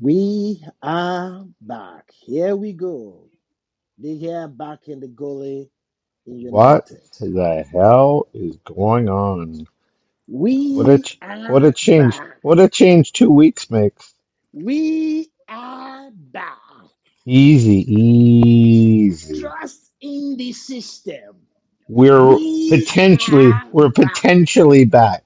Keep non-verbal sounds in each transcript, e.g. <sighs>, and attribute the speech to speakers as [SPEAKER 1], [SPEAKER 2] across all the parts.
[SPEAKER 1] We are back. Here we go. Big hair back in the goalie in
[SPEAKER 2] What
[SPEAKER 1] United.
[SPEAKER 2] the hell is going on? What a
[SPEAKER 1] We
[SPEAKER 2] ch- what
[SPEAKER 1] are
[SPEAKER 2] a change!
[SPEAKER 1] back.
[SPEAKER 2] What a change two weeks makes.
[SPEAKER 1] We are back.
[SPEAKER 2] Easy, easy.
[SPEAKER 1] Trust in the system.
[SPEAKER 2] We're
[SPEAKER 1] We
[SPEAKER 2] potentially
[SPEAKER 1] are
[SPEAKER 2] we're
[SPEAKER 1] back.
[SPEAKER 2] potentially back.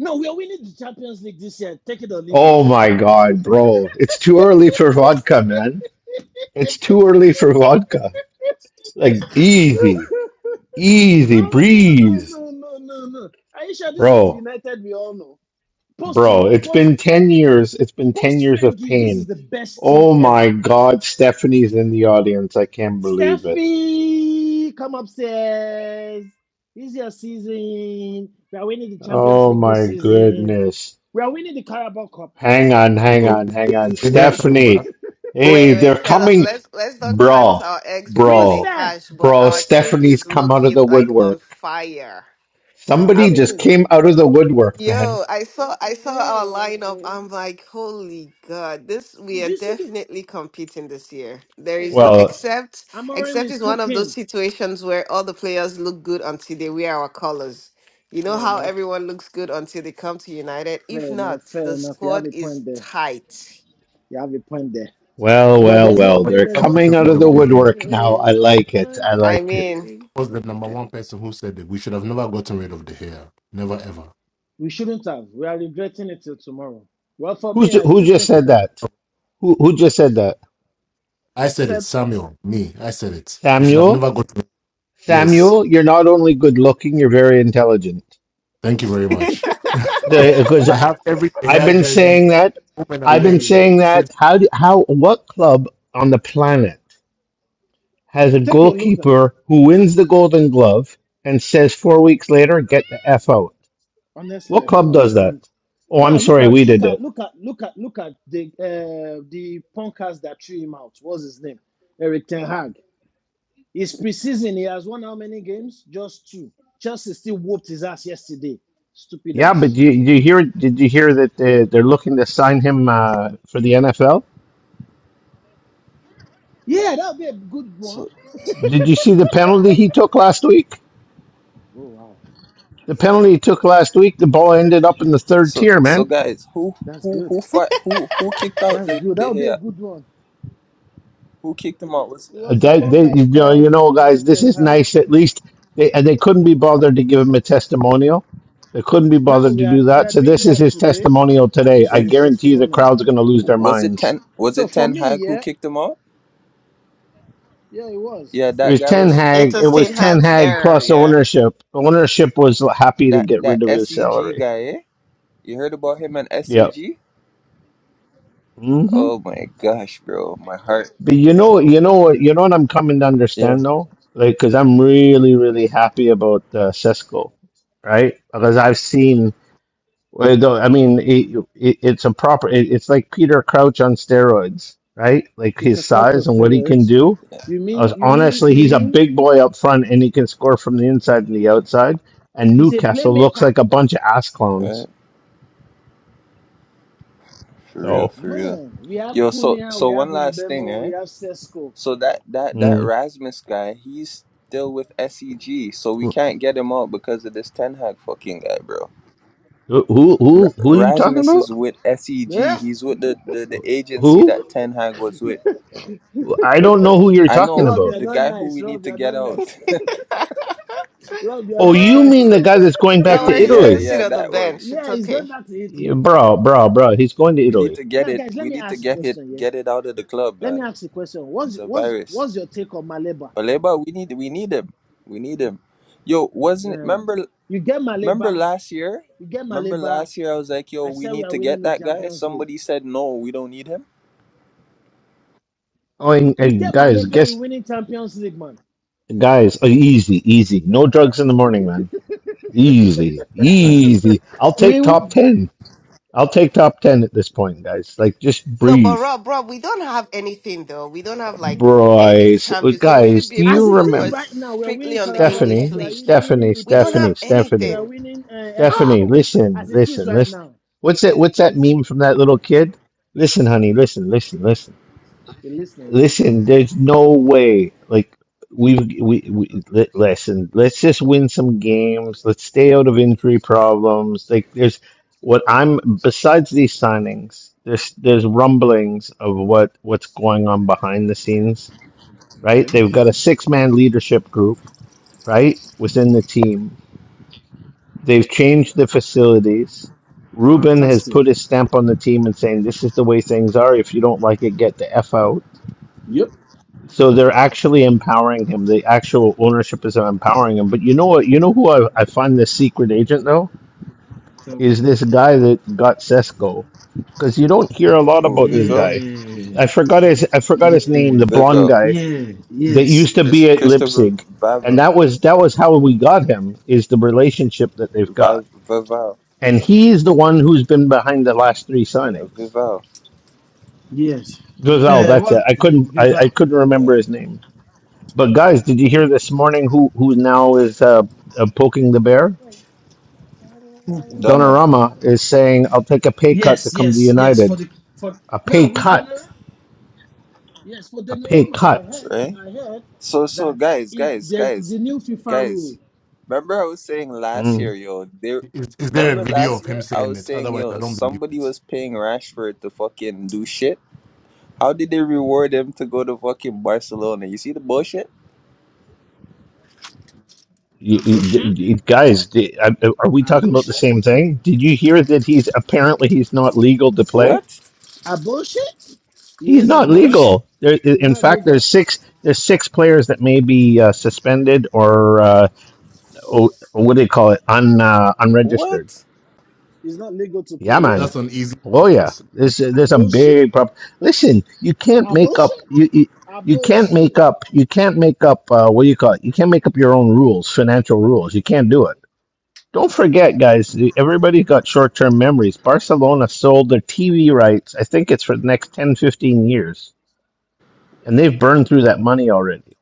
[SPEAKER 1] No, we are winning the Champions League this year. Take it or leave it.
[SPEAKER 2] Oh my god, bro! It's too early for vodka, man. It's too early for vodka. Like
[SPEAKER 1] <laughs>
[SPEAKER 2] easy, easy
[SPEAKER 1] no, no, no,
[SPEAKER 2] breeze,
[SPEAKER 1] no, no, no, no. Are you sure this is the
[SPEAKER 2] bro.
[SPEAKER 1] United we all know? Post
[SPEAKER 2] Bro, it's
[SPEAKER 1] post
[SPEAKER 2] been 10 years. It's been 10
[SPEAKER 1] Post
[SPEAKER 2] years of
[SPEAKER 1] Fergie, this is
[SPEAKER 2] pain.
[SPEAKER 1] the best team
[SPEAKER 2] Oh my
[SPEAKER 1] ever.
[SPEAKER 2] God, Stephanie's in the audience. I can't believe it.
[SPEAKER 1] Steffi, come upstairs. This is your season. We are winning the Champions
[SPEAKER 2] Oh
[SPEAKER 1] League this
[SPEAKER 2] my
[SPEAKER 1] season.
[SPEAKER 2] goodness.
[SPEAKER 1] We are winning the Carabao Cup.
[SPEAKER 2] Hang on,
[SPEAKER 3] You
[SPEAKER 2] hang
[SPEAKER 3] know,
[SPEAKER 2] on, hang on.
[SPEAKER 3] if De Gea coming back,
[SPEAKER 2] Stephanie.
[SPEAKER 4] Wait,
[SPEAKER 2] Hey,
[SPEAKER 4] wait,
[SPEAKER 2] they're
[SPEAKER 4] fellas,
[SPEAKER 2] coming.
[SPEAKER 4] let's let's not count
[SPEAKER 2] Bro,
[SPEAKER 4] our eggs before
[SPEAKER 1] Queen
[SPEAKER 4] they
[SPEAKER 2] bro,
[SPEAKER 1] Steph,
[SPEAKER 4] hatch, but
[SPEAKER 2] bro.
[SPEAKER 4] our team
[SPEAKER 2] Stephanie's
[SPEAKER 4] is
[SPEAKER 2] come out of
[SPEAKER 4] looking
[SPEAKER 2] the
[SPEAKER 4] like on
[SPEAKER 2] woodwork.
[SPEAKER 4] fire.
[SPEAKER 1] say
[SPEAKER 4] Um,
[SPEAKER 1] it
[SPEAKER 2] Somebody just
[SPEAKER 1] again.
[SPEAKER 2] came out of the woodwork, man.
[SPEAKER 4] yo, I saw I saw our lineup. I'm like, holy God, this we
[SPEAKER 1] Did
[SPEAKER 4] are
[SPEAKER 1] you see the
[SPEAKER 4] definitely competing this year. There is no
[SPEAKER 2] Well,
[SPEAKER 4] except
[SPEAKER 1] Amorim
[SPEAKER 4] except
[SPEAKER 1] is
[SPEAKER 4] it's one of those
[SPEAKER 1] cooking?
[SPEAKER 4] situations where all the players look good until they wear our colors. You know
[SPEAKER 1] Fair
[SPEAKER 4] how
[SPEAKER 1] enough.
[SPEAKER 4] everyone looks good until they come to United? If
[SPEAKER 1] Fair enough.
[SPEAKER 4] not,
[SPEAKER 1] Fair
[SPEAKER 4] the
[SPEAKER 1] enough. You have
[SPEAKER 4] squad
[SPEAKER 1] a
[SPEAKER 4] is
[SPEAKER 1] point there.
[SPEAKER 4] tight.
[SPEAKER 1] You have a point there.
[SPEAKER 2] well,
[SPEAKER 1] But
[SPEAKER 2] well,
[SPEAKER 1] there's
[SPEAKER 3] we should
[SPEAKER 1] no
[SPEAKER 2] well.
[SPEAKER 3] have
[SPEAKER 1] way.
[SPEAKER 2] They're
[SPEAKER 1] There's
[SPEAKER 3] never
[SPEAKER 1] no
[SPEAKER 2] coming
[SPEAKER 3] gotten
[SPEAKER 2] out
[SPEAKER 3] rid
[SPEAKER 1] no
[SPEAKER 2] of the
[SPEAKER 3] of the
[SPEAKER 1] from.
[SPEAKER 3] hair.
[SPEAKER 2] woodwork now. I
[SPEAKER 4] Mm,
[SPEAKER 2] like it. I
[SPEAKER 4] I
[SPEAKER 2] like it.
[SPEAKER 4] mean,
[SPEAKER 3] I was the number one
[SPEAKER 4] <laughs>
[SPEAKER 3] person who said that we should have never gotten rid of the hair. Never ever.
[SPEAKER 1] We shouldn't have. We are regretting it till tomorrow. Well, for
[SPEAKER 2] Who's
[SPEAKER 1] me, I
[SPEAKER 2] who
[SPEAKER 1] still
[SPEAKER 2] just
[SPEAKER 1] think we
[SPEAKER 2] said
[SPEAKER 1] can.
[SPEAKER 2] that? Who, who
[SPEAKER 1] I
[SPEAKER 2] just said that?
[SPEAKER 3] I said it,
[SPEAKER 1] said,
[SPEAKER 3] Samuel, me, I said it. We should have
[SPEAKER 2] Samuel?
[SPEAKER 3] never gotten Yes.
[SPEAKER 2] Samuel, you're not only good looking, you're very intelligent.
[SPEAKER 3] Thank you very much. <laughs>
[SPEAKER 2] Because
[SPEAKER 3] I have every
[SPEAKER 2] I've
[SPEAKER 3] hair
[SPEAKER 2] been
[SPEAKER 3] jersey
[SPEAKER 2] saying that.
[SPEAKER 3] home and
[SPEAKER 2] I've been
[SPEAKER 3] away
[SPEAKER 2] saying
[SPEAKER 3] since
[SPEAKER 2] that. How, do, how, what club on the planet has a
[SPEAKER 1] take a look at.
[SPEAKER 2] goalkeeper who wins the golden glove and says four weeks later, get the F out?
[SPEAKER 1] Honestly, I
[SPEAKER 2] What club
[SPEAKER 1] don't
[SPEAKER 2] does that?
[SPEAKER 1] understand.
[SPEAKER 2] Oh,
[SPEAKER 1] Now
[SPEAKER 2] I'm
[SPEAKER 1] look
[SPEAKER 2] sorry,
[SPEAKER 1] at
[SPEAKER 2] we
[SPEAKER 1] look
[SPEAKER 2] did
[SPEAKER 1] at
[SPEAKER 2] it.
[SPEAKER 1] look at look at look at the uh, the punkers that threw him out. What's his name? Eric Ten Hag. It's preseason. He has won how many games? Just two. Chelsea still whooped his ass yesterday. Stupid
[SPEAKER 2] Yeah, but
[SPEAKER 1] ass.
[SPEAKER 2] you, you hear? Did you hear that they, they're looking to sign him uh, for the NFL?
[SPEAKER 1] Yeah, that would be a good one.
[SPEAKER 5] So,
[SPEAKER 2] Did you see the penalty he took last week?
[SPEAKER 1] Oh wow,
[SPEAKER 2] The penalty he took last week, the ball ended up in the third
[SPEAKER 5] so,
[SPEAKER 2] tier,
[SPEAKER 5] so,
[SPEAKER 2] man.
[SPEAKER 5] guys, who,
[SPEAKER 1] that's
[SPEAKER 5] who,
[SPEAKER 1] good.
[SPEAKER 5] who fight? Who, who kicked out
[SPEAKER 1] That's
[SPEAKER 5] the
[SPEAKER 1] good. That
[SPEAKER 5] the
[SPEAKER 1] would be a
[SPEAKER 5] hair?
[SPEAKER 1] good one.
[SPEAKER 5] Who kicked him out? Was
[SPEAKER 1] It
[SPEAKER 2] Uh,
[SPEAKER 1] was the
[SPEAKER 2] That they, you
[SPEAKER 1] punkers
[SPEAKER 2] know, you
[SPEAKER 1] called
[SPEAKER 2] know,
[SPEAKER 1] uh,
[SPEAKER 2] guys, this
[SPEAKER 1] Ten
[SPEAKER 2] is
[SPEAKER 1] Hag.
[SPEAKER 2] nice. At least they and they couldn't be bothered to give him a testimonial. They couldn't be
[SPEAKER 1] Now
[SPEAKER 2] bothered
[SPEAKER 1] we
[SPEAKER 2] to do
[SPEAKER 1] are we
[SPEAKER 2] that.
[SPEAKER 1] are
[SPEAKER 2] So
[SPEAKER 1] doing
[SPEAKER 2] this is
[SPEAKER 1] that
[SPEAKER 2] his
[SPEAKER 1] today.
[SPEAKER 2] testimonial today.
[SPEAKER 1] This
[SPEAKER 2] I
[SPEAKER 1] is
[SPEAKER 5] was
[SPEAKER 1] his
[SPEAKER 2] guarantee you, the
[SPEAKER 1] testimonial.
[SPEAKER 2] crowd's going to lose their
[SPEAKER 5] was it
[SPEAKER 2] minds.
[SPEAKER 5] ten? Was
[SPEAKER 1] So
[SPEAKER 5] it
[SPEAKER 1] for
[SPEAKER 5] Ten
[SPEAKER 1] me,
[SPEAKER 5] Hag who
[SPEAKER 1] yeah,
[SPEAKER 5] kicked him out?
[SPEAKER 1] yeah, it was.
[SPEAKER 5] Yeah,
[SPEAKER 2] It
[SPEAKER 5] that
[SPEAKER 2] was
[SPEAKER 5] guy
[SPEAKER 2] Ten
[SPEAKER 5] was
[SPEAKER 4] it's
[SPEAKER 2] Hag.
[SPEAKER 4] a
[SPEAKER 2] It was
[SPEAKER 4] sin
[SPEAKER 2] Ten
[SPEAKER 4] heart's
[SPEAKER 2] Hag
[SPEAKER 4] error,
[SPEAKER 2] plus
[SPEAKER 4] yeah.
[SPEAKER 2] ownership. Ownership was happy to
[SPEAKER 5] that
[SPEAKER 2] get rid
[SPEAKER 5] that
[SPEAKER 2] of his
[SPEAKER 5] SEG
[SPEAKER 2] salary.
[SPEAKER 5] guy. Eh? You heard about him and
[SPEAKER 2] Yep.
[SPEAKER 5] SEG?
[SPEAKER 2] hmm
[SPEAKER 5] Oh my gosh, bro, my heart.
[SPEAKER 2] But you know, you know you know what I'm coming to
[SPEAKER 5] Yeah,
[SPEAKER 2] understand though, like because I'm really, really happy about uh, Cisco, right? Because I've seen, well, though, I mean, it, it, it's a proper, it, it's like Peter Crouch on steroids, right? Like
[SPEAKER 1] It's a
[SPEAKER 2] his
[SPEAKER 1] clutch of
[SPEAKER 2] size and what he can
[SPEAKER 1] steroids.
[SPEAKER 2] do.
[SPEAKER 1] You mean
[SPEAKER 2] As-
[SPEAKER 1] you mean
[SPEAKER 2] honestly,
[SPEAKER 1] you
[SPEAKER 2] he's a
[SPEAKER 1] mean
[SPEAKER 2] big boy up front, and he can score from the inside and the outside. And
[SPEAKER 1] he's a
[SPEAKER 2] Newcastle looks
[SPEAKER 1] playmaker.
[SPEAKER 2] like a bunch of ass
[SPEAKER 5] right.
[SPEAKER 2] clones.
[SPEAKER 5] For real,
[SPEAKER 2] So,
[SPEAKER 5] for real.
[SPEAKER 1] Man, we have
[SPEAKER 5] Yo, so
[SPEAKER 1] Cunha,
[SPEAKER 5] so
[SPEAKER 1] we have
[SPEAKER 5] one last thing,
[SPEAKER 1] Umbemo, we
[SPEAKER 5] right?
[SPEAKER 1] have Sesko.
[SPEAKER 5] So that that that
[SPEAKER 2] mm,
[SPEAKER 5] Rasmus guy, he's still with SEG, so we
[SPEAKER 2] who,
[SPEAKER 5] can't get him out because of this Ten Hag fucking guy, bro.
[SPEAKER 2] who, who,
[SPEAKER 5] R-
[SPEAKER 2] who
[SPEAKER 1] Fair
[SPEAKER 2] are you
[SPEAKER 1] enough.
[SPEAKER 2] talking
[SPEAKER 5] Rasmus
[SPEAKER 2] about?
[SPEAKER 5] is with SEG.
[SPEAKER 1] Yeah.
[SPEAKER 5] He's with the, the, the agency that
[SPEAKER 2] Who?
[SPEAKER 5] Ten Hag was with.
[SPEAKER 2] I don't know who you're
[SPEAKER 5] I
[SPEAKER 2] talking
[SPEAKER 5] know
[SPEAKER 1] Rob,
[SPEAKER 2] about.
[SPEAKER 1] you're
[SPEAKER 5] the
[SPEAKER 1] not
[SPEAKER 5] guy who
[SPEAKER 1] nice.
[SPEAKER 5] we need
[SPEAKER 1] Rob,
[SPEAKER 5] to
[SPEAKER 1] you're
[SPEAKER 5] get
[SPEAKER 1] not nice.
[SPEAKER 5] out.
[SPEAKER 4] <laughs>
[SPEAKER 1] Rob, you're
[SPEAKER 2] Oh,
[SPEAKER 1] not
[SPEAKER 2] you
[SPEAKER 1] nice.
[SPEAKER 2] mean the guy that's going
[SPEAKER 5] <laughs>
[SPEAKER 4] Don't
[SPEAKER 2] back to
[SPEAKER 5] Italy,
[SPEAKER 4] worry, he's
[SPEAKER 5] yeah,
[SPEAKER 4] gonna
[SPEAKER 2] Italy?
[SPEAKER 4] sit
[SPEAKER 5] yeah,
[SPEAKER 4] on the
[SPEAKER 5] that
[SPEAKER 1] <laughs>
[SPEAKER 5] one.
[SPEAKER 4] bench. It's
[SPEAKER 1] yeah, he's
[SPEAKER 4] okay.
[SPEAKER 1] going back to
[SPEAKER 2] Yeah,
[SPEAKER 1] Italy.
[SPEAKER 2] bro, bro, bro. He's going to
[SPEAKER 5] We need
[SPEAKER 2] Italy.
[SPEAKER 5] to get
[SPEAKER 1] Now,
[SPEAKER 5] it.
[SPEAKER 1] guys, let
[SPEAKER 5] We
[SPEAKER 1] me
[SPEAKER 5] need to
[SPEAKER 1] ask a
[SPEAKER 5] get it.
[SPEAKER 1] question, yeah?
[SPEAKER 5] Get it out of the club,
[SPEAKER 1] Let me
[SPEAKER 5] man.
[SPEAKER 1] ask a question. What's
[SPEAKER 5] It's a
[SPEAKER 1] what's
[SPEAKER 5] virus.
[SPEAKER 1] what's your take on Maleba?
[SPEAKER 5] But Leba, we need we need him. We need him. Yo, wasn't
[SPEAKER 1] Man,
[SPEAKER 5] remember
[SPEAKER 1] you get
[SPEAKER 5] remember
[SPEAKER 1] Maleba,
[SPEAKER 5] last year?
[SPEAKER 1] you get
[SPEAKER 5] Remember
[SPEAKER 1] Maleba.
[SPEAKER 5] last year I was like, yo,
[SPEAKER 1] I
[SPEAKER 5] we
[SPEAKER 1] said we
[SPEAKER 5] need
[SPEAKER 1] are
[SPEAKER 5] to get
[SPEAKER 1] winning the
[SPEAKER 5] that guy.
[SPEAKER 1] Champions League.
[SPEAKER 5] Somebody said no, we don't need him.
[SPEAKER 2] Oh, and,
[SPEAKER 1] We
[SPEAKER 2] and
[SPEAKER 1] get
[SPEAKER 2] guys,
[SPEAKER 1] Maleba, we're
[SPEAKER 2] guess,
[SPEAKER 1] winning Champions League, man.
[SPEAKER 2] guys, uh, easy, easy. No drugs in the morning, man. Easy, easy. I'll take top
[SPEAKER 1] We
[SPEAKER 2] 10. I'll take top 10 at this point, guys. Like, just
[SPEAKER 4] No, but
[SPEAKER 2] breathe.
[SPEAKER 4] Rob, Rob, we don't have anything though. We don't have like any
[SPEAKER 2] boys.
[SPEAKER 4] champion, so we should
[SPEAKER 2] guys,
[SPEAKER 4] be
[SPEAKER 2] do
[SPEAKER 4] able to
[SPEAKER 1] As
[SPEAKER 2] you
[SPEAKER 1] it is
[SPEAKER 2] remember
[SPEAKER 4] focus
[SPEAKER 1] right now, we're
[SPEAKER 4] strictly
[SPEAKER 1] winning
[SPEAKER 4] on the
[SPEAKER 1] Carabao Cup,
[SPEAKER 4] English
[SPEAKER 2] Stephanie?
[SPEAKER 1] we are
[SPEAKER 4] league.
[SPEAKER 1] winning
[SPEAKER 2] Stephanie,
[SPEAKER 4] We don't
[SPEAKER 2] Stephanie,
[SPEAKER 4] have
[SPEAKER 1] EPL, we
[SPEAKER 2] Stephanie,
[SPEAKER 1] are
[SPEAKER 4] anything.
[SPEAKER 1] winning uh, FA
[SPEAKER 2] Stephanie,
[SPEAKER 1] Cup.
[SPEAKER 2] listen,
[SPEAKER 1] As it is
[SPEAKER 2] listen,
[SPEAKER 1] right
[SPEAKER 2] listen.
[SPEAKER 1] now,
[SPEAKER 2] What's that? What's
[SPEAKER 1] we
[SPEAKER 2] that
[SPEAKER 1] listen,
[SPEAKER 2] meme from that little kid? Listen, honey, listen, listen, listen.
[SPEAKER 1] we listen, we listen.
[SPEAKER 2] Listen, there's no way. Like we we we li- listen. Let's just win some games. Let's stay out of injury problems. Like there's what I'm besides these signings. There's there's rumblings of what what's going on behind the scenes. Right?
[SPEAKER 1] Okay,
[SPEAKER 2] They've got a six man leadership group. Right within the team. They've changed the facilities. Ruben has
[SPEAKER 1] fantastic.
[SPEAKER 2] put his stamp on the team and saying this is the way things are. If you don't like it, get the f out
[SPEAKER 1] Yep.
[SPEAKER 2] so they're actually empowering him. The actual ownership is empowering him. But you know what? You know who I, I find the secret agent though
[SPEAKER 1] Tell me.
[SPEAKER 2] is this guy that got Cesco, because you don't hear a lot
[SPEAKER 5] Oh,
[SPEAKER 2] about this
[SPEAKER 5] Vivel,
[SPEAKER 2] guy.
[SPEAKER 1] Yeah,
[SPEAKER 2] I forgot his I forgot his name.
[SPEAKER 1] yeah,
[SPEAKER 2] The blonde
[SPEAKER 5] Vivel,
[SPEAKER 2] guy
[SPEAKER 1] yeah,
[SPEAKER 2] that
[SPEAKER 1] yes,
[SPEAKER 2] used to
[SPEAKER 5] Chris,
[SPEAKER 2] be at
[SPEAKER 5] Christopher
[SPEAKER 2] Leipzig, and
[SPEAKER 5] Vavel,
[SPEAKER 2] that was that was how we got him. Is the relationship that they've got,
[SPEAKER 5] Vav, Vaval.
[SPEAKER 2] and he's the one who's been behind the last three
[SPEAKER 5] Yeah,
[SPEAKER 2] signings.
[SPEAKER 5] Vival.
[SPEAKER 1] yes.
[SPEAKER 2] Giselle,
[SPEAKER 1] Uh,
[SPEAKER 2] that's it.
[SPEAKER 1] what?
[SPEAKER 2] I couldn't I, I
[SPEAKER 1] Viva.
[SPEAKER 2] couldn't remember
[SPEAKER 5] Yeah.
[SPEAKER 2] his name. But guys, did you hear this morning who who now is uh, uh, poking the bear?
[SPEAKER 1] Hmm.
[SPEAKER 5] Donna.
[SPEAKER 2] Donnarumma is saying, "I'll take a pay cut to
[SPEAKER 1] Yes,
[SPEAKER 2] come to
[SPEAKER 1] yes, yes. For
[SPEAKER 2] United."
[SPEAKER 1] the for
[SPEAKER 2] A
[SPEAKER 1] now
[SPEAKER 2] pay
[SPEAKER 1] with
[SPEAKER 2] cut.
[SPEAKER 1] Denera. Yes, for
[SPEAKER 2] A pay
[SPEAKER 1] Denerama, I
[SPEAKER 2] cut.
[SPEAKER 1] heard,
[SPEAKER 5] Right?
[SPEAKER 1] I heard
[SPEAKER 5] So so
[SPEAKER 1] that
[SPEAKER 5] guys,
[SPEAKER 1] it,
[SPEAKER 5] guys,
[SPEAKER 1] there's
[SPEAKER 5] guys,
[SPEAKER 1] the new FIFA
[SPEAKER 5] guys.
[SPEAKER 1] rule.
[SPEAKER 5] Remember I was saying last year,
[SPEAKER 2] Mm.
[SPEAKER 5] yo, they
[SPEAKER 3] is, is there a
[SPEAKER 5] remember
[SPEAKER 3] video
[SPEAKER 5] last
[SPEAKER 3] of him
[SPEAKER 5] year I
[SPEAKER 3] saying
[SPEAKER 5] was
[SPEAKER 3] it?
[SPEAKER 5] saying,
[SPEAKER 3] Otherwise I
[SPEAKER 5] yo,
[SPEAKER 3] don't believe
[SPEAKER 5] somebody
[SPEAKER 3] it.
[SPEAKER 5] was paying Rashford to fucking do shit. How did they reward him to go to fucking Barcelona? You see the bullshit?
[SPEAKER 2] You,
[SPEAKER 1] Ah,
[SPEAKER 2] you, d-
[SPEAKER 1] bullshit.
[SPEAKER 2] d- guys, d- are are we talking about
[SPEAKER 1] Abortion?
[SPEAKER 2] the same thing? Did you hear that he's apparently he's not legal to play?
[SPEAKER 5] What?
[SPEAKER 1] Abortion?
[SPEAKER 2] He's
[SPEAKER 1] Yes, it's
[SPEAKER 2] not
[SPEAKER 1] not.
[SPEAKER 5] Bullshit? <laughs>
[SPEAKER 2] legal. There,
[SPEAKER 1] It's
[SPEAKER 2] in
[SPEAKER 1] not
[SPEAKER 2] fact, there's
[SPEAKER 1] legal.
[SPEAKER 2] six there's six players that may be uh, suspended or uh, o- what do they call it? Un uh, unregistered.
[SPEAKER 5] What?
[SPEAKER 1] It's not legal to play.
[SPEAKER 2] Yeah, man.
[SPEAKER 1] Yeah.
[SPEAKER 3] That's an easy
[SPEAKER 2] Oh yeah,
[SPEAKER 3] process.
[SPEAKER 2] there's there's some
[SPEAKER 1] Abortion?
[SPEAKER 2] big problem. Listen, you can't make
[SPEAKER 1] Abortion?
[SPEAKER 2] up you, you you can't
[SPEAKER 1] Abortion.
[SPEAKER 2] make up you can't make up uh, what do you call it? You can't make up your own rules, financial rules. You can't do it. Don't forget, guys. Everybody got short-term memories. Barcelona sold their TV rights. I think it's for the next 10, 15 years, and they've burned through that money already.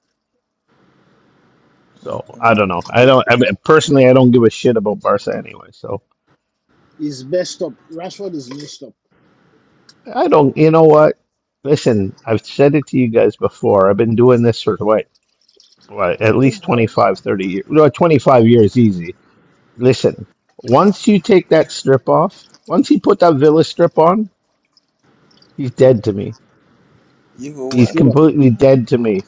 [SPEAKER 2] So
[SPEAKER 5] Mm-mm.
[SPEAKER 2] I don't know. I don't. I mean, personally, I don't give a shit about Barca anyway. So
[SPEAKER 1] Is messed up. Rashford is messed up.
[SPEAKER 2] I don't. You know what? Listen, I've said it to you guys before. I've been doing this for what Right, at
[SPEAKER 5] What the
[SPEAKER 2] least twenty
[SPEAKER 5] hell?
[SPEAKER 2] five 30 years. No, 25 years easy. Listen, once you take that strip off, once he put that Villa strip on, he's dead to me.
[SPEAKER 5] You go
[SPEAKER 2] He's
[SPEAKER 5] what
[SPEAKER 1] Straight up.
[SPEAKER 5] the
[SPEAKER 2] completely
[SPEAKER 5] hell?
[SPEAKER 2] dead to me.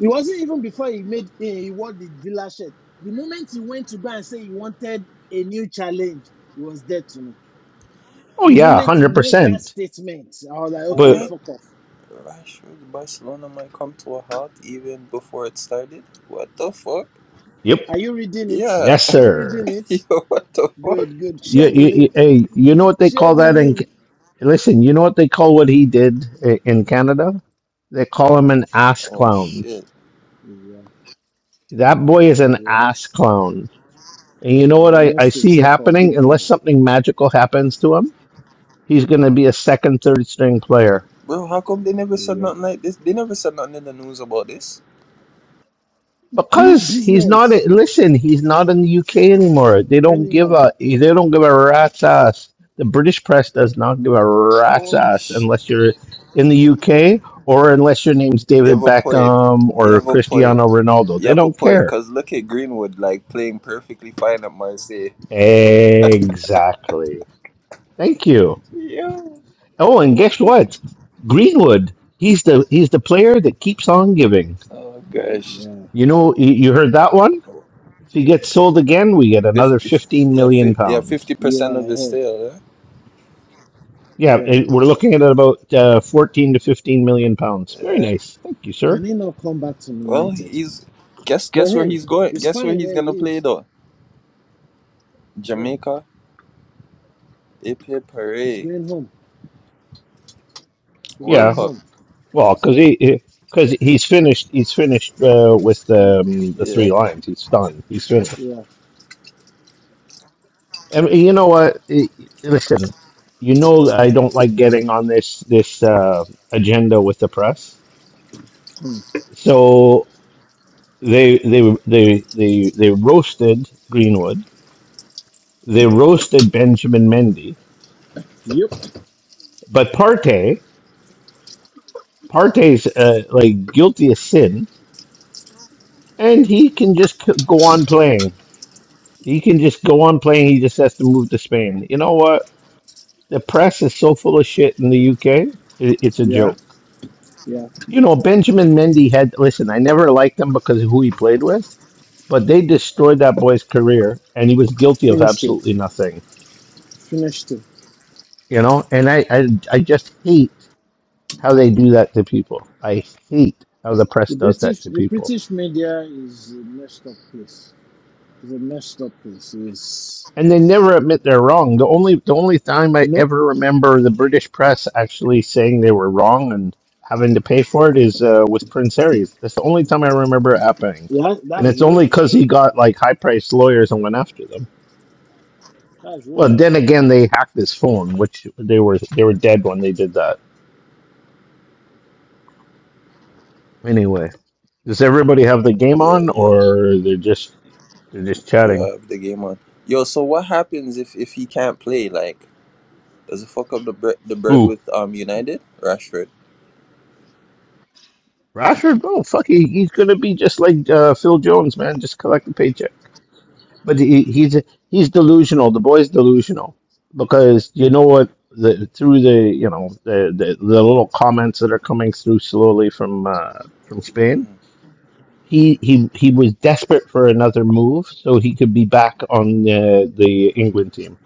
[SPEAKER 1] It wasn't even before he made eh, he wore the Villa shirt. The moment he went to go and say he wanted a new challenge, he was dead to me.
[SPEAKER 2] Oh,
[SPEAKER 1] The
[SPEAKER 2] yeah,
[SPEAKER 1] moment he made that
[SPEAKER 2] 100%.
[SPEAKER 1] statement, I was like, okay,
[SPEAKER 5] What?
[SPEAKER 2] But,
[SPEAKER 1] fuck off.
[SPEAKER 5] Rashford Barcelona might come to a halt even before it started? What the fuck?
[SPEAKER 2] yep,
[SPEAKER 1] Are you reading it?
[SPEAKER 5] Yeah.
[SPEAKER 2] yes,
[SPEAKER 1] Are you
[SPEAKER 2] sir.
[SPEAKER 1] reading
[SPEAKER 5] <laughs>
[SPEAKER 1] it?
[SPEAKER 5] Yo, what the fuck?
[SPEAKER 1] Good, good.
[SPEAKER 2] You,
[SPEAKER 1] Share the
[SPEAKER 2] you, you,
[SPEAKER 1] link.
[SPEAKER 2] hey, you know what they
[SPEAKER 1] Share
[SPEAKER 2] call
[SPEAKER 1] the
[SPEAKER 2] that in.
[SPEAKER 1] link.
[SPEAKER 2] Listen, you know what they call what he did i- in Canada? They call him an ass
[SPEAKER 5] Oh
[SPEAKER 2] clown.
[SPEAKER 5] shit.
[SPEAKER 1] Yeah,
[SPEAKER 2] That boy is an
[SPEAKER 1] yeah.
[SPEAKER 2] ass clown. And you know
[SPEAKER 1] Yeah,
[SPEAKER 2] what
[SPEAKER 1] he
[SPEAKER 2] I, I
[SPEAKER 1] messed
[SPEAKER 2] see
[SPEAKER 1] himself up big
[SPEAKER 2] happening?
[SPEAKER 1] time.
[SPEAKER 2] Unless something magical happens to him he's going to be a second, third string player
[SPEAKER 5] Bro, how come they never said
[SPEAKER 1] Yeah.
[SPEAKER 5] nothing like this? They never said nothing in the news about this.
[SPEAKER 1] Whose
[SPEAKER 2] because he's not.
[SPEAKER 1] business
[SPEAKER 2] listen, he's not in the UK anymore. They don't give
[SPEAKER 1] anymore?
[SPEAKER 2] a. They don't give a rat's ass. The British press does not give a rat's
[SPEAKER 5] Holy
[SPEAKER 2] ass
[SPEAKER 5] shit.
[SPEAKER 2] unless you're in the UK or unless your name's
[SPEAKER 5] You
[SPEAKER 2] David
[SPEAKER 5] have a point.
[SPEAKER 2] Beckham
[SPEAKER 5] You
[SPEAKER 2] or
[SPEAKER 5] have a point.
[SPEAKER 2] Cristiano Ronaldo.
[SPEAKER 5] You
[SPEAKER 2] They
[SPEAKER 5] have a
[SPEAKER 2] don't
[SPEAKER 5] point.
[SPEAKER 2] care.
[SPEAKER 5] Cause look at Greenwood like playing perfectly fine at Marseille.
[SPEAKER 2] Exactly. Thank you.
[SPEAKER 5] Yeah.
[SPEAKER 2] Oh, and guess what? Greenwood. He's the he's the player that keeps on giving.
[SPEAKER 5] Oh gosh.
[SPEAKER 1] Yeah.
[SPEAKER 2] You know, you you heard that one? If he gets sold again, we get another
[SPEAKER 5] Fifty.
[SPEAKER 2] 15
[SPEAKER 5] Yeah. Fi-
[SPEAKER 2] million
[SPEAKER 5] yeah.
[SPEAKER 2] pounds.
[SPEAKER 5] Fifty percent
[SPEAKER 1] Yeah,
[SPEAKER 5] of
[SPEAKER 1] I
[SPEAKER 5] his
[SPEAKER 1] heard.
[SPEAKER 5] sale. Huh?
[SPEAKER 2] Yeah,
[SPEAKER 1] Yeah.
[SPEAKER 2] it, we're looking at about uh, 14 to 15 million pounds. Very
[SPEAKER 5] Yeah.
[SPEAKER 2] nice. Thank you,
[SPEAKER 1] Can
[SPEAKER 2] sir.
[SPEAKER 1] he not come back to
[SPEAKER 5] Well,
[SPEAKER 1] United?
[SPEAKER 5] he's guess
[SPEAKER 1] But
[SPEAKER 5] guess where
[SPEAKER 1] hey,
[SPEAKER 5] he's going.
[SPEAKER 1] it's
[SPEAKER 5] Guess where
[SPEAKER 1] fine
[SPEAKER 5] he's
[SPEAKER 1] where he
[SPEAKER 5] gonna play
[SPEAKER 1] is.
[SPEAKER 5] though.
[SPEAKER 1] Where?
[SPEAKER 5] Jamaica. Ipe
[SPEAKER 1] He's
[SPEAKER 5] Parade.
[SPEAKER 1] going home. He's
[SPEAKER 5] World
[SPEAKER 2] Yeah,
[SPEAKER 1] going
[SPEAKER 5] Cup.
[SPEAKER 1] home.
[SPEAKER 2] well, because he. because he's finished, he's finished uh, with the um, the
[SPEAKER 5] Yeah.
[SPEAKER 2] three lines. He's done. He's finished.
[SPEAKER 1] Yeah.
[SPEAKER 2] And you know what? I- Listen, you know I don't like getting on this this uh, agenda with the press.
[SPEAKER 1] Hmm.
[SPEAKER 2] So they they they they they roasted Greenwood. They roasted Benjamin Mendy
[SPEAKER 1] Yep.
[SPEAKER 2] But Partey, Partey's uh, like guilty of sin, and he can just c- go on playing. He can just go on playing. He just has to move to Spain. You know what? The press is so full of shit in the UK. i- it's a
[SPEAKER 1] Yeah.
[SPEAKER 2] joke.
[SPEAKER 1] Yeah.
[SPEAKER 2] You know, Benjamin Mendy had. Listen, I never liked him because of who he played with, but they destroyed that boy's career, and he was guilty of
[SPEAKER 1] Finished it.
[SPEAKER 2] absolutely nothing.
[SPEAKER 1] Finished it.
[SPEAKER 2] You know, and I, I, I just hate how they do that to people. I hate how the press
[SPEAKER 1] The
[SPEAKER 2] does that
[SPEAKER 1] British
[SPEAKER 2] to
[SPEAKER 1] the
[SPEAKER 2] people
[SPEAKER 1] British media is a messed up place. It's a messed up place. It's
[SPEAKER 2] and they never admit they're wrong. The only the only time I
[SPEAKER 1] no.
[SPEAKER 2] ever remember the British press actually saying they were wrong and having to pay for it is uh, with Prince Harry's. That's the only time I remember it happening,
[SPEAKER 1] Yeah,
[SPEAKER 2] and
[SPEAKER 1] that's
[SPEAKER 2] it's only
[SPEAKER 1] royal.
[SPEAKER 2] because he got like high priced lawyers and went after them.
[SPEAKER 1] That's
[SPEAKER 2] Well,
[SPEAKER 1] royal.
[SPEAKER 2] then again, they hacked his phone, which they were they were dead when they did that. Anyway, does everybody have the game
[SPEAKER 5] Yeah.
[SPEAKER 2] on,
[SPEAKER 5] Yeah.
[SPEAKER 2] or they're just they're just
[SPEAKER 5] Yeah, I
[SPEAKER 2] chatting?
[SPEAKER 5] have the game on. Yo, so what happens if if he can't play? Like, does it fuck up the bre- the bread
[SPEAKER 2] Who?
[SPEAKER 5] with um United Rashford?
[SPEAKER 2] Rashford? Oh, fuck, he, he's gonna be just like uh, Phil Jones, man. Just collect the paycheck. But he, he's he's delusional. The boy's delusional because you know what? The, through the you know the, the the little comments that are coming through slowly from uh, from Spain,
[SPEAKER 5] Mm.
[SPEAKER 2] he he he was desperate for another move so he could be back on the the England team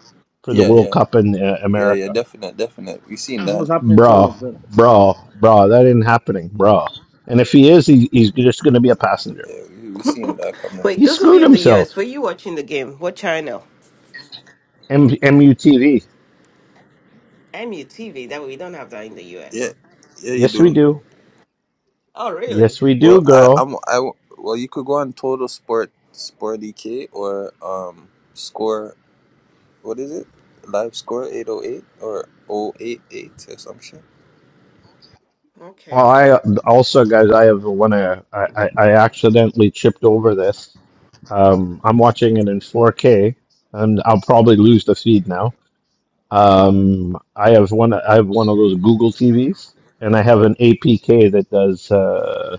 [SPEAKER 2] for the
[SPEAKER 5] Yeah,
[SPEAKER 2] World
[SPEAKER 5] yeah,
[SPEAKER 2] Cup in uh,
[SPEAKER 5] yeah, yeah.
[SPEAKER 2] America.
[SPEAKER 5] Definite, definite. We seen
[SPEAKER 1] That's
[SPEAKER 5] that.
[SPEAKER 1] what's happening to all
[SPEAKER 2] Bro,
[SPEAKER 1] of them.
[SPEAKER 2] bro, bro, that ain't happening, bro. And if he is, he, he's just going to be a passenger.
[SPEAKER 5] Yeah, we, we seen that
[SPEAKER 4] <laughs>
[SPEAKER 5] coming.
[SPEAKER 4] Wait,
[SPEAKER 2] He
[SPEAKER 4] those of
[SPEAKER 2] screwed
[SPEAKER 4] you in the US,
[SPEAKER 2] himself.
[SPEAKER 4] were you watching the game? What channel?
[SPEAKER 2] M- MUTV.
[SPEAKER 4] MUTV. That we don't have that in the US.
[SPEAKER 5] Yeah, yeah, you
[SPEAKER 2] Yes, we
[SPEAKER 5] do.
[SPEAKER 2] do.
[SPEAKER 4] Oh, really?
[SPEAKER 2] Yes, we
[SPEAKER 5] Well,
[SPEAKER 2] do,
[SPEAKER 5] I
[SPEAKER 2] girl.
[SPEAKER 5] I'm I w- well, you could go on Total Sport Sport DK or um score. What is it? Live score eight oh eight or oh eight eight or some shit.
[SPEAKER 4] Okay,
[SPEAKER 2] Well, I also, guys, I have one. uh, I, I I accidentally chipped over this. Um, I'm watching it in 4K, and I'll probably lose the feed now. Um, I have one. I have one of those Google TVs, and I have an APK that does uh,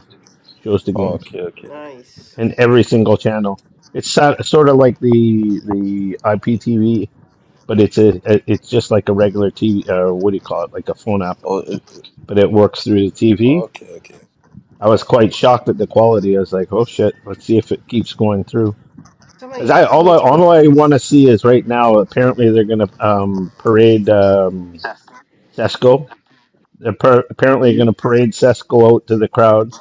[SPEAKER 2] shows the
[SPEAKER 5] Oh,
[SPEAKER 2] games
[SPEAKER 5] okay, okay.
[SPEAKER 4] nice.
[SPEAKER 2] in every single channel. It's so- sort of like the the IPTV, but it's a it's just like a regular TV. Uh, what do you call it? Like a phone app,
[SPEAKER 5] Oh, it,
[SPEAKER 2] but it works through the TV
[SPEAKER 5] okay, okay.
[SPEAKER 2] I was quite shocked at the quality. I was like, "Oh shit, let's see if it keeps going through."
[SPEAKER 4] Some of
[SPEAKER 2] As
[SPEAKER 4] you
[SPEAKER 2] I
[SPEAKER 4] guys
[SPEAKER 2] all
[SPEAKER 4] need
[SPEAKER 2] I
[SPEAKER 4] to
[SPEAKER 2] all
[SPEAKER 4] put
[SPEAKER 2] I
[SPEAKER 4] put.
[SPEAKER 2] want to see is right now. Apparently, they're going to um, parade um, Cesco. They're par- apparently,
[SPEAKER 1] Yep.
[SPEAKER 2] going to parade Cesco out to the crowd,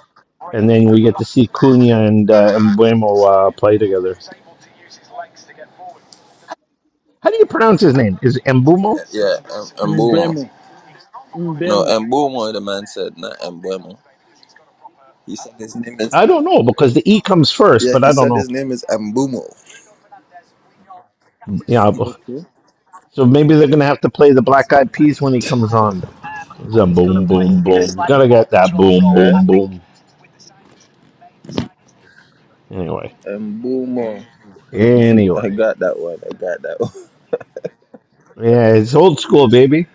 [SPEAKER 2] and then we get to see Cunha and uh, Mbumo uh, play together. How do you pronounce his name? Is it Mbumo?
[SPEAKER 5] Yeah, and Mbumo.
[SPEAKER 1] Mbemo.
[SPEAKER 5] No,
[SPEAKER 1] Mbemo.
[SPEAKER 5] Mbumo, the man said, not Mbuemo. He said his name is.
[SPEAKER 2] I don't know because the E comes first,
[SPEAKER 5] Yeah,
[SPEAKER 2] but
[SPEAKER 5] he
[SPEAKER 2] I don't
[SPEAKER 5] said his
[SPEAKER 2] know.
[SPEAKER 5] name is Mbumo.
[SPEAKER 2] Yeah,
[SPEAKER 1] Okay.
[SPEAKER 2] so maybe they're going to have to play the Black Eyed Peas when he
[SPEAKER 5] Yeah?
[SPEAKER 2] comes on.
[SPEAKER 5] <laughs>
[SPEAKER 2] It's a boom, boom, boom. Gotta get that boom, boom, boom. Anyway,
[SPEAKER 5] Mbumo. I
[SPEAKER 2] anyway,
[SPEAKER 5] got that one. I got that one. <laughs>
[SPEAKER 2] yeah, it's old school, baby.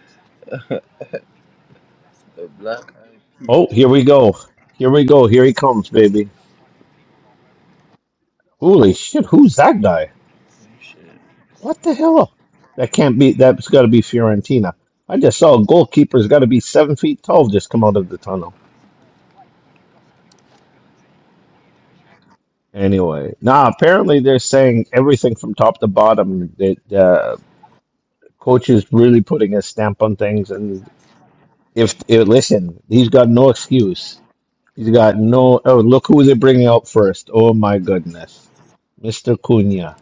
[SPEAKER 5] The black eyed peas.
[SPEAKER 2] Oh, here we go. Here we go. Here he comes, baby. Holy shit! Who's that guy?
[SPEAKER 5] Shit.
[SPEAKER 2] What the hell? That can't be. That's got to be Fiorentina. I just saw a goalkeeper's got to be seven feet tall just come out of the tunnel. Anyway, nah. Apparently, they're saying everything from top to bottom. That uh, coach is really putting a stamp on things, and if, if listen, he's got no excuse He's got no. Oh, look who they're bringing out first. Oh my goodness, Mr. Cunha.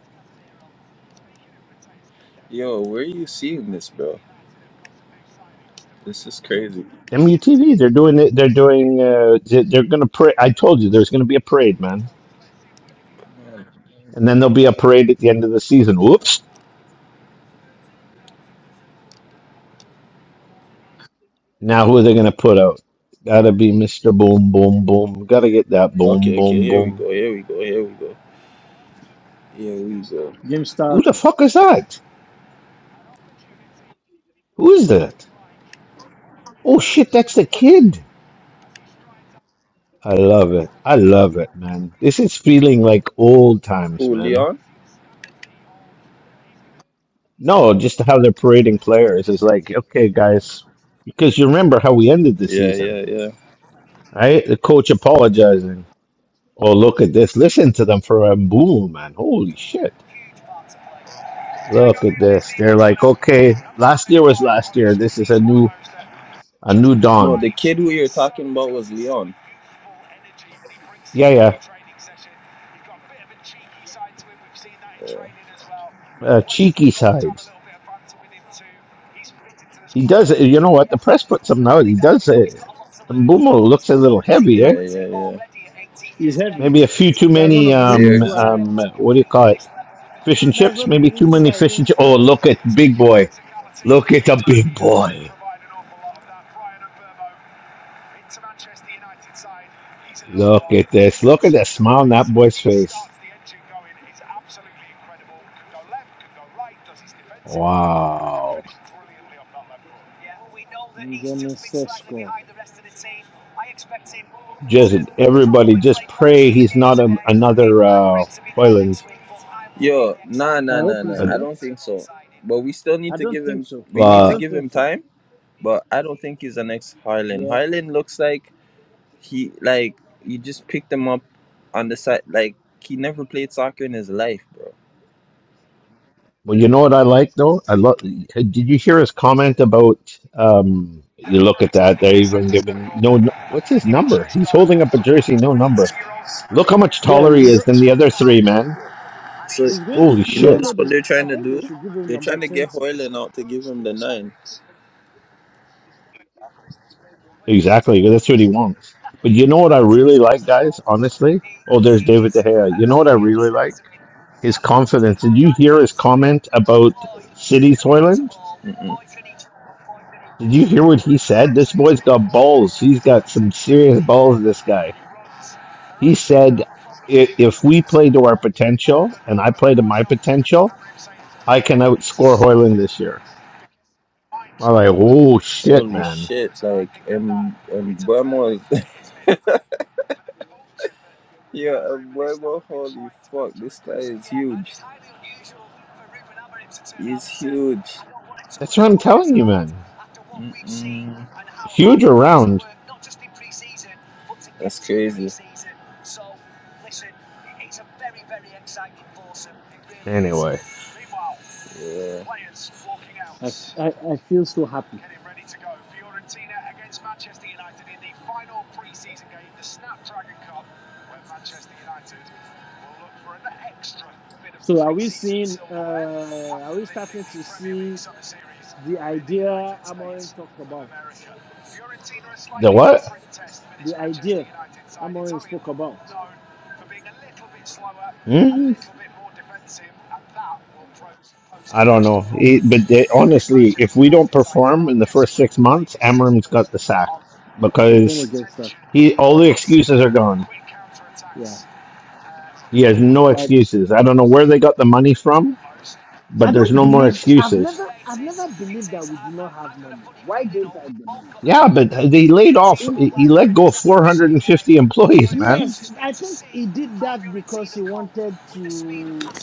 [SPEAKER 5] Yo, where are you seeing this, bro? This is crazy.
[SPEAKER 2] MUTV. They're doing it. They're doing. Uh, they- they're gonna pray. I told you there's gonna be a parade, man. And then there'll be a parade at the end of the season. Whoops. Now who are they gonna put out? Gotta be Mr. Boom Boom Boom. Gotta get that Boom
[SPEAKER 5] Okay, okay,
[SPEAKER 2] Boom
[SPEAKER 5] here we
[SPEAKER 2] Boom.
[SPEAKER 5] go, here we go, here we go. Here we go.
[SPEAKER 1] Game
[SPEAKER 2] Who the
[SPEAKER 1] started.
[SPEAKER 2] fuck is that? Who is that? Oh shit, that's the kid. I love it. I love it, man. This is feeling like old times,
[SPEAKER 5] Who,
[SPEAKER 2] man.
[SPEAKER 5] Leon?
[SPEAKER 2] No, just how they're parading players is like, okay, guys, because you remember how we ended the
[SPEAKER 5] Yeah,
[SPEAKER 2] season,
[SPEAKER 5] yeah, yeah.
[SPEAKER 2] right? The coach apologizing. Oh, look at this. Listen to them for a boom, man. Holy shit. Look at this. They're like, okay, last year was last year. This is a new a new
[SPEAKER 5] No,
[SPEAKER 2] dawn.
[SPEAKER 5] the kid who you're talking about was Leon.
[SPEAKER 2] Yeah, yeah.
[SPEAKER 5] Yeah.
[SPEAKER 2] Uh, cheeky side. He does it. You know what? The press puts him out. He does it. Mbumo looks a little heavy, eh?
[SPEAKER 5] Yeah, yeah,
[SPEAKER 1] He's heavy.
[SPEAKER 2] Maybe a few too
[SPEAKER 1] That's one
[SPEAKER 2] many.
[SPEAKER 1] of the
[SPEAKER 5] yeah.
[SPEAKER 2] Um,
[SPEAKER 1] reasons
[SPEAKER 5] Beers.
[SPEAKER 1] why.
[SPEAKER 2] um, what do you call it? Fish and
[SPEAKER 1] That's
[SPEAKER 2] chips,
[SPEAKER 1] one of the
[SPEAKER 2] maybe too
[SPEAKER 1] reasons
[SPEAKER 2] many
[SPEAKER 1] why he
[SPEAKER 2] fish
[SPEAKER 1] didn't
[SPEAKER 2] and chips. Oh,
[SPEAKER 1] start
[SPEAKER 2] look at big boy. Look at the big boy. Look at this. Look at that smile on that boy's face. Wow.
[SPEAKER 1] Benjamin Sesko.
[SPEAKER 2] Just everybody just pray he's not a, another uh Hoyland.
[SPEAKER 1] I hope he's
[SPEAKER 2] But
[SPEAKER 1] not.
[SPEAKER 5] but we still need
[SPEAKER 1] I
[SPEAKER 5] to
[SPEAKER 1] don't
[SPEAKER 5] give
[SPEAKER 1] think
[SPEAKER 5] him
[SPEAKER 1] so.
[SPEAKER 5] we need
[SPEAKER 1] I
[SPEAKER 5] to
[SPEAKER 2] uh
[SPEAKER 1] don't
[SPEAKER 5] give
[SPEAKER 1] think
[SPEAKER 5] him
[SPEAKER 1] so.
[SPEAKER 5] time but i don't think he's the next Haaland.
[SPEAKER 1] Yeah.
[SPEAKER 5] Haaland looks like he like you just picked him up on the side like he never played soccer in his life bro
[SPEAKER 2] well you know what I like though? I love did you hear his comment about um you look at that, they're even giving no n- what's his number? He's holding up a jersey, no number. Look how much
[SPEAKER 1] Yeah.
[SPEAKER 2] taller
[SPEAKER 1] We
[SPEAKER 2] he is
[SPEAKER 1] don't.
[SPEAKER 2] than the other three, man.
[SPEAKER 5] so
[SPEAKER 1] He's going to.
[SPEAKER 2] Holy
[SPEAKER 5] you
[SPEAKER 1] We
[SPEAKER 5] know
[SPEAKER 1] don't
[SPEAKER 2] shit.
[SPEAKER 5] this is
[SPEAKER 1] know
[SPEAKER 5] what
[SPEAKER 1] the.
[SPEAKER 5] they're
[SPEAKER 1] I
[SPEAKER 5] trying to
[SPEAKER 1] think
[SPEAKER 5] do
[SPEAKER 1] they should give him
[SPEAKER 5] they're
[SPEAKER 1] number
[SPEAKER 5] trying to get
[SPEAKER 1] twenty.
[SPEAKER 5] Hoyland out to give him the nine
[SPEAKER 2] Exactly. That's what he wants. But you know what I really like, guys, honestly? Oh, there's David De Gea. You know what I really like? His confidence. Did you hear his comment about City Soylent? Did you hear what he said? This boy's got balls. He's got some serious balls, this guy. He said, "I- if we play to our potential and I play to my potential, I can outscore Hoyland this year. I'm like, oh, shit, man.
[SPEAKER 5] <laughs> Yeah, a werewolf. Holy fuck, this guy is huge. He's huge.
[SPEAKER 2] That's what I'm telling you, man.
[SPEAKER 5] Mm-mm.
[SPEAKER 2] Huge around.
[SPEAKER 5] That's crazy.
[SPEAKER 2] Anyway,
[SPEAKER 5] Yeah.
[SPEAKER 1] I, f- I, I feel so happy. So are we seeing? Uh, are we starting to see the idea Amorim talked about?
[SPEAKER 2] the what?
[SPEAKER 1] The idea Amorim spoke about.
[SPEAKER 2] Hmm? I don't know. It, but they, honestly, if we don't perform in the first six months, Amram's got the sack
[SPEAKER 1] He's gonna
[SPEAKER 2] because
[SPEAKER 1] get stuck.
[SPEAKER 2] he all the excuses are gone.
[SPEAKER 1] Yeah.
[SPEAKER 2] He has no
[SPEAKER 1] But
[SPEAKER 2] excuses. I don't know where they got the money from,
[SPEAKER 1] I
[SPEAKER 2] but there's
[SPEAKER 1] don't
[SPEAKER 2] no more
[SPEAKER 1] believe I've
[SPEAKER 2] excuses.
[SPEAKER 1] never I've never believed that we do not have money. Why don't I believe?
[SPEAKER 2] Yeah, but they laid off.
[SPEAKER 1] In
[SPEAKER 2] He
[SPEAKER 1] i-
[SPEAKER 2] let go of 450 employees, man.
[SPEAKER 1] yes, I think he did that because he wanted to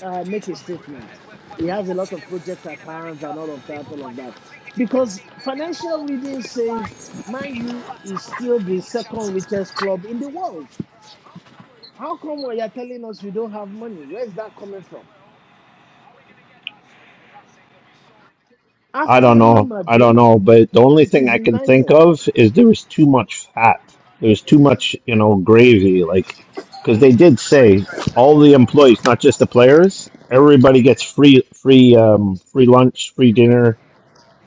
[SPEAKER 1] uh, make a statement. He has a lot of projects at hand and all of that, all of that. Because financial reading says Man U is still the second richest club in the world. How come when you're telling us you don't have money? Where's that coming from?
[SPEAKER 2] I
[SPEAKER 1] After
[SPEAKER 2] don't
[SPEAKER 1] Real
[SPEAKER 2] know. I don't
[SPEAKER 1] Madrid,
[SPEAKER 2] know. But the only
[SPEAKER 1] it
[SPEAKER 2] thing
[SPEAKER 1] is
[SPEAKER 2] I can think
[SPEAKER 1] United.
[SPEAKER 2] of is there was too much fat. There was too much, you know, gravy. Like, because they did say all the employees, not just the players, everybody gets free, free, um, free lunch, free dinner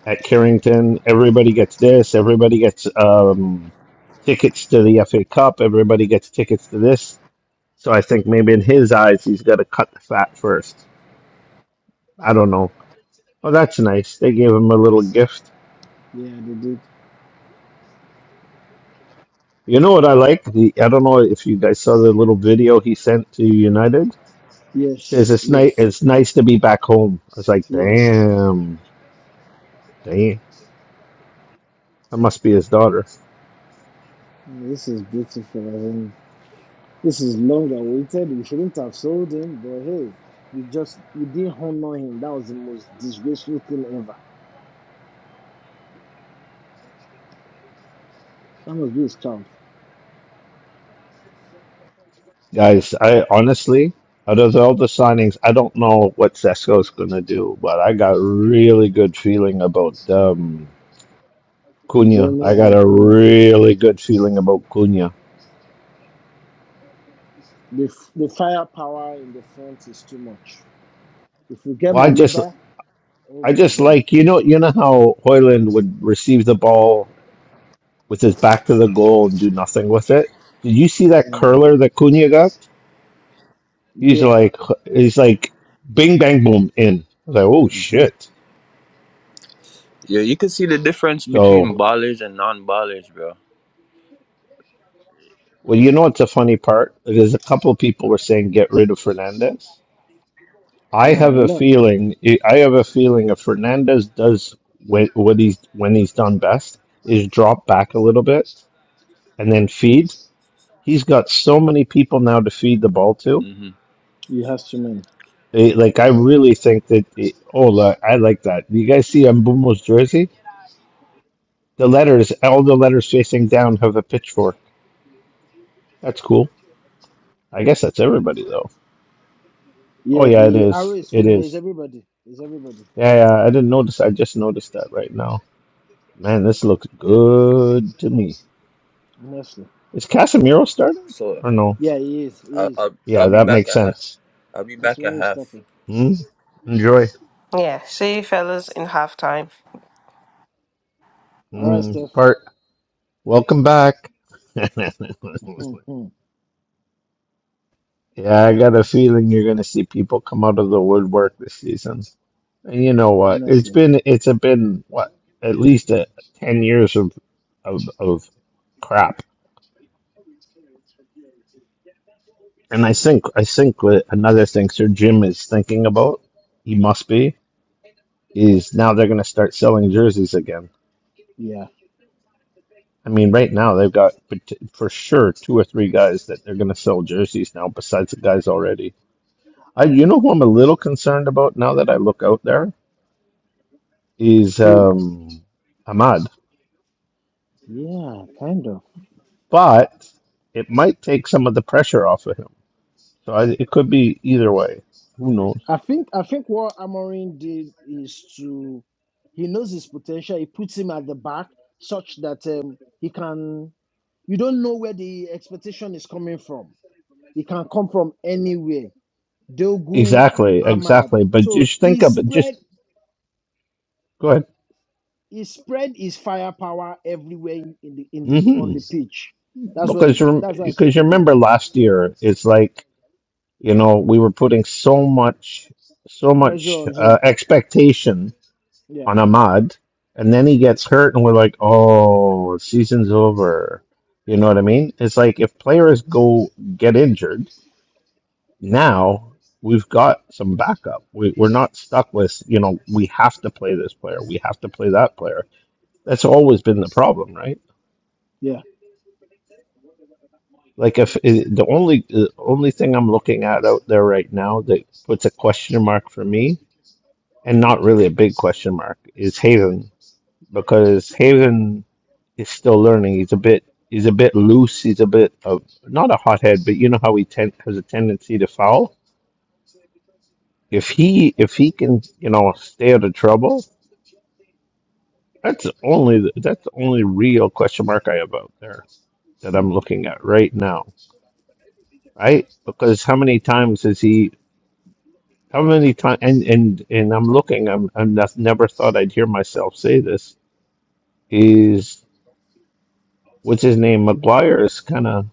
[SPEAKER 2] at Carrington. Everybody gets this. Everybody gets um, tickets to the FA Cup. Everybody gets tickets to this. So I think maybe in his eyes, he's got to cut the fat first. I don't know. Oh, that's nice. They gave him a little gift.
[SPEAKER 1] Yeah, they did.
[SPEAKER 2] You know what I like? The I don't know if you guys saw the little video he sent to United. says
[SPEAKER 1] Yes,
[SPEAKER 2] it's nice.
[SPEAKER 1] yes,
[SPEAKER 2] It's nice to be back home. I was like,
[SPEAKER 1] yes.
[SPEAKER 2] damn, damn. That must be his daughter.
[SPEAKER 1] Oh, This is beautiful. I mean, this is long awaited. We shouldn't have sold him, but hey, we just we didn't honor him. That was the most disgraceful thing ever. That must be his child.
[SPEAKER 2] Guys, I honestly, out of all the signings, I don't know what Cesco's gonna do, but I got really good feeling about um Cunha. I
[SPEAKER 1] Mbemo
[SPEAKER 2] got
[SPEAKER 1] and
[SPEAKER 2] a
[SPEAKER 1] Cunha.
[SPEAKER 2] really good feeling about Cunha.
[SPEAKER 1] The f- the firepower in the front is too much. If we get
[SPEAKER 2] Well, I just
[SPEAKER 1] Maliba, oh
[SPEAKER 2] I
[SPEAKER 1] my
[SPEAKER 2] just
[SPEAKER 1] god.
[SPEAKER 2] like you know you know how Hoyland would receive the ball with his back to the goal and do nothing with it. Did you see that
[SPEAKER 1] Mm.
[SPEAKER 2] curler that Cunha got? He's
[SPEAKER 1] Yeah,
[SPEAKER 2] like, he's like, bing bang boom in. I was like, oh
[SPEAKER 5] hmm
[SPEAKER 2] shit.
[SPEAKER 5] Yeah, you can see the difference between
[SPEAKER 2] So,
[SPEAKER 5] ballers and non-ballers, bro.
[SPEAKER 2] well, you know what's a funny part? There's a couple of people were saying get rid of Fernandez. I
[SPEAKER 1] yeah,
[SPEAKER 2] have
[SPEAKER 1] I
[SPEAKER 2] a
[SPEAKER 1] know.
[SPEAKER 2] feeling. I have a feeling if Fernandez does wh- what he's when he's done best is drop back a little bit and then feed. He's got so many people now to feed the ball to
[SPEAKER 5] hmm
[SPEAKER 1] He has too many.
[SPEAKER 2] It- like I really think that it, oh la- I like that. You guys see Mbumo's jersey? The letters, all the letters facing down have a pitchfork. That's cool. I guess that's everybody though. Oh
[SPEAKER 1] Yeah,
[SPEAKER 2] yeah, it
[SPEAKER 1] the arrow
[SPEAKER 2] is.
[SPEAKER 1] is
[SPEAKER 2] It
[SPEAKER 1] feeling. There's
[SPEAKER 2] is.
[SPEAKER 1] everybody. There's everybody.
[SPEAKER 2] Yeah, yeah. I didn't notice. I just noticed that right now. Man, this looks good to me.
[SPEAKER 1] Honestly.
[SPEAKER 2] Is Casemiro starting
[SPEAKER 5] So
[SPEAKER 2] or no?
[SPEAKER 1] Yeah, he is.
[SPEAKER 5] I'll,
[SPEAKER 1] He is.
[SPEAKER 5] I'll I'll
[SPEAKER 2] Yeah,
[SPEAKER 5] be
[SPEAKER 2] that
[SPEAKER 5] back
[SPEAKER 2] makes
[SPEAKER 5] at half.
[SPEAKER 2] sense.
[SPEAKER 5] I'll be back at
[SPEAKER 1] Casemiro is
[SPEAKER 5] half.
[SPEAKER 1] starting.
[SPEAKER 2] Hmm? Enjoy.
[SPEAKER 4] Yeah, see you fellas in halftime.
[SPEAKER 1] All right,
[SPEAKER 2] Hmm.
[SPEAKER 1] Steph.
[SPEAKER 2] Part. Welcome back. <laughs>
[SPEAKER 1] <laughs>
[SPEAKER 2] Yeah, I got a feeling you're going to see people come out of the woodwork this season. And you know what? It's
[SPEAKER 1] Honestly,
[SPEAKER 2] been it's a been what at least a, ten years of of of crap. And I think I think what another thing Sir Jim is thinking about, he must be, is now they're going to start selling jerseys again.
[SPEAKER 1] yeah.
[SPEAKER 2] I mean, right now they've got pot- for sure two or three guys that they're going to sell jerseys now, besides the guys already. I, you know who I'm a little concerned about now that I look out there? is
[SPEAKER 1] Who?
[SPEAKER 2] um, Ahmad,
[SPEAKER 1] Yeah, kind of.
[SPEAKER 2] but it might take some of the pressure off of him. So I, it could be either way. Who knows?
[SPEAKER 1] I think I think what Amorin did is to he knows his potential. He puts him at the back such that um, he can. You don't know where the expectation is coming from. It can come from anywhere. Dogu,
[SPEAKER 2] Exactly,
[SPEAKER 1] Ahmad.
[SPEAKER 2] exactly. But
[SPEAKER 1] So
[SPEAKER 2] just
[SPEAKER 1] he
[SPEAKER 2] think of it.
[SPEAKER 1] spread
[SPEAKER 2] Just go ahead.
[SPEAKER 1] he spread his firepower everywhere in in the in the on
[SPEAKER 2] hmm
[SPEAKER 1] the pitch. That's what he,
[SPEAKER 2] Because
[SPEAKER 1] did-
[SPEAKER 2] rem-
[SPEAKER 1] that's what I think
[SPEAKER 2] because
[SPEAKER 1] he
[SPEAKER 2] you
[SPEAKER 1] did.
[SPEAKER 2] remember last year, it's like you know we were putting so much so
[SPEAKER 1] Pressure
[SPEAKER 2] much
[SPEAKER 1] on him.
[SPEAKER 2] uh, expectation
[SPEAKER 1] Yeah,
[SPEAKER 2] on Ahmad, and then he gets hurt, and we're like, oh, season's over. You know what I mean? It's like if players go get injured now we've got some backup. We, we're not stuck with, you know, we have to play this player, we have to play that player. That's always been the problem, right?
[SPEAKER 1] yeah.
[SPEAKER 2] Like if i- the only the only thing I'm looking at out there right now that puts a question mark for me, and not really a big question mark, is Haven because Haven is still learning. He's a bit he's a bit loose. He's a bit of not a hothead, but you know how he ten, has a tendency to foul. If he if he can you know stay out of trouble, That's the only that's the only real question mark I have out there that
[SPEAKER 1] Hmm.
[SPEAKER 2] I'm looking at right now, right? Because how many times has he? How many times? And and and I'm looking. I'm I'm not, never thought I'd hear myself say this. Is what's his name? McGuire has kind of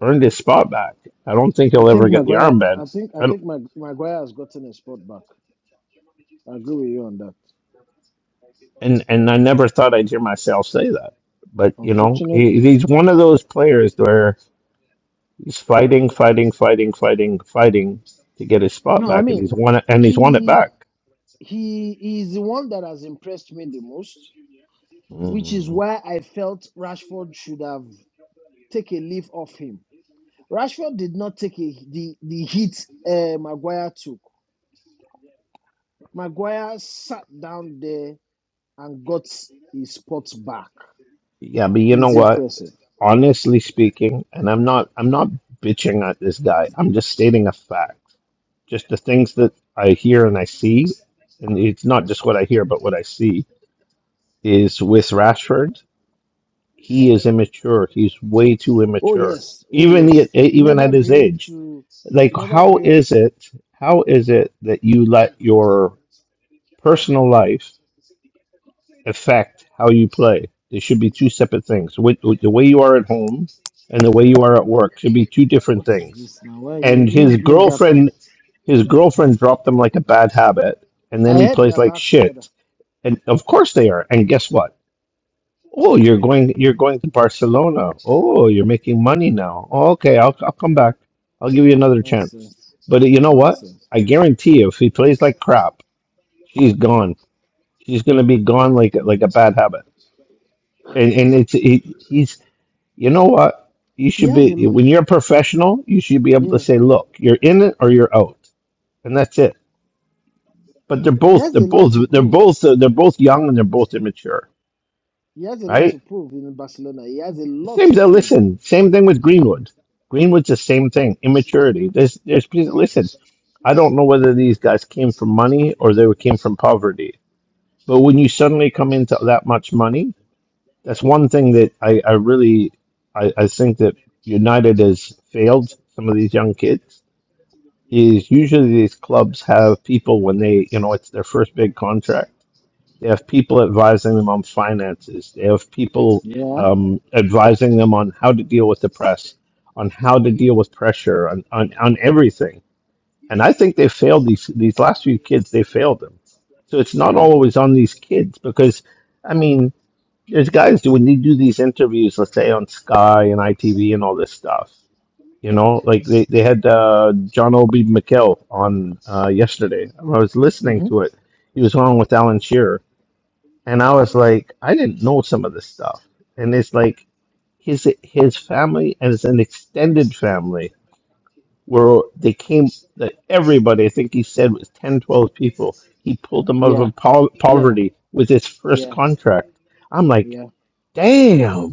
[SPEAKER 2] earned his spot back. I don't think
[SPEAKER 1] I
[SPEAKER 2] he'll ever
[SPEAKER 1] think
[SPEAKER 2] get the
[SPEAKER 1] Maguire. I
[SPEAKER 2] armband.
[SPEAKER 1] think I
[SPEAKER 2] I don't,
[SPEAKER 1] think Mag, Maguire has gotten his spot back. I agree with you on that.
[SPEAKER 2] and and I never thought I'd hear myself say that. But you know, he,
[SPEAKER 1] Unfortunately,
[SPEAKER 2] he's one of those players where. He's fighting, fighting, fighting, fighting, fighting to get his spot
[SPEAKER 1] no. I
[SPEAKER 2] back, and he's
[SPEAKER 1] mean,
[SPEAKER 2] won it, and he's won it
[SPEAKER 1] he
[SPEAKER 2] back.
[SPEAKER 1] he is the one that has impressed me the most, which is
[SPEAKER 2] Mm.
[SPEAKER 1] why I felt Rashford should have take a leave off him. Rashford did not take a, the the hit uh, Maguire took. Maguire sat down there and got his spot back.
[SPEAKER 2] Yeah, but you know
[SPEAKER 1] He's
[SPEAKER 2] what?
[SPEAKER 1] impressive.
[SPEAKER 2] Honestly speaking, and I'm not, I'm not bitching at this guy. I'm just stating a fact. Just the things that I hear and I see, and it's not just what I hear, but what I see is with Rashford, he is immature. He's way too
[SPEAKER 1] Oh
[SPEAKER 2] immature,
[SPEAKER 1] yes, oh
[SPEAKER 2] even the,
[SPEAKER 1] yes. He
[SPEAKER 2] even
[SPEAKER 1] never
[SPEAKER 2] at his
[SPEAKER 1] grew
[SPEAKER 2] age.
[SPEAKER 1] to.
[SPEAKER 2] Like,
[SPEAKER 1] He never
[SPEAKER 2] how
[SPEAKER 1] grew up.
[SPEAKER 2] is it? How is it that you let your personal life affect how you play. They should be two separate things. With, with the way you are at home and the way you are at work should be two different
[SPEAKER 1] What is
[SPEAKER 2] things.
[SPEAKER 1] this now? Why you?
[SPEAKER 2] And
[SPEAKER 1] Who
[SPEAKER 2] his
[SPEAKER 1] made that pass?
[SPEAKER 2] girlfriend, his girlfriend dropped him like a bad habit, and then
[SPEAKER 1] I
[SPEAKER 2] he
[SPEAKER 1] heard they
[SPEAKER 2] plays
[SPEAKER 1] are
[SPEAKER 2] like
[SPEAKER 1] back together.
[SPEAKER 2] shit. And of course they are. And guess what? Oh, you're going, you're going to Barcelona. Oh, you're making money now. Oh, okay, I'll, I'll come back. I'll give you another chance.
[SPEAKER 1] Nonsense,
[SPEAKER 2] But you know what?
[SPEAKER 1] nonsense.
[SPEAKER 2] I guarantee you, if he plays like crap, she's gone He's gonna be gone like like a bad habit, and and it's he, he's you know what you
[SPEAKER 1] He
[SPEAKER 2] should
[SPEAKER 1] has
[SPEAKER 2] be
[SPEAKER 1] a lot.
[SPEAKER 2] when you're a professional you should be able to
[SPEAKER 1] Yeah,
[SPEAKER 2] say look you're in it or you're out and that's it. But they're
[SPEAKER 1] he
[SPEAKER 2] both
[SPEAKER 1] has
[SPEAKER 2] they're
[SPEAKER 1] a lot
[SPEAKER 2] both
[SPEAKER 1] to
[SPEAKER 2] they're
[SPEAKER 1] prove.
[SPEAKER 2] both uh, they're both young and they're both immature,
[SPEAKER 1] He has a lot
[SPEAKER 2] right?
[SPEAKER 1] to prove in Barcelona. He has a lot
[SPEAKER 2] Same
[SPEAKER 1] to
[SPEAKER 2] thing.
[SPEAKER 1] prove.
[SPEAKER 2] Listen, same thing with Greenwood. Greenwood's the same thing. Immaturity. There's there's listen. I don't know whether these guys came from money or they came from poverty. But when you suddenly come into that much money, that's one thing that I, I really I, I think that United has failed some of these young kids is usually these clubs have people when they you know it's their first big contract they have people advising them on finances they have people
[SPEAKER 1] Yeah,
[SPEAKER 2] um, advising them on how to deal with the press on how to deal with pressure on, on, on everything and I think they failed these these last few kids they failed them so it's not
[SPEAKER 1] yeah,
[SPEAKER 2] always on these kids because I mean. There's guys do when they do these interviews, let's say on Sky and ITV and all this stuff. You know, like they, they had uh, John Obi McKell on uh, yesterday. I was listening
[SPEAKER 1] hmm
[SPEAKER 2] to it. He was on with Alan Shearer, and I was like, I didn't know some of this stuff. And it's like his his family and it's an extended family where they came. That everybody, I think he said, was 10, 12 people. He pulled them out
[SPEAKER 1] yeah,
[SPEAKER 2] of po-
[SPEAKER 1] yeah,
[SPEAKER 2] poverty with his first
[SPEAKER 1] yeah,
[SPEAKER 2] contract. I'm like,
[SPEAKER 1] yeah.
[SPEAKER 2] damn.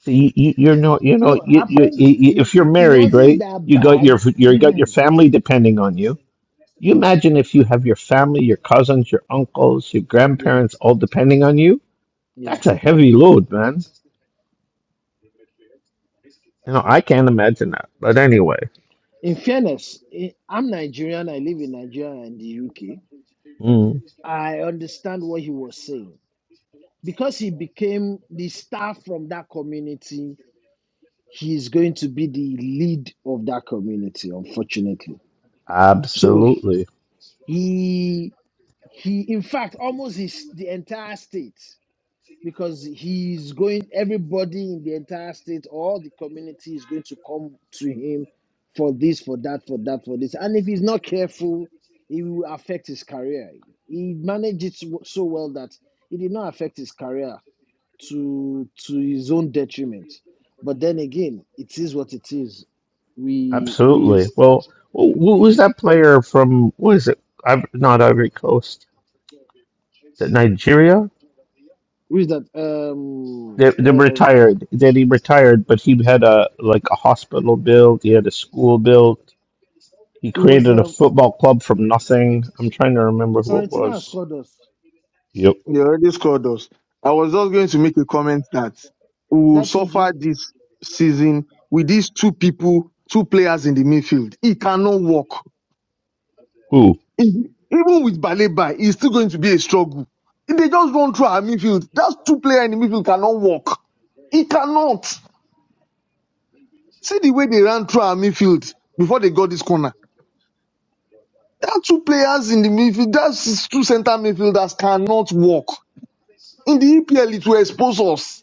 [SPEAKER 2] So you, you, you're no, you know,
[SPEAKER 1] Look,
[SPEAKER 2] you, you,
[SPEAKER 1] apparently
[SPEAKER 2] you,
[SPEAKER 1] he,
[SPEAKER 2] if you're
[SPEAKER 1] he, he
[SPEAKER 2] married,
[SPEAKER 1] wasn't
[SPEAKER 2] right?
[SPEAKER 1] that
[SPEAKER 2] You got your,
[SPEAKER 1] bad.
[SPEAKER 2] you got your
[SPEAKER 1] <clears throat>
[SPEAKER 2] family depending on you. You imagine if you have your family, your cousins, your uncles, your
[SPEAKER 1] yeah,
[SPEAKER 2] grandparents, all depending on you.
[SPEAKER 1] yeah.
[SPEAKER 2] That's a heavy load, man. You know, I can't imagine that. But anyway,
[SPEAKER 1] In fairness, eh, I'm Nigerian, I live in Nigeria and the UK. I understand what he was saying. Because he became the star from that community, he is going to be the lead of that community, unfortunately. So
[SPEAKER 2] absolutely,
[SPEAKER 1] he he in fact almost his the entire state. because he's going everybody in the entire state all the community is going to come to him for this for that for that for this and if he's not careful it will affect his career he managed it so so well that it did not affect his career to to his own detriment but then again it is what it is we
[SPEAKER 2] absolutely.
[SPEAKER 1] we
[SPEAKER 2] Well, who who was that player from? What is it? Iv- Not Ivory Coast, Nigeria.
[SPEAKER 1] who is that um
[SPEAKER 2] They, they
[SPEAKER 1] um
[SPEAKER 2] retired. Then he retired, but he had a like a hospital bill. He had a school bill He
[SPEAKER 1] it was
[SPEAKER 2] created a
[SPEAKER 1] um
[SPEAKER 2] football club from nothing. I'm trying to remember who it
[SPEAKER 1] Florentina has
[SPEAKER 2] was.
[SPEAKER 1] scored us
[SPEAKER 2] Yep.
[SPEAKER 6] They already scored us. I was just going to make a comment that we
[SPEAKER 1] is
[SPEAKER 6] will
[SPEAKER 1] that Tunji
[SPEAKER 6] suffer this season with these two people, two players in the midfield. It cannot work.
[SPEAKER 2] Ooh.
[SPEAKER 6] E- Even with Baleba, it's still going to be a struggle. If They just run through our midfield. That two player in the midfield cannot work. It cannot. See the way they ran through our midfield before they got this corner. There two players in the midfield. That's two center midfielders cannot work. In the EPL, it will expose us.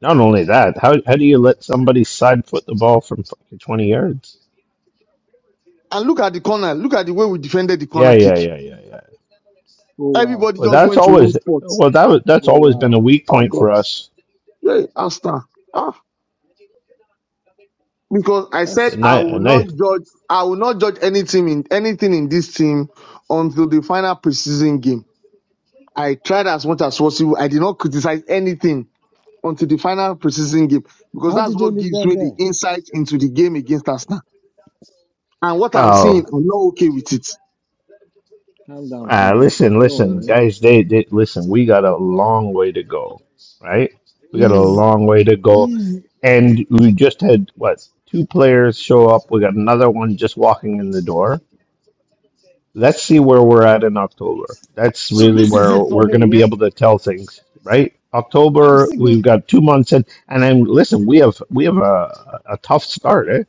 [SPEAKER 2] Not only that, how how do you let somebody side foot the ball from fucking 20 yards?
[SPEAKER 6] And look at the corner. Look at the way we defended the
[SPEAKER 2] Yeah,
[SPEAKER 6] corner
[SPEAKER 2] yeah, yeah.
[SPEAKER 6] kick.
[SPEAKER 1] oh wow
[SPEAKER 6] Everybody
[SPEAKER 2] Well, that's
[SPEAKER 6] just went to one
[SPEAKER 2] always
[SPEAKER 6] spot.
[SPEAKER 2] well that was that's
[SPEAKER 1] oh
[SPEAKER 2] always been
[SPEAKER 1] wow
[SPEAKER 2] a weak
[SPEAKER 6] Oh
[SPEAKER 2] point
[SPEAKER 6] God.
[SPEAKER 2] for
[SPEAKER 6] Yeah, Asta. Ah. Because I
[SPEAKER 1] that's
[SPEAKER 6] said I will not judge I will not judge any team in anything in this team until the final preseason game. I tried as much as possible. I did not criticize anything until the final preseason game because
[SPEAKER 1] How
[SPEAKER 6] that's
[SPEAKER 1] did they
[SPEAKER 6] what
[SPEAKER 1] leave
[SPEAKER 6] gives
[SPEAKER 1] that
[SPEAKER 6] me the
[SPEAKER 1] guy?
[SPEAKER 6] insight into the game against Arsenal. And what I'm
[SPEAKER 2] Well,
[SPEAKER 6] seeing, I'm not okay with it.
[SPEAKER 1] Calm down,
[SPEAKER 2] ah,
[SPEAKER 1] Tunji.
[SPEAKER 2] listen,
[SPEAKER 1] Don't
[SPEAKER 2] listen,
[SPEAKER 1] worry.
[SPEAKER 2] guys. They, they listen. We got a long way to go, right? We got a
[SPEAKER 1] Is
[SPEAKER 2] long way to go,
[SPEAKER 1] is
[SPEAKER 2] and we just had what two players show up. We got another one just walking in the door let's see where we're at in October. That's
[SPEAKER 1] so
[SPEAKER 2] really
[SPEAKER 1] this is
[SPEAKER 2] where
[SPEAKER 1] it for
[SPEAKER 2] we're
[SPEAKER 1] me,
[SPEAKER 2] going to be
[SPEAKER 1] yeah?
[SPEAKER 2] able to tell things, right?
[SPEAKER 1] I'm
[SPEAKER 2] October,
[SPEAKER 1] still good.
[SPEAKER 2] we've got two months in, and then listen, we have we have a, a tough start, eh?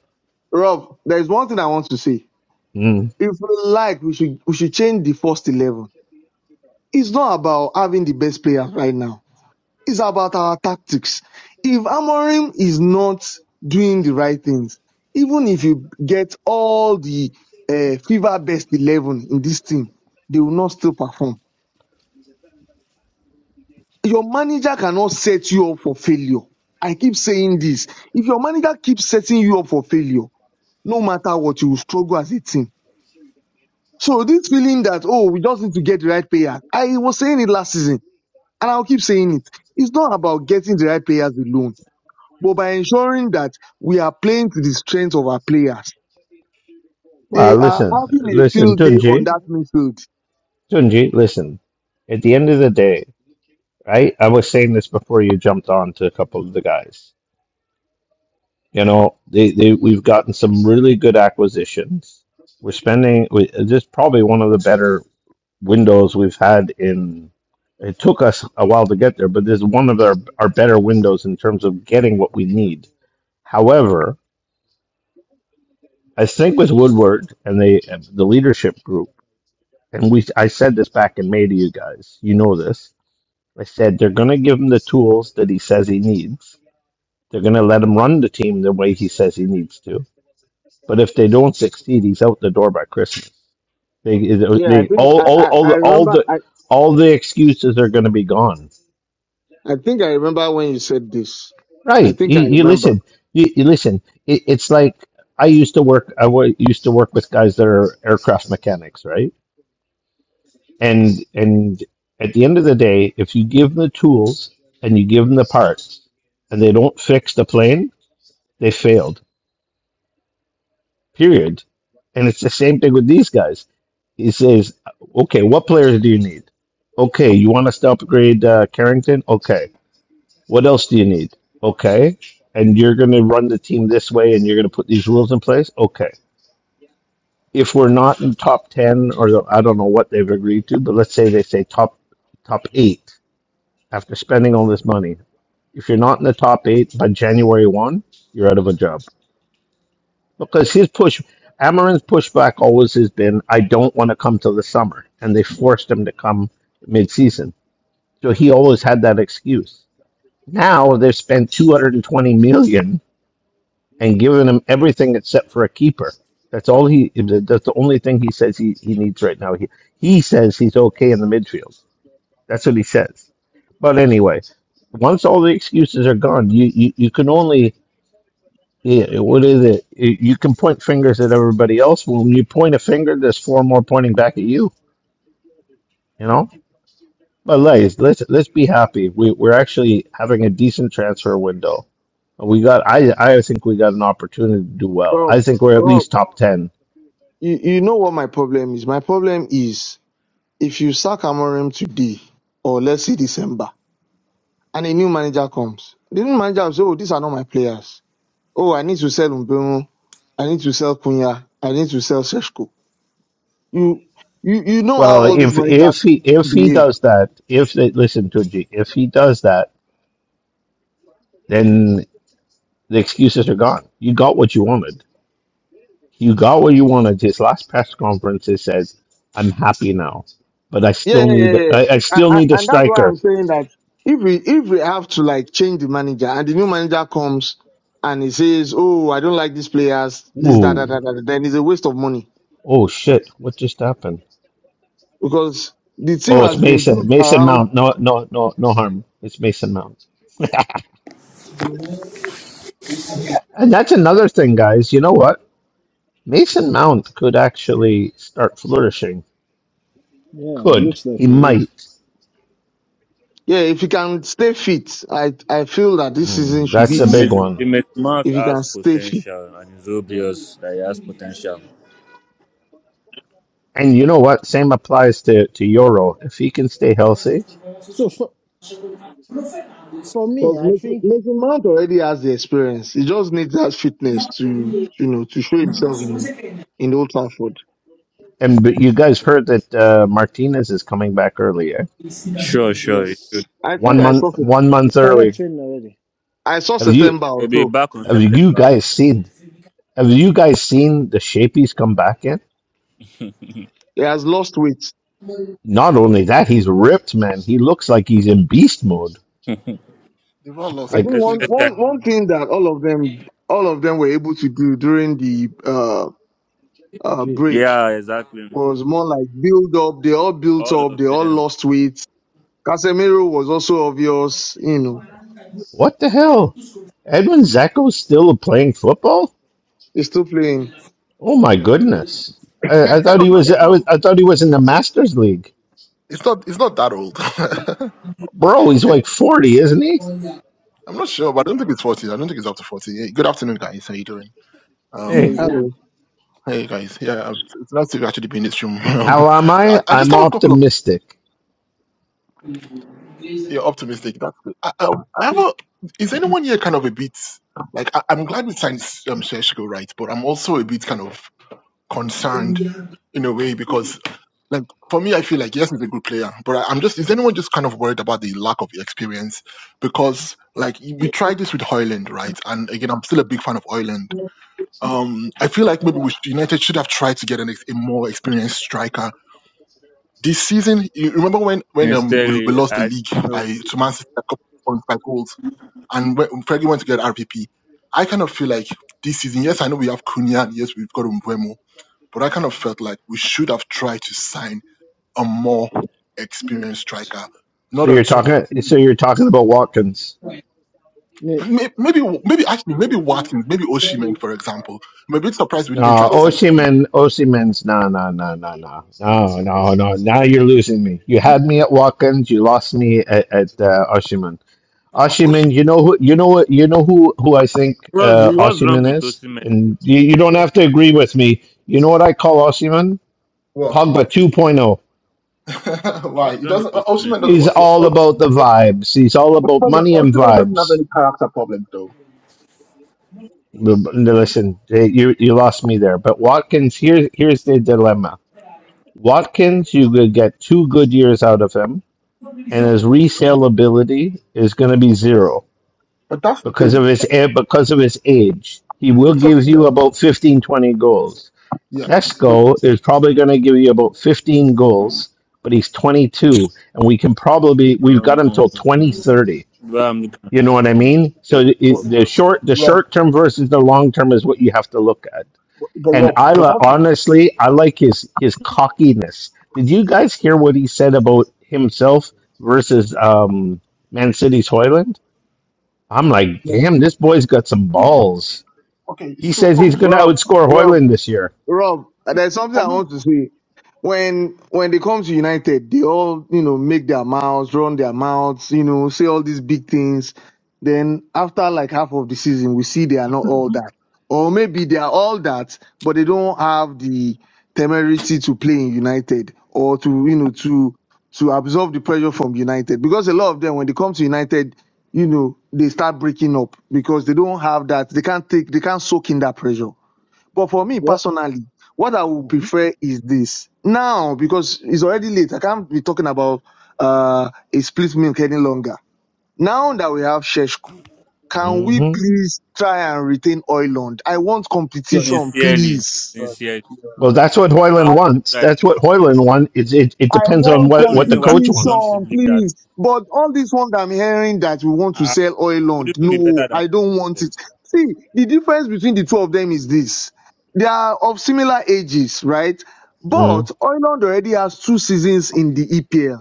[SPEAKER 6] Rob, there is one thing I want to say.
[SPEAKER 2] Mm.
[SPEAKER 6] If we like, we should we should change the first eleven It's not about having the best player right now. It's about our tactics. If Amorim is not doing the right things, even if you get all the uh, fever best 11 in this team, they will not still perform. Your manager cannot set you up for failure. I keep saying this. If your manager keeps setting you up for failure, no matter what, you will struggle as a team. So this feeling that, oh, we just need to get the right player. I was saying it last season And I'll keep saying it. It's not about getting the right players alone, but by ensuring that we are playing to the strength of our players.
[SPEAKER 2] Well,
[SPEAKER 6] They are
[SPEAKER 2] listen,
[SPEAKER 6] having a
[SPEAKER 2] listen,
[SPEAKER 6] field day on
[SPEAKER 2] Tunji,
[SPEAKER 6] that midfield.
[SPEAKER 2] Tunji, listen. At the end of the day, right? I was saying this before you jumped on to a couple of the guys. You know, they, they we've gotten some really good acquisitions. We're spending. We, this is probably one of the better. windows we've had in it took us a while to get there, but this is one of our, our better windows in terms of getting what we need. However, I think with Woodward and they the leadership group, and we I said this back in May to you guys, you know this. I said they're gonna give him the tools that he says he needs. They're gonna let him run the team the way he says he needs to. But if they don't succeed, he's out the door by Christmas. They
[SPEAKER 6] Yeah, I
[SPEAKER 2] they
[SPEAKER 6] think
[SPEAKER 2] all
[SPEAKER 6] I,
[SPEAKER 2] all
[SPEAKER 6] I,
[SPEAKER 2] all
[SPEAKER 6] I
[SPEAKER 2] the all
[SPEAKER 6] remember
[SPEAKER 2] the
[SPEAKER 6] I,
[SPEAKER 2] all the excuses are gonna be gone
[SPEAKER 6] I think I remember when you said this. I
[SPEAKER 2] Right.
[SPEAKER 6] think
[SPEAKER 2] You,
[SPEAKER 6] I
[SPEAKER 2] you
[SPEAKER 6] remember.
[SPEAKER 2] listen. You, you listen. It, it's like I used to work. I wa- used to work with guys that are aircraft mechanics, right? And and at the end of the day, if you give them the tools and you give them the parts, and they don't fix the plane, they failed. Period. And it's the same thing with these guys. He says, "Okay, what players do you need? Okay, you want us to upgrade uh, Carrington? Okay, What else do you need? Okay. And you're going to run the team this way and you're going to put these rules in place? Okay. If we're not in top 10 or the, I don't know what they've agreed to, but let's say they say top top 8 after spending all this money. If you're not in the top 8 by January 1, you're out of a job. Because his push Amarin's pushback always has been I don't want to come till the summer and they forced him to come mid-season. So he always had that excuse. Now they've spent 220 million and given him everything except for a keeper. That's all he. That's the only thing he says he, he needs right now. He he says he's okay in the midfield. That's what he says. But anyway, once all the excuses are gone, you you, you can only yeah, what is it? You you can point fingers at everybody else. When you point a finger, there's four more pointing back at you. You know. But guys, let's let's be happy. We we're actually having a decent transfer window. We got. I I think we got an opportunity to do well.
[SPEAKER 6] Oh,
[SPEAKER 2] I think we're at
[SPEAKER 6] oh,
[SPEAKER 2] least top ten
[SPEAKER 6] you, you know what my problem is? My problem is if you sack Amorim today or let's say December and a new manager comes, the new manager will say, Oh, these are not my players. Oh, I need to sell Mbengu. I need to sell Kunya. I need to sell Seshko. You, you, you know how
[SPEAKER 2] Well,
[SPEAKER 6] all these
[SPEAKER 2] if if
[SPEAKER 6] managers
[SPEAKER 2] he if he
[SPEAKER 6] behave.
[SPEAKER 2] does that, if they listen to G, if he does that, then the excuses are gone. You got what you wanted. You got what you wanted. His last press conference, he said, "I'm happy now, but I still
[SPEAKER 6] Yeah, yeah, yeah,
[SPEAKER 2] need
[SPEAKER 6] yeah.
[SPEAKER 2] I, I
[SPEAKER 6] I,
[SPEAKER 2] still
[SPEAKER 6] I,
[SPEAKER 2] need a
[SPEAKER 6] and that's why
[SPEAKER 2] striker."
[SPEAKER 6] I'm saying that if we, if we have to like change the manager and the new manager comes and he says, Oh, I don't like these players, this, that, that,
[SPEAKER 2] Ooh,
[SPEAKER 6] that, that, then it's a waste of money
[SPEAKER 2] oh shit! What just happened?
[SPEAKER 6] because the team
[SPEAKER 2] Oh, it's
[SPEAKER 6] has been
[SPEAKER 2] Mason
[SPEAKER 6] built
[SPEAKER 2] Mason
[SPEAKER 6] around.
[SPEAKER 2] Mount. No, no, no, no harm. It's Mason Mount. And that's another thing, guys. You know what? Mason Mount could actually start flourishing.
[SPEAKER 1] Yeah, it
[SPEAKER 2] Could
[SPEAKER 1] looks like
[SPEAKER 2] he
[SPEAKER 1] he is.
[SPEAKER 2] might?
[SPEAKER 6] Yeah, if he can stay fit, I, I feel that this season
[SPEAKER 2] Mm,
[SPEAKER 6] should
[SPEAKER 2] that's
[SPEAKER 6] be
[SPEAKER 2] a
[SPEAKER 6] his
[SPEAKER 2] big
[SPEAKER 6] season.
[SPEAKER 2] one.
[SPEAKER 7] Mr. Mars
[SPEAKER 6] If he can
[SPEAKER 7] has
[SPEAKER 6] stay fit.
[SPEAKER 7] potential, and it's obvious that he has potential.
[SPEAKER 2] And you know what? Same applies to to Euro. If he can stay healthy,
[SPEAKER 1] So for for me,
[SPEAKER 6] Because
[SPEAKER 1] I
[SPEAKER 6] Mason
[SPEAKER 1] think
[SPEAKER 6] Mason Mount already has the experience. He just needs that fitness to, you know, to show himself in in Old Trafford.
[SPEAKER 2] and but you guys heard that uh, Martinez is coming back early, eh?
[SPEAKER 7] Sure, sure. He
[SPEAKER 1] yes.
[SPEAKER 7] should.
[SPEAKER 6] I
[SPEAKER 2] One
[SPEAKER 6] think I saw
[SPEAKER 2] month, one
[SPEAKER 1] You
[SPEAKER 2] month
[SPEAKER 1] started
[SPEAKER 2] early.
[SPEAKER 1] training already.
[SPEAKER 6] I saw
[SPEAKER 2] Have you
[SPEAKER 6] September
[SPEAKER 7] He'll be
[SPEAKER 6] also.
[SPEAKER 7] back on
[SPEAKER 2] have you
[SPEAKER 7] September.
[SPEAKER 2] guys seen? Have you guys seen the shape he's come back in?
[SPEAKER 6] He has lost weight.
[SPEAKER 2] Not only that, he's ripped, man. He looks like he's in beast mode.
[SPEAKER 7] <laughs>
[SPEAKER 8] They've all
[SPEAKER 6] I
[SPEAKER 8] lost. They
[SPEAKER 6] think
[SPEAKER 2] Like
[SPEAKER 7] Let's-
[SPEAKER 8] played
[SPEAKER 6] one
[SPEAKER 7] let's check.
[SPEAKER 6] one one thing that all of them all of them were able to do during the uh, uh,
[SPEAKER 1] Gee,
[SPEAKER 6] break
[SPEAKER 7] yeah, exactly.
[SPEAKER 6] was more like build up. They all built
[SPEAKER 7] All
[SPEAKER 6] up.
[SPEAKER 7] of
[SPEAKER 6] They all
[SPEAKER 7] them.
[SPEAKER 6] lost weight. Casemiro was also obvious. You know,
[SPEAKER 2] what the hell? Edwin Zacco's still playing football?
[SPEAKER 6] he's still playing.
[SPEAKER 2] Oh my
[SPEAKER 8] Yeah,
[SPEAKER 2] goodness! I, I
[SPEAKER 8] it's
[SPEAKER 2] thought
[SPEAKER 8] not.
[SPEAKER 2] he
[SPEAKER 8] That,
[SPEAKER 2] was.
[SPEAKER 8] it's
[SPEAKER 2] I
[SPEAKER 8] not.
[SPEAKER 2] was. I thought he was in the Masters League.
[SPEAKER 8] It's not. It's not that old.
[SPEAKER 2] Bro, he's like 40, isn't he?
[SPEAKER 8] <laughs> I'm not sure, but I don't think it's 40. I don't think it's after to 40. Hey, good afternoon, guys. How you doing?
[SPEAKER 1] How
[SPEAKER 2] Hey,
[SPEAKER 8] Um,
[SPEAKER 1] you
[SPEAKER 6] Hello,
[SPEAKER 1] doing?
[SPEAKER 8] hey guys. Yeah, um, it's it's nice to actually be in this room. <laughs> Um,
[SPEAKER 2] how am
[SPEAKER 8] I,
[SPEAKER 2] I?
[SPEAKER 8] I just
[SPEAKER 2] I'm
[SPEAKER 8] have a couple of.
[SPEAKER 2] optimistic.
[SPEAKER 8] You're optimistic. That's good. I, I, I have a. Is anyone here kind of a bit like I, I'm glad we signed um, Sergio right, but I'm also a bit kind of concerned in a way because Like for me, I feel like yes, he's a good player, but I, I'm just—is anyone just kind of worried about the lack of experience? Because like we tried this with Hoyland, right? And again, I'm still a big fan of Hoyland. Um, I feel like maybe we should, United should have tried to get an, ex- a more experienced striker this season. You remember when when um, we, we
[SPEAKER 7] Sincerely,
[SPEAKER 8] lost the
[SPEAKER 7] I
[SPEAKER 8] league
[SPEAKER 7] know
[SPEAKER 8] by to Man City a couple of points by goals, and when Fergie went to get RPP. I kind of feel like this season. Yes, I know we have Cunha. and Yes, we've got Mbeumo, but I kind of felt like we should have tried to sign a more experienced striker,
[SPEAKER 2] So
[SPEAKER 8] not a
[SPEAKER 2] you're
[SPEAKER 8] twin.
[SPEAKER 2] talking so you're talking about Watkins.
[SPEAKER 1] Yeah.
[SPEAKER 8] may- Maybe, maybe actually, maybe Watkins, maybe Oshiman, for example. I'm a bit surprised we
[SPEAKER 2] No,
[SPEAKER 8] didn't try to sign Osimhen.
[SPEAKER 2] Osimhen, Osimhen's no, no, no, no, no, no, no, no. Now you're losing me. You had me at Watkins. You lost me at, at uh, Osimhen.
[SPEAKER 8] O-
[SPEAKER 2] Osimhen,
[SPEAKER 8] Osh-
[SPEAKER 2] you know who you know what you know who who I think
[SPEAKER 7] what's
[SPEAKER 2] uh,
[SPEAKER 7] what's wrong
[SPEAKER 2] Osimhen
[SPEAKER 7] with
[SPEAKER 2] is,
[SPEAKER 7] Osimhen?
[SPEAKER 2] and you, you don't have to agree with me. You know what I call Osimhen?
[SPEAKER 8] What?
[SPEAKER 2] Pogba 2.0.
[SPEAKER 8] <laughs> Why?
[SPEAKER 7] What's
[SPEAKER 8] He
[SPEAKER 7] wrong with
[SPEAKER 8] doesn't.
[SPEAKER 7] Osimhen?
[SPEAKER 8] Oshiman doesn't.
[SPEAKER 2] He's
[SPEAKER 8] What, what,
[SPEAKER 2] all about the vibes. He's all about money and
[SPEAKER 8] Osimhen doesn't have
[SPEAKER 2] vibes.
[SPEAKER 8] any character problems, though.
[SPEAKER 2] Listen, eh, you you lost me there. But Watkins, here's here's the dilemma. Watkins, you could get two good years out of him, and his resaleability is going to be zero
[SPEAKER 8] But that's the
[SPEAKER 2] because of
[SPEAKER 8] thing.
[SPEAKER 2] his
[SPEAKER 8] Like
[SPEAKER 2] eh, because of his age. He
[SPEAKER 8] the
[SPEAKER 2] will
[SPEAKER 8] sort
[SPEAKER 2] give
[SPEAKER 8] yeah,
[SPEAKER 2] you about 15 20 goals.
[SPEAKER 8] yeah. But,
[SPEAKER 2] Sesko is probably going to give you about 15 goals, but he's 22, and we can probably we've got him
[SPEAKER 7] Um,
[SPEAKER 2] till 2030.
[SPEAKER 7] well, I'm looking at
[SPEAKER 2] You know
[SPEAKER 7] this
[SPEAKER 2] what I
[SPEAKER 7] thing,
[SPEAKER 2] mean? So
[SPEAKER 7] just
[SPEAKER 2] the,
[SPEAKER 8] but
[SPEAKER 7] fucked
[SPEAKER 2] the
[SPEAKER 7] up.
[SPEAKER 2] short the
[SPEAKER 8] Rob,
[SPEAKER 2] short term versus the long term is what you have to look at.
[SPEAKER 8] but, but
[SPEAKER 2] And
[SPEAKER 8] Rob,
[SPEAKER 2] I
[SPEAKER 8] but
[SPEAKER 2] li-
[SPEAKER 8] that's the-
[SPEAKER 2] honestly, I like his his cockiness. Did you guys hear what he said about himself versus um, Man City's Hoyland? I'm like,
[SPEAKER 8] yeah.
[SPEAKER 2] damn, this boy's got some balls.
[SPEAKER 8] okay.
[SPEAKER 2] He
[SPEAKER 8] So
[SPEAKER 2] says
[SPEAKER 8] for
[SPEAKER 2] he's
[SPEAKER 8] me,
[SPEAKER 2] going to
[SPEAKER 6] Rob.
[SPEAKER 2] outscore
[SPEAKER 6] Rob,
[SPEAKER 2] Hoyland this year.
[SPEAKER 6] Rob, there's something
[SPEAKER 8] for
[SPEAKER 6] I want to
[SPEAKER 8] me,
[SPEAKER 6] say. When when they come to United, they all you know make their mouths, run their mouths, you know, say all these big things. Then after like half of the season, we see they are not all that, or maybe they are all that, but they don't have the temerity to play in United or to you know to to absorb the pressure from United because a lot of them when they come to United, you know, they start breaking up because they don't have that, they can't take, they can't soak in that pressure. But for me
[SPEAKER 1] Well
[SPEAKER 6] personally, what I would
[SPEAKER 1] mhm.
[SPEAKER 6] prefer is this now because it's already late. I can't be talking about uh, a split milk any longer. Now that we have Sheshko, can we
[SPEAKER 2] hmm
[SPEAKER 6] please try and retain Oiland? I want competition,
[SPEAKER 7] Sincerely,
[SPEAKER 6] please.
[SPEAKER 8] But
[SPEAKER 7] sincerely,
[SPEAKER 2] Well,
[SPEAKER 8] yeah,
[SPEAKER 2] that's what
[SPEAKER 7] you are
[SPEAKER 2] Hoyland
[SPEAKER 7] fucking
[SPEAKER 2] wants.
[SPEAKER 7] right.
[SPEAKER 2] That's what Hoyland wants. It, it, it
[SPEAKER 6] I
[SPEAKER 2] depends
[SPEAKER 7] I see
[SPEAKER 2] on
[SPEAKER 6] want
[SPEAKER 2] what,
[SPEAKER 7] no
[SPEAKER 2] what the
[SPEAKER 7] reason why
[SPEAKER 2] coach
[SPEAKER 7] Don
[SPEAKER 2] wants.
[SPEAKER 7] should
[SPEAKER 6] competition,
[SPEAKER 7] leave that.
[SPEAKER 6] please. But all this one that I'm hearing that we want
[SPEAKER 7] I
[SPEAKER 6] to
[SPEAKER 7] I
[SPEAKER 6] sell oil
[SPEAKER 7] would
[SPEAKER 6] on,
[SPEAKER 7] even be better
[SPEAKER 6] no,
[SPEAKER 7] than.
[SPEAKER 6] I don't want
[SPEAKER 7] yourself.
[SPEAKER 6] it. See, the difference between the two of them is this. They are of similar ages, right? But
[SPEAKER 2] Mm.
[SPEAKER 6] Oiland already has two seasons in the EPL.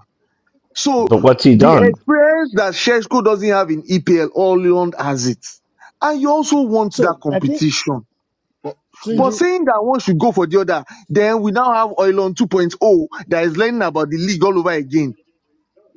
[SPEAKER 6] So
[SPEAKER 2] But what's he
[SPEAKER 6] the
[SPEAKER 2] done?
[SPEAKER 6] experience that Sheshko doesn't have in EPL, Oiland has it. And you also want
[SPEAKER 1] so
[SPEAKER 6] that
[SPEAKER 1] I think
[SPEAKER 6] competition.
[SPEAKER 8] but yeah,
[SPEAKER 6] But
[SPEAKER 1] Tunji
[SPEAKER 6] saying that one should go for the other, then we now have Oilon 2.0 that is learning about the league all over again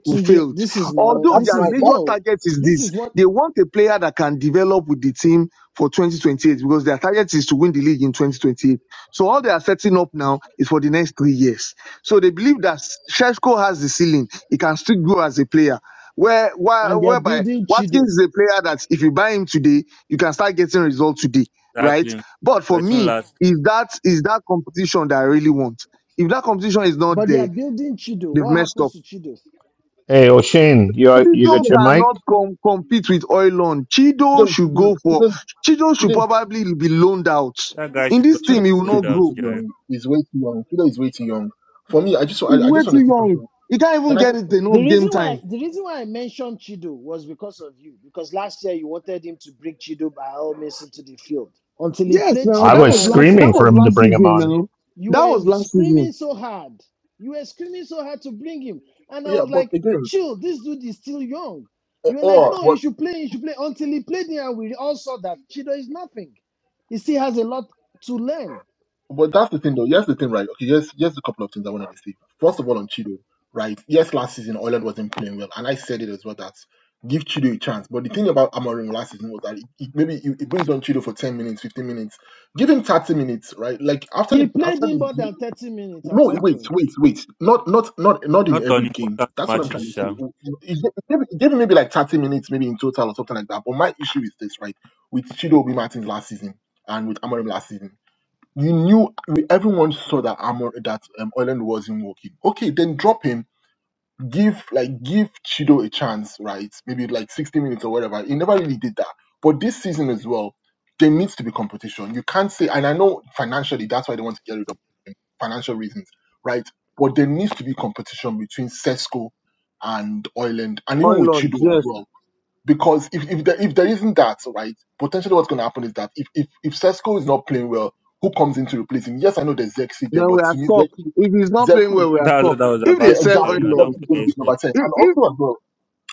[SPEAKER 6] who
[SPEAKER 1] Tunji,
[SPEAKER 6] failed.
[SPEAKER 1] this is my
[SPEAKER 8] that,
[SPEAKER 1] own
[SPEAKER 6] Although
[SPEAKER 8] that's
[SPEAKER 1] this
[SPEAKER 6] their
[SPEAKER 8] my
[SPEAKER 1] is
[SPEAKER 8] that
[SPEAKER 6] major
[SPEAKER 1] no,
[SPEAKER 6] target is
[SPEAKER 1] this
[SPEAKER 6] this,
[SPEAKER 1] is what
[SPEAKER 6] they want a player that can develop with the team for 2028 because their target is to win the league in 2028. So all they are setting up now is for the next three years. So they believe that Sheshko has the ceiling; he can still grow as a player. Where, where
[SPEAKER 1] and they are
[SPEAKER 6] whereby
[SPEAKER 1] building Chido.
[SPEAKER 6] Watkins is a player that if you buy him today, you can start getting results today, right?
[SPEAKER 7] Exactly.
[SPEAKER 6] But for
[SPEAKER 7] But soon
[SPEAKER 6] me,
[SPEAKER 7] last,
[SPEAKER 6] is that is that competition that I really want. If that competition is not
[SPEAKER 1] But they are
[SPEAKER 6] there,
[SPEAKER 1] building Chido.
[SPEAKER 6] they've
[SPEAKER 1] What
[SPEAKER 6] messed up
[SPEAKER 1] happens to Chido?
[SPEAKER 2] Hey, O'Shane, you you
[SPEAKER 6] Chido
[SPEAKER 8] Kudo
[SPEAKER 2] got
[SPEAKER 8] is
[SPEAKER 2] your mic?
[SPEAKER 6] cannot com- compete with Oilon. Chido
[SPEAKER 8] Kudo
[SPEAKER 6] should
[SPEAKER 8] is
[SPEAKER 6] go for
[SPEAKER 8] Kudo is
[SPEAKER 6] Chido should
[SPEAKER 8] Kudo
[SPEAKER 6] probably be loaned out.
[SPEAKER 7] that guy
[SPEAKER 6] In
[SPEAKER 7] should go
[SPEAKER 6] this
[SPEAKER 8] Kudo is
[SPEAKER 7] and
[SPEAKER 6] team, he will
[SPEAKER 7] be
[SPEAKER 8] a
[SPEAKER 6] not
[SPEAKER 7] zoned out,
[SPEAKER 6] grow.
[SPEAKER 8] too
[SPEAKER 7] Jerry.
[SPEAKER 8] young. Is way too young. Kudo is way too young. For me, I just I,
[SPEAKER 6] He's
[SPEAKER 8] I
[SPEAKER 6] way
[SPEAKER 8] just want to
[SPEAKER 6] too
[SPEAKER 8] say
[SPEAKER 6] young.
[SPEAKER 8] something.
[SPEAKER 6] He can't even
[SPEAKER 8] Can I
[SPEAKER 6] get
[SPEAKER 8] just
[SPEAKER 6] it
[SPEAKER 1] The
[SPEAKER 6] enough
[SPEAKER 1] reason
[SPEAKER 6] game
[SPEAKER 1] why
[SPEAKER 6] time.
[SPEAKER 1] the reason why I mentioned Chido was because of you, because last year you wanted him to bring Chido by all means into the field. Until he
[SPEAKER 6] Yes,
[SPEAKER 1] played
[SPEAKER 6] now
[SPEAKER 2] I
[SPEAKER 6] that
[SPEAKER 1] Chido
[SPEAKER 2] was
[SPEAKER 6] was
[SPEAKER 1] and we
[SPEAKER 6] last
[SPEAKER 1] saw
[SPEAKER 6] that
[SPEAKER 2] screaming for
[SPEAKER 1] that
[SPEAKER 6] was
[SPEAKER 2] him to
[SPEAKER 6] last
[SPEAKER 2] bring him
[SPEAKER 6] season
[SPEAKER 2] on.
[SPEAKER 6] now.
[SPEAKER 1] you
[SPEAKER 6] That
[SPEAKER 1] were
[SPEAKER 6] was last
[SPEAKER 1] screaming
[SPEAKER 6] season.
[SPEAKER 1] so hard. You were screaming so hard to bring him. And I
[SPEAKER 8] yeah?
[SPEAKER 1] was
[SPEAKER 8] But
[SPEAKER 1] like,
[SPEAKER 8] again,
[SPEAKER 1] chill, this dude is still young.
[SPEAKER 8] or,
[SPEAKER 1] You were like,
[SPEAKER 8] or
[SPEAKER 1] no, you
[SPEAKER 8] what?
[SPEAKER 1] should play, you should play. Until he played him, and we all saw that Chido is nothing. He still has a lot to learn.
[SPEAKER 8] But that's the thing though. Here's the thing, right? Okay, here's here's a couple of things I wanted to say. First of all, on Chido, right? Yes, last season Ireland wasn't playing well, and I said it as well that give Chido a chance. But the thing about Amarim last season was that it, it, maybe it, it brings on Chido for ten minutes, fifteen minutes give him 30 minutes, right? Like after
[SPEAKER 1] He
[SPEAKER 8] the
[SPEAKER 1] played
[SPEAKER 8] after
[SPEAKER 1] in more
[SPEAKER 8] the
[SPEAKER 1] than 30 minutes at
[SPEAKER 8] No,
[SPEAKER 1] some
[SPEAKER 8] wait,
[SPEAKER 1] point.
[SPEAKER 8] wait, wait. Not, not, not, not in
[SPEAKER 7] Not
[SPEAKER 8] every
[SPEAKER 7] on
[SPEAKER 8] game.
[SPEAKER 7] important
[SPEAKER 8] That's what I'm
[SPEAKER 7] matches,
[SPEAKER 8] trying to
[SPEAKER 7] Sha.
[SPEAKER 8] say. It gave, it gave him maybe like 30 minutes, maybe in total or something like that. But my issue is this, right? With Chido Obi Martins last season and with Amorim last season, you knew everyone saw that Amor that um, Ireland wasn't working. Okay, then drop him give like give Chido a chance, right? Maybe like 60 minutes or whatever. He never really did that. But this season as well, there needs to be competition. You can't say, and I know financially that's why they want to get rid of him, financial reasons, right? But there needs to be competition between Sesco and Oiland, and even with
[SPEAKER 6] Oilon,
[SPEAKER 8] Chido as
[SPEAKER 6] yes.
[SPEAKER 8] well. Because if, if there if there isn't that, right, potentially what's gonna happen is that if if, if Sesco is not playing well, who comes in to replace him? Yes, I know there's Zexi there,
[SPEAKER 6] Then
[SPEAKER 8] but
[SPEAKER 6] we are
[SPEAKER 8] to me
[SPEAKER 6] stuck.
[SPEAKER 8] Zexi,
[SPEAKER 6] If he's not playing
[SPEAKER 8] Zexi
[SPEAKER 6] well, we are
[SPEAKER 7] That's
[SPEAKER 6] stuck.
[SPEAKER 7] what I was
[SPEAKER 6] If
[SPEAKER 8] yeah,
[SPEAKER 6] they
[SPEAKER 7] about to
[SPEAKER 6] sell
[SPEAKER 7] say.
[SPEAKER 8] exactly.
[SPEAKER 7] Now,
[SPEAKER 8] That
[SPEAKER 7] don't
[SPEAKER 6] Oilon,
[SPEAKER 8] is going to
[SPEAKER 7] forget
[SPEAKER 8] be
[SPEAKER 7] that
[SPEAKER 8] number 10.
[SPEAKER 6] if,
[SPEAKER 8] And
[SPEAKER 6] if,
[SPEAKER 8] also, as well,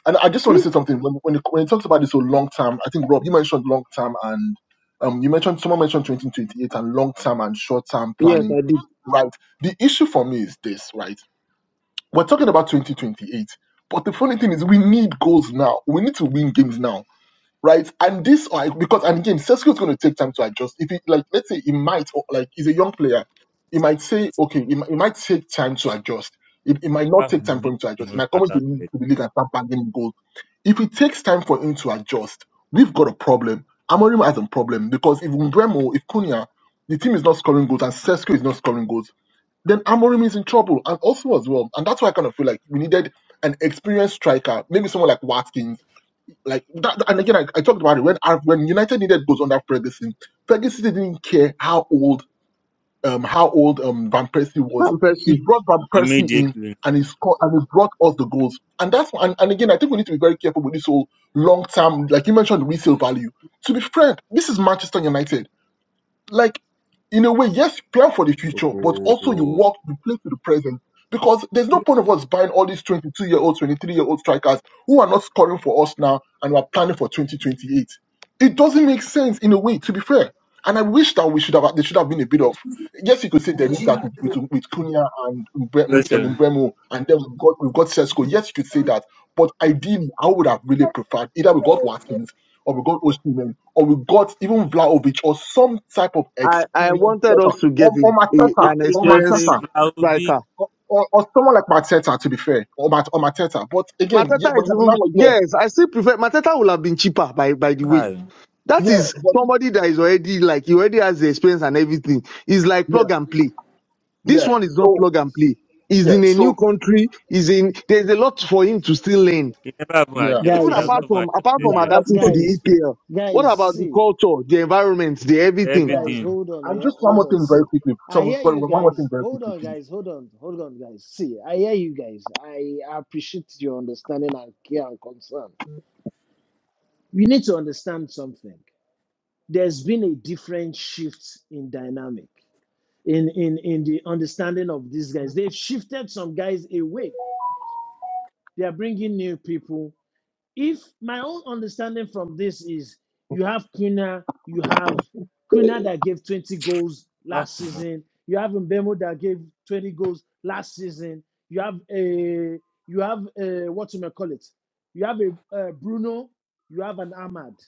[SPEAKER 8] and I just want to
[SPEAKER 6] if
[SPEAKER 8] say something. When, when, it, when it talks about this whole long term, I think, Rob, you mentioned long term and um, you mentioned, someone mentioned 2028 and long term and short term
[SPEAKER 6] yes,
[SPEAKER 8] planning,
[SPEAKER 6] I did.
[SPEAKER 8] right? The issue for me is this, right? We're talking about 2028, but the funny thing is we need goals now. We need to win games now right? And this, like, because and again, Cesco is going to take time to adjust. If he, like, let's say he might, or, like, he's a young player, he might say, okay, he, mi- he might take time to adjust. It, it might not
[SPEAKER 7] ah,
[SPEAKER 8] take time for
[SPEAKER 7] money
[SPEAKER 8] him to adjust. He
[SPEAKER 7] must
[SPEAKER 8] might come into
[SPEAKER 7] start
[SPEAKER 8] the, league- to the league and start banging goals. If it takes time for him to adjust, we've got a problem. Amorim has a problem because if Umbremo, if Cunha, the team is not scoring goals and Cesco is not scoring goals, then Amorim is in trouble and also as well. And that's why I kind of feel like we needed an experienced striker, maybe someone like Watkins like that, and again, I, I talked about it when Ar- when United needed goals under Ferguson. Ferguson didn't care how old um how old um Van Persie was.
[SPEAKER 6] I'm Pesci.
[SPEAKER 8] He brought Van Persie in
[SPEAKER 7] immediately.
[SPEAKER 8] and he scored and he brought us the goals. And that's and, and again, I think we need to be very careful with this whole long term. Like you mentioned, resale value. To be frank, this is Manchester United like in a way, yes, plan for the future, but also you
[SPEAKER 7] Oh,
[SPEAKER 8] work, you play to the present. Because there's no point of us buying all these 22 year old, 23 year old strikers who are not scoring for us now and we are planning for 2028. It doesn't make sense in a way, to be fair. And I wish that we should have, there should have been a bit of, yes, you could say there is that with, with, with Cunha and Mbe- with um,
[SPEAKER 7] listen.
[SPEAKER 8] Mbeumo, and then we've got, we've got Sesko. Yes, you could say that. But ideally, I would have really preferred either we got Watkins or we got Osimhen, or we got even Vlahovic, or some type of
[SPEAKER 6] I, I
[SPEAKER 8] experienced
[SPEAKER 6] wanted
[SPEAKER 8] striker,
[SPEAKER 6] us to
[SPEAKER 8] or,
[SPEAKER 6] get a,
[SPEAKER 8] or
[SPEAKER 6] a-
[SPEAKER 8] Mateta,
[SPEAKER 6] an
[SPEAKER 7] You
[SPEAKER 8] or
[SPEAKER 7] just say
[SPEAKER 6] experienced
[SPEAKER 8] Mateta,
[SPEAKER 7] Vlahovic big
[SPEAKER 6] striker
[SPEAKER 8] or, or, or someone like Mateta, to be fair, or, Mat, or Mateta. But again, yeah,
[SPEAKER 6] Mateta
[SPEAKER 8] but
[SPEAKER 6] is
[SPEAKER 8] now
[SPEAKER 6] even
[SPEAKER 8] we're here.
[SPEAKER 6] yes, I still prefer Mateta would have been cheaper by by the way.
[SPEAKER 7] Kai.
[SPEAKER 6] That
[SPEAKER 8] Yeah,
[SPEAKER 6] is
[SPEAKER 8] but,
[SPEAKER 6] somebody that is already like he already has the experience and everything. It's like
[SPEAKER 8] yeah,
[SPEAKER 6] plug and play. This
[SPEAKER 8] yeah.
[SPEAKER 6] one is not
[SPEAKER 8] So,
[SPEAKER 6] plug and play. He's
[SPEAKER 8] yeah,
[SPEAKER 6] in a new
[SPEAKER 8] so,
[SPEAKER 6] country, he's in there's a lot for him to still learn.
[SPEAKER 7] He never even
[SPEAKER 8] yeah.
[SPEAKER 7] adjust.
[SPEAKER 6] Even
[SPEAKER 7] He
[SPEAKER 8] And,
[SPEAKER 1] Guys,
[SPEAKER 7] has not
[SPEAKER 6] apart
[SPEAKER 8] and
[SPEAKER 7] even
[SPEAKER 6] from apart
[SPEAKER 7] adjusted
[SPEAKER 8] yeah,
[SPEAKER 6] from
[SPEAKER 8] and
[SPEAKER 7] yet.
[SPEAKER 8] I just
[SPEAKER 6] adapting to
[SPEAKER 8] want to,
[SPEAKER 6] the
[SPEAKER 1] guys,
[SPEAKER 6] EPL. What
[SPEAKER 1] guys,
[SPEAKER 6] about the
[SPEAKER 1] see.
[SPEAKER 6] culture, the environment, the everything?
[SPEAKER 8] yeah.
[SPEAKER 1] Guys,
[SPEAKER 7] Everything.
[SPEAKER 1] hold on,
[SPEAKER 8] and
[SPEAKER 1] yeah.
[SPEAKER 8] just one
[SPEAKER 1] Hold
[SPEAKER 8] more
[SPEAKER 1] on.
[SPEAKER 8] thing very
[SPEAKER 1] See.
[SPEAKER 8] quickly.
[SPEAKER 1] I
[SPEAKER 8] So,
[SPEAKER 1] hear
[SPEAKER 8] sorry,
[SPEAKER 1] you
[SPEAKER 8] one one more thing
[SPEAKER 1] guys.
[SPEAKER 8] very
[SPEAKER 1] Hold
[SPEAKER 8] quickly,
[SPEAKER 1] on,
[SPEAKER 8] please.
[SPEAKER 1] guys. Hold on. Hold on, guys. See, I hear you guys. I appreciate your understanding and care and concern. You need to understand something. There's been a different shift in dynamic, in, in, in the understanding of these guys. They've shifted some guys away. They are bringing new people if my own understanding from this is you have Kuna, you have
[SPEAKER 6] I
[SPEAKER 1] Kuna that gave 20 goals
[SPEAKER 7] Ah,
[SPEAKER 1] last season, you have Mbemo that gave 20 goals last season, you have a you have a what you may call it, you have a, uh Bruno, you have an Ahmad.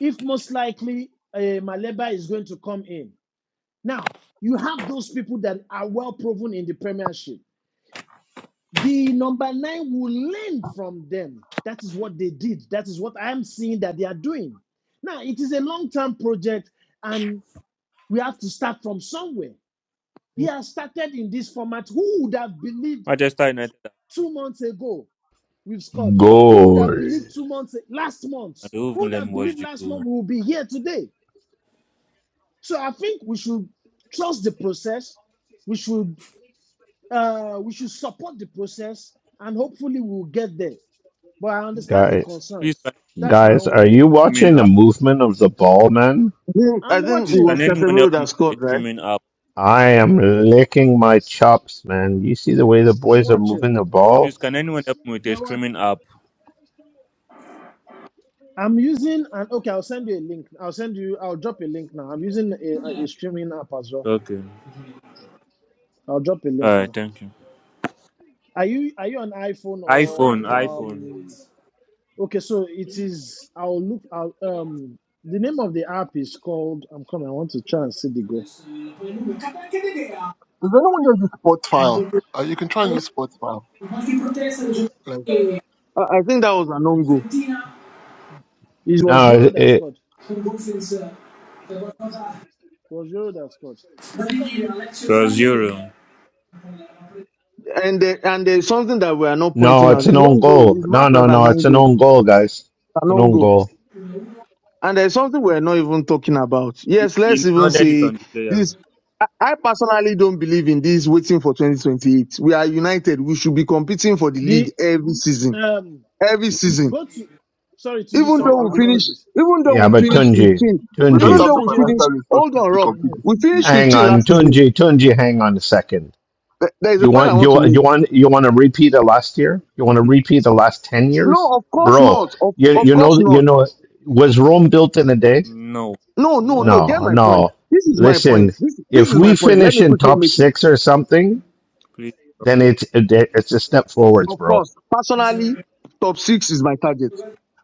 [SPEAKER 1] If most likely uh, Maleba is going to come in now, you have those people that are well proven in the Premiership. The number nine will learn from them. That is what they did. That is what I'm seeing that they are doing. Now, it is a long term project and we have to start from somewhere. He has started in this format. Who would have believed
[SPEAKER 7] Manchester United,
[SPEAKER 1] two months ago we've scored? Who would have
[SPEAKER 2] Goal.
[SPEAKER 1] believed two months last month?
[SPEAKER 7] ah, they won't
[SPEAKER 1] Who
[SPEAKER 7] even
[SPEAKER 1] would
[SPEAKER 7] let
[SPEAKER 1] have
[SPEAKER 7] me watch
[SPEAKER 1] believed
[SPEAKER 7] the
[SPEAKER 1] last month
[SPEAKER 7] goal.
[SPEAKER 1] we will be here today? So I think we should trust the process. We should uh, we should support the process and hopefully we'll get there. But I understand the
[SPEAKER 7] Please,
[SPEAKER 1] concerns.
[SPEAKER 7] can
[SPEAKER 1] That's my
[SPEAKER 2] Guys,
[SPEAKER 7] you
[SPEAKER 1] own
[SPEAKER 2] are
[SPEAKER 7] with a
[SPEAKER 2] you
[SPEAKER 1] belief.
[SPEAKER 7] streaming
[SPEAKER 2] watching the
[SPEAKER 7] app?
[SPEAKER 2] movement of the ball, man?
[SPEAKER 6] think,
[SPEAKER 1] I'm
[SPEAKER 6] I think
[SPEAKER 7] Please,
[SPEAKER 6] it
[SPEAKER 7] can
[SPEAKER 6] was
[SPEAKER 1] watching.
[SPEAKER 7] anyone
[SPEAKER 6] Casemiro
[SPEAKER 7] help
[SPEAKER 6] that
[SPEAKER 7] me with
[SPEAKER 6] scored,
[SPEAKER 7] a
[SPEAKER 6] right?
[SPEAKER 7] streaming app?
[SPEAKER 2] I am licking my chops, man. You see the way the
[SPEAKER 1] I'm
[SPEAKER 2] boys are
[SPEAKER 1] watching.
[SPEAKER 2] moving the ball?
[SPEAKER 7] Please, can anyone help me with
[SPEAKER 1] You
[SPEAKER 7] a
[SPEAKER 1] know what?
[SPEAKER 7] streaming app?
[SPEAKER 1] I'm using and okay, I'll send you a link. I'll send you. I'll drop a link now. I'm using a, a a streaming app as well.
[SPEAKER 7] Okay.
[SPEAKER 1] I'll drop a link
[SPEAKER 7] Alright,
[SPEAKER 1] now.
[SPEAKER 7] thank you.
[SPEAKER 1] Are you are you on iPhone or
[SPEAKER 7] iPhone, iPhone.
[SPEAKER 1] um? Okay, so it is. I'll look. I'll um. The name of the app is called. I'm coming. I want to try and see the goal.
[SPEAKER 8] Is anyone here use sports file? Uh, you can try and use sports file. Like,
[SPEAKER 6] I I think that was an own goal,
[SPEAKER 1] It was
[SPEAKER 2] No,
[SPEAKER 1] Euro
[SPEAKER 2] it,
[SPEAKER 1] that
[SPEAKER 2] it,
[SPEAKER 1] scored. It was Euro that scored.
[SPEAKER 7] So zero.
[SPEAKER 6] and uh, and there's something that we are not
[SPEAKER 2] no,
[SPEAKER 6] pointing
[SPEAKER 2] it's
[SPEAKER 6] out.
[SPEAKER 2] an
[SPEAKER 6] It's
[SPEAKER 2] own
[SPEAKER 6] own goal.
[SPEAKER 2] goal.
[SPEAKER 6] It's
[SPEAKER 2] No,
[SPEAKER 6] marked as
[SPEAKER 2] no, no,
[SPEAKER 6] an
[SPEAKER 2] it's
[SPEAKER 6] own
[SPEAKER 2] an
[SPEAKER 6] goal.
[SPEAKER 2] own goal, guys. It's an own
[SPEAKER 6] Anongo.
[SPEAKER 2] goal.
[SPEAKER 6] And there's something we're not even talking about. Yes, let's
[SPEAKER 7] You
[SPEAKER 6] even
[SPEAKER 7] nodded it
[SPEAKER 6] say
[SPEAKER 7] on the player.
[SPEAKER 6] this. I I personally don't believe in this waiting for 2028. We are united. We should be competing for the
[SPEAKER 1] The
[SPEAKER 6] league every season.
[SPEAKER 1] um.
[SPEAKER 6] Every season.
[SPEAKER 1] Go to. Sorry, Tunji.
[SPEAKER 6] Even
[SPEAKER 8] uh,
[SPEAKER 1] Sorry,
[SPEAKER 6] though we
[SPEAKER 8] we, we
[SPEAKER 6] finish,
[SPEAKER 1] apologies.
[SPEAKER 6] even though
[SPEAKER 2] Yeah,
[SPEAKER 6] we
[SPEAKER 2] but
[SPEAKER 6] finish
[SPEAKER 2] Tunji,
[SPEAKER 6] 15,
[SPEAKER 8] we don't
[SPEAKER 6] even
[SPEAKER 2] Tunji,
[SPEAKER 8] have
[SPEAKER 6] though
[SPEAKER 8] the
[SPEAKER 6] we
[SPEAKER 1] Tunji, hold
[SPEAKER 6] finish,
[SPEAKER 1] on.
[SPEAKER 8] financial resources
[SPEAKER 6] hold on,
[SPEAKER 8] to
[SPEAKER 6] Rob.
[SPEAKER 8] compete this
[SPEAKER 6] We
[SPEAKER 8] season.
[SPEAKER 6] finished
[SPEAKER 2] hang
[SPEAKER 6] 15
[SPEAKER 2] on,
[SPEAKER 6] last season.
[SPEAKER 2] Tunji, Tunji, hang on a second.
[SPEAKER 6] Th- There is a
[SPEAKER 2] You
[SPEAKER 6] point I
[SPEAKER 2] want
[SPEAKER 6] want to
[SPEAKER 2] you you
[SPEAKER 6] make.
[SPEAKER 2] want you want to repeat the last year? You want to repeat the last ten
[SPEAKER 6] No,
[SPEAKER 2] years,
[SPEAKER 6] of course
[SPEAKER 2] bro?
[SPEAKER 6] not. Of,
[SPEAKER 2] You
[SPEAKER 6] of
[SPEAKER 2] you
[SPEAKER 6] course
[SPEAKER 2] know you
[SPEAKER 6] not.
[SPEAKER 2] know was Rome built in a day?
[SPEAKER 7] No,
[SPEAKER 6] No, no,
[SPEAKER 1] No?
[SPEAKER 6] no. Get
[SPEAKER 2] No,
[SPEAKER 6] my point.
[SPEAKER 2] no.
[SPEAKER 6] This is my point.
[SPEAKER 2] Listen,
[SPEAKER 6] This, this
[SPEAKER 2] if
[SPEAKER 6] is my
[SPEAKER 2] we
[SPEAKER 6] point. Let
[SPEAKER 2] finish
[SPEAKER 6] me
[SPEAKER 2] in
[SPEAKER 6] quickly
[SPEAKER 2] top
[SPEAKER 6] make it.
[SPEAKER 2] six or something,
[SPEAKER 7] please.
[SPEAKER 2] then it's it's a step forwards,
[SPEAKER 6] Of
[SPEAKER 2] bro.
[SPEAKER 6] course, personally, top six is my target.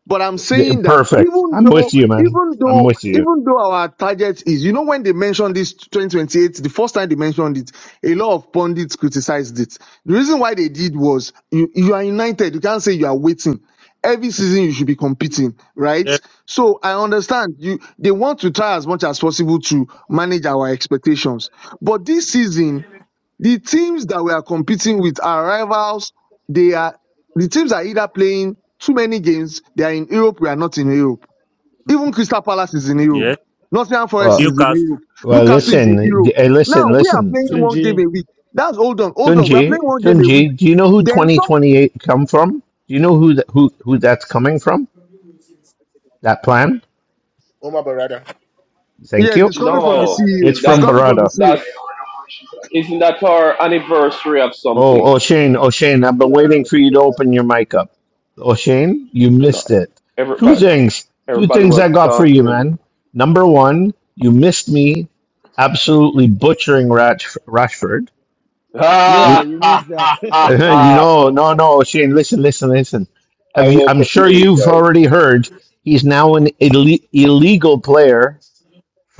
[SPEAKER 6] But I'm saying that
[SPEAKER 2] Perfect.
[SPEAKER 6] even
[SPEAKER 2] I'm
[SPEAKER 6] though,
[SPEAKER 2] with you, man.
[SPEAKER 6] even
[SPEAKER 2] I'm
[SPEAKER 6] though,
[SPEAKER 2] with you.
[SPEAKER 6] even though our target is, you know, when they mentioned this 2028, the first time they mentioned it, a lot of pundits criticized it. The reason why they did was you, you are united. You can't say you are waiting. Every season you should be competing, right?
[SPEAKER 7] Yes,
[SPEAKER 6] So I understand you, they want to try as much as possible to manage our expectations. But this season, the teams that we are competing with are rivals. They are the teams are either playing too many games. They are in Europe. We are not in Europe. Even Crystal Palace is in Europe.
[SPEAKER 7] yes.
[SPEAKER 6] Nottingham Forest
[SPEAKER 2] Well,
[SPEAKER 6] is in
[SPEAKER 7] Newcastle,
[SPEAKER 6] Europe.
[SPEAKER 2] well.
[SPEAKER 6] Newcastle
[SPEAKER 7] Europe.
[SPEAKER 6] is in
[SPEAKER 2] Listen,
[SPEAKER 6] Europe.
[SPEAKER 2] d- eh, listen,
[SPEAKER 6] Now we are
[SPEAKER 2] listen.
[SPEAKER 6] playing one game
[SPEAKER 1] Stringy.
[SPEAKER 6] a week. That's hold on, hold on. We are
[SPEAKER 2] Junji,
[SPEAKER 6] playing one game a week.
[SPEAKER 2] Junji. Do you know who
[SPEAKER 6] Then some.
[SPEAKER 2] 2028 come from? Do you know who th- who who that's coming from? That plan.
[SPEAKER 8] Oh my brother.
[SPEAKER 2] Thank
[SPEAKER 6] Yes,
[SPEAKER 2] you.
[SPEAKER 6] it's coming from the
[SPEAKER 7] That's
[SPEAKER 9] No,
[SPEAKER 2] It's
[SPEAKER 6] CEO. It's
[SPEAKER 2] from
[SPEAKER 9] that's
[SPEAKER 6] coming from the
[SPEAKER 2] Barada.
[SPEAKER 6] CEO.
[SPEAKER 9] that's isn't that our anniversary of
[SPEAKER 2] Oh,
[SPEAKER 9] something?
[SPEAKER 2] oh, Shane, oh, Shane, I've been
[SPEAKER 8] Yeah,
[SPEAKER 2] waiting for you
[SPEAKER 8] yeah.
[SPEAKER 2] to open your mic up. Oh, Shane, you
[SPEAKER 9] No,
[SPEAKER 2] missed it. Two
[SPEAKER 9] everybody
[SPEAKER 2] things, two
[SPEAKER 9] everybody
[SPEAKER 2] things
[SPEAKER 9] was
[SPEAKER 2] I got for you,
[SPEAKER 9] talking. <laughs>
[SPEAKER 2] man. Number one, you missed me absolutely butchering Rash- Rashford.
[SPEAKER 1] Yeah,
[SPEAKER 2] You,
[SPEAKER 9] Ah,
[SPEAKER 1] you
[SPEAKER 9] ha,
[SPEAKER 1] missed that.
[SPEAKER 9] ha,
[SPEAKER 2] <laughs>
[SPEAKER 9] ha,
[SPEAKER 2] you
[SPEAKER 9] ha.
[SPEAKER 2] know, no,
[SPEAKER 1] <laughs>
[SPEAKER 2] no, Shane, listen, listen, listen.
[SPEAKER 9] I
[SPEAKER 2] Have you?
[SPEAKER 9] woke
[SPEAKER 2] I'm
[SPEAKER 9] up
[SPEAKER 2] sure
[SPEAKER 9] late,
[SPEAKER 2] you've
[SPEAKER 9] guys.
[SPEAKER 2] already heard he's now an ille- illegal player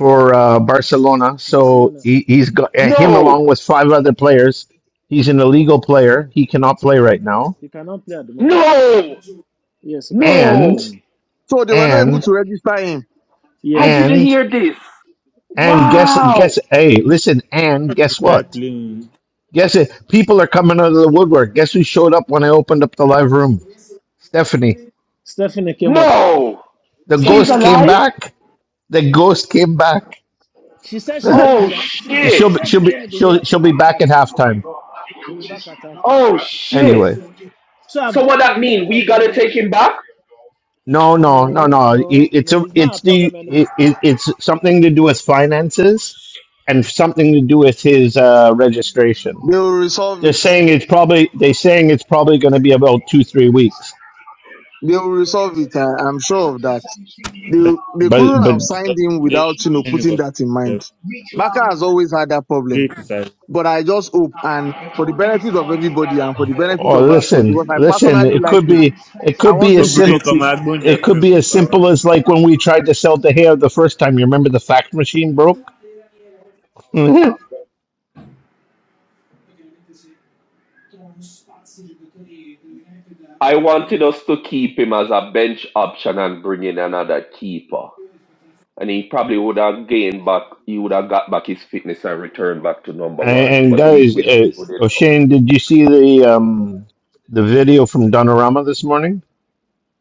[SPEAKER 1] yeah,
[SPEAKER 2] uh, Barcelona. So
[SPEAKER 1] Barcelona.
[SPEAKER 2] he, he's got uh, him
[SPEAKER 9] No,
[SPEAKER 2] along with five other players. He's an illegal player. He cannot play right now.
[SPEAKER 1] He cannot play at the moment.
[SPEAKER 9] no,
[SPEAKER 1] Yes, he cannot play at the
[SPEAKER 2] And
[SPEAKER 9] no!
[SPEAKER 1] moment.
[SPEAKER 6] So they were not able
[SPEAKER 9] N-
[SPEAKER 2] and
[SPEAKER 6] to register him.
[SPEAKER 9] I
[SPEAKER 1] Yes.
[SPEAKER 9] didn't
[SPEAKER 2] and
[SPEAKER 9] hear this.
[SPEAKER 2] and guess
[SPEAKER 9] Wow!
[SPEAKER 2] guess. Hey, listen. And
[SPEAKER 7] this
[SPEAKER 2] guess
[SPEAKER 7] guy
[SPEAKER 2] what?
[SPEAKER 7] playing.
[SPEAKER 2] Guess it. People are coming out of the woodwork. Guess who showed up when I opened up the live room? Stephanie.
[SPEAKER 1] Stephanie came up.
[SPEAKER 9] No,
[SPEAKER 2] The
[SPEAKER 9] she's
[SPEAKER 1] Stephanie
[SPEAKER 2] ghost
[SPEAKER 1] came
[SPEAKER 2] came
[SPEAKER 1] up.
[SPEAKER 9] alive.
[SPEAKER 2] back. The ghost came back.
[SPEAKER 1] She said she's gonna
[SPEAKER 9] Oh
[SPEAKER 1] be she's
[SPEAKER 2] <laughs>
[SPEAKER 1] got-
[SPEAKER 9] shit!
[SPEAKER 2] she'll
[SPEAKER 1] she
[SPEAKER 2] be,
[SPEAKER 1] said
[SPEAKER 2] she'll
[SPEAKER 1] she's
[SPEAKER 2] be
[SPEAKER 1] gonna be here
[SPEAKER 2] she'll she'll
[SPEAKER 1] for
[SPEAKER 2] be back
[SPEAKER 1] halftime.
[SPEAKER 2] at halftime.
[SPEAKER 1] She'll be back at halftime.
[SPEAKER 9] Oh shit!
[SPEAKER 2] Anyway.
[SPEAKER 1] So I've
[SPEAKER 9] So what
[SPEAKER 1] dropped the
[SPEAKER 9] that
[SPEAKER 1] link
[SPEAKER 9] mean?
[SPEAKER 1] for
[SPEAKER 9] We gotta
[SPEAKER 1] the
[SPEAKER 9] take him back?
[SPEAKER 2] No, no, no,
[SPEAKER 1] no,
[SPEAKER 2] no. It,
[SPEAKER 1] no,
[SPEAKER 2] it's
[SPEAKER 1] no,
[SPEAKER 2] a,
[SPEAKER 1] it's not a
[SPEAKER 2] it's
[SPEAKER 1] problem
[SPEAKER 2] the,
[SPEAKER 1] anymore.
[SPEAKER 2] it, it- it's something to do with finances, and something to do with his uh, registration.
[SPEAKER 6] They will resolve
[SPEAKER 2] They're
[SPEAKER 6] it.
[SPEAKER 2] saying it's probably they're saying it's probably going to be about two three weeks.
[SPEAKER 6] They will resolve it. I, I'm sure of that. They,
[SPEAKER 7] That's
[SPEAKER 6] they
[SPEAKER 2] But
[SPEAKER 6] couldn't
[SPEAKER 2] but
[SPEAKER 6] have signed him
[SPEAKER 7] the
[SPEAKER 6] without, you know,
[SPEAKER 7] game. Get
[SPEAKER 6] putting that in mind. Baka has always had that problem.
[SPEAKER 7] it aside.
[SPEAKER 6] But I just hope, and for the benefit of everybody and for the benefit
[SPEAKER 2] oh,
[SPEAKER 6] of Rashford,
[SPEAKER 2] listen,
[SPEAKER 6] because I
[SPEAKER 2] listen.
[SPEAKER 6] personally
[SPEAKER 2] It
[SPEAKER 6] like
[SPEAKER 2] could
[SPEAKER 6] him,
[SPEAKER 2] be it
[SPEAKER 6] I
[SPEAKER 2] could be
[SPEAKER 6] want
[SPEAKER 2] as
[SPEAKER 6] him to
[SPEAKER 2] sim
[SPEAKER 7] Obìnrin kan
[SPEAKER 6] succeed.
[SPEAKER 7] máa gbóúnjẹ
[SPEAKER 2] it
[SPEAKER 7] fún
[SPEAKER 2] could
[SPEAKER 7] ẹ
[SPEAKER 2] be
[SPEAKER 7] kò
[SPEAKER 2] as
[SPEAKER 7] gbà wá.
[SPEAKER 2] simple as like when we tried to sell the hair the first time. You remember the fax machine broke. <laughs> and,
[SPEAKER 9] I wanted us to keep him as a bench option and bring in another keeper. And he probably would have gained back, he would have got back his fitness and returned back to number one.
[SPEAKER 2] and
[SPEAKER 9] But we,
[SPEAKER 2] guys,
[SPEAKER 9] we
[SPEAKER 2] uh,
[SPEAKER 9] screwed it up.
[SPEAKER 2] O'Shane, did you see the um the video from Donorama this morning?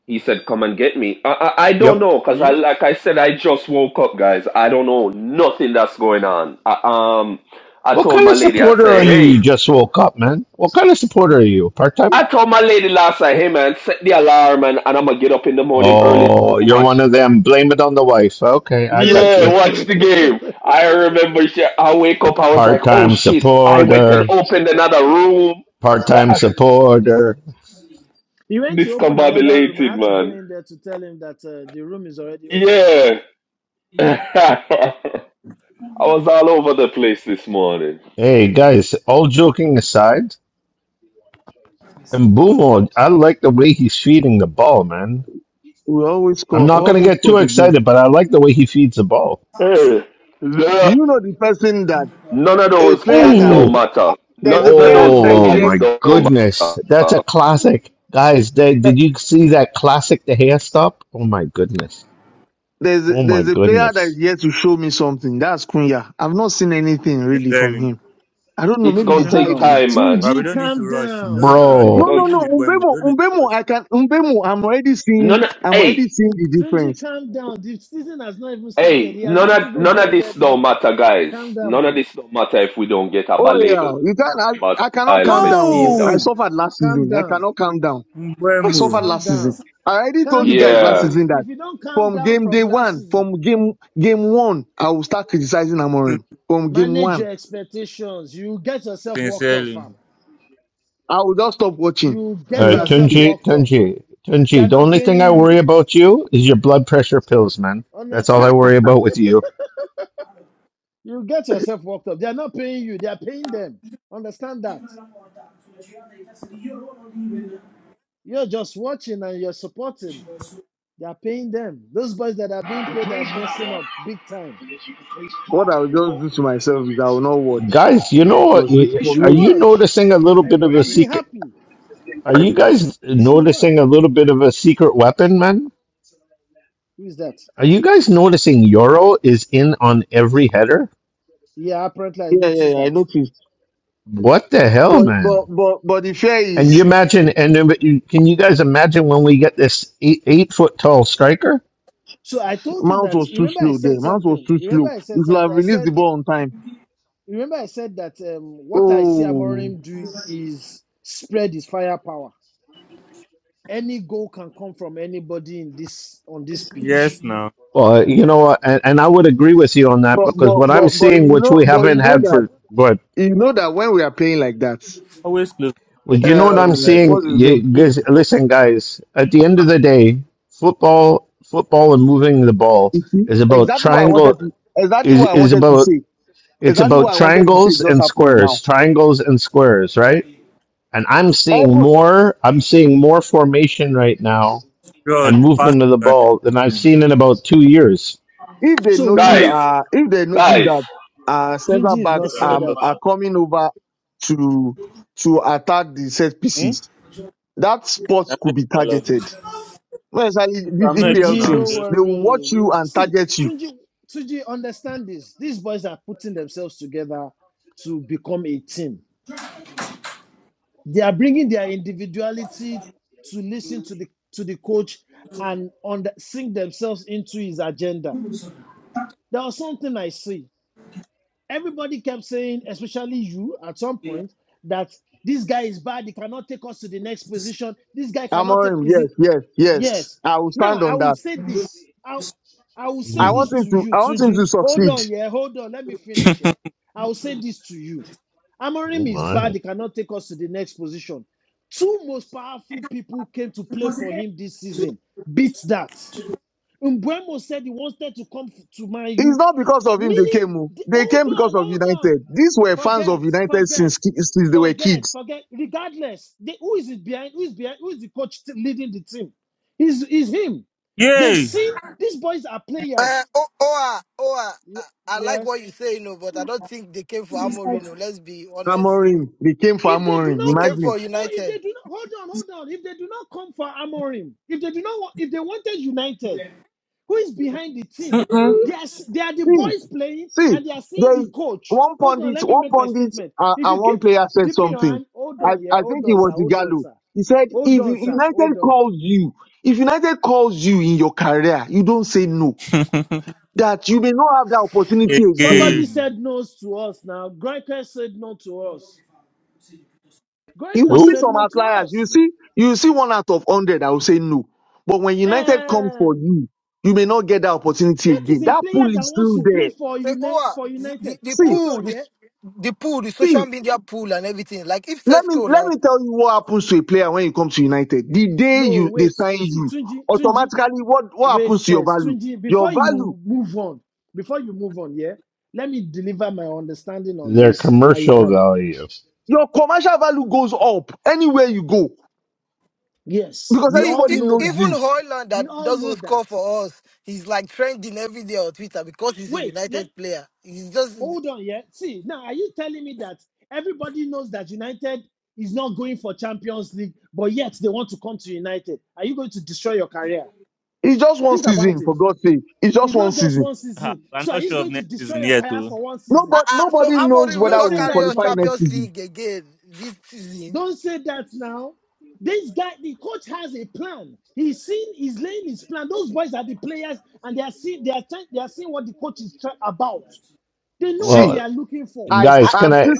[SPEAKER 9] He said, Come and get me. I, I, I don't
[SPEAKER 2] Yep.
[SPEAKER 9] know, because I,
[SPEAKER 1] Yep.
[SPEAKER 9] like I said, I just woke up, guys. I don't know nothing that's going on. I, um, I
[SPEAKER 2] What
[SPEAKER 9] told
[SPEAKER 2] kind
[SPEAKER 9] my
[SPEAKER 2] of
[SPEAKER 9] lady, I
[SPEAKER 2] supporter are
[SPEAKER 9] say,
[SPEAKER 2] you? You
[SPEAKER 9] Hey,
[SPEAKER 2] just woke up, man. What kind of supporter are you? Part time?
[SPEAKER 9] I told my lady last night, Hey, man, set the alarm and, and I'm going to get up in the morning early to go
[SPEAKER 2] Oh, you're
[SPEAKER 9] watch
[SPEAKER 2] one of them. Blame it on the wife. Okay, I
[SPEAKER 1] <laughs>
[SPEAKER 2] got
[SPEAKER 9] Yeah,
[SPEAKER 2] you.
[SPEAKER 9] watch the game. I remember she, I wake up, I was like,
[SPEAKER 2] Part
[SPEAKER 9] oh
[SPEAKER 2] time
[SPEAKER 9] shit, I went and
[SPEAKER 2] supporter.
[SPEAKER 9] opened another room.
[SPEAKER 2] Part time
[SPEAKER 9] I-
[SPEAKER 2] supporter.
[SPEAKER 1] he went to open another room. I
[SPEAKER 9] Discombobulated,
[SPEAKER 1] had to go
[SPEAKER 9] man.
[SPEAKER 1] in there to tell him that uh, the room is already open.
[SPEAKER 9] Yeah. <laughs> I was all over the place this morning.
[SPEAKER 2] Hey, guys, all joking aside, and Bumo, I like the way he's feeding the ball, man.
[SPEAKER 6] We always
[SPEAKER 2] I'm
[SPEAKER 6] score,
[SPEAKER 2] not going to
[SPEAKER 6] almost
[SPEAKER 2] get too
[SPEAKER 6] scored again.
[SPEAKER 2] excited, but I like the way he feeds the ball.
[SPEAKER 9] Hey, the-
[SPEAKER 6] Do you know the person that
[SPEAKER 9] none of
[SPEAKER 6] a
[SPEAKER 9] those
[SPEAKER 6] player
[SPEAKER 9] guys
[SPEAKER 6] that
[SPEAKER 2] Ooh.
[SPEAKER 9] don't
[SPEAKER 6] has,
[SPEAKER 9] matter.
[SPEAKER 6] there's
[SPEAKER 9] None
[SPEAKER 6] a
[SPEAKER 9] of
[SPEAKER 6] player
[SPEAKER 9] those
[SPEAKER 6] that is
[SPEAKER 2] Oh
[SPEAKER 9] guys
[SPEAKER 2] my
[SPEAKER 6] yet
[SPEAKER 9] don't
[SPEAKER 2] goodness, that's a
[SPEAKER 9] matter.
[SPEAKER 2] classic, guys. Did, did you see that classic, the hair stop? Oh my goodness,
[SPEAKER 6] there's a,
[SPEAKER 2] oh my
[SPEAKER 6] there's a player that
[SPEAKER 2] goodness,
[SPEAKER 6] is yet to show me something. That's Kunya. I've not seen anything
[SPEAKER 7] It's
[SPEAKER 6] really from
[SPEAKER 7] telling.
[SPEAKER 6] him. I don't know.
[SPEAKER 9] It's
[SPEAKER 6] Maybe
[SPEAKER 1] Calm
[SPEAKER 9] gonna
[SPEAKER 6] he's
[SPEAKER 9] take
[SPEAKER 6] hiding.
[SPEAKER 1] down.
[SPEAKER 9] time, man.
[SPEAKER 7] But we
[SPEAKER 1] Tunji,
[SPEAKER 7] don't need to
[SPEAKER 1] calm
[SPEAKER 7] rush. We
[SPEAKER 1] down.
[SPEAKER 7] don't need to rush.
[SPEAKER 1] Fam.
[SPEAKER 9] It's
[SPEAKER 6] No,
[SPEAKER 2] bro.
[SPEAKER 9] gonna
[SPEAKER 6] no, no.
[SPEAKER 7] Even in Buemo,
[SPEAKER 6] Umbemo,
[SPEAKER 7] don't need to
[SPEAKER 6] Umbemo,
[SPEAKER 7] rush.
[SPEAKER 6] I can, Umbemo, I'm already seeing,
[SPEAKER 9] none. Of,
[SPEAKER 6] I'm already
[SPEAKER 9] hey,
[SPEAKER 6] seeing the
[SPEAKER 1] Tunji,
[SPEAKER 6] difference.
[SPEAKER 1] calm down. The season has not even started.
[SPEAKER 9] Hey,
[SPEAKER 1] He has
[SPEAKER 9] none
[SPEAKER 1] not
[SPEAKER 9] of
[SPEAKER 1] even
[SPEAKER 9] none of this
[SPEAKER 1] blended
[SPEAKER 9] don't
[SPEAKER 1] in.
[SPEAKER 9] matter, guys.
[SPEAKER 1] Calm down,
[SPEAKER 9] None of
[SPEAKER 1] man.
[SPEAKER 9] this don't matter if we don't get a
[SPEAKER 6] Oh
[SPEAKER 9] Baleba
[SPEAKER 6] yeah, you can't,
[SPEAKER 9] Baleba
[SPEAKER 6] I, I cannot
[SPEAKER 9] style
[SPEAKER 6] calm down. oh.
[SPEAKER 9] midfielder.
[SPEAKER 6] I
[SPEAKER 7] Oh!
[SPEAKER 6] suffered last
[SPEAKER 1] Calm
[SPEAKER 6] season. I
[SPEAKER 1] down.
[SPEAKER 6] cannot calm down. I suffered
[SPEAKER 7] Buemo.
[SPEAKER 1] Calm
[SPEAKER 6] last season.
[SPEAKER 1] down.
[SPEAKER 6] I already told you
[SPEAKER 1] Calm
[SPEAKER 6] guys last
[SPEAKER 9] Yeah,
[SPEAKER 1] down.
[SPEAKER 6] season that
[SPEAKER 1] If you don't calm
[SPEAKER 6] from
[SPEAKER 1] down
[SPEAKER 6] game
[SPEAKER 1] from
[SPEAKER 6] day
[SPEAKER 1] last
[SPEAKER 6] one,
[SPEAKER 1] season,
[SPEAKER 6] from game, game one, I will start criticizing Amorim. From game
[SPEAKER 1] manage
[SPEAKER 6] one,
[SPEAKER 1] your expectations. You get yourself walked up,
[SPEAKER 7] Sincerely.
[SPEAKER 1] fam.
[SPEAKER 6] I will just stop watching.
[SPEAKER 1] You
[SPEAKER 6] If
[SPEAKER 1] get
[SPEAKER 2] Uh,
[SPEAKER 6] that's the
[SPEAKER 1] yourself
[SPEAKER 6] case,
[SPEAKER 2] Tunji,
[SPEAKER 1] walked up.
[SPEAKER 2] Tunji,
[SPEAKER 1] They are
[SPEAKER 2] Tunji. The
[SPEAKER 1] not
[SPEAKER 2] only thing I
[SPEAKER 1] paying
[SPEAKER 2] worry
[SPEAKER 1] you.
[SPEAKER 2] about you is your blood pressure pills, man. That's all I
[SPEAKER 1] Honestly.
[SPEAKER 2] worry about with you,
[SPEAKER 1] You get yourself walked up. They are not paying you. They are paying them. Understand that. You're just watching and you're supporting. They are paying them. Those boys that are being paid are messing up big time.
[SPEAKER 6] what I will just do to myself is I will not watch.
[SPEAKER 2] guys. You know, what?
[SPEAKER 6] Cause
[SPEAKER 2] Y-
[SPEAKER 1] You
[SPEAKER 6] for
[SPEAKER 1] should
[SPEAKER 2] are
[SPEAKER 6] me,
[SPEAKER 2] you
[SPEAKER 1] watch
[SPEAKER 2] noticing a little bit of a
[SPEAKER 1] and be
[SPEAKER 2] secret?
[SPEAKER 1] happy.
[SPEAKER 2] Are you guys
[SPEAKER 1] You should watch.
[SPEAKER 2] noticing a little bit of a secret weapon, man?
[SPEAKER 1] Who is that?
[SPEAKER 2] Are you guys noticing Euro is in on every header?
[SPEAKER 1] Yeah, apparently I
[SPEAKER 6] yeah, yeah,
[SPEAKER 1] noticed
[SPEAKER 6] yeah I
[SPEAKER 1] that.
[SPEAKER 6] noticed.
[SPEAKER 2] What the hell,
[SPEAKER 6] But, but,
[SPEAKER 2] man?
[SPEAKER 6] but, but the fear
[SPEAKER 2] And you
[SPEAKER 6] is
[SPEAKER 2] imagine, and then, but you can you guys imagine when we get this eight eight foot tall striker?
[SPEAKER 1] So I told you
[SPEAKER 6] Mount
[SPEAKER 1] that.
[SPEAKER 6] was too
[SPEAKER 1] Remember, I
[SPEAKER 6] slow
[SPEAKER 1] said
[SPEAKER 6] there. Mount was
[SPEAKER 1] something.
[SPEAKER 6] too
[SPEAKER 1] Remember,
[SPEAKER 6] slow.
[SPEAKER 1] I
[SPEAKER 6] You
[SPEAKER 1] said
[SPEAKER 6] should have
[SPEAKER 1] something. I
[SPEAKER 6] released
[SPEAKER 1] said.
[SPEAKER 6] the ball on time.
[SPEAKER 1] Remember, I said that um, what I see
[SPEAKER 6] Oh,
[SPEAKER 1] Amorim do is spread his firepower. Any goal can come from anybody in this on this pitch.
[SPEAKER 7] Yes, now.
[SPEAKER 2] Well, uh, you know, what, and, and I would agree with you on that
[SPEAKER 6] but
[SPEAKER 2] because
[SPEAKER 6] but
[SPEAKER 2] what I'm
[SPEAKER 6] but but
[SPEAKER 2] seeing,
[SPEAKER 6] you
[SPEAKER 2] which
[SPEAKER 6] know,
[SPEAKER 2] we
[SPEAKER 6] but
[SPEAKER 2] haven't
[SPEAKER 6] you know
[SPEAKER 2] had
[SPEAKER 6] that
[SPEAKER 2] for, but
[SPEAKER 6] you know that when we are playing like that,
[SPEAKER 7] Always close.
[SPEAKER 2] well,
[SPEAKER 7] to
[SPEAKER 2] you know what I'm
[SPEAKER 6] um,
[SPEAKER 7] God.
[SPEAKER 2] seeing?
[SPEAKER 6] what's his
[SPEAKER 2] You
[SPEAKER 6] name?
[SPEAKER 7] Close
[SPEAKER 2] guys,
[SPEAKER 7] to God.
[SPEAKER 2] listen, guys. At the end of the day, football, football, and moving the ball
[SPEAKER 6] You see,
[SPEAKER 2] is about
[SPEAKER 6] exactly what I wanted
[SPEAKER 2] triangle.
[SPEAKER 6] to, exactly
[SPEAKER 2] Is
[SPEAKER 6] what I
[SPEAKER 2] is
[SPEAKER 6] wanted to
[SPEAKER 2] about
[SPEAKER 6] say,
[SPEAKER 2] it's
[SPEAKER 6] exactly
[SPEAKER 2] about
[SPEAKER 6] what I wanted to say
[SPEAKER 2] triangles
[SPEAKER 6] just
[SPEAKER 2] and
[SPEAKER 6] happened now.
[SPEAKER 2] squares, triangles and squares, right? And I'm seeing
[SPEAKER 6] Even
[SPEAKER 2] more. I'm seeing more formation right now
[SPEAKER 7] God,
[SPEAKER 2] and
[SPEAKER 7] the past
[SPEAKER 2] movement of the
[SPEAKER 7] is
[SPEAKER 2] ball than I've seen in about two years.
[SPEAKER 6] if they
[SPEAKER 1] So we
[SPEAKER 6] notice,
[SPEAKER 1] need to.
[SPEAKER 9] guys,
[SPEAKER 6] uh, if they notice
[SPEAKER 9] guys.
[SPEAKER 6] that uh centre
[SPEAKER 1] Tunji is not
[SPEAKER 6] backs
[SPEAKER 1] saying
[SPEAKER 6] are
[SPEAKER 7] an
[SPEAKER 1] that.
[SPEAKER 6] are coming over to to attack the set
[SPEAKER 7] Hmm?
[SPEAKER 6] pieces, that spot
[SPEAKER 7] I'm
[SPEAKER 6] could
[SPEAKER 7] not
[SPEAKER 6] be
[SPEAKER 7] your love.
[SPEAKER 6] targeted No, it's like these
[SPEAKER 7] I'm not eating
[SPEAKER 6] EPL
[SPEAKER 1] Tunji,
[SPEAKER 7] now. I'm
[SPEAKER 1] don't
[SPEAKER 6] teams.
[SPEAKER 7] just.
[SPEAKER 6] They will
[SPEAKER 1] worry.
[SPEAKER 6] watch you
[SPEAKER 1] We'll
[SPEAKER 6] and
[SPEAKER 1] see.
[SPEAKER 6] target you.
[SPEAKER 1] Tunji, Tunji, understand this. These boys are putting themselves together to become a team. They are bringing their individuality to listen to the to the coach and on the, sink themselves into his agenda. There was something I see. Everybody kept saying, especially you, at some point, that this guy is bad. He cannot take us to the next position. This guy cannot take.
[SPEAKER 6] Amorim,
[SPEAKER 1] Is it?
[SPEAKER 6] yes, yes, yes.
[SPEAKER 1] Yes.
[SPEAKER 6] I will
[SPEAKER 1] Now
[SPEAKER 6] stand
[SPEAKER 1] I
[SPEAKER 6] on
[SPEAKER 1] will
[SPEAKER 6] that.
[SPEAKER 1] say this. I I will say
[SPEAKER 6] I
[SPEAKER 2] Ooh,
[SPEAKER 6] want
[SPEAKER 1] this
[SPEAKER 6] him
[SPEAKER 1] to
[SPEAKER 6] to.
[SPEAKER 1] you,
[SPEAKER 6] I want him
[SPEAKER 1] Tunji.
[SPEAKER 6] to
[SPEAKER 1] Hold on,
[SPEAKER 6] succeed.
[SPEAKER 1] yeah, hold on. Let me finish. Yeah. I will say this to you.
[SPEAKER 2] oh
[SPEAKER 1] Amorim is bad.
[SPEAKER 2] my!
[SPEAKER 1] He cannot take us to the next position. Two most powerful people came to play for him this season. Beat that. Mbuemo said he wanted to come f- to Man U.
[SPEAKER 6] It's not because of him they came.
[SPEAKER 1] Meaning,
[SPEAKER 6] oh.
[SPEAKER 1] the-
[SPEAKER 6] They
[SPEAKER 1] hold
[SPEAKER 6] came because
[SPEAKER 1] on,
[SPEAKER 6] of
[SPEAKER 1] hold on.
[SPEAKER 6] United. These were fans of
[SPEAKER 1] Forget,
[SPEAKER 6] United
[SPEAKER 1] forget,
[SPEAKER 6] since ki- since they were
[SPEAKER 1] forget,
[SPEAKER 6] kids.
[SPEAKER 1] forget. Regardless, the, who is it behind? Who is behind? Who is the coach leading the team? Is is him? They've
[SPEAKER 7] Yay!
[SPEAKER 1] seen these boys are players.
[SPEAKER 10] Uh, oh, oh, ah, oh, uh,
[SPEAKER 1] Ye-
[SPEAKER 10] I like
[SPEAKER 1] yes.
[SPEAKER 10] what you say, you know, but I don't think they came for Amorim. no, Let's be honest. You know.
[SPEAKER 6] Amorim, they came for
[SPEAKER 1] If they do
[SPEAKER 6] Amorim.
[SPEAKER 10] They
[SPEAKER 1] not
[SPEAKER 10] came
[SPEAKER 1] want,
[SPEAKER 6] Imagine.
[SPEAKER 10] for
[SPEAKER 1] or if they
[SPEAKER 10] United.
[SPEAKER 1] do not hold on, hold on. If they do not come for Amorim, if they do not, want, if they wanted United. Who is behind the team? They are, they are the
[SPEAKER 6] See,
[SPEAKER 1] boys playing
[SPEAKER 6] see,
[SPEAKER 1] and they are seeing
[SPEAKER 6] there's
[SPEAKER 1] the coach.
[SPEAKER 6] one
[SPEAKER 1] Hold on,
[SPEAKER 6] pundit,
[SPEAKER 1] let me
[SPEAKER 6] one
[SPEAKER 1] make my
[SPEAKER 6] pundit,
[SPEAKER 1] statement.
[SPEAKER 6] uh,
[SPEAKER 1] If you
[SPEAKER 6] and
[SPEAKER 1] keep
[SPEAKER 6] one player said
[SPEAKER 1] dipping your
[SPEAKER 6] something.
[SPEAKER 1] hand, hold
[SPEAKER 6] I,
[SPEAKER 1] on,
[SPEAKER 6] I
[SPEAKER 1] yeah,
[SPEAKER 6] think
[SPEAKER 1] hold
[SPEAKER 6] it
[SPEAKER 1] on, sir,
[SPEAKER 6] was
[SPEAKER 1] hold on,
[SPEAKER 6] Igalo.
[SPEAKER 1] sir.
[SPEAKER 6] He said,
[SPEAKER 1] Hold
[SPEAKER 6] if
[SPEAKER 1] on, sir,
[SPEAKER 6] United
[SPEAKER 1] hold on.
[SPEAKER 6] calls you, if United calls you in your career, you don't say no. That you may not have that opportunity
[SPEAKER 1] Somebody
[SPEAKER 6] again.
[SPEAKER 7] Again.
[SPEAKER 1] said no to us now. Goiker said no to us.
[SPEAKER 6] You will
[SPEAKER 1] Goiker
[SPEAKER 6] see
[SPEAKER 1] said
[SPEAKER 2] Who?
[SPEAKER 6] some
[SPEAKER 1] no to
[SPEAKER 6] outliers. You
[SPEAKER 1] us.
[SPEAKER 6] see, you will see one out of hundred that will say no. But when United comes for
[SPEAKER 1] Um,
[SPEAKER 6] you, you may not get that opportunity
[SPEAKER 1] that is
[SPEAKER 6] again.
[SPEAKER 1] a
[SPEAKER 6] That
[SPEAKER 1] player
[SPEAKER 6] pool
[SPEAKER 1] that
[SPEAKER 6] is
[SPEAKER 1] wants
[SPEAKER 6] still
[SPEAKER 1] to
[SPEAKER 6] there.
[SPEAKER 1] play for
[SPEAKER 10] So,
[SPEAKER 1] United.
[SPEAKER 10] oh,
[SPEAKER 1] For
[SPEAKER 10] uh, the, the,
[SPEAKER 1] United,
[SPEAKER 10] the
[SPEAKER 6] See,
[SPEAKER 1] hold
[SPEAKER 10] pool,
[SPEAKER 1] on,
[SPEAKER 10] the,
[SPEAKER 1] yeah.
[SPEAKER 10] the pool, the
[SPEAKER 6] see.
[SPEAKER 10] social media pool and everything. Like, if
[SPEAKER 6] Let me
[SPEAKER 10] Tesco,
[SPEAKER 6] let
[SPEAKER 10] like,
[SPEAKER 6] me tell you what happens to a player when he comes to United. The day
[SPEAKER 1] No,
[SPEAKER 6] you they
[SPEAKER 1] wait.
[SPEAKER 6] sign
[SPEAKER 1] See,
[SPEAKER 6] you,
[SPEAKER 1] Tunji, Tunji.
[SPEAKER 6] automatically what what
[SPEAKER 1] Wait
[SPEAKER 6] happens to your
[SPEAKER 1] first,
[SPEAKER 6] value?
[SPEAKER 1] Tunji,
[SPEAKER 6] Your
[SPEAKER 1] before
[SPEAKER 6] value,
[SPEAKER 1] you move on, before you move on, yeah, let me deliver my understanding on
[SPEAKER 2] Their
[SPEAKER 1] this. And you
[SPEAKER 2] commercial
[SPEAKER 1] can,
[SPEAKER 2] value.
[SPEAKER 6] your commercial value goes up anywhere you go
[SPEAKER 1] yes,
[SPEAKER 6] because
[SPEAKER 1] we
[SPEAKER 10] see,
[SPEAKER 1] all
[SPEAKER 10] e-
[SPEAKER 6] everybody
[SPEAKER 1] know
[SPEAKER 6] knows
[SPEAKER 1] that.
[SPEAKER 10] even
[SPEAKER 6] you.
[SPEAKER 10] Hoyland
[SPEAKER 1] We
[SPEAKER 10] that
[SPEAKER 1] all know
[SPEAKER 10] doesn't
[SPEAKER 1] that.
[SPEAKER 10] score for us, he's like trending every day on Twitter because he's a
[SPEAKER 1] Wait, let
[SPEAKER 10] United player. He's just.
[SPEAKER 1] hold on, yeah. See, now are you telling me that everybody knows that United is not going for Champions League, but yet they want to come to United? Are you going to destroy your career?
[SPEAKER 6] It's just one
[SPEAKER 1] Think about
[SPEAKER 6] season,
[SPEAKER 1] it.
[SPEAKER 6] for God's sake. It's
[SPEAKER 1] It's
[SPEAKER 6] just one
[SPEAKER 1] not just
[SPEAKER 6] season.
[SPEAKER 1] one
[SPEAKER 7] Ah,
[SPEAKER 1] season.
[SPEAKER 7] I'm
[SPEAKER 1] So are
[SPEAKER 7] not
[SPEAKER 1] you
[SPEAKER 7] sure of
[SPEAKER 1] going to
[SPEAKER 7] next
[SPEAKER 1] destroy
[SPEAKER 7] season
[SPEAKER 1] your
[SPEAKER 7] yet,
[SPEAKER 1] career
[SPEAKER 7] though.
[SPEAKER 1] for one
[SPEAKER 10] Uh,
[SPEAKER 1] season?
[SPEAKER 6] Nobody
[SPEAKER 10] uh, so
[SPEAKER 6] nobody knows
[SPEAKER 10] Amorim will
[SPEAKER 1] Don't
[SPEAKER 6] whether
[SPEAKER 10] not
[SPEAKER 6] we
[SPEAKER 1] say
[SPEAKER 6] will
[SPEAKER 10] carry
[SPEAKER 1] that,
[SPEAKER 10] us
[SPEAKER 6] qualify
[SPEAKER 1] man.
[SPEAKER 6] next
[SPEAKER 10] Champions
[SPEAKER 6] season.
[SPEAKER 10] League again this season.
[SPEAKER 1] Don't say that now. This guy, the coach has a plan. He's seen, he's laying his plan. Those boys are the players, and they are seeing, they are trying, they are seeing what the coach is try- about. They know what
[SPEAKER 6] See,
[SPEAKER 1] they
[SPEAKER 2] Well,
[SPEAKER 1] are looking for.
[SPEAKER 6] I
[SPEAKER 10] I,
[SPEAKER 2] guys, can
[SPEAKER 6] I'm
[SPEAKER 2] I
[SPEAKER 6] still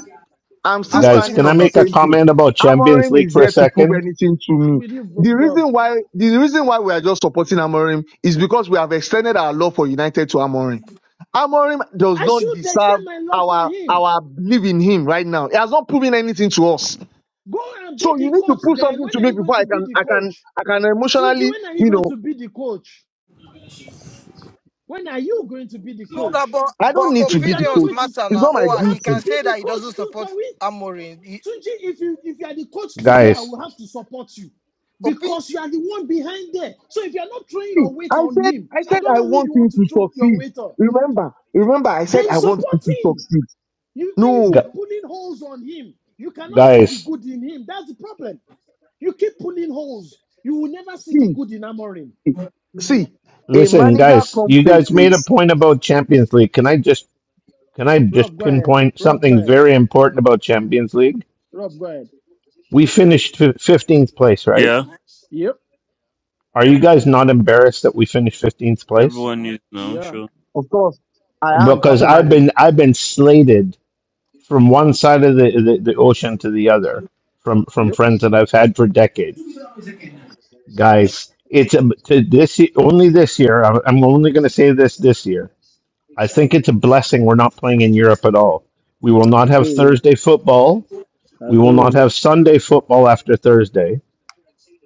[SPEAKER 6] I'm
[SPEAKER 10] I
[SPEAKER 6] still
[SPEAKER 10] want
[SPEAKER 2] guys
[SPEAKER 10] him
[SPEAKER 6] standing
[SPEAKER 2] can
[SPEAKER 10] to
[SPEAKER 2] I
[SPEAKER 6] on the
[SPEAKER 2] make a
[SPEAKER 6] same
[SPEAKER 10] succeed.
[SPEAKER 6] thing.
[SPEAKER 2] comment about Champions
[SPEAKER 6] Amorim
[SPEAKER 2] League
[SPEAKER 6] is
[SPEAKER 2] for a
[SPEAKER 6] yet to prove
[SPEAKER 2] second?
[SPEAKER 6] anything to
[SPEAKER 1] I'm
[SPEAKER 6] me.
[SPEAKER 1] with you, bro-
[SPEAKER 6] The
[SPEAKER 1] Rob.
[SPEAKER 6] reason why the reason why we are just supporting Amorim is because we have extended our love for United to Amorim. Amorim does
[SPEAKER 1] I
[SPEAKER 6] not
[SPEAKER 1] should
[SPEAKER 6] deserve
[SPEAKER 1] extend my love for
[SPEAKER 6] our
[SPEAKER 1] him.
[SPEAKER 6] our belief in him right now. He has not proven anything to us.
[SPEAKER 1] Go and be
[SPEAKER 6] So you
[SPEAKER 1] the
[SPEAKER 6] need to
[SPEAKER 1] coach.
[SPEAKER 6] prove
[SPEAKER 1] Then
[SPEAKER 6] something
[SPEAKER 1] when
[SPEAKER 6] to
[SPEAKER 1] are
[SPEAKER 6] me
[SPEAKER 1] you going
[SPEAKER 6] before
[SPEAKER 1] to
[SPEAKER 6] I
[SPEAKER 1] be
[SPEAKER 6] can
[SPEAKER 1] the
[SPEAKER 6] I can
[SPEAKER 1] coach,
[SPEAKER 6] I can
[SPEAKER 1] Tunji?
[SPEAKER 6] emotionally,
[SPEAKER 1] When are you
[SPEAKER 6] you
[SPEAKER 1] going
[SPEAKER 6] know,
[SPEAKER 1] to be the coach? When are you going to be the
[SPEAKER 10] No, no,
[SPEAKER 1] coach?
[SPEAKER 10] but,
[SPEAKER 6] I don't
[SPEAKER 10] but
[SPEAKER 6] need to
[SPEAKER 1] If
[SPEAKER 6] be
[SPEAKER 1] you are
[SPEAKER 6] the
[SPEAKER 1] not
[SPEAKER 10] opinions
[SPEAKER 6] coach.
[SPEAKER 1] going to, s-
[SPEAKER 10] matter
[SPEAKER 6] It's
[SPEAKER 10] now.
[SPEAKER 6] not my
[SPEAKER 10] Oh,
[SPEAKER 1] you
[SPEAKER 10] ah, he
[SPEAKER 1] have to
[SPEAKER 10] can
[SPEAKER 6] duty.
[SPEAKER 1] be
[SPEAKER 10] say
[SPEAKER 1] the
[SPEAKER 10] that he doesn't
[SPEAKER 1] coach too
[SPEAKER 10] support
[SPEAKER 1] for it
[SPEAKER 10] Amorim. He,
[SPEAKER 1] Tunji, if you if you are the coach today, I
[SPEAKER 2] Guys,
[SPEAKER 1] will have to support you
[SPEAKER 10] opinion,
[SPEAKER 1] because you are the one behind there. So if you are not throwing
[SPEAKER 6] See,
[SPEAKER 1] your weight
[SPEAKER 6] I
[SPEAKER 1] on
[SPEAKER 6] said
[SPEAKER 1] him,
[SPEAKER 6] I
[SPEAKER 1] I
[SPEAKER 6] said
[SPEAKER 1] don't
[SPEAKER 6] I
[SPEAKER 1] know who you
[SPEAKER 6] want
[SPEAKER 1] want
[SPEAKER 6] him
[SPEAKER 1] to
[SPEAKER 6] to
[SPEAKER 1] throw your
[SPEAKER 6] succeed.
[SPEAKER 1] weight on.
[SPEAKER 6] Remember, remember, I said
[SPEAKER 1] Then
[SPEAKER 6] I want
[SPEAKER 1] support
[SPEAKER 6] him to
[SPEAKER 1] him.
[SPEAKER 6] succeed.
[SPEAKER 1] You when you
[SPEAKER 6] No,
[SPEAKER 1] keep
[SPEAKER 2] gu-
[SPEAKER 1] pulling holes on him, you cannot see the
[SPEAKER 2] guys,
[SPEAKER 1] good in him. That's the problem. You keep pulling holes. You will never see the
[SPEAKER 6] see,
[SPEAKER 1] good in Amorim.
[SPEAKER 6] see, a
[SPEAKER 2] listen,
[SPEAKER 6] manager
[SPEAKER 2] guys.
[SPEAKER 6] comes
[SPEAKER 2] You
[SPEAKER 6] to a
[SPEAKER 2] guys made a
[SPEAKER 6] place.
[SPEAKER 2] point about Champions League. Can I just can I just
[SPEAKER 1] Rob, go ahead.
[SPEAKER 2] pinpoint
[SPEAKER 1] Rob, go
[SPEAKER 2] something
[SPEAKER 1] ahead.
[SPEAKER 2] very important about Champions League?
[SPEAKER 1] Rob, go ahead.
[SPEAKER 2] We finished fifteenth place, right?
[SPEAKER 7] Yeah,
[SPEAKER 1] Yep.
[SPEAKER 2] Are you guys not embarrassed that we finished fifteenth place?
[SPEAKER 7] everyone is now,
[SPEAKER 1] Yeah.
[SPEAKER 7] sure.
[SPEAKER 6] Of course, I am
[SPEAKER 2] Because I've
[SPEAKER 6] personally.
[SPEAKER 2] been I've been slated from one side of the, the, the ocean to the other from from
[SPEAKER 1] Yep.
[SPEAKER 2] friends that I've had for decades. Guys, it's a, to this y- only this year. I'm I'm only going to say this this year. I think it's a blessing we're not playing in Europe at all. We will
[SPEAKER 1] I
[SPEAKER 2] not
[SPEAKER 1] agree
[SPEAKER 2] have
[SPEAKER 1] with you.
[SPEAKER 2] Thursday football.
[SPEAKER 1] I
[SPEAKER 2] We
[SPEAKER 1] agree
[SPEAKER 2] will
[SPEAKER 1] with
[SPEAKER 2] not
[SPEAKER 1] you.
[SPEAKER 2] have Sunday football after Thursday,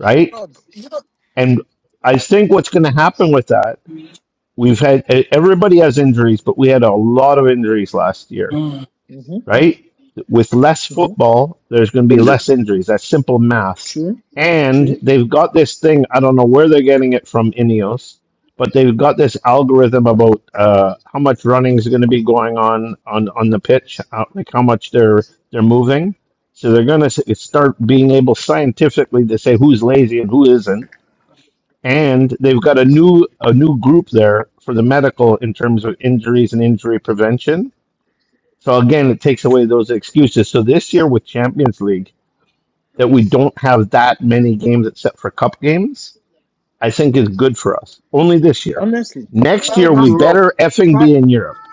[SPEAKER 2] right?
[SPEAKER 10] you know,
[SPEAKER 2] And I think what's going to happen with that We've had e- everybody has injuries, but we had a lot of injuries last year,
[SPEAKER 7] Mm.
[SPEAKER 1] Mm-hmm.
[SPEAKER 2] right? With less
[SPEAKER 1] Mm-hmm.
[SPEAKER 2] football, there's going to be less injuries. That's simple math.
[SPEAKER 1] True.
[SPEAKER 2] And
[SPEAKER 1] True.
[SPEAKER 2] they've got this thing. I don't know where they're getting it from Ineos, but they've got this algorithm about uh, how much running is going to be going on on on the pitch, how, like how much they're they're moving. So they're going to start being able scientifically to say who's lazy and who isn't and they've got a new a new group there for the medical in terms of injuries and injury prevention. So again, it takes away those excuses. So this year with Champions League, that we don't have that many games except for cup games, I think is good for us. Only this year.
[SPEAKER 1] Honestly.
[SPEAKER 2] Next
[SPEAKER 10] me,
[SPEAKER 6] Thank
[SPEAKER 2] year
[SPEAKER 10] I,
[SPEAKER 2] we
[SPEAKER 6] you,
[SPEAKER 1] Honestly.
[SPEAKER 6] Rob.
[SPEAKER 2] better effing
[SPEAKER 6] Tha-
[SPEAKER 2] be in Europe.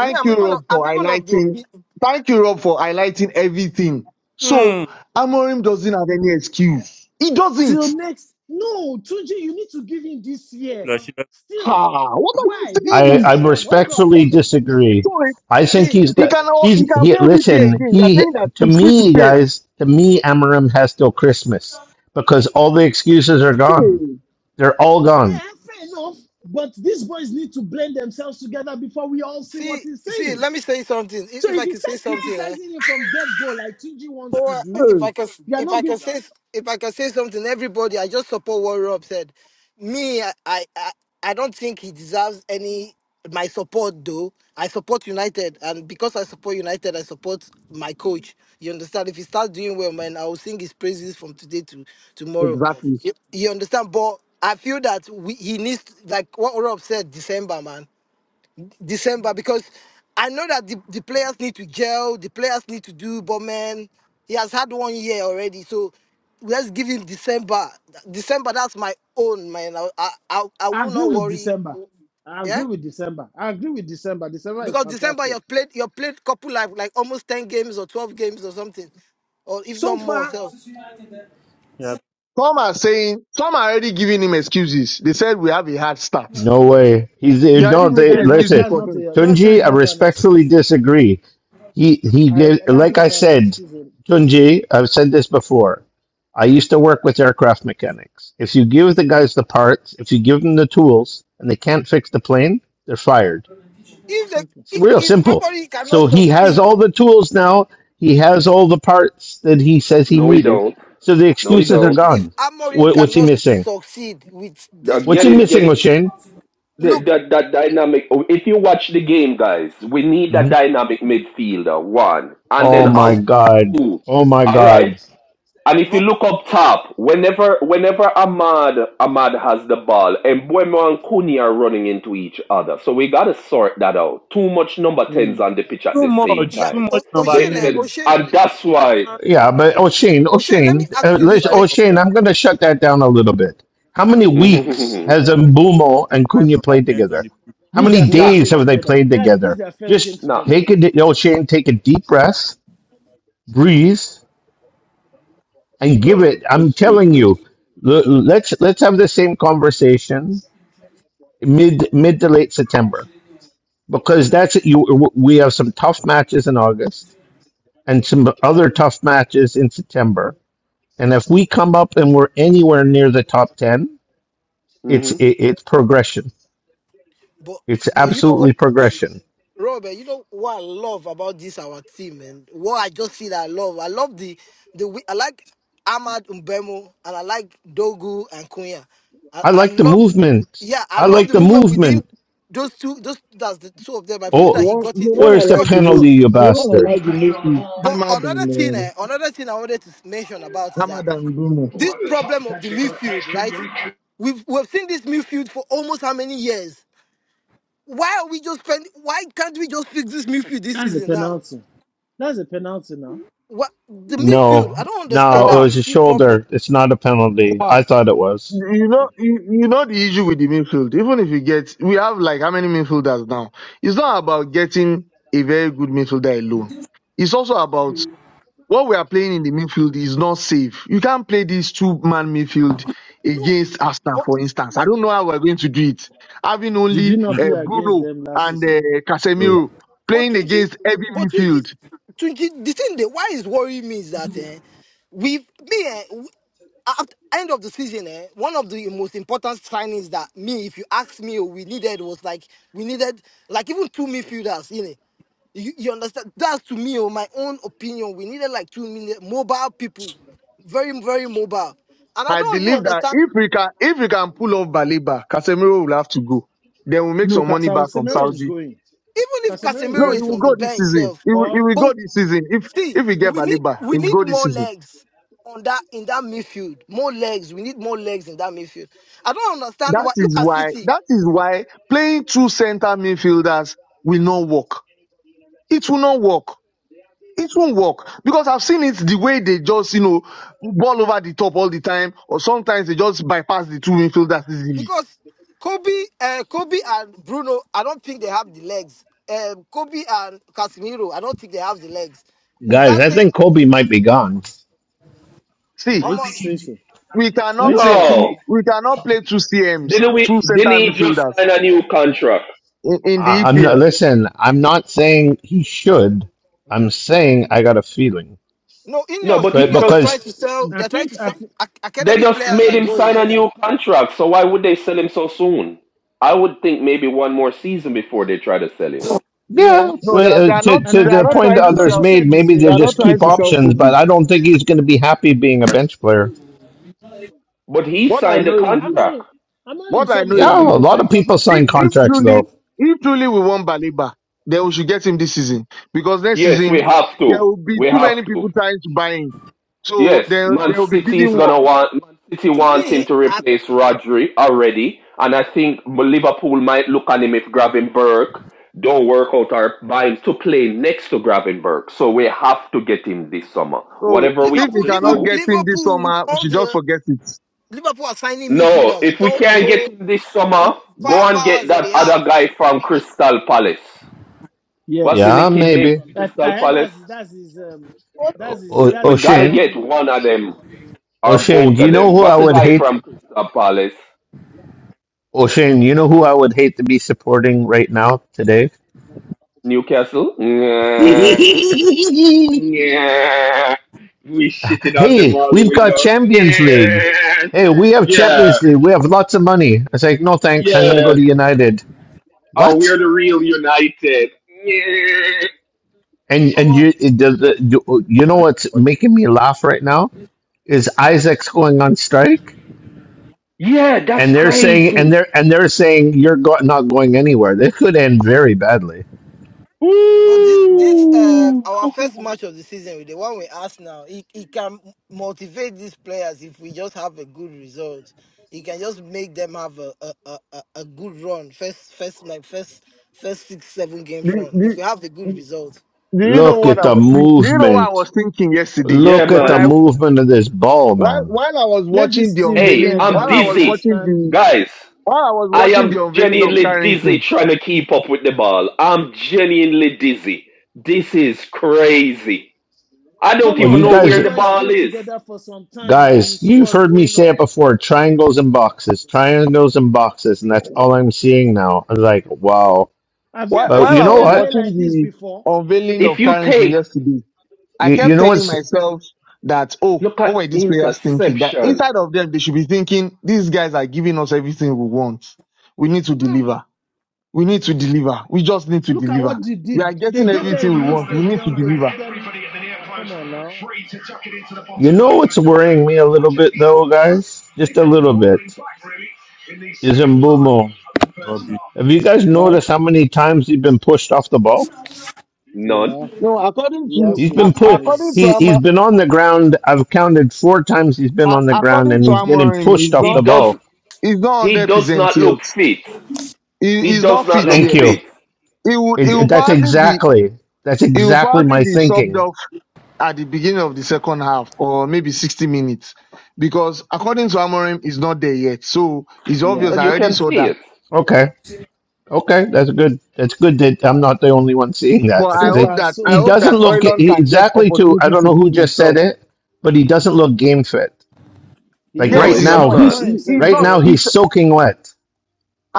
[SPEAKER 10] me, I'm
[SPEAKER 6] you,
[SPEAKER 10] even,
[SPEAKER 6] Rob, for
[SPEAKER 10] I'm even of the
[SPEAKER 6] highlighting.
[SPEAKER 10] opinion.
[SPEAKER 6] Thank you, Rob, for highlighting everything. So
[SPEAKER 7] Hmm.
[SPEAKER 6] Amorim doesn't have any excuse. He
[SPEAKER 1] till
[SPEAKER 6] doesn't.
[SPEAKER 1] next no tunji you need to give him this year
[SPEAKER 7] Rashida,
[SPEAKER 1] still
[SPEAKER 6] Ha! What are you
[SPEAKER 1] why
[SPEAKER 2] I,
[SPEAKER 1] because
[SPEAKER 6] saying?
[SPEAKER 2] I
[SPEAKER 1] hold on hold on
[SPEAKER 2] respectfully
[SPEAKER 1] hold on
[SPEAKER 2] disagree.
[SPEAKER 6] Sorry,
[SPEAKER 2] I think
[SPEAKER 10] See,
[SPEAKER 2] he's
[SPEAKER 6] he
[SPEAKER 2] got
[SPEAKER 6] can al- he
[SPEAKER 2] he's
[SPEAKER 6] can
[SPEAKER 2] he
[SPEAKER 6] fail this year
[SPEAKER 2] listen,
[SPEAKER 6] again. You are
[SPEAKER 2] he
[SPEAKER 6] saying that
[SPEAKER 2] to
[SPEAKER 6] he's free to
[SPEAKER 2] me
[SPEAKER 6] fail.
[SPEAKER 2] guys, to me Amarim has till Christmas because all the excuses are gone
[SPEAKER 6] Hey,
[SPEAKER 2] They're all gone.
[SPEAKER 1] yeah fair enough but these boys need to blend themselves together before we all see what
[SPEAKER 10] see,
[SPEAKER 1] he's
[SPEAKER 10] see.
[SPEAKER 1] saying
[SPEAKER 10] Let me say something. If,
[SPEAKER 1] so
[SPEAKER 10] if
[SPEAKER 1] if
[SPEAKER 10] I
[SPEAKER 1] you
[SPEAKER 10] can
[SPEAKER 1] start
[SPEAKER 10] say something, eh?
[SPEAKER 1] criticizing him from get-go like tunji wants
[SPEAKER 10] Or
[SPEAKER 1] to
[SPEAKER 10] uh,
[SPEAKER 1] do
[SPEAKER 10] if
[SPEAKER 6] hey.
[SPEAKER 10] I can,
[SPEAKER 1] you are
[SPEAKER 10] if
[SPEAKER 1] not
[SPEAKER 10] I
[SPEAKER 1] going
[SPEAKER 10] can
[SPEAKER 1] to
[SPEAKER 10] say, if I can say something, everybody, I just support what Rob said. Me, I, I, I I don't think he deserves any my support though. I support United, and because I support United, I support my coach. You understand? If he starts doing well, man, I will sing his praises from today to tomorrow.
[SPEAKER 6] Exactly.
[SPEAKER 10] You, you understand? But I feel that we, he needs, like what Rob said, December, man. December because I know that the, the players need to gel, the players need to do, but man, he has had one year already. So let's give him December. December, that's my own, man. I I, I, I
[SPEAKER 1] i
[SPEAKER 10] will
[SPEAKER 1] agree
[SPEAKER 10] not
[SPEAKER 1] with
[SPEAKER 10] worry.
[SPEAKER 1] december i
[SPEAKER 10] Yeah?
[SPEAKER 1] agree with december i agree with december december is
[SPEAKER 10] Because December
[SPEAKER 1] fantastic
[SPEAKER 10] you played you played couple like like almost 10 games or 12 games or something, or if
[SPEAKER 1] so
[SPEAKER 10] not more.
[SPEAKER 1] far
[SPEAKER 10] So
[SPEAKER 7] Yeah.
[SPEAKER 6] Some are saying some are already giving him excuses. They said we have a hard start.
[SPEAKER 2] No way. He's
[SPEAKER 6] They are
[SPEAKER 2] no.
[SPEAKER 6] already
[SPEAKER 2] They
[SPEAKER 6] making
[SPEAKER 1] that's
[SPEAKER 2] like I
[SPEAKER 1] not
[SPEAKER 6] excuses
[SPEAKER 2] said,
[SPEAKER 1] that's
[SPEAKER 6] for
[SPEAKER 1] not
[SPEAKER 6] him.
[SPEAKER 1] a that's not
[SPEAKER 2] Tunji. I
[SPEAKER 1] enough an
[SPEAKER 2] respectfully
[SPEAKER 1] excuse
[SPEAKER 2] disagree. He he
[SPEAKER 1] I,
[SPEAKER 2] gave
[SPEAKER 1] that's
[SPEAKER 2] like
[SPEAKER 1] not
[SPEAKER 2] I
[SPEAKER 1] an
[SPEAKER 2] said,
[SPEAKER 1] excuse
[SPEAKER 2] Tunji. I've said this before. I used to work with aircraft mechanics. If you give the
[SPEAKER 1] Mm,
[SPEAKER 2] guys the parts, if you give them the tools, and they can't fix the plane, they're fired.
[SPEAKER 10] if the
[SPEAKER 1] simple
[SPEAKER 2] It's
[SPEAKER 10] if,
[SPEAKER 2] real
[SPEAKER 10] if
[SPEAKER 2] simple.
[SPEAKER 10] Amory cannot
[SPEAKER 2] So he has
[SPEAKER 10] succeed,
[SPEAKER 2] all the tools now. He has all the parts that he says he
[SPEAKER 9] No, we
[SPEAKER 2] needed.
[SPEAKER 9] don't.
[SPEAKER 2] So the
[SPEAKER 9] No, we
[SPEAKER 2] excuses are
[SPEAKER 9] don't.
[SPEAKER 10] if
[SPEAKER 2] gone.
[SPEAKER 10] Amory
[SPEAKER 2] What, what's he
[SPEAKER 10] cannot
[SPEAKER 2] missing?
[SPEAKER 10] succeed with
[SPEAKER 9] The-
[SPEAKER 10] this
[SPEAKER 2] What's
[SPEAKER 10] ki-
[SPEAKER 9] Get
[SPEAKER 2] he
[SPEAKER 9] it, get
[SPEAKER 2] missing,
[SPEAKER 9] it.
[SPEAKER 2] O'Shane?
[SPEAKER 9] That
[SPEAKER 10] look,
[SPEAKER 9] that that dynamic. oh, If you watch the game, guys, we need a
[SPEAKER 2] Mm-hmm.
[SPEAKER 9] dynamic midfielder. One, and then
[SPEAKER 2] Oh my
[SPEAKER 1] yes
[SPEAKER 9] also
[SPEAKER 2] God.
[SPEAKER 9] two.
[SPEAKER 2] Oh my
[SPEAKER 9] All
[SPEAKER 2] God.
[SPEAKER 9] right. And if you
[SPEAKER 10] but
[SPEAKER 9] look up top, whenever whenever Ahmad Ahmad has the ball, and Buemo and Kuni are running into each other. So we gotta sort that out. Too much number tens
[SPEAKER 1] Mm,
[SPEAKER 9] on the pitch at
[SPEAKER 7] Too
[SPEAKER 9] the same
[SPEAKER 7] much.
[SPEAKER 10] yeah,
[SPEAKER 7] Too
[SPEAKER 9] time.
[SPEAKER 10] O-
[SPEAKER 7] much number
[SPEAKER 9] They,
[SPEAKER 10] O'Shane, eh,
[SPEAKER 7] 10.
[SPEAKER 9] they
[SPEAKER 1] mm.
[SPEAKER 10] O'Shane.
[SPEAKER 9] and that's why
[SPEAKER 7] I
[SPEAKER 2] Yeah, but O'Shane,
[SPEAKER 10] Oh, Shane, let me
[SPEAKER 2] O'Shane,
[SPEAKER 10] ask
[SPEAKER 2] uh,
[SPEAKER 10] you
[SPEAKER 7] have
[SPEAKER 10] this
[SPEAKER 2] listen,
[SPEAKER 7] five
[SPEAKER 10] question.
[SPEAKER 7] of
[SPEAKER 2] O'Shane,
[SPEAKER 7] them.
[SPEAKER 2] I'm going to shut that down a little bit. How many
[SPEAKER 9] <laughs>
[SPEAKER 2] weeks
[SPEAKER 9] not
[SPEAKER 2] has Mbumo and
[SPEAKER 7] Five
[SPEAKER 2] Cunha
[SPEAKER 7] number
[SPEAKER 2] played
[SPEAKER 7] 10s on
[SPEAKER 2] together?
[SPEAKER 7] the
[SPEAKER 2] How
[SPEAKER 1] This is their
[SPEAKER 2] many
[SPEAKER 1] first
[SPEAKER 2] days
[SPEAKER 1] game
[SPEAKER 9] much,
[SPEAKER 2] have they
[SPEAKER 1] together.
[SPEAKER 2] played
[SPEAKER 1] That's this is
[SPEAKER 2] together?
[SPEAKER 1] their first game
[SPEAKER 2] Just
[SPEAKER 9] not much.
[SPEAKER 1] together.
[SPEAKER 2] take a, di- O'Shane, take a deep breath, breathe, and give
[SPEAKER 9] Oh,
[SPEAKER 2] it. I'm
[SPEAKER 9] excuse
[SPEAKER 2] telling
[SPEAKER 9] me.
[SPEAKER 2] you, l- let's let's have the same conversation mid mid to late September because that's you. We have some tough matches in August and some other tough matches in September And if we come up and we're anywhere near the top 10, it's
[SPEAKER 9] hmm
[SPEAKER 2] it, it's progression.
[SPEAKER 10] But
[SPEAKER 2] It's
[SPEAKER 10] but you know what,
[SPEAKER 2] absolutely progression.
[SPEAKER 10] Robert, you know what I love about this our team and what I just feel I love. I love the the wi- I like Ahmad Umbemo and I like Dogu and Kunya. I,
[SPEAKER 2] I
[SPEAKER 10] I
[SPEAKER 2] like the
[SPEAKER 10] love
[SPEAKER 2] movement.
[SPEAKER 10] yeah, I
[SPEAKER 2] I
[SPEAKER 10] love
[SPEAKER 2] like
[SPEAKER 10] the
[SPEAKER 2] the
[SPEAKER 10] movement within
[SPEAKER 2] movement.
[SPEAKER 10] those two those that's the two of them. I feel
[SPEAKER 6] The
[SPEAKER 10] that
[SPEAKER 2] Oh,
[SPEAKER 10] he
[SPEAKER 6] one,
[SPEAKER 10] got it
[SPEAKER 6] the one I
[SPEAKER 10] he
[SPEAKER 2] where's the
[SPEAKER 6] like
[SPEAKER 10] got
[SPEAKER 6] the
[SPEAKER 10] it well.
[SPEAKER 6] most,
[SPEAKER 2] penalty, you
[SPEAKER 6] the
[SPEAKER 10] But
[SPEAKER 6] one I
[SPEAKER 2] bastard?
[SPEAKER 6] like the most is
[SPEAKER 10] but
[SPEAKER 6] Ahmad
[SPEAKER 10] another thing,
[SPEAKER 6] and
[SPEAKER 10] eh, another thing I wanted to mention about
[SPEAKER 6] uh,
[SPEAKER 10] is that
[SPEAKER 6] Ahmad and Bruno.
[SPEAKER 10] this problem of the midfield, right? We've we've seen this midfield for almost how many years? why are we just spending? Why can't we just fix this midfield this
[SPEAKER 1] That's a
[SPEAKER 10] season now?
[SPEAKER 1] penalty. That's a penalty now.
[SPEAKER 10] What the midfield? I
[SPEAKER 2] No,
[SPEAKER 10] don't
[SPEAKER 2] no,
[SPEAKER 10] understand
[SPEAKER 2] it
[SPEAKER 10] that
[SPEAKER 6] Wow,
[SPEAKER 2] was a
[SPEAKER 10] midfield problem.
[SPEAKER 2] shoulder. It's not a penalty. I
[SPEAKER 6] wow.
[SPEAKER 2] thought it was.
[SPEAKER 6] You know,
[SPEAKER 1] Okay.
[SPEAKER 6] you, you know the issue with the midfield. Even if you get, we have like how many midfielders now? It's not about getting a very good midfielder alone. It's also about What we are playing in the midfield is not safe. You can't play this two-man midfield
[SPEAKER 10] No,
[SPEAKER 6] against Arsenal,
[SPEAKER 10] but
[SPEAKER 6] for instance. I
[SPEAKER 10] but
[SPEAKER 6] don't know how we're going to do it. Having
[SPEAKER 1] Did we
[SPEAKER 6] only
[SPEAKER 1] not
[SPEAKER 7] pitch.
[SPEAKER 6] uh,
[SPEAKER 1] play against
[SPEAKER 6] Bruno
[SPEAKER 1] them last
[SPEAKER 6] and
[SPEAKER 1] season?
[SPEAKER 6] uh,
[SPEAKER 7] So,
[SPEAKER 6] Casemiro
[SPEAKER 10] but
[SPEAKER 6] playing
[SPEAKER 10] Tunji,
[SPEAKER 6] against heavy
[SPEAKER 10] but Tunji,
[SPEAKER 6] midfield,
[SPEAKER 10] Tunji, the thing that why is worrying me is that eh, we me eh, w- at end of the season eh, one of the most important signings that me, if you ask me, we needed was like we needed like even two midfielders. you know. You, you understand? That's to me, or my own opinion. We needed like two million mobile people, very very mobile. And I
[SPEAKER 6] I
[SPEAKER 10] don't even
[SPEAKER 6] believe that
[SPEAKER 10] understand.
[SPEAKER 6] if we can if we can pull off Baleba, Casemiro will have to go. Then we'll make
[SPEAKER 1] No,
[SPEAKER 6] some
[SPEAKER 1] Ca-
[SPEAKER 6] money back from
[SPEAKER 1] Casemiro
[SPEAKER 10] Look,
[SPEAKER 1] is
[SPEAKER 6] Saudi.
[SPEAKER 1] going.
[SPEAKER 10] even if
[SPEAKER 1] Casemiro is
[SPEAKER 6] No,
[SPEAKER 10] Casemiro
[SPEAKER 1] going
[SPEAKER 6] it
[SPEAKER 10] is
[SPEAKER 1] to
[SPEAKER 6] will
[SPEAKER 10] on the
[SPEAKER 6] go
[SPEAKER 1] go.
[SPEAKER 6] this
[SPEAKER 10] bench
[SPEAKER 6] season.
[SPEAKER 10] itself,
[SPEAKER 6] It will, it
[SPEAKER 1] Or
[SPEAKER 6] will
[SPEAKER 10] but
[SPEAKER 6] go this season. If
[SPEAKER 10] see,
[SPEAKER 6] if we get
[SPEAKER 10] we need
[SPEAKER 6] Baliba,
[SPEAKER 10] we
[SPEAKER 6] it will
[SPEAKER 10] need
[SPEAKER 6] go this
[SPEAKER 10] more
[SPEAKER 6] season.
[SPEAKER 10] legs on that in that midfield. More legs. We need more legs in that midfield. I don't understand
[SPEAKER 6] That
[SPEAKER 10] why. Look
[SPEAKER 6] is
[SPEAKER 10] at
[SPEAKER 6] why
[SPEAKER 10] City
[SPEAKER 6] that is why playing two center midfielders will not work it will not work. It won't work because I've seen it the way they just, you know, ball over the top all the time, or sometimes they just bypass the two midfielders easily.
[SPEAKER 10] because Kobe, uh, Kobe and Bruno. I don't think they have the legs. Um, Kobe and Casemiro. I don't think they have the legs.
[SPEAKER 2] Guys, I
[SPEAKER 10] Ugate,
[SPEAKER 2] think Kobe might be gone.
[SPEAKER 1] are
[SPEAKER 6] See,
[SPEAKER 1] you serious?
[SPEAKER 6] we
[SPEAKER 1] Are you
[SPEAKER 6] cannot play
[SPEAKER 1] serious?
[SPEAKER 9] No,
[SPEAKER 6] two, we cannot play two CMs,
[SPEAKER 9] didn't we?
[SPEAKER 6] two
[SPEAKER 9] Didn't
[SPEAKER 6] center
[SPEAKER 9] he just
[SPEAKER 6] midfielders
[SPEAKER 9] sign a new contract?
[SPEAKER 6] in, in the
[SPEAKER 2] I, I'm not,
[SPEAKER 6] EPL.
[SPEAKER 2] listen, I'm not saying he should. I'm saying I got a feeling.
[SPEAKER 10] No,
[SPEAKER 9] No,
[SPEAKER 10] Ineos,
[SPEAKER 9] but
[SPEAKER 2] 'Kay,
[SPEAKER 9] he
[SPEAKER 10] Ineos are
[SPEAKER 9] just
[SPEAKER 2] Because
[SPEAKER 10] trying to sell.
[SPEAKER 1] I
[SPEAKER 10] They're trying
[SPEAKER 1] think
[SPEAKER 10] to
[SPEAKER 1] I
[SPEAKER 10] sell.
[SPEAKER 1] thi-
[SPEAKER 10] ac-
[SPEAKER 9] They
[SPEAKER 10] Academy
[SPEAKER 9] just
[SPEAKER 10] players
[SPEAKER 9] made
[SPEAKER 10] are
[SPEAKER 9] him
[SPEAKER 10] going.
[SPEAKER 9] sign a
[SPEAKER 10] You know,
[SPEAKER 9] new contract, so why would they sell him so soon? I would think maybe one more season before they try to sell him.
[SPEAKER 1] yeah.
[SPEAKER 2] Yeah,
[SPEAKER 6] No, they
[SPEAKER 2] like,
[SPEAKER 6] are,
[SPEAKER 2] uh,
[SPEAKER 6] they are not,
[SPEAKER 2] to
[SPEAKER 1] And
[SPEAKER 2] to
[SPEAKER 1] I,
[SPEAKER 6] they are
[SPEAKER 2] the
[SPEAKER 1] I
[SPEAKER 6] not
[SPEAKER 2] point
[SPEAKER 6] trying
[SPEAKER 1] and
[SPEAKER 2] that
[SPEAKER 6] to
[SPEAKER 2] others
[SPEAKER 1] Amorim
[SPEAKER 6] sell,
[SPEAKER 2] made,
[SPEAKER 1] said he's
[SPEAKER 2] maybe
[SPEAKER 6] they
[SPEAKER 2] they
[SPEAKER 6] are
[SPEAKER 1] a
[SPEAKER 6] not
[SPEAKER 2] just
[SPEAKER 6] trying
[SPEAKER 2] keep
[SPEAKER 6] to
[SPEAKER 1] vital
[SPEAKER 6] sell
[SPEAKER 2] options,
[SPEAKER 1] person in
[SPEAKER 2] but
[SPEAKER 6] Kobe.
[SPEAKER 2] I
[SPEAKER 1] his
[SPEAKER 2] don't think he's going to be happy being a bench player.
[SPEAKER 9] But he
[SPEAKER 6] What I
[SPEAKER 9] signed the
[SPEAKER 6] know is this.
[SPEAKER 9] contract.
[SPEAKER 1] Amorim Amorim
[SPEAKER 6] What I
[SPEAKER 1] said
[SPEAKER 6] know
[SPEAKER 1] he's going
[SPEAKER 6] is
[SPEAKER 2] Yeah,
[SPEAKER 1] to
[SPEAKER 6] this.
[SPEAKER 1] be
[SPEAKER 2] a
[SPEAKER 1] a
[SPEAKER 2] lot of
[SPEAKER 1] vital
[SPEAKER 2] people
[SPEAKER 1] person
[SPEAKER 2] sign
[SPEAKER 6] if,
[SPEAKER 1] in
[SPEAKER 6] if
[SPEAKER 1] his
[SPEAKER 2] contracts
[SPEAKER 6] truly,
[SPEAKER 2] though.
[SPEAKER 6] if truly we want Baliba, then we should get him this season because next
[SPEAKER 9] Yes, we
[SPEAKER 6] season
[SPEAKER 9] have to.
[SPEAKER 6] there will be
[SPEAKER 9] We
[SPEAKER 6] too
[SPEAKER 9] have
[SPEAKER 6] many
[SPEAKER 9] to.
[SPEAKER 6] people trying to buy him, so
[SPEAKER 9] Yes,
[SPEAKER 6] there
[SPEAKER 9] Man
[SPEAKER 6] there will be
[SPEAKER 9] City is
[SPEAKER 6] bidding war.
[SPEAKER 9] gonna want Man City
[SPEAKER 10] to
[SPEAKER 9] want him
[SPEAKER 10] me,
[SPEAKER 9] to
[SPEAKER 10] at
[SPEAKER 9] replace Rodri already, and I think Liverpool might look at him if Gravenberg don't work out or buy him to play next to Gravenberg. So we have to get him this summer.
[SPEAKER 6] So
[SPEAKER 9] Whatever we
[SPEAKER 6] if we
[SPEAKER 10] Liverpool,
[SPEAKER 9] gotta
[SPEAKER 6] cannot
[SPEAKER 9] do,
[SPEAKER 10] Liverpool,
[SPEAKER 6] get him this
[SPEAKER 10] Liverpool with
[SPEAKER 6] summer, we
[SPEAKER 10] all
[SPEAKER 6] should just
[SPEAKER 10] the
[SPEAKER 6] forget it.
[SPEAKER 10] Liverpool are signing
[SPEAKER 9] No,
[SPEAKER 10] midfielders
[SPEAKER 9] if
[SPEAKER 10] with
[SPEAKER 9] we
[SPEAKER 10] all the
[SPEAKER 9] can't get
[SPEAKER 10] whole
[SPEAKER 9] him this summer,
[SPEAKER 10] with
[SPEAKER 9] go and
[SPEAKER 10] firepower
[SPEAKER 9] get
[SPEAKER 10] that they
[SPEAKER 9] that
[SPEAKER 10] have.
[SPEAKER 9] other guy from Crystal Palace. What's in
[SPEAKER 1] yes.
[SPEAKER 9] the
[SPEAKER 2] Yeah,
[SPEAKER 9] kid name
[SPEAKER 2] maybe.
[SPEAKER 9] from
[SPEAKER 1] I,
[SPEAKER 9] Crystal
[SPEAKER 1] I heard
[SPEAKER 9] Palace?
[SPEAKER 1] that's that's his um that's
[SPEAKER 2] O-
[SPEAKER 1] his
[SPEAKER 2] O-
[SPEAKER 1] that's
[SPEAKER 9] We
[SPEAKER 1] his
[SPEAKER 9] gotta
[SPEAKER 2] O'Shane,
[SPEAKER 9] get
[SPEAKER 1] second
[SPEAKER 9] one of them or
[SPEAKER 2] O'Shane,
[SPEAKER 9] both
[SPEAKER 2] do
[SPEAKER 9] of
[SPEAKER 2] you know
[SPEAKER 9] them.
[SPEAKER 2] who I
[SPEAKER 9] What's the
[SPEAKER 2] would
[SPEAKER 9] guy
[SPEAKER 2] hate?
[SPEAKER 9] from Crystal Palace?
[SPEAKER 2] O'Shane, you know who I would hate to be supporting right now today?
[SPEAKER 9] Newcastle?
[SPEAKER 2] <laughs>
[SPEAKER 9] Yeah,
[SPEAKER 2] hey,
[SPEAKER 9] yeah. We shitting on them all the
[SPEAKER 2] we've got
[SPEAKER 9] window.
[SPEAKER 2] Champions League. Hey,
[SPEAKER 9] Yeah,
[SPEAKER 2] we have
[SPEAKER 9] yeah,
[SPEAKER 2] Champions League. We have lots of money. I was like, no thanks. I'm going to go
[SPEAKER 9] yeah.
[SPEAKER 2] to United.
[SPEAKER 9] Oh,
[SPEAKER 2] What?
[SPEAKER 9] we're the real United. Yeah,
[SPEAKER 2] And and
[SPEAKER 10] Omo,
[SPEAKER 2] you it does uh, do, you know
[SPEAKER 7] and
[SPEAKER 2] what's
[SPEAKER 7] what
[SPEAKER 2] making me laugh right now is Isaac's going on strike,
[SPEAKER 9] yeah. That's
[SPEAKER 2] and they're saying
[SPEAKER 9] crazy.
[SPEAKER 2] and they're and they're saying you're go- not going anywhere. They could end very badly.
[SPEAKER 10] But this, this, uh,
[SPEAKER 9] Woo!
[SPEAKER 10] our first match
[SPEAKER 9] <laughs>
[SPEAKER 10] of the season with the one we asked now, it, it can motivate these players if we just have a good result. It can just make them have a a, a, a a good run first first like first first six seven games
[SPEAKER 6] Do,
[SPEAKER 10] run if
[SPEAKER 6] do,
[SPEAKER 10] we have a good result.
[SPEAKER 6] do you
[SPEAKER 10] I
[SPEAKER 6] know
[SPEAKER 2] Look
[SPEAKER 6] what
[SPEAKER 10] think
[SPEAKER 2] at
[SPEAKER 6] I
[SPEAKER 2] the
[SPEAKER 6] was thinking? Do you know what I
[SPEAKER 2] movement.
[SPEAKER 6] was thinking yesterday
[SPEAKER 9] Yeah,
[SPEAKER 2] Look at
[SPEAKER 6] when
[SPEAKER 2] the
[SPEAKER 6] I
[SPEAKER 9] man.
[SPEAKER 2] movement of this ball,
[SPEAKER 6] while
[SPEAKER 2] man.
[SPEAKER 6] while I was
[SPEAKER 1] Let
[SPEAKER 6] watching
[SPEAKER 1] this
[SPEAKER 6] the
[SPEAKER 1] team
[SPEAKER 9] Hey,
[SPEAKER 6] unveiling,
[SPEAKER 1] blend
[SPEAKER 9] I'm
[SPEAKER 1] and
[SPEAKER 6] while
[SPEAKER 1] we
[SPEAKER 6] I was
[SPEAKER 9] dizzy.
[SPEAKER 6] watching
[SPEAKER 1] understand.
[SPEAKER 6] the
[SPEAKER 9] Guys,
[SPEAKER 6] while I was
[SPEAKER 9] I
[SPEAKER 6] watching
[SPEAKER 9] am
[SPEAKER 6] the unveiling of
[SPEAKER 9] genuinely dizzy
[SPEAKER 6] Carrington,
[SPEAKER 9] trying to keep up with the ball. I'm genuinely dizzy. This is crazy. I don't
[SPEAKER 1] Come
[SPEAKER 2] Well,
[SPEAKER 9] even
[SPEAKER 1] on,
[SPEAKER 2] you
[SPEAKER 9] know
[SPEAKER 1] let these
[SPEAKER 2] guys,
[SPEAKER 9] where the
[SPEAKER 1] boys
[SPEAKER 9] ball
[SPEAKER 1] play
[SPEAKER 9] is.
[SPEAKER 1] together for some time and you
[SPEAKER 2] guys,
[SPEAKER 1] see
[SPEAKER 2] you've
[SPEAKER 1] what's
[SPEAKER 2] heard me
[SPEAKER 1] going
[SPEAKER 2] say it
[SPEAKER 1] on.
[SPEAKER 2] before. Triangles and boxes, triangles and boxes, and that's all
[SPEAKER 6] while
[SPEAKER 2] I'm seeing now. I'm like, wow.
[SPEAKER 1] Have you ever
[SPEAKER 2] But
[SPEAKER 6] while
[SPEAKER 2] you
[SPEAKER 6] I
[SPEAKER 1] seen
[SPEAKER 2] know
[SPEAKER 6] was
[SPEAKER 1] them play
[SPEAKER 2] what?
[SPEAKER 6] watching
[SPEAKER 1] like this
[SPEAKER 6] the
[SPEAKER 1] before?
[SPEAKER 6] unveiling
[SPEAKER 9] If
[SPEAKER 6] of
[SPEAKER 9] you
[SPEAKER 6] Carrington
[SPEAKER 9] take,
[SPEAKER 6] yesterday. I
[SPEAKER 2] You, you
[SPEAKER 6] kept
[SPEAKER 2] know
[SPEAKER 6] telling
[SPEAKER 2] what?
[SPEAKER 6] myself that, oh,
[SPEAKER 9] look
[SPEAKER 6] what
[SPEAKER 9] at
[SPEAKER 6] were these players thinking? That
[SPEAKER 9] interception.
[SPEAKER 6] inside of them, they should be thinking, these guys are giving us everything we want. We need to
[SPEAKER 1] Hmm.
[SPEAKER 6] deliver. We need to deliver. We just need to
[SPEAKER 1] Look at
[SPEAKER 6] deliver.
[SPEAKER 1] what they
[SPEAKER 6] We are
[SPEAKER 1] did. They
[SPEAKER 6] getting
[SPEAKER 1] gave them a
[SPEAKER 6] everything we
[SPEAKER 1] new
[SPEAKER 6] want. We need to
[SPEAKER 1] stadium. They
[SPEAKER 6] deliver.
[SPEAKER 1] gave them. Uh, uh, come on now,
[SPEAKER 2] You know what's worrying me a little bit though, guys? Just a little bit. Is Mbumo.
[SPEAKER 7] rubbish.
[SPEAKER 2] Have you guys
[SPEAKER 1] right?
[SPEAKER 2] noticed how many times he's been pushed off the ball?
[SPEAKER 9] None.
[SPEAKER 1] Yeah,
[SPEAKER 6] No, according
[SPEAKER 1] he has
[SPEAKER 6] to,
[SPEAKER 2] He's
[SPEAKER 1] to
[SPEAKER 2] been
[SPEAKER 1] work
[SPEAKER 6] a-
[SPEAKER 1] on
[SPEAKER 2] put
[SPEAKER 6] according to
[SPEAKER 2] he he's
[SPEAKER 1] his.
[SPEAKER 6] Ama,
[SPEAKER 2] been on the ground. I've counted four times he's been
[SPEAKER 6] a-
[SPEAKER 2] on the ground
[SPEAKER 6] according
[SPEAKER 2] and
[SPEAKER 6] to
[SPEAKER 2] he's getting
[SPEAKER 6] Amorim,
[SPEAKER 2] pushed
[SPEAKER 6] he's
[SPEAKER 2] off
[SPEAKER 9] He
[SPEAKER 2] the
[SPEAKER 6] not,
[SPEAKER 9] does,
[SPEAKER 2] ball.
[SPEAKER 6] he's not
[SPEAKER 9] he does
[SPEAKER 6] 100%
[SPEAKER 9] not
[SPEAKER 6] yet.
[SPEAKER 9] look fit.
[SPEAKER 6] He,
[SPEAKER 9] He
[SPEAKER 6] he's
[SPEAKER 9] does
[SPEAKER 6] not
[SPEAKER 9] not
[SPEAKER 6] fit
[SPEAKER 9] look
[SPEAKER 2] Thank
[SPEAKER 6] yet.
[SPEAKER 2] you.
[SPEAKER 9] fit.
[SPEAKER 6] He would, he
[SPEAKER 2] It,
[SPEAKER 6] will
[SPEAKER 2] it- that's
[SPEAKER 6] probably be,
[SPEAKER 2] exactly that's
[SPEAKER 6] he will
[SPEAKER 2] exactly
[SPEAKER 6] probably
[SPEAKER 2] my
[SPEAKER 6] be subbed
[SPEAKER 2] thinking.
[SPEAKER 6] off at the beginning of the second half or maybe 60 minutes because according to Amorim, he's not there yet. So it's
[SPEAKER 1] Yeah,
[SPEAKER 6] obvious. I
[SPEAKER 9] You
[SPEAKER 6] already
[SPEAKER 9] can
[SPEAKER 6] saw
[SPEAKER 9] see
[SPEAKER 6] that.
[SPEAKER 9] it.
[SPEAKER 2] Okay. Okay, that's good. That's good that I'm not the only one seeing
[SPEAKER 6] But
[SPEAKER 2] that
[SPEAKER 6] I
[SPEAKER 1] so
[SPEAKER 2] because he,
[SPEAKER 6] hope
[SPEAKER 1] far,
[SPEAKER 6] that I
[SPEAKER 2] he
[SPEAKER 1] so
[SPEAKER 6] hope
[SPEAKER 2] doesn't
[SPEAKER 6] that
[SPEAKER 2] look
[SPEAKER 6] Oilon
[SPEAKER 2] he,
[SPEAKER 6] can get
[SPEAKER 2] exactly to I
[SPEAKER 6] opportunity
[SPEAKER 2] don't
[SPEAKER 6] to
[SPEAKER 2] know who
[SPEAKER 6] prove
[SPEAKER 2] just said
[SPEAKER 6] himself.
[SPEAKER 2] it, but he doesn't look game fit. Like
[SPEAKER 1] he's
[SPEAKER 9] No,
[SPEAKER 6] Yes,
[SPEAKER 2] right
[SPEAKER 1] not
[SPEAKER 9] it
[SPEAKER 6] he's
[SPEAKER 9] does
[SPEAKER 1] fit.
[SPEAKER 2] now,
[SPEAKER 6] not.
[SPEAKER 9] not.
[SPEAKER 2] he's
[SPEAKER 1] Amarim
[SPEAKER 6] He-
[SPEAKER 1] said
[SPEAKER 6] He's
[SPEAKER 1] it
[SPEAKER 2] right
[SPEAKER 6] not.
[SPEAKER 2] now
[SPEAKER 6] He's.
[SPEAKER 1] already.
[SPEAKER 2] he's soaking wet. <laughs>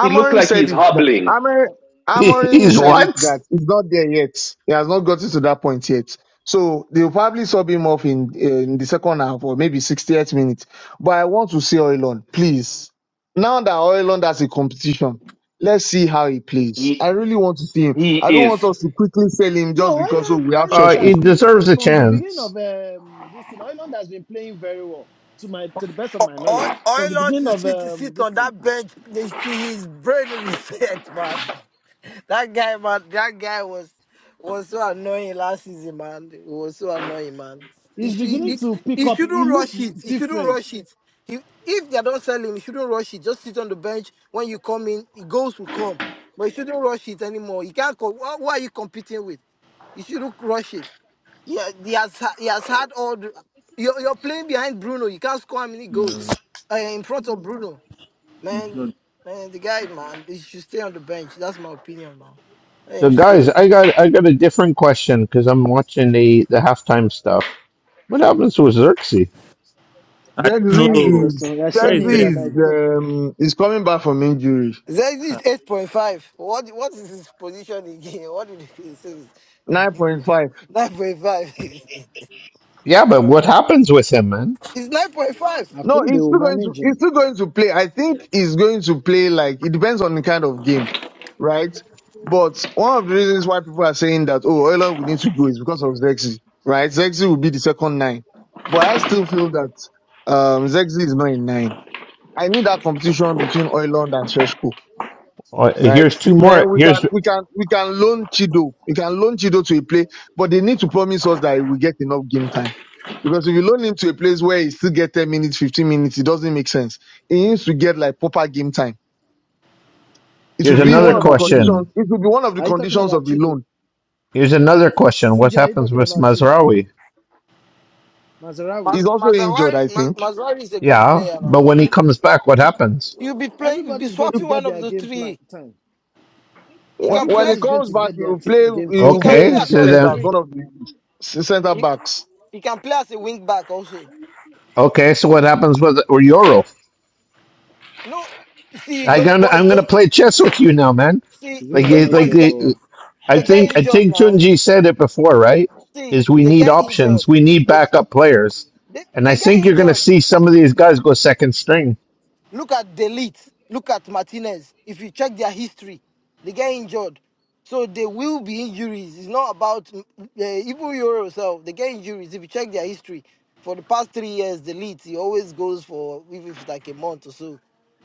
[SPEAKER 9] He look like
[SPEAKER 6] said
[SPEAKER 9] he's
[SPEAKER 6] it. That,
[SPEAKER 9] hobbling.
[SPEAKER 6] Amor-
[SPEAKER 2] He,
[SPEAKER 6] Amorim
[SPEAKER 2] he's
[SPEAKER 6] said it
[SPEAKER 2] what?
[SPEAKER 6] that he's not there yet. He has not gotten to that point yet. So they'll probably sub him off in in the second half or maybe 68th minute. But I want to see Oilon, please. Now that Oilon has a competition, let's see how he plays. I
[SPEAKER 9] He.
[SPEAKER 6] really want to see him.
[SPEAKER 9] He
[SPEAKER 6] I don't
[SPEAKER 9] is.
[SPEAKER 6] want us to quickly sell him just
[SPEAKER 1] No,
[SPEAKER 6] because oh,
[SPEAKER 1] Ireland,
[SPEAKER 6] we have
[SPEAKER 2] Uh,
[SPEAKER 1] Ireland
[SPEAKER 2] he
[SPEAKER 6] Sheshko.
[SPEAKER 1] has been
[SPEAKER 2] deserves a
[SPEAKER 1] from the beginning
[SPEAKER 2] chance.
[SPEAKER 1] of um, this thing. Ireland has been playing very well, to my to the best of my
[SPEAKER 10] Oil
[SPEAKER 1] knowledge. From the
[SPEAKER 10] oil ought
[SPEAKER 1] beginning
[SPEAKER 10] to
[SPEAKER 1] of
[SPEAKER 10] sit
[SPEAKER 1] um,
[SPEAKER 10] sit
[SPEAKER 1] this
[SPEAKER 10] on
[SPEAKER 1] thing,
[SPEAKER 10] that bench. They see His brain <laughs> reset, man. That guy, man. That guy was was so annoying last season, man. He was so annoying, man. He
[SPEAKER 1] he's
[SPEAKER 10] should
[SPEAKER 1] beginning
[SPEAKER 10] he,
[SPEAKER 1] to pick
[SPEAKER 10] he
[SPEAKER 1] up. He
[SPEAKER 10] shouldn't
[SPEAKER 1] looks
[SPEAKER 10] rush it. He shouldn't
[SPEAKER 1] different.
[SPEAKER 10] rush it. He, if they don't sell him, he shouldn't rush it. Just sit on the bench. When you come in, he goes will come. But he shouldn't rush it anymore. He can't. Co- who who are you competing with? You shouldn't rush it. Yeah, he has ha- he has had all. The, you're you're playing behind Bruno. You can't score how many goals
[SPEAKER 7] Mm.
[SPEAKER 10] uh, in front of Bruno. Man, man, the guy, man, he should stay on the bench. That's my opinion, man. Let
[SPEAKER 2] So,
[SPEAKER 10] him stay.
[SPEAKER 2] guys,
[SPEAKER 10] man.
[SPEAKER 2] I got I got a different question because I'm watching the the halftime stuff. What happens with Xerxes?
[SPEAKER 7] I
[SPEAKER 1] I
[SPEAKER 7] don't
[SPEAKER 1] have a
[SPEAKER 7] know.
[SPEAKER 6] Dexy is
[SPEAKER 1] question. I
[SPEAKER 7] Where
[SPEAKER 1] saw
[SPEAKER 7] is
[SPEAKER 1] him
[SPEAKER 6] Dexy
[SPEAKER 1] and I
[SPEAKER 6] is
[SPEAKER 7] Exit?
[SPEAKER 1] thought,
[SPEAKER 6] um, is coming back from injury.
[SPEAKER 10] is eight point five. What what is his position again? <laughs> What did he say?
[SPEAKER 6] 9.5.
[SPEAKER 10] Nine point five. <laughs>
[SPEAKER 2] Yeah, but what happens with him, man?
[SPEAKER 10] It's nine point five.
[SPEAKER 1] I
[SPEAKER 6] No,
[SPEAKER 1] think they
[SPEAKER 6] he's
[SPEAKER 1] will
[SPEAKER 6] still going to
[SPEAKER 1] manage
[SPEAKER 6] he's
[SPEAKER 1] him.
[SPEAKER 6] still going to play. I think he's going to play like it depends on the kind of game, right? But one of the reasons why people are saying that oh Oiler we need to go is because of Zexi, right? Zexi will be the second nine. But I still feel that um Zexi is not a nine. I need that competition between Oiland and Sheshko
[SPEAKER 2] Uh,
[SPEAKER 6] right?
[SPEAKER 2] here's two more.
[SPEAKER 6] Then we can
[SPEAKER 2] Here's
[SPEAKER 6] we can we can loan Chido. We can loan Chido to a place, but they need to promise us that we get enough game time. Because if you loan him to a place where he still get 10 minutes, 15 minutes, it doesn't make sense. He needs to get like proper game time. It will
[SPEAKER 2] here's
[SPEAKER 1] Are you
[SPEAKER 6] be
[SPEAKER 2] another
[SPEAKER 1] talking
[SPEAKER 6] one of the
[SPEAKER 1] about Chido?
[SPEAKER 2] question.
[SPEAKER 6] conditions. It will be one of the
[SPEAKER 1] Are you talking
[SPEAKER 6] conditions
[SPEAKER 1] about
[SPEAKER 6] of the
[SPEAKER 1] Chido?
[SPEAKER 6] loan.
[SPEAKER 2] Here's another question. What
[SPEAKER 1] Sunji, are you
[SPEAKER 2] happens
[SPEAKER 1] talking
[SPEAKER 2] with
[SPEAKER 1] about Chido?
[SPEAKER 2] Mazraoui?
[SPEAKER 1] Mazarawi?
[SPEAKER 10] Maz-
[SPEAKER 6] He's also injured,
[SPEAKER 10] Mazawari
[SPEAKER 6] I
[SPEAKER 10] Maz-
[SPEAKER 6] think.
[SPEAKER 10] Mazawari is a good
[SPEAKER 2] Yeah,
[SPEAKER 10] player, man.
[SPEAKER 2] but when he comes back, what happens?
[SPEAKER 10] You'll be playing. You'll be
[SPEAKER 1] Everybody's going to
[SPEAKER 6] If,
[SPEAKER 10] swapping
[SPEAKER 1] get
[SPEAKER 10] one of
[SPEAKER 1] their
[SPEAKER 10] the
[SPEAKER 1] game plan
[SPEAKER 10] three.
[SPEAKER 1] time.
[SPEAKER 10] He
[SPEAKER 6] wh-
[SPEAKER 10] can
[SPEAKER 6] when
[SPEAKER 10] play.
[SPEAKER 6] he
[SPEAKER 1] Everybody's going
[SPEAKER 6] comes
[SPEAKER 1] to
[SPEAKER 6] back,
[SPEAKER 1] get
[SPEAKER 6] he
[SPEAKER 1] their
[SPEAKER 6] will
[SPEAKER 1] t-
[SPEAKER 6] play.
[SPEAKER 1] game
[SPEAKER 6] He
[SPEAKER 10] He
[SPEAKER 1] time.
[SPEAKER 6] will
[SPEAKER 10] can
[SPEAKER 6] play in
[SPEAKER 10] play
[SPEAKER 2] Okay,
[SPEAKER 6] the
[SPEAKER 2] so
[SPEAKER 10] across the
[SPEAKER 6] defense as
[SPEAKER 2] then
[SPEAKER 10] three.
[SPEAKER 6] one of the s- centre
[SPEAKER 10] He,
[SPEAKER 6] backs
[SPEAKER 10] he can play as a wing back also.
[SPEAKER 2] okay, so what happens with Euro?
[SPEAKER 10] No, see
[SPEAKER 2] I
[SPEAKER 10] those
[SPEAKER 2] gonna
[SPEAKER 10] boys.
[SPEAKER 2] I'm gonna
[SPEAKER 10] Those
[SPEAKER 2] play chess with you now, man.
[SPEAKER 10] see
[SPEAKER 1] Is it
[SPEAKER 2] Like
[SPEAKER 1] my
[SPEAKER 10] those
[SPEAKER 2] it-
[SPEAKER 10] boys
[SPEAKER 2] like
[SPEAKER 1] network
[SPEAKER 10] get
[SPEAKER 1] or
[SPEAKER 2] it- I
[SPEAKER 10] they get
[SPEAKER 2] think I
[SPEAKER 10] injured
[SPEAKER 2] think
[SPEAKER 10] now.
[SPEAKER 2] Junji said it before, right?
[SPEAKER 10] See
[SPEAKER 2] Is we
[SPEAKER 10] they
[SPEAKER 2] need
[SPEAKER 10] get
[SPEAKER 2] options,
[SPEAKER 10] injured.
[SPEAKER 2] we need
[SPEAKER 10] They
[SPEAKER 2] backup players,
[SPEAKER 10] they,
[SPEAKER 2] and I
[SPEAKER 10] they get
[SPEAKER 2] think you're gonna
[SPEAKER 10] injured.
[SPEAKER 2] see some of these guys go second string.
[SPEAKER 10] Look at Delete. Look at Martinez. If you check their history, they get injured. So there will be injuries. It's not about uh, even Euro itself. They get injuries. If you check their history, for the past three years, Delete he always goes for even if it's like a month or so.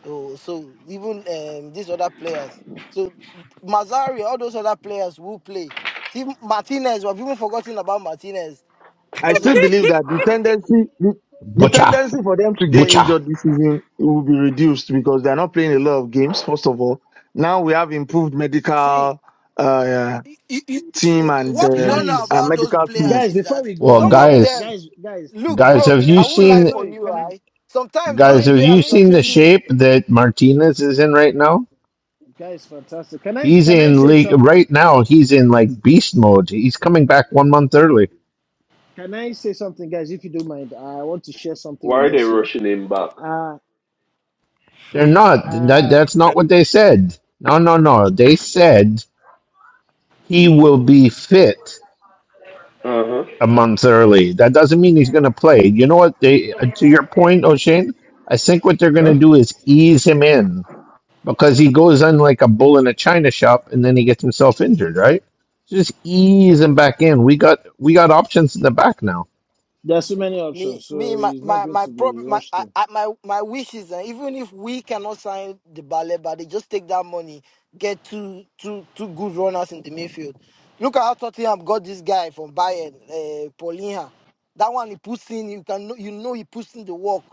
[SPEAKER 10] Or so even um, these other players. So Mazzari, all those other players will play. See Martinez, we have even forgotten about Martinez
[SPEAKER 6] I
[SPEAKER 10] because
[SPEAKER 6] still
[SPEAKER 10] of
[SPEAKER 6] believe that the tendency the, the
[SPEAKER 2] Butcha,
[SPEAKER 6] tendency for them to get
[SPEAKER 2] butcha.
[SPEAKER 6] injured this season will be reduced because they're not playing a lot of games. First of all, now we have improved
[SPEAKER 10] see
[SPEAKER 6] medical uh,
[SPEAKER 10] you, you-
[SPEAKER 6] team and
[SPEAKER 10] what you don't
[SPEAKER 6] um,
[SPEAKER 10] know
[SPEAKER 1] guys?
[SPEAKER 6] uh,
[SPEAKER 10] about those
[SPEAKER 6] medical team.
[SPEAKER 10] players
[SPEAKER 1] guys
[SPEAKER 10] is
[SPEAKER 1] before
[SPEAKER 10] that
[SPEAKER 1] we go
[SPEAKER 2] Well,
[SPEAKER 1] on
[SPEAKER 10] some
[SPEAKER 1] yeah
[SPEAKER 10] of
[SPEAKER 2] guys,
[SPEAKER 10] them,
[SPEAKER 1] guys guys
[SPEAKER 10] look,
[SPEAKER 2] guys, have
[SPEAKER 10] bro,
[SPEAKER 2] you
[SPEAKER 10] I
[SPEAKER 1] guys
[SPEAKER 10] won't
[SPEAKER 1] sorry
[SPEAKER 10] lie
[SPEAKER 2] seen
[SPEAKER 10] for
[SPEAKER 1] sorry
[SPEAKER 10] you,
[SPEAKER 1] can i
[SPEAKER 10] right? Sometimes
[SPEAKER 1] can
[SPEAKER 10] those
[SPEAKER 2] guys?
[SPEAKER 1] i
[SPEAKER 2] Have
[SPEAKER 1] can
[SPEAKER 2] you
[SPEAKER 10] players
[SPEAKER 1] i
[SPEAKER 10] that
[SPEAKER 2] seen
[SPEAKER 10] you
[SPEAKER 2] the
[SPEAKER 10] see.
[SPEAKER 1] change
[SPEAKER 2] shape that Martinez is in right now?
[SPEAKER 1] guys fantastic can i
[SPEAKER 2] He's
[SPEAKER 1] can i
[SPEAKER 2] in
[SPEAKER 1] say
[SPEAKER 2] league
[SPEAKER 1] something
[SPEAKER 2] right now. He's in like beast mode. He's coming back one month early.
[SPEAKER 1] can i say something guys if you don't mind i want to share something
[SPEAKER 9] Why
[SPEAKER 1] with
[SPEAKER 9] are they
[SPEAKER 1] us here
[SPEAKER 9] rushing him back?
[SPEAKER 1] uh
[SPEAKER 2] They're not. That
[SPEAKER 1] uh
[SPEAKER 2] that's
[SPEAKER 7] <laughs>
[SPEAKER 2] not what they said. No, no, no. They said he will be fit
[SPEAKER 9] Uh-huh.
[SPEAKER 2] a month early. That doesn't mean he's going to play. You know what? They uh, to your point, O'Shane. I think what they're going to
[SPEAKER 9] Huh?
[SPEAKER 2] do is ease him in because he goes in like a bull in a china shop, and then he gets himself injured. Right? So Just ease him back in. We got we got options in the back now.
[SPEAKER 1] there are so many
[SPEAKER 10] Me,
[SPEAKER 1] options
[SPEAKER 10] me,
[SPEAKER 1] so
[SPEAKER 10] my,
[SPEAKER 1] it's not
[SPEAKER 10] my,
[SPEAKER 1] going
[SPEAKER 10] my
[SPEAKER 1] to be
[SPEAKER 10] problem, my,
[SPEAKER 1] rushed
[SPEAKER 10] I,
[SPEAKER 1] in
[SPEAKER 10] I, my, my wish is that even if we cannot sign the ballet, but they just take that money, get two, two, two good runners in the midfield. Look at how Tottenham got this guy from Bayern, uh, Paulinha. That one he puts in, you can, know- you know, he puts in the work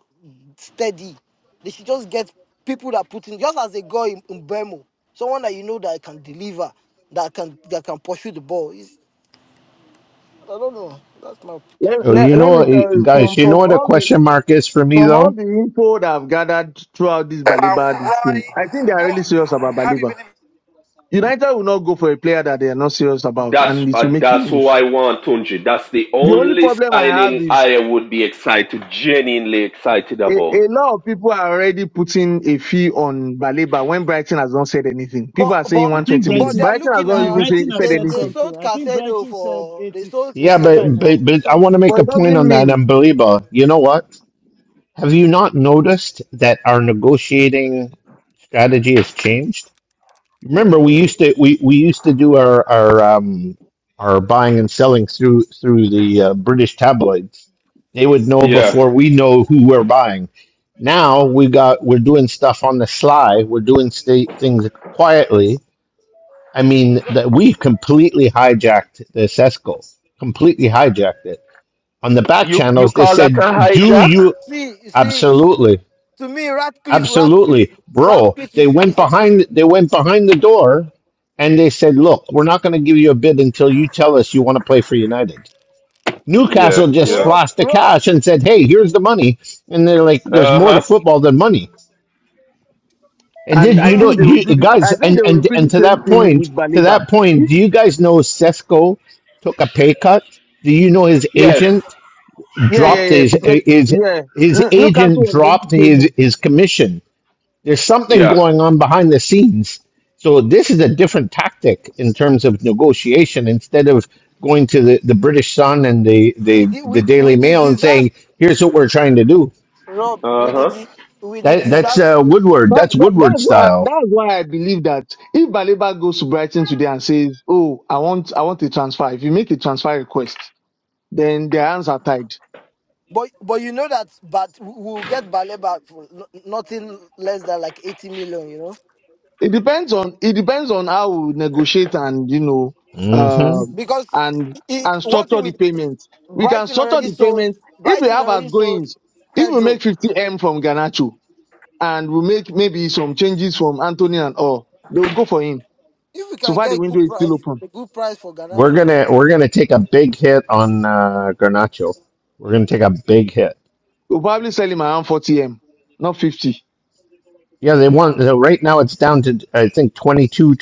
[SPEAKER 10] steady. They should just get people that put in, just as they got in, in Bermo, someone that you know that can deliver, that can, that can pursue the ball. It's, I don't know. That's my.
[SPEAKER 6] Let,
[SPEAKER 2] But you
[SPEAKER 6] let, let
[SPEAKER 2] know,
[SPEAKER 6] me
[SPEAKER 2] eh,
[SPEAKER 6] tell you
[SPEAKER 2] guys.
[SPEAKER 6] from
[SPEAKER 2] You know
[SPEAKER 6] from
[SPEAKER 2] what a
[SPEAKER 6] all the
[SPEAKER 2] question mark is for me
[SPEAKER 6] from all
[SPEAKER 2] though.
[SPEAKER 6] the info that I've gathered throughout this
[SPEAKER 5] About
[SPEAKER 6] Baliba this thing,
[SPEAKER 5] right.
[SPEAKER 6] I think they are
[SPEAKER 5] What
[SPEAKER 6] really serious about
[SPEAKER 5] have you
[SPEAKER 6] Baliba.
[SPEAKER 5] been in?
[SPEAKER 6] United will not go for a player that they are not serious about,
[SPEAKER 9] That's
[SPEAKER 6] and it will
[SPEAKER 9] uh,
[SPEAKER 6] make the
[SPEAKER 9] that's who
[SPEAKER 6] news.
[SPEAKER 9] I want, Tunji. That's the
[SPEAKER 6] The only
[SPEAKER 9] only
[SPEAKER 6] problem I have
[SPEAKER 9] signing
[SPEAKER 6] is.
[SPEAKER 9] I would be excited, genuinely excited
[SPEAKER 6] a,
[SPEAKER 9] about.
[SPEAKER 6] a lot of people are already putting a fee on Baleba when Brighton has not said anything. People
[SPEAKER 10] But
[SPEAKER 6] are saying
[SPEAKER 10] but
[SPEAKER 1] i think
[SPEAKER 6] 120 million.
[SPEAKER 10] but they
[SPEAKER 1] brighton
[SPEAKER 10] are
[SPEAKER 6] Brighton has
[SPEAKER 10] looking
[SPEAKER 6] not
[SPEAKER 1] no
[SPEAKER 10] at
[SPEAKER 6] even say,
[SPEAKER 1] brighton has
[SPEAKER 6] said
[SPEAKER 10] they
[SPEAKER 1] said
[SPEAKER 10] they
[SPEAKER 6] anything.
[SPEAKER 1] something
[SPEAKER 10] sold
[SPEAKER 1] i think
[SPEAKER 10] Casedo
[SPEAKER 1] brighton said
[SPEAKER 10] for they
[SPEAKER 1] eighty,
[SPEAKER 10] sold
[SPEAKER 2] Yeah,
[SPEAKER 10] Casedo
[SPEAKER 1] eighty-five.
[SPEAKER 2] but
[SPEAKER 10] for
[SPEAKER 2] but, but I want
[SPEAKER 10] something.
[SPEAKER 2] to make
[SPEAKER 6] But
[SPEAKER 2] a
[SPEAKER 6] it
[SPEAKER 2] point
[SPEAKER 6] doesn't
[SPEAKER 2] on that.
[SPEAKER 6] mean,
[SPEAKER 2] And Baliba, you know what? Have you not noticed that our negotiating strategy has changed?
[SPEAKER 1] yeah
[SPEAKER 2] Remember, we used to we, we used to do our our um, our buying and selling through through the uh, British tabloids. They would know
[SPEAKER 1] yeah
[SPEAKER 9] Yeah.
[SPEAKER 2] before we know who we're buying. Now we got we're doing stuff on the sly. We're doing sta things quietly. I mean that we completely hijacked the Sesco, completely hijacked it. On the back
[SPEAKER 9] You you
[SPEAKER 2] channels, they
[SPEAKER 9] call that a
[SPEAKER 2] said, "Do
[SPEAKER 9] hijack?
[SPEAKER 2] you
[SPEAKER 10] See see
[SPEAKER 2] absolutely?"
[SPEAKER 10] to me Ratcliffe Ratcliffe
[SPEAKER 2] Absolutely, bro.
[SPEAKER 10] Ratcliffe
[SPEAKER 2] They
[SPEAKER 10] is
[SPEAKER 2] went
[SPEAKER 10] is a,
[SPEAKER 2] behind. They went behind the door, and they said, "Look, we're not going to give you a bid until you tell us you want to play for United."
[SPEAKER 9] Yeah,
[SPEAKER 2] Newcastle just
[SPEAKER 9] yeah.
[SPEAKER 10] Rob
[SPEAKER 2] flashed the
[SPEAKER 10] Rob
[SPEAKER 2] cash and said, "Hey, here's the money," and they're like, "There's
[SPEAKER 9] Uh
[SPEAKER 2] more to
[SPEAKER 9] huh.
[SPEAKER 2] football than money." And did
[SPEAKER 6] and I
[SPEAKER 2] you
[SPEAKER 10] Rob
[SPEAKER 2] know,
[SPEAKER 6] think they will
[SPEAKER 2] you
[SPEAKER 6] do, the,
[SPEAKER 2] guys,
[SPEAKER 6] I think
[SPEAKER 2] and
[SPEAKER 6] they will
[SPEAKER 2] and
[SPEAKER 6] repeat
[SPEAKER 2] and
[SPEAKER 6] the
[SPEAKER 2] to
[SPEAKER 6] same
[SPEAKER 2] that
[SPEAKER 6] thing
[SPEAKER 2] point,
[SPEAKER 6] with
[SPEAKER 2] to
[SPEAKER 6] Baleba.
[SPEAKER 2] that point, do
[SPEAKER 6] If-
[SPEAKER 2] you guys know Sesco took a pay cut? Do you know his
[SPEAKER 9] Yes.
[SPEAKER 2] agent
[SPEAKER 6] Yeah, yeah,
[SPEAKER 2] dropped
[SPEAKER 6] yeah,
[SPEAKER 2] his
[SPEAKER 6] because,
[SPEAKER 2] his
[SPEAKER 6] yeah,
[SPEAKER 2] his
[SPEAKER 6] N-
[SPEAKER 2] agent
[SPEAKER 6] Newcastle was going to
[SPEAKER 2] dropped
[SPEAKER 6] pay
[SPEAKER 2] his
[SPEAKER 6] more.
[SPEAKER 2] his commission? There's something
[SPEAKER 9] Yeah.
[SPEAKER 2] going on behind the scenes. So this is a different tactic in terms of negotiation. Instead of going to the, the British Sun and the,
[SPEAKER 10] with
[SPEAKER 2] the,
[SPEAKER 10] the
[SPEAKER 2] the
[SPEAKER 10] with
[SPEAKER 2] Daily
[SPEAKER 10] with the
[SPEAKER 2] Mail and
[SPEAKER 10] disaster
[SPEAKER 2] saying, here's what we're trying to do.
[SPEAKER 10] Rob
[SPEAKER 9] Uh
[SPEAKER 10] with the
[SPEAKER 9] huh.
[SPEAKER 10] di- with the
[SPEAKER 2] That, that's
[SPEAKER 10] disaster.
[SPEAKER 2] uh, Woodward.
[SPEAKER 6] That,
[SPEAKER 2] That's
[SPEAKER 6] that,
[SPEAKER 2] Woodward
[SPEAKER 6] that's why
[SPEAKER 2] style.
[SPEAKER 6] that's why I believe that if Baleba goes to Brighton today and says, "Oh, I want I want a transfer," if you make a transfer request, then their hands are tied
[SPEAKER 10] But but you know that but we'll get Bale back for no- nothing less than like eighty million. You know
[SPEAKER 6] It depends on it depends on how we negotiate and you know
[SPEAKER 2] hmm
[SPEAKER 6] um,
[SPEAKER 10] because
[SPEAKER 6] and
[SPEAKER 10] it,
[SPEAKER 6] and
[SPEAKER 10] one thing
[SPEAKER 6] structure
[SPEAKER 10] with
[SPEAKER 6] the payment. We can
[SPEAKER 10] Brighton
[SPEAKER 6] structure
[SPEAKER 10] already
[SPEAKER 6] the
[SPEAKER 10] sold.
[SPEAKER 6] payment if we
[SPEAKER 10] Brighton
[SPEAKER 6] have
[SPEAKER 10] already sold
[SPEAKER 6] outgoings. If we
[SPEAKER 10] Pedro.
[SPEAKER 6] make 50m from Ganacho and we make maybe some changes from Anthony and all, they will go for him.
[SPEAKER 10] If we
[SPEAKER 6] So
[SPEAKER 10] can
[SPEAKER 6] far the
[SPEAKER 10] get
[SPEAKER 6] window
[SPEAKER 10] good
[SPEAKER 6] is still
[SPEAKER 10] price,
[SPEAKER 6] open.
[SPEAKER 10] a good price for
[SPEAKER 2] We're
[SPEAKER 10] Ganacho.
[SPEAKER 2] gonna we're gonna take a big hit on uh, Garnacho. We're gonna take a big hit.
[SPEAKER 6] We'll probably sell him around 40m, not 50.
[SPEAKER 2] Yeah, they want so right now. It's down to I think 22,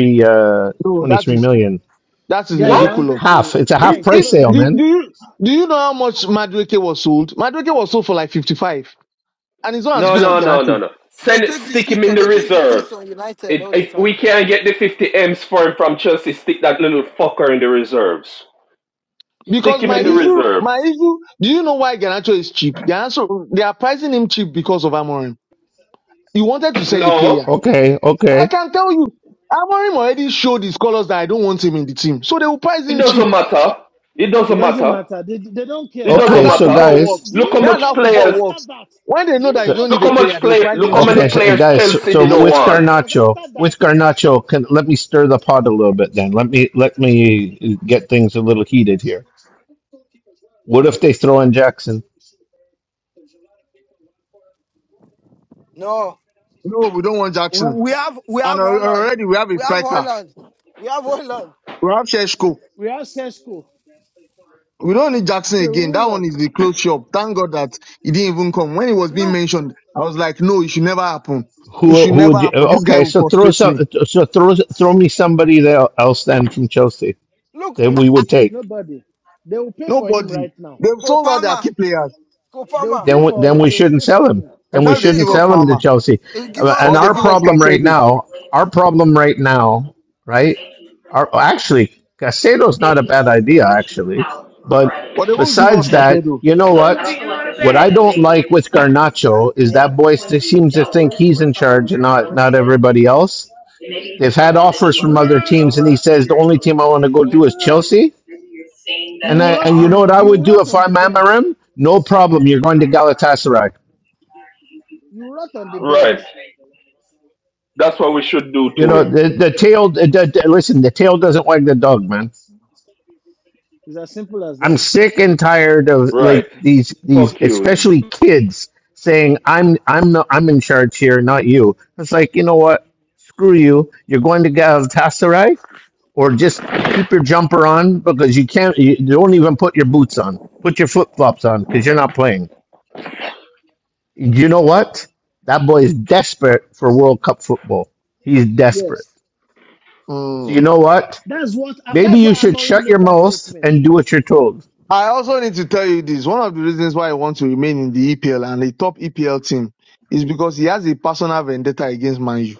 [SPEAKER 2] twenty-three, uh,
[SPEAKER 6] No, that
[SPEAKER 2] 23
[SPEAKER 6] is
[SPEAKER 2] million.
[SPEAKER 6] that is
[SPEAKER 1] guys
[SPEAKER 9] What?
[SPEAKER 1] i wanted
[SPEAKER 6] ridiculous.
[SPEAKER 1] to
[SPEAKER 2] Half. It's a
[SPEAKER 6] If
[SPEAKER 2] half
[SPEAKER 1] guys
[SPEAKER 6] if
[SPEAKER 2] price
[SPEAKER 1] hello
[SPEAKER 2] sale,
[SPEAKER 1] guys
[SPEAKER 6] do, do
[SPEAKER 2] man.
[SPEAKER 6] you do you know how much Madueke was sold? Madueke was sold for like 55, and it's not as
[SPEAKER 9] No,
[SPEAKER 6] good
[SPEAKER 10] United,
[SPEAKER 6] as
[SPEAKER 9] no, no,
[SPEAKER 6] Ganacho.
[SPEAKER 9] no, no.
[SPEAKER 10] they
[SPEAKER 9] Send it.
[SPEAKER 10] take the
[SPEAKER 9] Stick him
[SPEAKER 10] shit.
[SPEAKER 9] in
[SPEAKER 10] on-
[SPEAKER 9] the
[SPEAKER 10] They take the
[SPEAKER 9] reserve.
[SPEAKER 10] piece on United
[SPEAKER 9] It,
[SPEAKER 10] all the
[SPEAKER 9] if we
[SPEAKER 10] time.
[SPEAKER 9] can't get the 50 M's for him from Chelsea, stick that little fucker in the reserves. Stick
[SPEAKER 6] Because
[SPEAKER 9] him
[SPEAKER 6] my
[SPEAKER 9] in
[SPEAKER 1] can
[SPEAKER 9] the
[SPEAKER 1] you
[SPEAKER 6] issue,
[SPEAKER 9] reserve.
[SPEAKER 6] my issue, do you know why Garnacho is cheap? The answer, they are pricing him cheap because of Amorim. You wanted to sell a
[SPEAKER 9] No,
[SPEAKER 6] player.
[SPEAKER 2] Okay,
[SPEAKER 6] I
[SPEAKER 2] okay,
[SPEAKER 6] can tell you, Amorim already showed his colors that I don't want him in the team. So they will price
[SPEAKER 9] it
[SPEAKER 6] him
[SPEAKER 9] doesn't
[SPEAKER 6] cheap.
[SPEAKER 9] matter. It
[SPEAKER 1] it
[SPEAKER 9] doesn't
[SPEAKER 1] doesn't
[SPEAKER 9] matter.
[SPEAKER 1] matter they, they don't
[SPEAKER 9] It
[SPEAKER 1] care
[SPEAKER 6] But
[SPEAKER 9] doesn't
[SPEAKER 6] that's
[SPEAKER 2] okay.
[SPEAKER 6] how
[SPEAKER 2] So
[SPEAKER 1] You
[SPEAKER 9] matter.
[SPEAKER 6] football
[SPEAKER 1] don't.
[SPEAKER 2] guys,
[SPEAKER 6] works.
[SPEAKER 1] Do
[SPEAKER 9] Look
[SPEAKER 1] you
[SPEAKER 9] how
[SPEAKER 6] That's
[SPEAKER 9] much
[SPEAKER 6] how
[SPEAKER 1] realize that
[SPEAKER 9] players.
[SPEAKER 6] football
[SPEAKER 1] after
[SPEAKER 6] works.
[SPEAKER 1] that?
[SPEAKER 6] When they
[SPEAKER 1] Do
[SPEAKER 6] know
[SPEAKER 1] you
[SPEAKER 6] that you
[SPEAKER 2] so
[SPEAKER 6] don't
[SPEAKER 1] realize
[SPEAKER 9] Look
[SPEAKER 6] need
[SPEAKER 1] that?
[SPEAKER 6] a
[SPEAKER 9] how
[SPEAKER 1] After,
[SPEAKER 6] player,
[SPEAKER 9] much
[SPEAKER 6] they will
[SPEAKER 9] play.
[SPEAKER 6] price
[SPEAKER 9] Look
[SPEAKER 6] him
[SPEAKER 9] how
[SPEAKER 6] cheap.
[SPEAKER 9] many
[SPEAKER 2] okay, so, uh,
[SPEAKER 1] no,
[SPEAKER 9] players
[SPEAKER 2] guys. So,
[SPEAKER 1] no.
[SPEAKER 9] Chelsea
[SPEAKER 1] Do
[SPEAKER 9] did
[SPEAKER 1] you
[SPEAKER 2] so
[SPEAKER 9] not
[SPEAKER 2] with
[SPEAKER 1] realize
[SPEAKER 9] want.
[SPEAKER 1] that it was
[SPEAKER 2] Garnacho,
[SPEAKER 1] after that
[SPEAKER 2] with Garnacho, can let me stir the pot a little bit. Then let me let me get things a little heated here. Throw in Jack.
[SPEAKER 10] No,
[SPEAKER 6] No, we don't want Jackson.
[SPEAKER 10] we have we have
[SPEAKER 6] And al-
[SPEAKER 10] Holland.
[SPEAKER 6] already we have a
[SPEAKER 10] We have
[SPEAKER 6] striker.
[SPEAKER 10] Holland. We have Holland.
[SPEAKER 6] We have Sheshko.
[SPEAKER 1] we have Sesko,
[SPEAKER 6] We don't need Jackson again. That one
[SPEAKER 1] work?
[SPEAKER 6] is the close shop. Thank God that he didn't even come. When it was being
[SPEAKER 10] Look,
[SPEAKER 6] mentioned, I was like, no, it should never happen. It
[SPEAKER 2] Who
[SPEAKER 6] should
[SPEAKER 2] who
[SPEAKER 6] never
[SPEAKER 2] would you?
[SPEAKER 6] happen. This guy
[SPEAKER 2] Okay,
[SPEAKER 6] will
[SPEAKER 2] so throw
[SPEAKER 6] frustrate
[SPEAKER 2] some.
[SPEAKER 6] me.
[SPEAKER 2] So throw throw me somebody there else then from Chelsea
[SPEAKER 10] look,
[SPEAKER 2] that we would take.
[SPEAKER 1] nobody. They will pay for him
[SPEAKER 6] Nobody.
[SPEAKER 1] right now.
[SPEAKER 6] They've sold out their
[SPEAKER 10] Copama,
[SPEAKER 6] key players,
[SPEAKER 1] They will
[SPEAKER 10] Copama.
[SPEAKER 1] pay
[SPEAKER 2] then we, then
[SPEAKER 1] for.
[SPEAKER 2] we
[SPEAKER 1] They will
[SPEAKER 2] shouldn't
[SPEAKER 1] pay
[SPEAKER 2] sell
[SPEAKER 1] for
[SPEAKER 2] him.
[SPEAKER 1] him.
[SPEAKER 2] Then we
[SPEAKER 10] We
[SPEAKER 6] except they
[SPEAKER 10] take
[SPEAKER 6] give
[SPEAKER 2] shouldn't
[SPEAKER 6] us
[SPEAKER 10] Cop.
[SPEAKER 2] sell him to
[SPEAKER 6] Palmer
[SPEAKER 2] Chelsea.
[SPEAKER 10] We give
[SPEAKER 2] Uh,
[SPEAKER 10] up
[SPEAKER 2] And
[SPEAKER 6] or they
[SPEAKER 2] our
[SPEAKER 6] give
[SPEAKER 10] Palmer.
[SPEAKER 6] us
[SPEAKER 2] problem right
[SPEAKER 6] Casedo,
[SPEAKER 2] now, our problem right now, right? Our, actually, Casado's not a bad idea, actually. But
[SPEAKER 6] but they won't give us
[SPEAKER 2] besides that,
[SPEAKER 6] Casedo.
[SPEAKER 2] you know what? What I don't like with Garnacho is that boy st- seems to think he's in charge and not not everybody else. They've had offers from other teams, and he says the only team I want to go do is Chelsea.
[SPEAKER 1] He
[SPEAKER 2] And
[SPEAKER 1] will
[SPEAKER 2] I,
[SPEAKER 1] rot
[SPEAKER 2] and you
[SPEAKER 1] in
[SPEAKER 2] know what
[SPEAKER 1] on.
[SPEAKER 2] I
[SPEAKER 1] He will
[SPEAKER 2] would do
[SPEAKER 1] rot
[SPEAKER 2] if
[SPEAKER 1] on the
[SPEAKER 2] I'm
[SPEAKER 1] bench.
[SPEAKER 2] Amarim? No
[SPEAKER 1] He
[SPEAKER 2] problem. You're going to Galatasaray.
[SPEAKER 1] he will rot on the
[SPEAKER 9] Right.
[SPEAKER 1] bench.
[SPEAKER 9] That's what we should do
[SPEAKER 2] You
[SPEAKER 9] to
[SPEAKER 2] know,
[SPEAKER 9] him.
[SPEAKER 2] the, the tail, the, the- listen, the tail doesn't wag the dog, man.
[SPEAKER 1] It's as simple as
[SPEAKER 2] I'm
[SPEAKER 1] that.
[SPEAKER 2] sick and tired of
[SPEAKER 9] Right.
[SPEAKER 2] like these, these,
[SPEAKER 9] Fuck you.
[SPEAKER 2] especially kids saying, I'm, I'm not, I'm in charge here, not you. It's like, you know what? Screw you. You're going to Galatasaray or just keep your jumper on because you can't, you don't even put your boots on. Put your flip flops on because you're not playing. You know what? That boy is desperate for World Cup football. He's desperate.
[SPEAKER 1] Yes.
[SPEAKER 2] So you
[SPEAKER 6] Hmm.
[SPEAKER 2] know what?
[SPEAKER 1] That's what. uh,
[SPEAKER 2] Maybe
[SPEAKER 1] That's
[SPEAKER 2] you
[SPEAKER 1] why
[SPEAKER 2] should
[SPEAKER 1] Amaru
[SPEAKER 2] shut your
[SPEAKER 1] made that
[SPEAKER 2] mouth
[SPEAKER 1] statement.
[SPEAKER 2] and do what you're told.
[SPEAKER 6] I also need to tell you this. One of the reasons why I want to remain in the EPL and a top EPL team is because he has a personal vendetta against Man U.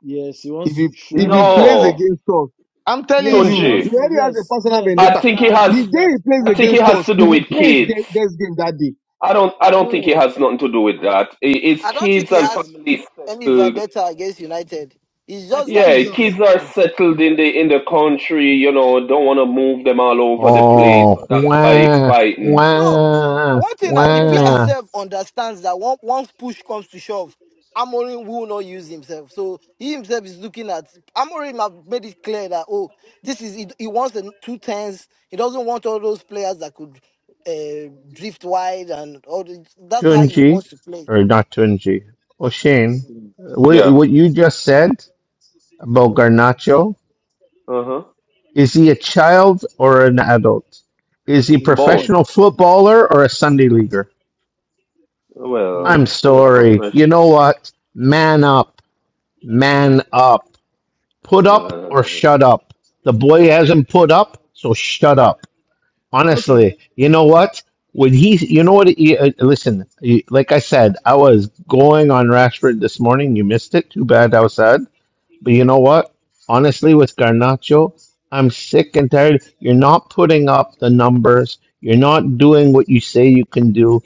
[SPEAKER 1] Yes, he
[SPEAKER 6] If
[SPEAKER 1] wants
[SPEAKER 6] he
[SPEAKER 1] to show
[SPEAKER 6] if he
[SPEAKER 1] you.
[SPEAKER 6] plays
[SPEAKER 9] No,
[SPEAKER 6] against us, I'm telling you,
[SPEAKER 1] Yes, he
[SPEAKER 9] Tunji.
[SPEAKER 1] wants
[SPEAKER 6] he
[SPEAKER 1] to.
[SPEAKER 6] already has a
[SPEAKER 1] Yes,
[SPEAKER 6] personal
[SPEAKER 1] yes.
[SPEAKER 9] I
[SPEAKER 1] That's.
[SPEAKER 6] vendetta.
[SPEAKER 9] think he
[SPEAKER 1] I
[SPEAKER 9] has.
[SPEAKER 1] agree
[SPEAKER 6] The
[SPEAKER 1] with that.
[SPEAKER 6] day he plays
[SPEAKER 9] I think it
[SPEAKER 6] against
[SPEAKER 9] has
[SPEAKER 6] us,
[SPEAKER 9] to
[SPEAKER 6] he
[SPEAKER 9] do
[SPEAKER 6] will
[SPEAKER 9] with
[SPEAKER 6] play his
[SPEAKER 9] kids.
[SPEAKER 6] ge- best game that day.
[SPEAKER 9] I don't. I don't think it
[SPEAKER 1] No.
[SPEAKER 9] has nothing to do with that. I- It's
[SPEAKER 10] I don't think
[SPEAKER 9] kids
[SPEAKER 10] he
[SPEAKER 9] and
[SPEAKER 10] has
[SPEAKER 9] families
[SPEAKER 10] any
[SPEAKER 9] settled.
[SPEAKER 10] vendetta against United. It's
[SPEAKER 1] I
[SPEAKER 10] just
[SPEAKER 1] think
[SPEAKER 10] that
[SPEAKER 9] Yeah,
[SPEAKER 1] he
[SPEAKER 10] the,
[SPEAKER 1] does.
[SPEAKER 9] kids are
[SPEAKER 10] the
[SPEAKER 9] settled in the in the country, you know, don't want to move them all over the place. So
[SPEAKER 2] Oh,
[SPEAKER 9] that's why
[SPEAKER 2] wah,
[SPEAKER 9] fighting.
[SPEAKER 10] No,
[SPEAKER 2] wah,
[SPEAKER 10] one thing that the
[SPEAKER 1] Okay,
[SPEAKER 10] player
[SPEAKER 1] guys.
[SPEAKER 2] wah.
[SPEAKER 10] self understands that one, once push comes to shove, Amorim will not use himself. So he himself is looking at Amorim have made it clear that oh, this is he, he wants the two tens. He doesn't want all those players that could uh, drift wide and all. The, that's how he
[SPEAKER 2] Tunji,
[SPEAKER 10] wants to play.
[SPEAKER 2] or not Tunji. Oh, Shane,
[SPEAKER 1] Mhm.
[SPEAKER 2] what,
[SPEAKER 9] Yeah.
[SPEAKER 2] what you just said about Garnacho,
[SPEAKER 9] Uh-huh.
[SPEAKER 2] is he a child or an adult? Is he a
[SPEAKER 1] He's a
[SPEAKER 9] Both.
[SPEAKER 1] child.
[SPEAKER 2] professional footballer or a Sunday leaguer? I'm
[SPEAKER 1] Hmm.
[SPEAKER 9] Well, you're
[SPEAKER 2] sorry.
[SPEAKER 9] professional.
[SPEAKER 2] You know what? Man up. Man up. Put up or
[SPEAKER 9] Uh,
[SPEAKER 2] shut up. The boy hasn't put up, so shut up.
[SPEAKER 1] Okay.
[SPEAKER 2] Honestly, you know what? When he, you know what? He, uh, listen, he- like I said, I was going on Rashford this morning. You missed it. Too bad I was sad. But you know what? Honestly, with Garnacho, I'm sick and tired. You're not putting up the numbers. You're not doing what you say you can do.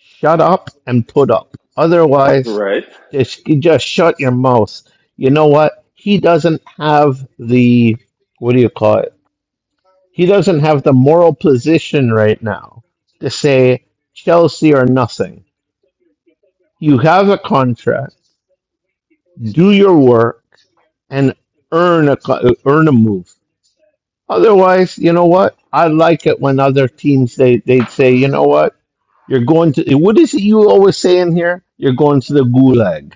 [SPEAKER 2] Shut up and put up. Otherwise,
[SPEAKER 9] right.
[SPEAKER 2] just, just shut your mouth. You know what? He doesn't have the, what do you call it? He doesn't have the moral position right now to say Chelsea or nothing. You have a contract, do your work, and earn a co- earn a move. Otherwise, you know what? I like it when other teams they they'd say, you know what? You're going to what is it you always say in here? You're going to the gulag.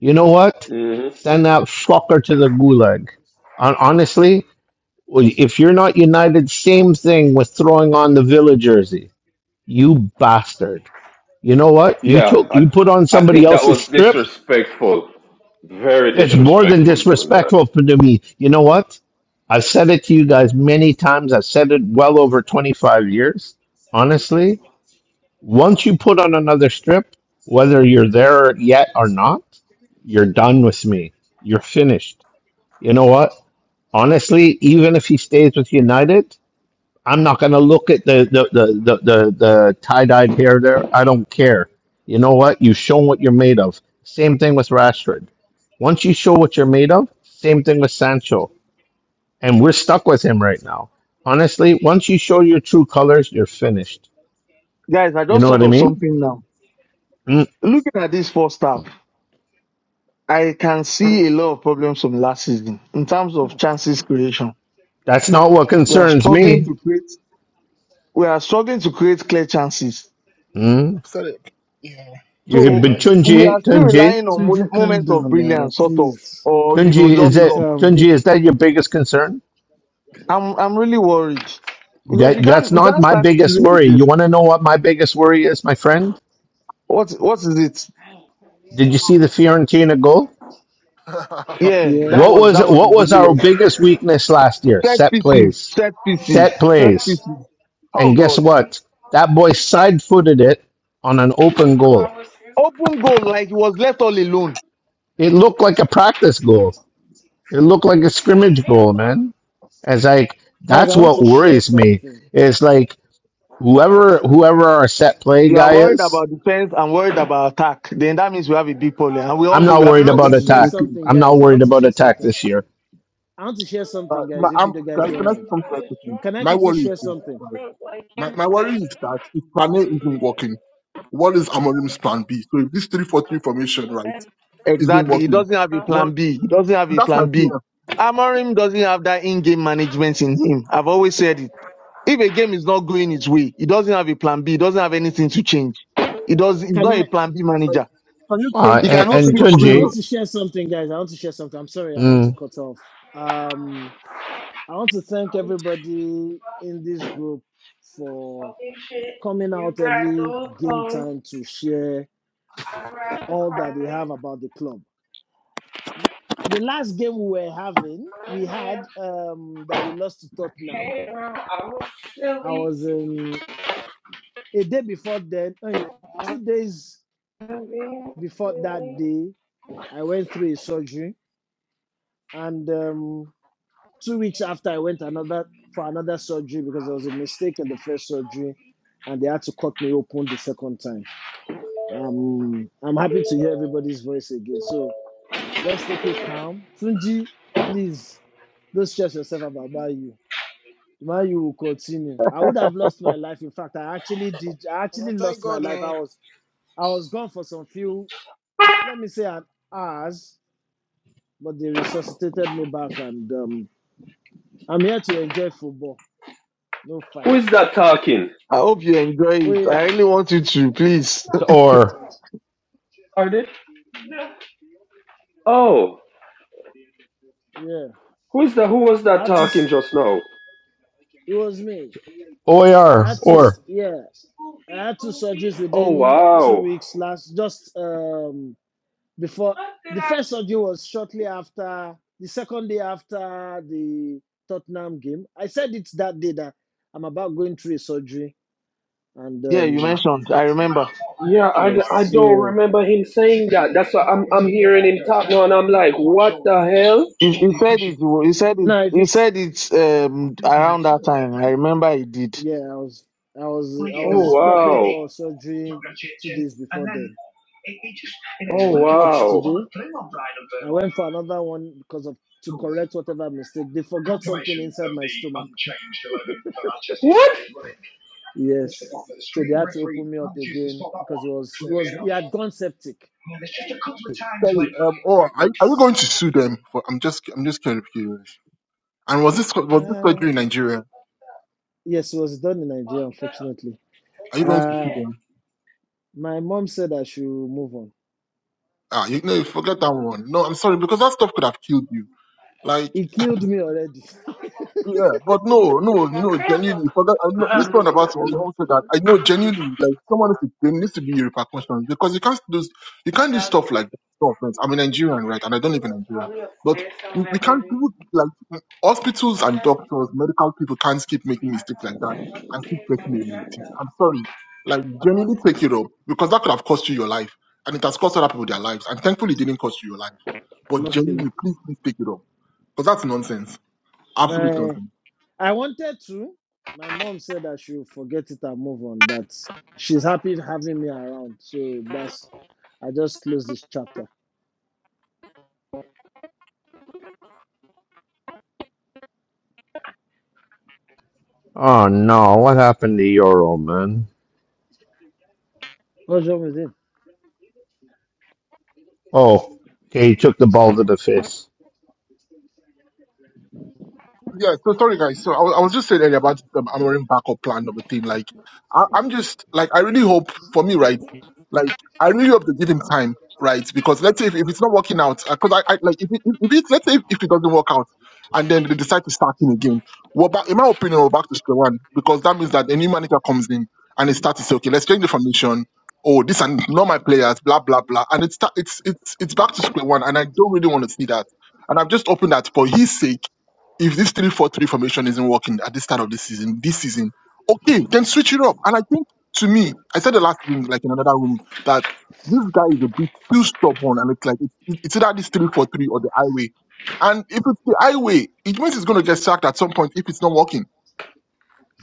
[SPEAKER 2] You know what?
[SPEAKER 9] hmm
[SPEAKER 2] Send that fucker to the gulag. Hon- Honestly, if you're not united, same thing with throwing on the villa jersey You bastard. You know what? You
[SPEAKER 9] Yeah,
[SPEAKER 2] took
[SPEAKER 9] I
[SPEAKER 2] you put on
[SPEAKER 9] I
[SPEAKER 2] somebody
[SPEAKER 9] think that
[SPEAKER 2] else's
[SPEAKER 9] was
[SPEAKER 2] strip.
[SPEAKER 9] disrespectful. Very
[SPEAKER 2] It's more than
[SPEAKER 9] disrespectful doing that.
[SPEAKER 2] disrespectful for- to me. You know what? I've said it to you guys many times. I've said it well over 25 years. Honestly, once you put on another strip, whether you're there yet or not, you're done with me. You're finished. You know what? Honestly, even if he stays with United, I'm not going to look at the the the the, the, the tie dyed hair there. I don't care. You know what? You show what you're made of. Same thing with Rashford. Once you show what you're made of, same thing with Sancho. And we're stuck with him right now. Honestly, once you show your true colors, you're finished.
[SPEAKER 6] Guys, I
[SPEAKER 2] You
[SPEAKER 6] just
[SPEAKER 2] know what
[SPEAKER 6] thought
[SPEAKER 2] I
[SPEAKER 6] of
[SPEAKER 2] mean?
[SPEAKER 6] something now.
[SPEAKER 2] Mm,
[SPEAKER 6] Looking at this first half, I can see a lot of problems from last season in terms of
[SPEAKER 1] Fuck.
[SPEAKER 6] chances creation.
[SPEAKER 2] that's not what
[SPEAKER 6] We are
[SPEAKER 2] concerns
[SPEAKER 6] struggling
[SPEAKER 1] Tunji,
[SPEAKER 6] to
[SPEAKER 2] me.
[SPEAKER 6] create. We are struggling to create clear chances.
[SPEAKER 2] Mm.
[SPEAKER 8] I've said it. Yeah.
[SPEAKER 2] You,
[SPEAKER 8] Sorry
[SPEAKER 2] but
[SPEAKER 6] So
[SPEAKER 8] guys.
[SPEAKER 6] we
[SPEAKER 2] Tunji,
[SPEAKER 6] are still
[SPEAKER 2] Tunji,
[SPEAKER 6] relying on mo-
[SPEAKER 1] Tunji, calm
[SPEAKER 6] moment of
[SPEAKER 1] down now,
[SPEAKER 6] brilliance, sort of,
[SPEAKER 1] please.
[SPEAKER 6] or you know,
[SPEAKER 2] Tunji, is
[SPEAKER 6] just
[SPEAKER 1] Tunji,
[SPEAKER 2] that
[SPEAKER 6] luck.
[SPEAKER 1] calm
[SPEAKER 2] Tunji?
[SPEAKER 1] down.
[SPEAKER 2] Is that your biggest concern?
[SPEAKER 6] I'm I'm really worried because we
[SPEAKER 2] That, that's
[SPEAKER 6] can't we
[SPEAKER 2] not
[SPEAKER 6] can't
[SPEAKER 2] my
[SPEAKER 6] start the
[SPEAKER 2] biggest
[SPEAKER 6] season with
[SPEAKER 2] worry.
[SPEAKER 6] this.
[SPEAKER 2] You want to know what my biggest worry is, my friend?
[SPEAKER 6] What what is it?
[SPEAKER 2] Did you see the Fiorentina goal?
[SPEAKER 8] <laughs>
[SPEAKER 6] Yeah, that
[SPEAKER 2] What
[SPEAKER 1] Yes.
[SPEAKER 6] was
[SPEAKER 2] was
[SPEAKER 6] that was
[SPEAKER 2] what was our
[SPEAKER 6] ridiculous.
[SPEAKER 1] Yes.
[SPEAKER 2] biggest weakness last year?
[SPEAKER 6] Set
[SPEAKER 2] Set
[SPEAKER 6] pieces,
[SPEAKER 2] plays.
[SPEAKER 6] set pieces,
[SPEAKER 2] Set
[SPEAKER 6] set
[SPEAKER 2] plays.
[SPEAKER 6] pieces. Oh
[SPEAKER 2] And guess
[SPEAKER 6] God.
[SPEAKER 2] what? That boy side-footed it on an open goal.
[SPEAKER 6] Open goal like he was left all alone.
[SPEAKER 2] It looked like a practice goal. It looked like a scrimmage goal, man. It's like
[SPEAKER 1] Guys,
[SPEAKER 2] that's
[SPEAKER 1] I want
[SPEAKER 2] what
[SPEAKER 1] to share
[SPEAKER 2] worries me.
[SPEAKER 1] something.
[SPEAKER 2] It's like whoever whoever our set play
[SPEAKER 6] You are
[SPEAKER 2] guy
[SPEAKER 6] worried
[SPEAKER 2] is,
[SPEAKER 6] about defense and worried about attack. Then that means we have a big problem. And we all
[SPEAKER 2] I'm
[SPEAKER 6] know
[SPEAKER 2] not
[SPEAKER 6] we have a
[SPEAKER 1] I
[SPEAKER 2] worried
[SPEAKER 1] want
[SPEAKER 6] problem
[SPEAKER 1] to
[SPEAKER 2] about
[SPEAKER 6] in the
[SPEAKER 1] share
[SPEAKER 2] attack.
[SPEAKER 6] midfield.
[SPEAKER 1] something,
[SPEAKER 2] I'm not
[SPEAKER 1] guys. I
[SPEAKER 2] worried
[SPEAKER 1] want to
[SPEAKER 2] about
[SPEAKER 1] share
[SPEAKER 2] attack
[SPEAKER 1] something.
[SPEAKER 2] this year.
[SPEAKER 1] I want to share
[SPEAKER 8] Uh,
[SPEAKER 1] something,
[SPEAKER 8] my,
[SPEAKER 1] guys, if
[SPEAKER 8] i
[SPEAKER 1] you do, guys
[SPEAKER 8] guys,
[SPEAKER 1] don't
[SPEAKER 8] can I say
[SPEAKER 1] mind.
[SPEAKER 8] something very quickly?
[SPEAKER 1] Can I
[SPEAKER 8] My
[SPEAKER 1] quickly
[SPEAKER 8] worry is
[SPEAKER 1] share
[SPEAKER 8] this.
[SPEAKER 1] something?
[SPEAKER 8] right? My my worry is that if plan A isn't working, what is Amorim's plan B? So if this three four three formation, right, isn't
[SPEAKER 6] Exactly. He
[SPEAKER 8] working,
[SPEAKER 6] doesn't have a plan
[SPEAKER 8] what
[SPEAKER 6] B. He doesn't have a
[SPEAKER 8] that's my
[SPEAKER 6] plan B.
[SPEAKER 8] fear.
[SPEAKER 6] Amorim doesn't have that in-game management in him. I've always said it. If a game is not going his way, he doesn't have a plan B. He doesn't have anything to change. He does. He's
[SPEAKER 1] Can
[SPEAKER 6] not a
[SPEAKER 1] I?
[SPEAKER 6] plan B
[SPEAKER 8] Like,
[SPEAKER 6] manager.
[SPEAKER 8] can you
[SPEAKER 2] Uh,
[SPEAKER 6] He
[SPEAKER 8] change
[SPEAKER 2] and,
[SPEAKER 8] can you
[SPEAKER 6] cannot
[SPEAKER 2] and
[SPEAKER 8] change the
[SPEAKER 6] switch
[SPEAKER 1] I want
[SPEAKER 2] Tunji,
[SPEAKER 6] things.
[SPEAKER 1] to
[SPEAKER 8] formation?
[SPEAKER 1] share something, guys. I want to share something. I'm sorry, I want to
[SPEAKER 2] mm,
[SPEAKER 1] cut off. Um, I want to thank everybody in this group for coming out every game time to share all that they have about the club. The last game we were having, we had um, that we lost to Tottenham. I was in a day before then, eh, two days before that day, I went through a surgery, and um, two weeks after, I went another for another surgery because there was a mistake in the first surgery, and they had to cut me open the second time. Um, I'm happy to hear everybody's voice again. So Let's take it calm. Tunji, please don't stress yourself about Bayu. Bayu will continue. I would have lost my life. In fact, I actually did. I
[SPEAKER 10] And I
[SPEAKER 1] actually
[SPEAKER 10] thank
[SPEAKER 1] lost my
[SPEAKER 10] God,
[SPEAKER 1] life. I
[SPEAKER 10] oh,
[SPEAKER 1] was I was gone for some few, let me say an hours, but they resuscitated me back and um, I'm here to enjoy football, no
[SPEAKER 9] Who is
[SPEAKER 1] fights.
[SPEAKER 9] that talking?
[SPEAKER 6] I hope you enjoy
[SPEAKER 1] Oh
[SPEAKER 6] it. I
[SPEAKER 1] yeah,
[SPEAKER 6] really want you to, please. <laughs>
[SPEAKER 2] or
[SPEAKER 9] Are they? Oh,
[SPEAKER 1] yeah.
[SPEAKER 9] who is that? Who was
[SPEAKER 1] I
[SPEAKER 9] that
[SPEAKER 1] had to
[SPEAKER 9] talking just now?
[SPEAKER 1] it was me.
[SPEAKER 2] OAR,
[SPEAKER 1] I had to
[SPEAKER 2] or
[SPEAKER 9] Oh,
[SPEAKER 1] yeah, I had two surgeries
[SPEAKER 9] oh
[SPEAKER 1] within two
[SPEAKER 9] wow.
[SPEAKER 1] weeks last just um before the first surgery was shortly after the second day after the Tottenham game. I said it's that day that I'm about going through a surgery, and
[SPEAKER 6] Yeah, you
[SPEAKER 1] um,
[SPEAKER 6] mentioned. I remember.
[SPEAKER 9] Yeah, I,
[SPEAKER 1] yes,
[SPEAKER 9] I don't
[SPEAKER 1] so
[SPEAKER 9] remember him saying that. That's what I'm I'm hearing him talk now, and I'm like, what the hell?
[SPEAKER 6] You, you said it. You said it.
[SPEAKER 1] now if
[SPEAKER 6] You
[SPEAKER 1] it's
[SPEAKER 6] said it um, around that time. I remember you did.
[SPEAKER 1] yeah, I was I was I
[SPEAKER 9] Oh
[SPEAKER 1] was prepping
[SPEAKER 9] wow!
[SPEAKER 1] for surgery two days before then, and
[SPEAKER 9] Oh
[SPEAKER 1] I'm out
[SPEAKER 9] wow!
[SPEAKER 1] today. I went for another one because of to correct whatever mistake they forgot something inside my stomach.
[SPEAKER 9] What?
[SPEAKER 1] Yes, so they had to open me up again because it was it was it had gone septic
[SPEAKER 8] Sorry, um or are,
[SPEAKER 1] but
[SPEAKER 8] are you going to sue them for I'm just I'm just curious. And was this was this surgery
[SPEAKER 1] uh,
[SPEAKER 8] in Nigeria?
[SPEAKER 1] yes, it was done in Nigeria, unfortunately.
[SPEAKER 8] Are you going to sue
[SPEAKER 1] Uh,
[SPEAKER 8] them?
[SPEAKER 1] my mom said I should move on.
[SPEAKER 8] Ah, you know, forget that one. No, I'm sorry, because that stuff could have killed you. Like,
[SPEAKER 1] He killed me already,
[SPEAKER 8] yeah, but no, no, no, genuinely, forget, I know, this one about also that, I know genuinely, like, someone needs to, there needs to be repercussions, because you can't do, you can't do stuff like that. No offense, I'm a Nigerian, right, and I don't live in Nigeria, but we, we can't do, like, hospitals and doctors, medical people can't keep making mistakes like that and keep getting away with it. I'm sorry. Like, genuinely take it up, because that could have cost you your life, and it has cost other people their lives, and thankfully it didn't cost you your life
[SPEAKER 1] <laughs>
[SPEAKER 8] but
[SPEAKER 1] luckily.
[SPEAKER 8] genuinely, please, please pick it up. Because that's nonsense. Absolute
[SPEAKER 1] My
[SPEAKER 8] nonsense.
[SPEAKER 1] I wanted to. My mom said I should forget it and move on. That she's happy having me around. So that's I just closed this chapter.
[SPEAKER 2] Oh no, what happened to Euro, man?
[SPEAKER 1] What's wrong with
[SPEAKER 2] Oh, okay, he took the ball to the face.
[SPEAKER 8] Yeah, so sorry guys. So I, was- I was just saying earlier about the Amorim backup plan of a team. Like, I, I'm just like I really hope for me, right? Like, I really hope they give him time, right? Because let's say if, if it's not working out, because I, I like if it, if it, let's say if, if it doesn't work out, and then they decide to start him again, well, back, in my opinion, we're back to square one because that means that a new manager comes in and they start to say, okay, let's change the formation. Oh, this and not my players, blah blah blah, and it's it's it's it's back to square one, and I don't really want to see that. And I'm just hoping that for his sake if this three four three formation isn't working at the start of this season, this season, okay, then switch it up. And I think to me, I said the last thing like in another room that this guy is a bit too stubborn, and it's like it's, it's either this three four three or the highway. And if it's the highway, it means it's going to get sacked at some point if it's not working.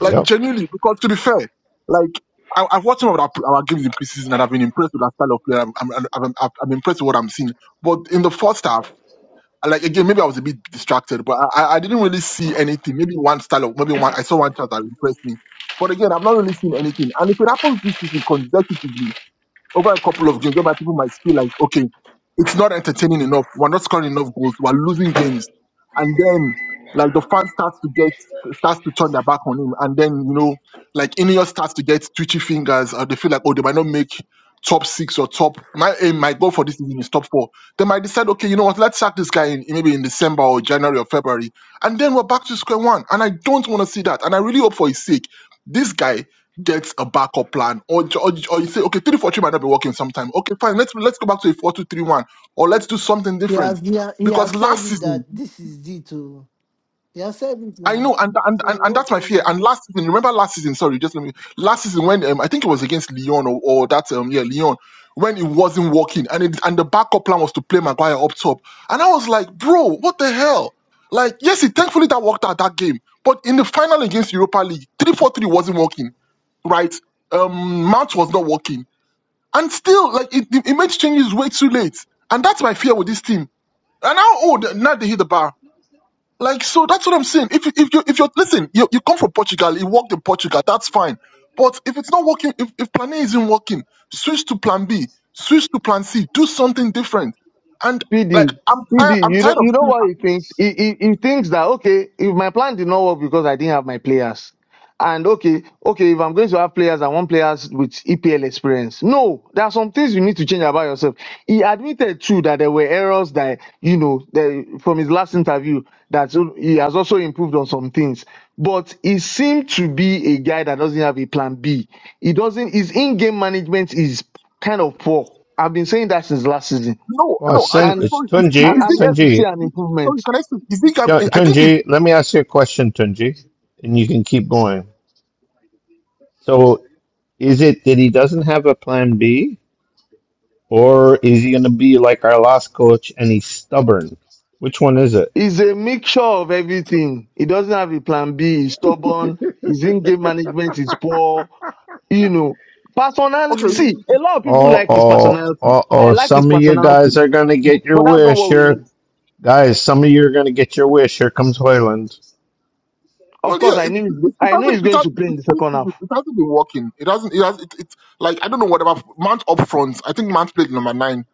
[SPEAKER 8] Like genuinely, because to be fair, like I, I've watched some of our, our games in preseason and I've been impressed with our style of play. I'm, I'm, I'm, I'm I'm impressed with what I'm seeing. But in the first half like again, maybe I was a bit distracted, but I, I I didn't really see anything. Maybe one style, of, maybe one. I saw one chart that impressed me, but again, I've not really seen anything. And if it happens this season consecutively, over a couple of games whereby people might feel like, okay, it's not entertaining enough. We're not scoring enough goals. We're losing games. And then like the fan starts to get starts to turn their back on him. And then, you know, like Ineos starts to get twitchy fingers or they feel like, oh, they might not make top six or top my aim might go for this season is top four. They might decide, okay, you know what, let's sack this guy in maybe in December or January or February. And then we're back to square one. And I don't want to see that. And I really hope for his sake. This guy get a backup plan or, ju- or, or you say okay three four three might not be working sometime okay fine let's let's go back to a four two three one or let's do something
[SPEAKER 10] He has
[SPEAKER 8] different
[SPEAKER 10] he, ha- he has
[SPEAKER 8] because
[SPEAKER 10] said
[SPEAKER 8] last
[SPEAKER 10] it that
[SPEAKER 8] season
[SPEAKER 10] this is it too. He has said it
[SPEAKER 8] I
[SPEAKER 10] now.
[SPEAKER 8] know and and
[SPEAKER 10] So
[SPEAKER 8] and, and
[SPEAKER 10] what?
[SPEAKER 8] that's my fear and last season remember last season sorry just let me last season when um, I think it was against Lyon or, or that um yeah Lyon when it wasn't working and it and the backup plan was to play Maguire up top and I was like bro what the hell like yes it thankfully that worked out that game but in the final against Europa League three four three wasn't working right um Mount was not working and still, like it, it, makes changes way too late. And that's my fear with this team. And how old now they hit the bar? Like so, that's what I'm saying. If you if you if you listen, you, you come from Portugal, you worked in Portugal, that's fine. But if it's not working, if, if Plan A isn't working, switch to Plan B, switch to Plan C, do something different. And like
[SPEAKER 6] PD,
[SPEAKER 8] I'm tired,
[SPEAKER 6] PD,
[SPEAKER 8] I'm
[SPEAKER 6] you know,
[SPEAKER 8] tired of
[SPEAKER 6] you know
[SPEAKER 8] seeing.
[SPEAKER 6] what he thinks? He, he, he thinks that, okay, if my plan did not work because I didn't have my players, and okay, okay, if I'm going to have players, I want players with EPL experience. No, there are some things you need to change about yourself. He admitted too that there were errors that, you know, that from his last interview that he has also improved on some things. But he seemed to be a guy that doesn't have a plan B. He doesn't, his in-game management is kind of poor. I've been saying that since last season.
[SPEAKER 8] No,
[SPEAKER 2] Well,
[SPEAKER 8] no, I don't,
[SPEAKER 2] send it's
[SPEAKER 8] sorry, is, is,
[SPEAKER 6] I,
[SPEAKER 2] Tunji,
[SPEAKER 8] is
[SPEAKER 6] I'm here to see
[SPEAKER 2] Tunji,
[SPEAKER 6] an
[SPEAKER 8] it, sorry,
[SPEAKER 6] improvement.
[SPEAKER 8] can I speak? Is it,
[SPEAKER 2] Tu-
[SPEAKER 8] I think it's
[SPEAKER 2] Tunji. Let me ask you a question, Tunji, and you can keep going. So, is it that he doesn't have a plan B, or is he going to be like our last coach and he's stubborn? Which one is it?
[SPEAKER 6] He's a mixture of everything. He doesn't have a plan B. He's stubborn. His in-game management is poor. You know, personal.
[SPEAKER 8] okay.
[SPEAKER 1] him?
[SPEAKER 6] See, a lot of people
[SPEAKER 2] Uh
[SPEAKER 6] like his
[SPEAKER 2] oh,
[SPEAKER 6] personality.
[SPEAKER 2] uh
[SPEAKER 6] I
[SPEAKER 2] oh.
[SPEAKER 6] like his
[SPEAKER 2] Some of you
[SPEAKER 6] personality,
[SPEAKER 2] guys are going to get your
[SPEAKER 6] but that's not
[SPEAKER 2] wish
[SPEAKER 6] what we need.
[SPEAKER 2] here, guys. Some of you are going to get your wish. Here comes Hoyland.
[SPEAKER 8] Well,
[SPEAKER 6] Of course,
[SPEAKER 8] yeah,
[SPEAKER 6] I
[SPEAKER 8] it,
[SPEAKER 6] knew. He's,
[SPEAKER 8] it, it
[SPEAKER 6] I knew
[SPEAKER 8] hasn't,
[SPEAKER 6] he's
[SPEAKER 8] it,
[SPEAKER 6] going
[SPEAKER 8] has,
[SPEAKER 6] to play in
[SPEAKER 8] it's
[SPEAKER 6] the second
[SPEAKER 8] preseason.
[SPEAKER 6] half.
[SPEAKER 8] it hasn't been working. It hasn't, it has, it, it's like, I don't know whatever, Mount up front. I think Mount played number nine.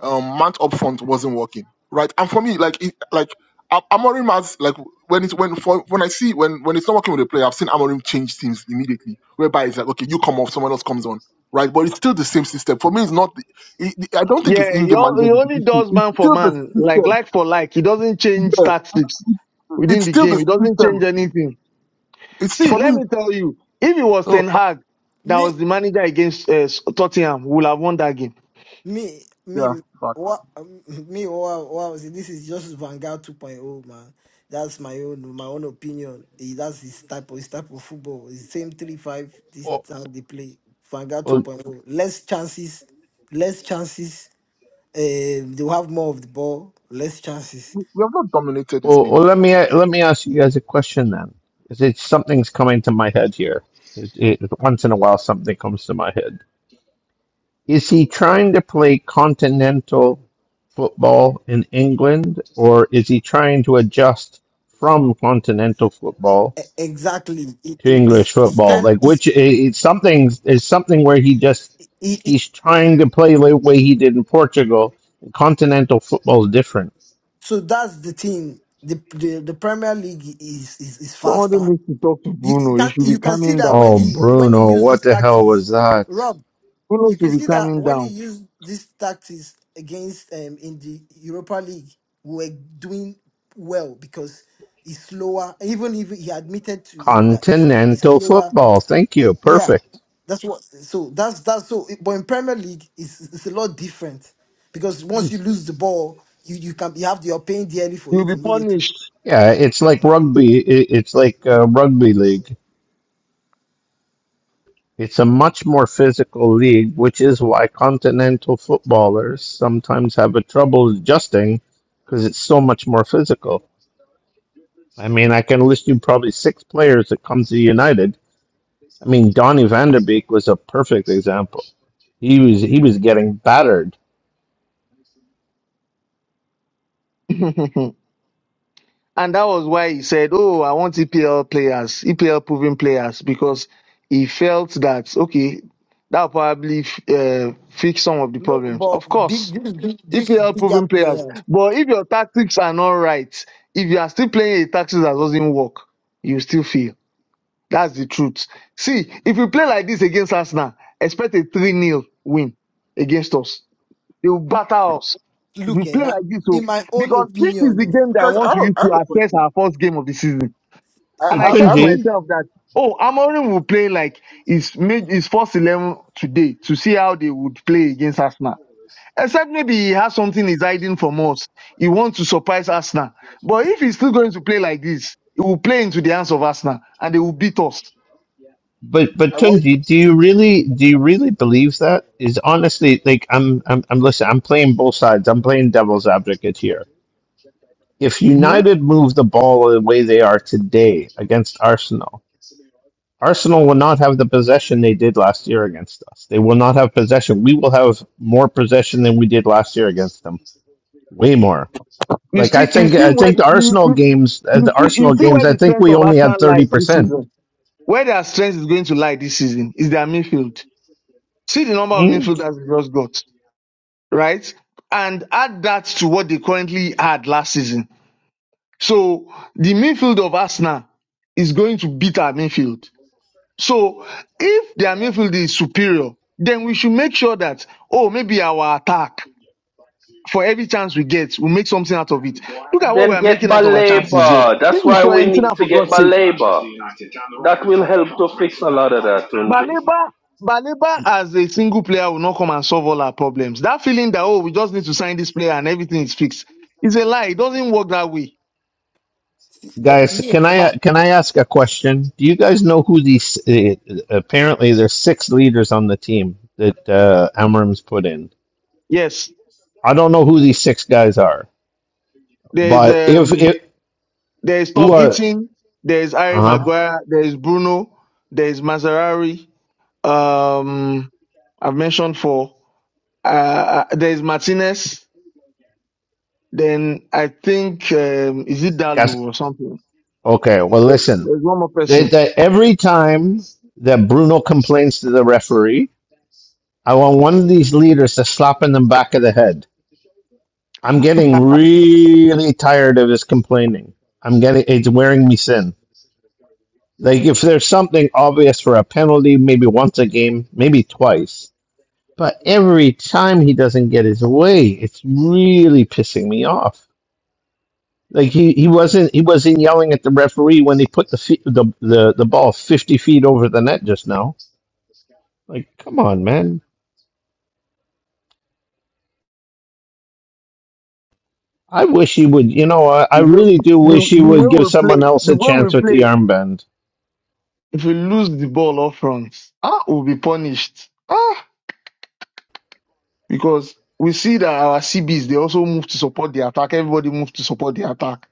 [SPEAKER 8] Um, Mount up front wasn't working, right? And for me, like, it, like, A- Amorim has, like, when it's, when, for, when I see, when, when it's not working with a player, I've seen Amorim change teams immediately, whereby it's like, okay, you come off, someone else comes on, right? But it's still the same system. For me, it's not, the, it, it- I don't think it's
[SPEAKER 6] Yeah, he,
[SPEAKER 8] in-game
[SPEAKER 6] o- he
[SPEAKER 8] management is the
[SPEAKER 6] only
[SPEAKER 8] issue.
[SPEAKER 6] does
[SPEAKER 8] It's
[SPEAKER 6] man for
[SPEAKER 8] still the
[SPEAKER 6] man, like
[SPEAKER 8] system.
[SPEAKER 6] like for like. He doesn't change
[SPEAKER 8] Yeah.
[SPEAKER 6] tactics within
[SPEAKER 8] It's
[SPEAKER 6] the
[SPEAKER 8] still the
[SPEAKER 6] game. He doesn't
[SPEAKER 8] system.
[SPEAKER 6] change anything.
[SPEAKER 8] It's,
[SPEAKER 6] See,
[SPEAKER 8] for
[SPEAKER 6] let
[SPEAKER 8] me,
[SPEAKER 6] me tell you, if it was
[SPEAKER 8] oh,
[SPEAKER 6] Ten Hag that
[SPEAKER 10] Me,
[SPEAKER 6] was the manager against uh, Tottenham, we would have won that game.
[SPEAKER 10] Me,
[SPEAKER 8] yeah.
[SPEAKER 10] me, what, me, wow, wow. See, this is just Vanguard 2.0, man. That's my own, my own opinion. Eh, That's his type of his type of football. It's the same three five. This
[SPEAKER 2] Oh,
[SPEAKER 10] how they play. Vanguard
[SPEAKER 2] oh,
[SPEAKER 10] 2.0. Less chances, less chances. Um, they'll have more of the ball, less chances.
[SPEAKER 8] we we have not dominated this
[SPEAKER 2] Well,
[SPEAKER 8] game.
[SPEAKER 2] well, let me let me ask you guys a question then. Is it something's coming to my head here? It, it, once in a while, something comes to my head. Is he trying to play continental football in England, or is he trying to adjust from continental football
[SPEAKER 10] E- exactly. It,
[SPEAKER 2] to
[SPEAKER 10] it,
[SPEAKER 2] English
[SPEAKER 10] it's it's
[SPEAKER 2] football?
[SPEAKER 10] kind.
[SPEAKER 2] Like, which
[SPEAKER 10] It's
[SPEAKER 2] it, something is something where he just
[SPEAKER 10] it, it,
[SPEAKER 2] he's trying to play the way he did in Portugal. Continental football is different.
[SPEAKER 10] so that's the thing. The, the the Premier League is is, is
[SPEAKER 6] Somebody
[SPEAKER 10] faster.
[SPEAKER 6] needs to talk to
[SPEAKER 10] You
[SPEAKER 6] Bruno. He
[SPEAKER 10] can
[SPEAKER 6] should be
[SPEAKER 10] you can see
[SPEAKER 6] calming
[SPEAKER 10] that
[SPEAKER 6] down.
[SPEAKER 10] when
[SPEAKER 2] Oh,
[SPEAKER 10] he when he
[SPEAKER 2] Bruno,
[SPEAKER 10] used
[SPEAKER 2] what
[SPEAKER 10] these
[SPEAKER 2] the hell was
[SPEAKER 10] tactics,
[SPEAKER 2] that?
[SPEAKER 10] Rob.
[SPEAKER 6] Bruno
[SPEAKER 10] You
[SPEAKER 6] should
[SPEAKER 10] can
[SPEAKER 6] be
[SPEAKER 10] see that
[SPEAKER 6] calming
[SPEAKER 10] when he
[SPEAKER 6] down.
[SPEAKER 10] used these tactics against um in the Europa League, we were doing well because he's slower. Even if he admitted to it that it's he's
[SPEAKER 2] Continental
[SPEAKER 10] slower.
[SPEAKER 2] football. Thank you.
[SPEAKER 10] Yeah,
[SPEAKER 2] Perfect.
[SPEAKER 10] that's what. So that's that's so. But in Premier League, it's it's a lot different because once you lose the ball, you you can you have you're paying dearly for
[SPEAKER 6] You'll
[SPEAKER 10] it
[SPEAKER 6] be
[SPEAKER 10] immediately.
[SPEAKER 6] punished.
[SPEAKER 2] Yeah, it's like rugby. i- It's like uh,
[SPEAKER 10] Mm.
[SPEAKER 2] rugby league. It's a much more physical league, which is why continental footballers sometimes have a trouble adjusting because it's so much more physical. I mean, I can list you probably six players that comes to United. I mean, Donny van de Beek was a perfect example. He was he was getting battered.
[SPEAKER 6] <laughs> and that was why he said, Oh, I want EPL players, EPL proven players, because he felt that, okay, that'll probably uh, fix some of the
[SPEAKER 10] No,
[SPEAKER 6] problems. Of
[SPEAKER 10] but
[SPEAKER 6] course,
[SPEAKER 10] big this big this
[SPEAKER 6] EPL
[SPEAKER 10] bigger
[SPEAKER 6] proven players.
[SPEAKER 10] players.
[SPEAKER 6] But if your tactics are not right, if you are still playing a tactics that doesn't work, you still fail. That's the truth. See, if you play like this against Arsenal, expect a 3 0 win against us. They will batter us. If
[SPEAKER 10] look,
[SPEAKER 6] you
[SPEAKER 10] eh,
[SPEAKER 6] play
[SPEAKER 10] my,
[SPEAKER 6] like this, oh,
[SPEAKER 10] in my own
[SPEAKER 6] because this is the
[SPEAKER 10] opinion, eh,
[SPEAKER 6] game that I
[SPEAKER 8] Guys, I
[SPEAKER 6] want
[SPEAKER 8] have
[SPEAKER 6] to
[SPEAKER 8] a,
[SPEAKER 6] use
[SPEAKER 8] I have
[SPEAKER 6] to
[SPEAKER 8] a
[SPEAKER 6] assess
[SPEAKER 8] question.
[SPEAKER 6] our first game of the season.
[SPEAKER 8] I
[SPEAKER 6] And
[SPEAKER 2] But
[SPEAKER 10] see,
[SPEAKER 6] I
[SPEAKER 8] I,
[SPEAKER 10] eh,
[SPEAKER 8] I
[SPEAKER 6] said
[SPEAKER 8] have
[SPEAKER 6] to
[SPEAKER 2] Tunji,
[SPEAKER 8] a,
[SPEAKER 6] myself that, oh, Amorim will play like his, mid- his first 11 today to see how they would play against Arsenal Except maybe he has something he's hiding from us. He wants to surprise Arsenal. But if he's still going to play like this, he will play into the hands of Arsenal and they will beat us.
[SPEAKER 2] But but
[SPEAKER 8] I want
[SPEAKER 2] Tunji, do you really do you really believe that? Is honestly like I'm I'm I'm listen, I'm playing both sides. I'm playing devil's advocate here. If
[SPEAKER 6] Mhm.
[SPEAKER 2] United move the ball the way they are today against Arsenal, Arsenal will not have the possession they did last year against us. They will not have possession. We will have more possession than we did last year
[SPEAKER 6] You
[SPEAKER 2] Like I
[SPEAKER 6] see, you
[SPEAKER 2] think
[SPEAKER 6] see
[SPEAKER 2] I
[SPEAKER 6] where
[SPEAKER 2] think
[SPEAKER 6] the,
[SPEAKER 2] the
[SPEAKER 6] you,
[SPEAKER 2] Arsenal
[SPEAKER 6] you,
[SPEAKER 2] games, uh,
[SPEAKER 6] you
[SPEAKER 2] the
[SPEAKER 6] see you
[SPEAKER 2] Arsenal
[SPEAKER 6] see
[SPEAKER 2] games,
[SPEAKER 6] where
[SPEAKER 2] I
[SPEAKER 6] the
[SPEAKER 2] think
[SPEAKER 6] strength
[SPEAKER 2] we
[SPEAKER 6] of
[SPEAKER 2] only had
[SPEAKER 6] Arsenal lies this
[SPEAKER 2] 30%.
[SPEAKER 6] season. Where their strength is going to lie this season is their midfield. See the number of midfielders they just got, right? And add that to what they currently had last season. So the midfield of Arsenal is going to beat our midfield So if their midfield is superior, then we should make sure that, oh, maybe our attack, for every chance we get, we make something out of it. Look at what we
[SPEAKER 9] Then
[SPEAKER 6] are
[SPEAKER 9] get
[SPEAKER 6] making out of our chances here.
[SPEAKER 9] Baleba.
[SPEAKER 6] This
[SPEAKER 9] That's
[SPEAKER 6] is
[SPEAKER 9] why we need
[SPEAKER 6] Fiorentina,
[SPEAKER 9] to
[SPEAKER 6] for
[SPEAKER 9] get
[SPEAKER 6] God's sake.
[SPEAKER 9] Baleba. That will help to fix a lot of that, Tunji.
[SPEAKER 6] Baleba, Baleba as a single player will not come and solve all our problems. That feeling that, oh, we just need to sign this player and everything is fixed, is a lie. It doesn't work that way.
[SPEAKER 10] eh,
[SPEAKER 2] Guys,
[SPEAKER 10] me, eh,
[SPEAKER 2] can I
[SPEAKER 10] my,
[SPEAKER 2] can I ask a question? Do you guys know who these? Uh, apparently, there's six leaders on the team that uh, Amram's put in.
[SPEAKER 6] Yes,
[SPEAKER 2] I don't know who these six guys are,
[SPEAKER 6] there is,
[SPEAKER 2] but if
[SPEAKER 6] um,
[SPEAKER 2] it
[SPEAKER 6] there is
[SPEAKER 2] who
[SPEAKER 6] Tom
[SPEAKER 2] are
[SPEAKER 6] Eaton, there is Harry
[SPEAKER 2] uh
[SPEAKER 6] Maguire, there is Bruno, there is Mazarari Um, I've mentioned four. Uh, uh, there is Martinez. Then I think um, is it Dalu or something.
[SPEAKER 2] okay, well,
[SPEAKER 6] There's one more
[SPEAKER 2] they,
[SPEAKER 6] person.
[SPEAKER 2] they, every time that Bruno complains to the referee, I want one of these leaders to slap him in the back of the head. I'm getting really tired of his complaining. I'm getting it's wearing me thin. Like if there's something obvious for a penalty, maybe once a game, maybe twice. But every time he doesn't get his way, it's really pissing me off. Like he, he wasn't he wasn't yelling at the referee when he put the, fe- the the the ball fifty feet over the net just now. Like come on, man! I wish he would. You know, I, I
[SPEAKER 6] The way
[SPEAKER 2] really do wish
[SPEAKER 6] the,
[SPEAKER 2] he
[SPEAKER 6] the way
[SPEAKER 2] would give
[SPEAKER 6] we
[SPEAKER 2] someone
[SPEAKER 6] play,
[SPEAKER 2] else
[SPEAKER 6] the
[SPEAKER 2] a
[SPEAKER 6] way
[SPEAKER 2] chance
[SPEAKER 6] we
[SPEAKER 2] with the
[SPEAKER 6] play.
[SPEAKER 2] armband.
[SPEAKER 6] If we lose the ball up front, ah, we'll be punished. Ah, because we see that our CBs they also move to support the attack. Everybody moves to support the attack.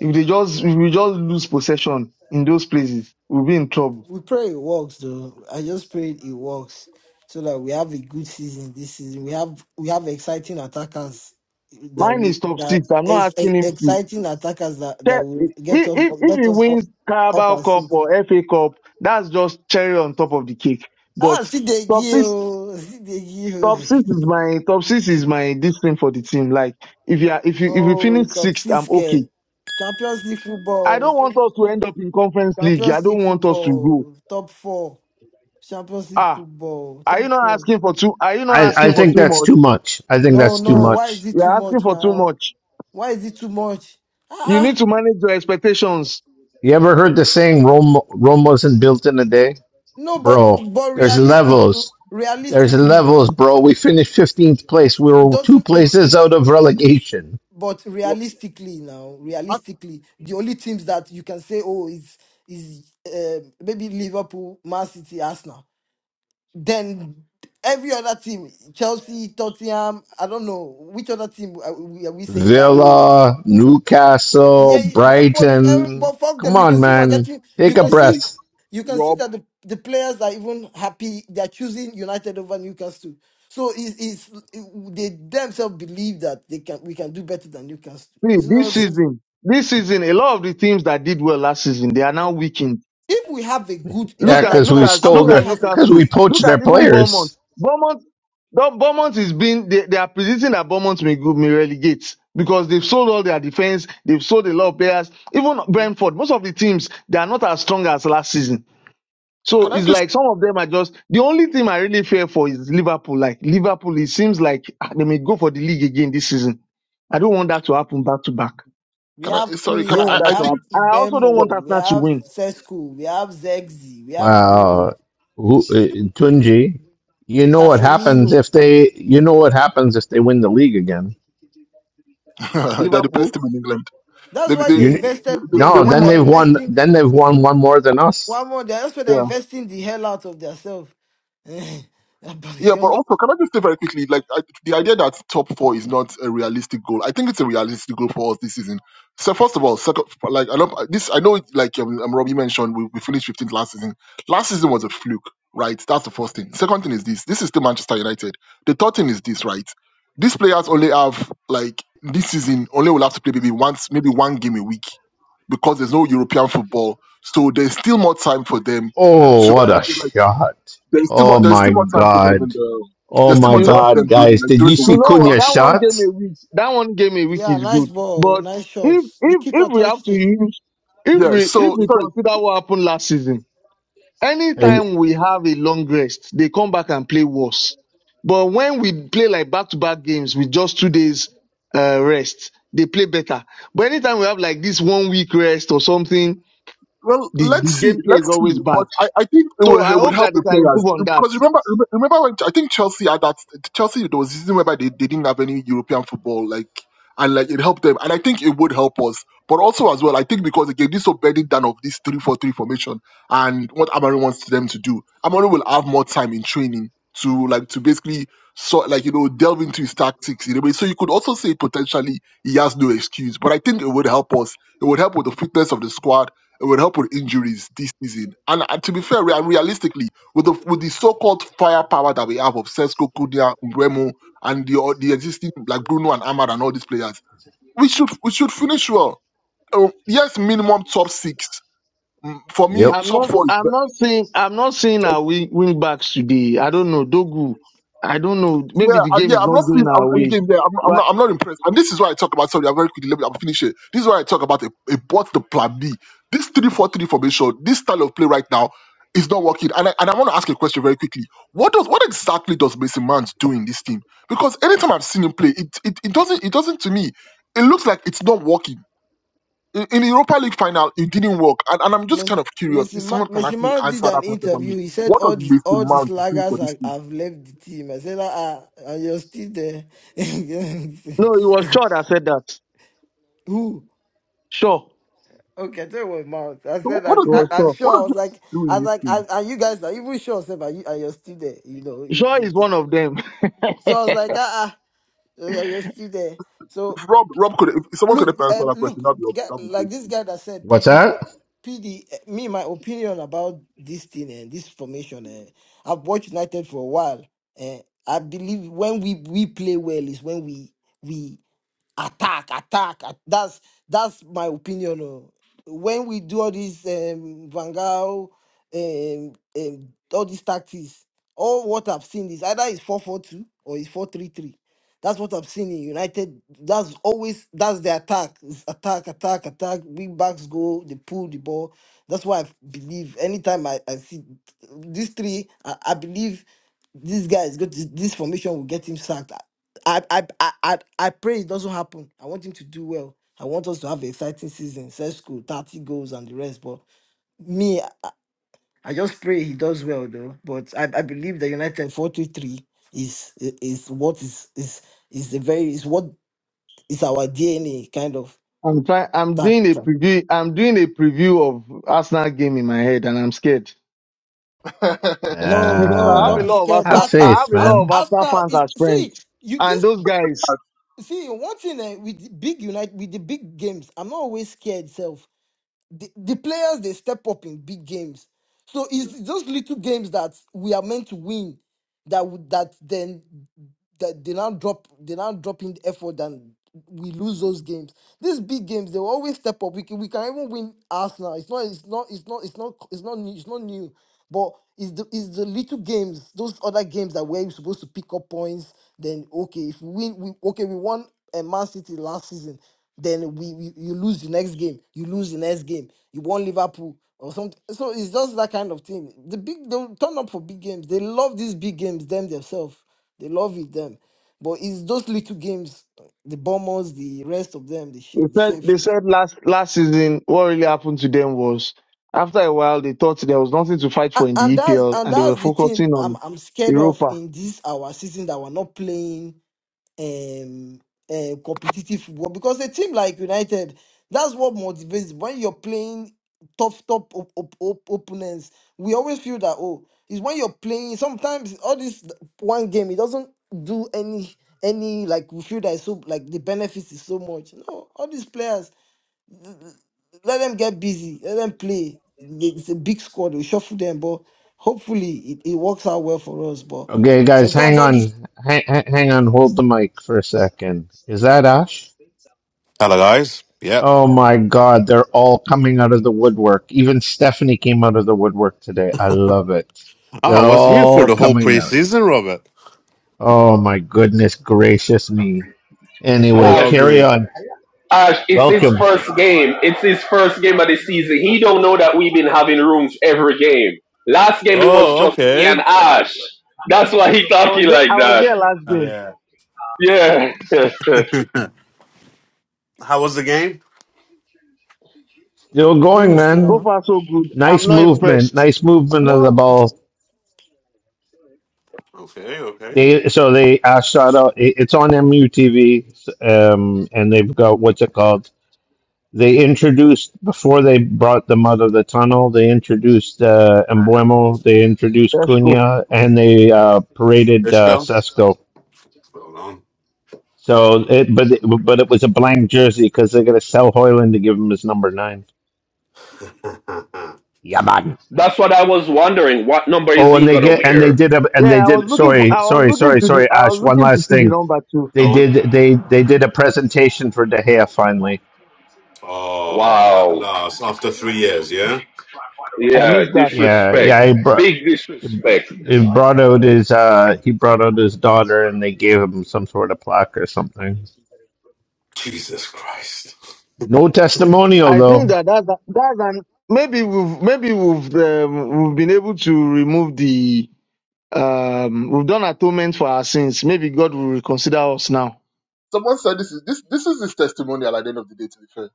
[SPEAKER 6] If they just if we just lose possession in those places, we'll be in trouble.
[SPEAKER 10] we pray it works though. I just pray it works so that we have a good season this season. We have we have exciting attackers that
[SPEAKER 6] Mine
[SPEAKER 10] we
[SPEAKER 6] is top
[SPEAKER 10] that
[SPEAKER 6] six. I'm not
[SPEAKER 10] ex, ex-
[SPEAKER 6] asking him to.
[SPEAKER 10] exciting attackers that
[SPEAKER 6] Che-
[SPEAKER 10] that
[SPEAKER 6] If,
[SPEAKER 10] will get off
[SPEAKER 6] if, if
[SPEAKER 10] get
[SPEAKER 6] he
[SPEAKER 10] us up
[SPEAKER 6] wins
[SPEAKER 10] up
[SPEAKER 6] Carabao
[SPEAKER 10] our
[SPEAKER 6] Cup
[SPEAKER 10] seat.
[SPEAKER 6] or FA Cup, that's just cherry on top of the cake. But
[SPEAKER 10] Ah, see the
[SPEAKER 6] top six,
[SPEAKER 10] geo, see the
[SPEAKER 6] top six
[SPEAKER 10] geo. <laughs>
[SPEAKER 6] is my top six is my discipline for the team. Like if you are, if you if we
[SPEAKER 10] Oh,
[SPEAKER 6] finish
[SPEAKER 10] top
[SPEAKER 6] sixth, I'm
[SPEAKER 10] six eh,
[SPEAKER 6] okay.
[SPEAKER 10] Champions League
[SPEAKER 6] I
[SPEAKER 10] football,
[SPEAKER 6] don't want us to end up in Conference League. I
[SPEAKER 10] Champions League
[SPEAKER 6] don't want us to go.
[SPEAKER 10] football, top four. Champions League
[SPEAKER 6] Ah,
[SPEAKER 10] football,
[SPEAKER 6] are
[SPEAKER 10] top
[SPEAKER 6] you not
[SPEAKER 10] four.
[SPEAKER 6] asking for too? Are you not
[SPEAKER 2] I I
[SPEAKER 6] asking for
[SPEAKER 2] think
[SPEAKER 6] too
[SPEAKER 2] that's too
[SPEAKER 6] much?
[SPEAKER 2] much. I think
[SPEAKER 10] No,
[SPEAKER 2] that's too
[SPEAKER 10] no. Why is
[SPEAKER 2] much.
[SPEAKER 6] <laughs>
[SPEAKER 10] it too
[SPEAKER 6] You're asking
[SPEAKER 10] much
[SPEAKER 6] for too
[SPEAKER 10] now?
[SPEAKER 6] much.
[SPEAKER 10] Why is it too much?
[SPEAKER 6] You
[SPEAKER 10] Ah,
[SPEAKER 6] need
[SPEAKER 10] ah.
[SPEAKER 6] to manage your expectations.
[SPEAKER 2] You ever heard the saying "Rome Rome wasn't built in a day"?
[SPEAKER 10] no. But
[SPEAKER 2] bro.
[SPEAKER 10] but
[SPEAKER 2] There's
[SPEAKER 10] realistic,
[SPEAKER 2] levels. There's
[SPEAKER 10] realistically,
[SPEAKER 2] levels, bro. We finished 15th place. We
[SPEAKER 10] it
[SPEAKER 2] were two
[SPEAKER 10] doesn't it,
[SPEAKER 2] places
[SPEAKER 10] it?
[SPEAKER 2] out of relegation.
[SPEAKER 10] But
[SPEAKER 8] Rob.
[SPEAKER 10] realistically now,
[SPEAKER 8] ask-
[SPEAKER 10] realistically, the only teams that you can say, oh, is is uh, maybe Liverpool, Man City, Arsenal. Then every other team, Chelsea, Tottenham. I don't know which other team are we, are we saying that? Oh,
[SPEAKER 2] Villa, Newcastle,
[SPEAKER 10] Yeah, you- but uh,
[SPEAKER 2] Brighton.
[SPEAKER 10] but fuck
[SPEAKER 2] Come
[SPEAKER 10] them. You
[SPEAKER 2] on,
[SPEAKER 10] can see we're
[SPEAKER 2] man.
[SPEAKER 10] getting. You
[SPEAKER 2] Take a
[SPEAKER 10] can
[SPEAKER 8] Wait,
[SPEAKER 10] see
[SPEAKER 2] breath.
[SPEAKER 10] you can see
[SPEAKER 8] Rob,
[SPEAKER 10] that the, the players are even happy. They are choosing United over Newcastle. So it's, it's they themselves believe that they can we can do better than Newcastle.
[SPEAKER 6] See,
[SPEAKER 10] It's
[SPEAKER 6] this
[SPEAKER 10] not just,
[SPEAKER 6] season, this season, a lot of the teams that did well last season, they are now
[SPEAKER 10] uh,
[SPEAKER 6] weakened
[SPEAKER 10] if we have a good
[SPEAKER 2] Yeah,
[SPEAKER 6] Look
[SPEAKER 10] just
[SPEAKER 6] at
[SPEAKER 10] like
[SPEAKER 2] because
[SPEAKER 6] look
[SPEAKER 2] we
[SPEAKER 10] now.
[SPEAKER 6] at
[SPEAKER 2] stole
[SPEAKER 6] look
[SPEAKER 10] Amory
[SPEAKER 6] at
[SPEAKER 2] their,
[SPEAKER 10] has a good.
[SPEAKER 2] because
[SPEAKER 6] Newcastle.
[SPEAKER 2] we poached
[SPEAKER 6] Look
[SPEAKER 2] their
[SPEAKER 6] at even Bournemouth.
[SPEAKER 2] players.
[SPEAKER 6] Bournemouth, Dor- Bournemouth is being they, they are predicting that Bournemouth may go may relegate because they've sold all their defense. They've sold a lot of players. Even Brentford, most of the teams they are not as strong as last season. So
[SPEAKER 8] can I
[SPEAKER 10] Mm.
[SPEAKER 6] it's
[SPEAKER 8] just
[SPEAKER 6] like some of them are just the only team I really fear for is Liverpool. Like Liverpool, it seems like ah, they may go for the league again this season. I don't want that to happen back to back.
[SPEAKER 10] We
[SPEAKER 8] can I
[SPEAKER 10] have
[SPEAKER 8] sorry?
[SPEAKER 6] I
[SPEAKER 8] Can I?
[SPEAKER 6] don't
[SPEAKER 10] Kunya,
[SPEAKER 6] want
[SPEAKER 8] I
[SPEAKER 10] we
[SPEAKER 6] that
[SPEAKER 8] I
[SPEAKER 6] to
[SPEAKER 10] have
[SPEAKER 8] think
[SPEAKER 6] happen. I also don't want
[SPEAKER 10] Ibemo, we
[SPEAKER 6] Arsenal to
[SPEAKER 10] have
[SPEAKER 6] win.
[SPEAKER 10] Sesko, we have Zegzi, we have
[SPEAKER 2] Wow.
[SPEAKER 10] Bruno,
[SPEAKER 2] Who, uh, Tunji, you know what happens
[SPEAKER 10] Casemiro.
[SPEAKER 2] if they, you know what happens if they win the league again.
[SPEAKER 8] <laughs> they're the
[SPEAKER 6] Liverpool,
[SPEAKER 8] best team in England.
[SPEAKER 10] That's
[SPEAKER 8] They they
[SPEAKER 10] why they
[SPEAKER 2] You,
[SPEAKER 10] invested.
[SPEAKER 8] they,
[SPEAKER 10] They
[SPEAKER 8] they
[SPEAKER 2] no,
[SPEAKER 8] win
[SPEAKER 10] invest.
[SPEAKER 2] then
[SPEAKER 10] They're
[SPEAKER 2] they've
[SPEAKER 8] more.
[SPEAKER 2] won,
[SPEAKER 10] investing
[SPEAKER 2] then they've won one more than us.
[SPEAKER 10] one more. They're also they're investing the hell out of themselves. <laughs> yeah,
[SPEAKER 8] Yeah, but also, can I just say very quickly, like I, the idea that top four is not a realistic goal. I think it's a realistic goal for us this season. So first of all, second, like I love this. I know, it, like um, um, Robbie mentioned, we, we finished 15th last season. Last season was a fluke, right? That's the first thing. Second thing is this. This is still Manchester United. The third thing is this, right? These players only have like this season only will have to play maybe once, maybe one game a week because there's no European football. So there's still more time for them
[SPEAKER 2] Oh,
[SPEAKER 8] to
[SPEAKER 2] what
[SPEAKER 8] like.
[SPEAKER 2] a
[SPEAKER 8] like,
[SPEAKER 2] shot.
[SPEAKER 8] there's still more.
[SPEAKER 2] Oh
[SPEAKER 8] There's
[SPEAKER 2] my
[SPEAKER 8] still more time for them in
[SPEAKER 2] God.
[SPEAKER 8] the.
[SPEAKER 2] Oh
[SPEAKER 8] There's still
[SPEAKER 2] my
[SPEAKER 8] more
[SPEAKER 6] you
[SPEAKER 8] time
[SPEAKER 6] know,
[SPEAKER 8] for
[SPEAKER 2] God,
[SPEAKER 8] them during
[SPEAKER 2] guys.
[SPEAKER 8] the,
[SPEAKER 2] Did
[SPEAKER 8] during
[SPEAKER 2] you
[SPEAKER 8] the
[SPEAKER 2] see
[SPEAKER 6] You
[SPEAKER 8] week
[SPEAKER 6] know
[SPEAKER 8] to
[SPEAKER 6] what?
[SPEAKER 2] Cunha's
[SPEAKER 6] That
[SPEAKER 8] actually.
[SPEAKER 6] one game
[SPEAKER 2] shot?
[SPEAKER 6] a week. That one game a week is
[SPEAKER 10] nice
[SPEAKER 6] good.
[SPEAKER 10] ball,
[SPEAKER 6] But
[SPEAKER 10] nice
[SPEAKER 6] if
[SPEAKER 10] shots. The
[SPEAKER 6] if
[SPEAKER 10] keeper
[SPEAKER 6] if we have
[SPEAKER 10] touched
[SPEAKER 6] to
[SPEAKER 10] it.
[SPEAKER 6] use, if
[SPEAKER 8] Yeah.
[SPEAKER 6] we if
[SPEAKER 8] So
[SPEAKER 6] we
[SPEAKER 8] sorry.
[SPEAKER 6] consider what happened last season,
[SPEAKER 2] Eh,
[SPEAKER 6] anytime we have a long rest, they come back and play worse. But when we play like back to back games with just two days uh, rest, they play better. But anytime we have like this one week rest or something,
[SPEAKER 8] Well,
[SPEAKER 6] the, the
[SPEAKER 8] let's see,
[SPEAKER 6] gameplay is
[SPEAKER 8] let's see.
[SPEAKER 6] always
[SPEAKER 8] But
[SPEAKER 6] bad.
[SPEAKER 8] I, I think it
[SPEAKER 6] So
[SPEAKER 8] would,
[SPEAKER 6] I
[SPEAKER 8] it would
[SPEAKER 6] hope
[SPEAKER 8] help
[SPEAKER 6] that they
[SPEAKER 8] the
[SPEAKER 6] can
[SPEAKER 8] players
[SPEAKER 6] improve on that.
[SPEAKER 8] because remember, remember remember when I think Chelsea at that Chelsea there was a season whereby they, they didn't have any European football like and like it helped them and I think it would help us. But also as well, I think because again this so bedding down of this three four three formation and what Amari wants them to do, Amari will have more time in training to like to basically sort like you know delve into his tactics in a way. So you could also say potentially he has no excuse, but I think it would help us. It would help with the fitness of the squad it would help with injuries this season. And, and to be fair, re- and realistically, with the with the so-called firepower that we have of Sesko, Kudia, Umbremo, and the o- the existing like Bruno and Ahmad and all these players, we should we should finish well. Um, yes, minimum top six. Mm, For me,
[SPEAKER 2] Yep.
[SPEAKER 6] I'm
[SPEAKER 8] top
[SPEAKER 6] not
[SPEAKER 8] four. is
[SPEAKER 6] I'm not saying I'm not saying our win, win backs today. I don't know. Dogu, I don't know.
[SPEAKER 8] Yeah,
[SPEAKER 6] Maybe the
[SPEAKER 8] I,
[SPEAKER 6] game
[SPEAKER 8] yeah,
[SPEAKER 6] is
[SPEAKER 8] I'm
[SPEAKER 6] not
[SPEAKER 8] not seeing.
[SPEAKER 6] going
[SPEAKER 8] I'm,
[SPEAKER 6] our way.
[SPEAKER 8] again, yeah, I'm, I'm
[SPEAKER 6] Right.
[SPEAKER 8] not. I'm not impressed. And this is why I talk about. Sorry, I'm very quickly. Let me. I'm finish it. This is why I talk about a, a what's the plan B. This three-four-three formation, this style of play right now, is not working. And I, and I want to ask a question very quickly. What does what exactly does Mason Mount do in this team? Because anytime I've seen him play, it it, it doesn't it doesn't to me. It looks like it's not working. In, in the Europa League final, it didn't work. And, and I'm just
[SPEAKER 10] Mes-
[SPEAKER 8] kind of curious
[SPEAKER 10] Messi
[SPEAKER 8] if
[SPEAKER 10] Ma-
[SPEAKER 8] someone can
[SPEAKER 10] Messi
[SPEAKER 8] actually
[SPEAKER 10] Mount did
[SPEAKER 8] answer that
[SPEAKER 10] an
[SPEAKER 8] question for me.
[SPEAKER 10] interview. He said
[SPEAKER 8] What does
[SPEAKER 10] all these
[SPEAKER 8] Mason
[SPEAKER 10] all these
[SPEAKER 8] Mount do
[SPEAKER 10] laggers
[SPEAKER 8] for this
[SPEAKER 10] are,
[SPEAKER 8] team?
[SPEAKER 10] have left the team. I said, ah, ah, and you're still there.
[SPEAKER 6] No, it was
[SPEAKER 10] <laughs>
[SPEAKER 6] Shaw that said that.
[SPEAKER 10] Who?
[SPEAKER 6] Sure.
[SPEAKER 10] Okay, I tell you what, Mount. I
[SPEAKER 8] So what
[SPEAKER 10] said,
[SPEAKER 8] what
[SPEAKER 10] I,
[SPEAKER 8] does
[SPEAKER 6] It
[SPEAKER 8] it
[SPEAKER 10] I,
[SPEAKER 6] was
[SPEAKER 10] I'm
[SPEAKER 6] Shaw.
[SPEAKER 8] what
[SPEAKER 10] sure. I
[SPEAKER 8] does
[SPEAKER 10] was
[SPEAKER 8] it
[SPEAKER 10] like,
[SPEAKER 8] do
[SPEAKER 10] I
[SPEAKER 8] in
[SPEAKER 10] was
[SPEAKER 8] this
[SPEAKER 10] like,
[SPEAKER 8] case?
[SPEAKER 10] and, and you guys are even sure, Seba, you, and you're still there. You know, you,
[SPEAKER 6] Shaw
[SPEAKER 10] you,
[SPEAKER 6] is one of them.
[SPEAKER 10] so I was
[SPEAKER 6] <laughs>
[SPEAKER 10] like, ah, ah. So yeah, you're still there. So
[SPEAKER 8] If Rob Rob could if someone could
[SPEAKER 10] look,
[SPEAKER 8] have answered
[SPEAKER 10] um,
[SPEAKER 8] that question,
[SPEAKER 10] look,
[SPEAKER 8] that'd be
[SPEAKER 10] guy-
[SPEAKER 8] that'd be
[SPEAKER 10] like this guy that said
[SPEAKER 2] What's
[SPEAKER 10] PD,
[SPEAKER 2] that?
[SPEAKER 10] PD. eh, Me, my opinion about this thing and this formation. eh, I've watched United for a while, and I believe when we we play well is when we we attack, attack. at- That's that's my opinion. oh. When we do all these um, Van Gaal, um, um, all these tactics, all what I've seen is either it's four four two or it's four three three. That's what I've seen in United. That's always that's the attack, It's attack, attack, attack. Big backs go, they pull the ball. That's why I believe. Anytime I, I see these three, I, I believe this guy is going to this formation will get him sacked. I, I, I, I I pray it doesn't happen. I want him to do well. I want us to have an exciting season, set school, 30 goals and the rest. But me, I, I just pray he does well though. But I, I believe the United 43 is i- is what is is is the very is what is our DNA kind of
[SPEAKER 6] I'm trying I'm
[SPEAKER 10] that.
[SPEAKER 6] doing a
[SPEAKER 10] that-
[SPEAKER 6] preview I'm doing a preview of Arsenal game in my head and I'm scared.
[SPEAKER 8] great.
[SPEAKER 10] No,
[SPEAKER 6] Because
[SPEAKER 10] no,
[SPEAKER 6] I have
[SPEAKER 10] don't
[SPEAKER 6] a
[SPEAKER 2] Uh,
[SPEAKER 10] be
[SPEAKER 6] lot of
[SPEAKER 10] scared.
[SPEAKER 2] have
[SPEAKER 6] Arsenal
[SPEAKER 10] Arsenal,
[SPEAKER 6] I
[SPEAKER 2] faith,
[SPEAKER 6] have a lot
[SPEAKER 10] Ars-
[SPEAKER 6] of
[SPEAKER 2] man.
[SPEAKER 6] Arsenal
[SPEAKER 10] Arsenal.
[SPEAKER 6] fans
[SPEAKER 10] is-
[SPEAKER 6] as
[SPEAKER 10] See
[SPEAKER 6] friends.
[SPEAKER 10] you.
[SPEAKER 6] And
[SPEAKER 10] This
[SPEAKER 6] those guys
[SPEAKER 10] see one thing eh, with the big United with the big games. I'm not always scared. Self. the, the players they step up in big games. So
[SPEAKER 8] <laughs> yeah.
[SPEAKER 10] it's those little games that we are meant to win that would that then that they now drop they now drop in the effort and we lose those games. These big games they will always step up. We can we can even win Arsenal. It's not it's not it's not it's not it's not new, it's not new. But it's the it's the little games, those other games that we're supposed to pick up points. Then okay, if we win, we okay we won a Man City last season. Then we, we you lose the next game, you lose the next game, you won Liverpool or something. So it's just that kind of thing. The big they turn up for big games. They love these big games them themselves. They love it, them. But it's those little games, the bombers, the rest of them, the sh-
[SPEAKER 6] They
[SPEAKER 10] the
[SPEAKER 6] said they
[SPEAKER 10] shapeshifters.
[SPEAKER 6] said last last season what really happened to them was after a while they thought there was nothing to fight
[SPEAKER 10] A-
[SPEAKER 6] for in
[SPEAKER 10] And
[SPEAKER 6] the
[SPEAKER 10] that's
[SPEAKER 6] EPL
[SPEAKER 10] and
[SPEAKER 6] and they were
[SPEAKER 10] that's the thing
[SPEAKER 6] focusing
[SPEAKER 10] I'm
[SPEAKER 6] on
[SPEAKER 10] I'm scared of
[SPEAKER 6] Europa.
[SPEAKER 10] in this our season that we're not playing um, uh, competitive football because a team like United, that's what motivates when you're playing tough, top op- op- op- opponents. We always feel that oh, it's when you're playing. Sometimes all this one game it doesn't do any any like we feel that it's so like the benefits is so much. No, all these players let them get busy, let them play. It's a big squad. We shuffle them, but hopefully it, it works out well for us. But
[SPEAKER 2] Okay, guys,
[SPEAKER 10] sometimes
[SPEAKER 2] hang
[SPEAKER 10] all this
[SPEAKER 2] on. Hang, hang on. Hold the mic for a second. Is that Ash?
[SPEAKER 11] Hello, guys. Yep.
[SPEAKER 2] Oh my God. They're all coming out of the woodwork. Even Stephanie came out of the woodwork today. I love it.
[SPEAKER 11] I
[SPEAKER 2] They're
[SPEAKER 11] was here for
[SPEAKER 2] all
[SPEAKER 11] the whole
[SPEAKER 2] coming out.
[SPEAKER 11] preseason, Robert.
[SPEAKER 2] Oh my goodness gracious me.
[SPEAKER 11] How
[SPEAKER 2] Anyway,
[SPEAKER 11] you all
[SPEAKER 2] carry
[SPEAKER 11] doing?
[SPEAKER 2] on.
[SPEAKER 9] Ash, it's his
[SPEAKER 2] Welcome.
[SPEAKER 9] first game. It's his first game of the season. He don't know that we've been having rooms every game. Last game it was
[SPEAKER 11] Oh,
[SPEAKER 9] just me
[SPEAKER 11] okay.
[SPEAKER 9] and Ash. That's why he
[SPEAKER 6] I was
[SPEAKER 9] talking
[SPEAKER 6] there
[SPEAKER 9] like
[SPEAKER 6] I was
[SPEAKER 9] that.
[SPEAKER 6] there last game.
[SPEAKER 11] Yeah.
[SPEAKER 9] Yeah. <laughs>
[SPEAKER 11] <laughs> How was the game?
[SPEAKER 2] Still
[SPEAKER 10] game
[SPEAKER 2] going,
[SPEAKER 10] is here.
[SPEAKER 2] man.
[SPEAKER 6] So
[SPEAKER 10] on.
[SPEAKER 6] far so good. I'm
[SPEAKER 2] Nice
[SPEAKER 6] not
[SPEAKER 2] movement.
[SPEAKER 6] impressed.
[SPEAKER 2] Nice movement of the
[SPEAKER 10] Wow.
[SPEAKER 2] ball.
[SPEAKER 11] Okay, okay.
[SPEAKER 2] They so they uh, shot out. it- It's on MUTV, um, and they've got what's it called? They introduced before they brought them out of the tunnel. They introduced uh, Embuemo. They introduced
[SPEAKER 6] Let's go.
[SPEAKER 2] Cunha, and they uh, paraded
[SPEAKER 11] Let's
[SPEAKER 2] uh,
[SPEAKER 11] go.
[SPEAKER 2] Sesko.
[SPEAKER 11] Hold
[SPEAKER 2] So, it, but it, but it was a blank jersey because they're gonna sell Hoyland to give him his number nine.
[SPEAKER 11] on. <laughs>
[SPEAKER 2] Yeah, man.
[SPEAKER 9] That's what I was wondering. What number is
[SPEAKER 2] Oh, and
[SPEAKER 9] he
[SPEAKER 2] they
[SPEAKER 9] gonna
[SPEAKER 2] get and they
[SPEAKER 9] wear?
[SPEAKER 2] did a and
[SPEAKER 6] Yeah,
[SPEAKER 2] they
[SPEAKER 6] I was
[SPEAKER 2] did
[SPEAKER 6] looking for
[SPEAKER 2] sorry,
[SPEAKER 6] I was
[SPEAKER 2] sorry,
[SPEAKER 6] looking
[SPEAKER 2] sorry,
[SPEAKER 6] to the
[SPEAKER 2] sorry,
[SPEAKER 6] I was
[SPEAKER 2] Ash. One
[SPEAKER 6] looking to
[SPEAKER 2] last
[SPEAKER 6] see the
[SPEAKER 2] thing.
[SPEAKER 6] number two.
[SPEAKER 2] They
[SPEAKER 11] go on.
[SPEAKER 2] did they they did a presentation for De Gea finally.
[SPEAKER 11] Oh, at
[SPEAKER 9] Wow.
[SPEAKER 11] last, after three years, yeah?
[SPEAKER 6] I
[SPEAKER 9] Yeah,
[SPEAKER 6] missed that.
[SPEAKER 2] Yeah,
[SPEAKER 9] disrespect.
[SPEAKER 2] yeah. He brought
[SPEAKER 9] Big disrespect.
[SPEAKER 2] he brought out his uh he brought out his daughter and they gave him some sort of plaque or something.
[SPEAKER 11] Jesus Christ.
[SPEAKER 2] No testimonial
[SPEAKER 6] I think
[SPEAKER 2] though.
[SPEAKER 6] that that's a- that's an maybe we've maybe we've um, we've been able to remove the um we've done atonement for our sins. Maybe God will reconsider us now
[SPEAKER 8] Someone said this is this this is his testimonial at the end of the day. To be fair,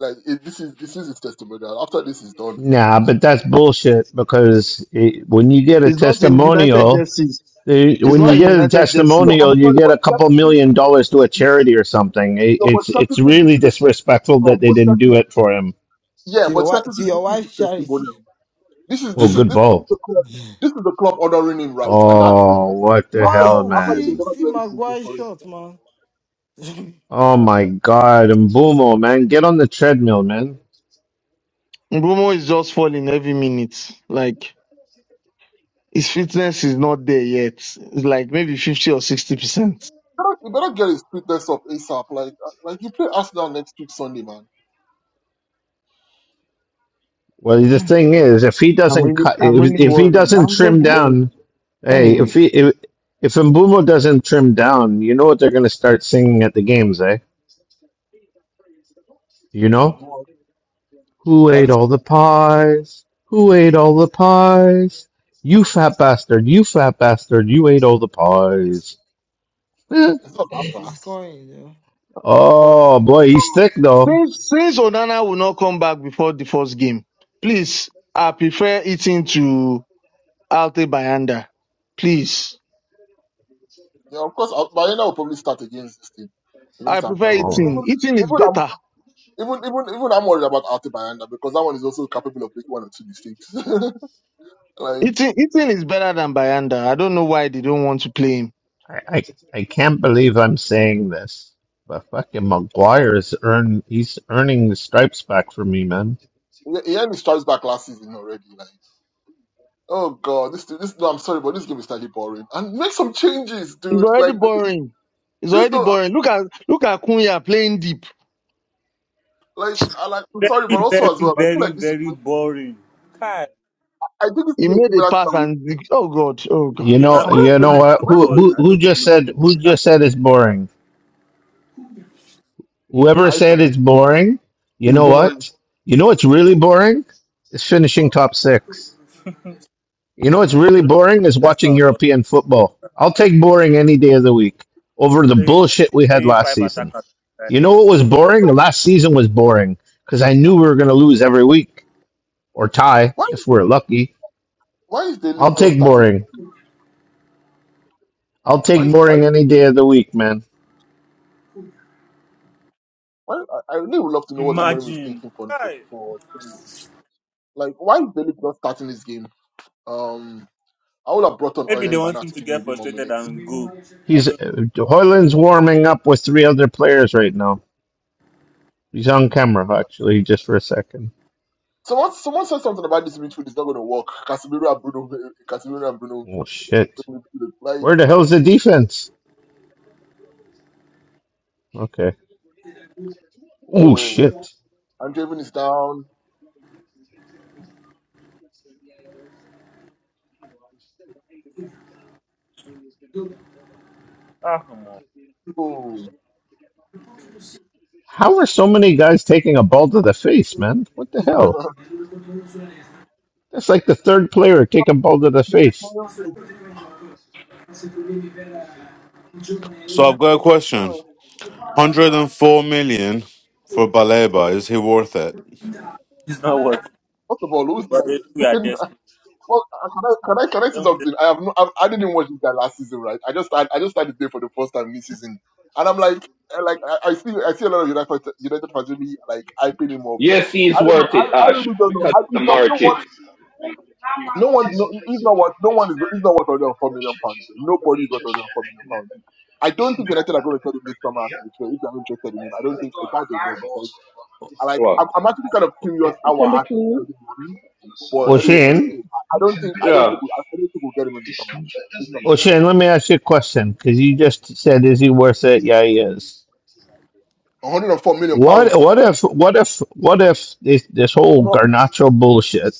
[SPEAKER 8] like it, this is this is his testimonial. After this is done,
[SPEAKER 2] Nah,
[SPEAKER 8] like
[SPEAKER 2] but that's bullshit because it, when you get a
[SPEAKER 6] It's not in United
[SPEAKER 2] testimonial,
[SPEAKER 6] jerseys.
[SPEAKER 2] They-
[SPEAKER 8] It's
[SPEAKER 6] It's
[SPEAKER 2] when
[SPEAKER 6] not
[SPEAKER 2] you
[SPEAKER 8] technical,
[SPEAKER 6] in
[SPEAKER 2] get a
[SPEAKER 6] United jerseys.
[SPEAKER 2] testimonial,
[SPEAKER 8] I'm
[SPEAKER 2] you
[SPEAKER 8] sorry,
[SPEAKER 2] get a
[SPEAKER 8] but
[SPEAKER 2] couple
[SPEAKER 8] technically
[SPEAKER 2] million dollars to a charity or something. It,
[SPEAKER 8] no, but
[SPEAKER 2] it's it's
[SPEAKER 8] technically this
[SPEAKER 2] really
[SPEAKER 8] is a te-
[SPEAKER 2] disrespectful
[SPEAKER 8] Rob,
[SPEAKER 2] that they
[SPEAKER 8] but
[SPEAKER 2] didn't do
[SPEAKER 8] technically
[SPEAKER 2] it for him.
[SPEAKER 8] yeah,
[SPEAKER 10] To
[SPEAKER 8] but
[SPEAKER 10] your wife, to
[SPEAKER 8] technically this
[SPEAKER 10] your
[SPEAKER 8] is his
[SPEAKER 10] wife's charity.
[SPEAKER 8] testimonial. this is
[SPEAKER 2] Well,
[SPEAKER 8] this is
[SPEAKER 2] good
[SPEAKER 8] this is
[SPEAKER 2] ball.
[SPEAKER 8] the club this is the club honoring him right, and that's it.
[SPEAKER 2] Oh, what the
[SPEAKER 8] After this
[SPEAKER 2] hell,
[SPEAKER 10] Wow,
[SPEAKER 8] after this they
[SPEAKER 10] see,
[SPEAKER 2] man!
[SPEAKER 8] never
[SPEAKER 10] see
[SPEAKER 8] do anything again
[SPEAKER 10] Maguire
[SPEAKER 8] for him.
[SPEAKER 10] shot, man. <laughs> if
[SPEAKER 2] Oh my God, and Mbumo, man, get on the treadmill, man.
[SPEAKER 6] Mbromo is just falling every minute. Like his fitness is not there yet. It's like maybe fifty or sixty percent.
[SPEAKER 8] better, you better get his fitness up ASAP. Like, uh, like you play Arsenal next week Sunday, man.
[SPEAKER 2] Well, the thing is, if he
[SPEAKER 6] I'm
[SPEAKER 2] doesn't
[SPEAKER 6] really,
[SPEAKER 2] cut,
[SPEAKER 6] I'm
[SPEAKER 2] if,
[SPEAKER 6] really
[SPEAKER 2] if he
[SPEAKER 6] worried.
[SPEAKER 2] doesn't
[SPEAKER 6] I'm just
[SPEAKER 2] trim
[SPEAKER 6] worried.
[SPEAKER 2] down, hey, if
[SPEAKER 6] Anyway,
[SPEAKER 2] he if, if Mbumo doesn't trim down, you know what they're gonna start singing at the games, eh? You know.
[SPEAKER 8] Well,
[SPEAKER 2] Who
[SPEAKER 8] that
[SPEAKER 2] ate
[SPEAKER 8] is,
[SPEAKER 2] all the pies? Who ate all the pies? You fat bastard, you fat bastard, you ate all the pies. <laughs> Eh.
[SPEAKER 8] it's not that
[SPEAKER 10] he's
[SPEAKER 8] far.
[SPEAKER 10] scoring, you know.
[SPEAKER 8] But um,
[SPEAKER 2] oh
[SPEAKER 8] um,
[SPEAKER 2] boy, he's thick though.
[SPEAKER 6] since since Onana will not come back before the first game, please, I prefer eating to Alte Bayanda. Please,
[SPEAKER 8] yeah, of course, uh, Bayona will probably start against this team,
[SPEAKER 6] I
[SPEAKER 8] against
[SPEAKER 6] prefer
[SPEAKER 8] Arsenal. Even,
[SPEAKER 2] Oh,
[SPEAKER 8] even,
[SPEAKER 6] eating. Eating is
[SPEAKER 8] even, I'm,
[SPEAKER 6] better.
[SPEAKER 8] even, even, even I'm worried about Arte Bayanda because that one is also capable of making one or two mistakes. <laughs> like,
[SPEAKER 6] Eating, eating is better than Bayanda. I don't know why they don't want to play him.
[SPEAKER 2] I, I, I can't believe I'm saying this, but fucking Maguire is earn he's earning the stripes back for me, man.
[SPEAKER 8] he he had his stripes back last season already. Like, oh god, this, this. No, I'm sorry, but this game is slightly boring. And make some changes,
[SPEAKER 6] It's
[SPEAKER 8] dude.
[SPEAKER 6] already
[SPEAKER 8] Like, this,
[SPEAKER 6] boring. It's
[SPEAKER 8] this
[SPEAKER 6] already
[SPEAKER 8] no,
[SPEAKER 6] boring. Look at look at Kunya playing deep.
[SPEAKER 8] like, I like. I'm sorry, but
[SPEAKER 7] Very,
[SPEAKER 8] also as
[SPEAKER 7] very,
[SPEAKER 8] well, I feel
[SPEAKER 7] very,
[SPEAKER 8] like this
[SPEAKER 7] very
[SPEAKER 8] is.
[SPEAKER 7] boring. Kai,
[SPEAKER 8] I think it's to
[SPEAKER 6] He
[SPEAKER 8] be a
[SPEAKER 6] made a
[SPEAKER 8] similar
[SPEAKER 6] pass
[SPEAKER 8] story.
[SPEAKER 6] and the- oh god, oh
[SPEAKER 2] You
[SPEAKER 6] god,
[SPEAKER 7] the
[SPEAKER 2] know,
[SPEAKER 8] Wait,
[SPEAKER 7] lack
[SPEAKER 8] where
[SPEAKER 7] of
[SPEAKER 6] ah
[SPEAKER 8] is
[SPEAKER 2] you
[SPEAKER 8] the
[SPEAKER 2] know
[SPEAKER 6] god,
[SPEAKER 8] lead?
[SPEAKER 2] what?
[SPEAKER 7] striker
[SPEAKER 8] Where is
[SPEAKER 2] Who,
[SPEAKER 8] the
[SPEAKER 7] awards.
[SPEAKER 2] who,
[SPEAKER 8] lead?
[SPEAKER 7] I
[SPEAKER 2] who
[SPEAKER 7] don't
[SPEAKER 2] just
[SPEAKER 7] know.
[SPEAKER 2] said? Who
[SPEAKER 7] The lack
[SPEAKER 2] just
[SPEAKER 7] of
[SPEAKER 2] said it's
[SPEAKER 7] striker.
[SPEAKER 2] boring? Whoever
[SPEAKER 8] I used to
[SPEAKER 2] said
[SPEAKER 8] have to
[SPEAKER 2] it's
[SPEAKER 8] see
[SPEAKER 2] boring, you
[SPEAKER 6] it's
[SPEAKER 2] know
[SPEAKER 6] boring.
[SPEAKER 2] what? You know what's really boring? It's finishing
[SPEAKER 8] Wow.
[SPEAKER 2] top six. You know what's really
[SPEAKER 7] The lack of
[SPEAKER 2] boring is watching
[SPEAKER 7] striker awards.
[SPEAKER 2] European football. I'll take boring any day of the week over the
[SPEAKER 7] Playing,
[SPEAKER 2] bullshit we had
[SPEAKER 7] playing
[SPEAKER 2] last
[SPEAKER 7] five
[SPEAKER 2] season.
[SPEAKER 7] attackers. at a time.
[SPEAKER 2] You know what was boring? Last season was boring because I knew we were going to lose every week or tie
[SPEAKER 8] Why
[SPEAKER 2] if
[SPEAKER 8] is
[SPEAKER 2] we're lucky.
[SPEAKER 8] why is the lead
[SPEAKER 2] I'll
[SPEAKER 8] not
[SPEAKER 2] take
[SPEAKER 8] starting?
[SPEAKER 2] boring. I'll
[SPEAKER 8] Why
[SPEAKER 2] take
[SPEAKER 8] is why
[SPEAKER 2] boring
[SPEAKER 8] is the
[SPEAKER 2] any day of the week, man.
[SPEAKER 8] why I, I really would love to know what Amorim is
[SPEAKER 7] Imagine.
[SPEAKER 8] thinking for for,
[SPEAKER 7] Kai.
[SPEAKER 8] for Sunday. like why is the league not starting this game? Um I would have brought on
[SPEAKER 7] Maybe they
[SPEAKER 8] Oilen by
[SPEAKER 7] want
[SPEAKER 8] now
[SPEAKER 7] him
[SPEAKER 8] to
[SPEAKER 7] to
[SPEAKER 8] give him a
[SPEAKER 7] get
[SPEAKER 8] bit more
[SPEAKER 7] frustrated
[SPEAKER 8] minutes.
[SPEAKER 7] and go. I
[SPEAKER 2] He's
[SPEAKER 7] don't.
[SPEAKER 2] uh, Hoyland's warming up with three other players right now. He's on camera actually, just for a second.
[SPEAKER 8] Someone someone said something about this midfield is not gonna work. Casemiro and Bruno <laughs> Casemiro and Bruno
[SPEAKER 2] Oh shit!
[SPEAKER 8] like
[SPEAKER 2] Where the hell's the defense? Okay. Oh
[SPEAKER 8] oh
[SPEAKER 2] shit!
[SPEAKER 8] Andreven is down.
[SPEAKER 7] Ah, come on.
[SPEAKER 8] Oh
[SPEAKER 2] How are so many guys taking a ball to the face, man? What the hell? That's like the third player taking ball to the
[SPEAKER 8] I
[SPEAKER 2] face.
[SPEAKER 11] So I've got a
[SPEAKER 8] don't
[SPEAKER 11] question.
[SPEAKER 8] know.
[SPEAKER 11] 104 million for Baleba. Is he worth it?
[SPEAKER 7] It's not what.
[SPEAKER 8] First of all, who's
[SPEAKER 7] But they know we are
[SPEAKER 8] like <laughs>
[SPEAKER 7] desperate.
[SPEAKER 8] Well, uh, can I can I can I say
[SPEAKER 7] Don't blame
[SPEAKER 8] something?
[SPEAKER 7] me.
[SPEAKER 8] I have no, I, I didn't watch this guy last season, right? I just I, I just started there for the first time this season, and I'm like I- like I, I see I see a lot of United United fans really like hyping him up.
[SPEAKER 9] Yes, he's
[SPEAKER 8] I don't know.
[SPEAKER 9] worth
[SPEAKER 8] I,
[SPEAKER 9] it,
[SPEAKER 8] I
[SPEAKER 9] Ash,
[SPEAKER 8] really don't know.
[SPEAKER 9] because
[SPEAKER 8] I,
[SPEAKER 9] of the
[SPEAKER 8] it's not, no
[SPEAKER 9] market.
[SPEAKER 8] one no one no, he's not what no one is he's not worth under four million pounds. Nobody is worth under four million pounds. I don't think United are going to cut him this summer. To be fair, if they're interested in him, I don't think I doubt they will because I like
[SPEAKER 9] What?
[SPEAKER 8] I'm, I'm actually kind of curious
[SPEAKER 9] It
[SPEAKER 8] how we're
[SPEAKER 9] can be
[SPEAKER 8] actually
[SPEAKER 9] clean.
[SPEAKER 8] trading money but
[SPEAKER 2] Well,
[SPEAKER 8] anyway, but
[SPEAKER 2] Shane,
[SPEAKER 8] listen, I I don't think I don't
[SPEAKER 9] Yeah.
[SPEAKER 8] think we, I don't think we'll get him in the summer. This summer,
[SPEAKER 2] well, let me ask you a question because you just said, "Is he worth it?" Yeah, he is.
[SPEAKER 8] 104 million
[SPEAKER 2] What?
[SPEAKER 8] pounds.
[SPEAKER 2] What if? What if? What if this this whole
[SPEAKER 8] No,
[SPEAKER 2] Garnacho bullshit?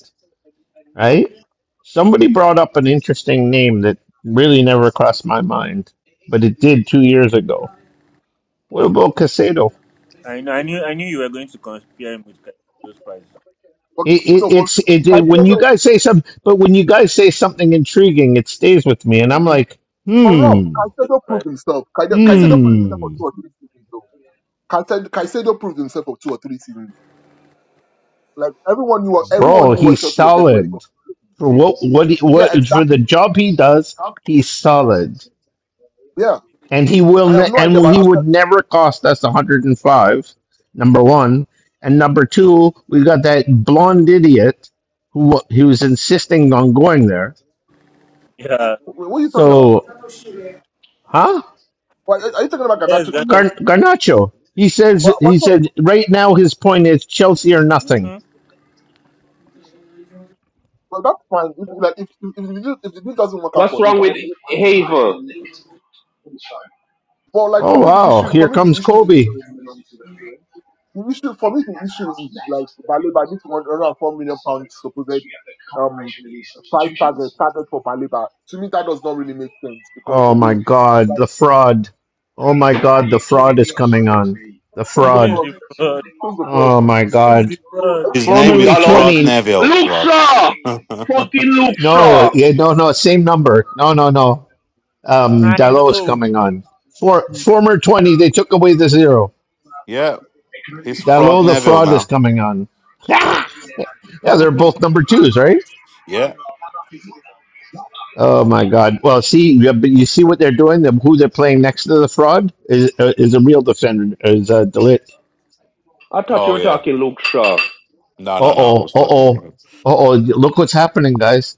[SPEAKER 2] Right? Somebody brought up an interesting name that really never crossed my mind, but it did two years ago. What about Casado?
[SPEAKER 7] I know. I knew. I knew you were going to compare him with Kai- those prizes.
[SPEAKER 8] but
[SPEAKER 2] It, it,
[SPEAKER 8] no, but
[SPEAKER 2] it's it, it- when you
[SPEAKER 8] Caicedo
[SPEAKER 2] guys say something, but when you guys say something intriguing, it stays with me, and
[SPEAKER 7] I
[SPEAKER 2] I'm
[SPEAKER 7] knew you
[SPEAKER 2] like,
[SPEAKER 7] were
[SPEAKER 8] for
[SPEAKER 7] going to compare
[SPEAKER 8] Rob.
[SPEAKER 2] hmm,
[SPEAKER 7] those
[SPEAKER 8] Caicedo proved
[SPEAKER 7] prizes.
[SPEAKER 8] himself.
[SPEAKER 7] I
[SPEAKER 8] Caicedo,
[SPEAKER 7] knew
[SPEAKER 8] Caicedo
[SPEAKER 7] it.
[SPEAKER 8] proved himself for
[SPEAKER 2] hmm,
[SPEAKER 8] two or three seasons though. Caicedo, Caicedo proved himself for two or three seasons. Like everyone knew what everyone
[SPEAKER 2] bro,
[SPEAKER 8] knew what
[SPEAKER 2] he's
[SPEAKER 8] Chelsea were getting when they got.
[SPEAKER 2] solid for what what he, what
[SPEAKER 8] Yeah,
[SPEAKER 2] for the
[SPEAKER 8] exactly.
[SPEAKER 2] job he does. He's solid,
[SPEAKER 8] Yeah,
[SPEAKER 2] and he will
[SPEAKER 8] I have
[SPEAKER 2] ne-
[SPEAKER 8] no
[SPEAKER 2] and
[SPEAKER 8] idea. about.
[SPEAKER 2] he
[SPEAKER 8] I'm not.
[SPEAKER 2] would never cost us 105. Number one, and number two, we got that blonde idiot who wa- who was insisting on going there.
[SPEAKER 7] Yeah.
[SPEAKER 8] wh- What are you talking about?
[SPEAKER 2] So, huh?
[SPEAKER 8] Why are you talking about
[SPEAKER 7] Yes,
[SPEAKER 8] Garnacho to
[SPEAKER 7] Ghana.
[SPEAKER 2] Gar-
[SPEAKER 8] Chelsea?
[SPEAKER 2] Garnacho. He
[SPEAKER 8] But
[SPEAKER 2] says
[SPEAKER 8] what?
[SPEAKER 2] he said right now his point is Chelsea or nothing.
[SPEAKER 7] Mm-hmm.
[SPEAKER 8] Well, that's fine. If like if if, if, the deal- if the deal doesn't work out
[SPEAKER 9] What's
[SPEAKER 8] for him,
[SPEAKER 9] wrong
[SPEAKER 8] but
[SPEAKER 9] with Haver?
[SPEAKER 8] but like
[SPEAKER 2] Oh
[SPEAKER 8] for me, the
[SPEAKER 2] wow,
[SPEAKER 8] issue for
[SPEAKER 2] here
[SPEAKER 8] me the
[SPEAKER 2] comes
[SPEAKER 8] issue
[SPEAKER 2] Kobe.
[SPEAKER 8] is the issue for me, the issue is like Baleba this one hundred and four million pounds supposed um price target target for Baleba. To me, that does not really make sense because
[SPEAKER 2] Oh my
[SPEAKER 8] again,
[SPEAKER 2] god,
[SPEAKER 8] like
[SPEAKER 2] the fraud. Oh my god, the fraud is coming on. The
[SPEAKER 7] <laughs>
[SPEAKER 8] who's the
[SPEAKER 7] Who is
[SPEAKER 2] fraud.
[SPEAKER 8] fraud?
[SPEAKER 7] the fraud?
[SPEAKER 8] Who's the fraud?
[SPEAKER 2] Oh my
[SPEAKER 7] He's
[SPEAKER 2] god.
[SPEAKER 7] the
[SPEAKER 8] Who- I
[SPEAKER 7] fraud.
[SPEAKER 8] don't
[SPEAKER 11] His name
[SPEAKER 9] Who,
[SPEAKER 11] is
[SPEAKER 2] Formerly
[SPEAKER 9] Dallo,
[SPEAKER 11] Fraud
[SPEAKER 2] 20.
[SPEAKER 11] Neville,
[SPEAKER 9] Luke
[SPEAKER 11] Rob.
[SPEAKER 9] Shaw!
[SPEAKER 11] <laughs>
[SPEAKER 9] Fucking Luke
[SPEAKER 2] No,
[SPEAKER 9] Shaw!
[SPEAKER 2] yeah, no, no, same number. No, no, no. Um
[SPEAKER 7] I
[SPEAKER 2] Dalot is
[SPEAKER 7] know.
[SPEAKER 2] coming on. For former 20, they took away the zero.
[SPEAKER 11] yeah, he's Fraud
[SPEAKER 2] Dalot the
[SPEAKER 11] Neville
[SPEAKER 2] fraud is
[SPEAKER 11] now.
[SPEAKER 2] coming on. Yeah, they're both number 2s, right?
[SPEAKER 11] Yeah.
[SPEAKER 2] Oh my God! Well, see, yeah, but you see what they're doing. Them who they're playing next to the fraud is uh, is a real defender. Is uh, Delit.
[SPEAKER 9] I thought you
[SPEAKER 11] Oh
[SPEAKER 9] were
[SPEAKER 11] yeah.
[SPEAKER 9] talking Luke Shaw.
[SPEAKER 11] No,
[SPEAKER 2] Uh
[SPEAKER 11] no, no. I
[SPEAKER 2] oh. Uh
[SPEAKER 11] was talking
[SPEAKER 2] oh.
[SPEAKER 11] about.
[SPEAKER 2] Uh oh. Look what's happening, guys.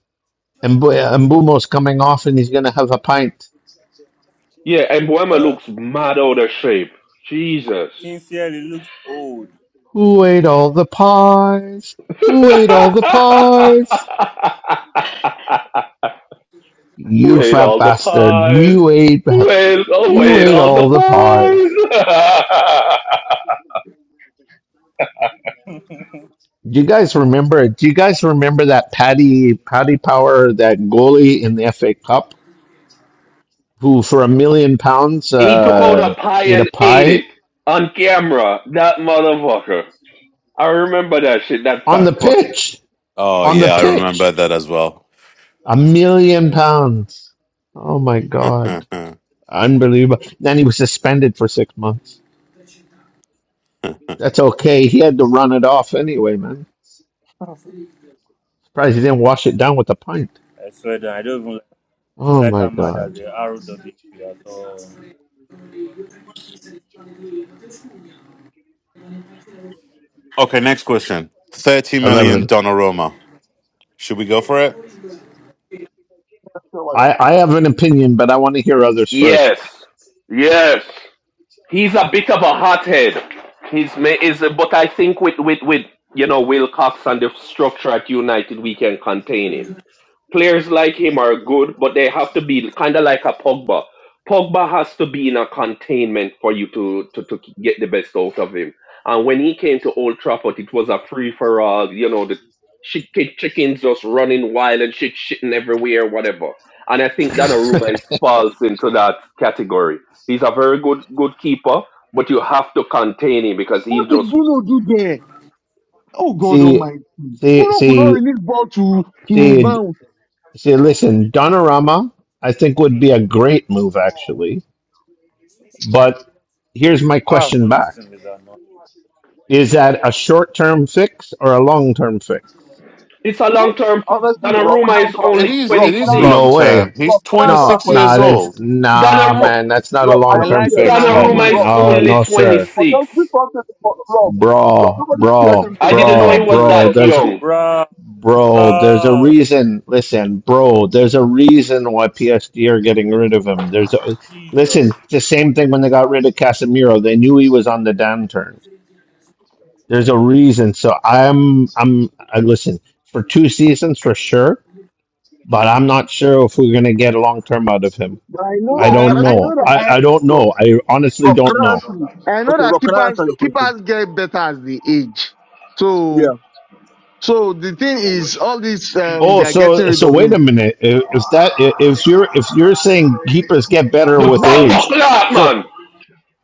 [SPEAKER 2] And Mbumo's coming off, and he's gonna have a pint.
[SPEAKER 9] Yeah, and Boema
[SPEAKER 11] Uh,
[SPEAKER 9] looks mad out of shape. Jesus.
[SPEAKER 7] Sincerely looks old.
[SPEAKER 2] Who ate all the pies?
[SPEAKER 9] <laughs>
[SPEAKER 2] Who ate all the pies?
[SPEAKER 9] who
[SPEAKER 2] You
[SPEAKER 9] ate
[SPEAKER 2] fat
[SPEAKER 9] all the
[SPEAKER 2] bastard!
[SPEAKER 9] pies?
[SPEAKER 2] You ate.
[SPEAKER 9] Who ate, oh, who
[SPEAKER 2] You
[SPEAKER 9] ate
[SPEAKER 2] ate
[SPEAKER 9] all the
[SPEAKER 2] all the
[SPEAKER 9] pies?
[SPEAKER 2] pies. Do you guys remember? Do you guys remember that Paddy Paddy Power that goalie in the FA Cup? who for a million pounds
[SPEAKER 9] <laughs> he took out a
[SPEAKER 2] uh,
[SPEAKER 9] pie
[SPEAKER 2] ate a
[SPEAKER 9] and ate
[SPEAKER 2] pie
[SPEAKER 9] it on camera. That motherfucker. I remember that shit, that
[SPEAKER 2] on
[SPEAKER 9] fat
[SPEAKER 2] the
[SPEAKER 9] fucker.
[SPEAKER 2] pitch.
[SPEAKER 11] oh
[SPEAKER 2] On the
[SPEAKER 11] yeah, I remember
[SPEAKER 2] pitch,
[SPEAKER 11] that as well.
[SPEAKER 2] a million pounds. Oh my
[SPEAKER 11] <laughs>
[SPEAKER 2] god,
[SPEAKER 11] okay,
[SPEAKER 2] unbelievable! Then he was suspended for six months. That's okay. He had to run it off anyway, man. Surprised he didn't wash it down with a pint.
[SPEAKER 7] I swear that I don't even like,
[SPEAKER 2] Oh
[SPEAKER 7] like
[SPEAKER 2] my
[SPEAKER 7] her mad as
[SPEAKER 2] god.
[SPEAKER 7] a RWP at all.
[SPEAKER 11] next question. Thirty million
[SPEAKER 2] Eleven.
[SPEAKER 11] Donnarumma. Should we go for it?
[SPEAKER 8] know why
[SPEAKER 2] I
[SPEAKER 8] not.
[SPEAKER 2] I have an opinion, but I want to hear others first.
[SPEAKER 9] Yes. Yes. He's a bit of a hothead. He's ma- is but I think with with with you know Wilcox and the structure at United we can contain him. players like him are good, but they have to be kind of like a Pogba. Pogba has to be in a containment for you to, to, to get the best out of him. And when he came to Old Trafford, it was a free for all. You know, the chicken, chickens just running wild and shit shitting everywhere, whatever. And I think Donnarumma is falls into that category. He's a very good good keeper, but you have to contain him because
[SPEAKER 6] What
[SPEAKER 9] he'll
[SPEAKER 6] did
[SPEAKER 9] just.
[SPEAKER 6] Bruno do there? Oh god, oh
[SPEAKER 2] See,
[SPEAKER 6] my!
[SPEAKER 2] see,
[SPEAKER 6] Bruno could not
[SPEAKER 2] see,
[SPEAKER 6] release ball to to
[SPEAKER 2] see,
[SPEAKER 6] Mount.
[SPEAKER 2] see. Listen, Donorama, I think would be a great move actually But here's my
[SPEAKER 7] Ah,
[SPEAKER 2] question
[SPEAKER 7] but this
[SPEAKER 2] back.
[SPEAKER 7] thing is annoying.
[SPEAKER 2] Is that a short term fix or a long term fix?
[SPEAKER 9] It's a
[SPEAKER 8] We
[SPEAKER 9] long
[SPEAKER 8] don't ca-
[SPEAKER 9] term fix.
[SPEAKER 8] honestly, Rob. Can I
[SPEAKER 9] Donnarumma is
[SPEAKER 8] answer that?
[SPEAKER 11] It
[SPEAKER 9] only
[SPEAKER 11] is.
[SPEAKER 8] Rob,
[SPEAKER 9] twenty
[SPEAKER 11] It
[SPEAKER 8] can
[SPEAKER 11] is
[SPEAKER 8] I,
[SPEAKER 11] long
[SPEAKER 9] six.
[SPEAKER 2] No way.
[SPEAKER 11] term.
[SPEAKER 8] Rob,
[SPEAKER 11] He's
[SPEAKER 8] can I
[SPEAKER 11] twenty
[SPEAKER 8] answer
[SPEAKER 2] No,
[SPEAKER 8] that
[SPEAKER 11] six
[SPEAKER 8] question?
[SPEAKER 11] years
[SPEAKER 2] nah, that's
[SPEAKER 11] old.
[SPEAKER 2] nah,
[SPEAKER 8] Rob,
[SPEAKER 2] man. That's not a
[SPEAKER 8] Rob, I
[SPEAKER 2] long
[SPEAKER 6] I
[SPEAKER 8] don't
[SPEAKER 2] term
[SPEAKER 6] like
[SPEAKER 8] care.
[SPEAKER 2] fix,
[SPEAKER 8] Rob,
[SPEAKER 2] man.
[SPEAKER 9] Donnarumma
[SPEAKER 6] Donnarumma,
[SPEAKER 9] is
[SPEAKER 8] Rob,
[SPEAKER 2] No,
[SPEAKER 8] listen.
[SPEAKER 9] only
[SPEAKER 2] no, sir.
[SPEAKER 8] Forget
[SPEAKER 9] 26.
[SPEAKER 8] this one. thing for- Rob, Rob,
[SPEAKER 2] Bro,
[SPEAKER 8] nobody cares if
[SPEAKER 2] bro,
[SPEAKER 8] it's a
[SPEAKER 9] I
[SPEAKER 8] long
[SPEAKER 9] didn't know
[SPEAKER 8] term
[SPEAKER 9] he
[SPEAKER 2] bro,
[SPEAKER 8] fix or
[SPEAKER 9] was
[SPEAKER 8] a
[SPEAKER 2] bro.
[SPEAKER 8] short
[SPEAKER 9] that
[SPEAKER 8] term
[SPEAKER 2] There's
[SPEAKER 8] fix.
[SPEAKER 9] young.
[SPEAKER 7] Bruh,
[SPEAKER 2] bro. There's a
[SPEAKER 7] bruh.
[SPEAKER 2] reason. Listen, bro. There's a reason why PSG are getting rid of him. There's a
[SPEAKER 7] Jesus.
[SPEAKER 2] listen. It's the same thing when they got rid of Casemiro. They knew he was on the downturn. There's a reason. So I'm I'm I listen for two seasons for sure, but I'm not sure if we're gonna get long term out of him.
[SPEAKER 6] but I know
[SPEAKER 2] I
[SPEAKER 8] Rob,
[SPEAKER 6] I
[SPEAKER 8] can
[SPEAKER 2] don't
[SPEAKER 8] I
[SPEAKER 6] I
[SPEAKER 8] just
[SPEAKER 2] know.
[SPEAKER 8] say
[SPEAKER 6] know that
[SPEAKER 2] I,
[SPEAKER 8] something?
[SPEAKER 2] I
[SPEAKER 6] I
[SPEAKER 2] don't
[SPEAKER 8] Rob,
[SPEAKER 2] know. I honestly
[SPEAKER 8] Rob, can
[SPEAKER 2] don't
[SPEAKER 8] I
[SPEAKER 2] know.
[SPEAKER 8] answer you?
[SPEAKER 6] I know
[SPEAKER 8] Okay,
[SPEAKER 6] that
[SPEAKER 8] Rob, can I answer
[SPEAKER 6] keepers
[SPEAKER 8] your question?
[SPEAKER 6] keepers get better as they age. So
[SPEAKER 8] Yeah.
[SPEAKER 6] so the thing is, all this um
[SPEAKER 2] Oh,
[SPEAKER 6] they are
[SPEAKER 2] so
[SPEAKER 6] getting rid
[SPEAKER 2] so
[SPEAKER 6] of
[SPEAKER 2] wait a
[SPEAKER 6] him.
[SPEAKER 2] minute. If, if that if you're if you're saying keepers get better
[SPEAKER 9] The
[SPEAKER 2] with
[SPEAKER 9] bomber
[SPEAKER 2] age,
[SPEAKER 9] clock,
[SPEAKER 2] so
[SPEAKER 9] man.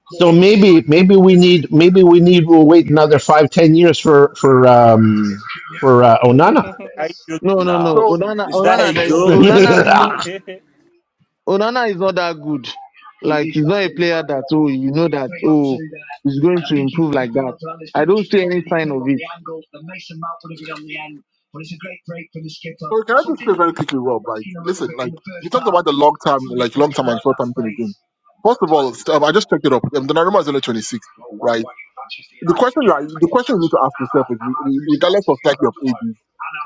[SPEAKER 2] so maybe maybe we need maybe we need we'll wait another five ten years for for um for uh, Onana.
[SPEAKER 7] <laughs> Are you
[SPEAKER 6] No
[SPEAKER 7] joking?
[SPEAKER 6] no
[SPEAKER 11] Nah.
[SPEAKER 6] no,
[SPEAKER 8] So,
[SPEAKER 6] Odana
[SPEAKER 7] Is that a
[SPEAKER 6] Odana there is
[SPEAKER 7] joke?
[SPEAKER 6] Odana.
[SPEAKER 7] <laughs>
[SPEAKER 2] <laughs>
[SPEAKER 6] Onana is not that good. Like he's not a player that oh you know that oh he's going to improve like that. I don't see any sign of it.
[SPEAKER 8] so can I just say very quickly, Rob? Like, listen, like you talked about the long term, like long term and short term thing again. First of all, st- um, I just checked it up. Um, Donnarumma is only 26, right? The question, like, the question you need to ask yourself is, re- re- regardless of slightly of ages,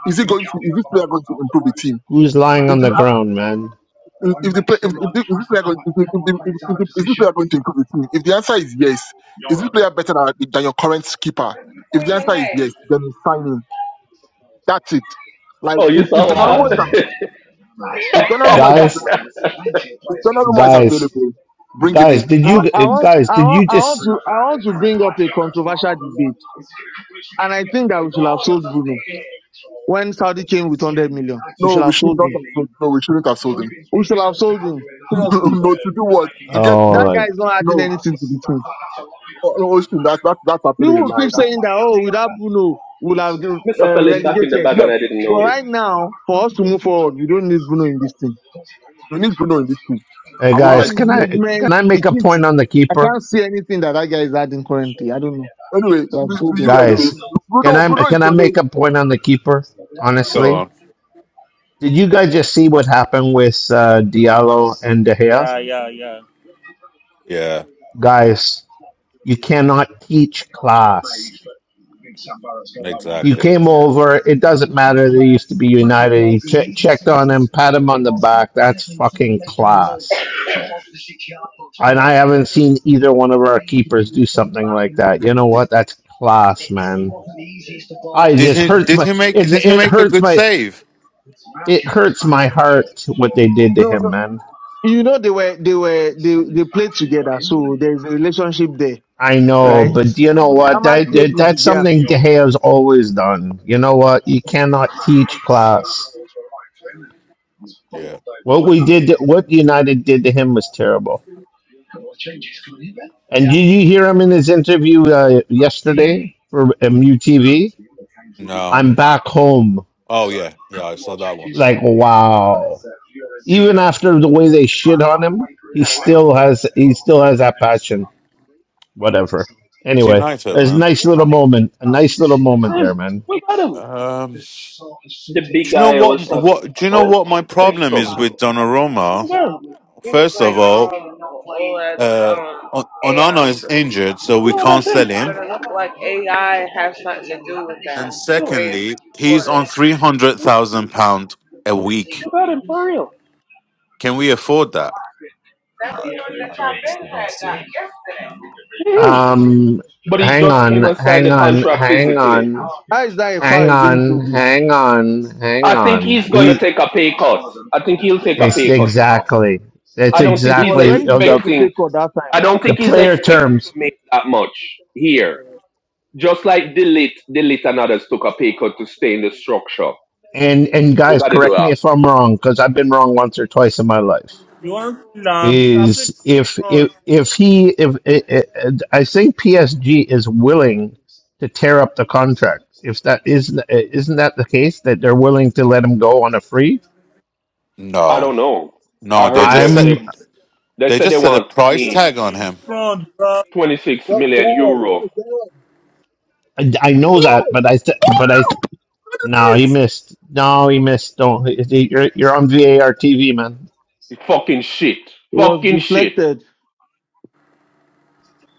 [SPEAKER 8] is it going to, is this player going to improve the team?
[SPEAKER 2] Who's lying
[SPEAKER 8] If
[SPEAKER 2] on
[SPEAKER 8] the,
[SPEAKER 2] the ground, man?
[SPEAKER 8] a- if the, play- if, if the is this player going, if the, if the, if the, if the- is this player going to improve the team? If the answer is yes, is this player better than, than your current keeper? If the answer is yes, then you sign him. That's it. Like,
[SPEAKER 9] Oh,
[SPEAKER 8] if,
[SPEAKER 9] you
[SPEAKER 8] if
[SPEAKER 9] saw what
[SPEAKER 8] Donnarumma is
[SPEAKER 2] Man,
[SPEAKER 9] happened? <laughs> Nice.
[SPEAKER 8] If
[SPEAKER 9] <laughs>
[SPEAKER 8] Donnarumma is
[SPEAKER 9] Nineteen
[SPEAKER 2] guys,
[SPEAKER 8] available, if
[SPEAKER 9] players
[SPEAKER 8] Donnarumma
[SPEAKER 9] committed
[SPEAKER 8] is
[SPEAKER 9] forward.
[SPEAKER 2] guys
[SPEAKER 8] available, bring him
[SPEAKER 2] guys
[SPEAKER 8] in.
[SPEAKER 2] did
[SPEAKER 6] I,
[SPEAKER 2] you
[SPEAKER 8] Like,
[SPEAKER 6] I want
[SPEAKER 2] guys
[SPEAKER 6] I
[SPEAKER 2] did you
[SPEAKER 6] want I want
[SPEAKER 2] just
[SPEAKER 6] to I want to bring up a controversial debate, and I think that we should have sold Bruno when Saudi came with 100 million. We
[SPEAKER 8] no,
[SPEAKER 6] should
[SPEAKER 8] we
[SPEAKER 6] have
[SPEAKER 8] should
[SPEAKER 6] sold
[SPEAKER 8] not
[SPEAKER 6] him.
[SPEAKER 8] have sold. No, we shouldn't have sold him.
[SPEAKER 6] We should have sold him.
[SPEAKER 8] <laughs>
[SPEAKER 6] Seriously,
[SPEAKER 8] no, to do what? To get
[SPEAKER 2] oh
[SPEAKER 6] that
[SPEAKER 8] to
[SPEAKER 6] guy
[SPEAKER 2] like
[SPEAKER 6] is not adding
[SPEAKER 8] no.
[SPEAKER 6] anything to the team.
[SPEAKER 8] Oh, no, Austin, that's that's that's absolutely
[SPEAKER 6] People
[SPEAKER 8] a
[SPEAKER 6] will
[SPEAKER 8] lie.
[SPEAKER 6] keep
[SPEAKER 8] That's,
[SPEAKER 6] saying that oh without Bruno we'll have uh,
[SPEAKER 8] you-
[SPEAKER 6] relegated,
[SPEAKER 8] yes,
[SPEAKER 6] but right now for us to move forward we don't need Bruno in this team.
[SPEAKER 8] we need Bruno in this team.
[SPEAKER 2] hey
[SPEAKER 8] I won't
[SPEAKER 6] All
[SPEAKER 8] lie
[SPEAKER 2] guys
[SPEAKER 6] his
[SPEAKER 8] to
[SPEAKER 2] can
[SPEAKER 8] you.
[SPEAKER 2] i can
[SPEAKER 6] movements,
[SPEAKER 2] i
[SPEAKER 6] he
[SPEAKER 2] make a
[SPEAKER 6] keeps.
[SPEAKER 2] point on the
[SPEAKER 6] I
[SPEAKER 2] keeper
[SPEAKER 6] can't see anything that that guy is adding currently. I don't know.
[SPEAKER 8] Anyway,
[SPEAKER 6] They have
[SPEAKER 8] to, to
[SPEAKER 6] sold him.
[SPEAKER 8] you anyway.
[SPEAKER 2] guys can
[SPEAKER 8] Bruno,
[SPEAKER 2] i
[SPEAKER 8] Bruno is
[SPEAKER 2] can i
[SPEAKER 8] only
[SPEAKER 2] make a point on the keeper
[SPEAKER 11] Go
[SPEAKER 2] honestly
[SPEAKER 11] on.
[SPEAKER 2] did you guys just see what happened with uh, diallo and de
[SPEAKER 7] yeah,
[SPEAKER 2] gea
[SPEAKER 7] yeah, yeah.
[SPEAKER 11] Yeah.
[SPEAKER 2] guys you cannot teach class you
[SPEAKER 11] Exactly.
[SPEAKER 2] came over it doesn't matter they used to be united you che checked on him pat him on the back that's fucking class And I haven't seen either one of our keepers do something like that. You know
[SPEAKER 11] D-
[SPEAKER 2] what? That's class, man. I it
[SPEAKER 11] Did
[SPEAKER 2] just
[SPEAKER 11] he?
[SPEAKER 2] hurts
[SPEAKER 11] Did
[SPEAKER 2] my
[SPEAKER 11] he make?
[SPEAKER 2] it's
[SPEAKER 11] Did he
[SPEAKER 2] it
[SPEAKER 11] make a
[SPEAKER 2] hurts
[SPEAKER 11] good
[SPEAKER 2] my
[SPEAKER 11] save?
[SPEAKER 2] it hurts my heart what they did to
[SPEAKER 6] No,
[SPEAKER 2] him,
[SPEAKER 6] no.
[SPEAKER 2] man.
[SPEAKER 6] You know they were they were they they played together, so there's a relationship there,
[SPEAKER 2] I know, but
[SPEAKER 6] right?
[SPEAKER 2] do you know what?
[SPEAKER 6] Ahmad
[SPEAKER 2] That,
[SPEAKER 6] played
[SPEAKER 2] that
[SPEAKER 6] with the
[SPEAKER 2] that's
[SPEAKER 6] girl.
[SPEAKER 2] something De Gea's always done. You know what? You cannot teach class.
[SPEAKER 11] Yeah.
[SPEAKER 2] What we did, to, what United did to him was terrible. And did you hear him in his interview uh, yesterday for MUTV?
[SPEAKER 11] No.
[SPEAKER 2] I'm back home.
[SPEAKER 11] Oh yeah. Yeah. I saw that one.
[SPEAKER 2] Like wow even after the way they shit on him, he still has he still has that passion. Whatever.
[SPEAKER 11] It's
[SPEAKER 2] Anyway, it
[SPEAKER 11] United,
[SPEAKER 2] was a
[SPEAKER 11] man.
[SPEAKER 2] nice little moment. A nice little moment there, man.
[SPEAKER 9] Look at him.
[SPEAKER 11] Um. Do you know
[SPEAKER 9] guy I
[SPEAKER 11] what?
[SPEAKER 9] was talking
[SPEAKER 11] What? Do you know
[SPEAKER 9] about.
[SPEAKER 11] what my problem
[SPEAKER 9] Sesko.
[SPEAKER 11] is with Donnarumma? First of all, uh, On- Onana is injured, so we
[SPEAKER 9] No,
[SPEAKER 11] can't
[SPEAKER 9] that's him.
[SPEAKER 11] sell him. And
[SPEAKER 9] No,
[SPEAKER 11] secondly, he's on three hundred thousand pound a week.
[SPEAKER 9] that him for real.
[SPEAKER 11] Can we afford that? I, I honestly don't see it.
[SPEAKER 9] Yeah.
[SPEAKER 2] Um
[SPEAKER 9] But he
[SPEAKER 2] hang
[SPEAKER 9] just came
[SPEAKER 2] on,
[SPEAKER 9] and signed
[SPEAKER 2] hang
[SPEAKER 9] the
[SPEAKER 2] on,
[SPEAKER 9] contract
[SPEAKER 2] hang
[SPEAKER 9] physically.
[SPEAKER 2] on,
[SPEAKER 6] How is that a
[SPEAKER 2] hang
[SPEAKER 6] foul against
[SPEAKER 2] on,
[SPEAKER 6] Dogu?
[SPEAKER 2] hang on,
[SPEAKER 9] I
[SPEAKER 2] hang
[SPEAKER 9] think
[SPEAKER 2] on.
[SPEAKER 9] he's gonna
[SPEAKER 2] We
[SPEAKER 9] take a pay cut. I think he'll take a
[SPEAKER 2] it's
[SPEAKER 9] pay cut to come.
[SPEAKER 2] exactly that's
[SPEAKER 9] I don't think
[SPEAKER 6] He
[SPEAKER 9] he's
[SPEAKER 6] was
[SPEAKER 2] exactly
[SPEAKER 6] ready
[SPEAKER 2] uh,
[SPEAKER 6] to take
[SPEAKER 2] the,
[SPEAKER 6] a pay
[SPEAKER 9] expecting.
[SPEAKER 6] cut that
[SPEAKER 9] I
[SPEAKER 6] time.
[SPEAKER 9] don't
[SPEAKER 2] the
[SPEAKER 9] think he's
[SPEAKER 2] player
[SPEAKER 9] expecting to
[SPEAKER 2] terms
[SPEAKER 9] make that much here. Just like Delete, Delete and others took a pay cut to stay in the structure.
[SPEAKER 2] and and
[SPEAKER 9] We
[SPEAKER 2] guys
[SPEAKER 9] gotta do
[SPEAKER 2] correct me
[SPEAKER 9] that.
[SPEAKER 2] if I'm wrong because I've been wrong once or twice in my life.
[SPEAKER 7] You want to lamb? I played to
[SPEAKER 2] is
[SPEAKER 7] his
[SPEAKER 2] if
[SPEAKER 7] front.
[SPEAKER 2] if if he if I I- I think PSG is willing to tear up the contract. If that isn't isn't that the case that they're willing to let him go on a free?
[SPEAKER 9] I
[SPEAKER 11] No,
[SPEAKER 9] don't know. I
[SPEAKER 11] no. They
[SPEAKER 9] heard
[SPEAKER 11] just
[SPEAKER 9] they
[SPEAKER 11] set
[SPEAKER 2] I'm
[SPEAKER 9] they, they
[SPEAKER 11] they
[SPEAKER 9] said they
[SPEAKER 11] just set a
[SPEAKER 9] want
[SPEAKER 11] price
[SPEAKER 7] I
[SPEAKER 9] 20.
[SPEAKER 11] tag
[SPEAKER 7] played to
[SPEAKER 11] on
[SPEAKER 7] his
[SPEAKER 11] him.
[SPEAKER 7] front, bro.
[SPEAKER 9] 26
[SPEAKER 8] that's
[SPEAKER 9] million
[SPEAKER 8] God.
[SPEAKER 9] euro.
[SPEAKER 8] That's God.
[SPEAKER 2] I I know
[SPEAKER 8] No,
[SPEAKER 2] that, but I th- but I th-
[SPEAKER 8] look
[SPEAKER 2] no
[SPEAKER 8] at
[SPEAKER 2] he
[SPEAKER 8] this.
[SPEAKER 2] missed no he missed don't you're you're on VAR TV man.
[SPEAKER 9] Fucking shit.
[SPEAKER 6] It was
[SPEAKER 9] Fucking shit.
[SPEAKER 6] deflected.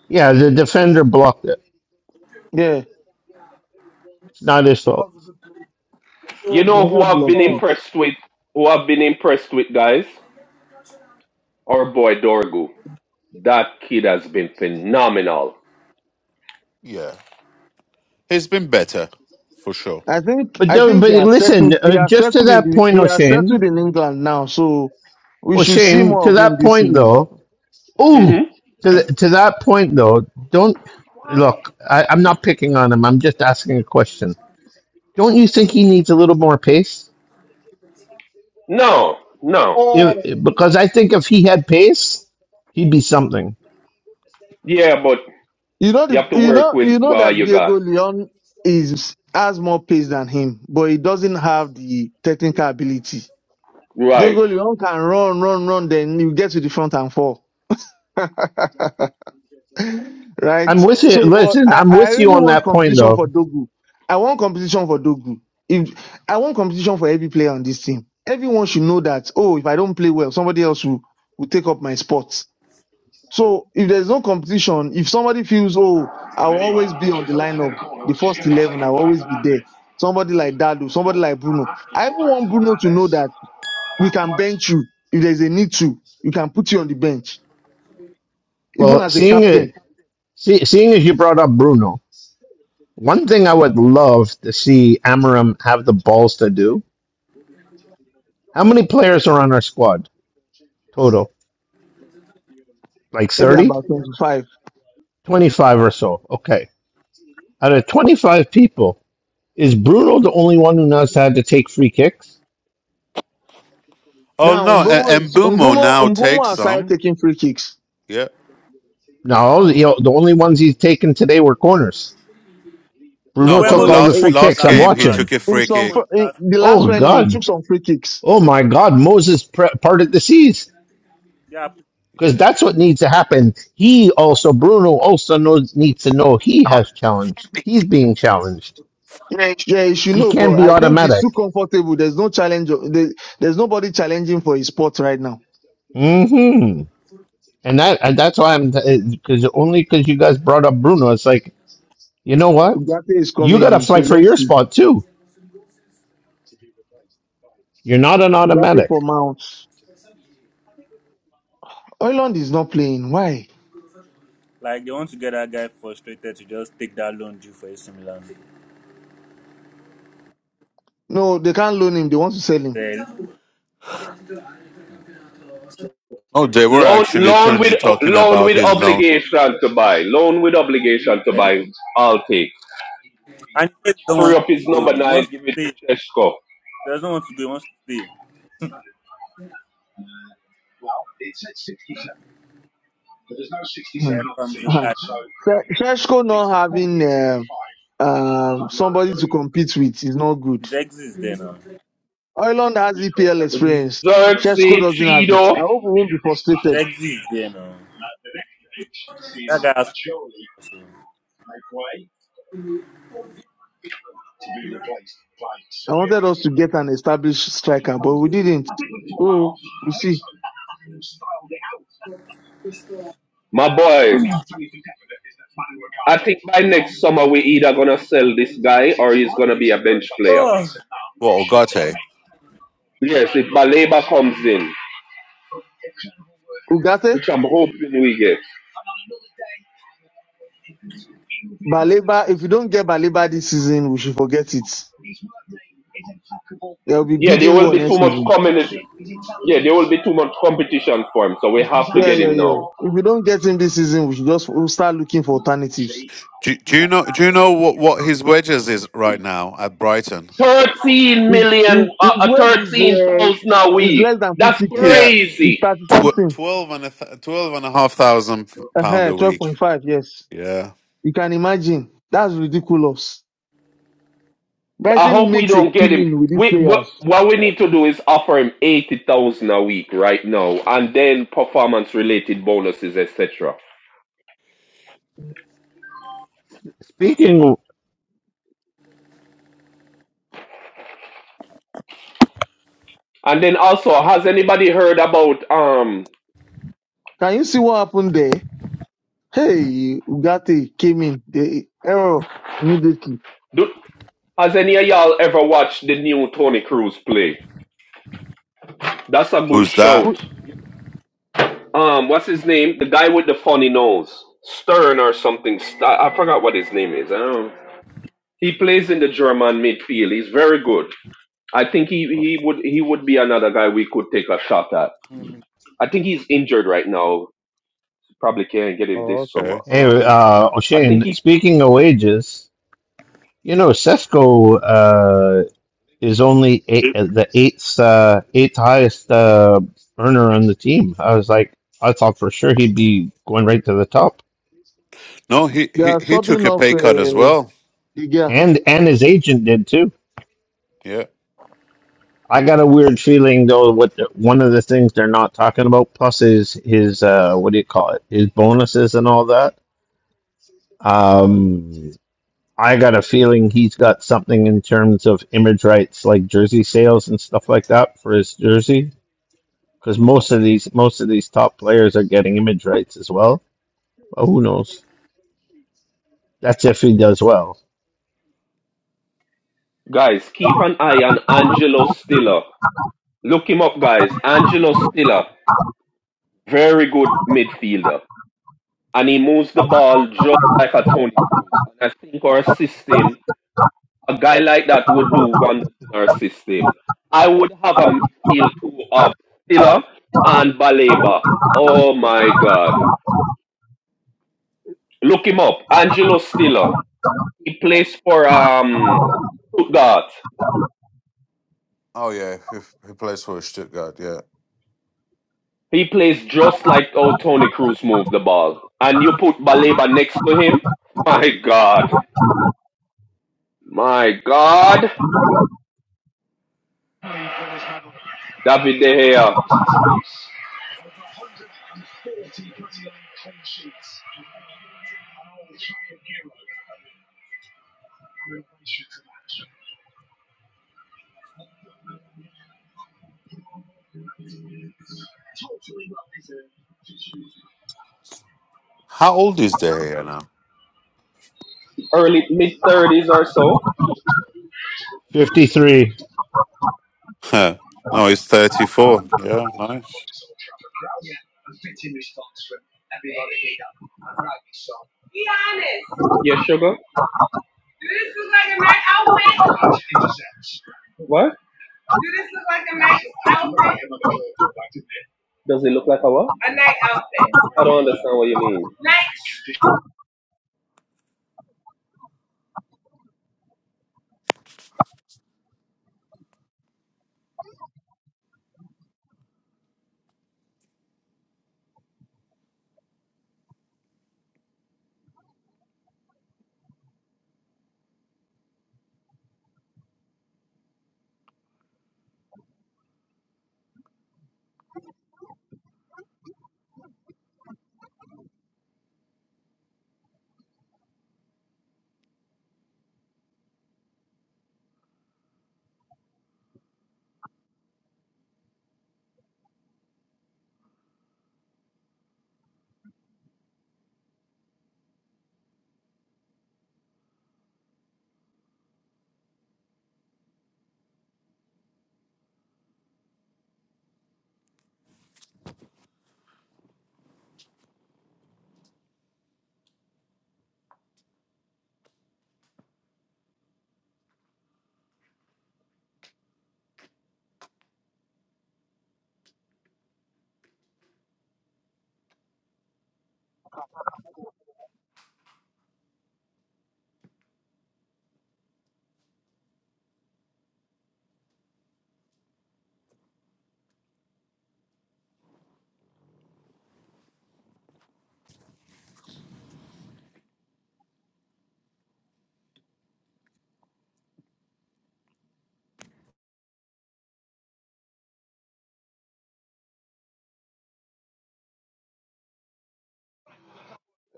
[SPEAKER 2] Yeah, the defender blocked it.
[SPEAKER 6] Yeah,
[SPEAKER 2] It's not his
[SPEAKER 8] That
[SPEAKER 2] fault.
[SPEAKER 8] was a good play.
[SPEAKER 9] You
[SPEAKER 7] Oh,
[SPEAKER 9] know who
[SPEAKER 6] Mena
[SPEAKER 9] I've been
[SPEAKER 6] blocked
[SPEAKER 7] oh.
[SPEAKER 6] it.
[SPEAKER 9] impressed with? Who I've been impressed with, guys? Our boy Dorgu. That kid has been phenomenal.
[SPEAKER 11] Yeah, he's been better for sure.
[SPEAKER 6] I think
[SPEAKER 2] But
[SPEAKER 6] I
[SPEAKER 2] don't,
[SPEAKER 6] think
[SPEAKER 2] but
[SPEAKER 6] he has
[SPEAKER 2] listen,
[SPEAKER 6] settled. He
[SPEAKER 2] uh,
[SPEAKER 6] has
[SPEAKER 2] just to
[SPEAKER 6] settled in
[SPEAKER 2] that
[SPEAKER 6] the,
[SPEAKER 2] point,
[SPEAKER 6] he has
[SPEAKER 2] O'Shane.
[SPEAKER 6] settled in England now, so we should see
[SPEAKER 2] O'Shane,
[SPEAKER 6] more
[SPEAKER 2] to
[SPEAKER 6] of him
[SPEAKER 2] that
[SPEAKER 6] this
[SPEAKER 2] point
[SPEAKER 6] season.
[SPEAKER 2] though. Oh,
[SPEAKER 9] Mm-hmm.
[SPEAKER 2] to th to that point though, don't look. I, I'm not picking on him. I'm just asking a question. Don't you think he needs a little more pace?
[SPEAKER 9] No, no.
[SPEAKER 8] Oh,
[SPEAKER 2] If, because I think if he had pace, he'd be something.
[SPEAKER 9] Yeah, but
[SPEAKER 6] You know,
[SPEAKER 9] you
[SPEAKER 6] the,
[SPEAKER 9] have to
[SPEAKER 6] you
[SPEAKER 9] work
[SPEAKER 6] know,
[SPEAKER 9] with
[SPEAKER 6] you know
[SPEAKER 9] what
[SPEAKER 6] that
[SPEAKER 9] you
[SPEAKER 6] Diego
[SPEAKER 9] got.
[SPEAKER 6] Leon is has more pace than him, but he doesn't have the technical ability.
[SPEAKER 9] Right.
[SPEAKER 6] Diego Leon can run, run, run, then you get to the front and fall. <laughs>
[SPEAKER 2] I'm
[SPEAKER 6] right?
[SPEAKER 2] with you.
[SPEAKER 6] So, but
[SPEAKER 2] Listen,
[SPEAKER 6] I,
[SPEAKER 2] I'm
[SPEAKER 6] I
[SPEAKER 2] with you
[SPEAKER 6] really
[SPEAKER 2] on
[SPEAKER 6] want
[SPEAKER 2] that point
[SPEAKER 6] competition
[SPEAKER 2] though.
[SPEAKER 6] for Dogu. I want competition for Dogu. If I want competition for every player on this team, everyone should know that. Oh, if I don't play well, somebody else will, will take up my spot. So if there's no competition, if somebody feels, oh, I'll always be on the lineup, the first 11, I'll always be there. Somebody like Dadu, somebody like Bruno. I even want Bruno to know that we can bench you if there's a need to. We can put you on the bench, even
[SPEAKER 2] Well,
[SPEAKER 6] as a
[SPEAKER 2] seeing
[SPEAKER 6] captain,
[SPEAKER 2] it, see, seeing as you brought up Bruno, one thing I would love to see Amarim have the balls to do. How many players are on our squad total? Like
[SPEAKER 6] maybe
[SPEAKER 2] 30?
[SPEAKER 6] about 25.
[SPEAKER 2] 25 or so. Okay. Out of 25 people, Is Bruno the only one who knows how to take free kicks?
[SPEAKER 11] Oh
[SPEAKER 6] Now,
[SPEAKER 11] no, and,
[SPEAKER 6] Mbomo
[SPEAKER 11] and
[SPEAKER 6] is,
[SPEAKER 11] Bumo
[SPEAKER 6] Mbomo,
[SPEAKER 11] now
[SPEAKER 6] Mbomo
[SPEAKER 11] takes
[SPEAKER 6] has started
[SPEAKER 11] some.
[SPEAKER 6] taking free kicks.
[SPEAKER 11] Yeah.
[SPEAKER 2] No, you know, the only ones he's taken today were corners.
[SPEAKER 11] No,
[SPEAKER 2] Bruno
[SPEAKER 11] but
[SPEAKER 2] took
[SPEAKER 6] No,
[SPEAKER 7] Buemo
[SPEAKER 6] it,
[SPEAKER 2] all the
[SPEAKER 7] took
[SPEAKER 11] last
[SPEAKER 2] free
[SPEAKER 7] one
[SPEAKER 6] it,
[SPEAKER 7] the
[SPEAKER 2] kicks.
[SPEAKER 11] last
[SPEAKER 2] I'm
[SPEAKER 7] last
[SPEAKER 6] it,
[SPEAKER 11] game he
[SPEAKER 7] match.
[SPEAKER 2] watching.
[SPEAKER 11] took a
[SPEAKER 7] Took
[SPEAKER 6] in
[SPEAKER 11] free
[SPEAKER 6] some,
[SPEAKER 7] one
[SPEAKER 6] fr-
[SPEAKER 11] kick.
[SPEAKER 7] the
[SPEAKER 6] in
[SPEAKER 7] last
[SPEAKER 6] the
[SPEAKER 7] match.
[SPEAKER 6] last
[SPEAKER 2] Oh,
[SPEAKER 6] friendly, he
[SPEAKER 2] God.
[SPEAKER 6] took some free kicks.
[SPEAKER 2] Oh, my God. Moses pre- parted the seas
[SPEAKER 7] Yeah.
[SPEAKER 2] because
[SPEAKER 11] Yeah.
[SPEAKER 2] that's what needs to happen. He also, Bruno also knows, needs to know he has challenged. He's being challenged.
[SPEAKER 6] Yeah, he should
[SPEAKER 2] He
[SPEAKER 6] know,
[SPEAKER 2] can't
[SPEAKER 6] but
[SPEAKER 2] be
[SPEAKER 6] I think he's too
[SPEAKER 2] automatic.
[SPEAKER 6] comfortable. There's no challenge. there- There's nobody challenging for his spot right now.
[SPEAKER 2] hmm And that and that's why I'm, because only because you guys brought up Bruno, it's like, you know what?
[SPEAKER 6] Ugarte is
[SPEAKER 2] You got
[SPEAKER 6] coming
[SPEAKER 2] to
[SPEAKER 6] in, so
[SPEAKER 2] fight for your
[SPEAKER 6] let's see.
[SPEAKER 2] spot, too You're not an
[SPEAKER 6] Ugarte
[SPEAKER 2] automatic.
[SPEAKER 6] for Mount. Oiland is not playing. Why?
[SPEAKER 7] Like they want to get that guy frustrated to just take that loan due for AC Milan.
[SPEAKER 6] No, they can't loan him. They want to sell him.
[SPEAKER 7] Then,
[SPEAKER 11] Oh, they were
[SPEAKER 9] Loan,
[SPEAKER 11] actually
[SPEAKER 9] loan with
[SPEAKER 11] Tunji talking
[SPEAKER 9] loan
[SPEAKER 11] about
[SPEAKER 9] with
[SPEAKER 11] his loan.
[SPEAKER 9] obligation to buy. Loan with obligation to
[SPEAKER 7] then-
[SPEAKER 9] buy. I'll take.
[SPEAKER 7] and he says he don't
[SPEAKER 9] Free
[SPEAKER 7] want
[SPEAKER 9] up his
[SPEAKER 7] to
[SPEAKER 9] number
[SPEAKER 7] go. He
[SPEAKER 9] nine.
[SPEAKER 7] wants to
[SPEAKER 9] Give it to
[SPEAKER 7] stay. He
[SPEAKER 9] Chesko.
[SPEAKER 7] doesn't want to go. He wants to stay.
[SPEAKER 6] Hmm.
[SPEAKER 7] There comes the
[SPEAKER 6] Uh-huh.
[SPEAKER 7] guy.
[SPEAKER 6] Se- Seshko not having uh, um, somebody to compete with is not good.
[SPEAKER 7] His exit is there now. His
[SPEAKER 6] Oiland has EPL experience. Sheshko
[SPEAKER 9] Xerxes
[SPEAKER 6] doesn't have it.
[SPEAKER 9] Cheeto,
[SPEAKER 6] I hope we won't be frustrated.
[SPEAKER 7] exit is there now. That guy has problems.
[SPEAKER 6] I wanted us to get an established striker, but we didn't. Oh, we'll see.
[SPEAKER 9] my boy. I think by next summer we either gonna sell this guy or he's gonna be a bench
[SPEAKER 7] So.
[SPEAKER 9] player.
[SPEAKER 7] Oh.
[SPEAKER 11] What Ogate?
[SPEAKER 9] Yes, if Baleba comes in,
[SPEAKER 6] Ugarte?
[SPEAKER 9] which I'm hoping we get.
[SPEAKER 6] Baleba, if you don't get Baleba this season, we should forget it. There will be
[SPEAKER 9] Yeah, there
[SPEAKER 6] bidding
[SPEAKER 9] will
[SPEAKER 6] war
[SPEAKER 9] be too
[SPEAKER 6] next
[SPEAKER 9] much
[SPEAKER 6] season.
[SPEAKER 9] community. Yeah, there will be too much competition for him, so we have to
[SPEAKER 6] Yeah,
[SPEAKER 9] get
[SPEAKER 6] yeah,
[SPEAKER 9] him
[SPEAKER 6] yeah.
[SPEAKER 9] now.
[SPEAKER 6] If we don't get him this season, we should just we'll start looking for alternatives.
[SPEAKER 11] Do, do you know? Do you know what, what his wages is right now at Brighton?
[SPEAKER 9] Thirteen
[SPEAKER 6] His, his,
[SPEAKER 9] million, uh,
[SPEAKER 6] his
[SPEAKER 9] uh,
[SPEAKER 6] wage is
[SPEAKER 9] thirteen thousand a
[SPEAKER 6] uh, is
[SPEAKER 9] week.
[SPEAKER 6] less than
[SPEAKER 9] That's
[SPEAKER 6] 50k.
[SPEAKER 11] Yeah,
[SPEAKER 6] It's
[SPEAKER 9] crazy.
[SPEAKER 6] 30
[SPEAKER 11] tw-
[SPEAKER 6] something.
[SPEAKER 11] twelve and a th- twelve and a half thousand pound
[SPEAKER 6] Uh-huh,
[SPEAKER 11] a week.
[SPEAKER 6] 12.5, yes.
[SPEAKER 11] Yeah,
[SPEAKER 6] You can imagine. That's ridiculous.
[SPEAKER 9] I
[SPEAKER 6] Brighton
[SPEAKER 9] hope we
[SPEAKER 6] makes a
[SPEAKER 9] don't get him.
[SPEAKER 6] killing with these
[SPEAKER 9] We what
[SPEAKER 6] players.
[SPEAKER 9] what we need to do is offer him eighty thousand a week right now, and then performance related bonuses, etc.
[SPEAKER 2] Speaking,
[SPEAKER 9] And then also, has anybody heard about um?
[SPEAKER 6] Can you see what happened there? Hey, Ugarte came in. They error immediately.
[SPEAKER 9] Do, has any of y'all ever watched the new Tony Cruz play? That's a good
[SPEAKER 11] who's that?
[SPEAKER 9] shout.
[SPEAKER 6] Who-
[SPEAKER 9] Um, what's his name? The guy with the funny nose, Stern or something. St- I forgot what his name is. I don't. He plays in the German midfield. He's very good. I think he, he would he would be another guy we could take a shot at. I think he's injured right now. Probably can't get him this
[SPEAKER 11] Oh,
[SPEAKER 9] summer.
[SPEAKER 11] okay.
[SPEAKER 2] hey,
[SPEAKER 9] Um,
[SPEAKER 2] uh,
[SPEAKER 9] I think
[SPEAKER 2] O'Shane,
[SPEAKER 9] he
[SPEAKER 2] speaking of wages, you know, Cesco uh, is only eight, uh, the eighth uh, eighth highest uh, earner on the team. I was like, I thought for sure he'd be going right to the top,
[SPEAKER 11] No, he,
[SPEAKER 6] They
[SPEAKER 11] he
[SPEAKER 6] are
[SPEAKER 11] he took
[SPEAKER 6] subbing
[SPEAKER 11] a
[SPEAKER 6] off.
[SPEAKER 11] pay cut
[SPEAKER 6] Uh,
[SPEAKER 11] as well.
[SPEAKER 6] Digia.
[SPEAKER 2] and and his agent did too.
[SPEAKER 11] Yeah.
[SPEAKER 2] I got a weird feeling though. What the, one of the things they're not talking about, plus his his uh, what do you call it? His bonuses and all that. Um, I got a feeling he's got something in terms of image rights, like jersey sales and stuff like that, for his jersey. Because most of these most of these top players are getting image rights as well. But who knows? That's if he does well.
[SPEAKER 9] guys keep an eye on Angelo Stiller. Look him up, guys. Angelo Stiller, very good midfielder, and he moves the ball just like a Tony Cruz. And I think our system, a guy like that would do wonders in our system. I would have a midfield two of Stiller and Baleba. Oh my God! Look him up, Angelo Stiller. He plays for um Stuttgart.
[SPEAKER 11] Oh yeah, he, he plays for Stuttgart. Yeah.
[SPEAKER 9] He plays just like how Tony Cruz moved the ball. And you put Baleba next to him. My God. My God. David De Gea.
[SPEAKER 11] How old is Dahir now? <laughs>
[SPEAKER 9] Early mid thirties or so.
[SPEAKER 2] Fifty three,
[SPEAKER 11] Huh. no, he's thirty-four. Yeah, nice.
[SPEAKER 9] Yeah, sugar. What? Does he look like a what? I don't understand what you mean.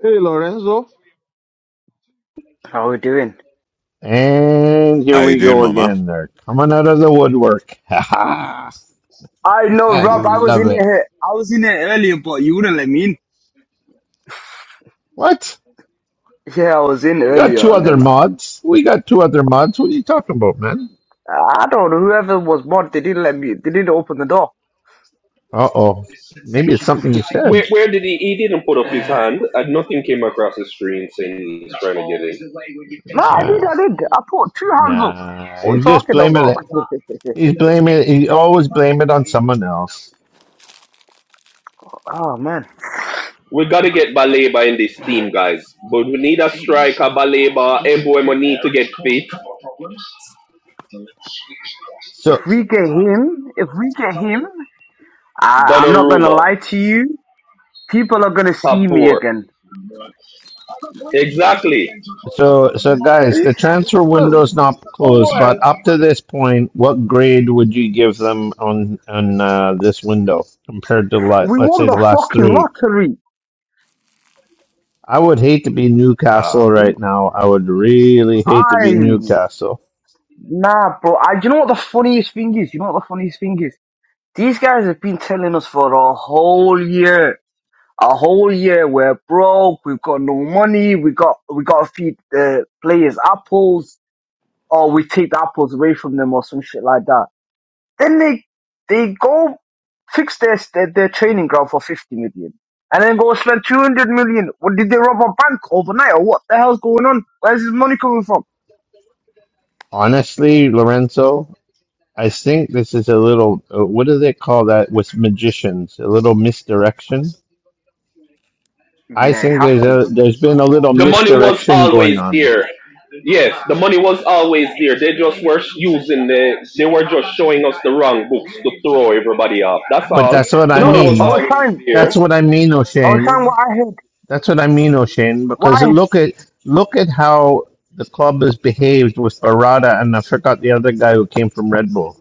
[SPEAKER 6] Hey, Lorenzo.
[SPEAKER 12] How are we doing?
[SPEAKER 2] and here
[SPEAKER 11] How you
[SPEAKER 2] we
[SPEAKER 11] doing,
[SPEAKER 2] go
[SPEAKER 11] Mama?
[SPEAKER 2] again. They're coming out of the woodwork. <laughs> Ha ha!
[SPEAKER 12] I know,
[SPEAKER 2] I
[SPEAKER 12] Rob. I was
[SPEAKER 2] love
[SPEAKER 12] in
[SPEAKER 2] it.
[SPEAKER 12] here. I was in here earlier, but you wouldn't let me in.
[SPEAKER 2] What?
[SPEAKER 12] Yeah, I was in
[SPEAKER 2] You got
[SPEAKER 12] earlier
[SPEAKER 2] two
[SPEAKER 12] and
[SPEAKER 2] other
[SPEAKER 12] then I,
[SPEAKER 2] mods? We got two other mods. What are you talking about, man?
[SPEAKER 12] I don't know, whoever was mod, they didn't let me, they didn't open the door.
[SPEAKER 2] Uh oh. Maybe it's
[SPEAKER 9] Sensational
[SPEAKER 2] something you
[SPEAKER 9] strike. Where
[SPEAKER 2] said.
[SPEAKER 9] where did he he didn't put up his hand and nothing came across the screen saying he's trying to get
[SPEAKER 12] No, I
[SPEAKER 2] Uh,
[SPEAKER 12] did, I did.
[SPEAKER 9] in.
[SPEAKER 12] I put two hands up.
[SPEAKER 2] Nah,
[SPEAKER 12] What are you
[SPEAKER 2] he's just
[SPEAKER 12] talking
[SPEAKER 2] blaming
[SPEAKER 12] about?
[SPEAKER 2] it. He's blaming. He always blame it on someone else.
[SPEAKER 12] Oh man.
[SPEAKER 9] We gotta get Baleba in this team, guys. But we need a striker, Baleba, Embuemo need to get fit.
[SPEAKER 2] So,
[SPEAKER 12] If we get him, if we get him, I, I'm not gonna
[SPEAKER 9] Donnarumma,
[SPEAKER 12] lie to you, people are gonna
[SPEAKER 9] top
[SPEAKER 12] see me
[SPEAKER 9] four.
[SPEAKER 12] again.
[SPEAKER 9] Exactly.
[SPEAKER 2] so, so, guys,
[SPEAKER 9] See?
[SPEAKER 2] the transfer window's not closed, but up to this point, what grade would you give them on on uh, this window compared to like,
[SPEAKER 12] We
[SPEAKER 2] let's
[SPEAKER 12] won
[SPEAKER 2] say the
[SPEAKER 12] the
[SPEAKER 2] last
[SPEAKER 12] fucking
[SPEAKER 2] three?
[SPEAKER 12] lottery.
[SPEAKER 2] I would hate to be
[SPEAKER 11] Ah.
[SPEAKER 2] Newcastle right now. I would really hate to
[SPEAKER 12] I,
[SPEAKER 2] be Newcastle.
[SPEAKER 12] nah bro, I, do you know what the funniest thing is? You know what the funniest thing is? These guys have been telling us for a whole year. A whole year we're broke, we've got no money, we got we gotta feed the players apples, or we take the apples away from them or some shit like that. Then they they go fix their their, their training ground for fifty million. And then go spend two hundred million. What did they rob a bank overnight or what the hell's going on? Where's this money coming from?
[SPEAKER 2] Honestly, Lorenzo, I think this is a little. Uh, what do they call that with magicians? A little misdirection I
[SPEAKER 12] Yeah, it
[SPEAKER 2] think
[SPEAKER 12] have
[SPEAKER 2] there's
[SPEAKER 12] to
[SPEAKER 2] a
[SPEAKER 12] be.
[SPEAKER 2] there's been a little
[SPEAKER 9] The money was
[SPEAKER 2] misdirection going
[SPEAKER 9] always
[SPEAKER 2] on.
[SPEAKER 9] there. Yes, the money was always there. They just were using the, they were just showing us the wrong books to throw everybody off. That's
[SPEAKER 2] But
[SPEAKER 9] all.
[SPEAKER 2] that's what
[SPEAKER 9] The
[SPEAKER 2] I
[SPEAKER 9] money
[SPEAKER 12] No,
[SPEAKER 9] was
[SPEAKER 12] I
[SPEAKER 2] mean.
[SPEAKER 12] was
[SPEAKER 9] always
[SPEAKER 12] trying
[SPEAKER 9] there.
[SPEAKER 2] That's what I mean,
[SPEAKER 12] I was
[SPEAKER 2] O'Shane.
[SPEAKER 12] trying what I heard
[SPEAKER 2] That's what I mean, O'Shane,
[SPEAKER 12] what
[SPEAKER 2] because
[SPEAKER 12] I
[SPEAKER 2] look at look at how the club has behaved with Barada and I forgot the other guy who came from Red Bull.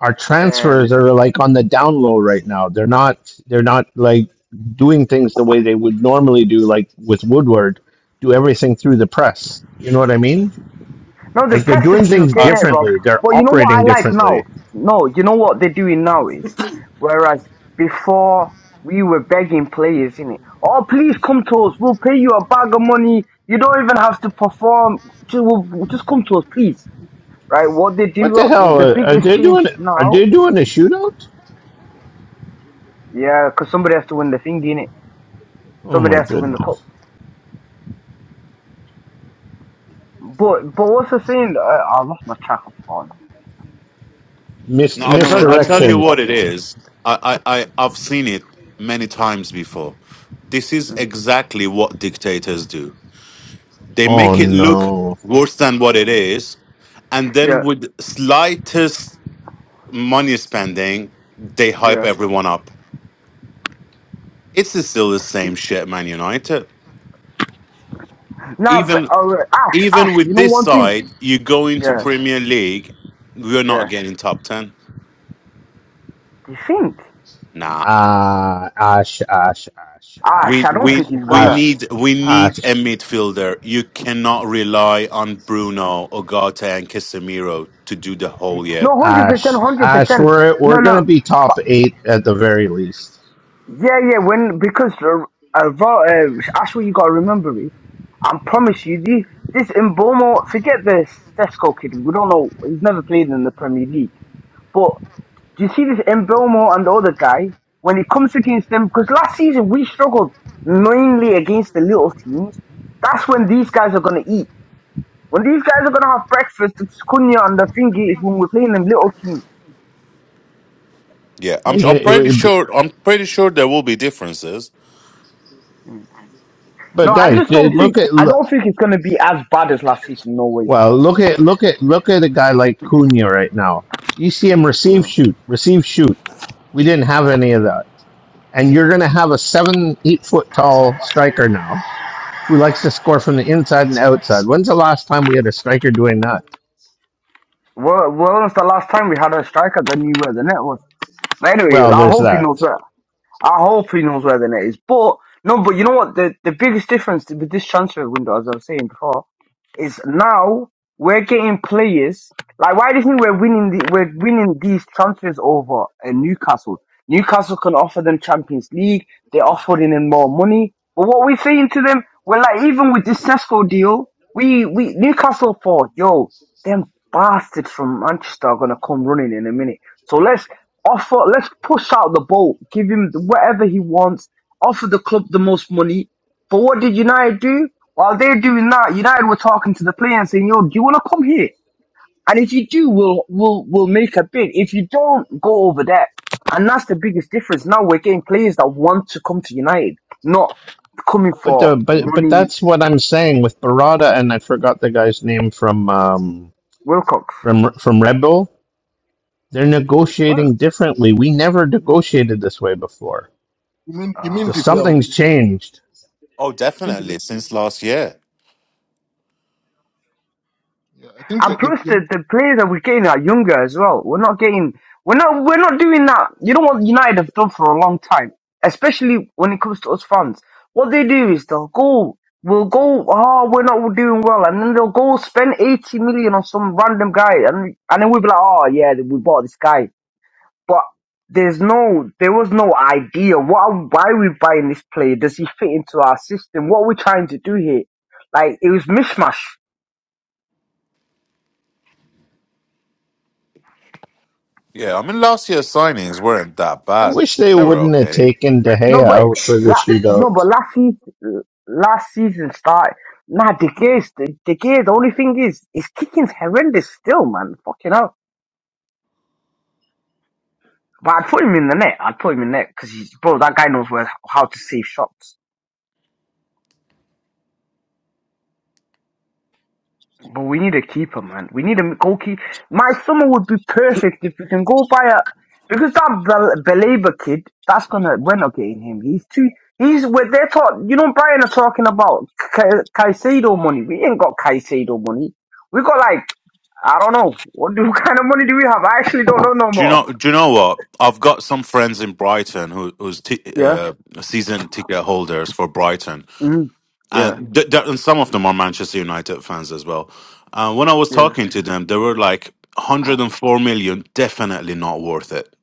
[SPEAKER 2] Our
[SPEAKER 12] um.
[SPEAKER 2] transfers are like on the down low right now. They're not they're not like doing things the way they would normally do, like with Woodward, do everything through the press. You know what I mean?
[SPEAKER 12] No, the
[SPEAKER 2] Like they're
[SPEAKER 12] press is
[SPEAKER 2] doing
[SPEAKER 12] still
[SPEAKER 2] things
[SPEAKER 11] I.
[SPEAKER 12] getting it, Rob.
[SPEAKER 2] differently. They're
[SPEAKER 12] But you know what I
[SPEAKER 2] operating
[SPEAKER 12] like
[SPEAKER 2] differently
[SPEAKER 12] now? No, you know what they're doing now is, whereas before we were begging players, in it, oh please come to us, we'll pay you a bag of money. You don't even have to perform. Just, we'll, we'll just come to us, please. Right? What they
[SPEAKER 2] What
[SPEAKER 12] do,
[SPEAKER 2] the
[SPEAKER 12] uh,
[SPEAKER 2] hell?
[SPEAKER 12] the
[SPEAKER 2] Are, are
[SPEAKER 12] biggest
[SPEAKER 2] they
[SPEAKER 12] change
[SPEAKER 2] doing?
[SPEAKER 12] is
[SPEAKER 2] Are
[SPEAKER 12] now,
[SPEAKER 2] they doing a shootout?
[SPEAKER 12] yeah, because somebody has to win the thing, innit?
[SPEAKER 2] Oh
[SPEAKER 12] Somebody
[SPEAKER 2] my
[SPEAKER 12] has to win the cup.
[SPEAKER 2] goodness!
[SPEAKER 12] But but what's the thing? I, I lost my track of thought now,
[SPEAKER 11] No,
[SPEAKER 2] Mis-
[SPEAKER 12] because I
[SPEAKER 11] I'll
[SPEAKER 12] don't
[SPEAKER 11] tell I'll
[SPEAKER 12] remember what
[SPEAKER 11] tell
[SPEAKER 12] I
[SPEAKER 11] you
[SPEAKER 12] was
[SPEAKER 2] misdirection.
[SPEAKER 11] what it
[SPEAKER 12] talking about.
[SPEAKER 11] is. I, I, I I've seen it many times before. This is
[SPEAKER 12] Mm.
[SPEAKER 11] exactly what dictators do. They
[SPEAKER 2] Oh
[SPEAKER 11] make it look
[SPEAKER 2] no!
[SPEAKER 11] worse than what it is, and then
[SPEAKER 12] Yeah,
[SPEAKER 11] with slightest money spending, they
[SPEAKER 12] yeah.
[SPEAKER 11] hype everyone up. It's still the same shit, Man United.
[SPEAKER 12] Nah, but
[SPEAKER 11] Even
[SPEAKER 12] uh, Ash,
[SPEAKER 11] even
[SPEAKER 12] Ash,
[SPEAKER 11] with
[SPEAKER 12] you know
[SPEAKER 11] this
[SPEAKER 12] one thing?
[SPEAKER 11] side, you go into
[SPEAKER 12] Yeah,
[SPEAKER 11] Premier League, we're
[SPEAKER 12] yeah.
[SPEAKER 11] not getting top ten.
[SPEAKER 12] Do you think?
[SPEAKER 11] Nah.
[SPEAKER 2] Ah, ash, ash, ash,
[SPEAKER 12] Ash,
[SPEAKER 11] We
[SPEAKER 2] ash,
[SPEAKER 12] I don't
[SPEAKER 2] ash,
[SPEAKER 11] we
[SPEAKER 12] think he's
[SPEAKER 11] we
[SPEAKER 12] gonna.
[SPEAKER 2] ash,
[SPEAKER 11] need we need
[SPEAKER 2] ash,
[SPEAKER 11] a midfielder. You cannot rely on Bruno, Ogata, and Casemiro to do the whole year.
[SPEAKER 12] No, hundred percent,
[SPEAKER 2] ash,
[SPEAKER 12] hundred
[SPEAKER 2] ash.
[SPEAKER 12] percent.
[SPEAKER 2] We're
[SPEAKER 12] No,
[SPEAKER 2] we're gonna
[SPEAKER 12] no.
[SPEAKER 2] be top
[SPEAKER 12] But
[SPEAKER 2] eight at the very least.
[SPEAKER 12] yeah, yeah. When because uh, uh, Ro- uh, Ash, what you gotta remember is, I promise you, the, this Mbomo, forget the Sesco kid. We don't know. He's never played in the Premier League. But do you see this Mbomo and the other guy when it comes against them? Because last season we struggled mainly against the little teams. That's when these guys are gonna eat. When these guys are gonna have breakfast, it's Cunha and the thingy is when we're playing them little teams.
[SPEAKER 11] Yeah, I'm
[SPEAKER 2] But yeah,
[SPEAKER 11] I'm
[SPEAKER 2] it,
[SPEAKER 11] pretty
[SPEAKER 2] it-
[SPEAKER 11] sure I'm pretty sure there will be differences.
[SPEAKER 12] No,
[SPEAKER 2] but
[SPEAKER 12] I
[SPEAKER 2] guys,
[SPEAKER 12] just
[SPEAKER 2] they-
[SPEAKER 12] don't think
[SPEAKER 2] look at
[SPEAKER 12] I
[SPEAKER 2] look.
[SPEAKER 12] don't think it's gonna be as bad as last season. No way.
[SPEAKER 2] Well, look at look at look at a guy like Cunha right now. You see him receive
[SPEAKER 12] Mm.
[SPEAKER 2] shoot, receive shoot. We didn't have any of that. And you're gonna have a seven, eight foot tall striker now who likes to score from the inside and outside. When's the last time we had a striker doing that?
[SPEAKER 12] Well, well, it's the last time we had a striker that knew where the net was. But anyway,
[SPEAKER 2] Well,
[SPEAKER 12] I
[SPEAKER 2] there's
[SPEAKER 12] hope he knows
[SPEAKER 2] that.
[SPEAKER 12] where. I hope he knows where the net is. But no, but you know what? The the biggest difference with this transfer window, as I was saying before, is now we're getting players. Like, why do you think we're winning? The, we're winning these transfers over uh, Newcastle. Newcastle can offer them Champions League. They're offering them more money. But what we're saying to them, we're like, even with this Cesco deal, we we Newcastle thought, yo, them bastards from Manchester are gonna come running in a minute. So let's Offer. let's push out the boat, give him whatever he wants, offer the club the most money. But what did United do? While they're doing that, United were talking to the player and saying, yo, do you want to come here? And if you do, we'll, we'll, we'll make a bid. If you don't, go over there. And that's the biggest difference. Now we're getting players that want to come to United, not coming
[SPEAKER 2] But the
[SPEAKER 12] for
[SPEAKER 2] but but
[SPEAKER 12] money
[SPEAKER 2] that's what I'm saying with Barada and I forgot the guy's name from um
[SPEAKER 12] Wilcox.
[SPEAKER 2] from from Red Bull. They're
[SPEAKER 12] Well,
[SPEAKER 2] negotiating differently. We never negotiated this way before.
[SPEAKER 8] you mean you mean
[SPEAKER 2] So
[SPEAKER 12] uh,
[SPEAKER 8] Vivel?
[SPEAKER 2] something's changed.
[SPEAKER 11] Oh,
[SPEAKER 8] I think you mean.
[SPEAKER 11] definitely since last year.
[SPEAKER 8] Yeah, I think you.
[SPEAKER 12] And
[SPEAKER 8] you,
[SPEAKER 12] plus
[SPEAKER 8] you
[SPEAKER 12] the, the players that we're getting are younger as well. We're not getting we're not we're not doing that. You know what United have done for a long time, especially when it comes to us fans. What they do is they'll go we'll go oh we're not doing well and then they'll go spend eighty million on some random guy and and then we'll be like, Oh yeah, we bought this guy. But there's no there was no idea. What are, why are we buying this player? Does he fit into our system? What are we trying to do here? Like it was mishmash.
[SPEAKER 11] Yeah, I mean last year's signings weren't that
[SPEAKER 2] I
[SPEAKER 11] bad.
[SPEAKER 2] wish they
[SPEAKER 11] They were
[SPEAKER 2] wouldn't have
[SPEAKER 11] okay.
[SPEAKER 2] taken De
[SPEAKER 12] No,
[SPEAKER 2] Gea
[SPEAKER 12] but
[SPEAKER 2] out for the
[SPEAKER 12] la, no, but
[SPEAKER 2] shootout.
[SPEAKER 12] last season, last season start. Nah, the gears, the, the gears. The only thing is, his kicking's horrendous still, man. Fucking hell. But I'd put him in the net. I'd put him in the net because bro, that guy knows where how to save shots. But we need a keeper, man. We need a goalkeeper. My summer would be perfect if we can go buy a because that Bel- Belabor kid, that's gonna we're not getting him. He's too. He's where they're talk. You know, Brian are talking about Ca- Caicedo money. We ain't got Caicedo money. We got like I don't know what, do, <laughs> what kind of money do we have? I actually don't know no
[SPEAKER 11] Do you
[SPEAKER 12] more.
[SPEAKER 11] know? Do you know what? I've got some friends in Brighton who, who's t-
[SPEAKER 12] Yeah.
[SPEAKER 11] uh, season ticket holders for Brighton,
[SPEAKER 12] Mm. Yeah.
[SPEAKER 11] and th- th- and some of them are Manchester United fans as well. Uh, when I was
[SPEAKER 12] Yeah.
[SPEAKER 11] talking to them, they were like, 104 million. definitely not worth it.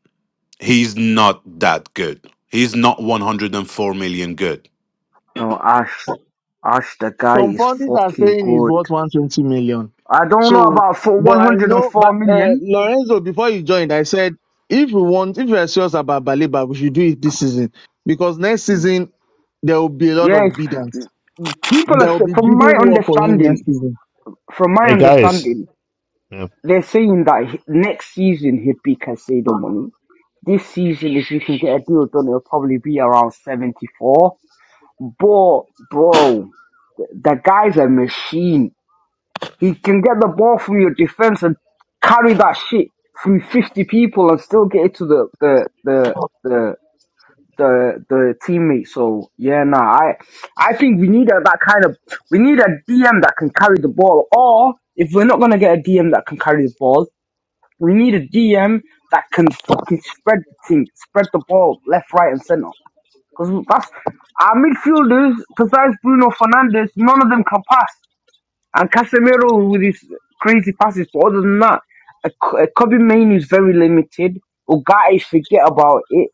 [SPEAKER 11] He's not that good. He's not 104 million good."
[SPEAKER 12] No, Ash. Ash, the guy
[SPEAKER 6] Some
[SPEAKER 12] is
[SPEAKER 6] pundits are
[SPEAKER 12] fucking
[SPEAKER 6] saying it's
[SPEAKER 12] good.
[SPEAKER 6] worth 120 million.
[SPEAKER 12] I don't know
[SPEAKER 6] So,
[SPEAKER 12] about for
[SPEAKER 6] but I know, but
[SPEAKER 12] 104
[SPEAKER 6] uh,
[SPEAKER 12] million.
[SPEAKER 6] Lorenzo, before you joined, I said if we want, if we are serious about Baliba, we should do it this season because next
[SPEAKER 12] Mm.
[SPEAKER 6] season there will be a lot of
[SPEAKER 12] Yes,
[SPEAKER 6] bidders.
[SPEAKER 12] people
[SPEAKER 6] There
[SPEAKER 12] are
[SPEAKER 6] will
[SPEAKER 12] sa-
[SPEAKER 6] be
[SPEAKER 12] from my
[SPEAKER 6] bidding war for him
[SPEAKER 12] understanding
[SPEAKER 6] next season.
[SPEAKER 12] from my
[SPEAKER 2] Hey guys,
[SPEAKER 12] understanding
[SPEAKER 2] yeah.
[SPEAKER 12] they're saying that he- next season he'd be Casado money this season if you can get a deal done it'll probably be around 74 but bro the guy's a machine he can get the ball from your defense and carry that shit through 50 people and still get it to the the the the, the the teammates. So yeah, nah, I I think we need a, that kind of we need a DM that can carry the ball. Or if we're not gonna get a DM that can carry the ball, we need a DM that can fucking spread the team, spread the ball left, right, and center. Because that's our midfielders, besides Bruno Fernandez, none of them can pass. And Casemiro with his crazy passes, but other than that, a, a Kobe Main is very limited. Ugarte, forget about it.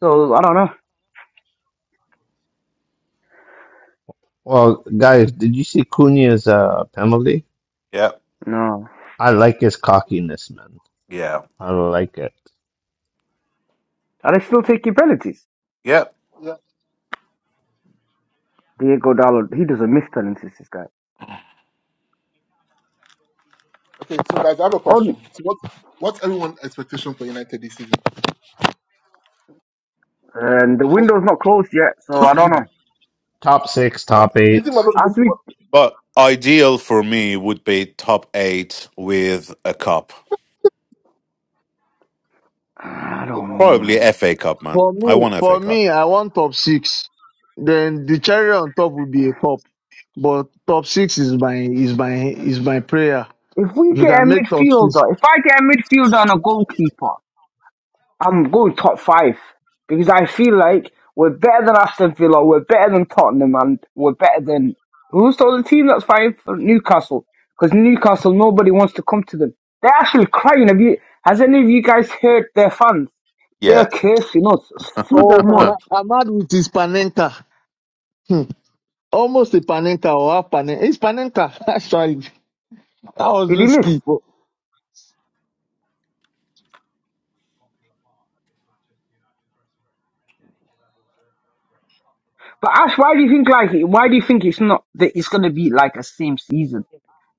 [SPEAKER 12] So I don't know.
[SPEAKER 2] well guys, did you see Cunha's uh, penalty?
[SPEAKER 11] Yep.
[SPEAKER 12] No.
[SPEAKER 2] I like his cockiness, man.
[SPEAKER 11] Yeah.
[SPEAKER 2] I like it.
[SPEAKER 12] And I still taking penalties.
[SPEAKER 11] Yep.
[SPEAKER 8] yeah.
[SPEAKER 12] Diego Dallo, he doesn't miss penalties, this guy.
[SPEAKER 8] Okay, so guys, I have a
[SPEAKER 12] Oh,
[SPEAKER 8] question. So what, what's everyone's expectation for United this season?
[SPEAKER 12] and the
[SPEAKER 8] What, what,
[SPEAKER 12] window's not closed yet, so I don't know.
[SPEAKER 2] Top six, top
[SPEAKER 8] do you think we're
[SPEAKER 2] eight.
[SPEAKER 8] going to
[SPEAKER 12] As
[SPEAKER 8] win
[SPEAKER 12] we,
[SPEAKER 8] tomorrow?
[SPEAKER 11] But ideal for me would be top eight with a cup,
[SPEAKER 12] <sighs> I
[SPEAKER 8] Oh,
[SPEAKER 12] don't
[SPEAKER 8] wow.
[SPEAKER 12] know,
[SPEAKER 11] probably
[SPEAKER 12] man.
[SPEAKER 11] FA Cup, man.
[SPEAKER 6] For
[SPEAKER 11] I
[SPEAKER 6] me,
[SPEAKER 11] want FA
[SPEAKER 6] for
[SPEAKER 11] Cup.
[SPEAKER 6] me, I want top six. Then the cherry on top will be a cup, but top six is my is my is my prayer.
[SPEAKER 12] If we
[SPEAKER 6] If you
[SPEAKER 12] get a
[SPEAKER 6] can make top six,
[SPEAKER 12] midfielder, if I get a midfielder and a goalkeeper, I'm going top five because I feel like we're better than Aston Villa, we're better than Tottenham, and we're better than who's the other team that's five? Newcastle, because Newcastle nobody wants to come to them. They're actually crying. Have you? Has any of you guys heard their fans?
[SPEAKER 11] Yeah,
[SPEAKER 12] They're cursing us
[SPEAKER 6] Look
[SPEAKER 12] so
[SPEAKER 6] at
[SPEAKER 11] Uh,
[SPEAKER 12] much.
[SPEAKER 6] Ahmad, Ahmad with his panenka. Hmm. Almost a panenka or half panenka. It's panenka, <laughs> actually. That was
[SPEAKER 12] Did you miss?
[SPEAKER 6] risky. But
[SPEAKER 12] But Ash, why do you think like why do you think it's not that it's gonna be like a same season?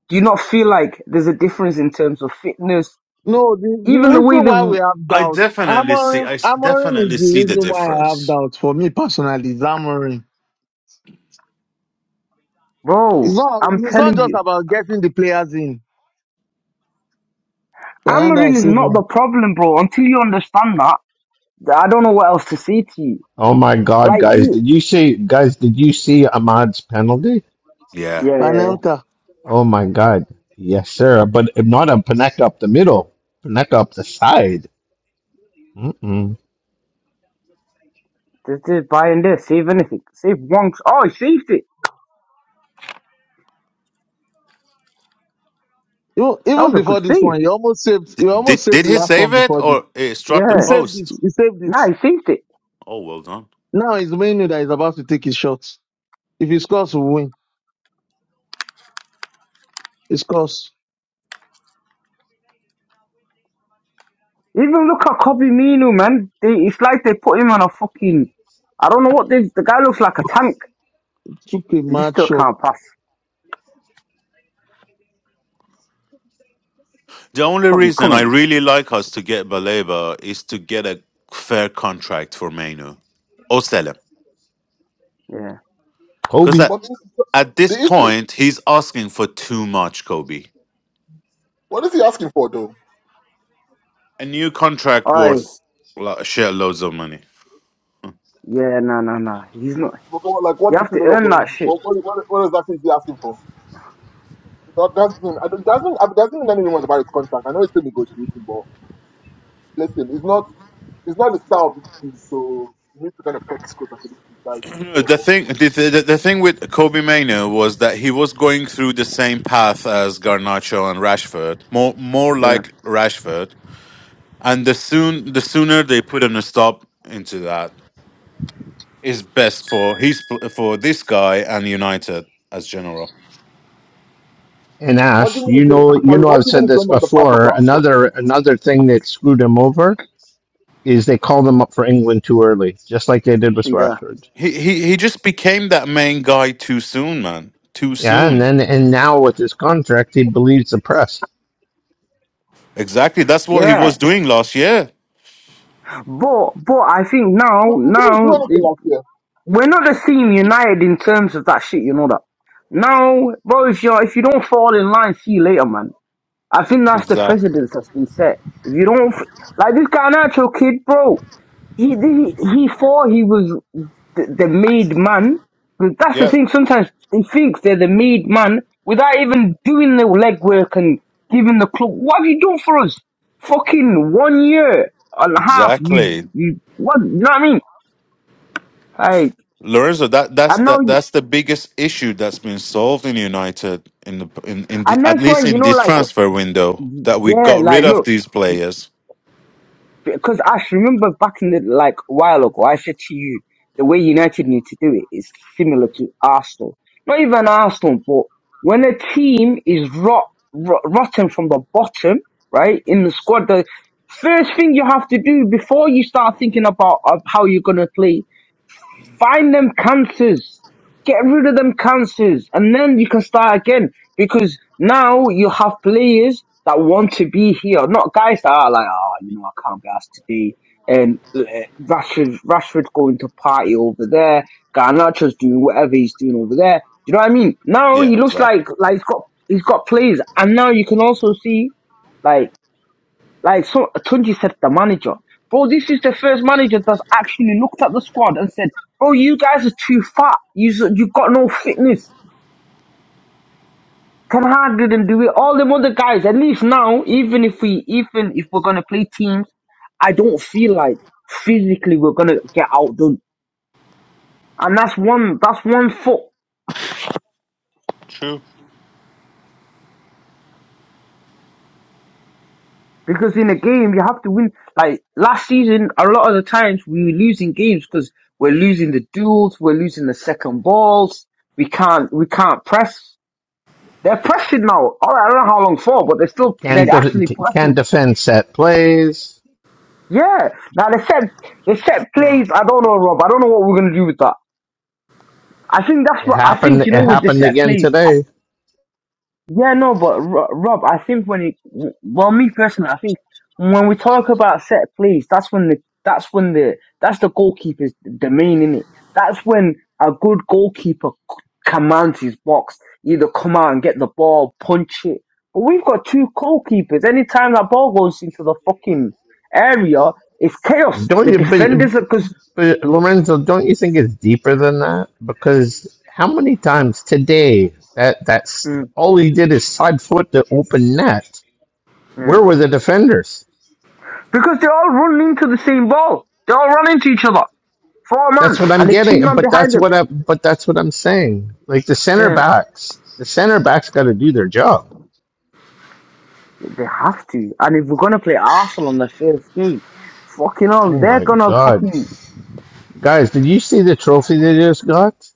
[SPEAKER 12] Do you not feel like there's a difference in terms of fitness?
[SPEAKER 6] no, the, the
[SPEAKER 12] Even
[SPEAKER 11] I
[SPEAKER 12] the
[SPEAKER 6] reason
[SPEAKER 12] way they,
[SPEAKER 6] why we have
[SPEAKER 11] I
[SPEAKER 6] doubts,
[SPEAKER 11] definitely see.
[SPEAKER 6] Amorim,
[SPEAKER 11] I s-
[SPEAKER 6] Amorim is
[SPEAKER 11] definitely
[SPEAKER 6] the
[SPEAKER 11] see the
[SPEAKER 6] reason why I
[SPEAKER 11] difference.
[SPEAKER 6] have doubts for me personally. Is Amorim. It's
[SPEAKER 12] bro,
[SPEAKER 6] not,
[SPEAKER 12] I'm
[SPEAKER 6] it's not
[SPEAKER 12] telling
[SPEAKER 6] just
[SPEAKER 12] you,
[SPEAKER 6] about getting the players in. Panenka
[SPEAKER 12] Amarin is
[SPEAKER 6] saved
[SPEAKER 12] not
[SPEAKER 6] one.
[SPEAKER 12] the problem, bro. Until you understand that, I don't know what else to say to you.
[SPEAKER 2] Oh my God,
[SPEAKER 12] Like,
[SPEAKER 2] guys,
[SPEAKER 12] he,
[SPEAKER 2] did you see? Guys, did you see Ahmad's penalty?
[SPEAKER 11] Yeah.
[SPEAKER 12] yeah, yeah, yeah.
[SPEAKER 6] Panenka.
[SPEAKER 2] Oh my God, yes sir, but not a Paneka up the middle, Paneka up the side. Mm-mm.
[SPEAKER 12] Just, just buy in there, save anything. Save one. Oh, he saved it.
[SPEAKER 6] You,
[SPEAKER 12] That
[SPEAKER 6] even
[SPEAKER 12] was a good
[SPEAKER 6] before this
[SPEAKER 12] save.
[SPEAKER 6] one, he almost saved,
[SPEAKER 11] D-
[SPEAKER 6] he
[SPEAKER 11] Did
[SPEAKER 6] almost saved
[SPEAKER 11] did
[SPEAKER 6] the
[SPEAKER 11] he
[SPEAKER 6] last
[SPEAKER 11] save
[SPEAKER 6] one
[SPEAKER 11] it
[SPEAKER 6] before
[SPEAKER 11] or
[SPEAKER 6] this.
[SPEAKER 11] it struck the
[SPEAKER 6] He
[SPEAKER 12] Yeah.
[SPEAKER 6] saved
[SPEAKER 11] post?
[SPEAKER 6] it. He saved
[SPEAKER 12] Nah,
[SPEAKER 6] it.
[SPEAKER 12] he saved it.
[SPEAKER 11] Oh, well done.
[SPEAKER 6] Now it's Menu that is about to take his shots. If he scores, we win. He scores.
[SPEAKER 12] Even look at Kobe Minu, man. They, it's like they put him on a fucking. I don't know what they. The guy looks like a tank.
[SPEAKER 6] Took a Too
[SPEAKER 12] He just still
[SPEAKER 6] premature.
[SPEAKER 12] can't pass.
[SPEAKER 11] The only
[SPEAKER 12] Kobe,
[SPEAKER 11] reason
[SPEAKER 12] come
[SPEAKER 11] I
[SPEAKER 12] on.
[SPEAKER 11] really like us to get Baleba is to get a fair contract for Mainu or sell him
[SPEAKER 12] Yeah.
[SPEAKER 11] because
[SPEAKER 2] Kobe.
[SPEAKER 11] at,
[SPEAKER 8] But the
[SPEAKER 11] at this
[SPEAKER 8] the issue,
[SPEAKER 11] point he's asking for too much, Kobe.
[SPEAKER 8] what is he asking for though?
[SPEAKER 11] a new contract
[SPEAKER 12] Alright.
[SPEAKER 11] worth lo- shit loads of money.
[SPEAKER 12] Yeah, nah, nah, nah. He's not.
[SPEAKER 8] Because, Like,
[SPEAKER 12] You
[SPEAKER 8] what's the
[SPEAKER 12] have to
[SPEAKER 8] student of
[SPEAKER 12] earn
[SPEAKER 8] money?
[SPEAKER 12] that shit.
[SPEAKER 8] What, what, what, what exactly is he asking for? That doesn't, I don't- doesn't, I doesn't mean anything much about his contract. I know it's still negotiating, but listen, it's not, it's not the style of this team, so he needs to kind of cut his close according to his size.
[SPEAKER 11] <clears throat>
[SPEAKER 8] to be fair,
[SPEAKER 11] the
[SPEAKER 8] But
[SPEAKER 11] thing, the, the, the thing with Kobe Mano was that he was going through the same path as Garnacho and Rashford, more more
[SPEAKER 12] Yeah.
[SPEAKER 11] like Rashford. And the soon, the sooner they put in a stop into that, is best for his pl- for this guy and United as general.
[SPEAKER 2] And
[SPEAKER 8] what do
[SPEAKER 2] Ash,
[SPEAKER 8] you mean?
[SPEAKER 2] you
[SPEAKER 8] is
[SPEAKER 12] Yeah.
[SPEAKER 8] get-
[SPEAKER 2] know, you
[SPEAKER 8] Sorry,
[SPEAKER 2] know,
[SPEAKER 8] what
[SPEAKER 2] I've
[SPEAKER 8] do you mean
[SPEAKER 2] said
[SPEAKER 8] is
[SPEAKER 2] this
[SPEAKER 8] going down the path of
[SPEAKER 2] before.
[SPEAKER 8] Rashford?
[SPEAKER 2] Another, another thing that screwed him over is they called him up for England too early, just like they did with
[SPEAKER 12] Yeah.
[SPEAKER 2] Rashford.
[SPEAKER 11] He he he just became that main guy too soon, man. Too
[SPEAKER 2] Yeah, and
[SPEAKER 11] soon.
[SPEAKER 2] then and now with his contract, he believes the press
[SPEAKER 11] Exactly. That's what he
[SPEAKER 12] Yeah.
[SPEAKER 11] was doing last year.
[SPEAKER 12] But but I think now
[SPEAKER 8] He he didn't do
[SPEAKER 12] now
[SPEAKER 8] anything
[SPEAKER 12] it,
[SPEAKER 8] last year.
[SPEAKER 12] we're not the same united in terms of that shit. You know that. Now, bro, if you if you don't fall in line, see you later, man. I think that's the
[SPEAKER 11] Exactly.
[SPEAKER 12] precedence that's been set. If you don't f- like this guy, natural kid, bro. He did. He thought he was the, the made man. But that's the
[SPEAKER 11] Yeah.
[SPEAKER 12] thing. Sometimes he thinks they're the made man without even doing the legwork and giving the club. What have you done for us? Fucking one year and a half.
[SPEAKER 11] Exactly.
[SPEAKER 12] You, you, what? You know what I mean? Like,
[SPEAKER 11] Lorenzo, that that's
[SPEAKER 12] I know.
[SPEAKER 11] that that's the biggest issue that's been solved in United in the in in the,
[SPEAKER 12] And
[SPEAKER 11] at
[SPEAKER 12] that's why
[SPEAKER 11] least
[SPEAKER 12] you
[SPEAKER 11] in
[SPEAKER 12] know,
[SPEAKER 11] this
[SPEAKER 12] like,
[SPEAKER 11] transfer window that we
[SPEAKER 12] yeah,
[SPEAKER 11] got rid
[SPEAKER 12] like, look.
[SPEAKER 11] of these players.
[SPEAKER 12] Because I remember back in the like a while ago, I said to you, the way United need to do it is similar to Arsenal. Not even Arsenal, but when a team is rot, rot rotten from the bottom, right in the squad, the first thing you have to do before you start thinking about uh, how you're gonna play Find them cancers. Get rid of them cancers. And then you can start again. Because now you have players that want to be here. Not guys that are like, oh, you know, I can't be asked today. And uh, Rashford, Rashford going to party over there. Garnacho's doing whatever he's doing over there. Do you know what I mean? Now
[SPEAKER 11] Yeah,
[SPEAKER 12] he looks
[SPEAKER 11] exactly.
[SPEAKER 12] like, like he's got, he's got players. And now you can also see, like, like so, Tunji said, the manager, bro, this is the first manager that's actually looked at the squad and said, bro, you guys are too fat. You you got no fitness. Ten Hag didn't do it. All them other guys, at least now, even if we even if we're gonna play teams, I don't feel like physically we're gonna get outdone. And that's one that's one foot.
[SPEAKER 11] True.
[SPEAKER 12] Because in a game, you have to win. Like last season, a lot of the times we were losing games because we're losing the duels, we're losing the second balls. We can't, we can't press. They're pressing now. All right, I don't know how long for, but they're still,
[SPEAKER 2] can
[SPEAKER 12] they're
[SPEAKER 2] def-
[SPEAKER 12] actually
[SPEAKER 2] can
[SPEAKER 12] pressing.
[SPEAKER 2] defend set plays.
[SPEAKER 12] Yeah. Now they set, they set plays. I don't know, Rob. I don't know what we're gonna do with that. I think that's
[SPEAKER 2] It
[SPEAKER 12] what I
[SPEAKER 2] happened.
[SPEAKER 12] think.
[SPEAKER 2] It
[SPEAKER 12] You know, with the
[SPEAKER 2] happened
[SPEAKER 12] set
[SPEAKER 2] again
[SPEAKER 12] plays, I
[SPEAKER 2] today.
[SPEAKER 12] Yeah, no, but Ro- Rob, I think when it, well, me personally, I think when we talk about set plays, that's when the, that's when the, that's the goalkeeper's domain, in it? That's when a good goalkeeper c- commands his box, either come out and get the ball, punch it. But we've got two goalkeepers. Anytime that ball goes into the fucking area, it's chaos.
[SPEAKER 2] Don't
[SPEAKER 12] The
[SPEAKER 2] you,
[SPEAKER 12] defenders
[SPEAKER 2] but,
[SPEAKER 12] are, cause,
[SPEAKER 2] but Lorenzo? Don't you think it's deeper than that? Because how many times today that that's
[SPEAKER 12] mm,
[SPEAKER 2] all he did is side foot the open net.
[SPEAKER 12] yeah.
[SPEAKER 2] Where were the defenders?
[SPEAKER 12] because they all run into the same ball. They all run into each other. Four man,
[SPEAKER 2] That's what I'm
[SPEAKER 12] and there's two
[SPEAKER 2] getting,
[SPEAKER 12] man
[SPEAKER 2] but
[SPEAKER 12] behind
[SPEAKER 2] that's
[SPEAKER 12] them.
[SPEAKER 2] what I but that's what I'm saying. Like the center
[SPEAKER 12] Yeah.
[SPEAKER 2] backs, the center backs got to do their job.
[SPEAKER 12] They have to. And if we're gonna play Arsenal on the first game, fucking hell,
[SPEAKER 2] Oh
[SPEAKER 12] they're
[SPEAKER 2] my
[SPEAKER 12] gonna
[SPEAKER 2] god,
[SPEAKER 12] fucking
[SPEAKER 2] guys! Did you see the trophy they just got?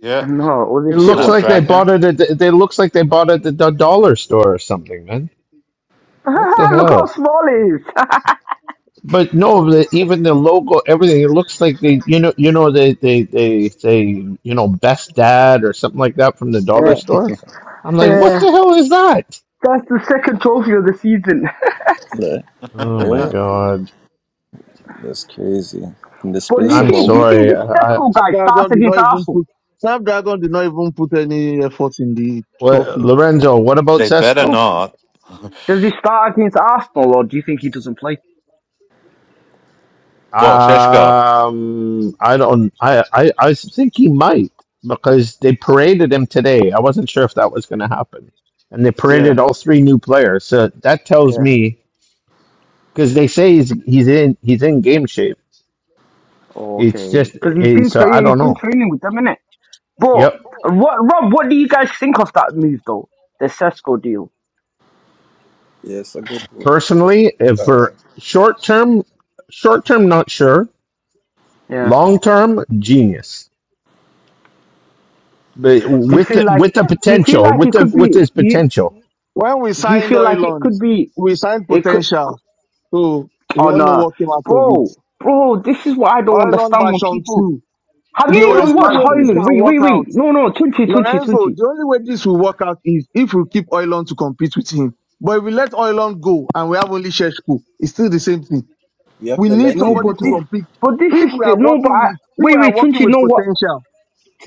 [SPEAKER 11] Yeah,
[SPEAKER 12] no, it was
[SPEAKER 2] It
[SPEAKER 11] the
[SPEAKER 12] a shit
[SPEAKER 2] looks
[SPEAKER 12] one.
[SPEAKER 2] like
[SPEAKER 12] <laughs>
[SPEAKER 2] they bought
[SPEAKER 11] Snapdragon.
[SPEAKER 2] it. At the, it looks like they bought it at the dollar store or something, man. What the
[SPEAKER 12] Look
[SPEAKER 2] hell?
[SPEAKER 12] how small it is. <laughs>
[SPEAKER 2] But no, the, even the logo, everything. It looks like they, you know, you know, they, they, they say, you know, best dad or something like that from the dollar
[SPEAKER 12] yeah,
[SPEAKER 2] store. I'm like, what
[SPEAKER 12] yeah.
[SPEAKER 2] the hell is that?
[SPEAKER 12] That's the second trophy of the season. <laughs>
[SPEAKER 5] Yeah.
[SPEAKER 2] Oh my
[SPEAKER 5] Right?
[SPEAKER 11] <laughs>
[SPEAKER 2] god.
[SPEAKER 5] That's crazy. In the
[SPEAKER 12] But do
[SPEAKER 5] space
[SPEAKER 12] you
[SPEAKER 5] of
[SPEAKER 2] I'm
[SPEAKER 5] a
[SPEAKER 12] think do you
[SPEAKER 5] week?
[SPEAKER 12] think
[SPEAKER 2] sorry.
[SPEAKER 12] this
[SPEAKER 2] I,
[SPEAKER 12] Cesco guy starts
[SPEAKER 6] Snapdragon did not
[SPEAKER 12] against
[SPEAKER 6] even
[SPEAKER 12] Arsenal?
[SPEAKER 6] put Snapdragon did not even put any effort in the
[SPEAKER 2] what,
[SPEAKER 6] trophy.
[SPEAKER 2] Lorenzo, what about
[SPEAKER 11] they better
[SPEAKER 2] Cesco?
[SPEAKER 11] not. <laughs>
[SPEAKER 12] Does he start against Arsenal or do you think he doesn't play?
[SPEAKER 11] Well, Sheshko
[SPEAKER 2] Um, I don't. I, I I think he might because they paraded him today. I wasn't sure if that was going to happen, and they paraded
[SPEAKER 12] Yeah,
[SPEAKER 2] all three new players. So that tells
[SPEAKER 12] yeah.
[SPEAKER 2] me because they say he's he's in he's in game shape. It's
[SPEAKER 12] Okay.
[SPEAKER 2] just
[SPEAKER 12] Because he's been
[SPEAKER 2] it's, so I
[SPEAKER 12] training he's
[SPEAKER 2] don't
[SPEAKER 12] been
[SPEAKER 2] know.
[SPEAKER 12] training with them, innit? But
[SPEAKER 2] Yep.
[SPEAKER 12] what Rob, what do you guys think of that move though? The Cesco deal.
[SPEAKER 5] Yes, a good one.
[SPEAKER 2] Personally, if
[SPEAKER 5] Sorry.
[SPEAKER 2] for short term, short term, not sure.
[SPEAKER 12] Yeah.
[SPEAKER 2] Long term, genius. But
[SPEAKER 12] Do you
[SPEAKER 2] with
[SPEAKER 12] feel
[SPEAKER 2] the
[SPEAKER 12] like
[SPEAKER 2] with the
[SPEAKER 12] do you feel
[SPEAKER 2] potential,
[SPEAKER 12] like
[SPEAKER 2] with
[SPEAKER 12] it
[SPEAKER 2] the
[SPEAKER 12] could
[SPEAKER 2] with
[SPEAKER 12] be
[SPEAKER 2] his
[SPEAKER 12] do you
[SPEAKER 2] potential,
[SPEAKER 6] When we
[SPEAKER 12] do you
[SPEAKER 6] signed
[SPEAKER 12] feel like it
[SPEAKER 6] Oiland,
[SPEAKER 12] could be
[SPEAKER 6] we signed
[SPEAKER 12] it could
[SPEAKER 6] potential. So we all
[SPEAKER 12] on
[SPEAKER 6] know
[SPEAKER 12] uh
[SPEAKER 6] what came out of it.
[SPEAKER 12] bro bro this is what I don't
[SPEAKER 6] Oiland
[SPEAKER 12] understand when
[SPEAKER 6] version
[SPEAKER 12] people
[SPEAKER 6] two.
[SPEAKER 12] have
[SPEAKER 8] No,
[SPEAKER 6] The
[SPEAKER 12] you
[SPEAKER 8] but
[SPEAKER 12] even
[SPEAKER 8] it's
[SPEAKER 6] only
[SPEAKER 12] watched
[SPEAKER 8] right
[SPEAKER 6] way this
[SPEAKER 12] Hoyland?
[SPEAKER 6] can
[SPEAKER 12] Wait
[SPEAKER 6] work
[SPEAKER 12] wait wait
[SPEAKER 6] out,
[SPEAKER 12] no no Tunchi Tunchi
[SPEAKER 6] Lorenzo,
[SPEAKER 12] Tunchi
[SPEAKER 6] the only way this will work out is if we keep Oiland to compete with him. But if we let Oiland go and we have only Sheshko, it's still the same thing.
[SPEAKER 5] We have
[SPEAKER 6] We
[SPEAKER 5] to
[SPEAKER 6] need
[SPEAKER 5] let
[SPEAKER 12] no
[SPEAKER 5] him
[SPEAKER 6] somebody
[SPEAKER 12] but
[SPEAKER 6] to
[SPEAKER 12] this
[SPEAKER 5] go.
[SPEAKER 6] compete.
[SPEAKER 12] but this
[SPEAKER 6] If
[SPEAKER 12] is
[SPEAKER 6] we
[SPEAKER 12] the
[SPEAKER 6] are
[SPEAKER 12] no but
[SPEAKER 6] working
[SPEAKER 12] I,
[SPEAKER 6] with if
[SPEAKER 12] wait
[SPEAKER 6] we are
[SPEAKER 12] wait
[SPEAKER 6] working
[SPEAKER 12] Tunchi
[SPEAKER 6] with
[SPEAKER 12] no what
[SPEAKER 6] potential,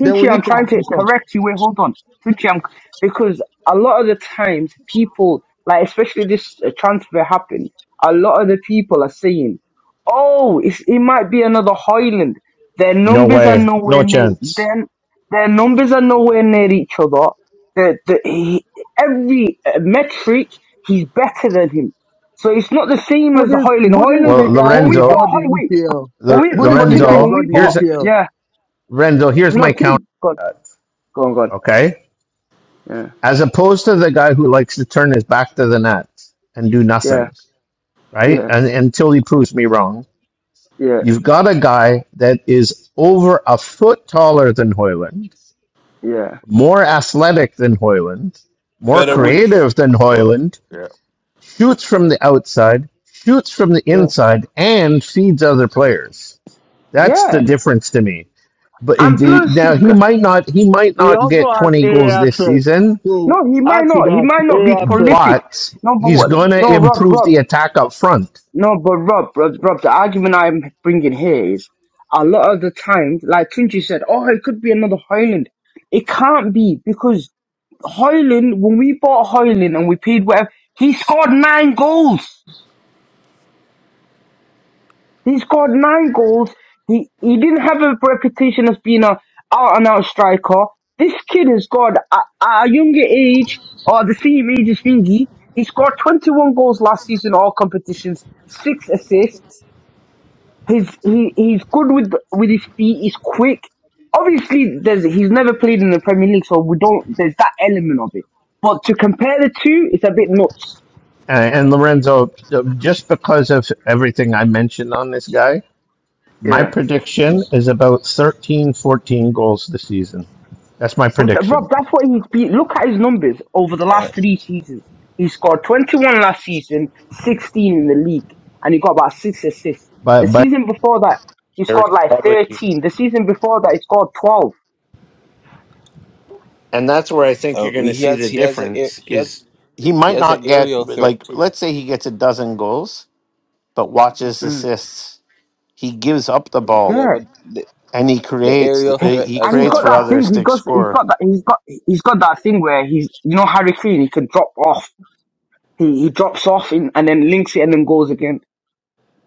[SPEAKER 6] then we
[SPEAKER 12] I'm
[SPEAKER 6] need
[SPEAKER 12] trying to
[SPEAKER 6] competition.
[SPEAKER 12] correct you. Wait, hold on. Tunchi, I'm, because a lot of the times people, like especially this uh, transfer happened, a lot of the people are saying, oh, it's, it might be another Highland. Their
[SPEAKER 2] no
[SPEAKER 12] numbers are
[SPEAKER 2] way,
[SPEAKER 12] nowhere
[SPEAKER 2] no
[SPEAKER 12] near,
[SPEAKER 2] chance.
[SPEAKER 12] their, their numbers are nowhere near each other. The, the, he, every uh, metric, he's better than him. So it's not the same as the
[SPEAKER 6] Bundes-
[SPEAKER 12] Highland. Highland,
[SPEAKER 2] Well,
[SPEAKER 6] Bundesliga
[SPEAKER 12] when we
[SPEAKER 6] is
[SPEAKER 12] bought
[SPEAKER 6] not
[SPEAKER 2] Lorenzo,
[SPEAKER 6] the
[SPEAKER 12] Highway,
[SPEAKER 6] EPL.
[SPEAKER 12] when
[SPEAKER 2] Lo-
[SPEAKER 12] we, no, but Tunchi,
[SPEAKER 6] Bundesliga is
[SPEAKER 12] when
[SPEAKER 2] Lorenzo,
[SPEAKER 6] not
[SPEAKER 12] we
[SPEAKER 6] the
[SPEAKER 12] bought,
[SPEAKER 2] here's
[SPEAKER 6] EPL.
[SPEAKER 12] yeah,
[SPEAKER 2] Lorenzo. Here's
[SPEAKER 12] no,
[SPEAKER 2] my count.
[SPEAKER 12] Tunchi, go on, go on, go on.
[SPEAKER 2] Okay,
[SPEAKER 12] yeah,
[SPEAKER 2] as opposed to the guy who likes to turn his back to the net and do
[SPEAKER 12] yeah,
[SPEAKER 2] nothing, right?
[SPEAKER 12] yeah,
[SPEAKER 2] And until he proves me wrong,
[SPEAKER 12] yeah,
[SPEAKER 2] you've got a guy that is over a foot taller than Hoyland,
[SPEAKER 12] yeah,
[SPEAKER 2] more athletic than Hoyland, more
[SPEAKER 11] better would.
[SPEAKER 12] yes,
[SPEAKER 2] creative than
[SPEAKER 11] would go.
[SPEAKER 2] Hoyland,
[SPEAKER 11] Yeah.
[SPEAKER 2] shoots from the outside, shoots from the
[SPEAKER 12] yeah,
[SPEAKER 2] inside, and feeds other players. That's the
[SPEAKER 12] yeah.
[SPEAKER 2] difference to me. But it-
[SPEAKER 12] And
[SPEAKER 2] the-
[SPEAKER 12] plus,
[SPEAKER 2] now
[SPEAKER 12] he's
[SPEAKER 2] he
[SPEAKER 12] co-
[SPEAKER 2] might not he might
[SPEAKER 6] He
[SPEAKER 2] not
[SPEAKER 6] also
[SPEAKER 2] get
[SPEAKER 6] has
[SPEAKER 2] twenty goals
[SPEAKER 6] area
[SPEAKER 2] this
[SPEAKER 6] threat.
[SPEAKER 2] season,
[SPEAKER 6] So
[SPEAKER 12] no, he might
[SPEAKER 6] add to
[SPEAKER 12] not, he
[SPEAKER 6] that
[SPEAKER 12] might not be
[SPEAKER 6] area threat.
[SPEAKER 12] prolific.
[SPEAKER 2] but
[SPEAKER 12] No, but
[SPEAKER 2] he's
[SPEAKER 12] what?
[SPEAKER 2] going to
[SPEAKER 12] No, Rob,
[SPEAKER 2] improve
[SPEAKER 12] Rob,
[SPEAKER 2] the attack up front.
[SPEAKER 12] no, but Rob, Rob, Rob. The argument I'm bringing here is a lot of the times, like Tunji said, oh, it could be another Hoyland. It can't be because Hoyland, when we bought Hoyland and we paid whatever, he scored nine goals. He scored nine goals. He he didn't have a reputation as being a out and out striker. This kid has got at, at a younger age or the same age as Fingy. He scored 21 goals last season, all competitions, six assists. He's he, he's good with with his feet. He's quick. Obviously, there's he's never played in the Premier League, so we don't. There's that element of it. But to compare the two, it's a bit nuts.
[SPEAKER 2] Uh, and Lorenzo, just because of everything I mentioned on this guy, my
[SPEAKER 12] Yeah.
[SPEAKER 2] prediction is about 13, 14 goals this season. That's my
[SPEAKER 12] But th-
[SPEAKER 2] prediction.
[SPEAKER 12] Rob, that's what he's beat. Look at his numbers over the last three seasons. He scored 21 last season, 16 in the league, and he got about six assists. The
[SPEAKER 2] But by
[SPEAKER 12] season before that, he
[SPEAKER 2] There's
[SPEAKER 12] scored like
[SPEAKER 2] probably
[SPEAKER 12] 13. The season before that, he scored 12.
[SPEAKER 2] and that's where I think
[SPEAKER 5] Uh,
[SPEAKER 2] you're going
[SPEAKER 5] we-
[SPEAKER 2] to
[SPEAKER 5] he
[SPEAKER 2] see
[SPEAKER 5] has
[SPEAKER 2] the
[SPEAKER 5] he has a air-
[SPEAKER 2] difference
[SPEAKER 5] he has
[SPEAKER 2] is he
[SPEAKER 5] he
[SPEAKER 2] might
[SPEAKER 5] has an
[SPEAKER 2] not get
[SPEAKER 5] aerial threat
[SPEAKER 2] like
[SPEAKER 5] too.
[SPEAKER 2] let's say he gets a dozen goals but watches
[SPEAKER 12] Mm.
[SPEAKER 2] assists he gives up the ball
[SPEAKER 5] Yeah,
[SPEAKER 12] Yeah.
[SPEAKER 5] but the,
[SPEAKER 2] and he
[SPEAKER 5] the
[SPEAKER 2] creates the,
[SPEAKER 5] aerial
[SPEAKER 2] uh,
[SPEAKER 5] threat
[SPEAKER 2] he
[SPEAKER 5] as
[SPEAKER 12] And he's
[SPEAKER 2] creates
[SPEAKER 5] well.
[SPEAKER 12] got
[SPEAKER 2] for
[SPEAKER 12] that thing.
[SPEAKER 2] others
[SPEAKER 12] He
[SPEAKER 2] to
[SPEAKER 12] goes. He's
[SPEAKER 2] score
[SPEAKER 12] got that. He's got. He's got that thing where he's. You know, Harry Kane. He can drop off. He he drops off in, and then links it and then goes again.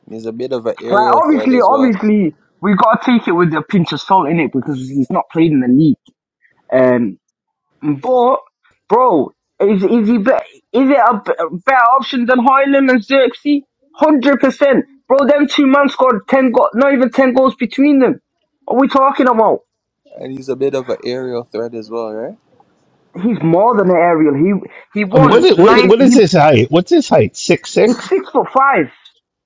[SPEAKER 5] He's a bit of an
[SPEAKER 12] Like
[SPEAKER 5] aerial threat
[SPEAKER 12] obviously,
[SPEAKER 5] as well,
[SPEAKER 12] obviously, we got to take it with a pinch of salt in it because he's not played in the league. Um. But, bro, is is he be, is it a b- better option than Highland and Xerxes? Hundred percent, bro. Them two men scored ten, go- not even ten goals between them. What are we talking about?
[SPEAKER 5] and he's a bit of an aerial threat as well, right?
[SPEAKER 12] He's more than an aerial. He he
[SPEAKER 2] Uh, What
[SPEAKER 12] won
[SPEAKER 2] is, what is,
[SPEAKER 12] nine.
[SPEAKER 2] what is
[SPEAKER 12] He
[SPEAKER 2] his height? What's his height? Six
[SPEAKER 12] he's
[SPEAKER 2] six?
[SPEAKER 12] six foot five.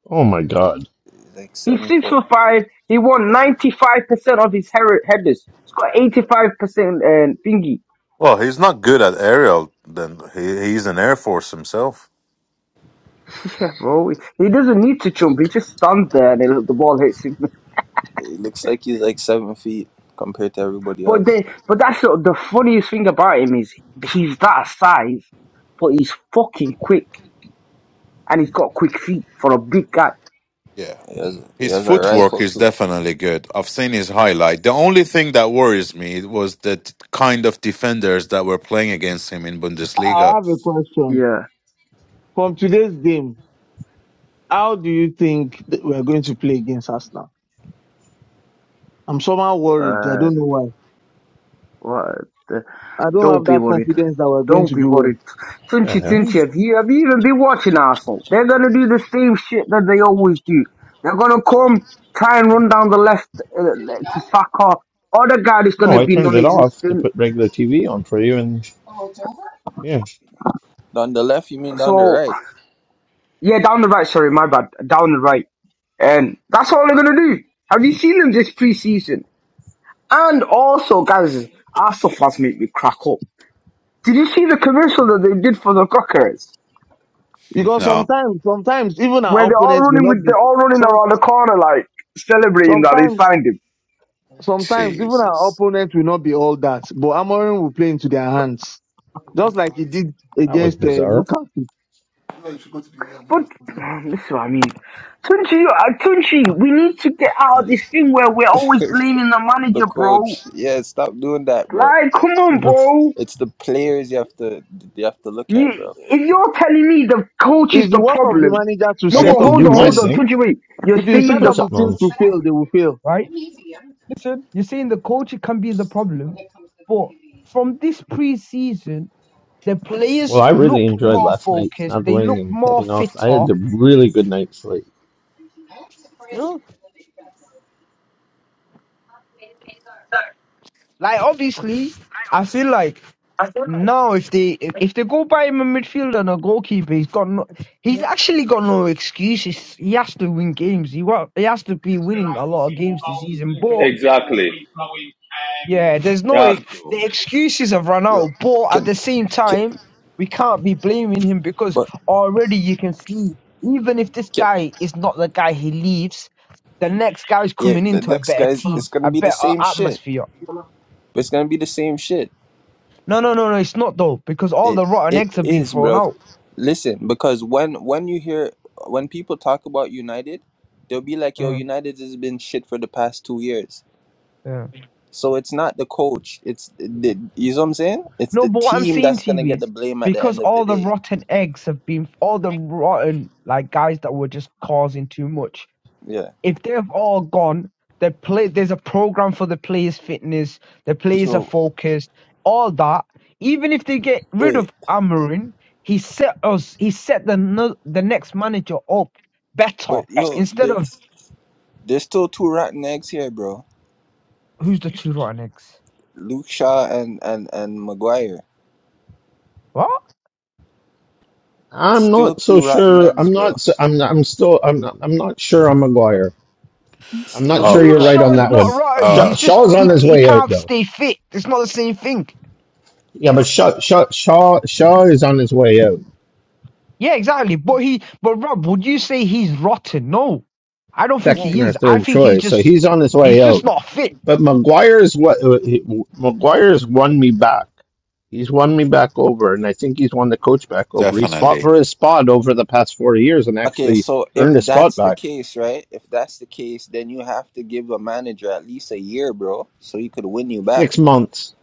[SPEAKER 2] Oh my god!
[SPEAKER 5] He's like
[SPEAKER 12] He's
[SPEAKER 5] seven
[SPEAKER 12] six
[SPEAKER 5] foot.
[SPEAKER 12] foot five. He won ninety five percent of his her- headers. He's got eighty five percent and thingy. <laughs>
[SPEAKER 11] Well, he's not good at aerial. Then he he's an air force himself.
[SPEAKER 12] Yeah, bro. He doesn't need to jump. He just stands there and the ball hits him.
[SPEAKER 5] It looks like he's like seven feet compared to everybody
[SPEAKER 12] But
[SPEAKER 5] else.
[SPEAKER 12] the but that's the, the funniest thing about him is he's that size, but he's fucking quick and he's got quick feet for a big guy.
[SPEAKER 11] Yeah.
[SPEAKER 5] He has he
[SPEAKER 11] His
[SPEAKER 5] has a
[SPEAKER 11] footwork
[SPEAKER 5] rifle
[SPEAKER 11] is
[SPEAKER 5] too.
[SPEAKER 11] definitely good. I've seen his highlight. The only thing that worries me was the t- kind of defenders that were playing against him in
[SPEAKER 6] I
[SPEAKER 11] Bundesliga.
[SPEAKER 6] have a question.
[SPEAKER 12] Yeah.
[SPEAKER 6] From today's game, how do you think that we're going to play against Arsenal? I'm somehow worried. I don't
[SPEAKER 12] Um,
[SPEAKER 6] know why.
[SPEAKER 12] what? The,
[SPEAKER 6] I don't
[SPEAKER 12] don't
[SPEAKER 6] have
[SPEAKER 12] be
[SPEAKER 6] that
[SPEAKER 12] worried.
[SPEAKER 6] confidence that we're going
[SPEAKER 12] Don't
[SPEAKER 6] to
[SPEAKER 12] be
[SPEAKER 6] do well.
[SPEAKER 12] worried.
[SPEAKER 2] The
[SPEAKER 12] Tunchi
[SPEAKER 2] hell?
[SPEAKER 12] Tunchi, have you have you even been watching Arsenal? They're gonna do the same shit that they always do. They're gonna come try and run down the left uh, to Saka. Other guy is
[SPEAKER 2] No,
[SPEAKER 12] gonna
[SPEAKER 2] I
[SPEAKER 12] be
[SPEAKER 2] turned it off to
[SPEAKER 12] non-existent.
[SPEAKER 2] put regular TV on for you, and yeah,
[SPEAKER 5] Down the left, you mean down the
[SPEAKER 12] So
[SPEAKER 5] right?
[SPEAKER 12] yeah, down the right. Sorry, my bad. Down the right. And that's all they're going to do. Have you seen them this preseason? And also, guys, Arsenal fans make me crack up. Did you see the commercial that they did for the Cockers?
[SPEAKER 11] <laughs>
[SPEAKER 6] Because
[SPEAKER 11] No,
[SPEAKER 6] sometimes, sometimes even
[SPEAKER 12] Where
[SPEAKER 6] our
[SPEAKER 12] they're all
[SPEAKER 6] opponents will
[SPEAKER 12] running
[SPEAKER 6] not
[SPEAKER 12] with, they're
[SPEAKER 6] be.
[SPEAKER 12] all running
[SPEAKER 6] Some
[SPEAKER 12] around the corner like celebrating that they
[SPEAKER 6] sometimes,
[SPEAKER 12] signed him.
[SPEAKER 6] sometimes even our
[SPEAKER 11] Jesus.
[SPEAKER 6] opponents will not be all that. But Amorim will play into their hands. just like he
[SPEAKER 8] though.
[SPEAKER 6] did
[SPEAKER 2] that was
[SPEAKER 6] against uh,
[SPEAKER 2] bizarre.
[SPEAKER 6] Newcastle.
[SPEAKER 8] Yeah, you should go to the A and E
[SPEAKER 12] But
[SPEAKER 8] or something.
[SPEAKER 12] <sighs> this is what I mean. Tunchi, uh, Tunchi, we need to get out of this thing where we're always blaming the
[SPEAKER 5] The
[SPEAKER 12] manager, bro.
[SPEAKER 5] coach. Yeah, stop doing that, bro.
[SPEAKER 12] Like, come
[SPEAKER 2] Yeah,
[SPEAKER 12] on,
[SPEAKER 2] but
[SPEAKER 12] bro.
[SPEAKER 5] It's the players you have to you have to look
[SPEAKER 12] You,
[SPEAKER 5] at, bro.
[SPEAKER 12] if you're telling me the coach is
[SPEAKER 6] It's the
[SPEAKER 12] the
[SPEAKER 6] work of the
[SPEAKER 12] problem,
[SPEAKER 6] manager to
[SPEAKER 12] no,
[SPEAKER 2] I
[SPEAKER 12] but
[SPEAKER 6] set
[SPEAKER 2] got to
[SPEAKER 6] up
[SPEAKER 12] hold
[SPEAKER 2] do
[SPEAKER 6] the
[SPEAKER 12] on,
[SPEAKER 2] my
[SPEAKER 12] hold
[SPEAKER 6] team.
[SPEAKER 12] on,
[SPEAKER 2] thing.
[SPEAKER 12] Tunji, wait. You're
[SPEAKER 6] If you
[SPEAKER 2] You
[SPEAKER 6] set
[SPEAKER 12] saying
[SPEAKER 2] put
[SPEAKER 12] the
[SPEAKER 6] up the
[SPEAKER 2] something
[SPEAKER 6] team
[SPEAKER 2] on.
[SPEAKER 6] to fail, they will fail.
[SPEAKER 12] right? Listen, you're saying the coach can be the problem, but from this preseason, the
[SPEAKER 2] Well,
[SPEAKER 12] players
[SPEAKER 2] I really
[SPEAKER 12] look
[SPEAKER 2] enjoyed
[SPEAKER 12] more
[SPEAKER 2] last night
[SPEAKER 12] focused. They
[SPEAKER 2] snuggling
[SPEAKER 12] look
[SPEAKER 2] and
[SPEAKER 12] more
[SPEAKER 2] cutting off. I
[SPEAKER 12] fitter.
[SPEAKER 2] had a really good night's sleep.
[SPEAKER 12] You know, like obviously, I feel like now if they if they go buy him a midfielder and a goalkeeper, he's got no, he's actually got no excuses. He has to win games. He wa- he has to be winning a lot of games this season, but.
[SPEAKER 9] Exactly.
[SPEAKER 12] Yeah, there's no
[SPEAKER 9] Yeah.
[SPEAKER 12] ex- the excuses have run
[SPEAKER 5] Yo,
[SPEAKER 12] out, but at
[SPEAKER 5] can,
[SPEAKER 12] the same
[SPEAKER 5] can
[SPEAKER 12] time, we can't be blaming him because
[SPEAKER 5] but
[SPEAKER 12] already you can see even if this
[SPEAKER 5] can
[SPEAKER 12] guy is not the guy he leaves, the next guy is
[SPEAKER 5] yeah,
[SPEAKER 12] coming
[SPEAKER 5] the
[SPEAKER 12] into a
[SPEAKER 5] next
[SPEAKER 12] better
[SPEAKER 5] guys
[SPEAKER 8] Hello,
[SPEAKER 5] it's
[SPEAKER 12] team,
[SPEAKER 5] gonna
[SPEAKER 12] a
[SPEAKER 5] be the
[SPEAKER 12] better
[SPEAKER 5] same shit.
[SPEAKER 12] atmosphere.
[SPEAKER 8] hello.
[SPEAKER 5] It's gonna be the same shit.
[SPEAKER 12] No, no, no, no, it's not though because all
[SPEAKER 5] It
[SPEAKER 12] the rotten
[SPEAKER 5] it
[SPEAKER 12] eggs have been
[SPEAKER 5] is,
[SPEAKER 12] thrown
[SPEAKER 5] bro.
[SPEAKER 12] out.
[SPEAKER 5] Listen, because when when you hear when people talk about United, they'll be like, "Yo,
[SPEAKER 12] Mm,
[SPEAKER 5] United has been shit for the past two years."
[SPEAKER 12] yeah.
[SPEAKER 5] So it's not the coach. It's the you know what I'm saying. It's
[SPEAKER 12] No,
[SPEAKER 5] the
[SPEAKER 12] but what I'm
[SPEAKER 5] team
[SPEAKER 12] saying
[SPEAKER 5] that's
[SPEAKER 12] to
[SPEAKER 5] gonna
[SPEAKER 12] you
[SPEAKER 5] get the
[SPEAKER 12] is
[SPEAKER 5] blame at the
[SPEAKER 12] because
[SPEAKER 5] end of the
[SPEAKER 12] all the
[SPEAKER 5] day.
[SPEAKER 12] rotten eggs have been all the rotten like guys that were just causing too much
[SPEAKER 5] Yeah.
[SPEAKER 12] if they've all gone, the play there's a program for the players' fitness, the players are
[SPEAKER 5] Yo,
[SPEAKER 12] focused, all that. Even if they get rid
[SPEAKER 5] wait,
[SPEAKER 12] of Amarin, he set us he set the no, the next manager up better
[SPEAKER 5] but yo,
[SPEAKER 12] instead of
[SPEAKER 5] this. There's still two rotten eggs here, bro.
[SPEAKER 12] who's the two rotten eggs?
[SPEAKER 5] Luke Shaw and and and Maguire.
[SPEAKER 12] What?
[SPEAKER 2] I'm
[SPEAKER 5] Still
[SPEAKER 2] not
[SPEAKER 5] two
[SPEAKER 2] so
[SPEAKER 5] rotten
[SPEAKER 2] sure.
[SPEAKER 5] eggs,
[SPEAKER 2] I'm not.
[SPEAKER 5] bro.
[SPEAKER 2] So, I'm. I'm still. I'm. Not, I'm not sure. I'm McGuire. I'm
[SPEAKER 5] Still
[SPEAKER 2] not sure
[SPEAKER 11] Oh,
[SPEAKER 5] two
[SPEAKER 12] Luke
[SPEAKER 2] you're
[SPEAKER 12] Shaw
[SPEAKER 2] right
[SPEAKER 5] rotten
[SPEAKER 2] on
[SPEAKER 12] is
[SPEAKER 2] that
[SPEAKER 12] not
[SPEAKER 2] one.
[SPEAKER 5] eggs.
[SPEAKER 12] rotten.
[SPEAKER 2] Shaw,
[SPEAKER 11] uh,
[SPEAKER 12] He's just
[SPEAKER 2] Shaw's on
[SPEAKER 12] he
[SPEAKER 2] his
[SPEAKER 12] he
[SPEAKER 2] way out,
[SPEAKER 12] can't
[SPEAKER 2] though.
[SPEAKER 12] stay fit. It's not the same thing.
[SPEAKER 2] Yeah, but Shaw, Shaw, Shaw, Shaw is on his way out,
[SPEAKER 12] Yeah, exactly. But he but Rob, would you say he's rotten? No. I don't think
[SPEAKER 5] Yeah.
[SPEAKER 12] he
[SPEAKER 2] second or
[SPEAKER 12] is. I
[SPEAKER 2] third
[SPEAKER 12] think he's
[SPEAKER 2] choice. So
[SPEAKER 12] just
[SPEAKER 2] he's on his
[SPEAKER 12] he's
[SPEAKER 2] way out.
[SPEAKER 12] just not fit.
[SPEAKER 2] But McGuire is what McGuire has won me back. He's won me back over, and I think he's won the coach back over. He's fought
[SPEAKER 11] definitely.
[SPEAKER 2] for his spot over the past four years and
[SPEAKER 5] Okay,
[SPEAKER 2] actually
[SPEAKER 5] so if
[SPEAKER 2] earned his spot
[SPEAKER 5] that's the
[SPEAKER 2] back.
[SPEAKER 5] case, right? If that's the case, then you have to give a manager at least a year, bro, so he could win you
[SPEAKER 2] Six
[SPEAKER 5] back.
[SPEAKER 2] months.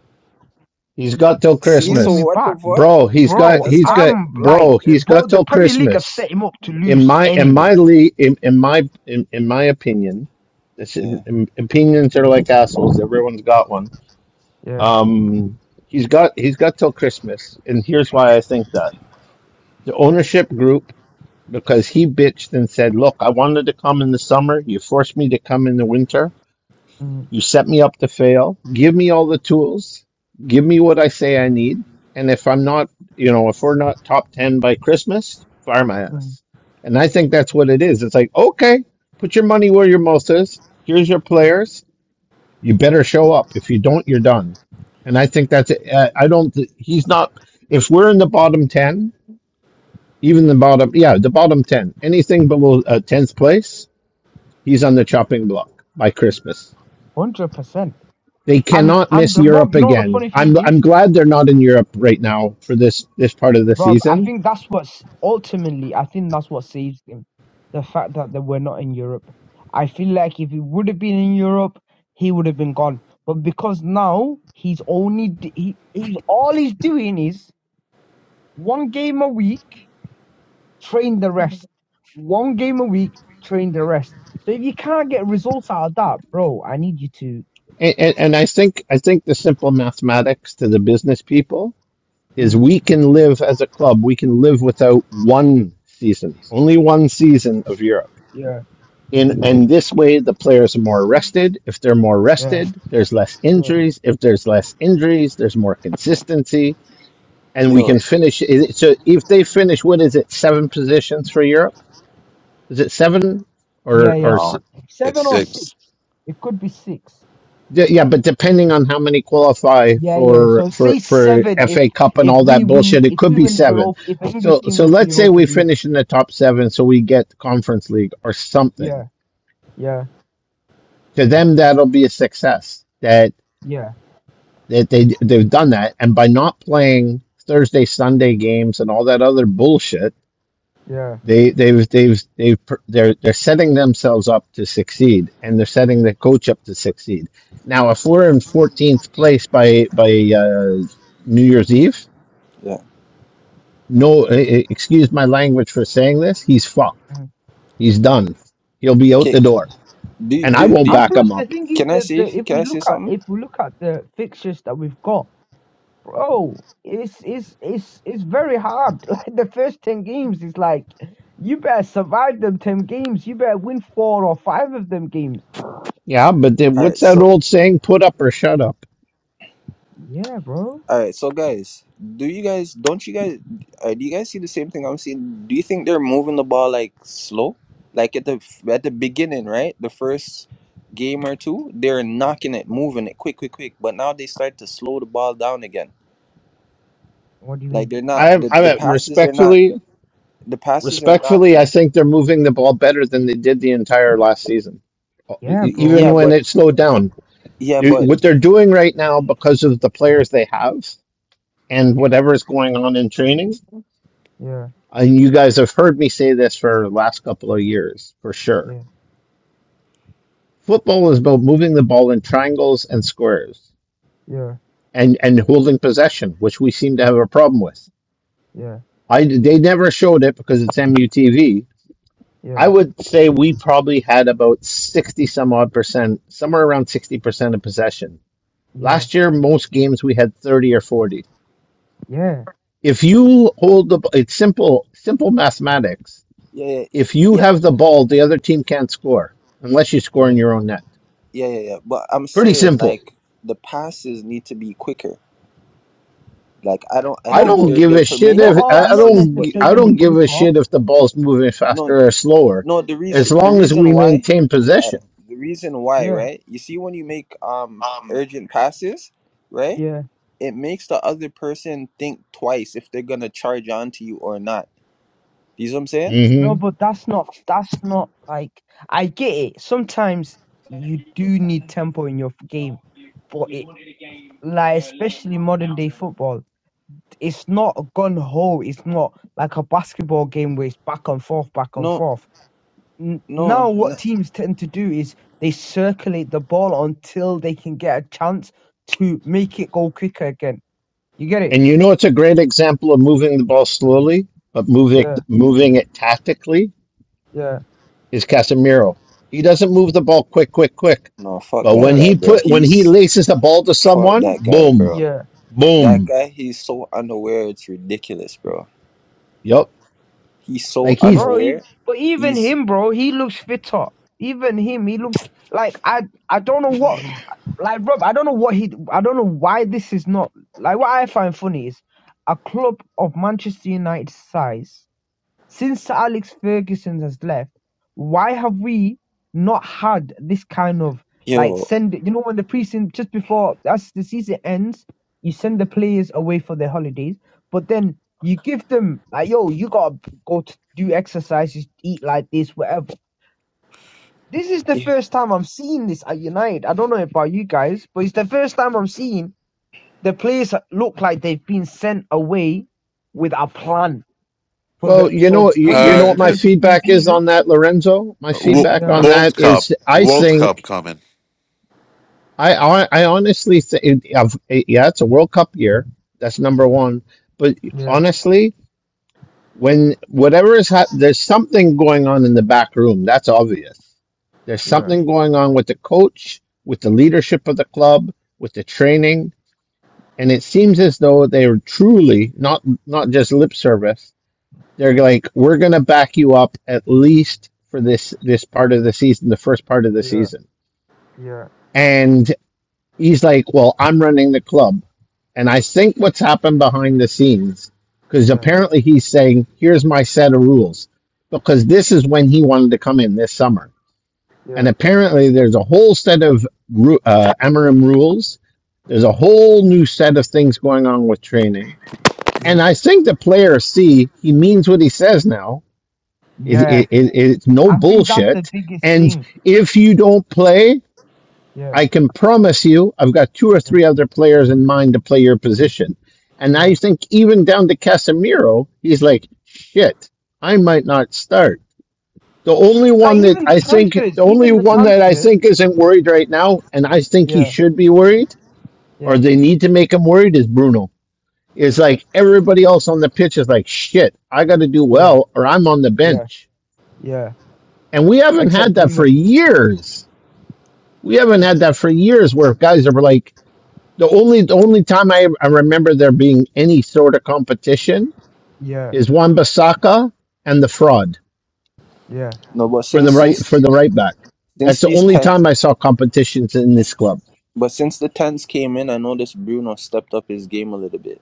[SPEAKER 2] He's got till
[SPEAKER 5] See, so
[SPEAKER 12] Win me
[SPEAKER 2] Christmas,
[SPEAKER 5] what the
[SPEAKER 12] back,
[SPEAKER 5] fuck?
[SPEAKER 2] bro. He's got
[SPEAKER 12] bro.
[SPEAKER 5] That's
[SPEAKER 2] he's
[SPEAKER 5] not.
[SPEAKER 2] got
[SPEAKER 12] I'm like,
[SPEAKER 2] bro. He's
[SPEAKER 12] bro.
[SPEAKER 2] got
[SPEAKER 12] The
[SPEAKER 2] till
[SPEAKER 12] Premier League have
[SPEAKER 2] Christmas.
[SPEAKER 12] set him up to
[SPEAKER 2] In
[SPEAKER 12] lose
[SPEAKER 2] my in
[SPEAKER 12] anyway.
[SPEAKER 2] my le in, in my in, in my opinion, this,
[SPEAKER 5] Yeah.
[SPEAKER 2] in, opinions are like assholes. Everyone's got one.
[SPEAKER 12] Yeah,
[SPEAKER 2] Um, he's got he's got till Christmas, and here's why I think that. the ownership group because he bitched and said, Look, I wanted to come in the summer. You forced me to come in the winter.
[SPEAKER 12] mm,
[SPEAKER 2] You set me up to fail. Give me all the tools. Give me what I say I need. And if I'm not, you know, if we're not top 10 by Christmas, fire my
[SPEAKER 12] mm,
[SPEAKER 2] ass. And I think that's what it is. It's like, okay, put your money where your mouth is. Here's your players. You better show up. If you don't, you're done. And I think that's it. I I don't, he's not, if we're in the bottom 10, even the bottom, yeah, the bottom 10. Anything below uh, 10th place, he's on the chopping block by Christmas.
[SPEAKER 12] hundred percent.
[SPEAKER 2] They
[SPEAKER 12] And
[SPEAKER 2] cannot
[SPEAKER 12] and
[SPEAKER 2] miss
[SPEAKER 12] uh, Rob,
[SPEAKER 2] Europe
[SPEAKER 12] you know what the
[SPEAKER 2] again.
[SPEAKER 12] funny thing
[SPEAKER 2] I'm
[SPEAKER 12] is,
[SPEAKER 2] I'm glad they're not in Europe right now for this this part of the
[SPEAKER 12] Rob? I
[SPEAKER 2] season.
[SPEAKER 12] think that's what's ultimately. I think that's what saves him. The fact that they were not in Europe. I feel like if he would have been in Europe, he would have been gone. But because now he's only d- he, he's all he's doing is one game a week train the rest. One game a week, train the rest. So if you can't get results out of that, bro, I need you to.
[SPEAKER 2] And, and, and I think I think the simple mathematics to the business people is
[SPEAKER 12] Mm,
[SPEAKER 2] we can live as a club, we can live without one season, only one season of Europe.
[SPEAKER 12] yeah,
[SPEAKER 2] In and this way the players are more rested. If they're more
[SPEAKER 12] yeah,
[SPEAKER 2] rested, there's less
[SPEAKER 12] yeah,
[SPEAKER 2] injuries. If there's less injuries, there's more consistency. And we
[SPEAKER 5] Yo.
[SPEAKER 2] can finish so if they finish what is it, seven positions for Europe? Is it seven
[SPEAKER 12] yeah,
[SPEAKER 2] or or
[SPEAKER 12] yes.
[SPEAKER 11] Oh, it's
[SPEAKER 12] Seven or six.
[SPEAKER 11] six.
[SPEAKER 12] It could be six.
[SPEAKER 2] D- Yeah, but depending on how many qualify
[SPEAKER 12] Yeah, yeah.
[SPEAKER 2] for
[SPEAKER 12] So
[SPEAKER 2] for
[SPEAKER 12] say
[SPEAKER 2] for
[SPEAKER 12] seven if
[SPEAKER 2] FA Cup and
[SPEAKER 12] if
[SPEAKER 2] all
[SPEAKER 12] we
[SPEAKER 2] that
[SPEAKER 12] win
[SPEAKER 2] bullshit, it
[SPEAKER 12] if
[SPEAKER 2] could
[SPEAKER 12] we
[SPEAKER 2] be
[SPEAKER 12] win the
[SPEAKER 2] seven.
[SPEAKER 12] Europe if an English
[SPEAKER 2] So
[SPEAKER 12] team
[SPEAKER 2] so
[SPEAKER 12] wins the
[SPEAKER 2] let's say
[SPEAKER 12] Europa
[SPEAKER 2] we
[SPEAKER 12] League.
[SPEAKER 2] finish in the top seven, so we get Conference League or something.
[SPEAKER 12] Yeah, yeah,
[SPEAKER 2] To them, that'll be a success. That
[SPEAKER 12] yeah,
[SPEAKER 2] that they they've done that, and by not playing Thursday Sunday games and all that other bullshit,
[SPEAKER 12] yeah.
[SPEAKER 2] They they've they've they've they're they're setting themselves up to succeed, and they're setting the coach up to succeed. Now, if we're in 14th place by by uh, New Year's Eve,
[SPEAKER 5] Yeah.
[SPEAKER 2] no, eh, eh, excuse my language for saying this. He's fucked.
[SPEAKER 12] Mm.
[SPEAKER 2] He's done. He'll be out
[SPEAKER 5] Okay.
[SPEAKER 2] the door,
[SPEAKER 5] Do
[SPEAKER 2] and I
[SPEAKER 5] do
[SPEAKER 2] won't
[SPEAKER 5] do.
[SPEAKER 12] And
[SPEAKER 2] back
[SPEAKER 12] plus
[SPEAKER 2] him
[SPEAKER 12] the
[SPEAKER 2] up.
[SPEAKER 12] thing is
[SPEAKER 5] Can I
[SPEAKER 12] that
[SPEAKER 5] say?
[SPEAKER 12] the, if
[SPEAKER 5] Can
[SPEAKER 12] we
[SPEAKER 5] I say
[SPEAKER 12] look at
[SPEAKER 5] something?
[SPEAKER 12] if we look at the fixtures that we've got, bro, it's it's it's it's very hard. <laughs> Like the first ten games is like you better survive them ten games. You better win four or five of them games.
[SPEAKER 2] Yeah, but then
[SPEAKER 5] All
[SPEAKER 2] what's
[SPEAKER 5] right. So.
[SPEAKER 2] that old saying? Put up or shut up.
[SPEAKER 12] Yeah, bro.
[SPEAKER 5] All right, so guys, do you guys don't you guys uh, do you guys see the same thing I'm seeing? Do you think they're moving the ball like slow? Like at the at the beginning, right? The first game or two, they're knocking it, moving it quick, quick, quick. But now they start to slow the ball down again.
[SPEAKER 12] What do you
[SPEAKER 5] Like
[SPEAKER 12] mean?
[SPEAKER 5] they're not
[SPEAKER 2] I
[SPEAKER 5] the, the
[SPEAKER 2] I
[SPEAKER 5] passes are not
[SPEAKER 2] respectfully,
[SPEAKER 5] the passes are not
[SPEAKER 2] Respectfully, I
[SPEAKER 5] like
[SPEAKER 2] think they're moving the ball better than they did the entire last season,
[SPEAKER 12] Yeah,
[SPEAKER 2] E- even
[SPEAKER 5] yeah,
[SPEAKER 12] bro.
[SPEAKER 2] when
[SPEAKER 5] but
[SPEAKER 2] it slowed down.
[SPEAKER 5] yeah,
[SPEAKER 2] You-
[SPEAKER 5] but
[SPEAKER 2] What they're doing right now, because of the players they have and whatever is going on in training,
[SPEAKER 12] Yeah,
[SPEAKER 2] and you guys have heard me say this for the last couple of years for sure.
[SPEAKER 12] yeah,
[SPEAKER 2] Football is about moving the ball in triangles and squares
[SPEAKER 12] yeah,
[SPEAKER 2] and, and holding possession, which we seem to have a problem with.
[SPEAKER 12] yeah,
[SPEAKER 2] I, they never showed it because it's MUTV, I
[SPEAKER 12] yeah,
[SPEAKER 2] would say we probably had about 60 some odd percent, somewhere around 60% of possession.
[SPEAKER 12] yeah,
[SPEAKER 2] Last year, most games we had 30 or 40.
[SPEAKER 12] yeah,
[SPEAKER 2] If you hold the, it's simple, simple mathematics.
[SPEAKER 5] yeah,
[SPEAKER 2] If you
[SPEAKER 5] yeah,
[SPEAKER 2] have the ball, the other team can't score unless you score in
[SPEAKER 12] yeah.
[SPEAKER 2] your own net.
[SPEAKER 5] yeah, yeah, yeah. yeah. But I'm
[SPEAKER 2] Pretty
[SPEAKER 5] saying
[SPEAKER 2] simple.
[SPEAKER 5] like the passes need to be quicker. Like I don't, I
[SPEAKER 2] I
[SPEAKER 12] No,
[SPEAKER 5] think
[SPEAKER 12] but
[SPEAKER 2] don't
[SPEAKER 5] they're
[SPEAKER 2] give
[SPEAKER 5] they're
[SPEAKER 2] a
[SPEAKER 5] p-
[SPEAKER 2] shit
[SPEAKER 12] not
[SPEAKER 5] making
[SPEAKER 2] if
[SPEAKER 5] the
[SPEAKER 12] all,
[SPEAKER 2] I I
[SPEAKER 12] not
[SPEAKER 5] passes,
[SPEAKER 2] don't
[SPEAKER 5] but
[SPEAKER 2] gi-
[SPEAKER 5] they're
[SPEAKER 2] I
[SPEAKER 12] necessarily
[SPEAKER 2] don't
[SPEAKER 5] doing the
[SPEAKER 2] give a
[SPEAKER 12] quicker.
[SPEAKER 2] shit if the ball's moving
[SPEAKER 5] No,
[SPEAKER 2] faster or slower,
[SPEAKER 5] no. The
[SPEAKER 2] as
[SPEAKER 5] reason, the
[SPEAKER 2] long as
[SPEAKER 5] reason
[SPEAKER 2] we
[SPEAKER 5] why,
[SPEAKER 2] maintain possession.
[SPEAKER 5] uh, the reason why,
[SPEAKER 12] Yeah,
[SPEAKER 5] right? You see, when you make um urgent passes, right,
[SPEAKER 12] yeah.
[SPEAKER 5] it makes the other person think twice if they're gonna charge on to you or not. You see what I'm saying?
[SPEAKER 12] No, but that's not that's not like I get it. Sometimes you do need tempo in your f- game, but it like especially modern day football, it's not a gun ho. It's not like a basketball game where it's back and forth, back and
[SPEAKER 5] No,
[SPEAKER 12] forth. N-
[SPEAKER 5] no,
[SPEAKER 12] now,
[SPEAKER 5] no,
[SPEAKER 12] what teams tend to do is they circulate the ball until they can get a chance to make it go quicker again. You get it?
[SPEAKER 2] And you know, it's a great example of moving the ball slowly, but moving
[SPEAKER 12] Yeah,
[SPEAKER 2] moving it tactically
[SPEAKER 12] yeah,
[SPEAKER 2] is Casemiro. He doesn't move the ball quick, quick, quick.
[SPEAKER 5] no. Fuck
[SPEAKER 2] But
[SPEAKER 5] that
[SPEAKER 2] when
[SPEAKER 12] yeah,
[SPEAKER 5] guy,
[SPEAKER 2] he
[SPEAKER 5] bro.
[SPEAKER 2] put when he
[SPEAKER 5] He's
[SPEAKER 2] laces the ball to
[SPEAKER 5] fuck
[SPEAKER 2] someone,
[SPEAKER 5] that guy,
[SPEAKER 2] boom,
[SPEAKER 5] bro.
[SPEAKER 12] yeah,
[SPEAKER 5] That
[SPEAKER 2] boom,
[SPEAKER 5] guy, he's so unaware. It's ridiculous, bro.
[SPEAKER 2] yep.
[SPEAKER 5] He's so
[SPEAKER 2] Like he's
[SPEAKER 12] bro. ev-
[SPEAKER 5] unaware.
[SPEAKER 12] But even
[SPEAKER 5] He's
[SPEAKER 12] him, bro, he looks fitter. Even him, he looks like I. I don't know what Like Rob, I don't know what he. I don't know why this is not like what I find funny is a club of Manchester United size since Sir Alex Ferguson has left. Why have we not had this kind of like
[SPEAKER 5] yo.
[SPEAKER 12] send? You know when the preseason just before as the season ends, you send the players away for their holidays, but then you give them like yo, you gotta go to do exercises, eat like this, whatever. This is the
[SPEAKER 5] eh,
[SPEAKER 12] first time I'm seeing this at United. I don't know about you guys, but it's the first time I'm seeing the players look like they've been sent away with a plan for the.
[SPEAKER 2] well, you
[SPEAKER 12] So
[SPEAKER 2] know, you,
[SPEAKER 12] when
[SPEAKER 2] you
[SPEAKER 12] they
[SPEAKER 2] know
[SPEAKER 11] uh,
[SPEAKER 2] what my
[SPEAKER 12] return to
[SPEAKER 2] feedback is
[SPEAKER 12] preseason,
[SPEAKER 2] on that, Lorenzo. My
[SPEAKER 11] w-
[SPEAKER 2] feedback
[SPEAKER 12] yeah,
[SPEAKER 2] on that
[SPEAKER 11] World Cup,
[SPEAKER 2] is, I
[SPEAKER 11] World Cup
[SPEAKER 2] think,
[SPEAKER 11] coming,
[SPEAKER 2] I I, I honestly think, yeah, it's a World Cup year. That's number one. But
[SPEAKER 12] yeah,
[SPEAKER 2] honestly, when whatever is hap there's something going on in the back room that's obvious there's
[SPEAKER 12] yeah,
[SPEAKER 2] something going on with the coach with the leadership of the club with the training and it seems as though they're truly not not just lip service they're
[SPEAKER 12] yeah,
[SPEAKER 2] like we're going to back you up at least for this this part of the season the first part of the
[SPEAKER 12] yeah,
[SPEAKER 2] season
[SPEAKER 12] yeah,
[SPEAKER 2] and he's like, well, I'm running the club. And I think what's happened behind the scenes, because
[SPEAKER 12] yeah,
[SPEAKER 2] apparently he's saying, here's my set of rules, because this is when he wanted to come in this summer. And
[SPEAKER 12] yeah,
[SPEAKER 2] apparently there's a whole set of ru- uh, Amarim rules. There's a whole new set of things going on with training. And
[SPEAKER 12] yeah,
[SPEAKER 2] I think the players see he means what he says now. It,
[SPEAKER 12] yeah.
[SPEAKER 2] it, it, it's no
[SPEAKER 12] I think that's the
[SPEAKER 2] bullshit.
[SPEAKER 12] biggest
[SPEAKER 2] And
[SPEAKER 12] thing.
[SPEAKER 2] if you don't play,
[SPEAKER 12] Yeah,
[SPEAKER 2] I can promise you, I've got two or
[SPEAKER 12] yeah,
[SPEAKER 2] three other players in mind to play your position. And I
[SPEAKER 12] yeah.
[SPEAKER 2] think even down to Casemiro, he's like, shit, I might not start. The only
[SPEAKER 12] Like
[SPEAKER 2] one that
[SPEAKER 12] even the
[SPEAKER 2] I think,
[SPEAKER 12] transfers,
[SPEAKER 2] the only
[SPEAKER 12] even the
[SPEAKER 2] one that I
[SPEAKER 12] transfers.
[SPEAKER 2] think isn't worried right now, and I think he
[SPEAKER 12] Yeah,
[SPEAKER 2] should be worried, or
[SPEAKER 12] yeah,
[SPEAKER 2] they need to make him worried, is Bruno. Is like everybody else on the pitch is like, shit, I got to do
[SPEAKER 12] yeah,
[SPEAKER 2] well, or I'm on the
[SPEAKER 12] yeah,
[SPEAKER 2] bench.
[SPEAKER 12] yeah.
[SPEAKER 2] And we haven't
[SPEAKER 12] Except
[SPEAKER 2] had that for
[SPEAKER 12] Bruno.
[SPEAKER 2] years. We haven't had that for years where guys are like, The only the only time I, I remember there being any sort of competition
[SPEAKER 12] Yeah,
[SPEAKER 2] is Wan Bissaka and the fraud
[SPEAKER 12] yeah.
[SPEAKER 5] No, but
[SPEAKER 2] for the
[SPEAKER 5] since
[SPEAKER 2] right for
[SPEAKER 5] since
[SPEAKER 2] the right back.
[SPEAKER 5] since
[SPEAKER 2] That's the
[SPEAKER 5] these
[SPEAKER 2] only
[SPEAKER 5] ten
[SPEAKER 2] time I saw competitions in this club.
[SPEAKER 5] But since the tens came in, I noticed Bruno stepped up his game a little bit.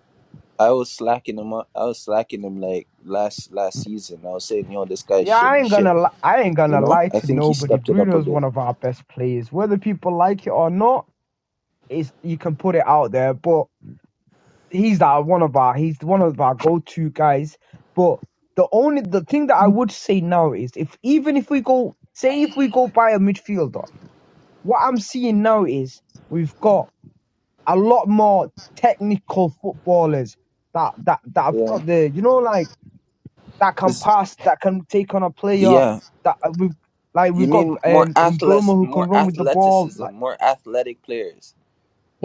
[SPEAKER 5] I was slacking him up. I was slacking him like last last season. I was saying, yo, this guy's
[SPEAKER 12] Yeah,
[SPEAKER 5] shit.
[SPEAKER 12] I
[SPEAKER 5] He's
[SPEAKER 12] ain't
[SPEAKER 5] shit.
[SPEAKER 12] gonna li- I ain't
[SPEAKER 5] You
[SPEAKER 12] gonna
[SPEAKER 5] know.
[SPEAKER 12] lie
[SPEAKER 5] I
[SPEAKER 12] to
[SPEAKER 5] think he
[SPEAKER 12] nobody.
[SPEAKER 5] stepped it up a
[SPEAKER 12] Bruno's
[SPEAKER 5] bit.
[SPEAKER 12] one of our best players. Whether people like it or not, is you can put it out there. But he's our one of our he's one of our go to guys. But the only the thing that I would say now is if even if we go say if we go buy a midfielder, what I'm seeing now is we've got a lot more technical footballers that that that have
[SPEAKER 5] Yeah.
[SPEAKER 12] got the you know like that can
[SPEAKER 5] Is
[SPEAKER 12] pass, that can take on a player,
[SPEAKER 5] yeah.
[SPEAKER 12] that uh, we've like
[SPEAKER 5] You
[SPEAKER 12] we've got
[SPEAKER 5] mean more
[SPEAKER 12] um,
[SPEAKER 5] athletes,
[SPEAKER 12] Burma who can
[SPEAKER 5] more
[SPEAKER 12] run with the ball.
[SPEAKER 5] athleticism,
[SPEAKER 12] Like
[SPEAKER 5] more athletic players.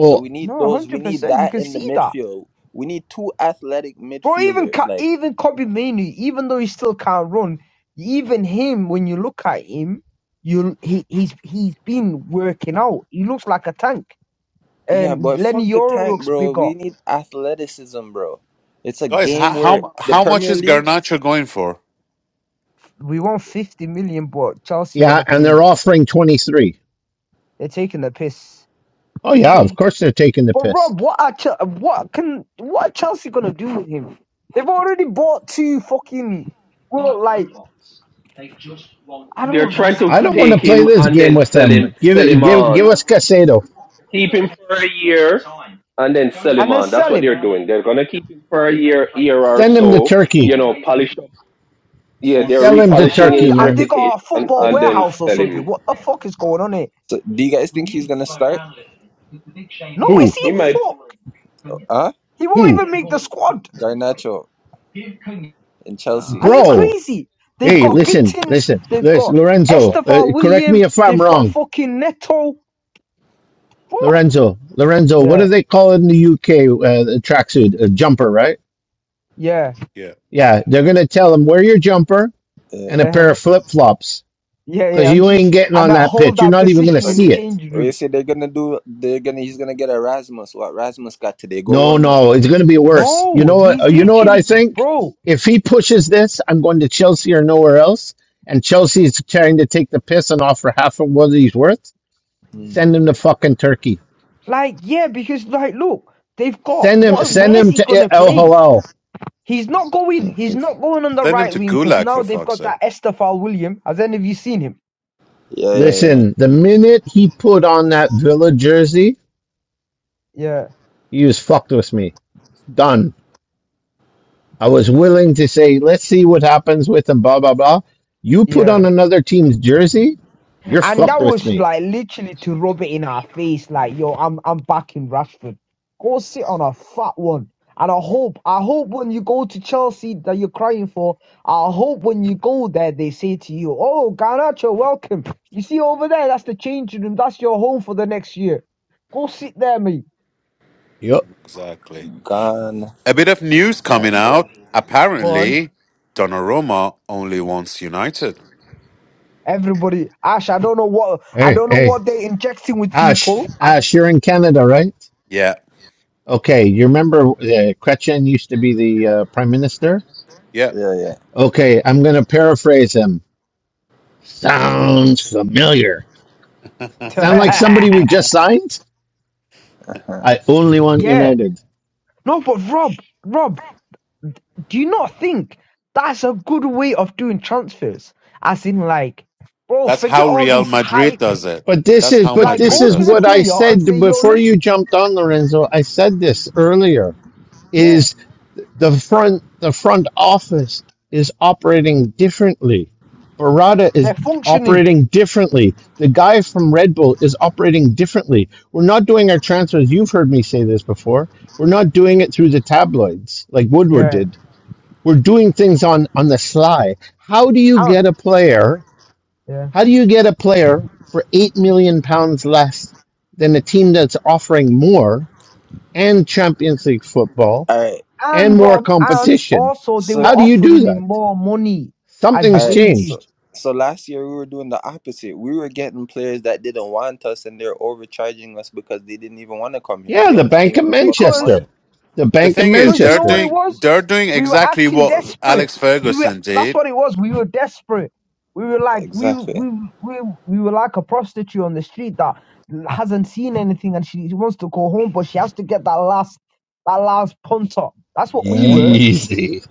[SPEAKER 5] So we need
[SPEAKER 12] no,
[SPEAKER 5] those. We
[SPEAKER 12] hundred
[SPEAKER 5] need
[SPEAKER 12] percent, you
[SPEAKER 5] that
[SPEAKER 12] can
[SPEAKER 5] in the
[SPEAKER 12] see that.
[SPEAKER 5] midfield. We need two athletic
[SPEAKER 12] Bro, even
[SPEAKER 5] midfielders.
[SPEAKER 12] Ka-
[SPEAKER 5] Like
[SPEAKER 12] even Kobe Manu, even though he still can't run, even him when you look at him, you he he's he's been working out. He looks like a tank.
[SPEAKER 5] yeah,
[SPEAKER 12] And
[SPEAKER 5] but
[SPEAKER 12] Lenny
[SPEAKER 5] fuck the
[SPEAKER 12] Yoro
[SPEAKER 5] tank,
[SPEAKER 12] looks
[SPEAKER 5] bro.
[SPEAKER 12] bigger.
[SPEAKER 5] We need athleticism, bro. It's a
[SPEAKER 11] guys. How
[SPEAKER 5] game where
[SPEAKER 11] how
[SPEAKER 5] the
[SPEAKER 11] how much
[SPEAKER 5] Premier
[SPEAKER 11] is
[SPEAKER 5] League.
[SPEAKER 11] Garnacho going for?
[SPEAKER 12] We want fifty million, but Chelsea want
[SPEAKER 2] yeah,
[SPEAKER 12] to
[SPEAKER 2] and they're
[SPEAKER 12] pay.
[SPEAKER 2] offering twenty three.
[SPEAKER 12] They're taking the piss.
[SPEAKER 2] Oh yeah, of course they're taking the
[SPEAKER 12] But
[SPEAKER 2] piss.
[SPEAKER 12] Rob, what are Chel- what can what are Chelsea gonna do with him? They've already bought two fucking well, like I don't
[SPEAKER 9] They're trying to
[SPEAKER 2] I don't
[SPEAKER 12] understand,
[SPEAKER 2] want
[SPEAKER 9] take
[SPEAKER 2] to
[SPEAKER 12] bro.
[SPEAKER 2] play
[SPEAKER 9] him
[SPEAKER 2] this
[SPEAKER 9] and
[SPEAKER 2] game
[SPEAKER 9] then
[SPEAKER 2] with
[SPEAKER 9] sell him,
[SPEAKER 2] them. Give
[SPEAKER 9] sell
[SPEAKER 2] it
[SPEAKER 9] him
[SPEAKER 2] give give us
[SPEAKER 9] on.
[SPEAKER 2] Casado.
[SPEAKER 9] Keep him for a year and then sell him
[SPEAKER 12] And then
[SPEAKER 9] on. That's
[SPEAKER 12] sell
[SPEAKER 9] what
[SPEAKER 12] him.
[SPEAKER 9] they're doing. They're gonna keep him for a year, year or
[SPEAKER 2] Send him to
[SPEAKER 9] so.
[SPEAKER 2] Turkey.
[SPEAKER 9] You know, polish up. Yeah, they're
[SPEAKER 5] He's.
[SPEAKER 2] Sell him
[SPEAKER 12] Oh,
[SPEAKER 2] to
[SPEAKER 9] repolishing
[SPEAKER 12] shine!
[SPEAKER 2] Turkey,
[SPEAKER 9] his
[SPEAKER 12] have they
[SPEAKER 2] man.
[SPEAKER 9] reputation
[SPEAKER 12] got a football
[SPEAKER 9] and then
[SPEAKER 12] warehouse or
[SPEAKER 9] sell
[SPEAKER 12] something?
[SPEAKER 9] him.
[SPEAKER 12] What the fuck is going on here?
[SPEAKER 5] So, do you guys think he's gonna start?
[SPEAKER 12] No, is
[SPEAKER 2] Who?
[SPEAKER 9] He
[SPEAKER 12] he
[SPEAKER 9] might.
[SPEAKER 12] fuck?
[SPEAKER 5] Huh?
[SPEAKER 12] He won't
[SPEAKER 2] Who?
[SPEAKER 12] even make the squad.
[SPEAKER 5] Garnacho in
[SPEAKER 11] Uh,
[SPEAKER 5] Chelsea.
[SPEAKER 12] Are you
[SPEAKER 2] Bro.
[SPEAKER 12] crazy? They've
[SPEAKER 2] Hey,
[SPEAKER 12] got
[SPEAKER 2] listen,
[SPEAKER 12] Gittins,
[SPEAKER 2] listen,
[SPEAKER 12] they've
[SPEAKER 2] listen
[SPEAKER 12] got
[SPEAKER 5] <laughs>
[SPEAKER 2] Lorenzo. Uh,
[SPEAKER 12] Estefan
[SPEAKER 2] correct
[SPEAKER 12] William,
[SPEAKER 2] me if I'm
[SPEAKER 12] they've got
[SPEAKER 2] wrong
[SPEAKER 12] fucking Neto. What?
[SPEAKER 2] Lorenzo, Lorenzo, what do
[SPEAKER 12] Yeah,
[SPEAKER 2] they call it in the UK? Uh, the tracksuit, a jumper, right?
[SPEAKER 12] yeah,
[SPEAKER 11] yeah,
[SPEAKER 2] Yeah, they're gonna tell him wear your jumper
[SPEAKER 5] Uh,
[SPEAKER 2] and a
[SPEAKER 12] yeah,
[SPEAKER 2] pair of flip flops
[SPEAKER 12] yeah,
[SPEAKER 2] because
[SPEAKER 12] yeah. <laughs> And
[SPEAKER 2] you
[SPEAKER 12] just
[SPEAKER 2] ain't getting
[SPEAKER 12] and
[SPEAKER 2] on
[SPEAKER 12] that
[SPEAKER 2] that
[SPEAKER 12] hold
[SPEAKER 2] pitch. You're
[SPEAKER 12] that
[SPEAKER 2] not even gonna
[SPEAKER 12] position in the
[SPEAKER 2] see
[SPEAKER 5] okay.
[SPEAKER 2] it.
[SPEAKER 12] change
[SPEAKER 5] They
[SPEAKER 12] room.
[SPEAKER 5] say they're gonna do. They're gonna. He's gonna get Erasmus. What Erasmus got today? Go
[SPEAKER 2] No,
[SPEAKER 5] warm up.
[SPEAKER 2] no, it's gonna be worse. You
[SPEAKER 12] No,
[SPEAKER 2] know what? uh,
[SPEAKER 12] he's
[SPEAKER 2] You know what I
[SPEAKER 12] literally,
[SPEAKER 2] think?
[SPEAKER 12] bro.
[SPEAKER 2] If he pushes this, I'm going to Chelsea or nowhere else. And Chelsea is trying to take the piss and offer half of what he's worth.
[SPEAKER 5] Mm.
[SPEAKER 2] Send him to fucking Turkey.
[SPEAKER 12] Like, yeah, because like, look, they've got
[SPEAKER 2] Send him,
[SPEAKER 12] what?
[SPEAKER 2] send
[SPEAKER 12] Where's
[SPEAKER 2] him
[SPEAKER 12] he gonna
[SPEAKER 2] to El
[SPEAKER 12] play?
[SPEAKER 2] Halal.
[SPEAKER 12] He's not
[SPEAKER 5] <laughs>
[SPEAKER 12] going. He's
[SPEAKER 5] yeah,
[SPEAKER 12] not going on the
[SPEAKER 11] send him
[SPEAKER 12] right
[SPEAKER 11] to
[SPEAKER 12] wing because
[SPEAKER 11] Gulag
[SPEAKER 12] now
[SPEAKER 11] for
[SPEAKER 12] they've
[SPEAKER 11] fuck's
[SPEAKER 12] got
[SPEAKER 11] sake.
[SPEAKER 12] that Estefan William. Has any of you seen him?
[SPEAKER 5] yeah, yeah.
[SPEAKER 2] Listen, the minute he put on that Villa jersey,
[SPEAKER 12] Yeah,
[SPEAKER 2] You just fucked with me. Done. I was willing to say, let's see what happens with him, blah, blah, blah. You put
[SPEAKER 12] yeah.
[SPEAKER 2] on another team's jersey, you're
[SPEAKER 12] And
[SPEAKER 2] fucked
[SPEAKER 12] that
[SPEAKER 2] with
[SPEAKER 12] was
[SPEAKER 2] me.
[SPEAKER 12] like literally to rub it in our face, like, yo, I'm I'm back in Rashford. Go sit on a fat one. And I hope, I hope when you go to Chelsea that you're crying for, I hope when you go there they say to you, Oh, Garnacho, welcome. You see over there, that's the changing room, that's your home for the next year. Go sit there, mate.
[SPEAKER 2] Yup.
[SPEAKER 11] Exactly.
[SPEAKER 5] Gone.
[SPEAKER 11] A bit of news coming
[SPEAKER 5] Actual.
[SPEAKER 11] out.
[SPEAKER 12] Go on.
[SPEAKER 11] Apparently, Donnarumma only wants United.
[SPEAKER 12] Everybody, Ash, I don't know what I
[SPEAKER 2] Hey,
[SPEAKER 12] don't know
[SPEAKER 2] hey.
[SPEAKER 12] what they're injecting with
[SPEAKER 2] Ash,
[SPEAKER 12] people. I,
[SPEAKER 2] Ash, you're in Canada, right?
[SPEAKER 11] Yeah,
[SPEAKER 2] Okay, you remember uh, Kretchen used to be the uh, prime minister?
[SPEAKER 11] yeah.
[SPEAKER 5] Yeah, yeah.
[SPEAKER 2] Okay, I'm going to paraphrase him. Sounds familiar.
[SPEAKER 11] <laughs>
[SPEAKER 2] Sound like somebody we
[SPEAKER 12] <laughs>
[SPEAKER 2] just signed?
[SPEAKER 5] Huh.
[SPEAKER 2] I only want
[SPEAKER 12] yeah.
[SPEAKER 2] United.
[SPEAKER 12] No, but Rob, Rob, Do you not think that's a good way of doing transfers? As in, like, bro,
[SPEAKER 11] That's
[SPEAKER 12] forget
[SPEAKER 11] how
[SPEAKER 12] all
[SPEAKER 11] Real
[SPEAKER 12] this
[SPEAKER 11] Madrid
[SPEAKER 12] hype.
[SPEAKER 11] does it.
[SPEAKER 2] But this
[SPEAKER 11] That's
[SPEAKER 2] is
[SPEAKER 11] how
[SPEAKER 2] but
[SPEAKER 12] Like,
[SPEAKER 2] this
[SPEAKER 11] Madrid
[SPEAKER 12] go
[SPEAKER 2] is
[SPEAKER 12] to
[SPEAKER 11] does
[SPEAKER 12] the
[SPEAKER 11] it.
[SPEAKER 2] what I
[SPEAKER 12] player and
[SPEAKER 2] said
[SPEAKER 12] say, yo,
[SPEAKER 2] before you
[SPEAKER 12] listen,
[SPEAKER 2] jumped on Lorenzo. I said this earlier
[SPEAKER 12] yeah,
[SPEAKER 2] is the front the front office is operating differently. Barada is
[SPEAKER 12] they're functioning.
[SPEAKER 2] operating differently. The guy from Red Bull is operating differently. We're not doing our transfers. You've heard me say this before. We're not doing it through the tabloids like Woodward
[SPEAKER 12] Yeah.
[SPEAKER 2] did. We're doing things on on the sly. How do you
[SPEAKER 12] And,
[SPEAKER 2] get a player?
[SPEAKER 12] yeah.
[SPEAKER 2] How do you get a player for eight million pounds less than a team that's offering more and Champions League football
[SPEAKER 5] All right.
[SPEAKER 2] and
[SPEAKER 12] and
[SPEAKER 2] more
[SPEAKER 12] Rob, and
[SPEAKER 5] See.
[SPEAKER 2] competition?
[SPEAKER 12] also they
[SPEAKER 5] So
[SPEAKER 12] were
[SPEAKER 2] How do you do
[SPEAKER 12] offering him
[SPEAKER 2] that?
[SPEAKER 12] more money as
[SPEAKER 5] all
[SPEAKER 2] Something's
[SPEAKER 5] right.
[SPEAKER 12] wages
[SPEAKER 5] So
[SPEAKER 2] changed.
[SPEAKER 5] so last year we were doing the opposite. We were getting players that didn't want us, and they're overcharging us because they didn't even want to come here.
[SPEAKER 2] Yeah,
[SPEAKER 5] They
[SPEAKER 2] the
[SPEAKER 5] only
[SPEAKER 2] Bank
[SPEAKER 5] came
[SPEAKER 2] of
[SPEAKER 5] for the fucking
[SPEAKER 12] because
[SPEAKER 5] money.
[SPEAKER 2] Manchester. The
[SPEAKER 11] The
[SPEAKER 2] Bank of
[SPEAKER 11] thing is,
[SPEAKER 12] Because you
[SPEAKER 11] they're
[SPEAKER 12] know what
[SPEAKER 2] Manchester.
[SPEAKER 12] it
[SPEAKER 11] doing
[SPEAKER 12] was?
[SPEAKER 11] they're doing
[SPEAKER 12] We were
[SPEAKER 11] exactly
[SPEAKER 12] acting
[SPEAKER 11] what
[SPEAKER 12] desperate.
[SPEAKER 11] Alex
[SPEAKER 12] We were,
[SPEAKER 11] Ferguson
[SPEAKER 12] that's
[SPEAKER 11] did.
[SPEAKER 12] what it was. We were desperate. We were like we
[SPEAKER 5] Exactly.
[SPEAKER 12] we we we were like a prostitute on the street that hasn't seen anything and she wants to go home, but she has to get that last that last punt up. That's what we
[SPEAKER 5] Uh-huh.
[SPEAKER 12] were.
[SPEAKER 2] Easy.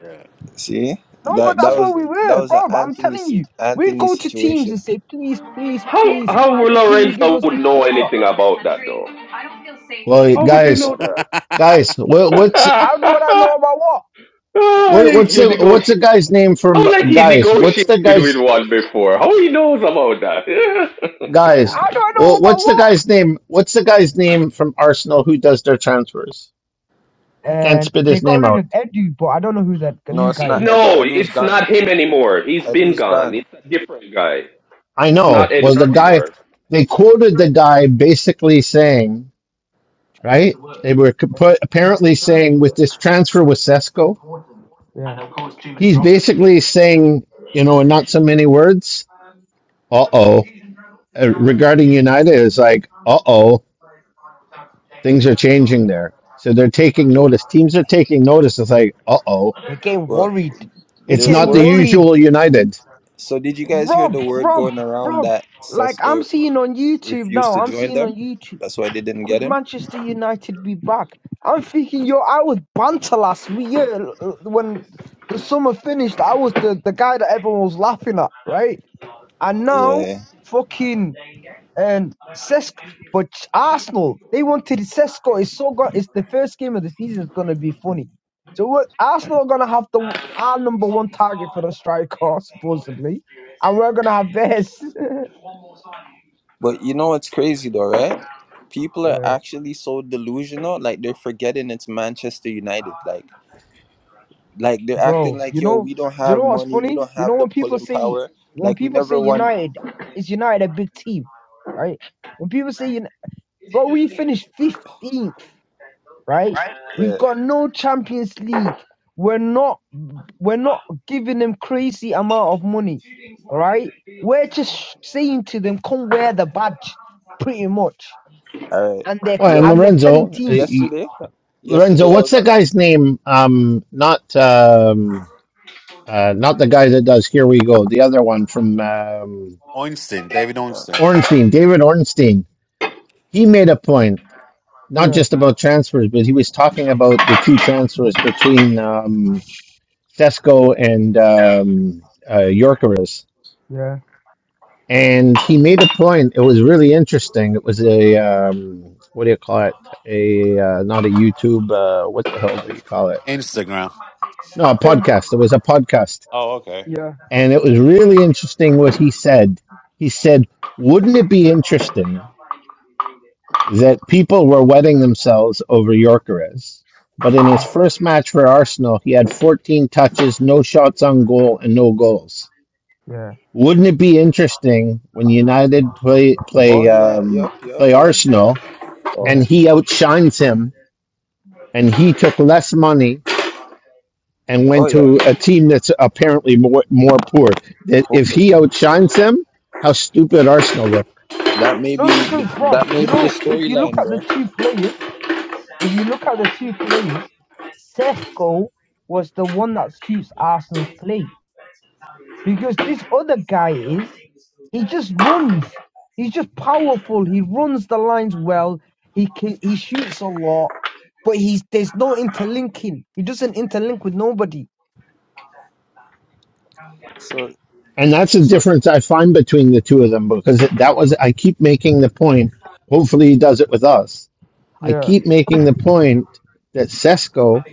[SPEAKER 11] Yeah.
[SPEAKER 5] See
[SPEAKER 12] No,
[SPEAKER 11] No,
[SPEAKER 12] but
[SPEAKER 5] that that
[SPEAKER 12] that's
[SPEAKER 5] was
[SPEAKER 12] what we
[SPEAKER 11] exactly. <laughs>
[SPEAKER 5] that
[SPEAKER 12] were,
[SPEAKER 5] was
[SPEAKER 12] bro.
[SPEAKER 5] an
[SPEAKER 12] I'm
[SPEAKER 5] Anthony
[SPEAKER 12] telling you,
[SPEAKER 5] sit-
[SPEAKER 12] we'd
[SPEAKER 5] Anthony
[SPEAKER 12] go to teams and
[SPEAKER 5] situation.
[SPEAKER 12] say, please, please,
[SPEAKER 9] How
[SPEAKER 12] please,
[SPEAKER 9] how
[SPEAKER 12] can you give
[SPEAKER 9] Lorenzo
[SPEAKER 12] us
[SPEAKER 9] would
[SPEAKER 12] this
[SPEAKER 9] know
[SPEAKER 12] player?
[SPEAKER 9] anything about that though?
[SPEAKER 2] Well,
[SPEAKER 9] How would you
[SPEAKER 2] guys,
[SPEAKER 9] know
[SPEAKER 2] guys, what, what's
[SPEAKER 9] that?
[SPEAKER 12] How do I know
[SPEAKER 9] <laughs>
[SPEAKER 12] about what?
[SPEAKER 9] Oh,
[SPEAKER 2] what, what's
[SPEAKER 9] you
[SPEAKER 2] the what's the
[SPEAKER 9] negotiate
[SPEAKER 2] guy's name from
[SPEAKER 9] Oh, like he
[SPEAKER 2] guys? What's
[SPEAKER 9] negotiated
[SPEAKER 2] the
[SPEAKER 9] with
[SPEAKER 2] guy's
[SPEAKER 9] one before. How he knows about that?
[SPEAKER 2] guys?
[SPEAKER 12] How do I know
[SPEAKER 2] wha-
[SPEAKER 12] about
[SPEAKER 2] What's the
[SPEAKER 12] what?
[SPEAKER 2] guy's name? What's the guy's name from Arsenal who does their transfers? I can't
[SPEAKER 12] and
[SPEAKER 2] spit
[SPEAKER 12] they
[SPEAKER 2] his
[SPEAKER 12] got
[SPEAKER 2] name
[SPEAKER 12] rid of
[SPEAKER 2] out.
[SPEAKER 12] Edu, but I don't know who that
[SPEAKER 5] No,
[SPEAKER 12] new
[SPEAKER 5] it's
[SPEAKER 12] guy
[SPEAKER 9] <laughs>
[SPEAKER 5] not
[SPEAKER 12] is.
[SPEAKER 5] Edu.
[SPEAKER 9] no,
[SPEAKER 5] Edu's
[SPEAKER 9] it's
[SPEAKER 5] gone.
[SPEAKER 9] not him anymore. He's been
[SPEAKER 5] Edu's
[SPEAKER 9] gone.
[SPEAKER 5] gone.
[SPEAKER 9] It's a different guy.
[SPEAKER 2] I
[SPEAKER 9] It's not
[SPEAKER 2] know was
[SPEAKER 9] Edu
[SPEAKER 2] the guy.
[SPEAKER 9] anymore.
[SPEAKER 2] They quoted the guy basically saying, right? They were co- put, apparently saying with this transfer with Cesco,
[SPEAKER 12] Yeah,
[SPEAKER 2] he's basically saying, you know, in not so many words, uh oh, regarding United is like, uh oh, things are changing there. So they're taking
[SPEAKER 5] Yeah.
[SPEAKER 2] notice. Teams are taking notice. It's like, uh oh,
[SPEAKER 12] they're getting
[SPEAKER 5] Well,
[SPEAKER 12] worried. They're
[SPEAKER 2] it's
[SPEAKER 5] there's
[SPEAKER 2] not
[SPEAKER 12] getting
[SPEAKER 2] the
[SPEAKER 5] words.
[SPEAKER 12] worried.
[SPEAKER 2] usual
[SPEAKER 5] di-
[SPEAKER 2] United.
[SPEAKER 5] So did you guys hear the
[SPEAKER 12] Rob,
[SPEAKER 5] word
[SPEAKER 12] Rob,
[SPEAKER 5] going around
[SPEAKER 12] Rob.
[SPEAKER 5] that
[SPEAKER 12] Like I'm
[SPEAKER 5] Cesco
[SPEAKER 12] seeing on YouTube
[SPEAKER 5] refused
[SPEAKER 12] now.
[SPEAKER 5] to
[SPEAKER 12] I'm
[SPEAKER 5] join
[SPEAKER 12] seeing on
[SPEAKER 5] them?
[SPEAKER 12] YouTube.
[SPEAKER 5] That's why they didn't get
[SPEAKER 12] Could
[SPEAKER 5] him.
[SPEAKER 12] Manchester United be back? I'm thinking, yo, I was banter last week. Yeah, l- when the summer finished, I was the, the guy that everyone was laughing at, right? And now,
[SPEAKER 5] Yeah.
[SPEAKER 12] fucking and Cesc. But Arsenal, they wanted Cesc. It's so good. It's the first game of the season. It's gonna be funny. So what? Arsenal are gonna have the our number one target for the striker supposedly, and we're gonna have theirs. <laughs>
[SPEAKER 5] But you know what's crazy though, right? People are
[SPEAKER 12] Uh,
[SPEAKER 5] actually so delusional. Like they're forgetting it's Manchester United. Like like they're acting
[SPEAKER 12] bro,
[SPEAKER 5] like
[SPEAKER 12] you
[SPEAKER 5] yo,
[SPEAKER 12] know,
[SPEAKER 5] we don't
[SPEAKER 12] you
[SPEAKER 5] have
[SPEAKER 12] know what's
[SPEAKER 5] money. We
[SPEAKER 12] funny?
[SPEAKER 5] don't
[SPEAKER 12] You know
[SPEAKER 5] have the
[SPEAKER 12] when people
[SPEAKER 5] pulling
[SPEAKER 12] say
[SPEAKER 5] power.
[SPEAKER 12] when
[SPEAKER 5] Like we
[SPEAKER 12] people say
[SPEAKER 5] never won.
[SPEAKER 12] United is United a big team, right? When people say, Uni- bro, we finished 15th. right?
[SPEAKER 5] yeah,
[SPEAKER 12] We've got no Champions League. We're not we're not giving them crazy amount of money, all right? We're just saying to them, come wear the badge, pretty much,
[SPEAKER 5] All right.
[SPEAKER 12] and they
[SPEAKER 2] Well, and
[SPEAKER 5] Yo,
[SPEAKER 12] and they're telling
[SPEAKER 2] Lorenzo, uh,
[SPEAKER 12] teams,
[SPEAKER 2] y-
[SPEAKER 5] yesterday,
[SPEAKER 2] Lorenzo,
[SPEAKER 5] yesterday I
[SPEAKER 2] what's
[SPEAKER 5] was
[SPEAKER 2] the
[SPEAKER 5] on.
[SPEAKER 2] guy's name? Um, not um, uh, not the guy that does Here We Go. The other one from um,
[SPEAKER 11] Einstein, David
[SPEAKER 5] Oh,
[SPEAKER 11] Einstein.
[SPEAKER 2] Ornstein, David Ornstein. He made a point, not
[SPEAKER 12] yeah,
[SPEAKER 2] just about transfers, but he was talking about the two transfers between um, Sesko and um, uh, Yorkeris.
[SPEAKER 12] yeah,
[SPEAKER 2] And he made a point. It was really interesting. It was a um, what do you call it? A uh, not a YouTube. Uh, what the hell do you call it?
[SPEAKER 11] Instagram.
[SPEAKER 2] No, a
[SPEAKER 12] yeah,
[SPEAKER 2] podcast. It was a podcast
[SPEAKER 11] Oh, okay.
[SPEAKER 12] yeah,
[SPEAKER 2] and it was really interesting what he said. He said, "Wouldn't it be interesting that people were wetting themselves over Yorkeres?" But in his
[SPEAKER 12] mm,
[SPEAKER 2] first match for Arsenal, he had 14 touches, no shots on goal, and no goals.
[SPEAKER 12] yeah,
[SPEAKER 2] Wouldn't it be interesting when United play
[SPEAKER 5] oh
[SPEAKER 2] play
[SPEAKER 5] yeah,
[SPEAKER 2] um,
[SPEAKER 5] yup, yup,
[SPEAKER 2] play
[SPEAKER 5] yup, yup.
[SPEAKER 2] Arsenal
[SPEAKER 5] Oh,
[SPEAKER 12] yeah.
[SPEAKER 2] and he outshines him, and he took less money and
[SPEAKER 5] oh
[SPEAKER 2] went
[SPEAKER 5] yeah.
[SPEAKER 2] to a team that's apparently more more poor? That if
[SPEAKER 5] Hopefully,
[SPEAKER 2] he outshines him, how stupid Arsenal look.
[SPEAKER 5] that may
[SPEAKER 12] No,
[SPEAKER 5] be the,
[SPEAKER 12] because Rob,
[SPEAKER 5] that may
[SPEAKER 12] you
[SPEAKER 5] be the
[SPEAKER 12] know, if you look
[SPEAKER 5] storyline,
[SPEAKER 12] at the
[SPEAKER 5] bro.
[SPEAKER 12] two players, if you look at the two players, Sethko was the one that suits Arsenal's play because this other guy is. He just runs. He's just powerful. He runs the lines well. He can, he shoots a lot, but he's there's no interlinking. He doesn't interlink with nobody.
[SPEAKER 5] So,
[SPEAKER 2] And that's the
[SPEAKER 5] so,
[SPEAKER 2] difference I find between the two of them because it, that was, I keep making the point. Hopefully, he does it with us. I
[SPEAKER 12] Yeah,
[SPEAKER 2] keep making the point that Sesko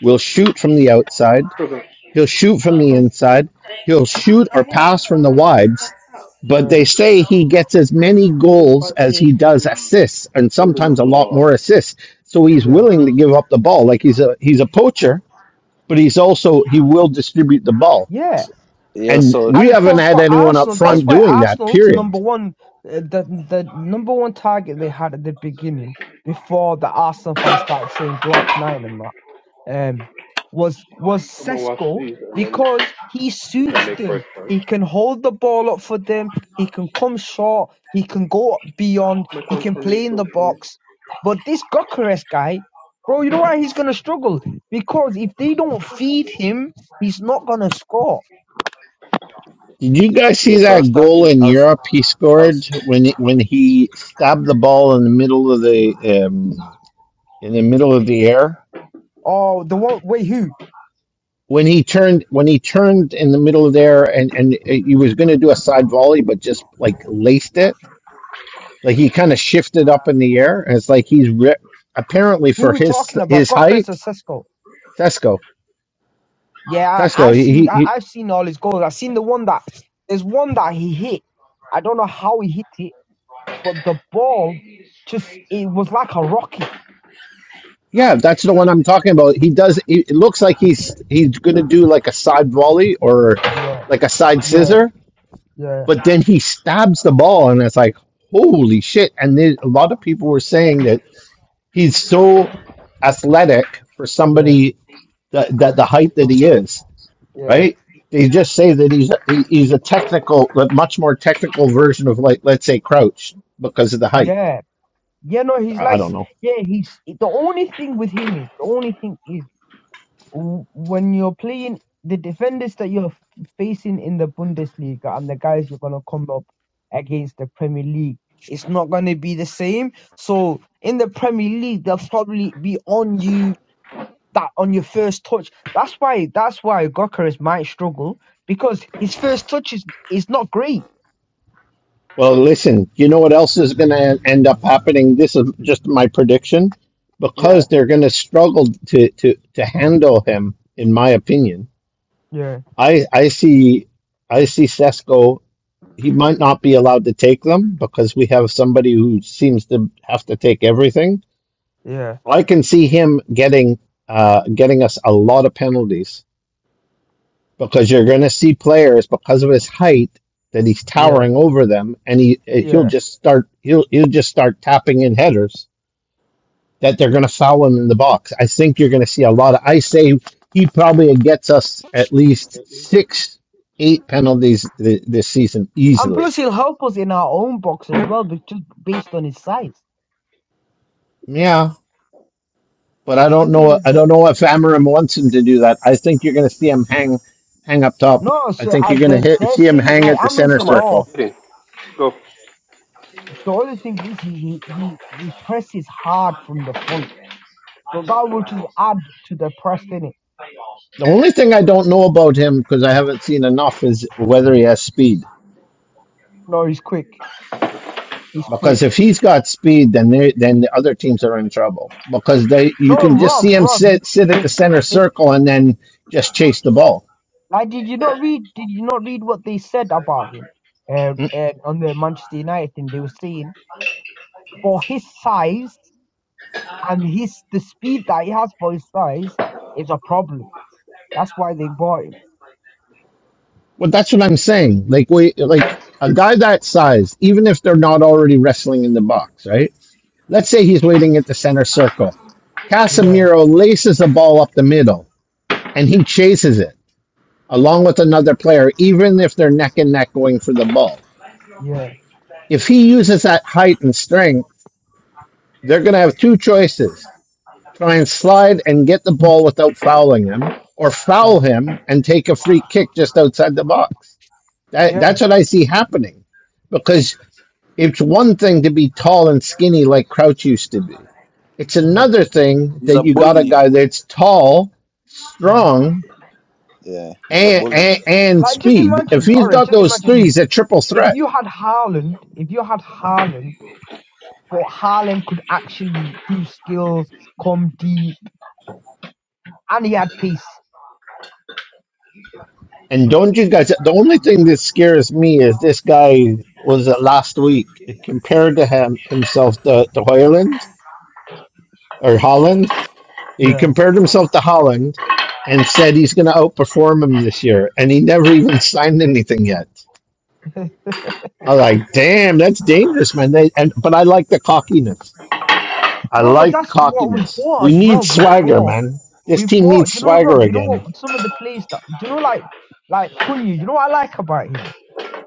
[SPEAKER 2] will
[SPEAKER 5] so,
[SPEAKER 2] shoot from the outside,
[SPEAKER 9] Sugar,
[SPEAKER 2] he'll shoot from the
[SPEAKER 9] come
[SPEAKER 2] inside, he'll shoot or pass from the wides, but
[SPEAKER 12] yeah,
[SPEAKER 2] they say he gets as many goals as he does assists and
[SPEAKER 9] holding up
[SPEAKER 2] sometimes a
[SPEAKER 9] the
[SPEAKER 2] lot
[SPEAKER 9] wall.
[SPEAKER 2] more assists. So he's
[SPEAKER 12] yeah,
[SPEAKER 2] willing to give up the ball. Like he's a he's a poacher, but he's also he will distribute the ball.
[SPEAKER 12] yeah.
[SPEAKER 5] yo,
[SPEAKER 2] And
[SPEAKER 5] so,
[SPEAKER 2] we
[SPEAKER 12] And
[SPEAKER 2] haven't
[SPEAKER 12] for
[SPEAKER 2] had
[SPEAKER 12] for
[SPEAKER 2] anyone up
[SPEAKER 12] Arsenal, that's
[SPEAKER 2] front
[SPEAKER 5] ev-
[SPEAKER 12] why
[SPEAKER 2] doing that.
[SPEAKER 12] Arsenal's number
[SPEAKER 2] Period.
[SPEAKER 12] one, uh, the the number one target they had at the beginning before the Arsenal fans started saying Glock nine and that um, was was
[SPEAKER 9] I'm gonna wash
[SPEAKER 12] Sesko
[SPEAKER 9] these and then
[SPEAKER 12] because he
[SPEAKER 9] we can
[SPEAKER 12] suits
[SPEAKER 9] make
[SPEAKER 12] them.
[SPEAKER 9] breakfast.
[SPEAKER 12] He can hold the ball up for them. He can come short. He can go beyond.
[SPEAKER 9] My
[SPEAKER 12] He
[SPEAKER 9] son
[SPEAKER 12] can
[SPEAKER 9] for me
[SPEAKER 12] play in
[SPEAKER 9] too,
[SPEAKER 12] the
[SPEAKER 9] please.
[SPEAKER 12] box. But this Gokares guy, bro, you know why he's gonna struggle? Because if they don't feed him, he's not gonna score.
[SPEAKER 2] Did you guys see
[SPEAKER 5] yo, so I was
[SPEAKER 2] that goal
[SPEAKER 5] talking.
[SPEAKER 2] in
[SPEAKER 5] I was,
[SPEAKER 2] Europe he
[SPEAKER 5] I
[SPEAKER 2] scored
[SPEAKER 5] was.
[SPEAKER 2] when he, when he stabbed the ball in the middle of the um, in the middle of the air?
[SPEAKER 12] Oh, the one wait, who
[SPEAKER 2] When he turned when he turned in the middle of the air and and uh, he was going to do a side volley, but just like laced it, like he kind of shifted up in the air, and it's like he's ripped. Apparently,
[SPEAKER 12] who
[SPEAKER 2] for
[SPEAKER 12] we
[SPEAKER 2] his
[SPEAKER 12] talking about?
[SPEAKER 2] his
[SPEAKER 12] Gokares or
[SPEAKER 2] height,
[SPEAKER 12] Sesko?
[SPEAKER 2] Sesko,
[SPEAKER 12] Yeah, I,
[SPEAKER 2] Sesko,
[SPEAKER 12] I've seen
[SPEAKER 2] He
[SPEAKER 12] I,
[SPEAKER 2] he.
[SPEAKER 12] I've seen all his goals. I've seen the one that there's one that he hit. I don't know how he hit it but the ball just it was like a rocket.
[SPEAKER 2] Yeah, that's the one I'm talking about. He does. It it looks like he's he's gonna do like a side volley or
[SPEAKER 12] Yeah,
[SPEAKER 2] like a side
[SPEAKER 12] yeah,
[SPEAKER 2] scissor,
[SPEAKER 12] yeah,
[SPEAKER 2] but then he stabs the ball, and it's like holy shit! And then a lot of people were saying that he's so athletic for
[SPEAKER 12] yeah,
[SPEAKER 2] somebody that, that the height that he is.
[SPEAKER 12] yeah,
[SPEAKER 2] Right? They just say that he's he- he's a technical, a much more technical version of like let's say Crouch because of the height.
[SPEAKER 12] yeah. Yeah, no, he's
[SPEAKER 2] I I
[SPEAKER 12] like,
[SPEAKER 2] don't
[SPEAKER 12] s-
[SPEAKER 2] know.
[SPEAKER 12] yeah, he's the only thing with him is the only thing is w- when you're playing the defenders that you're f- facing in the Bundesliga and the guys you're gonna come up against the Premier League, it's not gonna be the same. So in the Premier League, they'll probably be on you that on your first touch. That's why that's why Gokaris might struggle because his first touch is, is not great.
[SPEAKER 2] Well, listen, you know what else is going to end up happening? This is just my prediction.
[SPEAKER 12] Yeah,
[SPEAKER 2] Because they're going to struggle to, to, to handle him, in my opinion.
[SPEAKER 12] yeah,
[SPEAKER 2] I, I see I see Sesko. He might not be allowed to take them because we have somebody who seems to have to take everything.
[SPEAKER 12] yeah,
[SPEAKER 2] I can see him getting uh, getting us a lot of penalties because you're going to see players because of his height that he's
[SPEAKER 12] yeah,
[SPEAKER 2] towering over them, and he he'll
[SPEAKER 12] yeah.
[SPEAKER 2] just start he'll he'll just start tapping in headers that they're going to foul him in the box. I think you're going to see a lot of. I say he probably gets us at least six, eight penalties th- this season
[SPEAKER 12] And
[SPEAKER 2] easily.
[SPEAKER 12] plus, he'll help us in our own box as well, but just based on his size.
[SPEAKER 2] Yeah, but I don't
[SPEAKER 12] 'Cause he,
[SPEAKER 2] know. I don't
[SPEAKER 12] the-
[SPEAKER 2] know if Amorim wants him to do that. I think you're going to see him hang hang up top.
[SPEAKER 12] no,
[SPEAKER 2] I
[SPEAKER 12] so
[SPEAKER 2] think
[SPEAKER 12] uh,
[SPEAKER 2] you're going to
[SPEAKER 12] the,
[SPEAKER 2] hit
[SPEAKER 12] they're
[SPEAKER 2] see him
[SPEAKER 12] saying
[SPEAKER 2] hang
[SPEAKER 12] like
[SPEAKER 2] at the
[SPEAKER 12] Amrin
[SPEAKER 2] center
[SPEAKER 12] said.
[SPEAKER 2] circle.
[SPEAKER 12] Oh, the other thing is he he he he presses hard from the front, so that will just add to the press in it.
[SPEAKER 2] The only thing I don't know about him because I haven't seen enough is whether he has speed.
[SPEAKER 12] No, he's quick. He's quick.
[SPEAKER 2] Because if he's got speed, then they, then the other teams are in trouble. Because they you
[SPEAKER 12] No,
[SPEAKER 2] can just
[SPEAKER 12] Rob,
[SPEAKER 2] see him
[SPEAKER 12] Rob, he,
[SPEAKER 2] sit sit at
[SPEAKER 12] they,
[SPEAKER 2] the center
[SPEAKER 12] they,
[SPEAKER 2] circle and then just chase the ball.
[SPEAKER 12] Like, did you not read? Did you not read what they said about him? Uh,
[SPEAKER 2] Mm.
[SPEAKER 12] uh, on the Manchester United thing, they were saying for his size and his the speed that he has for his size is a problem. That's why they bought him.
[SPEAKER 2] Well, that's what I'm saying. Like we like a guy that size, even if they're not already wrestling in the box, right? Let's say he's waiting at the center circle.
[SPEAKER 12] Yeah,
[SPEAKER 2] Casemiro laces the ball up the middle and he chases it along with another player, even if they're neck and neck going for the ball
[SPEAKER 12] yeah,
[SPEAKER 2] If he uses that height and strength, they're going to have two choices try and slide and get the ball without fouling him, or foul
[SPEAKER 12] yeah,
[SPEAKER 2] him and take a free kick just outside the box. That,
[SPEAKER 12] yeah.
[SPEAKER 2] that's what I see happening because it's one thing to be tall and skinny like Crouch used to be. It's
[SPEAKER 12] Mm,
[SPEAKER 5] um,
[SPEAKER 2] another thing
[SPEAKER 5] He's
[SPEAKER 2] that
[SPEAKER 5] a
[SPEAKER 2] you got
[SPEAKER 5] bully,
[SPEAKER 2] a
[SPEAKER 5] you
[SPEAKER 2] guy
[SPEAKER 5] know.
[SPEAKER 2] that's tall,
[SPEAKER 12] mhm.
[SPEAKER 2] strong,
[SPEAKER 5] Yeah, he's a
[SPEAKER 2] and,
[SPEAKER 5] bully.
[SPEAKER 2] and, and
[SPEAKER 12] Like, just
[SPEAKER 2] speed. If
[SPEAKER 12] imagine. All
[SPEAKER 2] he's
[SPEAKER 12] right,
[SPEAKER 2] got
[SPEAKER 12] just
[SPEAKER 2] those
[SPEAKER 12] imagine
[SPEAKER 2] three,
[SPEAKER 12] this.
[SPEAKER 2] he's a triple threat.
[SPEAKER 12] If you had Haaland, if you had Haaland, but Haaland could actually do skills, come deep, and he had pace.
[SPEAKER 2] And don't you guys? The only thing that scares me is this guy was it last week compared to him himself to, to Hoyland or Holland. He
[SPEAKER 12] Yeah.
[SPEAKER 2] compared himself to Holland and said he's going to outperform him this year, and he never even <laughs> signed anything yet. I'm like, damn, that's dangerous, man. They, and but I like the cockiness. I
[SPEAKER 12] No, but
[SPEAKER 2] like
[SPEAKER 12] that's what we
[SPEAKER 2] cockiness.
[SPEAKER 12] bought
[SPEAKER 2] We
[SPEAKER 12] as
[SPEAKER 2] need
[SPEAKER 12] well. We
[SPEAKER 2] swagger,
[SPEAKER 12] bought,
[SPEAKER 2] man. This
[SPEAKER 12] we
[SPEAKER 2] team
[SPEAKER 12] bought.
[SPEAKER 2] needs
[SPEAKER 12] You know,
[SPEAKER 2] swagger
[SPEAKER 12] Rob. You know what?
[SPEAKER 2] again.
[SPEAKER 12] Some of the players that do you know, like, like Cunha. You know what I like about him?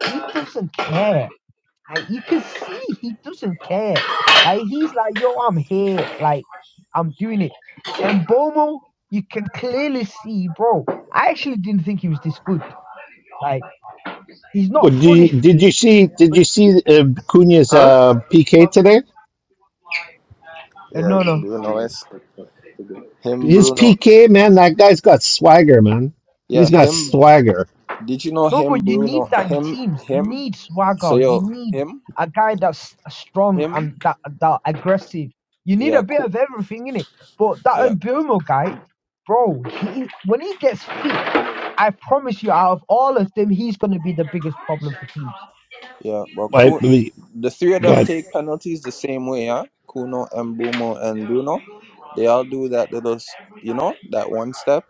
[SPEAKER 12] He doesn't care. Like you can see, he doesn't care. Like he's like, yo, I'm here. Like I'm doing it. And Bomo, you can clearly see, bro. I actually didn't think he was this good. Like he's
[SPEAKER 2] Well,
[SPEAKER 12] not
[SPEAKER 2] did
[SPEAKER 12] fully
[SPEAKER 2] you, did
[SPEAKER 12] fit,
[SPEAKER 2] you see? Did
[SPEAKER 12] but
[SPEAKER 2] you see uh, Cunha's
[SPEAKER 9] Huh?
[SPEAKER 2] uh, PK today?
[SPEAKER 12] uh,
[SPEAKER 5] Yeah,
[SPEAKER 12] no, no.
[SPEAKER 5] Bruno esque. Him,
[SPEAKER 2] His
[SPEAKER 5] Bruno.
[SPEAKER 2] PK, man, that guy's got swagger, man.
[SPEAKER 5] Yeah,
[SPEAKER 2] He's got
[SPEAKER 5] him.
[SPEAKER 2] swagger.
[SPEAKER 5] Did you know
[SPEAKER 12] No,
[SPEAKER 5] him,
[SPEAKER 12] but you need
[SPEAKER 5] Bruno?
[SPEAKER 12] that in
[SPEAKER 5] Him,
[SPEAKER 12] teams. You
[SPEAKER 5] him.
[SPEAKER 12] need
[SPEAKER 5] So
[SPEAKER 12] swagger. You
[SPEAKER 5] yo,
[SPEAKER 12] need
[SPEAKER 5] him,
[SPEAKER 12] a guy that's strong
[SPEAKER 5] him.
[SPEAKER 12] and that that aggressive. You need
[SPEAKER 5] Yeah,
[SPEAKER 12] a bit
[SPEAKER 5] cool.
[SPEAKER 12] of everything in it. But
[SPEAKER 5] yeah,
[SPEAKER 12] that Mbumo guy, bro, he when he gets fit, I promise you, out of all of them, he's gonna be the biggest problem for teams.
[SPEAKER 5] Yeah, but
[SPEAKER 2] I
[SPEAKER 5] Ku,
[SPEAKER 2] believe,
[SPEAKER 5] the three of them
[SPEAKER 2] but
[SPEAKER 5] take penalties the same way, huh? Kuno, Mbumo, and Bruno. They all do that little, s- you know, that one step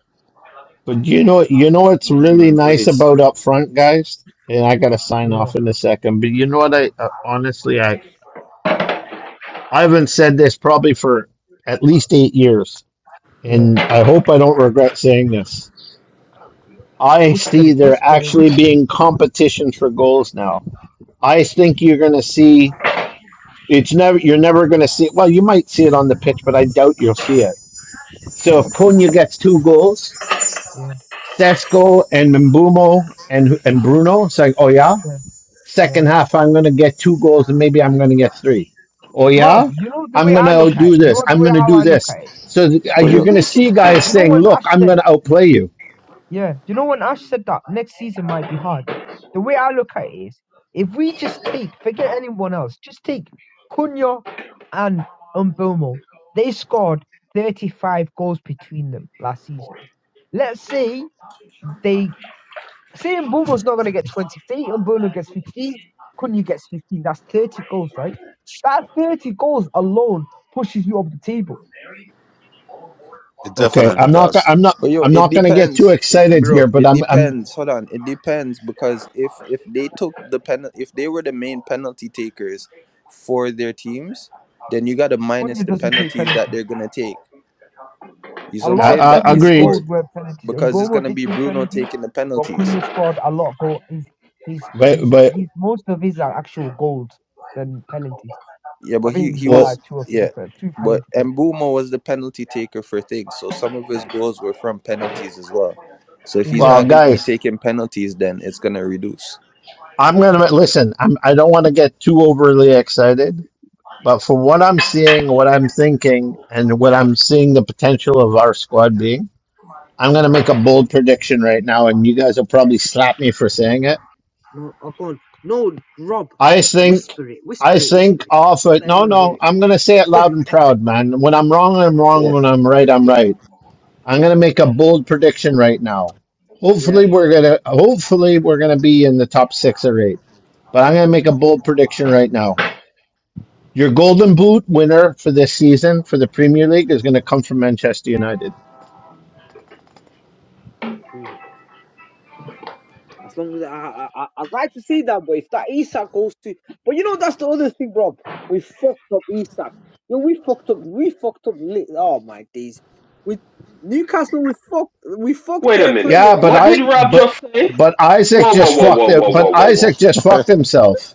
[SPEAKER 2] but you know you know what's
[SPEAKER 5] mm,
[SPEAKER 2] really
[SPEAKER 5] in
[SPEAKER 2] nice
[SPEAKER 5] place.
[SPEAKER 2] about up front, guys. And I gotta sign
[SPEAKER 12] Yeah,
[SPEAKER 2] off in a second. But you know what? I uh, honestly, I I haven't said this probably for at least eight years,
[SPEAKER 12] yeah.
[SPEAKER 2] and I hope I don't regret saying this. I
[SPEAKER 12] Whisper
[SPEAKER 2] see
[SPEAKER 12] it,
[SPEAKER 2] there
[SPEAKER 12] whisper it,
[SPEAKER 2] actually
[SPEAKER 12] whisper it.
[SPEAKER 2] being competition for goals now. I think you're going to see it's never you're never going to see well you might see it on the pitch but I doubt you'll see it. So if Cunha gets two goals,
[SPEAKER 12] Yeah,
[SPEAKER 2] Sesko and Mbumo and and Bruno it's like oh yeah,
[SPEAKER 12] yeah, yeah.
[SPEAKER 2] second half I'm going to get two goals and maybe I'm going to get three. Oh
[SPEAKER 12] Rob,
[SPEAKER 2] yeah,
[SPEAKER 12] you know the way
[SPEAKER 2] I'm going
[SPEAKER 12] I
[SPEAKER 2] to
[SPEAKER 12] look at it.
[SPEAKER 2] do
[SPEAKER 12] You
[SPEAKER 2] this.
[SPEAKER 12] know the
[SPEAKER 2] I'm
[SPEAKER 12] way
[SPEAKER 2] going to
[SPEAKER 12] how
[SPEAKER 2] do
[SPEAKER 12] I look
[SPEAKER 2] this.
[SPEAKER 12] at it.
[SPEAKER 2] So th- uh,
[SPEAKER 5] But
[SPEAKER 12] If
[SPEAKER 2] you're
[SPEAKER 5] yo,
[SPEAKER 2] going to
[SPEAKER 12] we
[SPEAKER 2] see
[SPEAKER 12] just take,
[SPEAKER 2] guys
[SPEAKER 12] you know,
[SPEAKER 2] saying,
[SPEAKER 12] when
[SPEAKER 2] "Look,
[SPEAKER 12] Ash
[SPEAKER 2] I'm
[SPEAKER 12] said.
[SPEAKER 2] going to outplay you."
[SPEAKER 12] Yeah. Do you know when Ash said that next season might be hard? The way I look at it is if we just take, forget anyone else, just take Cunha and Umbomo. They scored 35 goals between them last season. Let's say they say Umbomo's not going to get 20. Say Umbomo gets 15, Cunha gets 15. That's 30 goals, right? That 30 goals alone pushes you up the table.
[SPEAKER 11] It
[SPEAKER 2] Okay,
[SPEAKER 11] definitely
[SPEAKER 2] I'm not. go-
[SPEAKER 11] does.
[SPEAKER 2] I'm not.
[SPEAKER 5] but yo,
[SPEAKER 2] I'm
[SPEAKER 5] it
[SPEAKER 2] not going to get too
[SPEAKER 5] depends, it,
[SPEAKER 2] excited
[SPEAKER 5] bro.
[SPEAKER 2] here, but
[SPEAKER 5] It
[SPEAKER 2] I'm. I'm.
[SPEAKER 5] depends. Hold on, it depends because if if they took the penal, if they were the main penalty takers for their teams, then you gotta minus
[SPEAKER 12] Cunha
[SPEAKER 5] the
[SPEAKER 12] doesn't take
[SPEAKER 5] penalties that
[SPEAKER 12] penalties.
[SPEAKER 5] they're gonna take. You see
[SPEAKER 12] A
[SPEAKER 5] what I'm
[SPEAKER 12] lot of
[SPEAKER 5] saying?
[SPEAKER 2] I,
[SPEAKER 5] That
[SPEAKER 2] I,
[SPEAKER 5] they
[SPEAKER 12] Cunha's
[SPEAKER 2] agreed.
[SPEAKER 12] goals
[SPEAKER 5] scored
[SPEAKER 12] were penalties, and
[SPEAKER 5] because it's
[SPEAKER 12] Bomo
[SPEAKER 5] gonna
[SPEAKER 12] did
[SPEAKER 5] be
[SPEAKER 12] take
[SPEAKER 5] Bruno
[SPEAKER 12] penalties,
[SPEAKER 5] taking the
[SPEAKER 12] but
[SPEAKER 5] penalties.
[SPEAKER 12] Cunha scored a lot of goals. His, his,
[SPEAKER 2] But
[SPEAKER 12] his,
[SPEAKER 2] but
[SPEAKER 12] his, most of his are actual goals than penalties.
[SPEAKER 5] Yeah,
[SPEAKER 12] I
[SPEAKER 5] but he
[SPEAKER 12] think he's
[SPEAKER 5] he
[SPEAKER 12] got
[SPEAKER 2] well
[SPEAKER 12] like
[SPEAKER 5] was
[SPEAKER 12] two or three,
[SPEAKER 5] yeah,
[SPEAKER 12] pe- two
[SPEAKER 5] but
[SPEAKER 12] penalties. I think.
[SPEAKER 5] Mbumo was the penalty taker for things. So some of his goals were from penalties as well. So if he's
[SPEAKER 2] well
[SPEAKER 5] not
[SPEAKER 12] Yeah,
[SPEAKER 5] going to be
[SPEAKER 2] guys,
[SPEAKER 5] taking penalties, then it's going to reduce.
[SPEAKER 2] I'm going to listen. I'm. I don't want to get too overly excited, but for what I'm seeing, what I'm thinking, and what
[SPEAKER 12] yeah,
[SPEAKER 2] I'm seeing the potential of our squad being, I'm going
[SPEAKER 12] yeah,
[SPEAKER 2] to make a bold prediction right now, and you guys will
[SPEAKER 12] yeah.
[SPEAKER 2] probably slap me for saying it.
[SPEAKER 12] No, Ocon. No, Rob.
[SPEAKER 2] I think.
[SPEAKER 12] Whisper it.
[SPEAKER 2] I
[SPEAKER 12] Whisper it. Whisper
[SPEAKER 2] think
[SPEAKER 12] it.
[SPEAKER 2] off
[SPEAKER 12] Don't
[SPEAKER 2] it.
[SPEAKER 12] let
[SPEAKER 2] No,
[SPEAKER 12] anyone hear
[SPEAKER 2] no.
[SPEAKER 12] it.
[SPEAKER 2] I'm going to say it loud and proud, man. When I'm wrong, I'm
[SPEAKER 5] Yeah,
[SPEAKER 2] wrong. When I'm right, I'm
[SPEAKER 12] Yeah,
[SPEAKER 2] right. I'm
[SPEAKER 12] yeah,
[SPEAKER 2] going to
[SPEAKER 12] God.
[SPEAKER 2] make a bold prediction right now.
[SPEAKER 12] Yeah.
[SPEAKER 2] Hopefully we're going to hopefully we're going to be in the top 6 or 8. But I'm going to make a
[SPEAKER 12] yeah.
[SPEAKER 2] bold prediction right now. Your golden boot winner for this season for the Premier League is going to come from Manchester United.
[SPEAKER 12] As long as I, I, I, I'd like to see that, but if that Isak goes to, but you know that's the other thing, bro. We fucked up Isak. You know, we fucked up. We fucked up. Li- oh my days. With Newcastle, we fucked. We fucked
[SPEAKER 9] Wait a
[SPEAKER 12] their
[SPEAKER 9] minute.
[SPEAKER 2] Yeah,
[SPEAKER 12] player up.
[SPEAKER 2] but
[SPEAKER 9] What
[SPEAKER 2] I
[SPEAKER 9] did Rob
[SPEAKER 2] but
[SPEAKER 9] just say?
[SPEAKER 2] but Isaac
[SPEAKER 9] Whoa, whoa,
[SPEAKER 2] just
[SPEAKER 9] whoa,
[SPEAKER 2] fucked
[SPEAKER 9] whoa,
[SPEAKER 2] it.
[SPEAKER 9] whoa, whoa,
[SPEAKER 2] But
[SPEAKER 9] whoa, whoa.
[SPEAKER 2] Isaac just fucked himself.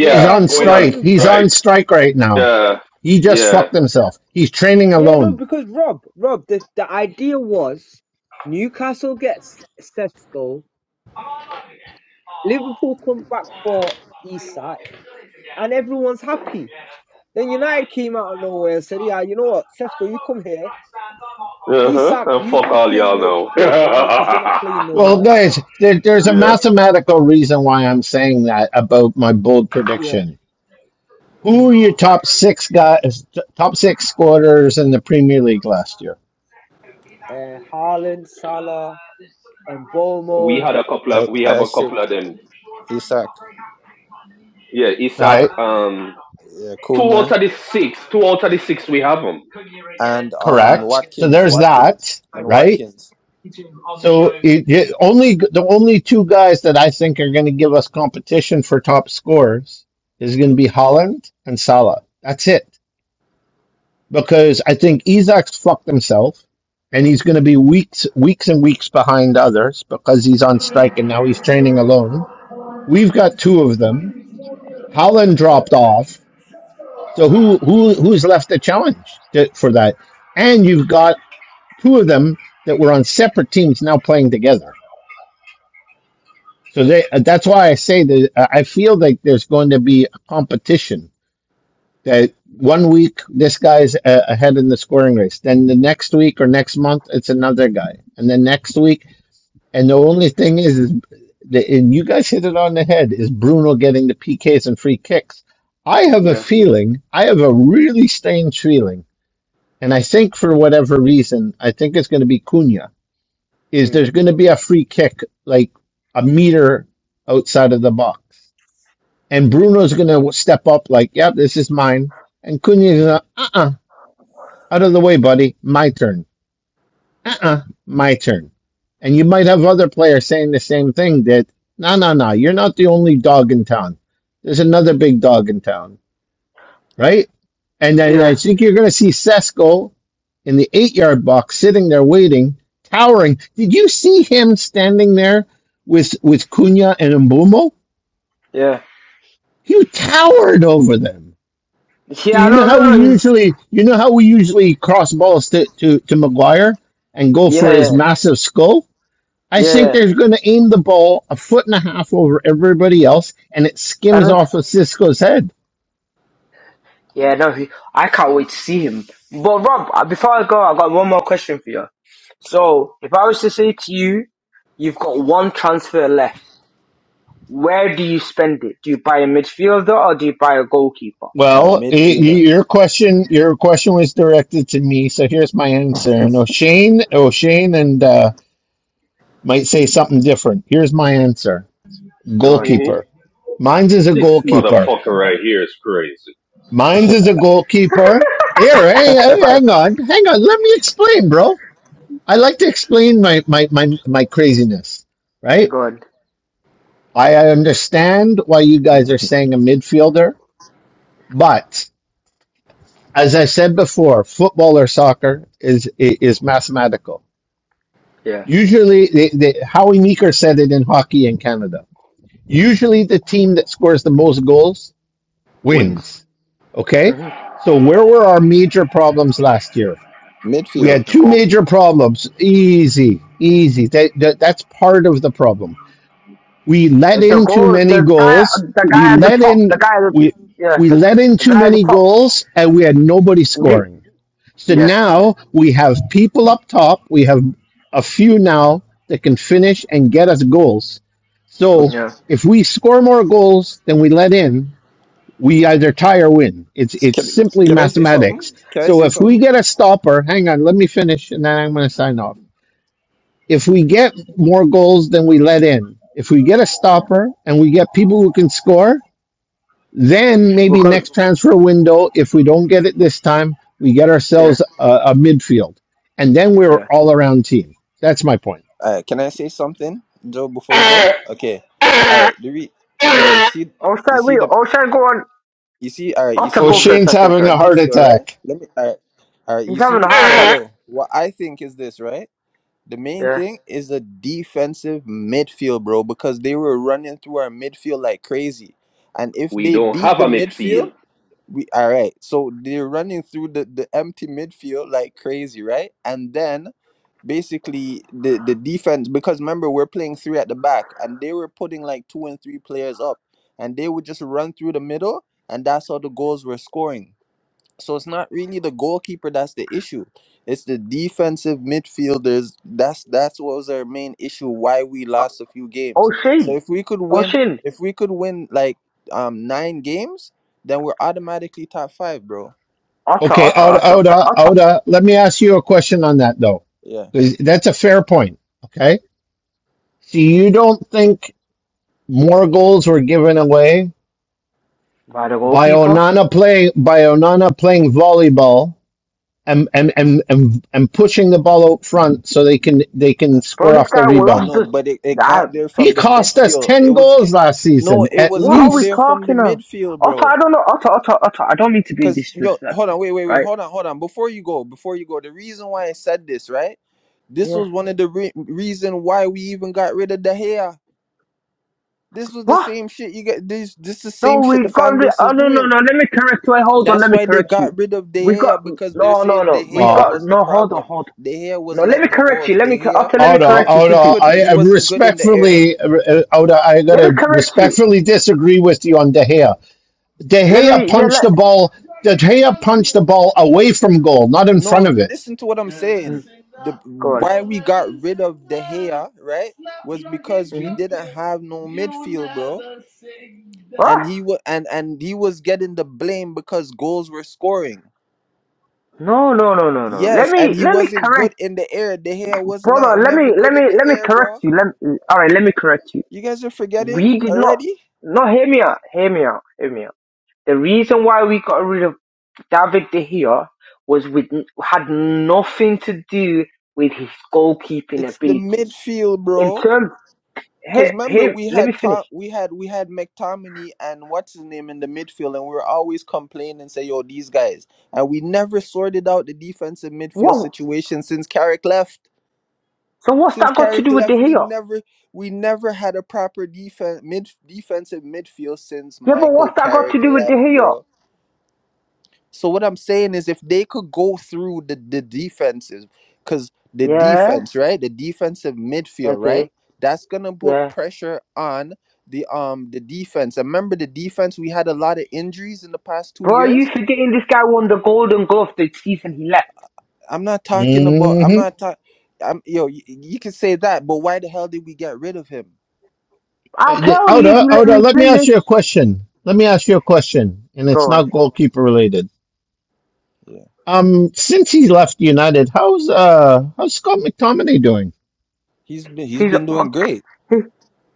[SPEAKER 2] He's on
[SPEAKER 9] going
[SPEAKER 12] but
[SPEAKER 9] on
[SPEAKER 2] strike.
[SPEAKER 12] then,
[SPEAKER 2] He's
[SPEAKER 12] but
[SPEAKER 9] strike.
[SPEAKER 2] on strike right now.
[SPEAKER 9] Yeah,
[SPEAKER 2] He just
[SPEAKER 9] yeah.
[SPEAKER 2] fucked himself. He's training
[SPEAKER 12] yeah, no,
[SPEAKER 2] alone.
[SPEAKER 12] because Rob, Rob, the the idea was Newcastle gets Sesko, Liverpool come back for Isak, and everyone's happy. Then United came out of nowhere and said, "Yeah, you know what, Sesko, you come here."
[SPEAKER 9] Uh huh.
[SPEAKER 12] Isak,
[SPEAKER 9] And
[SPEAKER 12] you
[SPEAKER 9] fuck
[SPEAKER 12] go
[SPEAKER 9] all
[SPEAKER 12] play in
[SPEAKER 9] y'all
[SPEAKER 12] the
[SPEAKER 9] know. <laughs>
[SPEAKER 12] playground because you're not playing no
[SPEAKER 2] Well,
[SPEAKER 12] more.
[SPEAKER 2] guys, there, there's a
[SPEAKER 9] yeah.
[SPEAKER 2] mathematical reason why I'm saying that about my bold
[SPEAKER 12] Yeah.
[SPEAKER 2] prediction. Who
[SPEAKER 12] Mm.
[SPEAKER 2] are your top six guys, top six scorers in the Premier League last year?
[SPEAKER 12] Uh, Haaland, Salah, and
[SPEAKER 9] We
[SPEAKER 12] Bomo.
[SPEAKER 9] had a couple of.
[SPEAKER 5] I,
[SPEAKER 9] We have a
[SPEAKER 5] Isaac,
[SPEAKER 9] couple of them.
[SPEAKER 5] Isaac,
[SPEAKER 9] Yeah, Isaac.
[SPEAKER 2] Right,
[SPEAKER 9] Um,
[SPEAKER 5] yeah,
[SPEAKER 9] two out
[SPEAKER 5] Cunha,
[SPEAKER 9] of the six. Two out of the six. We have them.
[SPEAKER 5] and um
[SPEAKER 2] correct. So
[SPEAKER 5] Watkins,
[SPEAKER 2] there's
[SPEAKER 5] Watkins,
[SPEAKER 2] that,
[SPEAKER 5] and
[SPEAKER 2] right?
[SPEAKER 5] Watkins,
[SPEAKER 2] So it, it- only the only two guys that I think are going to give us competition for top scores is going to be Holland and Salah. That's it. because I think Isaac's fucked himself, and he's going to be weeks, weeks and weeks behind others because he's on strike and now he's training alone. We've got two of them. Holland dropped off, so who who who's left to challenge to, for that? And you've got two of them that were on separate teams now playing together. So they, uh, that's why I say that uh, I feel like there's going to be a competition that one week this guy's a- ahead in the scoring race then the next week or next month it's another guy and then next week and the only thing is, is the, and you guys hit it on the head is bruno getting the pks and free kicks i have a
[SPEAKER 12] Yeah.
[SPEAKER 2] feeling i have a really strange feeling and i think for whatever reason i think it's going to be cunha is
[SPEAKER 12] Mm.
[SPEAKER 2] there's going to be a free kick like a meter outside of the box and bruno's going to step up like yep yeah, this is mine and cunha's going to "Uh uh-uh uh out of the way, buddy. My turn. Uh uh My turn. And you might have other players saying the same thing that, no, no, no, you're not the only dog in town. There's another big dog in town, right? And then
[SPEAKER 12] Yeah.
[SPEAKER 2] I think you're going to see Sesko in the eight yard box sitting there waiting, towering. Did you see him standing there with, with Cunha and Mbumo?
[SPEAKER 12] Yeah.
[SPEAKER 2] He towered over them So
[SPEAKER 12] Yeah.
[SPEAKER 2] you know
[SPEAKER 12] No.
[SPEAKER 2] how
[SPEAKER 12] No.
[SPEAKER 2] we
[SPEAKER 12] No. He's.
[SPEAKER 2] usually, you know how we usually cross balls to to to Maguire and go
[SPEAKER 12] Yeah.
[SPEAKER 2] for
[SPEAKER 12] Yeah.
[SPEAKER 2] his massive skull. I
[SPEAKER 12] Yeah.
[SPEAKER 2] think
[SPEAKER 12] yeah.
[SPEAKER 2] they're going to aim the ball a foot and a half over everybody else, and it
[SPEAKER 12] I
[SPEAKER 2] skims
[SPEAKER 12] don't.
[SPEAKER 2] off of Cisco's head.
[SPEAKER 12] Yeah. No. He, I can't wait to see him. But Rob, uh, before I go, I got one more question for you. So, if I was to say to you, you've got one transfer left. Where do you spend it? Do you buy a midfielder or do you buy a goalkeeper?
[SPEAKER 5] uh,
[SPEAKER 2] Well, y-
[SPEAKER 5] midfielder,
[SPEAKER 2] y- your question, your question was directed to me, so here's my answer. And O'Shane, O'Shane, and uh, might say something different. Here's my answer:
[SPEAKER 12] Go on.
[SPEAKER 9] hmm
[SPEAKER 2] goalkeeper. Mine's is a
[SPEAKER 9] This
[SPEAKER 2] goalkeeper.
[SPEAKER 9] motherfucker right here is crazy.
[SPEAKER 2] Mines is a goalkeeper. Here, hey, hey,
[SPEAKER 12] Right.
[SPEAKER 2] hang
[SPEAKER 5] <laughs>
[SPEAKER 2] on, hang on. Let me explain, bro. I like to explain my my my, my craziness, right?
[SPEAKER 12] Go on.
[SPEAKER 2] I understand why you guys are saying a midfielder, but as I said before, football or soccer is i- is mathematical.
[SPEAKER 12] Yeah.
[SPEAKER 2] Usually, the, the, Howie Meeker said it in hockey in Canada. Usually, the team that scores the most goals
[SPEAKER 12] wins.
[SPEAKER 2] wins. Okay,
[SPEAKER 12] hmm
[SPEAKER 2] so where were our major problems last year? We
[SPEAKER 5] midfield.
[SPEAKER 2] had
[SPEAKER 12] The
[SPEAKER 2] two major
[SPEAKER 12] goalkeeper.
[SPEAKER 2] problems. Easy, easy. That, that that's part of the problem. We
[SPEAKER 12] Uh,
[SPEAKER 2] let
[SPEAKER 12] The
[SPEAKER 2] in too
[SPEAKER 12] goal,
[SPEAKER 2] many
[SPEAKER 12] the guy,
[SPEAKER 2] goals.
[SPEAKER 12] the
[SPEAKER 2] We
[SPEAKER 12] guy at the
[SPEAKER 2] let
[SPEAKER 12] top,
[SPEAKER 2] in
[SPEAKER 12] the guy at the,
[SPEAKER 2] we
[SPEAKER 12] yeah,
[SPEAKER 2] we
[SPEAKER 12] the,
[SPEAKER 2] let in
[SPEAKER 12] the
[SPEAKER 2] too
[SPEAKER 12] guy at the
[SPEAKER 2] many
[SPEAKER 12] top.
[SPEAKER 2] goals, and we had nobody
[SPEAKER 12] You,
[SPEAKER 2] scoring. So
[SPEAKER 12] yeah,
[SPEAKER 2] now we have people up top. We have a few now that can finish and get us goals.
[SPEAKER 5] What-
[SPEAKER 2] So
[SPEAKER 12] yeah,
[SPEAKER 2] if we score more goals than we let in, we either tie or win. It's it's
[SPEAKER 5] Can
[SPEAKER 2] simply
[SPEAKER 5] can
[SPEAKER 12] yeah,
[SPEAKER 5] I say something?
[SPEAKER 2] mathematics.
[SPEAKER 5] Can I
[SPEAKER 2] So
[SPEAKER 5] say
[SPEAKER 2] if we
[SPEAKER 5] something?
[SPEAKER 2] get a stopper, hang on, let me finish, and then I'm going to sign off. If we get more goals than we let in, if we get a
[SPEAKER 12] yeah.
[SPEAKER 2] stopper and we get people who can score, then maybe
[SPEAKER 12] Because,
[SPEAKER 2] next transfer window, if we don't get it this time, we get
[SPEAKER 12] yeah,
[SPEAKER 2] ourselves a, a midfield, and then we're
[SPEAKER 12] yeah.
[SPEAKER 2] all around team. That's my point.
[SPEAKER 5] Uh, can I say something, Joe? Before you go, okay. All right. The re- yo, you see
[SPEAKER 12] O'Shea,
[SPEAKER 5] you see
[SPEAKER 12] wait,
[SPEAKER 5] the
[SPEAKER 12] O'Shea go on,
[SPEAKER 5] You see, uh, you
[SPEAKER 12] Otter
[SPEAKER 5] see
[SPEAKER 2] Oh,
[SPEAKER 5] the
[SPEAKER 12] go
[SPEAKER 5] mid
[SPEAKER 12] first,
[SPEAKER 2] Shane's
[SPEAKER 12] actually,
[SPEAKER 2] having
[SPEAKER 5] the
[SPEAKER 2] a
[SPEAKER 12] sorry.
[SPEAKER 2] heart
[SPEAKER 5] midfield, right?
[SPEAKER 2] attack.
[SPEAKER 5] Let me uh, uh,
[SPEAKER 12] He's
[SPEAKER 5] you
[SPEAKER 12] having a
[SPEAKER 5] see,
[SPEAKER 12] heart
[SPEAKER 5] so
[SPEAKER 12] attack.
[SPEAKER 5] yo, what I think is this, right? The main
[SPEAKER 12] Yeah.
[SPEAKER 5] thing is the defensive midfield, bro, because they were running through our midfield like crazy. And if
[SPEAKER 9] We
[SPEAKER 5] they
[SPEAKER 9] don't
[SPEAKER 5] beat
[SPEAKER 9] have
[SPEAKER 5] the
[SPEAKER 9] a
[SPEAKER 5] midfield,
[SPEAKER 9] midfield.
[SPEAKER 5] we all right. So they're running through the, the empty midfield like crazy, right? And then basically the, the defense because remember we're playing three at the back and they were putting like two and three players up and they would just run through the middle and that's how the goals were scoring. So it's not really the goalkeeper that's the issue. It's the defensive midfielders. That's that's what was our main issue why we lost a few games. So
[SPEAKER 12] O'Shea,
[SPEAKER 5] if we could win
[SPEAKER 12] O'Shea,
[SPEAKER 5] if we could win like um nine games, then we're automatically top five, bro.
[SPEAKER 12] Otter,
[SPEAKER 2] Okay,
[SPEAKER 12] Otter,
[SPEAKER 2] Oda,
[SPEAKER 12] Otter,
[SPEAKER 2] Oda,
[SPEAKER 12] Otter.
[SPEAKER 2] Oda, let me ask you a question on that though.
[SPEAKER 5] Yeah.
[SPEAKER 2] 'Cause That's a fair point. Okay. So you don't think more goals were given away
[SPEAKER 12] By the
[SPEAKER 2] by
[SPEAKER 12] goalkeeper.
[SPEAKER 2] Onana playing by Onana playing volleyball and and, and, and and pushing the ball out front so they can they can
[SPEAKER 12] Bro,
[SPEAKER 2] score
[SPEAKER 12] this
[SPEAKER 2] off the
[SPEAKER 12] guy will
[SPEAKER 5] I
[SPEAKER 2] rebound.
[SPEAKER 12] lost
[SPEAKER 5] know,
[SPEAKER 12] us.
[SPEAKER 5] but it, it
[SPEAKER 12] I,
[SPEAKER 5] got there
[SPEAKER 2] He
[SPEAKER 5] from the
[SPEAKER 2] cost us
[SPEAKER 5] midfield. It
[SPEAKER 2] 10
[SPEAKER 5] was
[SPEAKER 2] goals
[SPEAKER 5] get
[SPEAKER 2] last
[SPEAKER 5] no,
[SPEAKER 2] season,
[SPEAKER 5] it
[SPEAKER 2] at
[SPEAKER 5] was
[SPEAKER 12] what are
[SPEAKER 5] getting
[SPEAKER 12] we
[SPEAKER 5] there
[SPEAKER 2] least.
[SPEAKER 5] from the
[SPEAKER 12] talking of?
[SPEAKER 5] midfield,
[SPEAKER 12] Otter, I
[SPEAKER 5] bro.
[SPEAKER 12] don't know, Otter, Otter, Otter, I don't mean to be
[SPEAKER 5] Cause yo, hold
[SPEAKER 12] disrespectful,
[SPEAKER 5] on, wait, wait, wait,
[SPEAKER 12] right?
[SPEAKER 5] hold on, hold on. Before you go, before you go, the reason why I said this, right? This
[SPEAKER 12] Yeah.
[SPEAKER 5] was one of the re- reason why we even got rid of De Gea. This was the
[SPEAKER 12] What?
[SPEAKER 5] same shit you get. This this the same
[SPEAKER 12] No,
[SPEAKER 5] shit the
[SPEAKER 12] we got
[SPEAKER 5] fan
[SPEAKER 12] rid.
[SPEAKER 5] base
[SPEAKER 12] Oh
[SPEAKER 5] is
[SPEAKER 12] no, no,
[SPEAKER 5] doing.
[SPEAKER 12] no. Let me correct you. Wait, Hold on.
[SPEAKER 5] That's
[SPEAKER 12] Let me
[SPEAKER 5] why they
[SPEAKER 12] correct you.
[SPEAKER 5] got rid of De
[SPEAKER 12] We got
[SPEAKER 5] Gea because they're
[SPEAKER 12] no, no,
[SPEAKER 5] saying De
[SPEAKER 12] no. We
[SPEAKER 5] Gea
[SPEAKER 2] Uh,
[SPEAKER 12] got
[SPEAKER 5] was the
[SPEAKER 12] no. Hold on,
[SPEAKER 5] problem.
[SPEAKER 12] hold on.
[SPEAKER 5] De Gea was
[SPEAKER 12] No, let me
[SPEAKER 5] letting in
[SPEAKER 12] correct
[SPEAKER 5] goals.
[SPEAKER 12] you. Let
[SPEAKER 5] De
[SPEAKER 12] me co-
[SPEAKER 5] Gea
[SPEAKER 12] after. Let me
[SPEAKER 2] Oda,
[SPEAKER 5] couldn't.
[SPEAKER 12] correct you
[SPEAKER 2] Oda,
[SPEAKER 5] He
[SPEAKER 12] quickly.
[SPEAKER 5] could.
[SPEAKER 12] Let,
[SPEAKER 2] I
[SPEAKER 5] He
[SPEAKER 2] am
[SPEAKER 5] wasn't good in the air.
[SPEAKER 2] respectfully, uh, Oda, I
[SPEAKER 12] let me
[SPEAKER 2] gotta
[SPEAKER 12] correct you.
[SPEAKER 2] respectfully disagree with you on De Gea. De
[SPEAKER 12] Let
[SPEAKER 2] Gea
[SPEAKER 12] me. Yeah.
[SPEAKER 2] punched
[SPEAKER 12] Let
[SPEAKER 2] the ball. De Gea punched the ball away from goal, not in front
[SPEAKER 5] No,
[SPEAKER 2] of it.
[SPEAKER 5] listen to what I'm
[SPEAKER 12] Mm,
[SPEAKER 5] saying. The
[SPEAKER 12] go on.
[SPEAKER 5] why we got rid of De Gea, right was because we
[SPEAKER 12] hmm
[SPEAKER 5] didn't have no midfield, bro.
[SPEAKER 12] What?
[SPEAKER 5] And he was and and he was getting the blame because goals were scoring.
[SPEAKER 12] No, no, no, no, no. Let
[SPEAKER 5] Yes, and
[SPEAKER 12] me.
[SPEAKER 5] he
[SPEAKER 12] Let me
[SPEAKER 5] wasn't good
[SPEAKER 12] correct,
[SPEAKER 5] in the air. De Gea was not
[SPEAKER 12] brother. Let
[SPEAKER 5] never
[SPEAKER 12] me.
[SPEAKER 5] good
[SPEAKER 12] Let me.
[SPEAKER 5] in the
[SPEAKER 12] Let me
[SPEAKER 5] air,
[SPEAKER 12] correct
[SPEAKER 5] bro.
[SPEAKER 12] you. Let. All right. Let me correct you.
[SPEAKER 5] You guys are forgetting
[SPEAKER 12] We did not.
[SPEAKER 5] already.
[SPEAKER 12] No, hear me out. Hear me out. Hear me out. The reason why we got rid of David De Gea was with had nothing to do with his goalkeeping
[SPEAKER 5] It's the
[SPEAKER 12] abilities.
[SPEAKER 5] midfield,
[SPEAKER 12] In
[SPEAKER 5] bro.
[SPEAKER 12] terms,
[SPEAKER 5] Cause
[SPEAKER 12] here,
[SPEAKER 5] remember
[SPEAKER 12] here,
[SPEAKER 5] we
[SPEAKER 12] let me
[SPEAKER 5] had
[SPEAKER 12] finish.
[SPEAKER 5] Tom, we had we had McTominay and what's his name in the midfield, and we were always complaining and say, "Yo, these guys," and we never sorted out the defensive midfield
[SPEAKER 12] What?
[SPEAKER 5] situation since Carrick left.
[SPEAKER 12] So what's
[SPEAKER 5] Since
[SPEAKER 12] that got to
[SPEAKER 5] Carrick
[SPEAKER 12] do with De
[SPEAKER 5] left, we
[SPEAKER 12] Gea?
[SPEAKER 5] never we never had a proper defense mid defensive midfield since
[SPEAKER 12] Yeah, but
[SPEAKER 5] Michael
[SPEAKER 12] what's that got to
[SPEAKER 5] Carrick
[SPEAKER 12] do with De
[SPEAKER 5] left,
[SPEAKER 12] Gea?
[SPEAKER 5] bro. So what I'm saying is if they could go through the, the defenses, because the
[SPEAKER 12] Yeah.
[SPEAKER 5] defense, right? The defensive midfield,
[SPEAKER 12] Okay.
[SPEAKER 5] right? That's gonna put
[SPEAKER 12] Yeah.
[SPEAKER 5] pressure on the um the defense. And Remember the defense, we had a lot of injuries in the past two
[SPEAKER 12] Bro, are you
[SPEAKER 5] years.
[SPEAKER 12] forgetting this guy won the Golden Glove the season he left?
[SPEAKER 5] I'm not talking about I'm
[SPEAKER 2] Mm-hmm.
[SPEAKER 5] not talking I'm yo, you, you can say that, but why the hell did we get rid of him?
[SPEAKER 12] I'll tell you if
[SPEAKER 2] Oda,
[SPEAKER 12] you let
[SPEAKER 2] Oda,
[SPEAKER 12] me
[SPEAKER 2] let me ask
[SPEAKER 12] finish.
[SPEAKER 2] you a question. Let me ask you a question, and
[SPEAKER 12] Go
[SPEAKER 2] it's
[SPEAKER 12] on.
[SPEAKER 2] not
[SPEAKER 5] Yeah,
[SPEAKER 2] goalkeeper related.
[SPEAKER 5] yeah.
[SPEAKER 2] Um, since he left United, how's uh how's Scott McTominay doing?
[SPEAKER 5] He's been he's
[SPEAKER 12] He's
[SPEAKER 5] been doing great.
[SPEAKER 12] he,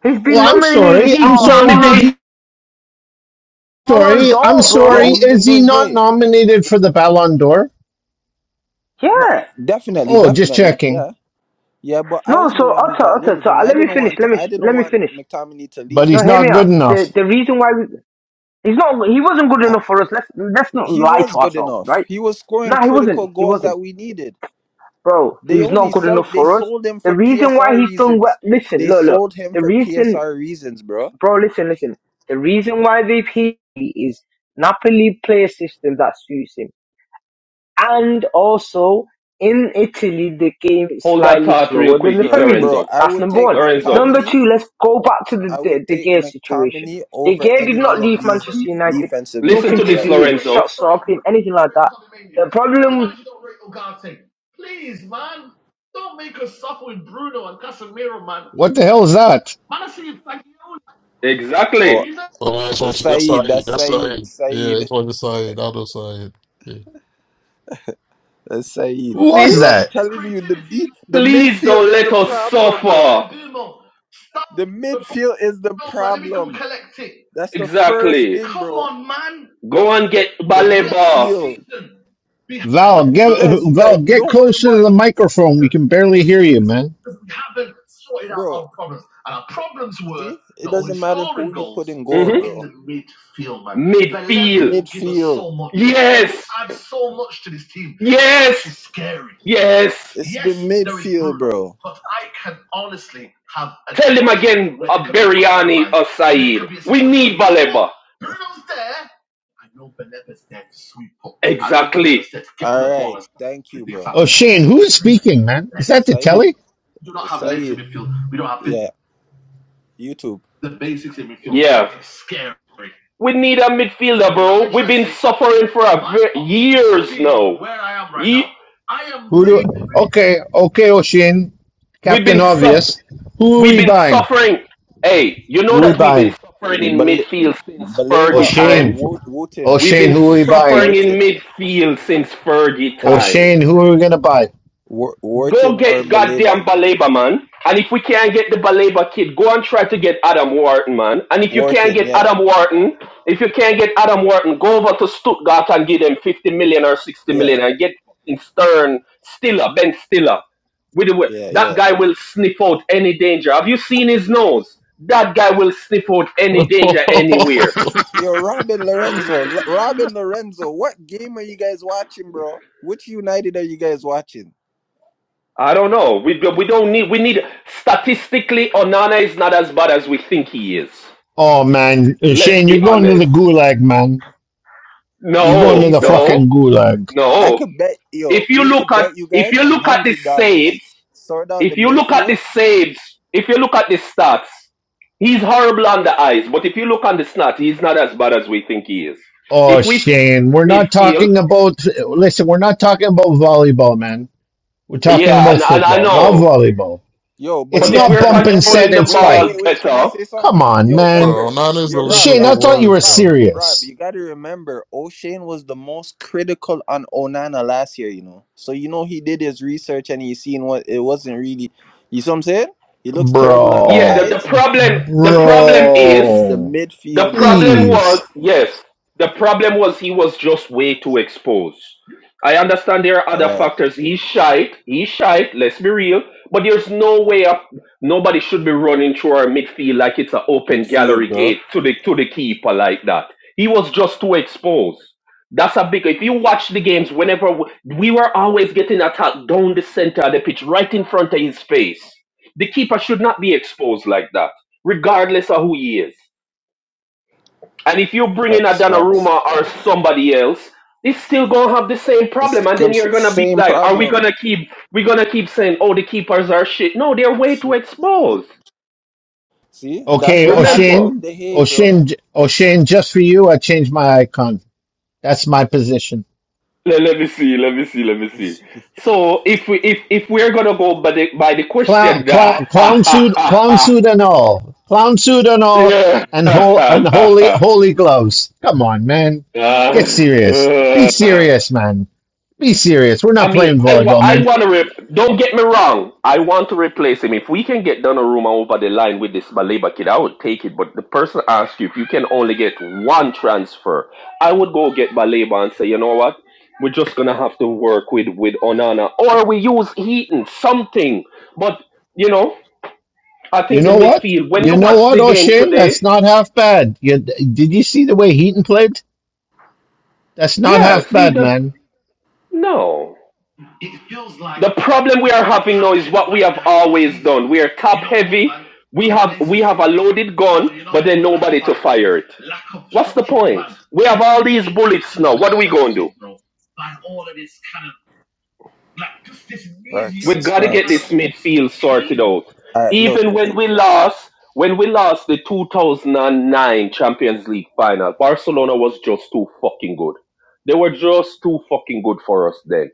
[SPEAKER 12] he's
[SPEAKER 2] Well,
[SPEAKER 12] been
[SPEAKER 2] I'm
[SPEAKER 12] nominated
[SPEAKER 2] sorry. I'm
[SPEAKER 9] He's
[SPEAKER 12] for
[SPEAKER 2] sorry. Did
[SPEAKER 9] nominated.
[SPEAKER 12] Ballon
[SPEAKER 2] he?
[SPEAKER 12] Ballon
[SPEAKER 2] Sorry. I'm
[SPEAKER 12] d'Or,
[SPEAKER 5] Yeah,
[SPEAKER 2] sorry.
[SPEAKER 12] bro.
[SPEAKER 5] he's been
[SPEAKER 2] Is he
[SPEAKER 5] doing
[SPEAKER 2] not
[SPEAKER 5] great.
[SPEAKER 2] nominated for the Ballon d'Or?
[SPEAKER 5] No,
[SPEAKER 12] Yeah.
[SPEAKER 5] definitely,
[SPEAKER 2] Oh, just
[SPEAKER 5] definitely.
[SPEAKER 2] checking.
[SPEAKER 5] Yeah. Yeah, but I
[SPEAKER 12] No,
[SPEAKER 5] was the
[SPEAKER 12] so
[SPEAKER 5] one who
[SPEAKER 12] utter,
[SPEAKER 5] got rid
[SPEAKER 12] utter.
[SPEAKER 5] of
[SPEAKER 12] so uh,
[SPEAKER 5] him. I
[SPEAKER 12] let me
[SPEAKER 5] didn't
[SPEAKER 12] finish,
[SPEAKER 5] want
[SPEAKER 12] let me,
[SPEAKER 5] I didn't
[SPEAKER 12] let me
[SPEAKER 5] want
[SPEAKER 12] finish.
[SPEAKER 5] McTominay to
[SPEAKER 2] But
[SPEAKER 5] leave.
[SPEAKER 12] No,
[SPEAKER 2] he's
[SPEAKER 12] hear me
[SPEAKER 2] not good
[SPEAKER 12] out.
[SPEAKER 2] enough.
[SPEAKER 12] The, the reason why we, he's not, he wasn't good
[SPEAKER 5] I,
[SPEAKER 12] enough for us. Let's, let's not
[SPEAKER 5] he
[SPEAKER 12] lie
[SPEAKER 5] was
[SPEAKER 12] to
[SPEAKER 5] good
[SPEAKER 12] ourselves,
[SPEAKER 5] enough.
[SPEAKER 12] right?
[SPEAKER 5] He was
[SPEAKER 12] No,
[SPEAKER 5] scoring
[SPEAKER 12] he wasn't,
[SPEAKER 5] critical
[SPEAKER 12] he
[SPEAKER 5] goals
[SPEAKER 12] wasn't.
[SPEAKER 5] that we needed.
[SPEAKER 12] Bro,
[SPEAKER 5] They
[SPEAKER 12] he's
[SPEAKER 5] only
[SPEAKER 12] not good
[SPEAKER 5] sell
[SPEAKER 12] enough
[SPEAKER 5] they
[SPEAKER 12] for us.
[SPEAKER 5] sold him
[SPEAKER 12] The
[SPEAKER 5] for
[SPEAKER 12] reason why
[SPEAKER 5] PSR
[SPEAKER 12] he's done well,
[SPEAKER 5] reasons.
[SPEAKER 12] listen,
[SPEAKER 5] They
[SPEAKER 12] look, look.
[SPEAKER 5] sold him
[SPEAKER 12] The
[SPEAKER 5] for
[SPEAKER 12] reason,
[SPEAKER 5] PSR reasons, bro.
[SPEAKER 12] bro, listen, listen. The reason why they pay is Napoli play a system that suits him. And also in Italy, the game is
[SPEAKER 9] Hold that
[SPEAKER 12] slightly
[SPEAKER 9] thought real
[SPEAKER 12] slower than
[SPEAKER 9] quick,
[SPEAKER 12] the
[SPEAKER 5] Bro,
[SPEAKER 12] Premier League.
[SPEAKER 5] bro,
[SPEAKER 9] Lorenzo.
[SPEAKER 5] I
[SPEAKER 12] That's
[SPEAKER 5] would
[SPEAKER 12] number
[SPEAKER 5] take
[SPEAKER 12] one.
[SPEAKER 9] Lorenzo,
[SPEAKER 12] Number
[SPEAKER 5] McTominay.
[SPEAKER 12] two, let's go back to the
[SPEAKER 5] I
[SPEAKER 12] the,
[SPEAKER 5] would
[SPEAKER 12] the
[SPEAKER 5] take
[SPEAKER 12] Gea situation.
[SPEAKER 5] McTominay
[SPEAKER 12] De
[SPEAKER 5] over
[SPEAKER 12] Gea did
[SPEAKER 5] any
[SPEAKER 12] not
[SPEAKER 5] one of
[SPEAKER 12] leave
[SPEAKER 5] these
[SPEAKER 12] Manchester
[SPEAKER 5] def-
[SPEAKER 12] United.
[SPEAKER 5] defensive
[SPEAKER 9] listen
[SPEAKER 12] Nothing
[SPEAKER 9] to
[SPEAKER 5] midfield
[SPEAKER 12] to
[SPEAKER 9] this,
[SPEAKER 5] right
[SPEAKER 12] do
[SPEAKER 5] now.
[SPEAKER 12] with his
[SPEAKER 9] Lorenzo.
[SPEAKER 12] shot stopping, anything like that. The problem
[SPEAKER 2] What the hell is that?
[SPEAKER 5] Or
[SPEAKER 9] Exactly.
[SPEAKER 13] Oh, that's
[SPEAKER 5] uh,
[SPEAKER 13] what that's
[SPEAKER 5] Saeed,
[SPEAKER 13] Saeed.
[SPEAKER 5] that's
[SPEAKER 13] That's
[SPEAKER 5] Saeed.
[SPEAKER 13] Saeed. Yeah,
[SPEAKER 5] Saeed. <laughs>
[SPEAKER 13] it's what it's Saeed. I know Saeed. Yeah.
[SPEAKER 5] Uh, Saeed,
[SPEAKER 2] Who was
[SPEAKER 9] See?
[SPEAKER 5] bro, I'm
[SPEAKER 2] that?
[SPEAKER 5] telling you, the D, the
[SPEAKER 9] Please
[SPEAKER 5] midfield
[SPEAKER 9] don't
[SPEAKER 5] is the
[SPEAKER 9] let us
[SPEAKER 5] problem, bro.
[SPEAKER 9] suffer.
[SPEAKER 5] The midfield is the problem. That's the first
[SPEAKER 9] Exactly.
[SPEAKER 5] thing, bro.
[SPEAKER 9] Go and get
[SPEAKER 5] The
[SPEAKER 9] Baleba.
[SPEAKER 5] midfield.
[SPEAKER 2] Val,
[SPEAKER 5] You
[SPEAKER 2] get
[SPEAKER 5] guys
[SPEAKER 2] Val,
[SPEAKER 5] like
[SPEAKER 2] get
[SPEAKER 5] don't worry
[SPEAKER 2] closer to
[SPEAKER 5] about
[SPEAKER 2] the
[SPEAKER 5] the
[SPEAKER 2] microphone. We can barely hear you, man.
[SPEAKER 5] bro. See, it doesn't matter who you put in
[SPEAKER 9] hmm
[SPEAKER 5] goal, bro.
[SPEAKER 9] Midfield. man. Midfield will Give us
[SPEAKER 5] Midfield.
[SPEAKER 9] so much. Yes. Add so much to this team. Yes. It's scary. Yes.
[SPEAKER 5] It's the midfield, bro.
[SPEAKER 9] But I can honestly have. A Tell him again, a Beriani or Said. We need Baleba. Exactly.
[SPEAKER 5] All right, thank you, bro.
[SPEAKER 2] Oh, Shane, who is speaking, man? Is that the
[SPEAKER 5] Saeed,
[SPEAKER 2] telly?
[SPEAKER 5] Saeed, yeah, YouTube.
[SPEAKER 9] Yeah. We need a midfielder, bro. We've been suffering for a years now. Ye-
[SPEAKER 2] Who do? Okay, okay, O'Shane,
[SPEAKER 9] we've
[SPEAKER 2] Captain
[SPEAKER 9] been suff-
[SPEAKER 2] Obvious. Who are
[SPEAKER 9] we've
[SPEAKER 2] we
[SPEAKER 9] been
[SPEAKER 2] buying?
[SPEAKER 9] suffering. Hey, you know
[SPEAKER 2] Who are we
[SPEAKER 9] that we've been
[SPEAKER 2] buying?
[SPEAKER 9] suffering in
[SPEAKER 5] Bal-
[SPEAKER 9] midfield since
[SPEAKER 5] Baleba
[SPEAKER 9] Fergie
[SPEAKER 5] or
[SPEAKER 2] O'Shane.
[SPEAKER 9] time.
[SPEAKER 5] Wo-
[SPEAKER 2] Oh,
[SPEAKER 5] Wooten,
[SPEAKER 9] We've
[SPEAKER 2] Shane,
[SPEAKER 9] been
[SPEAKER 5] Wo-
[SPEAKER 2] who are we
[SPEAKER 5] Wo-
[SPEAKER 9] suffering
[SPEAKER 2] buying?
[SPEAKER 9] in
[SPEAKER 5] Wharton.
[SPEAKER 9] midfield since Fergie
[SPEAKER 2] Oh,
[SPEAKER 9] time.
[SPEAKER 2] Shane, who are we going to buy?
[SPEAKER 5] Wor-
[SPEAKER 9] Go
[SPEAKER 5] Wharton or
[SPEAKER 9] get
[SPEAKER 5] Baliba.
[SPEAKER 9] goddamn Baleba, man. And if we can't get the Baleba kid, go and try to get Adam Wharton, man. And if you can't
[SPEAKER 5] Wharton,
[SPEAKER 9] get
[SPEAKER 5] yeah,
[SPEAKER 9] Adam Wharton, if you can't get Adam Wharton, go over to Stuttgart and give them 50 million or 60
[SPEAKER 5] yeah,
[SPEAKER 9] million and get fucking Stern, Stiller, Ben Stiller. With the, way-
[SPEAKER 5] yeah,
[SPEAKER 9] that
[SPEAKER 5] yeah.
[SPEAKER 9] guy will sniff out any danger. Have you seen his nose? That guy will sniff out
[SPEAKER 13] <laughs>
[SPEAKER 9] any danger anywhere.
[SPEAKER 5] Yo, Robin Lorenzo, L- Robin Lorenzo, what game are you guys watching, bro? Which United are you guys watching?
[SPEAKER 9] I don't know. We, we don't need, we need, statistically, Onana is not as bad as we think he is.
[SPEAKER 2] Oh, man. Uh,
[SPEAKER 9] Let's
[SPEAKER 2] Shane,
[SPEAKER 9] be
[SPEAKER 2] you're going to
[SPEAKER 9] honest.
[SPEAKER 2] the gulag, man.
[SPEAKER 5] The
[SPEAKER 2] You're going
[SPEAKER 9] No,
[SPEAKER 2] to the
[SPEAKER 5] defense.
[SPEAKER 9] no,
[SPEAKER 2] fucking gulag.
[SPEAKER 5] I
[SPEAKER 9] no.
[SPEAKER 5] could bet, yo,
[SPEAKER 9] If you
[SPEAKER 5] we
[SPEAKER 9] look
[SPEAKER 5] could
[SPEAKER 9] at
[SPEAKER 5] bet you
[SPEAKER 9] if
[SPEAKER 5] guys
[SPEAKER 9] you
[SPEAKER 5] a
[SPEAKER 9] look at the
[SPEAKER 5] hundred dollars.
[SPEAKER 9] saves,
[SPEAKER 5] Sort out the
[SPEAKER 9] if you look at
[SPEAKER 5] midfield.
[SPEAKER 9] the saves, if you look at the stats, he's horrible on the ice. But if you look on the stats, he's not as bad as we think he is.
[SPEAKER 2] Oh,
[SPEAKER 9] If we fix
[SPEAKER 2] Shane, we're
[SPEAKER 9] that
[SPEAKER 2] not
[SPEAKER 9] midfield,
[SPEAKER 2] talking about. Listen, we're not talking about volleyball, man. We're talking
[SPEAKER 9] yeah,
[SPEAKER 2] about
[SPEAKER 9] and, and I
[SPEAKER 2] football, not
[SPEAKER 9] know.
[SPEAKER 2] volleyball.
[SPEAKER 5] Yo, but
[SPEAKER 2] It's
[SPEAKER 5] you
[SPEAKER 9] But if
[SPEAKER 5] guys
[SPEAKER 2] not
[SPEAKER 9] we're
[SPEAKER 5] gotta
[SPEAKER 2] bump and
[SPEAKER 5] remember.
[SPEAKER 9] controlling
[SPEAKER 2] set
[SPEAKER 9] the
[SPEAKER 2] and
[SPEAKER 5] Wait, wait,
[SPEAKER 9] ball
[SPEAKER 5] wait,
[SPEAKER 2] spike.
[SPEAKER 5] wait. Can I
[SPEAKER 9] better,
[SPEAKER 5] say something?
[SPEAKER 2] Come on,
[SPEAKER 5] Yo,
[SPEAKER 2] man.
[SPEAKER 13] well,
[SPEAKER 5] remember.
[SPEAKER 13] Nana is
[SPEAKER 5] Yo,
[SPEAKER 13] the least
[SPEAKER 5] Rob,
[SPEAKER 13] of
[SPEAKER 2] Shane,
[SPEAKER 13] the
[SPEAKER 2] I
[SPEAKER 5] Rob,
[SPEAKER 2] thought
[SPEAKER 5] Rob,
[SPEAKER 2] you
[SPEAKER 13] worries,
[SPEAKER 2] were
[SPEAKER 5] Rob,
[SPEAKER 13] bro.
[SPEAKER 5] Rob.
[SPEAKER 2] serious.
[SPEAKER 5] You gotta remember. O'Shane was the most critical on Onana last year. You know, so you know he did his research and he seen what it wasn't really. You see what I'm saying? He looks terrible on the
[SPEAKER 9] yeah.
[SPEAKER 2] Bro.
[SPEAKER 9] The, the
[SPEAKER 5] eyes.
[SPEAKER 9] problem the problem is
[SPEAKER 5] It's the
[SPEAKER 2] Bro.
[SPEAKER 9] The
[SPEAKER 5] midfield, bro.
[SPEAKER 9] problem
[SPEAKER 2] Please.
[SPEAKER 9] was, yes, the problem was he was just way too exposed. I understand there are
[SPEAKER 5] All
[SPEAKER 9] other
[SPEAKER 5] right,
[SPEAKER 9] factors. He's shite. He's shite. Let's be real. But there's no way up. Nobody should be running through our midfield like it's an open
[SPEAKER 5] midfield,
[SPEAKER 9] gallery
[SPEAKER 5] bro.
[SPEAKER 9] gate to the to the keeper like that. He was just too exposed. That's a big. If you watch the games, whenever w- we were always getting attacked down the center of the pitch, right in front of his face. The keeper should not be exposed like that, regardless of who he is. And if you bring in a
[SPEAKER 5] Facts, facts.
[SPEAKER 9] Donnarumma or somebody else, they still gonna have the same
[SPEAKER 5] It's
[SPEAKER 9] problem. And
[SPEAKER 5] com-
[SPEAKER 9] then you're gonna be
[SPEAKER 5] same
[SPEAKER 9] like, are we
[SPEAKER 5] problem.
[SPEAKER 9] gonna keep we gonna keep saying, oh, the keepers are shit? No, they're way too exposed.
[SPEAKER 5] See, that's
[SPEAKER 2] Okay,
[SPEAKER 5] what happened
[SPEAKER 9] Remember.
[SPEAKER 5] with
[SPEAKER 2] O'Shane,
[SPEAKER 5] the hay, bro.
[SPEAKER 2] O'Shane, O'Shane, just for you, I changed my icon. That's my position.
[SPEAKER 9] Le- Let, me see. Let me see. Let me
[SPEAKER 5] <laughs>
[SPEAKER 9] see. So if we if if we're gonna go by the by the
[SPEAKER 2] Clown,
[SPEAKER 9] question that
[SPEAKER 2] clown, clown suit, clown
[SPEAKER 9] <laughs>
[SPEAKER 2] suit and all, clown suit and all, and whole and holy,
[SPEAKER 9] yeah.
[SPEAKER 2] holy gloves. Come on, man,
[SPEAKER 9] <laughs>
[SPEAKER 2] get serious. Be
[SPEAKER 9] Ah.
[SPEAKER 2] serious, man. Be serious. We're
[SPEAKER 9] I
[SPEAKER 2] not
[SPEAKER 9] mean,
[SPEAKER 2] playing
[SPEAKER 9] I, wa-
[SPEAKER 2] volleyball,
[SPEAKER 9] I
[SPEAKER 2] man.
[SPEAKER 9] want to. Re- don't get me wrong. I want to replace him. If we can get Donnarumma over the line with this Baleba kid, I would take it. But the person asked you if you can only get one transfer. I would go get Baleba and say, you know what? We're just gonna have to work with with Onana, or we use Heaton, something. But you know, I
[SPEAKER 2] You
[SPEAKER 9] think the
[SPEAKER 2] know what?
[SPEAKER 9] midfield. When
[SPEAKER 2] You
[SPEAKER 9] you
[SPEAKER 2] know
[SPEAKER 9] watch
[SPEAKER 2] what,
[SPEAKER 9] the game
[SPEAKER 2] O'Shane? That's
[SPEAKER 9] today,
[SPEAKER 2] not half bad. You, did you see the way Heaton played? That's not
[SPEAKER 9] yeah,
[SPEAKER 2] half
[SPEAKER 9] see
[SPEAKER 2] bad,
[SPEAKER 9] that
[SPEAKER 2] man.
[SPEAKER 9] no. The problem we are having now is what we have always done. We are top heavy. We have we have a loaded gun, but then nobody to fire it. What's the point? We have all these bullets now. What are we going to do?
[SPEAKER 5] Facts,
[SPEAKER 9] We
[SPEAKER 5] it's
[SPEAKER 9] gotta get
[SPEAKER 5] facts.
[SPEAKER 9] this midfield sorted out.
[SPEAKER 5] All right, look.
[SPEAKER 9] Even
[SPEAKER 5] y-
[SPEAKER 9] when we lost, when we lost the 2009 Champions League final, Barcelona was just too fucking good. They were just too fucking good for us then.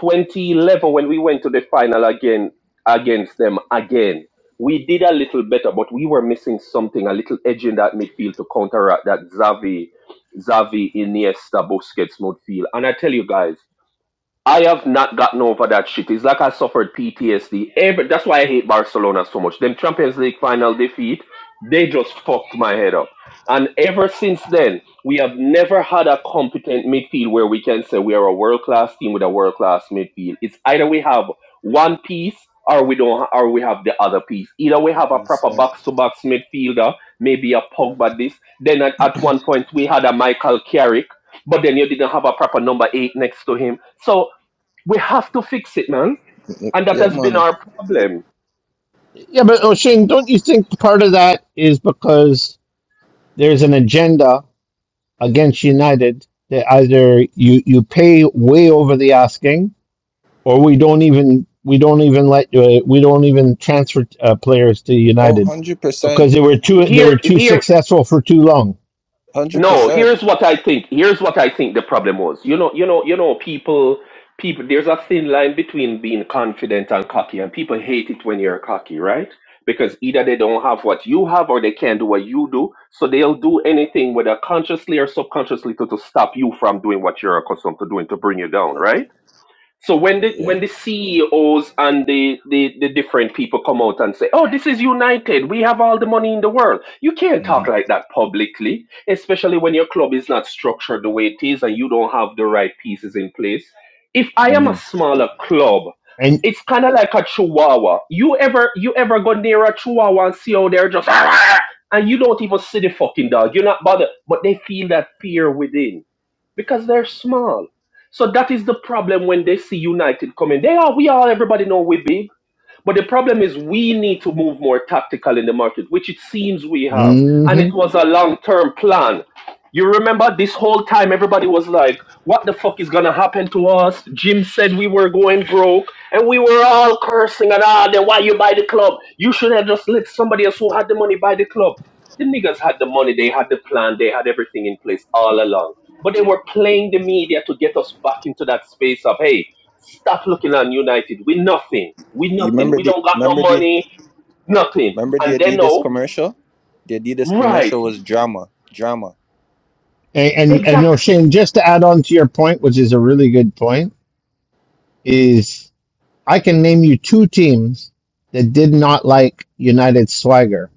[SPEAKER 9] 2011, when we went to the final again against them again, we did a little better, but we were missing something, a little edge in that midfield to counteract that Xavi, Xavi, Iniesta, Busquets midfield. And I tell you guys. I have not gotten over that shit. It's like I suffered PTSD. Every, that's why I hate Barcelona so much. Them Champions League final defeat, they just fucked my head up. And ever since then, we have never had a competent midfield where we can say we are a world class team with a world class midfield. It's either we have one piece or we don't, or we have the other piece. Either we have a
[SPEAKER 5] Peace,
[SPEAKER 9] proper
[SPEAKER 5] Yeah,
[SPEAKER 9] box to box midfielder, maybe a
[SPEAKER 5] Yeah.
[SPEAKER 9] Pogba this. Then at, at one point we had a Michael Carrick, but then you didn't have a proper number eight next to him. So we have to fix it, man.
[SPEAKER 5] y-
[SPEAKER 9] And that
[SPEAKER 5] yeah,
[SPEAKER 9] has been
[SPEAKER 5] man.
[SPEAKER 9] our problem.
[SPEAKER 2] Yeah, but O'Shane, don't you think part of that is because? there's an agenda against United that either you you pay way over the asking, or we don't even we don't even let uh, we don't even transfer uh, players to
[SPEAKER 5] Oh,
[SPEAKER 2] United
[SPEAKER 5] 100 percent,
[SPEAKER 2] because they
[SPEAKER 5] one
[SPEAKER 2] were too they
[SPEAKER 9] Here,
[SPEAKER 2] were too
[SPEAKER 9] here,
[SPEAKER 2] successful for too long.
[SPEAKER 5] hundred
[SPEAKER 9] no,
[SPEAKER 5] percent.
[SPEAKER 9] here's what I think. Here's what I think the problem was. You know, you know, you know, people, people, there's a thin line between being confident and cocky, and people hate it when you're cocky, right? Because either they don't have what you have or they can't do what you do. So they'll do anything, whether consciously or subconsciously, to, to stop you from doing what you're accustomed to doing to bring you down, right? So when the
[SPEAKER 5] Yeah.
[SPEAKER 9] when the CEOs and the, the, the different people come out and say, "Oh, this is United. We have all the money in the world," you can't
[SPEAKER 5] hmm
[SPEAKER 9] talk like that publicly, especially when your club is not structured the way it is and you don't have the right pieces in place. If I am
[SPEAKER 5] hmm
[SPEAKER 9] a smaller club,
[SPEAKER 2] And
[SPEAKER 9] it's kind of like a chihuahua. You ever you ever go near a chihuahua and see how they're just <laughs> and you don't even see the fucking dog. You're not bothered, but they feel that fear within because they're small. So that is the problem when they see United coming. They are, we all, everybody know we big. But the problem is we need to move more tactical in the market, which it seems we have.
[SPEAKER 2] mhm.
[SPEAKER 9] And it was a long term plan. You remember this whole time everybody was like, what the fuck is gonna happen to us? Jim said we were going broke and we were all cursing and ah then why you buy the club? You should have just let somebody else who had the money buy the club. The niggas had the money, they had the plan, they had everything in place all along. But they were playing the media to get us back into that space of hey, Stop looking at United. We nothing. We
[SPEAKER 5] You
[SPEAKER 9] nothing.
[SPEAKER 5] remember
[SPEAKER 9] We
[SPEAKER 5] the
[SPEAKER 9] don't got no
[SPEAKER 5] remember the
[SPEAKER 9] money. Nothing.
[SPEAKER 5] remember
[SPEAKER 9] And
[SPEAKER 5] the
[SPEAKER 9] they
[SPEAKER 5] Adidas
[SPEAKER 9] know,
[SPEAKER 5] commercial? The Adidas
[SPEAKER 9] right?
[SPEAKER 5] commercial was drama, drama.
[SPEAKER 2] And, and and no,
[SPEAKER 9] Exact.
[SPEAKER 2] Shane. Just to add on to your point, which is a really good point, is I can name you two teams that did not like United swagger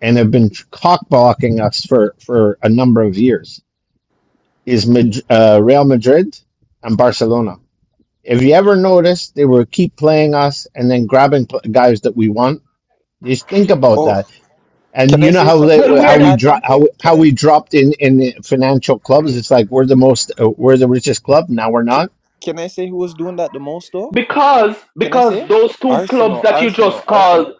[SPEAKER 2] and have been cockblocking us for for a number of years. Is Mad- uh, Real Madrid and Barcelona. If you ever noticed, they were keep playing us and then grabbing pl- guys that we want. Just think about
[SPEAKER 5] Oh,
[SPEAKER 2] that And
[SPEAKER 5] can
[SPEAKER 2] you
[SPEAKER 5] I
[SPEAKER 2] know
[SPEAKER 5] say
[SPEAKER 2] how they
[SPEAKER 5] something?
[SPEAKER 9] Well, we
[SPEAKER 5] Can
[SPEAKER 9] are
[SPEAKER 2] how
[SPEAKER 5] I
[SPEAKER 9] the
[SPEAKER 2] we
[SPEAKER 5] add
[SPEAKER 2] drop how
[SPEAKER 5] something?
[SPEAKER 2] how
[SPEAKER 5] Can I
[SPEAKER 2] we dropped in in the financial clubs.
[SPEAKER 5] wait?
[SPEAKER 2] It's like we're the most uh, we're the richest club. Now we're
[SPEAKER 5] Can,
[SPEAKER 2] not.
[SPEAKER 5] can I say who was doing that the most though?
[SPEAKER 9] because
[SPEAKER 5] Can I
[SPEAKER 9] because
[SPEAKER 5] say
[SPEAKER 9] those two clubs
[SPEAKER 5] Arsenal,
[SPEAKER 9] that you
[SPEAKER 5] Arsenal,
[SPEAKER 9] just called,
[SPEAKER 5] Arsenal,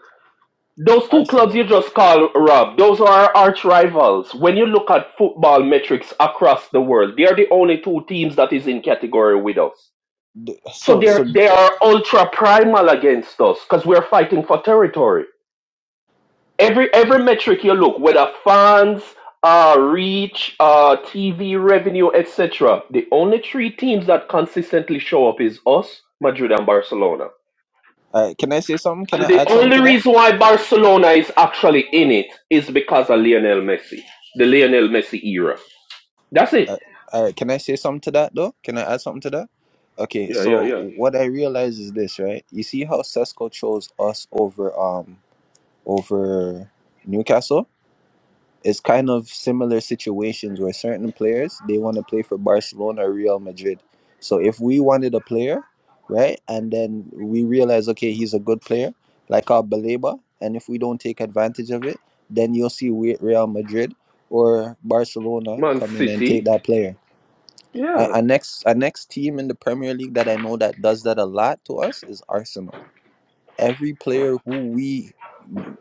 [SPEAKER 9] those two clubs
[SPEAKER 5] Arsenal?
[SPEAKER 9] you just called, Rob, those are our arch rivals. When you look at football metrics across the world, they are the only two teams that is in category with us.
[SPEAKER 5] The-
[SPEAKER 9] So
[SPEAKER 5] So so,
[SPEAKER 9] they're they are ultra primal against us because we're fighting for territory. every every metric you look, whether fans, uh, reach, uh, TV revenue, etc. The only three teams that consistently show up is us, Madrid, and Barcelona.
[SPEAKER 5] uh, can I say something? Can I
[SPEAKER 9] And the
[SPEAKER 5] add something
[SPEAKER 9] only
[SPEAKER 5] to that?
[SPEAKER 9] reason why Barcelona is actually in it is because of Lionel Messi, the Lionel Messi era. That's it.
[SPEAKER 5] Uh, all right, can I say something to that though? Can I add something to that? Okay,
[SPEAKER 9] Yeah, yeah,
[SPEAKER 5] so
[SPEAKER 9] yeah.
[SPEAKER 5] what I realize is this, right? You see how Cesco chose us over um over Newcastle? It's kind of similar situations where certain players they want to play for Barcelona or Real Madrid. So if we wanted a player, right, and then we realize okay, he's a good player, like our Baleba, and if we don't take advantage of it, then you'll see we- Real Madrid or Barcelona
[SPEAKER 9] Man
[SPEAKER 5] come in and take
[SPEAKER 9] City.
[SPEAKER 5] that player. Our,
[SPEAKER 9] Yeah,
[SPEAKER 5] our next our next team in the Premier League that I know that does that a lot to us is Arsenal. Every player who we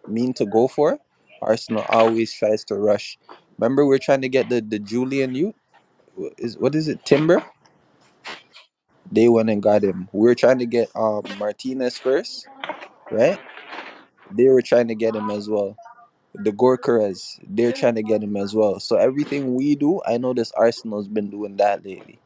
[SPEAKER 5] mean to go for, Arsenal always tries to rush. Remember, we are trying to get the the Julian Youth. wh- Is what is it? Timber. They went and got him. We were trying to get um Martinez first, right? They were trying to get him as well. The Gorkarez, they're trying to get him as well. So everything we do, I know this Arsenal's been doing that lately.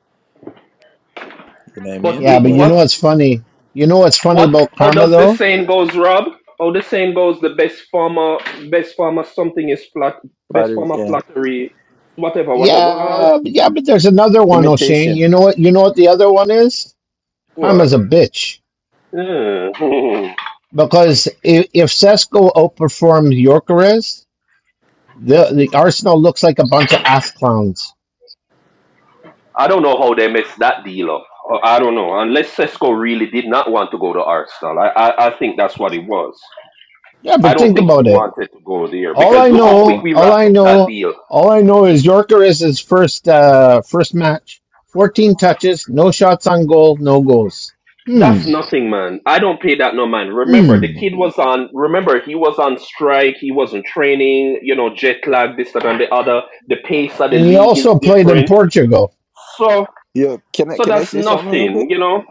[SPEAKER 5] You know what I
[SPEAKER 9] but
[SPEAKER 5] mean?
[SPEAKER 2] Yeah,
[SPEAKER 9] it,
[SPEAKER 2] but
[SPEAKER 9] it
[SPEAKER 5] But
[SPEAKER 2] you
[SPEAKER 9] was.
[SPEAKER 2] know what's funny? You know what's funny
[SPEAKER 9] What?
[SPEAKER 2] about
[SPEAKER 9] How
[SPEAKER 2] karma
[SPEAKER 9] does this
[SPEAKER 2] though?
[SPEAKER 9] saying goes, Rob? How the saying goes? The best farmer, best farmer, something is flat. Best
[SPEAKER 5] flattery,
[SPEAKER 9] farmer
[SPEAKER 5] yeah,
[SPEAKER 9] flattery, whatever, whatever.
[SPEAKER 2] Yeah, but- yeah, but there's another one, O'Shane.
[SPEAKER 5] imitation.
[SPEAKER 2] You know what? You know what the other one is?
[SPEAKER 9] What?
[SPEAKER 2] Karma's a bitch
[SPEAKER 9] Hmm. <laughs>
[SPEAKER 2] because if, if Cesco outperforms Yorkeres, the the Arsenal looks like a bunch of ass clowns.
[SPEAKER 9] I don't know how they messed that deal up. Uh, I don't know. Unless Cesco really did not want to go to Arsenal, I, I, I think that's what it was.
[SPEAKER 2] Yeah,
[SPEAKER 9] I
[SPEAKER 2] but
[SPEAKER 9] don't
[SPEAKER 2] think
[SPEAKER 9] think he
[SPEAKER 2] about it.
[SPEAKER 9] wanted to go there
[SPEAKER 2] All
[SPEAKER 9] because
[SPEAKER 2] I
[SPEAKER 9] look how quick
[SPEAKER 2] know,
[SPEAKER 9] we
[SPEAKER 2] all
[SPEAKER 9] wrapped
[SPEAKER 2] I
[SPEAKER 9] up that
[SPEAKER 2] know,
[SPEAKER 9] deal.
[SPEAKER 2] all I know is Yorker is his first uh first match. 14 touches, no shots on goal, no goals.
[SPEAKER 9] That's
[SPEAKER 2] Hmm.
[SPEAKER 9] nothing, man. I don't pay that no man. Remember, the
[SPEAKER 2] Hmm.
[SPEAKER 9] kid was on. Remember, he was on strike. He wasn't training. You know, jet lag, this, that, and the other. The pace of the
[SPEAKER 2] And he
[SPEAKER 9] league is
[SPEAKER 2] also played in
[SPEAKER 9] different.
[SPEAKER 2] Portugal.
[SPEAKER 9] So,
[SPEAKER 5] Yeah, can I
[SPEAKER 9] so
[SPEAKER 5] can I
[SPEAKER 9] that's
[SPEAKER 5] say something real
[SPEAKER 9] nothing.
[SPEAKER 5] quick?
[SPEAKER 9] You know,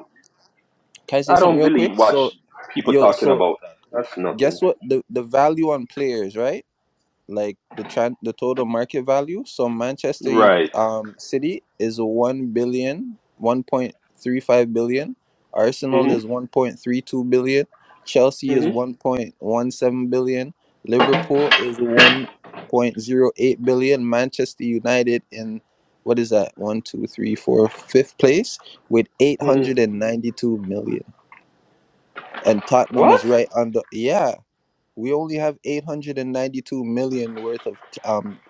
[SPEAKER 5] Can I say
[SPEAKER 9] I
[SPEAKER 5] something
[SPEAKER 9] don't
[SPEAKER 5] real quick?
[SPEAKER 9] believe what
[SPEAKER 5] So,
[SPEAKER 9] sh- people
[SPEAKER 5] yo,
[SPEAKER 9] talking
[SPEAKER 5] so
[SPEAKER 9] about. that. That's nothing.
[SPEAKER 5] guess what? The the value on players, right? like the tran the total market value. So Manchester U-
[SPEAKER 9] Right.
[SPEAKER 5] um City is one billion one point three five billion, Arsenal
[SPEAKER 9] Mhm.
[SPEAKER 5] is 1.32 billion. Chelsea is
[SPEAKER 9] Mhm.
[SPEAKER 5] 1.17 billion. Liverpool is 1.08 billion. Manchester United in what is that? One, two, three, four, fifth place with
[SPEAKER 9] Mhm.
[SPEAKER 5] 892 million. And Tottenham is
[SPEAKER 9] What?
[SPEAKER 5] right under. Yeah, we only have 892 million worth of um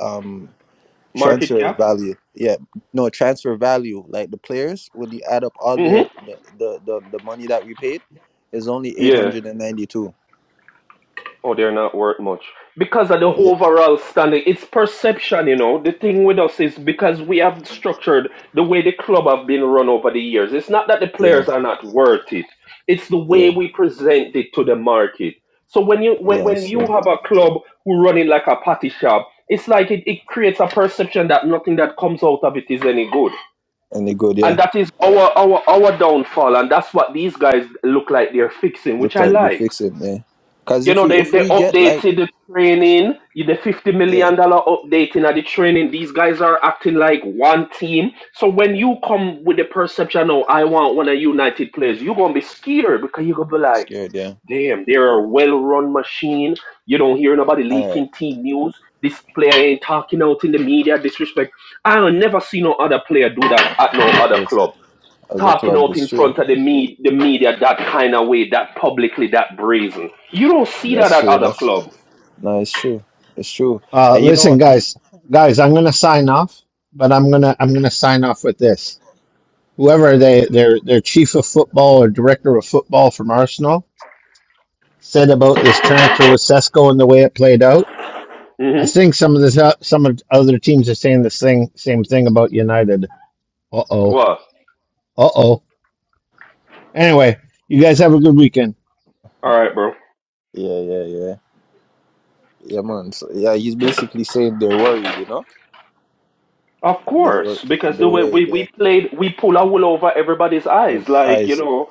[SPEAKER 5] um
[SPEAKER 9] Market
[SPEAKER 5] transfer
[SPEAKER 9] cap.
[SPEAKER 5] value yeah no transfer value like the players when you add up all their
[SPEAKER 9] Mhm.
[SPEAKER 5] the the, the, the money that we paid is only
[SPEAKER 9] Yeah.
[SPEAKER 5] 892
[SPEAKER 9] Oh, they're not worth much because of the
[SPEAKER 5] yeah
[SPEAKER 9] overall standing. It's perception, you know. The thing with us is because we have structured the way the club have been run over the years. It's not that the
[SPEAKER 5] yeah
[SPEAKER 9] players are not worth it; it's the way
[SPEAKER 5] yeah
[SPEAKER 9] we present it to the market. So when you when,
[SPEAKER 5] yeah
[SPEAKER 9] when you
[SPEAKER 5] sure
[SPEAKER 9] have a club who run it like a patty shop, it's like it, it creates a perception that nothing that comes out of it is any good.
[SPEAKER 5] and they good yeah
[SPEAKER 9] And that is our our our downfall, and that's what these guys look like they're fixing, which
[SPEAKER 5] look
[SPEAKER 9] I
[SPEAKER 5] like they
[SPEAKER 9] like.
[SPEAKER 5] fix it yeah because
[SPEAKER 9] You
[SPEAKER 5] if
[SPEAKER 9] know,
[SPEAKER 5] we
[SPEAKER 9] they,
[SPEAKER 5] if
[SPEAKER 9] they
[SPEAKER 5] we get like
[SPEAKER 9] updated the training, the $50
[SPEAKER 5] yeah
[SPEAKER 9] million dollar updating of the training. These guys are acting like one team. So when you come with the perception, oh, I want one of United players, you're going to be scared because you're going to be like,
[SPEAKER 5] scared yeah
[SPEAKER 9] damn, they're a well-run machine. You don't hear nobody
[SPEAKER 5] all right
[SPEAKER 9] leaking team news. This player ain't talking out in the media, disrespect. I'll never see no other player do that at no
[SPEAKER 5] other
[SPEAKER 9] other
[SPEAKER 5] players
[SPEAKER 9] club
[SPEAKER 5] other
[SPEAKER 9] talking
[SPEAKER 5] club
[SPEAKER 9] out
[SPEAKER 5] It's
[SPEAKER 9] in
[SPEAKER 5] true
[SPEAKER 9] front of the, me- the media that kind of way, that publicly, that brazen. You don't see that
[SPEAKER 5] that's
[SPEAKER 9] at
[SPEAKER 5] true
[SPEAKER 9] other
[SPEAKER 5] that's
[SPEAKER 9] clubs.
[SPEAKER 5] no it's true it's true
[SPEAKER 2] Uh
[SPEAKER 5] and you know
[SPEAKER 2] listen
[SPEAKER 5] what? Y-
[SPEAKER 2] guys, guys, I'm going to sign off, but I'm going to I'm going to sign off with this. Whoever they their their chief of football or director of football from Arsenal said about this transfer with Sesko and the way it played out. I
[SPEAKER 9] hmm
[SPEAKER 2] think some of this, some of other teams are saying the same same thing about United Uh oh.
[SPEAKER 9] What?
[SPEAKER 2] Uh oh. Anyway, you guys have a good weekend.
[SPEAKER 9] All right, bro.
[SPEAKER 5] yeah yeah yeah Yeah, man. So, yeah, he's basically saying they're worried, you know?
[SPEAKER 9] Of
[SPEAKER 5] They were
[SPEAKER 9] course, because the
[SPEAKER 5] they're
[SPEAKER 9] way we,
[SPEAKER 5] worried. Their
[SPEAKER 9] we played, we pull a wool over everybody's
[SPEAKER 5] uh,
[SPEAKER 9] eyes. Like you
[SPEAKER 5] eyes
[SPEAKER 9] know,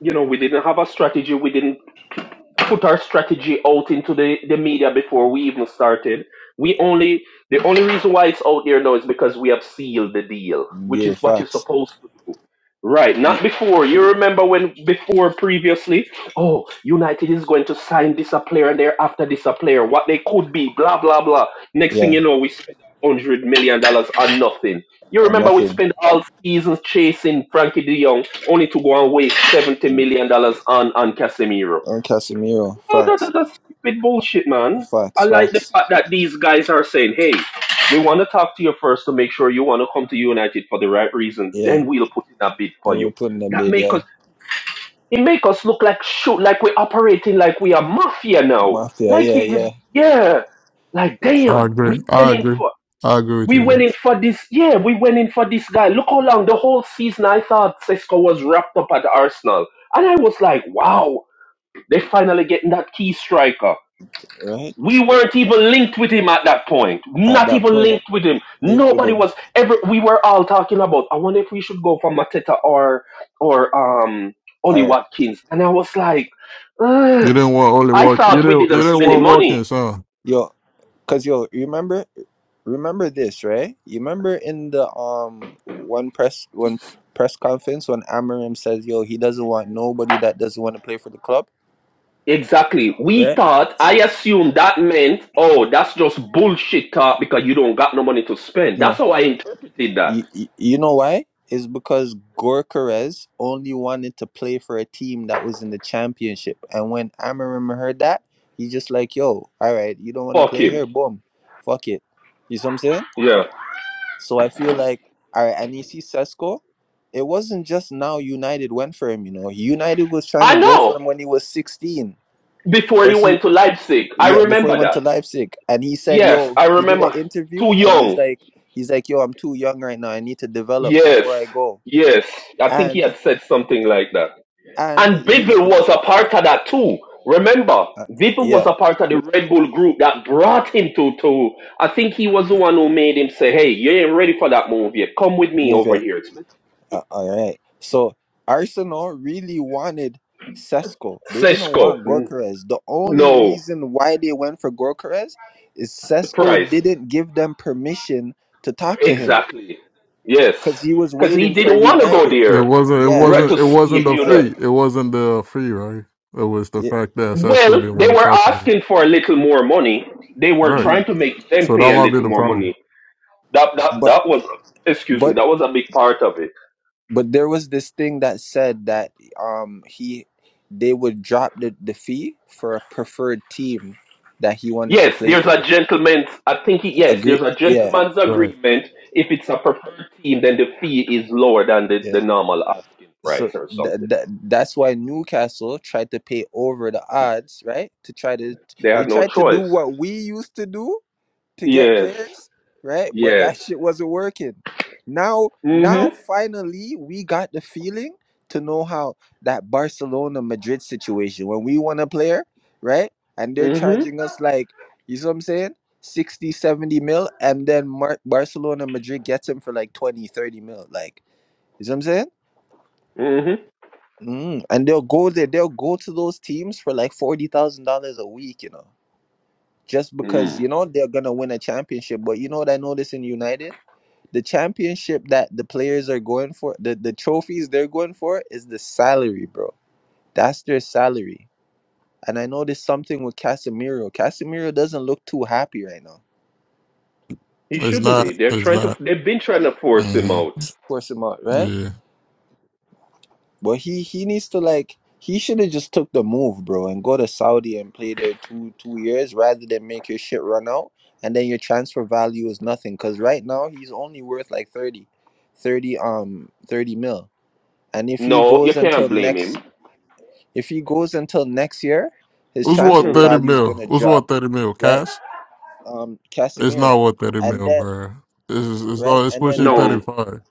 [SPEAKER 9] you know, we didn't have a strategy. We didn't. put our strategy out into the, the media before we even started. We only the only reason why it's out there now is because we have sealed the deal, which
[SPEAKER 5] deal
[SPEAKER 9] is what you're
[SPEAKER 5] facts.
[SPEAKER 9] supposed to do. Right,
[SPEAKER 5] Y-
[SPEAKER 9] not before. You remember when before previously, oh, United is going to sign this a player and they're after this a player, what they could be, blah blah blah. Next thing
[SPEAKER 5] Yeah,
[SPEAKER 9] you know, we spend hundred million dollars on nothing. You
[SPEAKER 5] and
[SPEAKER 9] remember we
[SPEAKER 5] nothing.
[SPEAKER 9] spent all seasons chasing Frankie De Jong, only to go and waste seventy
[SPEAKER 5] And
[SPEAKER 9] million dollars on on Casemiro
[SPEAKER 5] Casemiro,
[SPEAKER 9] no, that,
[SPEAKER 5] facts,
[SPEAKER 9] that, that's stupid bullshit, man. I
[SPEAKER 5] facts,
[SPEAKER 9] like the
[SPEAKER 5] facts.
[SPEAKER 9] fact that these guys are saying, hey, we want to talk to you first to make sure you want to come to United for the right reason.
[SPEAKER 5] Yeah,
[SPEAKER 9] Then we'll put in a bid for
[SPEAKER 5] and we were
[SPEAKER 9] you.
[SPEAKER 5] putting them
[SPEAKER 9] That
[SPEAKER 5] bid.
[SPEAKER 9] make
[SPEAKER 5] Yeah,
[SPEAKER 9] us, it make us look like shoot, like we're operating like we are mafia now.
[SPEAKER 5] Mafia.
[SPEAKER 9] Like,
[SPEAKER 5] Yeah,
[SPEAKER 9] you, you-
[SPEAKER 5] yeah.
[SPEAKER 9] yeah, like
[SPEAKER 5] It's
[SPEAKER 13] I
[SPEAKER 9] damn,
[SPEAKER 13] agree.
[SPEAKER 9] we went
[SPEAKER 13] I
[SPEAKER 9] in
[SPEAKER 13] agree.
[SPEAKER 9] for,
[SPEAKER 13] I agree with
[SPEAKER 9] we
[SPEAKER 13] you
[SPEAKER 9] went in
[SPEAKER 13] guys.
[SPEAKER 9] for this, yeah, we went in for this guy. Look how long the whole season I thought Cisco was wrapped up at Arsenal. And I was like, wow, they finally getting that key striker
[SPEAKER 5] right
[SPEAKER 9] we weren't even linked with him at that point.
[SPEAKER 5] at
[SPEAKER 9] Not
[SPEAKER 5] that
[SPEAKER 9] even
[SPEAKER 5] point.
[SPEAKER 9] linked with him.
[SPEAKER 5] Link with
[SPEAKER 9] Nobody
[SPEAKER 5] him.
[SPEAKER 9] was ever. We were all talking about. I wonder if we should go for Mateta or or um Ollie
[SPEAKER 5] All right,
[SPEAKER 9] Watkins. And I was like,
[SPEAKER 13] You
[SPEAKER 9] "Ugh."
[SPEAKER 13] didn't
[SPEAKER 5] cause
[SPEAKER 13] want only
[SPEAKER 9] I
[SPEAKER 13] walk. You
[SPEAKER 9] thought we
[SPEAKER 13] didn't.
[SPEAKER 9] didn't
[SPEAKER 13] You
[SPEAKER 5] it's
[SPEAKER 9] have
[SPEAKER 13] didn't
[SPEAKER 9] any
[SPEAKER 5] true.
[SPEAKER 13] want
[SPEAKER 9] money.
[SPEAKER 13] Watkins, huh?
[SPEAKER 5] Yo, cause yo, remember? remember this, right? You remember in the um one press one press conference when Amarim says, "Yo, he doesn't want nobody that doesn't want to play for the club,"
[SPEAKER 9] Exactly. We
[SPEAKER 5] right?
[SPEAKER 9] thought.
[SPEAKER 5] So,
[SPEAKER 9] I assumed that meant. Oh, that's just bullshit talk because you don't got no money to spend.
[SPEAKER 5] no,
[SPEAKER 9] That's how I interpreted that.
[SPEAKER 5] you, you know why? Is because Gorkarez only wanted to play for a team that was in the championship, and when Amarim heard that, he just like, "Yo, all right, you don't want to
[SPEAKER 9] Fuck
[SPEAKER 5] play
[SPEAKER 9] him.
[SPEAKER 5] here, boom, fuck it." You see what I'm saying?
[SPEAKER 9] Yeah.
[SPEAKER 5] So I feel like all right, Anisi Sesko, it wasn't just now United went for him, you know. United was trying
[SPEAKER 9] I
[SPEAKER 5] to go for
[SPEAKER 9] know.
[SPEAKER 5] him when he was 16.
[SPEAKER 9] Before
[SPEAKER 5] But
[SPEAKER 9] he
[SPEAKER 5] he
[SPEAKER 9] went to Leipzig, I
[SPEAKER 5] yeah, before he
[SPEAKER 9] remember
[SPEAKER 5] went to
[SPEAKER 9] that.
[SPEAKER 5] Leipzig. And he said,
[SPEAKER 9] Yes,
[SPEAKER 5] yo,
[SPEAKER 9] I
[SPEAKER 5] he did an
[SPEAKER 9] remember.
[SPEAKER 5] interview
[SPEAKER 9] Too
[SPEAKER 5] and he's
[SPEAKER 9] young.
[SPEAKER 5] like he's like, yo, I'm too young right now. I need to develop
[SPEAKER 9] Yes,
[SPEAKER 5] before I go.
[SPEAKER 9] yes. I think he
[SPEAKER 5] And
[SPEAKER 9] had said something like that.
[SPEAKER 5] and
[SPEAKER 9] And
[SPEAKER 5] you
[SPEAKER 9] Bivol was a part of that too. Remember,
[SPEAKER 5] uh,
[SPEAKER 9] Bivol
[SPEAKER 5] yeah,
[SPEAKER 9] was a part of the Red Bull group that brought him to to. I think he was the one who made him say, "Hey, you ain't ready for that move yet. Come with me
[SPEAKER 5] move it.
[SPEAKER 9] over here." It's
[SPEAKER 5] Uh, all right. So Arsenal really wanted Sesko. They didn't
[SPEAKER 9] Sesko.
[SPEAKER 5] want
[SPEAKER 9] N-
[SPEAKER 5] Gorkarez. The only
[SPEAKER 9] No,
[SPEAKER 5] reason why they went for Gorkarez is
[SPEAKER 9] the
[SPEAKER 5] Sesko
[SPEAKER 9] price.
[SPEAKER 5] didn't give them permission to talk to him
[SPEAKER 9] Exactly. Yes,
[SPEAKER 5] because he was
[SPEAKER 9] because he
[SPEAKER 5] waiting for
[SPEAKER 9] didn't want to go
[SPEAKER 5] United.
[SPEAKER 13] It
[SPEAKER 9] there
[SPEAKER 13] wasn't. It
[SPEAKER 5] Yeah, he
[SPEAKER 9] right,
[SPEAKER 13] wasn't.
[SPEAKER 9] to
[SPEAKER 5] was
[SPEAKER 13] It
[SPEAKER 5] waiting
[SPEAKER 9] see
[SPEAKER 5] for
[SPEAKER 13] wasn't
[SPEAKER 9] if
[SPEAKER 13] the
[SPEAKER 9] you know.
[SPEAKER 13] fee.
[SPEAKER 5] United.
[SPEAKER 13] It wasn't the fee, right? It was the
[SPEAKER 5] Yeah.
[SPEAKER 13] fact that Sasco
[SPEAKER 9] Well,
[SPEAKER 13] didn't
[SPEAKER 9] they
[SPEAKER 13] want to
[SPEAKER 9] were
[SPEAKER 13] talk to them.
[SPEAKER 9] asking for a little more money. They were
[SPEAKER 13] Right.
[SPEAKER 9] trying
[SPEAKER 5] mhm.
[SPEAKER 9] to make them
[SPEAKER 13] So
[SPEAKER 9] pay
[SPEAKER 13] that
[SPEAKER 9] a
[SPEAKER 13] might be
[SPEAKER 9] little
[SPEAKER 13] the
[SPEAKER 9] more
[SPEAKER 13] problem.
[SPEAKER 9] money. That that
[SPEAKER 5] But
[SPEAKER 9] that was excuse me,
[SPEAKER 5] but
[SPEAKER 9] that was a big part of it.
[SPEAKER 5] but there was this thing that said that um he they would drop the, the fee for a preferred team that he wanted to
[SPEAKER 9] Yes,
[SPEAKER 5] play
[SPEAKER 9] there's a
[SPEAKER 5] for.
[SPEAKER 9] gentleman's I think it- yes,
[SPEAKER 5] Agree?
[SPEAKER 9] there's a
[SPEAKER 5] Yeah.
[SPEAKER 9] gentleman's
[SPEAKER 13] Right.
[SPEAKER 9] agreement. If it's a preferred team, then the fee is lower than the,
[SPEAKER 5] yeah.
[SPEAKER 9] the normal asking
[SPEAKER 5] so
[SPEAKER 9] price or
[SPEAKER 5] th-
[SPEAKER 9] something.
[SPEAKER 5] th- that's why Newcastle tried to pay over the odds, right? To try to
[SPEAKER 9] They
[SPEAKER 5] they
[SPEAKER 9] had no
[SPEAKER 5] tried to do
[SPEAKER 9] choice.
[SPEAKER 5] what we used to do to get
[SPEAKER 9] Yes.
[SPEAKER 5] players, right? But
[SPEAKER 9] Yes.
[SPEAKER 5] that <laughs> shit wasn't working. Now, now
[SPEAKER 9] Mm-hmm.
[SPEAKER 5] finally we got the feeling to know how that Barcelona Madrid situation when we want a player, right? And they're
[SPEAKER 9] hmm
[SPEAKER 5] charging us like, you see what I'm saying? 60, 70 mil, and then Mar- Barcelona Madrid gets him for like 20, 30 mil. Like, you see what I'm saying?
[SPEAKER 9] hmm
[SPEAKER 5] Mm, and they'll go there. They'll go to those teams for like forty thousand dollars a week, you know, just because
[SPEAKER 9] Mm.
[SPEAKER 5] you know they're gonna win a championship. But you know what I noticed in United, the championship that the players are going for, the the trophies they're going for is the salary, bro. That's their salary. And I noticed something with Casemiro. Casemiro doesn't look too happy right now. Of
[SPEAKER 9] He
[SPEAKER 13] It's
[SPEAKER 9] shouldn't
[SPEAKER 13] not.
[SPEAKER 9] be. They're
[SPEAKER 13] It's
[SPEAKER 9] trying to
[SPEAKER 13] not.
[SPEAKER 9] they've been trying to force him
[SPEAKER 13] hmm
[SPEAKER 9] out.
[SPEAKER 5] course, him out, right?
[SPEAKER 13] Yeah. It
[SPEAKER 5] But he he needs to like he should have just took the move, bro, and go to Saudi and play there two two years rather than make your shit run out and then your transfer value is nothing. Cause right now he's only worth like 30, 30 um thirty mil. And if he
[SPEAKER 9] No, you
[SPEAKER 5] goes
[SPEAKER 9] can't
[SPEAKER 5] until
[SPEAKER 9] blame him.
[SPEAKER 5] next if he goes until next year, his
[SPEAKER 13] was worth
[SPEAKER 5] transfer
[SPEAKER 9] hmm
[SPEAKER 13] thirty
[SPEAKER 5] value is
[SPEAKER 13] mil.
[SPEAKER 5] gonna
[SPEAKER 13] It was worth
[SPEAKER 5] drop,
[SPEAKER 13] thirty mil
[SPEAKER 5] right?
[SPEAKER 13] cash.
[SPEAKER 5] Um
[SPEAKER 13] It's not
[SPEAKER 5] Casemiro.
[SPEAKER 13] 130
[SPEAKER 5] And
[SPEAKER 13] mil,
[SPEAKER 5] then
[SPEAKER 13] bro. It's, it's,
[SPEAKER 5] right,
[SPEAKER 13] it's
[SPEAKER 5] and then
[SPEAKER 13] pushing
[SPEAKER 5] watch
[SPEAKER 9] No.
[SPEAKER 13] 35.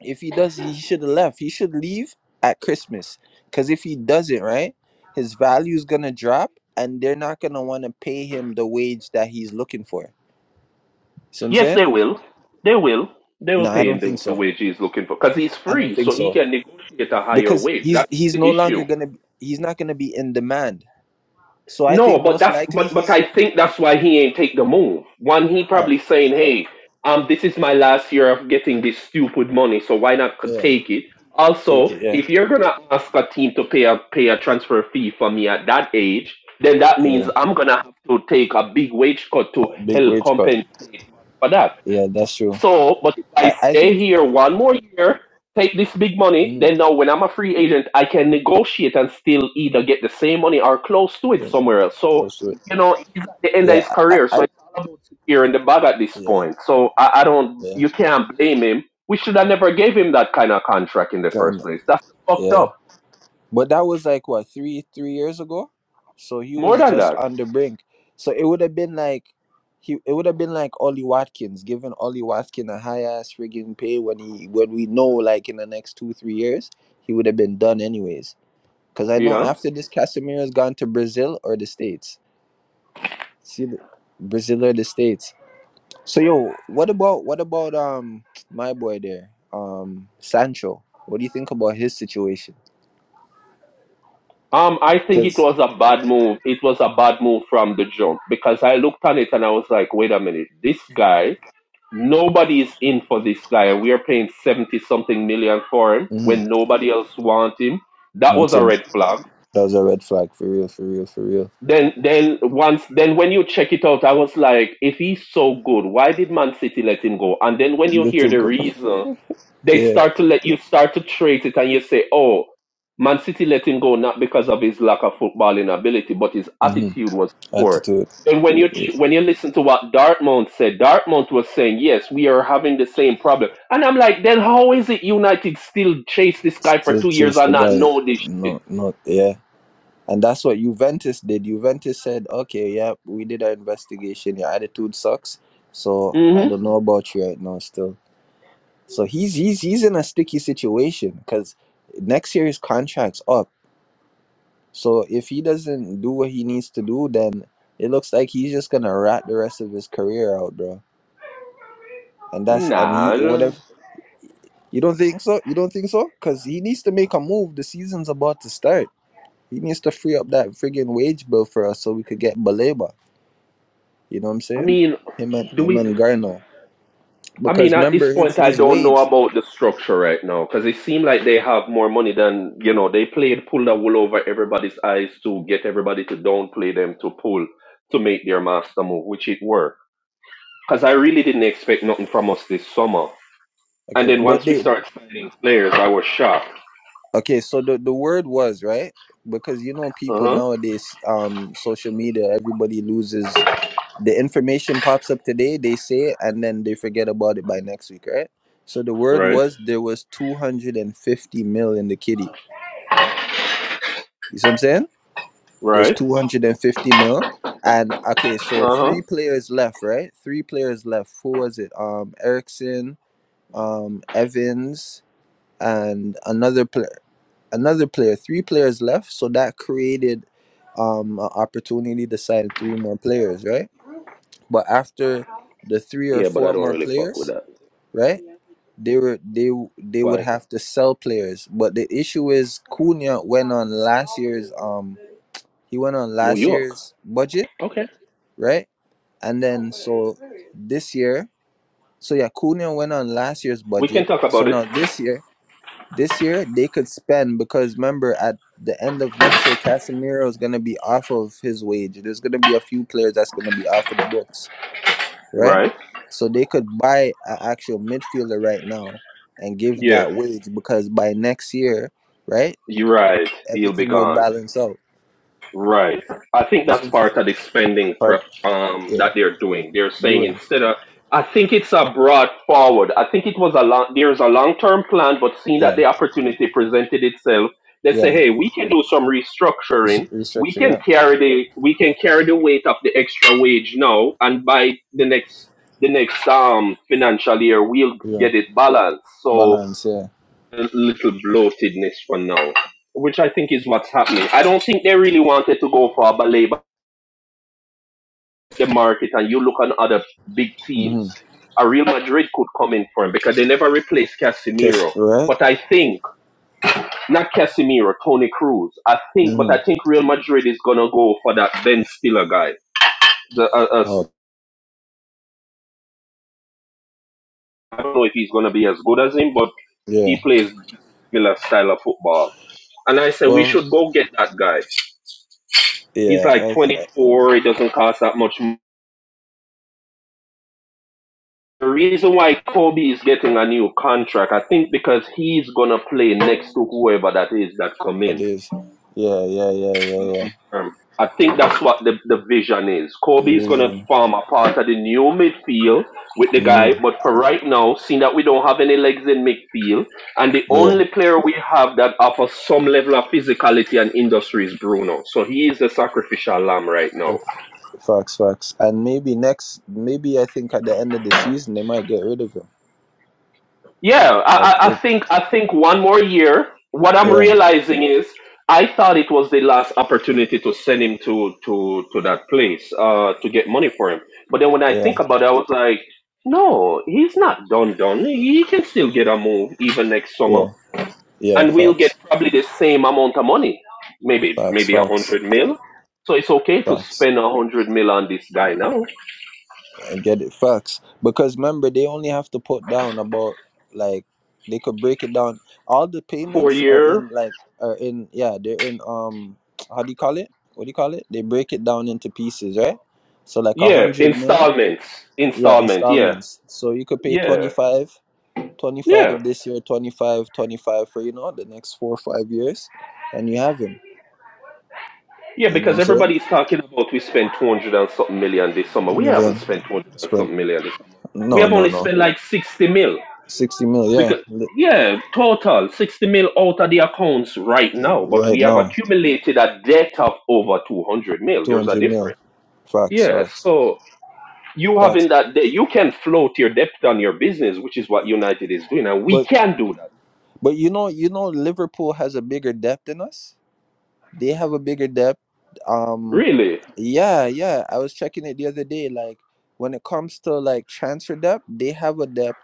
[SPEAKER 5] if he does he should have left he should leave at christmas because if he does it right his value is gonna drop and they're not gonna want to pay him the wage that he's looking for see what i'm
[SPEAKER 9] Yes,
[SPEAKER 5] saying
[SPEAKER 9] they will. They will. They will
[SPEAKER 5] no i
[SPEAKER 9] pay him
[SPEAKER 5] don't
[SPEAKER 9] the,
[SPEAKER 5] think
[SPEAKER 9] the
[SPEAKER 5] so
[SPEAKER 9] wage he's looking for because he's
[SPEAKER 5] i don't
[SPEAKER 9] free,
[SPEAKER 5] think
[SPEAKER 9] so he
[SPEAKER 5] so
[SPEAKER 9] can negotiate a higher
[SPEAKER 5] because
[SPEAKER 9] wage.
[SPEAKER 5] he's
[SPEAKER 9] That is
[SPEAKER 5] he's
[SPEAKER 9] the
[SPEAKER 5] no longer
[SPEAKER 9] issue.
[SPEAKER 5] gonna he's not gonna be in demand so i think
[SPEAKER 9] No, but
[SPEAKER 5] most
[SPEAKER 9] that's
[SPEAKER 5] likely
[SPEAKER 9] but but
[SPEAKER 5] he's
[SPEAKER 9] I think that's why he ain't take the move. One, he
[SPEAKER 5] all right,
[SPEAKER 9] probably saying, "Hey, um, this is my last year of getting this stupid money, so why not c-
[SPEAKER 5] yeah
[SPEAKER 9] take it?"
[SPEAKER 5] take
[SPEAKER 9] Also,
[SPEAKER 5] it yeah
[SPEAKER 9] if you're gonna ask a team to pay a pay a transfer fee for me at that age, then that means
[SPEAKER 5] yeah
[SPEAKER 9] I'm gonna have to take a big wage cut to
[SPEAKER 5] big
[SPEAKER 9] help
[SPEAKER 5] wage cut
[SPEAKER 9] compensate for that.
[SPEAKER 5] yeah that's true
[SPEAKER 9] So, but if I
[SPEAKER 5] i i
[SPEAKER 9] stay
[SPEAKER 5] think
[SPEAKER 9] here one more year, take this big money,
[SPEAKER 5] mm,
[SPEAKER 9] then now when I'm a free agent, I can negotiate and still either get the same money or close to it
[SPEAKER 5] yeah,
[SPEAKER 9] somewhere else. So,
[SPEAKER 5] close to it
[SPEAKER 9] you know, he's at the end of
[SPEAKER 5] yeah
[SPEAKER 9] his
[SPEAKER 5] i i
[SPEAKER 9] career,
[SPEAKER 5] I-
[SPEAKER 9] so it's all about securing the bag at this
[SPEAKER 5] yeah
[SPEAKER 9] point. So I, I don't,
[SPEAKER 5] yeah
[SPEAKER 9] you can't blame him. We should have never gave him that kind of contract in the first
[SPEAKER 5] kind of,
[SPEAKER 9] place. That's fucked
[SPEAKER 5] yeah
[SPEAKER 9] up.
[SPEAKER 5] But that was like what three three years ago, so he
[SPEAKER 9] More
[SPEAKER 5] was
[SPEAKER 9] than
[SPEAKER 5] just
[SPEAKER 9] that,
[SPEAKER 5] on the brink. So it would have been like he it would have been like Ollie Watkins giving Ollie Watkins a high ass friggin' pay when he when we know like in the next two three years he would have been done anyways. Cause I
[SPEAKER 9] you
[SPEAKER 5] know
[SPEAKER 9] know.
[SPEAKER 5] after this Casemiro has gone to Brazil or the States. See the Brazil or the States. So yo, what about what about um my boy there um Sancho? What do you think about his situation?
[SPEAKER 9] Um, I think it
[SPEAKER 5] because
[SPEAKER 9] was a bad move. It was a bad move from the jump because I looked on it and I was like, wait a minute, this guy Nobody is in for this guy. We are paying 70 something million for him
[SPEAKER 5] Mm-hmm.
[SPEAKER 9] when nobody else wants him. That was a red flag.
[SPEAKER 5] That was a red flag for real, for real, for real.
[SPEAKER 9] Then, then once, then when you check it out, I was like, if he's so good, why did Man City let him go? And then when you hear
[SPEAKER 5] Little
[SPEAKER 9] the
[SPEAKER 5] girl,
[SPEAKER 9] reason, they
[SPEAKER 5] yeah,
[SPEAKER 9] start to let you start to treat it and you say, oh, Man City let him go not because of his lack of footballing ability, but his
[SPEAKER 5] hmm
[SPEAKER 9] attitude was poor.
[SPEAKER 5] attitude.
[SPEAKER 9] Then when you
[SPEAKER 5] Yeah.
[SPEAKER 9] ch- when you listen to what Dartmouth said, Dartmouth was saying, yes, we are having the same problem. And I'm like, then how is it United still chase this guy for
[SPEAKER 5] Still
[SPEAKER 9] two years
[SPEAKER 5] chase
[SPEAKER 9] and
[SPEAKER 5] the
[SPEAKER 9] not
[SPEAKER 5] guy.
[SPEAKER 9] know this shit?
[SPEAKER 5] No, not yeah. And that's what Juventus did. Juventus said, "Okay, yeah, we did our investigation. Your attitude sucks. So I
[SPEAKER 9] Mm-hmm.
[SPEAKER 5] don't know about you right now, still." So he's he's he's in a sticky situation because next year his contract's up. So if he doesn't do what he needs to do, then it looks like he's just gonna rat the rest of his career out, bro and that's and
[SPEAKER 9] Nah.
[SPEAKER 5] he
[SPEAKER 9] I
[SPEAKER 5] whatever
[SPEAKER 9] don't-
[SPEAKER 5] You don't think so? You don't think so? Because he needs to make a move. The season's about to start. He needs to free up that friggin' wage bill for us so we could get Baleba. You know what I'm
[SPEAKER 9] I
[SPEAKER 5] saying?
[SPEAKER 9] mean,
[SPEAKER 5] Him and
[SPEAKER 9] do
[SPEAKER 5] him
[SPEAKER 9] we?
[SPEAKER 5] and Garno.
[SPEAKER 9] I mean,
[SPEAKER 5] Because
[SPEAKER 9] at this
[SPEAKER 5] remember his
[SPEAKER 9] point, I
[SPEAKER 5] his
[SPEAKER 9] don't know
[SPEAKER 5] wage.
[SPEAKER 9] about the structure right now because it seemed like they have more money than you know. They played pull the wool over everybody's eyes to get everybody to downplay them to pull to make their master move, which it worked. Because I really didn't expect nothing from us this summer, and
[SPEAKER 5] Okay,
[SPEAKER 9] then
[SPEAKER 5] but
[SPEAKER 9] once we
[SPEAKER 5] they
[SPEAKER 9] started signing players, I was shocked.
[SPEAKER 5] okay. So the the word was right because you know
[SPEAKER 9] Uh
[SPEAKER 5] people
[SPEAKER 9] huh.
[SPEAKER 5] nowadays. Um, social media. Everybody loses the information pops up today they say it and then they forget about it by next week right so the word
[SPEAKER 9] Right.
[SPEAKER 5] was there was 250 mil in the kitty you see what i'm saying there's
[SPEAKER 9] Right.
[SPEAKER 5] 250 mil and okay so
[SPEAKER 9] Uh huh.
[SPEAKER 5] three players left right three players left who was it um erickson um evans and another player another player three players left so that created um an opportunity to sign three more players right but after the three or
[SPEAKER 9] Yeah, but
[SPEAKER 5] four
[SPEAKER 9] I don't
[SPEAKER 5] more
[SPEAKER 9] really fuck with
[SPEAKER 5] players
[SPEAKER 9] that.
[SPEAKER 5] right? They were they they would
[SPEAKER 9] Why?
[SPEAKER 5] have to sell players, but the issue is Cunha went on last year's um he went on
[SPEAKER 9] New
[SPEAKER 5] last
[SPEAKER 9] York.
[SPEAKER 5] year's budget,
[SPEAKER 9] Okay.
[SPEAKER 5] right? And then so this year, so yeah, Cunha went on last year's
[SPEAKER 9] We can
[SPEAKER 5] budget.
[SPEAKER 9] talk
[SPEAKER 5] So
[SPEAKER 9] about it.
[SPEAKER 5] now this year, this year they could spend because remember at the end of next year, Casemiro is gonna be off of his wage. There's gonna be a few players that's gonna be off of the books. right?
[SPEAKER 9] Right.
[SPEAKER 5] So they could buy an actual midfielder right now and give
[SPEAKER 9] Yeah.
[SPEAKER 5] that wage because by next year, right,
[SPEAKER 9] You're right. He'll be
[SPEAKER 5] everything will
[SPEAKER 9] gone.
[SPEAKER 5] balance out.
[SPEAKER 9] Right. I think
[SPEAKER 5] You see
[SPEAKER 9] that's
[SPEAKER 5] what I'm saying?
[SPEAKER 9] part of the spending
[SPEAKER 5] But
[SPEAKER 9] prep um,
[SPEAKER 5] yeah,
[SPEAKER 9] that they're doing. They're saying
[SPEAKER 5] doing
[SPEAKER 9] instead of, I think it's a broad forward. I think it was a long, there's a long term plan, but seeing that
[SPEAKER 5] yeah,
[SPEAKER 9] the opportunity presented itself, they say,
[SPEAKER 5] yeah,
[SPEAKER 9] hey, we can do some
[SPEAKER 5] Rest-
[SPEAKER 9] restructuring. We can
[SPEAKER 5] restructure,
[SPEAKER 9] carry the we can carry the weight of the extra wage now, and by the next the next um financial year, we'll
[SPEAKER 5] yeah, yeah,
[SPEAKER 9] get it balanced. So
[SPEAKER 5] balance, yeah.
[SPEAKER 9] a little bloatedness for now, which I think is what's happening. I don't think they really wanted to go for a ballet, but the market, and you look on other big
[SPEAKER 5] Mm-hmm.
[SPEAKER 9] teams, a Real Madrid could come in for him because they never replaced
[SPEAKER 5] Yes,
[SPEAKER 9] Casemiro.
[SPEAKER 5] right.
[SPEAKER 9] But I think, not Casemiro, Tony Cruz. I think, but
[SPEAKER 5] Mm-hmm.
[SPEAKER 9] I think Real Madrid is going to go for that Ben Stiller guy. The, uh, uh,
[SPEAKER 5] Oh
[SPEAKER 9] I don't know if he's going to be as good as him, but he
[SPEAKER 5] yeah.
[SPEAKER 9] plays similar style of football. And I say we
[SPEAKER 5] Well,
[SPEAKER 9] should go get that guy He's
[SPEAKER 5] yeah,
[SPEAKER 9] like
[SPEAKER 5] that's that
[SPEAKER 9] 24. It doesn't cost that much. m- The reason why Kobe is getting a new contract, I think, because he's gonna play next to whoever that is that come in.
[SPEAKER 5] is. Yeah, yeah, yeah, yeah, yeah.
[SPEAKER 9] Um, I think that's what the, the vision is. Kobe is gonna
[SPEAKER 5] Division.
[SPEAKER 9] form a part of the new midfield with the guy,
[SPEAKER 5] Mm-hmm.
[SPEAKER 9] but for right now, seeing that we don't have any legs in midfield, and the
[SPEAKER 5] Yeah.
[SPEAKER 9] only player we have that offers some level of physicality and industry is Bruno. So he is the sacrificial lamb right
[SPEAKER 5] so
[SPEAKER 9] now.
[SPEAKER 5] Facts, facts. And maybe next, maybe I think at the end of the season they might get rid of him.
[SPEAKER 9] Yeah,
[SPEAKER 5] Like
[SPEAKER 9] I, I I
[SPEAKER 5] if,
[SPEAKER 9] think I think one more year. What I'm
[SPEAKER 5] yeah,
[SPEAKER 9] realizing is I thought it was the last opportunity to send him to to to that place uh to get money for him. But then when I
[SPEAKER 5] yeah,
[SPEAKER 9] think about it, I was like, no, he's not done done. He can still get a move even next summer,
[SPEAKER 5] yeah, yeah.
[SPEAKER 9] and we'll get
[SPEAKER 5] Facts,
[SPEAKER 9] probably the same amount of money, maybe
[SPEAKER 5] facts,
[SPEAKER 9] maybe a
[SPEAKER 5] facts,
[SPEAKER 9] hundred mil. So it's okay to
[SPEAKER 5] facts.
[SPEAKER 9] spend a hundred mil on this guy now.
[SPEAKER 5] I get it, facts. Because remember, they only have to put down about like they could break it down. All the
[SPEAKER 9] Four
[SPEAKER 5] payments are
[SPEAKER 9] year,
[SPEAKER 5] in like are in yeah they're in um <tsk> how do you call it? What do you call it? They break it down into pieces, right? So like a
[SPEAKER 9] yeah,
[SPEAKER 5] hundred mil,
[SPEAKER 9] installments,
[SPEAKER 5] yeah,
[SPEAKER 9] installment, yeah,
[SPEAKER 5] installments. So you could pay twenty
[SPEAKER 9] yeah.
[SPEAKER 5] five.
[SPEAKER 9] Yeah.
[SPEAKER 5] 25 this year, 25, 25 for, you know, the next four or five years, and you have him.
[SPEAKER 9] Yeah,
[SPEAKER 5] You know what
[SPEAKER 9] because
[SPEAKER 5] I'm saying?
[SPEAKER 9] everybody's talking about we spent 200 and something million this summer. We
[SPEAKER 5] And
[SPEAKER 9] haven't
[SPEAKER 5] then
[SPEAKER 9] spent 200 and
[SPEAKER 5] spend,
[SPEAKER 9] something million this summer. We
[SPEAKER 5] no,
[SPEAKER 9] have
[SPEAKER 5] no,
[SPEAKER 9] only
[SPEAKER 5] no.
[SPEAKER 9] spent like 60 mil.
[SPEAKER 5] 60 mil, yeah.
[SPEAKER 9] Because,
[SPEAKER 5] li-
[SPEAKER 9] yeah, total 60 mil out of the accounts right now, but
[SPEAKER 5] Right
[SPEAKER 9] we have
[SPEAKER 5] now,
[SPEAKER 9] accumulated a debt of over 200 mil. There's a
[SPEAKER 5] 200 mil.
[SPEAKER 9] difference.
[SPEAKER 5] Facts,
[SPEAKER 9] Yeah,
[SPEAKER 5] facts,
[SPEAKER 9] so you
[SPEAKER 5] facts.
[SPEAKER 9] having that debt, you can float your debt on your business, which is what United is doing, and we
[SPEAKER 5] But,
[SPEAKER 9] can do that.
[SPEAKER 5] but you know, you know, Liverpool has a bigger depth than us. They have a bigger depth. Um,
[SPEAKER 9] Really?
[SPEAKER 5] yeah, yeah. I was checking it the other day. Like, when it comes to like transfer depth, they have a depth.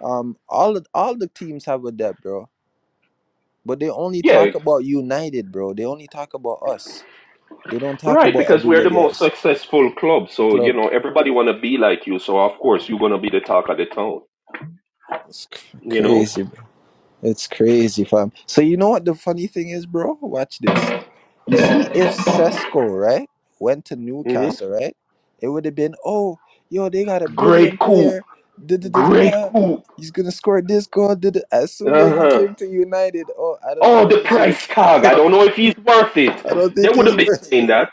[SPEAKER 5] Um, all all the teams have a depth, bro But they only
[SPEAKER 9] Yeah,
[SPEAKER 5] talk about United, bro. They only talk about us. They don't talk
[SPEAKER 9] Right,
[SPEAKER 5] about
[SPEAKER 9] because we're the
[SPEAKER 5] everybody
[SPEAKER 9] most
[SPEAKER 5] else.
[SPEAKER 9] successful club, so you
[SPEAKER 5] Club.
[SPEAKER 9] know everybody want to be like you. So of course you're gonna be the talk of the town.
[SPEAKER 5] It's c-
[SPEAKER 9] You know,
[SPEAKER 5] crazy, bro. It's crazy, fam. So you know what the funny thing is, bro? Watch this. You see, if Cesco right, went to
[SPEAKER 9] hmm
[SPEAKER 5] Newcastle, right, it would have been, oh, yo, they got a
[SPEAKER 9] great
[SPEAKER 5] brilliant
[SPEAKER 9] coup,
[SPEAKER 5] player. Da da da da
[SPEAKER 9] great
[SPEAKER 5] da.
[SPEAKER 9] coup.
[SPEAKER 5] He's gonna score this goal. Da, da. As
[SPEAKER 9] Uh
[SPEAKER 5] soon as he
[SPEAKER 9] huh.
[SPEAKER 5] came to United, oh, I don't know
[SPEAKER 9] Oh,
[SPEAKER 5] if
[SPEAKER 9] the
[SPEAKER 5] he should have.
[SPEAKER 9] price tag. I don't know if he's worth
[SPEAKER 5] <laughs>
[SPEAKER 9] it.
[SPEAKER 5] I don't
[SPEAKER 9] They
[SPEAKER 5] think he's
[SPEAKER 9] wouldn't be
[SPEAKER 5] worth.
[SPEAKER 9] saying that.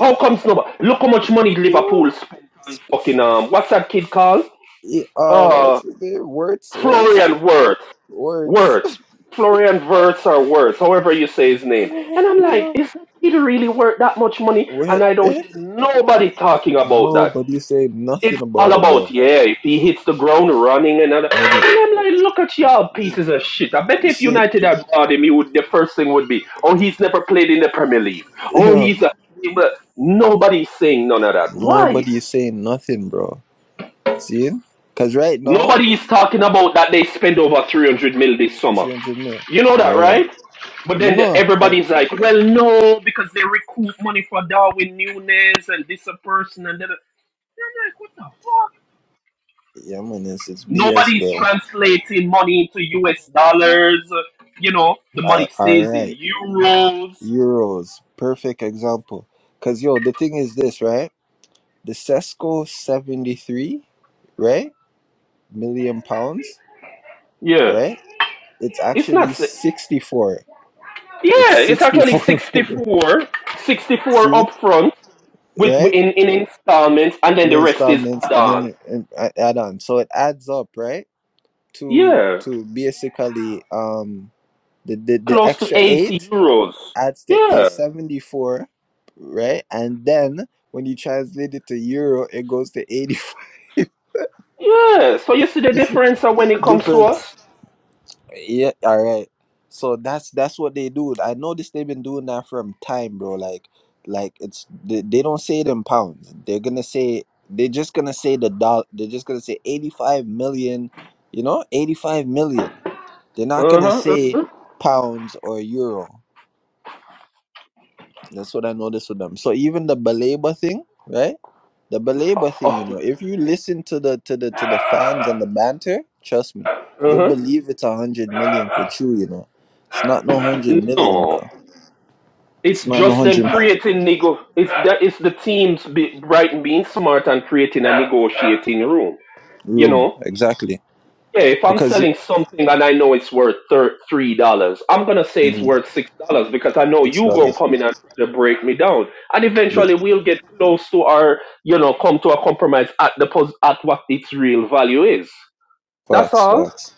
[SPEAKER 9] How comes nobody? Look how much money
[SPEAKER 5] <laughs> Yeah.
[SPEAKER 9] Liverpool spent on fucking um. What's that kid called?
[SPEAKER 5] Yeah, uh,
[SPEAKER 9] Uh,
[SPEAKER 5] what's his name? Words, words,
[SPEAKER 9] Florian Wirth.
[SPEAKER 5] words.
[SPEAKER 9] Words.
[SPEAKER 5] <laughs>
[SPEAKER 9] Florian Wirtz or Wirtz, however you say his name. And I'm like,
[SPEAKER 5] yeah.
[SPEAKER 9] is that kid really worth that much money? And
[SPEAKER 5] What?
[SPEAKER 9] I don't
[SPEAKER 5] Eh?
[SPEAKER 9] hear nobody talking about that.
[SPEAKER 5] Nobody saying
[SPEAKER 9] It's
[SPEAKER 5] nothing
[SPEAKER 9] all
[SPEAKER 5] about it,
[SPEAKER 9] about,
[SPEAKER 5] bro.
[SPEAKER 9] yeah, if he hits the ground running and all
[SPEAKER 5] And it-
[SPEAKER 9] And I'm like, look at y'all pieces of shit. I bet if
[SPEAKER 5] Shit.
[SPEAKER 9] United had bought him, he would, the first thing would be, oh, he's never played in the Premier League. Oh,
[SPEAKER 5] Yeah.
[SPEAKER 9] he's a... But nobody's saying none of that. Why?
[SPEAKER 5] Nobody is saying nothing, bro. See? Cause right now,
[SPEAKER 9] Nobody is talking about that they spend over 300 mil this summer.
[SPEAKER 5] three hundred mil.
[SPEAKER 9] You know
[SPEAKER 5] All
[SPEAKER 9] that,
[SPEAKER 5] right.
[SPEAKER 9] right?
[SPEAKER 5] I
[SPEAKER 9] But
[SPEAKER 5] mean,
[SPEAKER 9] then the,
[SPEAKER 5] no. I,
[SPEAKER 9] everybody's like, well, no, because they recoup money for Darwin Nunes and this a person and that. a-" I'm like, what the fuck?
[SPEAKER 5] yeah, man, it's, it's BS,
[SPEAKER 9] Nobody's
[SPEAKER 5] bro.
[SPEAKER 9] translating money into US dollars. You know, the
[SPEAKER 5] I,
[SPEAKER 9] money
[SPEAKER 5] all
[SPEAKER 9] stays in
[SPEAKER 5] right.
[SPEAKER 9] euros.
[SPEAKER 5] Euros, perfect example. Cause yo, the thing is this, right? The Cesco seventy three, right? Million pounds
[SPEAKER 9] Yeah.
[SPEAKER 5] right? It's
[SPEAKER 9] It's not.
[SPEAKER 5] actually
[SPEAKER 9] si-
[SPEAKER 5] 64. It's
[SPEAKER 9] Yeah, it's actually
[SPEAKER 5] 64 <laughs> minutes.
[SPEAKER 9] 64.
[SPEAKER 5] See
[SPEAKER 9] 64 up
[SPEAKER 5] it?
[SPEAKER 9] front. with
[SPEAKER 5] Right?
[SPEAKER 9] in in installments, and then
[SPEAKER 5] And then
[SPEAKER 9] the rest is
[SPEAKER 5] installments and
[SPEAKER 9] add-on.
[SPEAKER 5] then and a- add on. So it adds up, right? To
[SPEAKER 9] Yeah,
[SPEAKER 5] to basically um the the, the
[SPEAKER 9] close to
[SPEAKER 5] extra
[SPEAKER 9] eighty
[SPEAKER 5] 8
[SPEAKER 9] euros.
[SPEAKER 5] adds to
[SPEAKER 9] Yeah,
[SPEAKER 5] 874, right? And then when you translate it to euro, it goes to 85
[SPEAKER 9] yeah. So you see the difference uh, when it
[SPEAKER 5] <laughs>
[SPEAKER 9] comes to us.
[SPEAKER 5] difference. Yeah, all right. So that's that's what they do. I noticed they've been doing that from time, bro. Like, like it's they, they don't say it in pounds. They're gonna say they're just gonna say the dollar. They're just gonna say eighty five million. You know, eighty five million. They're not
[SPEAKER 9] Uh
[SPEAKER 5] gonna
[SPEAKER 9] huh. Uh
[SPEAKER 5] say
[SPEAKER 9] huh.
[SPEAKER 5] pounds or euro. That's what I noticed with them. So even the Baleba thing, right? The belabor thing, you
[SPEAKER 9] Oh,
[SPEAKER 5] know, if you listen to the to the to the fans and the banter, trust me,
[SPEAKER 9] uh
[SPEAKER 5] you'll
[SPEAKER 9] huh.
[SPEAKER 5] believe it's a hundred million for true, you know. It's not no hundred million,
[SPEAKER 9] No,
[SPEAKER 5] bro.
[SPEAKER 9] it's
[SPEAKER 5] It's not no
[SPEAKER 9] just them
[SPEAKER 5] hundred
[SPEAKER 9] creating nego. It's that it's the teams be, Brighton being smart and creating a negotiating room. You
[SPEAKER 5] room
[SPEAKER 9] know
[SPEAKER 5] exactly
[SPEAKER 9] Yeah, if I'm
[SPEAKER 5] because you
[SPEAKER 9] selling something and I know it's worth thir- three dollars, I'm gonna say it's
[SPEAKER 5] Mhm,
[SPEAKER 9] worth six dollars because I know
[SPEAKER 5] six
[SPEAKER 9] you gonna
[SPEAKER 5] dollars.
[SPEAKER 9] come in and try to break me down, and
[SPEAKER 5] But
[SPEAKER 9] eventually we'll get close to our, you know, come to a compromise at the pos- at what its real value is. That's
[SPEAKER 5] facts,
[SPEAKER 9] all.
[SPEAKER 5] facts,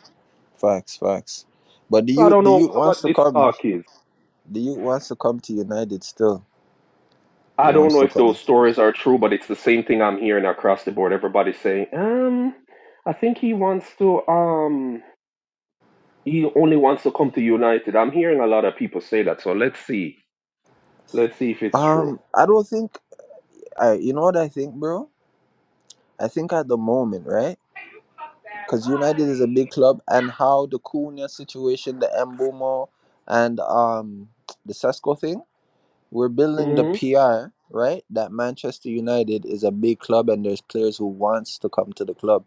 [SPEAKER 5] facts, facts. But the
[SPEAKER 9] So I
[SPEAKER 5] youth,
[SPEAKER 9] don't
[SPEAKER 5] the
[SPEAKER 9] know
[SPEAKER 5] youth
[SPEAKER 9] what,
[SPEAKER 5] wants
[SPEAKER 9] what
[SPEAKER 5] to
[SPEAKER 9] this
[SPEAKER 5] come.
[SPEAKER 9] talk is.
[SPEAKER 5] The youth wants to come to United still. He
[SPEAKER 9] I don't
[SPEAKER 5] wants
[SPEAKER 9] know
[SPEAKER 5] to
[SPEAKER 9] if those
[SPEAKER 5] come.
[SPEAKER 9] stories are true, but it's the same thing I'm hearing across the board. Everybody's saying, um, I think he wants to, um, he only wants to come to United. I'm hearing a lot of people say that. So let's see. Let's see if it's true.
[SPEAKER 5] Um, I don't think I. You know what I think, bro? I think at the moment, right? because United is a big club, and how the Cunha situation, the Mbomo, and um the Sesco thing, we're building the
[SPEAKER 9] hmm
[SPEAKER 5] PR right that Manchester United is a big club, and there's players who wants to come to the club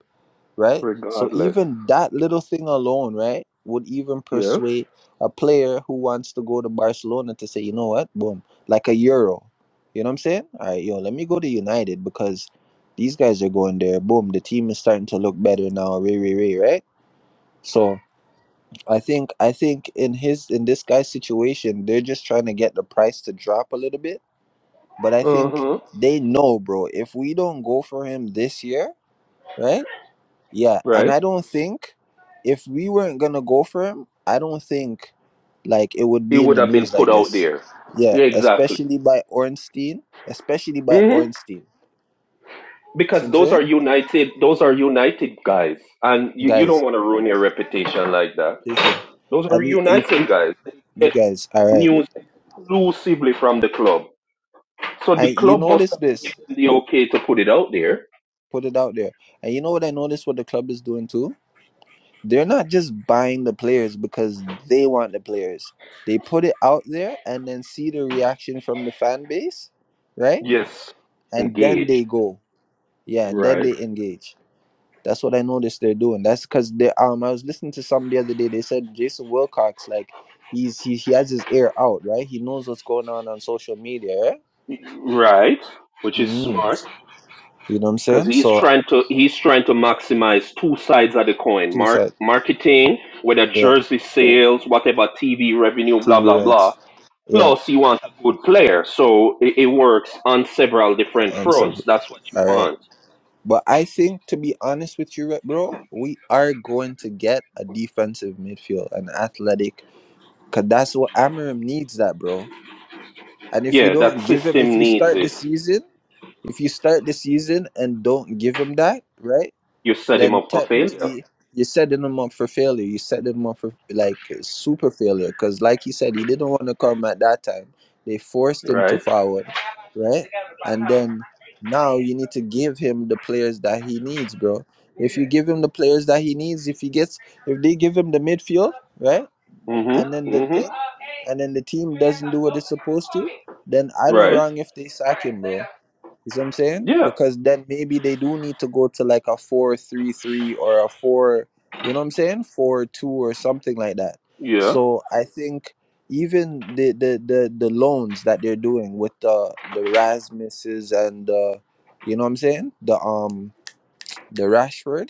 [SPEAKER 5] right? So
[SPEAKER 9] Regardless.
[SPEAKER 5] even that little thing alone, right, would even
[SPEAKER 9] Yes.
[SPEAKER 5] persuade a player who wants to go to Barcelona to say, you know what, boom, like a euro. You know what I'm saying? All right, yo, let me go to United because these guys are going there. Boom, the team is starting to look better now. Ray, ray, ray, right? So I think I think in his in this guy's situation, they're just trying to get the price to drop a little bit. But I think
[SPEAKER 9] Uh-huh.
[SPEAKER 5] they know, bro. If we don't go for him this year, right? Yeah, and
[SPEAKER 9] Right.
[SPEAKER 5] I don't think if we weren't gonna go for him, I don't think like it would
[SPEAKER 9] It
[SPEAKER 5] be in
[SPEAKER 9] would
[SPEAKER 5] the
[SPEAKER 9] have been
[SPEAKER 5] news
[SPEAKER 9] put
[SPEAKER 5] like
[SPEAKER 9] out
[SPEAKER 5] this.
[SPEAKER 9] there.
[SPEAKER 5] Yeah,
[SPEAKER 9] Yeah, exactly.
[SPEAKER 5] especially by Ornstein, especially by
[SPEAKER 9] hmm
[SPEAKER 5] Ornstein. See what
[SPEAKER 9] Because
[SPEAKER 5] I'm
[SPEAKER 9] those
[SPEAKER 5] saying,
[SPEAKER 9] are united. Those are united guys, and you, you don't
[SPEAKER 5] guys,
[SPEAKER 9] want to ruin your reputation like that.
[SPEAKER 5] listen,
[SPEAKER 9] Those are
[SPEAKER 5] and you, if
[SPEAKER 9] united
[SPEAKER 5] if
[SPEAKER 9] guys. They
[SPEAKER 5] you
[SPEAKER 9] get
[SPEAKER 5] guys, all right,
[SPEAKER 9] news exclusively from the club. So the
[SPEAKER 5] and you
[SPEAKER 9] club must
[SPEAKER 5] notice
[SPEAKER 9] have
[SPEAKER 5] this,
[SPEAKER 9] given the okay to put it out there.
[SPEAKER 5] put it out there, and you know what I noticed what the club is doing too. They're not just buying the players because they want the players. They put it out there and then see the reaction from the fan base, right?
[SPEAKER 9] Yes.
[SPEAKER 5] and then
[SPEAKER 9] Engage.
[SPEAKER 5] they go yeah and then
[SPEAKER 9] Right.
[SPEAKER 5] they engage that's what i noticed they're doing that's because they um i was listening to some the other day they said jason wilcox like he's he, he has his ear out right he knows what's going on on social media right?
[SPEAKER 9] Right. Which is
[SPEAKER 5] mm.
[SPEAKER 9] smart.
[SPEAKER 5] you know what i'm
[SPEAKER 9] because
[SPEAKER 5] saying
[SPEAKER 9] he's
[SPEAKER 5] so
[SPEAKER 9] trying to he's trying to maximize two sides of the coin
[SPEAKER 5] two
[SPEAKER 9] mark
[SPEAKER 5] sides
[SPEAKER 9] marketing whether
[SPEAKER 5] yeah
[SPEAKER 9] jersey sales whatever tv revenue
[SPEAKER 5] to
[SPEAKER 9] blah blah
[SPEAKER 5] your
[SPEAKER 9] blah
[SPEAKER 5] right yeah
[SPEAKER 9] plus you want a good player so it, it works on several different
[SPEAKER 5] I'm
[SPEAKER 9] fronts
[SPEAKER 5] sorry.
[SPEAKER 9] that's what you
[SPEAKER 5] all right
[SPEAKER 9] want
[SPEAKER 5] but i think to be honest with you right, bro we are going to get a defensive midfield an athletic because that's what amarim needs that bro And if you
[SPEAKER 9] yeah that
[SPEAKER 5] don't give him, if
[SPEAKER 9] system
[SPEAKER 5] you
[SPEAKER 9] needs
[SPEAKER 5] start the
[SPEAKER 9] it
[SPEAKER 5] season, if you start the season and don't give him that, right,
[SPEAKER 9] you set him
[SPEAKER 5] then
[SPEAKER 9] up for failure
[SPEAKER 5] technically you're setting him up for failure. You set him up for like super failure because, like he said, he didn't want to come at that time. They forced him to
[SPEAKER 9] right
[SPEAKER 5] forward, right? And then now you need to give him the players that he needs, bro. If you give him the players that he needs, if he gets, if they give him the midfield, right? and then
[SPEAKER 9] mm-hmm
[SPEAKER 5] the
[SPEAKER 9] mm-hmm
[SPEAKER 5] thing, and then the team doesn't do what it's supposed to, then I don't
[SPEAKER 9] right
[SPEAKER 5] wrong if they sack him, bro. You see what I'm saying?
[SPEAKER 9] yeah
[SPEAKER 5] Because then maybe they do need to go to like a four three three or a four, you know what I'm saying? Four two or something like that.
[SPEAKER 9] yeah
[SPEAKER 5] So I think even the the the, the loans that they're doing with the the Rasmuses and the, you know what I'm saying? The um the Rashford,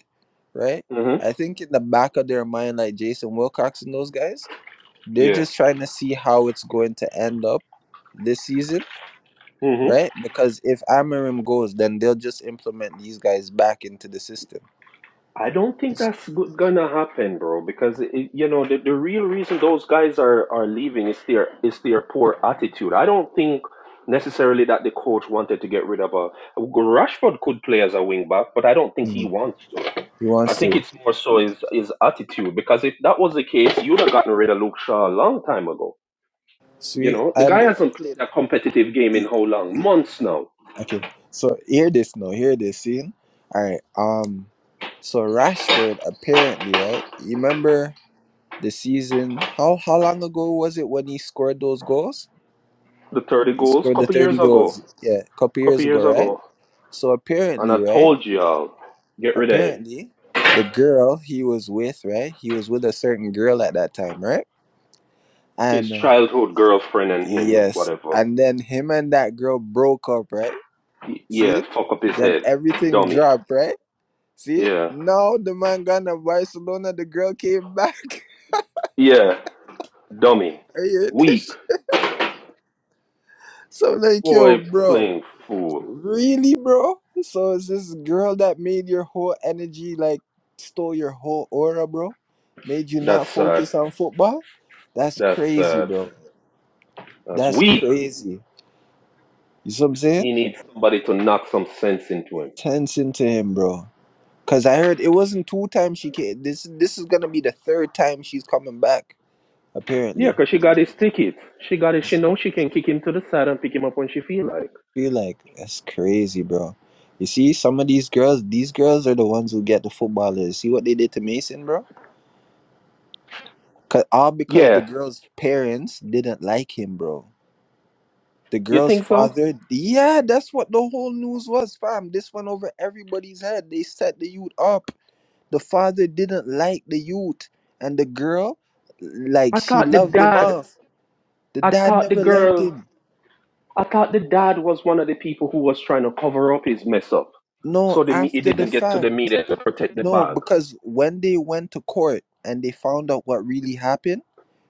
[SPEAKER 5] right?
[SPEAKER 9] mm-hmm
[SPEAKER 5] I think in the back of their mind, like Jason Wilcox and those guys, they're
[SPEAKER 9] yeah
[SPEAKER 5] just trying to see how it's going to end up this season,
[SPEAKER 9] mm-hmm.
[SPEAKER 5] right? Because if Amarim goes, then they'll just implement these guys back into the system.
[SPEAKER 9] I don't think that's go- gonna happen, bro. Because it, you know the, the real reason those guys are are leaving is their is their poor attitude. I don't think necessarily that the coach wanted to get rid of a well, Rashford could play as a wing back, but I don't think he
[SPEAKER 5] Mm,
[SPEAKER 9] wants to.
[SPEAKER 5] he
[SPEAKER 9] I
[SPEAKER 5] wants
[SPEAKER 9] think
[SPEAKER 5] to.
[SPEAKER 9] it's more so his his attitude. Because if that was the case, you'd have gotten rid of Luke Shaw a long time ago. You
[SPEAKER 5] Sweet.
[SPEAKER 9] know the
[SPEAKER 5] And
[SPEAKER 9] guy hasn't played a competitive game in
[SPEAKER 5] he-
[SPEAKER 9] how long? Months now.
[SPEAKER 5] okay. So hear this now. Hear this scene. All right. Um. So Rashford apparently, right? You remember the season? How how long ago was it when he scored those goals?
[SPEAKER 9] The thirty
[SPEAKER 5] He
[SPEAKER 9] goals,
[SPEAKER 5] scored the
[SPEAKER 9] couple years
[SPEAKER 5] thirty
[SPEAKER 9] ago,
[SPEAKER 5] goals. Yeah, a couple years
[SPEAKER 9] couple
[SPEAKER 5] ago,
[SPEAKER 9] years
[SPEAKER 5] right?
[SPEAKER 9] ago.
[SPEAKER 5] So
[SPEAKER 9] And
[SPEAKER 5] apparently,
[SPEAKER 9] I
[SPEAKER 5] right?
[SPEAKER 9] told y'all, get rid of him.
[SPEAKER 5] apparently the girl he was with right he was with a certain girl at that time right
[SPEAKER 9] His
[SPEAKER 5] and uh,
[SPEAKER 9] childhood girlfriend and him,
[SPEAKER 5] yes
[SPEAKER 9] whatever.
[SPEAKER 5] and then him and that girl broke up right
[SPEAKER 9] Y-
[SPEAKER 5] see
[SPEAKER 9] yeah,
[SPEAKER 5] it
[SPEAKER 9] fuck up his
[SPEAKER 5] then
[SPEAKER 9] head.
[SPEAKER 5] everything
[SPEAKER 9] Dummy.
[SPEAKER 5] dropped right see it
[SPEAKER 9] Yeah.
[SPEAKER 5] now the man gone to barcelona the girl came back <laughs>
[SPEAKER 9] Yeah, dummy.
[SPEAKER 5] Are you- hearing this
[SPEAKER 9] Weak.
[SPEAKER 5] shit? so I'm like yo
[SPEAKER 9] Boy,
[SPEAKER 5] bro
[SPEAKER 9] playing fool.
[SPEAKER 5] Really, bro? So is this girl that made your whole energy, like stole your whole aura, bro? Made you
[SPEAKER 9] That's
[SPEAKER 5] not
[SPEAKER 9] sad.
[SPEAKER 5] focus on football? That's
[SPEAKER 9] That's
[SPEAKER 5] crazy,
[SPEAKER 9] sad.
[SPEAKER 5] bro.
[SPEAKER 9] That's
[SPEAKER 5] That's
[SPEAKER 9] weak.
[SPEAKER 5] crazy. You see what I'm saying?
[SPEAKER 9] He needs somebody to knock some sense into him.
[SPEAKER 5] Tense into him, bro. Cause I heard it wasn't two times she came. This this is gonna be the third time she's coming back,
[SPEAKER 9] Yeah,
[SPEAKER 5] apparently.
[SPEAKER 9] 'cause she got his ticket. She got it. She knows she can kick him to the side and pick him up when she feel like.
[SPEAKER 5] Feel like that's crazy, bro. You see, some of these girls, these girls are the ones who get the footballers. See what they did to Mason, bro? Cause all because the
[SPEAKER 9] Yeah.
[SPEAKER 5] girl's parents didn't like him, bro. The
[SPEAKER 9] You
[SPEAKER 5] girl's
[SPEAKER 9] think so?
[SPEAKER 5] father, yeah, that's what the whole news was, fam. This went over everybody's head. They set the youth up. The father didn't like the youth, and the girl, like
[SPEAKER 9] I
[SPEAKER 5] she
[SPEAKER 9] thought the
[SPEAKER 5] loved him
[SPEAKER 9] dad,
[SPEAKER 5] off. The
[SPEAKER 9] I
[SPEAKER 5] dad
[SPEAKER 9] thought the
[SPEAKER 5] never liked
[SPEAKER 9] girl.
[SPEAKER 5] him.
[SPEAKER 9] I thought the dad was one of the people who was trying to cover up his mess up,
[SPEAKER 5] No,
[SPEAKER 9] so the me- it
[SPEAKER 5] after the
[SPEAKER 9] didn't get to
[SPEAKER 5] fact,
[SPEAKER 9] the media to protect the
[SPEAKER 5] no,
[SPEAKER 9] bag.
[SPEAKER 5] because when they went to court and they found out what really happened,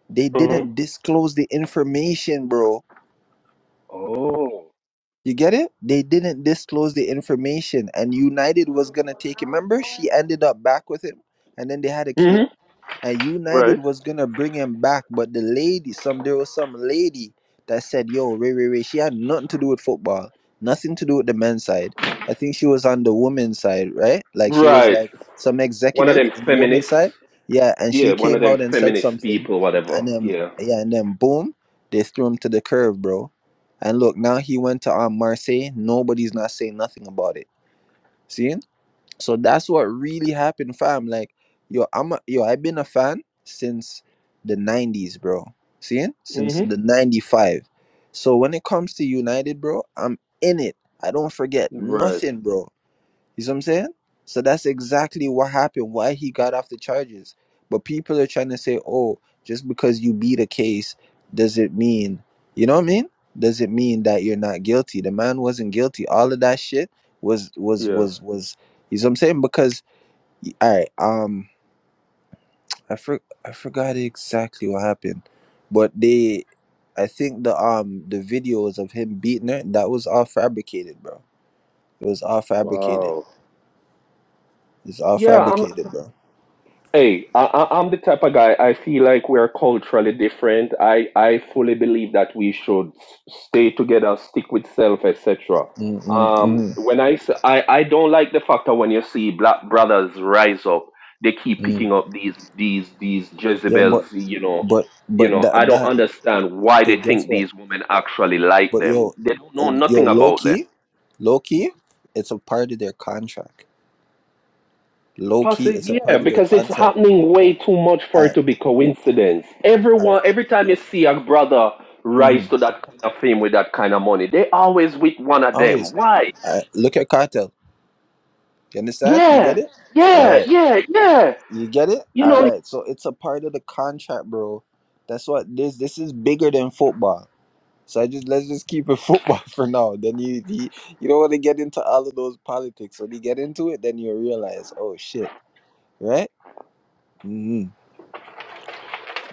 [SPEAKER 5] they
[SPEAKER 9] hmm
[SPEAKER 5] didn't disclose the information, bro
[SPEAKER 9] Oh.
[SPEAKER 5] You get it? They didn't disclose the information, and United was gonna take him. Remember, she ended up back with him, and then they had a kid
[SPEAKER 9] hmm
[SPEAKER 5] and United
[SPEAKER 9] Right.
[SPEAKER 5] was gonna bring him back, but the lady, some there was some lady that said, "Yo, Ray Ray Ray," she had nothing to do with football, nothing to do with the men's side. I think she was on the women's side, right? Like she was
[SPEAKER 9] Right.
[SPEAKER 5] like some
[SPEAKER 9] One of
[SPEAKER 5] executive
[SPEAKER 9] them
[SPEAKER 5] in the women's
[SPEAKER 9] feminists.
[SPEAKER 5] side, yeah. And she
[SPEAKER 9] Yeah, one of
[SPEAKER 5] came
[SPEAKER 9] them
[SPEAKER 5] out and said
[SPEAKER 9] feminist
[SPEAKER 5] something,
[SPEAKER 9] people, whatever.
[SPEAKER 5] and then
[SPEAKER 9] Yeah.
[SPEAKER 5] yeah, and then boom, they threw him to the curb, bro. And look, now he went to um, Marseille. Nobody's not saying nothing about it. See? So that's what really happened, fam. Like, yo, I'm a, yo, I've been a fan since the '90s, bro. See, since
[SPEAKER 9] hmm
[SPEAKER 5] the '95. So when it comes to United, bro, I'm in it. I don't forget
[SPEAKER 9] Right.
[SPEAKER 5] nothing, bro. You see what I'm saying? So that's exactly what happened, why he got off the charges. But people are trying to say, oh, just because you beat a case, does it mean, you know what I mean? Does it mean that you're not guilty? The man wasn't guilty. All of that shit was, was,
[SPEAKER 9] Yeah.
[SPEAKER 5] was, was, you see what I'm saying? Because, all right, um, I, for, I forgot exactly what happened, but they, I think the, um, the videos of him beating her, that was all fabricated, bro. It was all fabricated.
[SPEAKER 9] Wow.
[SPEAKER 5] It's all
[SPEAKER 9] Yeah, I'm.
[SPEAKER 5] fabricated, bro.
[SPEAKER 9] Hey, I, I, I'm the type of guy. I feel like we're culturally different. I, I fully believe that we should s- stay together, stick with self, etc.
[SPEAKER 5] Mm, mm,
[SPEAKER 9] Um,
[SPEAKER 5] mm,
[SPEAKER 9] when I, s- I I don't like the fact that when you see black brothers rise up, they keep
[SPEAKER 5] mm.
[SPEAKER 9] picking up these these these
[SPEAKER 5] Yeah, but
[SPEAKER 9] Jezebels. You know,
[SPEAKER 5] but but
[SPEAKER 9] you know.
[SPEAKER 5] that
[SPEAKER 9] I don't
[SPEAKER 5] that
[SPEAKER 9] understand why they
[SPEAKER 5] but guess
[SPEAKER 9] think
[SPEAKER 5] what?
[SPEAKER 9] these women actually like
[SPEAKER 5] But
[SPEAKER 9] them.
[SPEAKER 5] yo,
[SPEAKER 9] They don't know
[SPEAKER 5] yo,
[SPEAKER 9] nothing
[SPEAKER 5] low
[SPEAKER 9] about them
[SPEAKER 5] key, low key, it's a part of their contract. Low key, it's a
[SPEAKER 9] Possibly, yeah,
[SPEAKER 5] part of their
[SPEAKER 9] because it's
[SPEAKER 5] contract.
[SPEAKER 9] happening way too much for
[SPEAKER 5] I
[SPEAKER 9] it to be coincidence.
[SPEAKER 5] I
[SPEAKER 9] Everyone, every time you see a brother
[SPEAKER 5] mm-hmm.
[SPEAKER 9] rise to that kind of fame with that kind of money, they always with one of
[SPEAKER 5] always
[SPEAKER 9] them. Why?
[SPEAKER 5] I, look at cartel. You understand? You get
[SPEAKER 9] Yeah,
[SPEAKER 5] it? All
[SPEAKER 9] yeah,
[SPEAKER 5] right,
[SPEAKER 9] yeah, yeah.
[SPEAKER 5] you get it?
[SPEAKER 9] You
[SPEAKER 5] All
[SPEAKER 9] know.
[SPEAKER 5] right. So it's a part of the contract, bro. That's what this this is bigger than football. So I just let's just keep it football <laughs> for now. Then you you, you don't want to get into all of those politics. When you get into it, then you realize, oh shit, right? hmm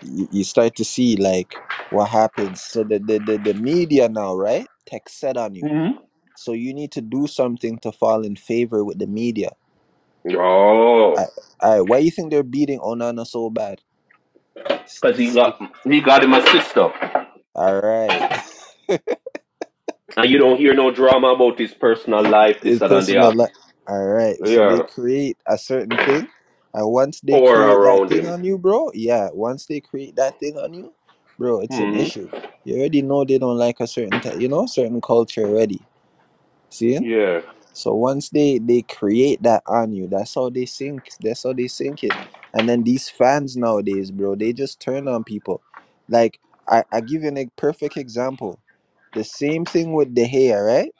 [SPEAKER 5] You, you start to see like what happens. So the the the, the media now, right? Tech set on you.
[SPEAKER 9] Mhm.
[SPEAKER 5] So you need to do something to fall in favor with the media. I,
[SPEAKER 9] Oh,
[SPEAKER 5] I why you think they're beating Onana so bad? S-
[SPEAKER 9] because he
[SPEAKER 5] Stick.
[SPEAKER 9] got he got him a sister,
[SPEAKER 5] All right. <laughs>
[SPEAKER 9] and you don't hear no drama about his personal
[SPEAKER 5] Y- y-
[SPEAKER 9] life, this,
[SPEAKER 5] It's
[SPEAKER 9] that, and the
[SPEAKER 5] personal.
[SPEAKER 9] other.
[SPEAKER 5] li- All right. So they
[SPEAKER 9] Yeah,
[SPEAKER 5] create a certain thing, and once they
[SPEAKER 9] or
[SPEAKER 5] create that
[SPEAKER 9] around
[SPEAKER 5] thing
[SPEAKER 9] him.
[SPEAKER 5] on you, bro, yeah, once they create that thing on you, bro, it's an
[SPEAKER 9] hmm
[SPEAKER 5] issue. You already know they don't like a certain, t- you know, certain culture already. See?
[SPEAKER 9] Yeah.
[SPEAKER 5] So once they they create that on you, that's how they sink. That's how they sink it. And then these fans nowadays, bro, they just turn on people. Like I, I give you a perfect example. The same thing with De Gea, right?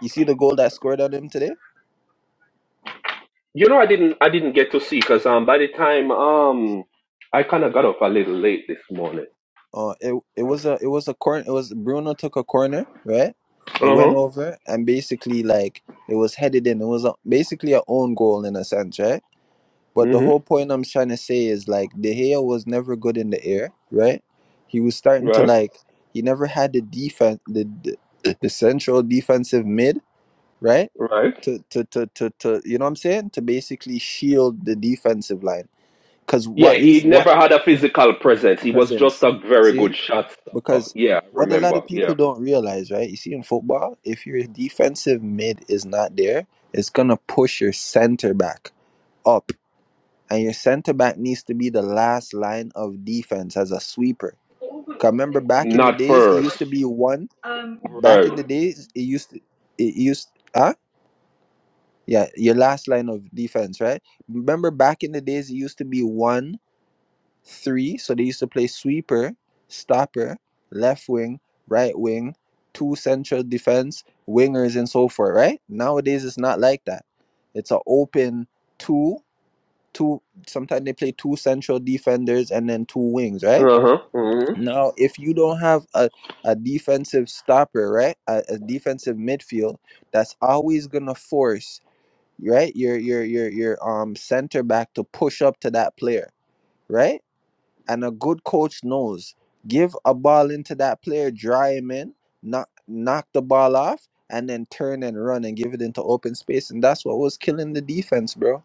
[SPEAKER 5] You see the goal that scored on him today?
[SPEAKER 9] You know, I didn't I didn't get to see because um by the time um I kind of got up a little late this morning.
[SPEAKER 5] Uh, it it
[SPEAKER 9] Okay.
[SPEAKER 5] was a it was a corner. It was Bruno took a corner, right? It went
[SPEAKER 9] Uh huh.
[SPEAKER 5] over and basically like it was headed in. It was a, basically a own goal in a sense, right? But the
[SPEAKER 9] Mhm.
[SPEAKER 5] whole point I'm trying to say is like De Gea was never good in the air, right? He was starting to
[SPEAKER 9] Right.
[SPEAKER 5] like he never had the defense, the the, <coughs> <clears throat> the central defensive mid, right?
[SPEAKER 9] Right.
[SPEAKER 5] To, to to to to you know what I'm saying to basically shield the defensive line because
[SPEAKER 9] Yeah,
[SPEAKER 5] what you
[SPEAKER 9] he
[SPEAKER 5] what
[SPEAKER 9] never had a physical presence. He was just
[SPEAKER 5] presence.
[SPEAKER 9] a very good
[SPEAKER 5] See?
[SPEAKER 9] shot stopper.
[SPEAKER 5] Because
[SPEAKER 9] Yeah, I
[SPEAKER 5] what a lot
[SPEAKER 9] remember.
[SPEAKER 5] of people
[SPEAKER 9] Yeah.
[SPEAKER 5] don't realize, right? You see in football, if your defensive mid is not there, it's gonna push your center back up. And your center back needs to be the last line of defense as a sweeper. Cause remember back in the
[SPEAKER 9] Not
[SPEAKER 5] days, it
[SPEAKER 9] first.
[SPEAKER 5] used to be one. Back
[SPEAKER 9] Right.
[SPEAKER 5] in the days, it used to it used huh? Yeah, your last line of defense, right? Remember back in the days it used to be one three. So they used to play sweeper, stopper, left wing, right wing, two central defense, wingers, and so forth. Right nowadays, it's not like that. It's an open two, two. Sometimes they play two central defenders and then two wings. Right
[SPEAKER 9] Uh huh. hmm
[SPEAKER 5] now, if you don't have a a defensive stopper, right, a, a defensive midfield, that's always gonna force right your your your your um center back to push up to that player right and a good coach knows. Give a ball into that player, dry him in, knock, knock the ball off, and then turn and run and give it into open space. And that's what was killing the defense, bro.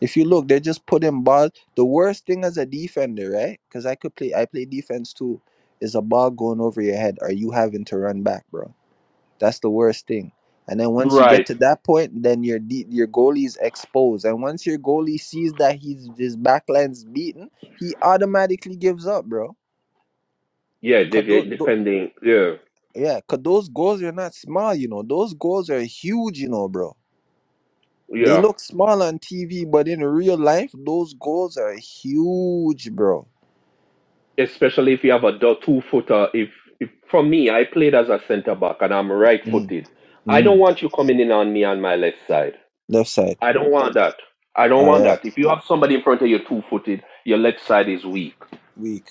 [SPEAKER 5] If you look, they just put in ball. The worst thing as a defender, right? Because I could play, I play defense too, is a ball going over your head or you having to run back, bro. That's the worst thing. And then once you get
[SPEAKER 9] Right.
[SPEAKER 5] to that point, then your de- your goalie's exposed. And once your goalie sees that he's his backline's beaten, he automatically gives up, bro.
[SPEAKER 9] Yeah. de-
[SPEAKER 5] Cause those,
[SPEAKER 9] de- Depending. Yeah.
[SPEAKER 5] yeah, cause those goals are not small, you know. Those goals are huge, you know, bro. They
[SPEAKER 9] Yeah.
[SPEAKER 5] look small on TV, but in real life, those goals are huge, bro.
[SPEAKER 9] especially if you have a two footer. If, if for me, I played as a centre back and I'm right
[SPEAKER 5] Mm,
[SPEAKER 9] footed. I don't
[SPEAKER 5] mm.
[SPEAKER 9] want you coming in on me on my left side.
[SPEAKER 5] Left side.
[SPEAKER 9] I don't want that. I don't
[SPEAKER 5] All
[SPEAKER 9] want
[SPEAKER 5] right.
[SPEAKER 9] that. If you have somebody in front of you two footed, your left side is weak.
[SPEAKER 5] Weak.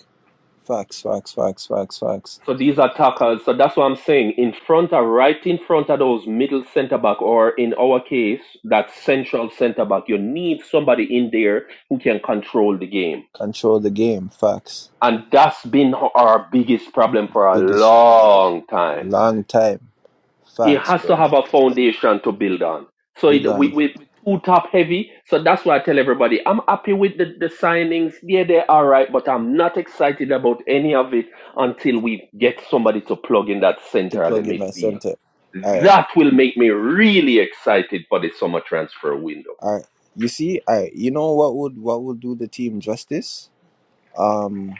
[SPEAKER 5] Facts, facts, facts, facts, facts.
[SPEAKER 9] So these attackers. So that's what I'm saying. In front of, right in front of those middle centre back, or in our case, that central centre back, you need somebody in there who can control the game.
[SPEAKER 5] Control the game. Facts.
[SPEAKER 9] And that's been our biggest problem for a
[SPEAKER 5] Biggest
[SPEAKER 9] long time
[SPEAKER 5] long time.
[SPEAKER 9] it
[SPEAKER 5] Facts,
[SPEAKER 9] has to
[SPEAKER 5] bro.
[SPEAKER 9] have a foundation to build on. So it, we
[SPEAKER 5] Bilan
[SPEAKER 9] we too top heavy. So that's why I tell everybody I'm happy with the, the signings. Yeah, they are right, but I'm not excited about any of it until we get somebody to plug in that
[SPEAKER 5] to
[SPEAKER 9] center of the
[SPEAKER 5] plug in that
[SPEAKER 9] midfield.
[SPEAKER 5] center. All right,
[SPEAKER 9] That will make me really excited for the summer transfer window.
[SPEAKER 5] all right. You see, all right. You know what would what would do the team justice? Um,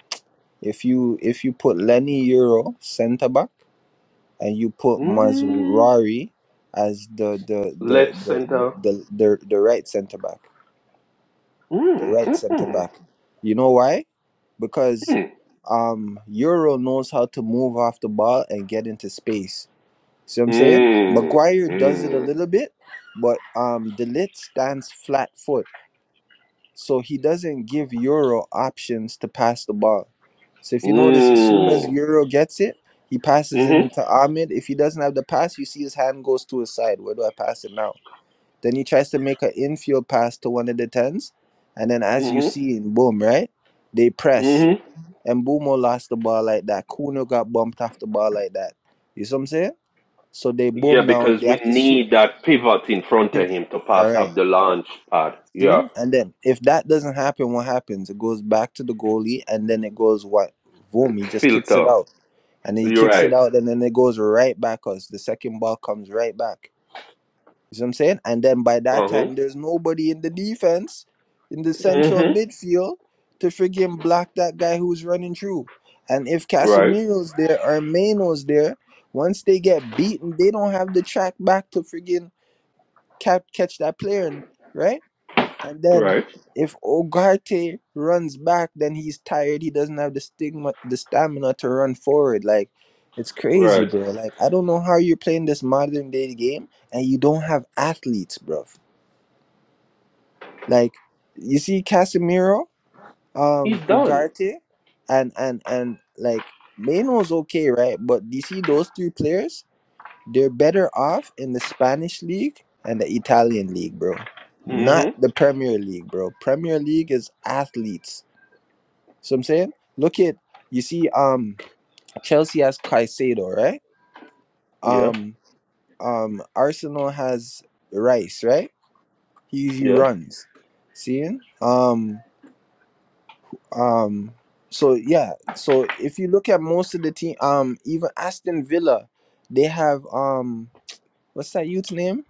[SPEAKER 5] if you if you put Lenny Euro center back and you put
[SPEAKER 9] Mm,
[SPEAKER 5] Mazurari as the the the
[SPEAKER 9] left
[SPEAKER 5] the
[SPEAKER 9] center.
[SPEAKER 5] the the, the right center back, the
[SPEAKER 9] Mm,
[SPEAKER 5] right center
[SPEAKER 9] mm,
[SPEAKER 5] back. You know why? Because
[SPEAKER 9] mm,
[SPEAKER 5] um Euro knows how to move off the ball and get into space. See what
[SPEAKER 9] mm,
[SPEAKER 5] I'm saying?
[SPEAKER 9] mm,
[SPEAKER 5] Maguire does it a
[SPEAKER 9] mm,
[SPEAKER 5] little bit, but um Delit stands flat foot. So he doesn't give Euro options to pass the ball. So if you notice, as soon as
[SPEAKER 9] mm,
[SPEAKER 5] Euro gets it, he passes it
[SPEAKER 9] mm,
[SPEAKER 5] into Ahmed. If he doesn't have the pass, you see his hand goes to his side. Where do I pass it now? Then he tries to make an infield pass to one of the tens. And then as you
[SPEAKER 9] mm,
[SPEAKER 5] see boom, right? They press.
[SPEAKER 9] mm,
[SPEAKER 5] And Bumo lost the ball like that. Kuno got bumped off the ball like that. You see what I'm saying? So they
[SPEAKER 9] Yeah,
[SPEAKER 5] boom now.
[SPEAKER 9] because
[SPEAKER 5] They
[SPEAKER 9] we
[SPEAKER 5] have to swi-
[SPEAKER 9] need that pivot in front of
[SPEAKER 5] shift.
[SPEAKER 9] him to
[SPEAKER 5] All
[SPEAKER 9] pass
[SPEAKER 5] right.
[SPEAKER 9] up the launch pad. Yeah,
[SPEAKER 5] Seen? And then if that doesn't happen, what happens? It goes back to the goalie and then it goes what? Boom. He just kicks it
[SPEAKER 9] filter.
[SPEAKER 5] out. And then he
[SPEAKER 9] You're
[SPEAKER 5] kicks it
[SPEAKER 9] right.
[SPEAKER 5] out and then it goes right back us. The second ball comes right back. You see what I'm saying? And then by that
[SPEAKER 9] Uh huh.
[SPEAKER 5] time, there's nobody in the defense, in the central
[SPEAKER 9] Mhm.
[SPEAKER 5] midfield, to friggin' block that guy who's running through. And if
[SPEAKER 9] Right.
[SPEAKER 5] Casemiro's there or Mano's there, once they get beaten, they don't have the track back to friggin' cap, catch that player, and- right? And then
[SPEAKER 9] Right.
[SPEAKER 5] if Ugarte runs back, then he's tired. He doesn't have the stigma, the stamina to run forward. Like it's crazy,
[SPEAKER 9] Right.
[SPEAKER 5] bro. Like I don't know how you're playing this modern day game and you don't have athletes, bro. Like you see Casemiro,
[SPEAKER 9] He's
[SPEAKER 5] um,
[SPEAKER 9] done.
[SPEAKER 5] Ugarte, and and and like Maino's okay, right? But do you see those three players? They're better off in the Spanish league and the Italian league, bro. Not
[SPEAKER 9] Mhm.
[SPEAKER 5] the Premier League, bro. Premier League is athletes. So I'm saying, look at you see, um, Chelsea has Caicedo, right?
[SPEAKER 9] Yeah.
[SPEAKER 5] Um, um, Arsenal has Rice, right? He he
[SPEAKER 9] Yeah.
[SPEAKER 5] runs. Seeing, um, um, so yeah, so if you look at most of the team, um, even Aston Villa, they have um, what's that youth's name?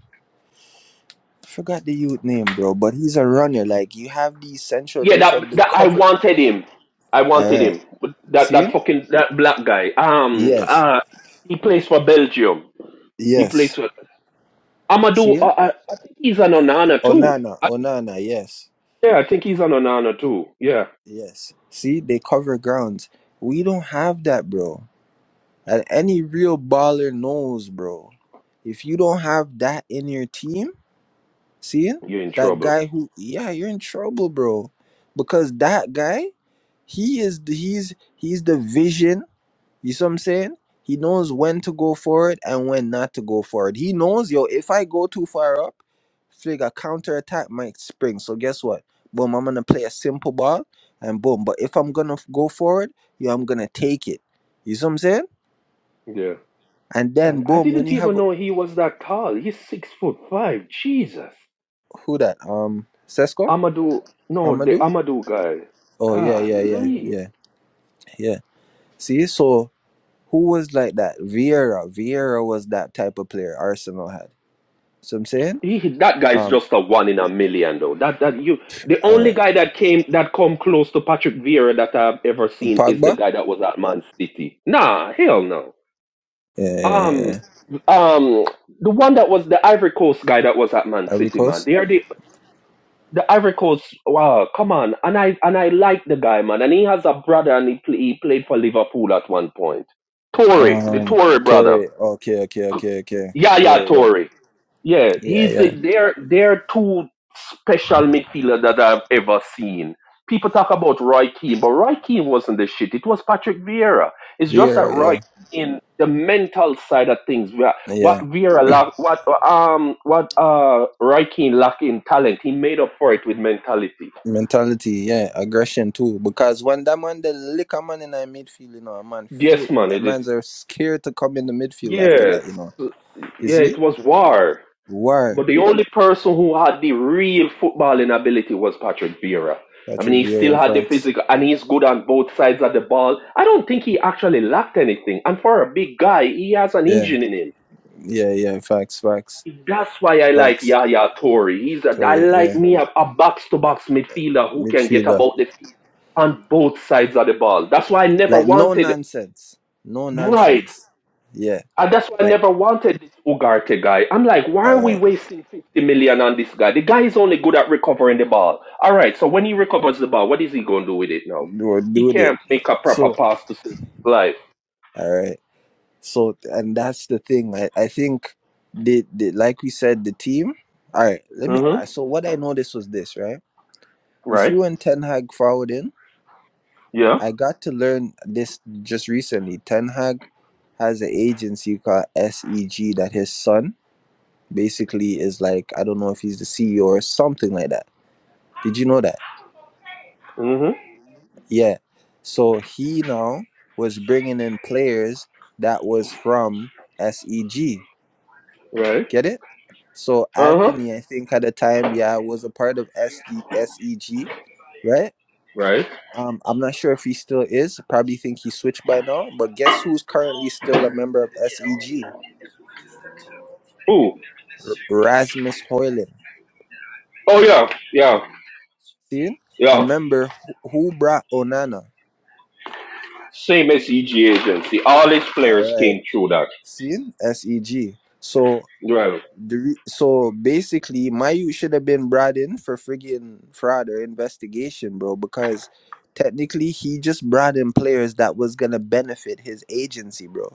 [SPEAKER 5] forgot the youth name, bro, but he's a runner. Like you have the central
[SPEAKER 9] Yeah.
[SPEAKER 5] defense,
[SPEAKER 9] That
[SPEAKER 5] they
[SPEAKER 9] that I
[SPEAKER 5] cover.
[SPEAKER 9] wanted him. I
[SPEAKER 5] All
[SPEAKER 9] wanted
[SPEAKER 5] right,
[SPEAKER 9] him. That that
[SPEAKER 5] seen?
[SPEAKER 9] fucking that black guy. Um.
[SPEAKER 5] Yes,
[SPEAKER 9] Uh. He plays for Belgium. He plays
[SPEAKER 5] yes,
[SPEAKER 9] for Amadou. Uh,
[SPEAKER 5] seen?
[SPEAKER 9] I, I think he's an Onana too.
[SPEAKER 5] Onana,
[SPEAKER 9] I,
[SPEAKER 5] Onana, yes,
[SPEAKER 9] yeah. I think he's an Onana too. Yeah.
[SPEAKER 5] yes. See, they cover grounds. We don't have that, bro. And any real baller knows, bro. If you don't have that in your team, see
[SPEAKER 9] You're in
[SPEAKER 5] that
[SPEAKER 9] trouble.
[SPEAKER 5] guy who, yeah, you're in trouble, bro, because that guy, he is the, he's he's the vision You see what I'm saying? He knows when to go for it and when not to go for it. He knows, yo, if I go too far up, flick a counterattack might spring. So guess what? Boom, I'm gonna play a simple ball and boom. But if I'm gonna f- go for it, yo, I'm gonna take it. You see what I'm saying?
[SPEAKER 9] Yeah.
[SPEAKER 5] And then
[SPEAKER 9] And I
[SPEAKER 5] boom, when
[SPEAKER 9] didn't
[SPEAKER 5] you have
[SPEAKER 9] even know he was that tall. He's six foot five. Jesus.
[SPEAKER 5] who that? Um Sesko?
[SPEAKER 9] Amadou. No, the
[SPEAKER 5] Amadou?
[SPEAKER 9] Amadou guy.
[SPEAKER 5] Oh yeah, yeah, yeah,
[SPEAKER 9] Golly.
[SPEAKER 5] yeah, yeah. See, so who was like that? Vieira. Vieira was that type of player Arsenal had. So I'm saying?
[SPEAKER 9] He, that guy's
[SPEAKER 5] Um
[SPEAKER 9] just a one in a million, though. That that you, the
[SPEAKER 5] all
[SPEAKER 9] only
[SPEAKER 5] right.
[SPEAKER 9] guy that came that come close to Patrick Vieira that I've ever seen is the
[SPEAKER 5] Pogba?
[SPEAKER 9] guy that was at Man City. Nah, hell no.
[SPEAKER 5] yeah, yeah,
[SPEAKER 9] Um,
[SPEAKER 5] yeah.
[SPEAKER 9] um, the one that was the Ivory Coast guy that was at Man City, man. They are the the Ivory Coast. Wow, come on, and I and I like the guy, man. And he has a brother, and he play, he played for Liverpool at one point. Tory, the
[SPEAKER 5] Um,
[SPEAKER 9] Tory brother.
[SPEAKER 5] Torre. Okay, okay, okay, okay.
[SPEAKER 9] Yeah, yeah,
[SPEAKER 5] Torre.
[SPEAKER 9] Tory. Yeah,
[SPEAKER 5] Yeah, yeah,
[SPEAKER 9] he's the
[SPEAKER 5] yeah.
[SPEAKER 9] they're they're two special midfielder that I've ever seen. People talk about Roy Keane, but Roy Keane wasn't the shit. It was Patrick Vieira. It's just that
[SPEAKER 5] Vieira.
[SPEAKER 9] Roy
[SPEAKER 5] Yeah,
[SPEAKER 9] Keane, the mental side of things, wha- what
[SPEAKER 5] yeah.
[SPEAKER 9] Vieira lack, what um, what uh, Roy Keane lacked in talent, he made up for it with mentality.
[SPEAKER 5] Mentality. Yeah, aggression too. Because when that man the lick a man in the midfield, you know, a man
[SPEAKER 9] Yes,
[SPEAKER 5] free.
[SPEAKER 9] man.
[SPEAKER 5] That
[SPEAKER 9] It, it
[SPEAKER 5] man's are scared to come in the midfield after
[SPEAKER 9] yes,
[SPEAKER 5] that. You know, you
[SPEAKER 9] yeah.
[SPEAKER 5] see
[SPEAKER 9] It was war.
[SPEAKER 5] why
[SPEAKER 9] But the only person who had the real footballing ability was Patrick Vieira. I mean,
[SPEAKER 5] Patrick
[SPEAKER 9] he still
[SPEAKER 5] Vieira
[SPEAKER 9] had the
[SPEAKER 5] facts.
[SPEAKER 9] physical, and he's good on both sides of the ball. I don't think he actually lacked anything. And for a big guy, he has an
[SPEAKER 5] Yeah,
[SPEAKER 9] engine in him.
[SPEAKER 5] yeah, yeah. Facts, facts,
[SPEAKER 9] That's why I like
[SPEAKER 5] facts.
[SPEAKER 9] Yaya Toure. He's a, I
[SPEAKER 5] Torre.
[SPEAKER 9] like
[SPEAKER 5] Yeah,
[SPEAKER 9] me a, a box-to-box midfielder who can get
[SPEAKER 5] midfielder.
[SPEAKER 9] about the field on both sides of the ball. That's why I never
[SPEAKER 5] Like no
[SPEAKER 9] wanted
[SPEAKER 5] nonsense. No
[SPEAKER 9] right.
[SPEAKER 5] nonsense. Yeah.
[SPEAKER 9] And that's why I
[SPEAKER 5] Like
[SPEAKER 9] never wanted this Ugarte guy. I'm like, why
[SPEAKER 5] all
[SPEAKER 9] are
[SPEAKER 5] right.
[SPEAKER 9] we wasting 50 million on this guy? The guy is only good at recovering the ball. All right, so when he recovers the ball, what is he going to do with it now?
[SPEAKER 5] We're
[SPEAKER 9] He
[SPEAKER 5] doing it.
[SPEAKER 9] can't make a proper
[SPEAKER 5] So
[SPEAKER 9] pass to save his life.
[SPEAKER 5] All right. So, and that's the thing. I, I think the, the like we said, the team. All right. Let me. I-
[SPEAKER 9] Mm-hmm.
[SPEAKER 5] So what I noticed was this, right? You see,
[SPEAKER 9] Right.
[SPEAKER 5] when Ten Hag fouled in,
[SPEAKER 9] Yeah.
[SPEAKER 5] I got to learn this just recently. Ten Hag has an agency called SEG that his son basically is like. I don't know if he's the CEO or something like that. Did you know that?
[SPEAKER 9] Mm-hmm.
[SPEAKER 5] Yeah. So he now was bringing in players that was from SEG.
[SPEAKER 9] Right.
[SPEAKER 5] Get it? So
[SPEAKER 9] Uh-huh.
[SPEAKER 5] Anthony, I think at the time, yeah, was a part of SG, right?
[SPEAKER 9] Right.
[SPEAKER 5] Um, I'm not sure if he still is. Probably think he switched by now. But guess who's currently still a member of SEG?
[SPEAKER 9] Ooh.
[SPEAKER 5] Rasmus Hoyland.
[SPEAKER 9] Oh, yeah. Yeah.
[SPEAKER 5] See? I
[SPEAKER 9] Yeah.
[SPEAKER 5] remember who who brought Onana.
[SPEAKER 9] Same as EG agency. All his
[SPEAKER 5] All
[SPEAKER 9] players
[SPEAKER 5] right.
[SPEAKER 9] came through that.
[SPEAKER 5] See? SEG. So
[SPEAKER 9] Right.
[SPEAKER 5] The re- so basically, Mayu should have been brought in for friggin' fraud or investigation, bro, because technically he just brought in players that was gonna benefit his agency, bro.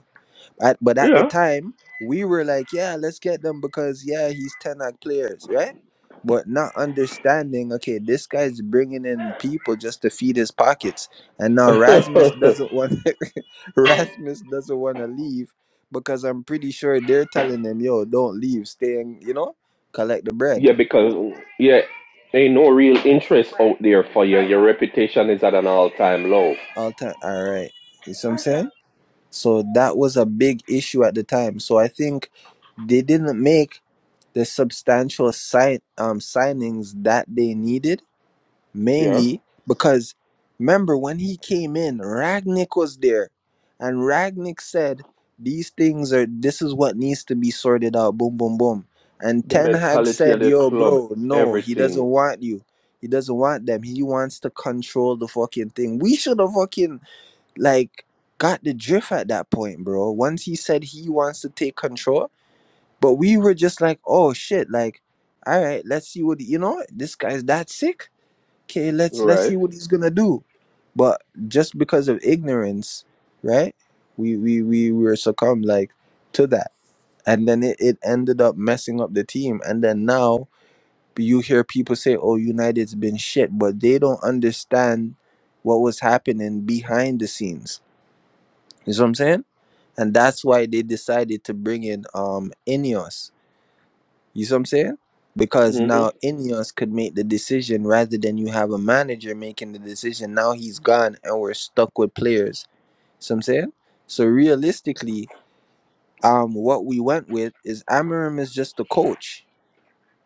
[SPEAKER 5] At, but at the time, we were like, yeah, let's get them because, yeah, he's 10 act players, right? But not understanding, okay, this guy's bringing in people just to feed his pockets. And now Rasmus
[SPEAKER 9] Yeah. <laughs>
[SPEAKER 5] doesn't want <laughs> Rasmus doesn't want to leave because I'm pretty sure they're telling him, yo, don't leave, stay and, you know, collect the bread.
[SPEAKER 9] Yeah, because yeah, ain't no real interest out there for you. Your reputation is at an all-time low.
[SPEAKER 5] All time. All right. You see what I'm saying? So that was a big issue at the time. So I think they didn't make the substantial sign, um, signings that they needed,
[SPEAKER 9] Yeah,
[SPEAKER 5] mainly because remember when he came in, Ragnick was there, and Ragnick said these things are this is what needs to be sorted out. Boom, boom, boom. And
[SPEAKER 9] the
[SPEAKER 5] Ten Hag
[SPEAKER 9] mentality of
[SPEAKER 5] said,
[SPEAKER 9] the
[SPEAKER 5] "Yo,
[SPEAKER 9] club,
[SPEAKER 5] bro, no, he doesn't
[SPEAKER 9] everything,
[SPEAKER 5] want you. He doesn't want them. He wants to control the fucking thing. We should have fucking like." Got the drift at that point, bro. Once he said he wants to take control, but we were just like, oh shit, like, all right, let's see what you know. This guy's that sick. Okay, let's let's
[SPEAKER 9] right?
[SPEAKER 5] see what he's gonna do. But just because of ignorance, right? We we we were succumbed like to that, and then it, it ended up messing up the team. And then now you hear people say, "Oh, United's been shit," but they don't understand what was happening behind the scenes. You know what I'm saying? And that's why they decided to bring in um Ineos you see what I'm saying? Because
[SPEAKER 9] hmm
[SPEAKER 5] now Ineos could make the decision rather than you have a manager making the decision. Now he's gone and we're stuck with players. See what I'm saying? So realistically, um, what we went with is Amarim is just the coach.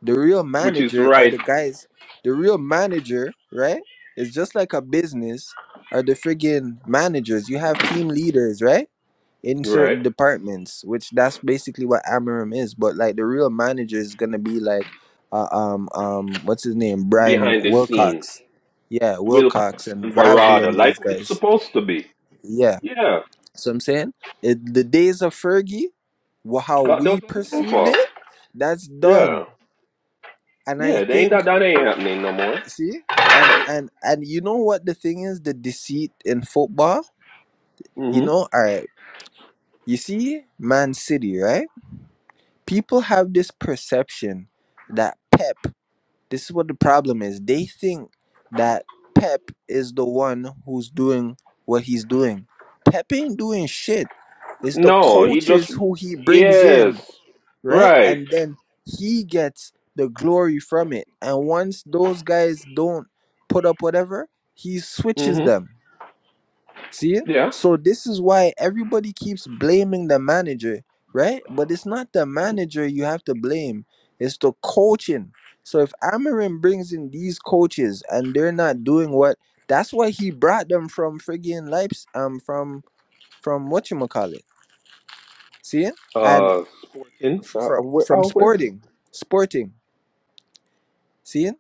[SPEAKER 5] The real
[SPEAKER 9] Which is
[SPEAKER 5] manager are
[SPEAKER 9] right,
[SPEAKER 5] the guys. The real manager, right? It's just like a business. Are the friggin' managers? You have team leaders, right? in
[SPEAKER 9] right
[SPEAKER 5] certain departments, which that's basically what Amarim is. But like the real manager is gonna be like, uh, um, um, what's his name, Brian
[SPEAKER 9] behind the scene.
[SPEAKER 5] Wilcox, yeah, Wilcox
[SPEAKER 9] Wilcox
[SPEAKER 5] and
[SPEAKER 9] and
[SPEAKER 5] Vavel
[SPEAKER 9] Barada,
[SPEAKER 5] and
[SPEAKER 9] like
[SPEAKER 5] those
[SPEAKER 9] what it's
[SPEAKER 5] guys,
[SPEAKER 9] supposed to be.
[SPEAKER 5] yeah.
[SPEAKER 9] Yeah,
[SPEAKER 5] So I'm saying it, the days of Fergie, wha- how
[SPEAKER 9] got
[SPEAKER 5] we
[SPEAKER 9] those looking
[SPEAKER 5] perceived
[SPEAKER 9] for.
[SPEAKER 5] it, that's
[SPEAKER 9] Yeah,
[SPEAKER 5] done. And I
[SPEAKER 9] yeah, they ain't
[SPEAKER 5] think,
[SPEAKER 9] that that ain't happening no
[SPEAKER 5] see, and and and you know what the thing is, the deceit in football. You
[SPEAKER 9] more. hmm
[SPEAKER 5] know, all right. You see, Man City, right? people have this perception that Pep, this is what the problem is. They think that Pep is the one who's doing what he's doing. Pep ain't doing shit. It's the
[SPEAKER 9] No, he just
[SPEAKER 5] coaches who he brings
[SPEAKER 9] yes,
[SPEAKER 5] in, right?
[SPEAKER 9] right.
[SPEAKER 5] And then he gets the glory from it. And once those guys don't put up whatever, he switches
[SPEAKER 9] hmm
[SPEAKER 5] them. See?
[SPEAKER 9] Yeah.
[SPEAKER 5] So this is why everybody keeps blaming the manager, right? But it's not the manager you have to blame. It's the coaching. So if Amarin brings in these coaches and they're not doing what that's why he brought them from friggin' Leipzig, um from from whatchamacallit. See? And
[SPEAKER 9] Uh, Sporting.
[SPEAKER 5] f-
[SPEAKER 9] Uh,
[SPEAKER 5] from
[SPEAKER 9] where,
[SPEAKER 5] from
[SPEAKER 9] oh, where?
[SPEAKER 5] sporting. Sporting. See?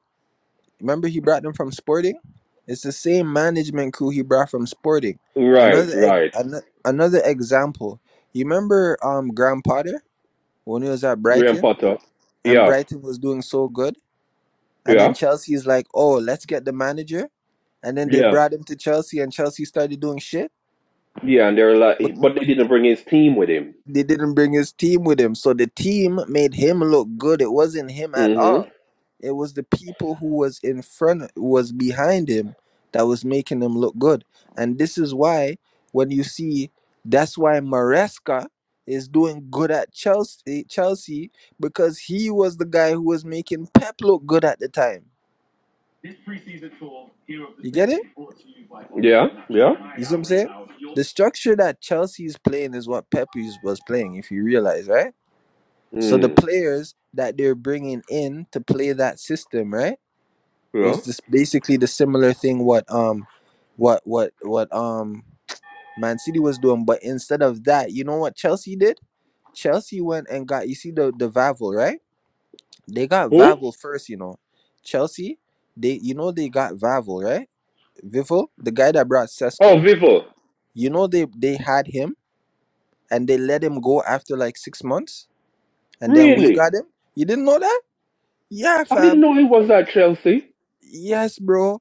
[SPEAKER 5] Remember, he brought them from Sporting. It's the same management crew he brought from Sporting.
[SPEAKER 9] Right,
[SPEAKER 5] Another ex-
[SPEAKER 9] right.
[SPEAKER 5] ano- another example. You remember um Graham Potter when he was at
[SPEAKER 9] Graham
[SPEAKER 5] Brighton
[SPEAKER 9] Potter.
[SPEAKER 5] and
[SPEAKER 9] Yeah,
[SPEAKER 5] Brighton was doing so good, and then
[SPEAKER 9] yeah,
[SPEAKER 5] Chelsea's like, oh, let's get the manager, and then they
[SPEAKER 9] yeah,
[SPEAKER 5] brought him to Chelsea and Chelsea started doing shit
[SPEAKER 9] yeah. And they're like, but they didn't bring his team with him.
[SPEAKER 5] They didn't bring his team with him, so the team made him look good. It wasn't him at
[SPEAKER 9] hmm
[SPEAKER 5] all. It was the people who was in front, was behind him, that was making him look good. And this is why, when you see, that's why Maresca is doing good at Chelsea, eh, Chelsea because he was the guy who was making Pep look good at the time. You get it?
[SPEAKER 9] Yeah, yeah.
[SPEAKER 5] You see what I'm saying? The structure that Chelsea is playing is what Pep is- was playing, if you realize, right? So the
[SPEAKER 9] Mm,
[SPEAKER 5] players that they're bringing in to play that system, right? It
[SPEAKER 9] yeah.
[SPEAKER 5] was just basically the similar thing what um what what what um Man City was doing, but instead of that, you know what Chelsea did? Chelsea went and got you see the the Vavel, right? They got
[SPEAKER 9] Who?
[SPEAKER 5] Vavel first, you know. Chelsea, they you know they got Vavel, right? Vivel, the guy that brought
[SPEAKER 9] Oh,
[SPEAKER 5] Sesko.
[SPEAKER 9] Vivo.
[SPEAKER 5] You know they they had him and they let him go after like 6 months and then we
[SPEAKER 9] Really?
[SPEAKER 5] got him. You didn't know that? Yeah,
[SPEAKER 9] I
[SPEAKER 5] fam.
[SPEAKER 9] didn't know he was at Chelsea.
[SPEAKER 5] Yes, bro.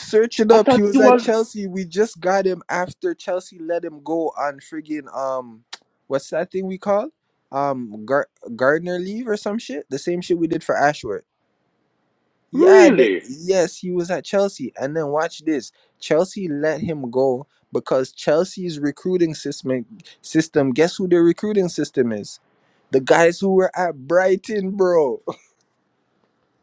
[SPEAKER 5] Search it
[SPEAKER 9] I
[SPEAKER 5] up.
[SPEAKER 9] thought
[SPEAKER 5] He
[SPEAKER 9] he
[SPEAKER 5] was at
[SPEAKER 9] was
[SPEAKER 5] Chelsea. We just got him after Chelsea let him go on friggin' um, what's that thing we call? Um, Gar- Gardner leave or some shit. The same shit we did for Ashworth. Yeah. That,
[SPEAKER 9] really.
[SPEAKER 5] yes, he was at Chelsea, and then watch this. Chelsea let him go because Chelsea's recruiting system system. Guess who their recruiting system is? The guys who were at Brighton, bro. <laughs>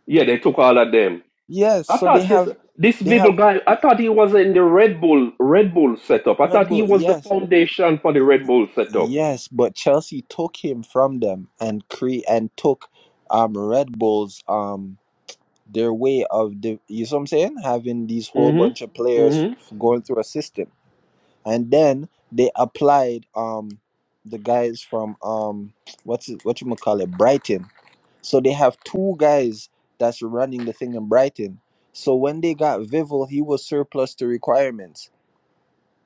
[SPEAKER 9] Yeah, they took all of them.
[SPEAKER 5] Yes.
[SPEAKER 9] I
[SPEAKER 5] So they
[SPEAKER 9] thought this
[SPEAKER 5] have,
[SPEAKER 9] this
[SPEAKER 5] they
[SPEAKER 9] Vibble
[SPEAKER 5] have
[SPEAKER 9] guy. I thought he was in the Red Bull Red Bull setup. I
[SPEAKER 5] Red
[SPEAKER 9] thought he
[SPEAKER 5] Bull.
[SPEAKER 9] was the
[SPEAKER 5] Yes.
[SPEAKER 9] foundation for the Red Bull setup.
[SPEAKER 5] Yes, but Chelsea took him from them and cre- and took um Red Bulls um their way of the you see what I'm saying having these whole
[SPEAKER 9] Mhm.
[SPEAKER 5] bunch of players
[SPEAKER 9] Mhm.
[SPEAKER 5] going through a system and then they applied um the guys from um what's it, what you call it Brighton so they have two guys that's running the thing in Brighton so when they got Vivel he was surplus to requirements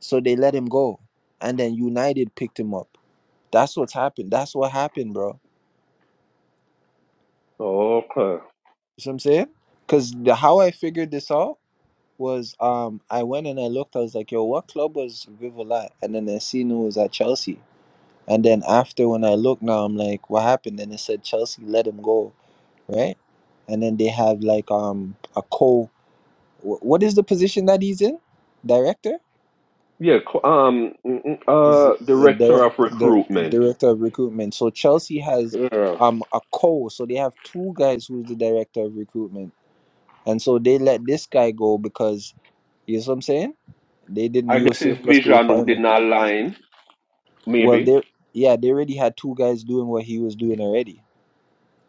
[SPEAKER 5] so they let him go and then United picked him up that's what's happened. That's what happened, bro.
[SPEAKER 9] Okay.
[SPEAKER 5] You see what I'm saying? Because the how I figured this out was um I went and I looked. I was like, yo, what club was Vivola at?" And then I seen it was at Chelsea. And then after when I looked now, I'm like, what happened? And it said Chelsea let him go, right? And then they have like um a co. wh- What is the position that he's in? Director
[SPEAKER 9] Yeah. co- Um. mm, mm,
[SPEAKER 5] is it
[SPEAKER 9] Uh.
[SPEAKER 5] a
[SPEAKER 9] Director
[SPEAKER 5] dir-
[SPEAKER 9] of
[SPEAKER 5] dir-
[SPEAKER 9] recruitment.
[SPEAKER 5] director of recruitment. So Chelsea has
[SPEAKER 9] Yeah.
[SPEAKER 5] um a co. So they have two guys who's the director of recruitment And so they let this guy go because you know what I'm saying? They didn't
[SPEAKER 9] I
[SPEAKER 5] use
[SPEAKER 9] guess his
[SPEAKER 5] surplus to
[SPEAKER 9] vision would
[SPEAKER 5] requirement.
[SPEAKER 9] not align.
[SPEAKER 5] Well
[SPEAKER 9] Maybe.
[SPEAKER 5] they yeah, they already had two guys doing what he was doing already.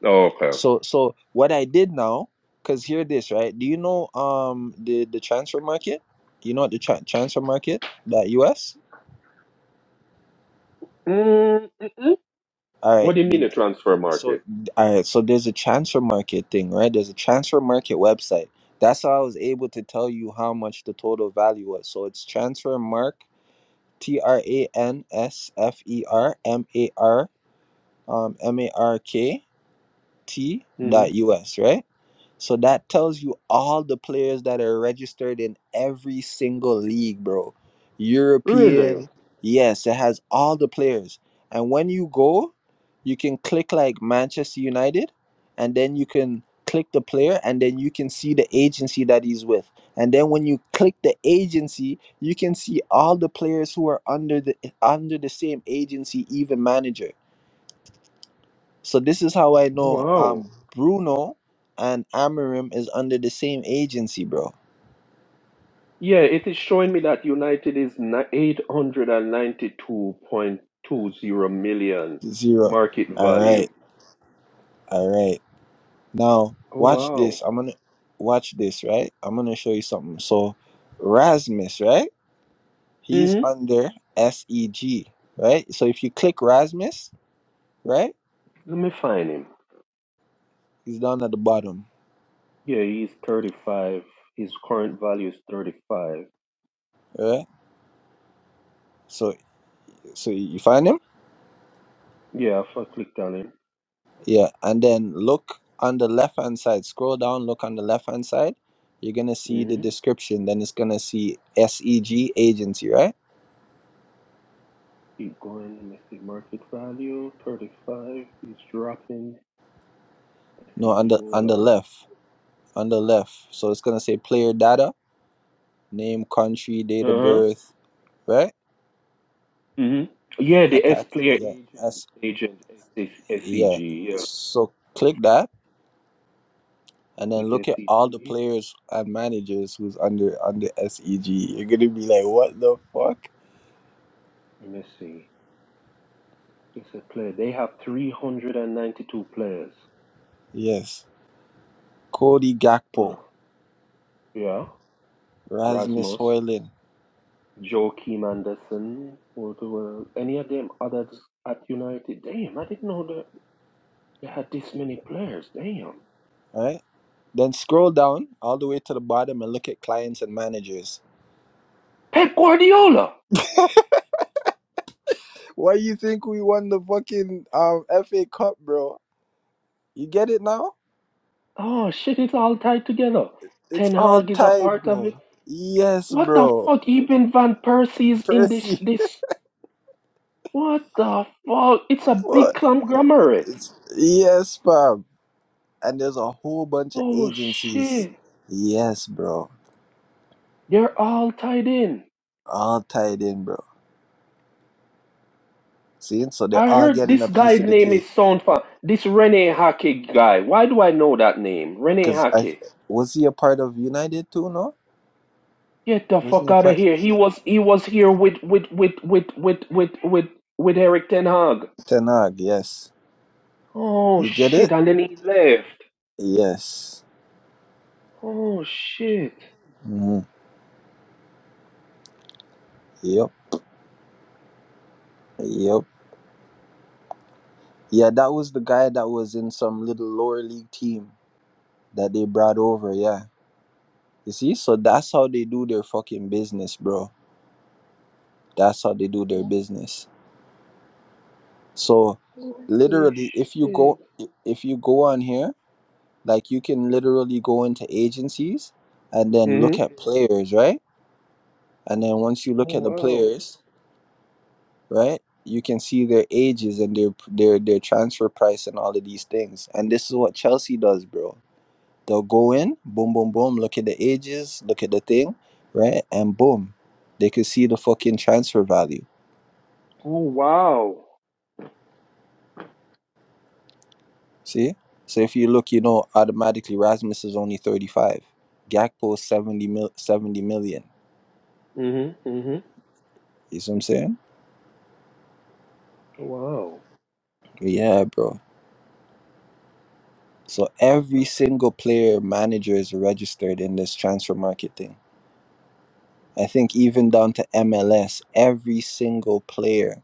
[SPEAKER 9] Okay.
[SPEAKER 5] So so what I did now, cause hear this, right? Do you know um the, the transfer market? You know the tra- transfer market? That US?
[SPEAKER 9] Mm, mm, mm.
[SPEAKER 5] All
[SPEAKER 9] What
[SPEAKER 5] right.
[SPEAKER 9] do you mean the transfer
[SPEAKER 5] So
[SPEAKER 9] market?
[SPEAKER 5] all right, so there's a transfer market thing, right? There's a transfer market website. That's how I was able to tell you how much the total value was. So it's transfermark T R A N S F E R M A R um, M A R K T
[SPEAKER 9] Mhm.
[SPEAKER 5] dot U S, right? So that tells you all the players that are registered in every single league, bro.
[SPEAKER 9] Really?
[SPEAKER 5] European, yes, it has all the players. And when you go, you can click like Manchester United, and then you can click the player, and then you can see the agency that he's with. And then when you click the agency, you can see all the players who are under the under the same agency, even manager. So this is how I know
[SPEAKER 9] Wow.
[SPEAKER 5] um Bruno and Amarim is under the same agency, bro.
[SPEAKER 9] Yeah, it is showing me that United is ni- 892.20 million
[SPEAKER 5] Zero.
[SPEAKER 9] market
[SPEAKER 5] All
[SPEAKER 9] value.
[SPEAKER 5] right. All right. Now
[SPEAKER 9] Oh,
[SPEAKER 5] watch this.
[SPEAKER 9] wow.
[SPEAKER 5] I'm gonna watch this, right? I'm gonna show you something. So Rasmus, right? He's
[SPEAKER 9] hmm
[SPEAKER 5] under SEG, right? So if you click Rasmus, right?
[SPEAKER 9] Let me find him.
[SPEAKER 5] He's down at the bottom,
[SPEAKER 9] Yeah, he's 35. His current value is 35.
[SPEAKER 5] right? So so you find him?
[SPEAKER 9] Yeah, if I clicked on him.
[SPEAKER 5] Yeah, and then look on the left hand side. Scroll down, look on the left hand side. You're gonna see the
[SPEAKER 9] hmm
[SPEAKER 5] description. Then it's gonna see SEG agency, right?
[SPEAKER 9] Keep going. Let me see. Market value 35. He's dropping.
[SPEAKER 5] No, on
[SPEAKER 9] SCG,
[SPEAKER 5] the
[SPEAKER 9] hold
[SPEAKER 5] on the
[SPEAKER 9] on.
[SPEAKER 5] left, on the left. So it's gonna say player data, name, country, date of
[SPEAKER 9] Uh huh.
[SPEAKER 5] birth, right?
[SPEAKER 9] hmm Yeah, the S
[SPEAKER 5] Attack.
[SPEAKER 9] player
[SPEAKER 5] Yeah,
[SPEAKER 9] agent,
[SPEAKER 5] S.
[SPEAKER 9] agent,
[SPEAKER 5] Yeah.
[SPEAKER 9] SCG. Yeah.
[SPEAKER 5] So click that, and then
[SPEAKER 9] Click
[SPEAKER 5] look at all the
[SPEAKER 9] SCG.
[SPEAKER 5] players and managers who's under under SEG. You're gonna be like, what the fuck?
[SPEAKER 9] Let me see. It's a player. They have 392 players.
[SPEAKER 5] Yes. Cody Gakpo,
[SPEAKER 9] Ugh. Yeah.
[SPEAKER 5] Rasmus
[SPEAKER 9] Rasmus,
[SPEAKER 5] Hoyland.
[SPEAKER 9] Joachim Anderson, or the, world. any of them others at United? Damn, I didn't know that they had this many players. Damn.
[SPEAKER 5] All right. Then scroll down all the way to the bottom and look at clients and managers.
[SPEAKER 9] Pep Guardiola!
[SPEAKER 5] Why you think we won the fucking um, FA Cup, bro? You get it now?
[SPEAKER 9] Oh, shit, it's all tied together.
[SPEAKER 5] It's
[SPEAKER 9] Ten
[SPEAKER 5] all
[SPEAKER 9] Hag is a
[SPEAKER 5] tied,
[SPEAKER 9] part of it.
[SPEAKER 5] bro. Yes,
[SPEAKER 9] What the
[SPEAKER 5] bro.
[SPEAKER 9] fuck? Even Van Persie is in this.
[SPEAKER 5] Percy,
[SPEAKER 9] this. What the fuck? It's
[SPEAKER 5] <laughs>
[SPEAKER 9] a big
[SPEAKER 5] what?
[SPEAKER 9] conglomerate.
[SPEAKER 5] It's, yes, fam. And there's a whole bunch of
[SPEAKER 9] Oh,
[SPEAKER 5] agencies.
[SPEAKER 9] shit.
[SPEAKER 5] Yes, bro.
[SPEAKER 9] They're all tied in.
[SPEAKER 5] All tied in, bro. See, so they're
[SPEAKER 9] I
[SPEAKER 5] all
[SPEAKER 9] heard
[SPEAKER 5] getting a
[SPEAKER 9] this
[SPEAKER 5] piece
[SPEAKER 9] guy's
[SPEAKER 5] of the
[SPEAKER 9] name
[SPEAKER 5] cake.
[SPEAKER 9] is sound fa This Rene Hockey guy. Why do I know that name? Rene
[SPEAKER 5] Cause I
[SPEAKER 9] Hockey.
[SPEAKER 5] was he a part of United too? No,
[SPEAKER 9] Get the
[SPEAKER 5] wasn't
[SPEAKER 9] fuck
[SPEAKER 5] he a
[SPEAKER 9] out of
[SPEAKER 5] part?
[SPEAKER 9] here. He was he was here with with with with with with with with Eric Ten Hag.
[SPEAKER 5] Tenag, yes.
[SPEAKER 9] Oh
[SPEAKER 5] You get it?
[SPEAKER 9] shit! And then he left.
[SPEAKER 5] Yes.
[SPEAKER 9] Oh shit.
[SPEAKER 5] hmm Yep. Yep. Yeah, that was the guy that was in some little lower league team that they brought over. Yeah. You see, so that's how they do their fucking business, bro. That's how they do their
[SPEAKER 9] Holy
[SPEAKER 5] business. So, literally, if you
[SPEAKER 9] shit.
[SPEAKER 5] go, if you go on here, like you can literally go into agencies and then look
[SPEAKER 9] Mhm.
[SPEAKER 5] at players, right? And then once you
[SPEAKER 9] Oh
[SPEAKER 5] look at the
[SPEAKER 9] wow.
[SPEAKER 5] players, right? You can see their ages and their their their transfer price and all of these things. And this is what Chelsea does, bro. They'll go in, boom, boom, boom. Look at the ages, look at the thing, right? And boom, they can see the fucking transfer value.
[SPEAKER 9] Oh wow.
[SPEAKER 5] See? So if you look, you know, automatically Rasmus is only thirty five. Gakpo is 70 mil, 70 million.
[SPEAKER 9] Mhm. Mhm.
[SPEAKER 5] You see what I'm saying?
[SPEAKER 9] Wow.
[SPEAKER 5] Yeah, bro. So every single player manager is registered in this transfer market thing. I think even down to MLS, every single player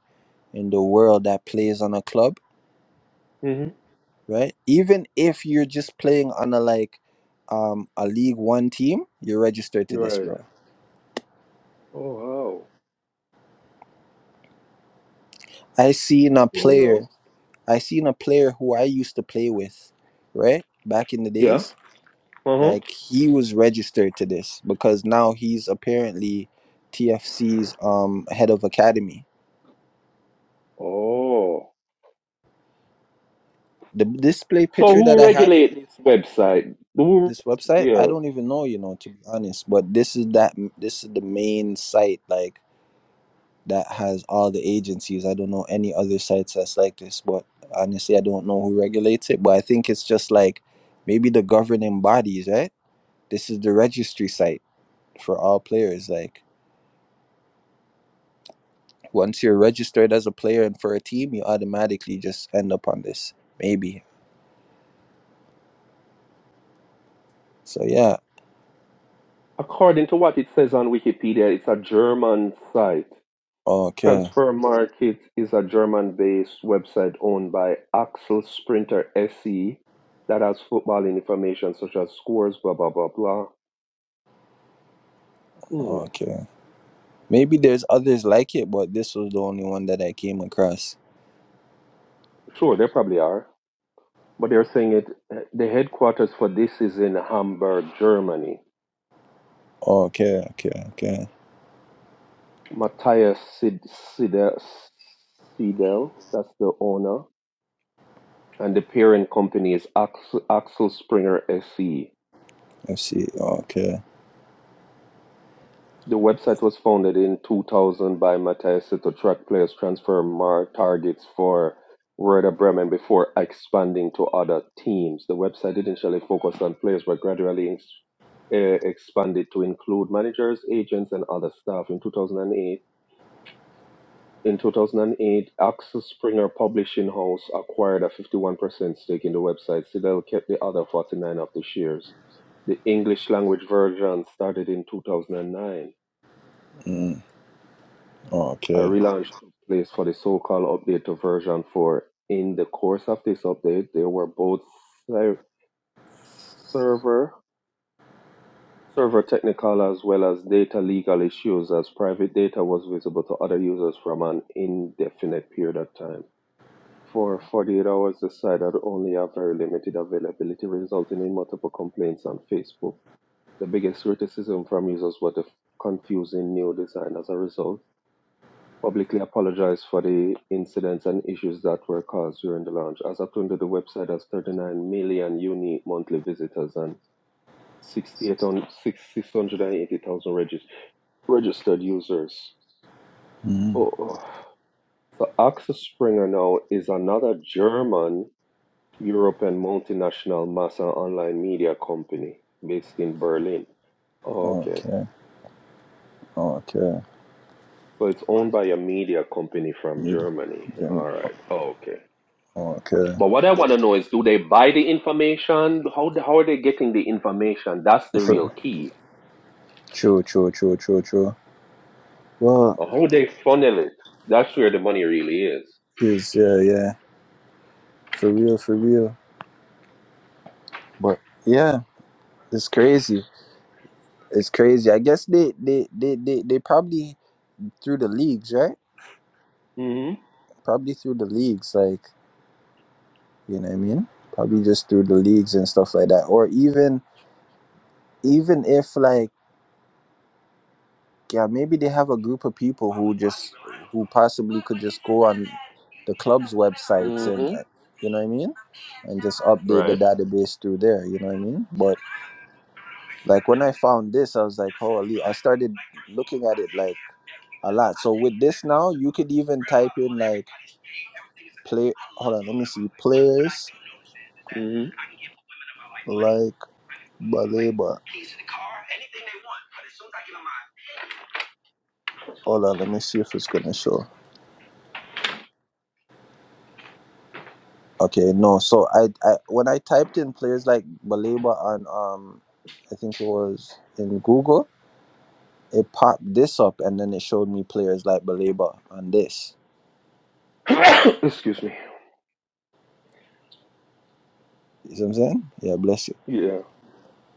[SPEAKER 5] in the world that plays on a club,
[SPEAKER 9] Mhm.
[SPEAKER 5] right? Even if you're just playing on a like um a League One team, you're registered to this,
[SPEAKER 9] Right.
[SPEAKER 5] bro.
[SPEAKER 9] Oh wow.
[SPEAKER 5] I seen
[SPEAKER 9] I
[SPEAKER 5] a
[SPEAKER 9] didn't know.
[SPEAKER 5] player, I seen a player who I used to play with, right? Back in the
[SPEAKER 9] Yeah.
[SPEAKER 5] days.
[SPEAKER 9] Uh huh.
[SPEAKER 5] Like he was registered to this because now he's apparently TFC's um head of academy.
[SPEAKER 9] Oh.
[SPEAKER 5] The display
[SPEAKER 9] So
[SPEAKER 5] picture that
[SPEAKER 9] who
[SPEAKER 5] I had.
[SPEAKER 9] regulate this website? Who,
[SPEAKER 5] this website i
[SPEAKER 9] yeah.
[SPEAKER 5] don't even know you know to be honest but this is that this is the main site like that has all the agencies i don't know any other sites that's like this but honestly i don't know who regulates it but i think it's just like maybe the governing bodies right this is the registry site for all players like once you're registered as a player and for a team you automatically just end up on this maybe so yeah
[SPEAKER 9] According to what it says on Wikipedia, it's a German site.
[SPEAKER 5] okay
[SPEAKER 9] Transfer Market is a German-based website owned by Axel Sprinter SE that has football information such as scores, blah blah blah blah. Hmm.
[SPEAKER 5] okay maybe there's others like it but this was the only one that i came across
[SPEAKER 9] Sure, they probably are, but they're saying it. The headquarters for this is in Hamburg, Germany.
[SPEAKER 5] Okay, okay, okay.
[SPEAKER 9] Matthias Sid- Sidel, Sidel, that's the owner and the parent company is Axel, Axel Springer SE.
[SPEAKER 5] I see. okay.
[SPEAKER 9] The website was founded in 2000 by Matthias to track players transfer more targets for Werder Bremen before expanding to other teams. The website initially focused on players but gradually ex- eh, expanded to include managers, agents, and other staff. In 2008, In 2008, Axel Springer Publishing House acquired a 51% stake in the website. Sidel kept the other 49 of the shares. The English language version started in 2009.
[SPEAKER 5] Mm,
[SPEAKER 9] A
[SPEAKER 5] okay.
[SPEAKER 9] relaunch took place for the so-called update to version 4. In the course of this update, there were both ser- server server technical as well as data legal issues as private data was visible to other users from an indefinite period of time. For 48 hours, the site had only a very limited availability, resulting in multiple complaints on Facebook. The biggest criticism from users was the confusing new design. As a result, publicly apologized for the incidents and issues that were caused during the launch. As of today, the website has 39 million unique monthly visitors and 68 on- six- 680,000 regis- registered users.
[SPEAKER 5] Mm,
[SPEAKER 9] Oh, oh. So Axel Springer now is another German European multinational mass and online media company based in Berlin. Oh, okay.
[SPEAKER 5] okay, okay.
[SPEAKER 9] So it's owned by a media company from
[SPEAKER 5] Need
[SPEAKER 9] Germany.
[SPEAKER 5] them,
[SPEAKER 9] All right. Oh, okay.
[SPEAKER 5] okay.
[SPEAKER 9] But what I want to know is do they buy the information? How, how are they getting the information? That's the
[SPEAKER 5] For,
[SPEAKER 9] real key.
[SPEAKER 5] true, true, true, true, true. Well,
[SPEAKER 9] Or How they funnel it? That's where the money really is.
[SPEAKER 5] is, yeah, yeah. For real, for real. But yeah, it's crazy. It's crazy. I guess they, they, they, they, they probably through the leagues, right?
[SPEAKER 9] hmm
[SPEAKER 5] Probably through the leagues, like, you know what I mean? Probably just through the leagues and stuff like that. Or even, even if like, yeah, maybe they have a group of people who just who possibly could just go on the club's websites and
[SPEAKER 9] hmm
[SPEAKER 5] uh, you know what I mean, and just update the
[SPEAKER 9] Right.
[SPEAKER 5] database through there. You know what I mean? But like when I found this, I was like, holy! I started looking at it like a lot. So with this now, you could even type in like play. Hold on, let me see players
[SPEAKER 9] hmm
[SPEAKER 5] like Baleba. Hold on, let me see if it's gonna show. Okay, no. So I, I when I typed in players like Baleba and um, I think it was in Google, it popped this up and then it showed me players like Baleba and this.
[SPEAKER 9] <coughs> Excuse me.
[SPEAKER 5] You see what I'm saying? Yeah, bless you.
[SPEAKER 9] Yeah.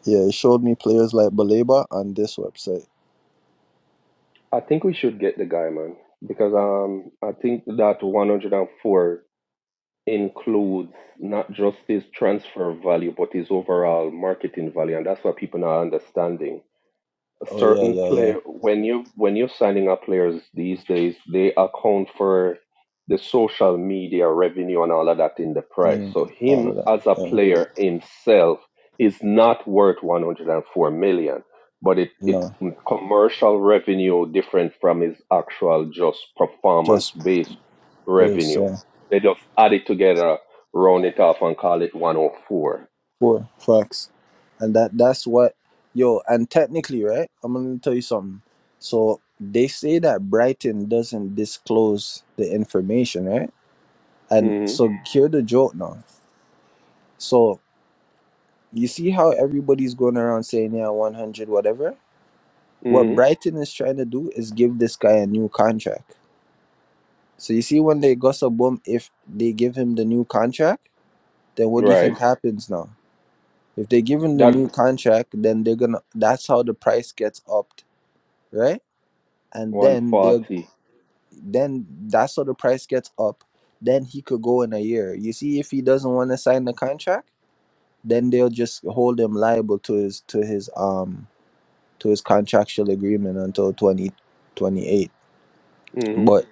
[SPEAKER 5] Yeah, it showed me players like Baleba on this website.
[SPEAKER 9] I think we should get the guy, man, because um, I think that 104 includes not just his transfer value, but his overall marketing value, and that's what people are not understanding a
[SPEAKER 5] Oh yeah,
[SPEAKER 9] certain
[SPEAKER 5] yeah, yeah.
[SPEAKER 9] player when you when you're signing up players these days, they account for the social media revenue and all of that in the price.
[SPEAKER 5] hmm
[SPEAKER 9] So
[SPEAKER 5] All of
[SPEAKER 9] him
[SPEAKER 5] that.
[SPEAKER 9] as a
[SPEAKER 5] Yeah.
[SPEAKER 9] player himself is not worth 104 million, but it it
[SPEAKER 5] No,
[SPEAKER 9] commercial revenue different from his actual just performance
[SPEAKER 5] just
[SPEAKER 9] based
[SPEAKER 5] this.
[SPEAKER 9] revenue.
[SPEAKER 5] Yeah.
[SPEAKER 9] They just add it together, round it off, and call it 104.
[SPEAKER 5] Four facts, and that that's what yo. And technically, right? I'm gonna tell you something. So they say that Brighton doesn't disclose the information, right? And so
[SPEAKER 9] Mm-hmm.
[SPEAKER 5] hear the joke now. So you see how everybody's going around saying yeah, 100, whatever. What
[SPEAKER 9] Mm-hmm.
[SPEAKER 5] Brighton is trying to do is give this guy a new contract. So you see when they gossip boom, if they give him the new contract, then what do you
[SPEAKER 9] Right.
[SPEAKER 5] think happens now? If they give him the
[SPEAKER 9] That
[SPEAKER 5] new contract, then they're gonna. That's how the price gets upped, right? And then they'll.
[SPEAKER 9] 140.
[SPEAKER 5] Then that's how the price gets up. Then he could go in a year. You see, if he doesn't want to sign the contract, then they'll just hold him liable to his to his um to his contractual agreement until twenty twenty eight.
[SPEAKER 9] hmm
[SPEAKER 5] But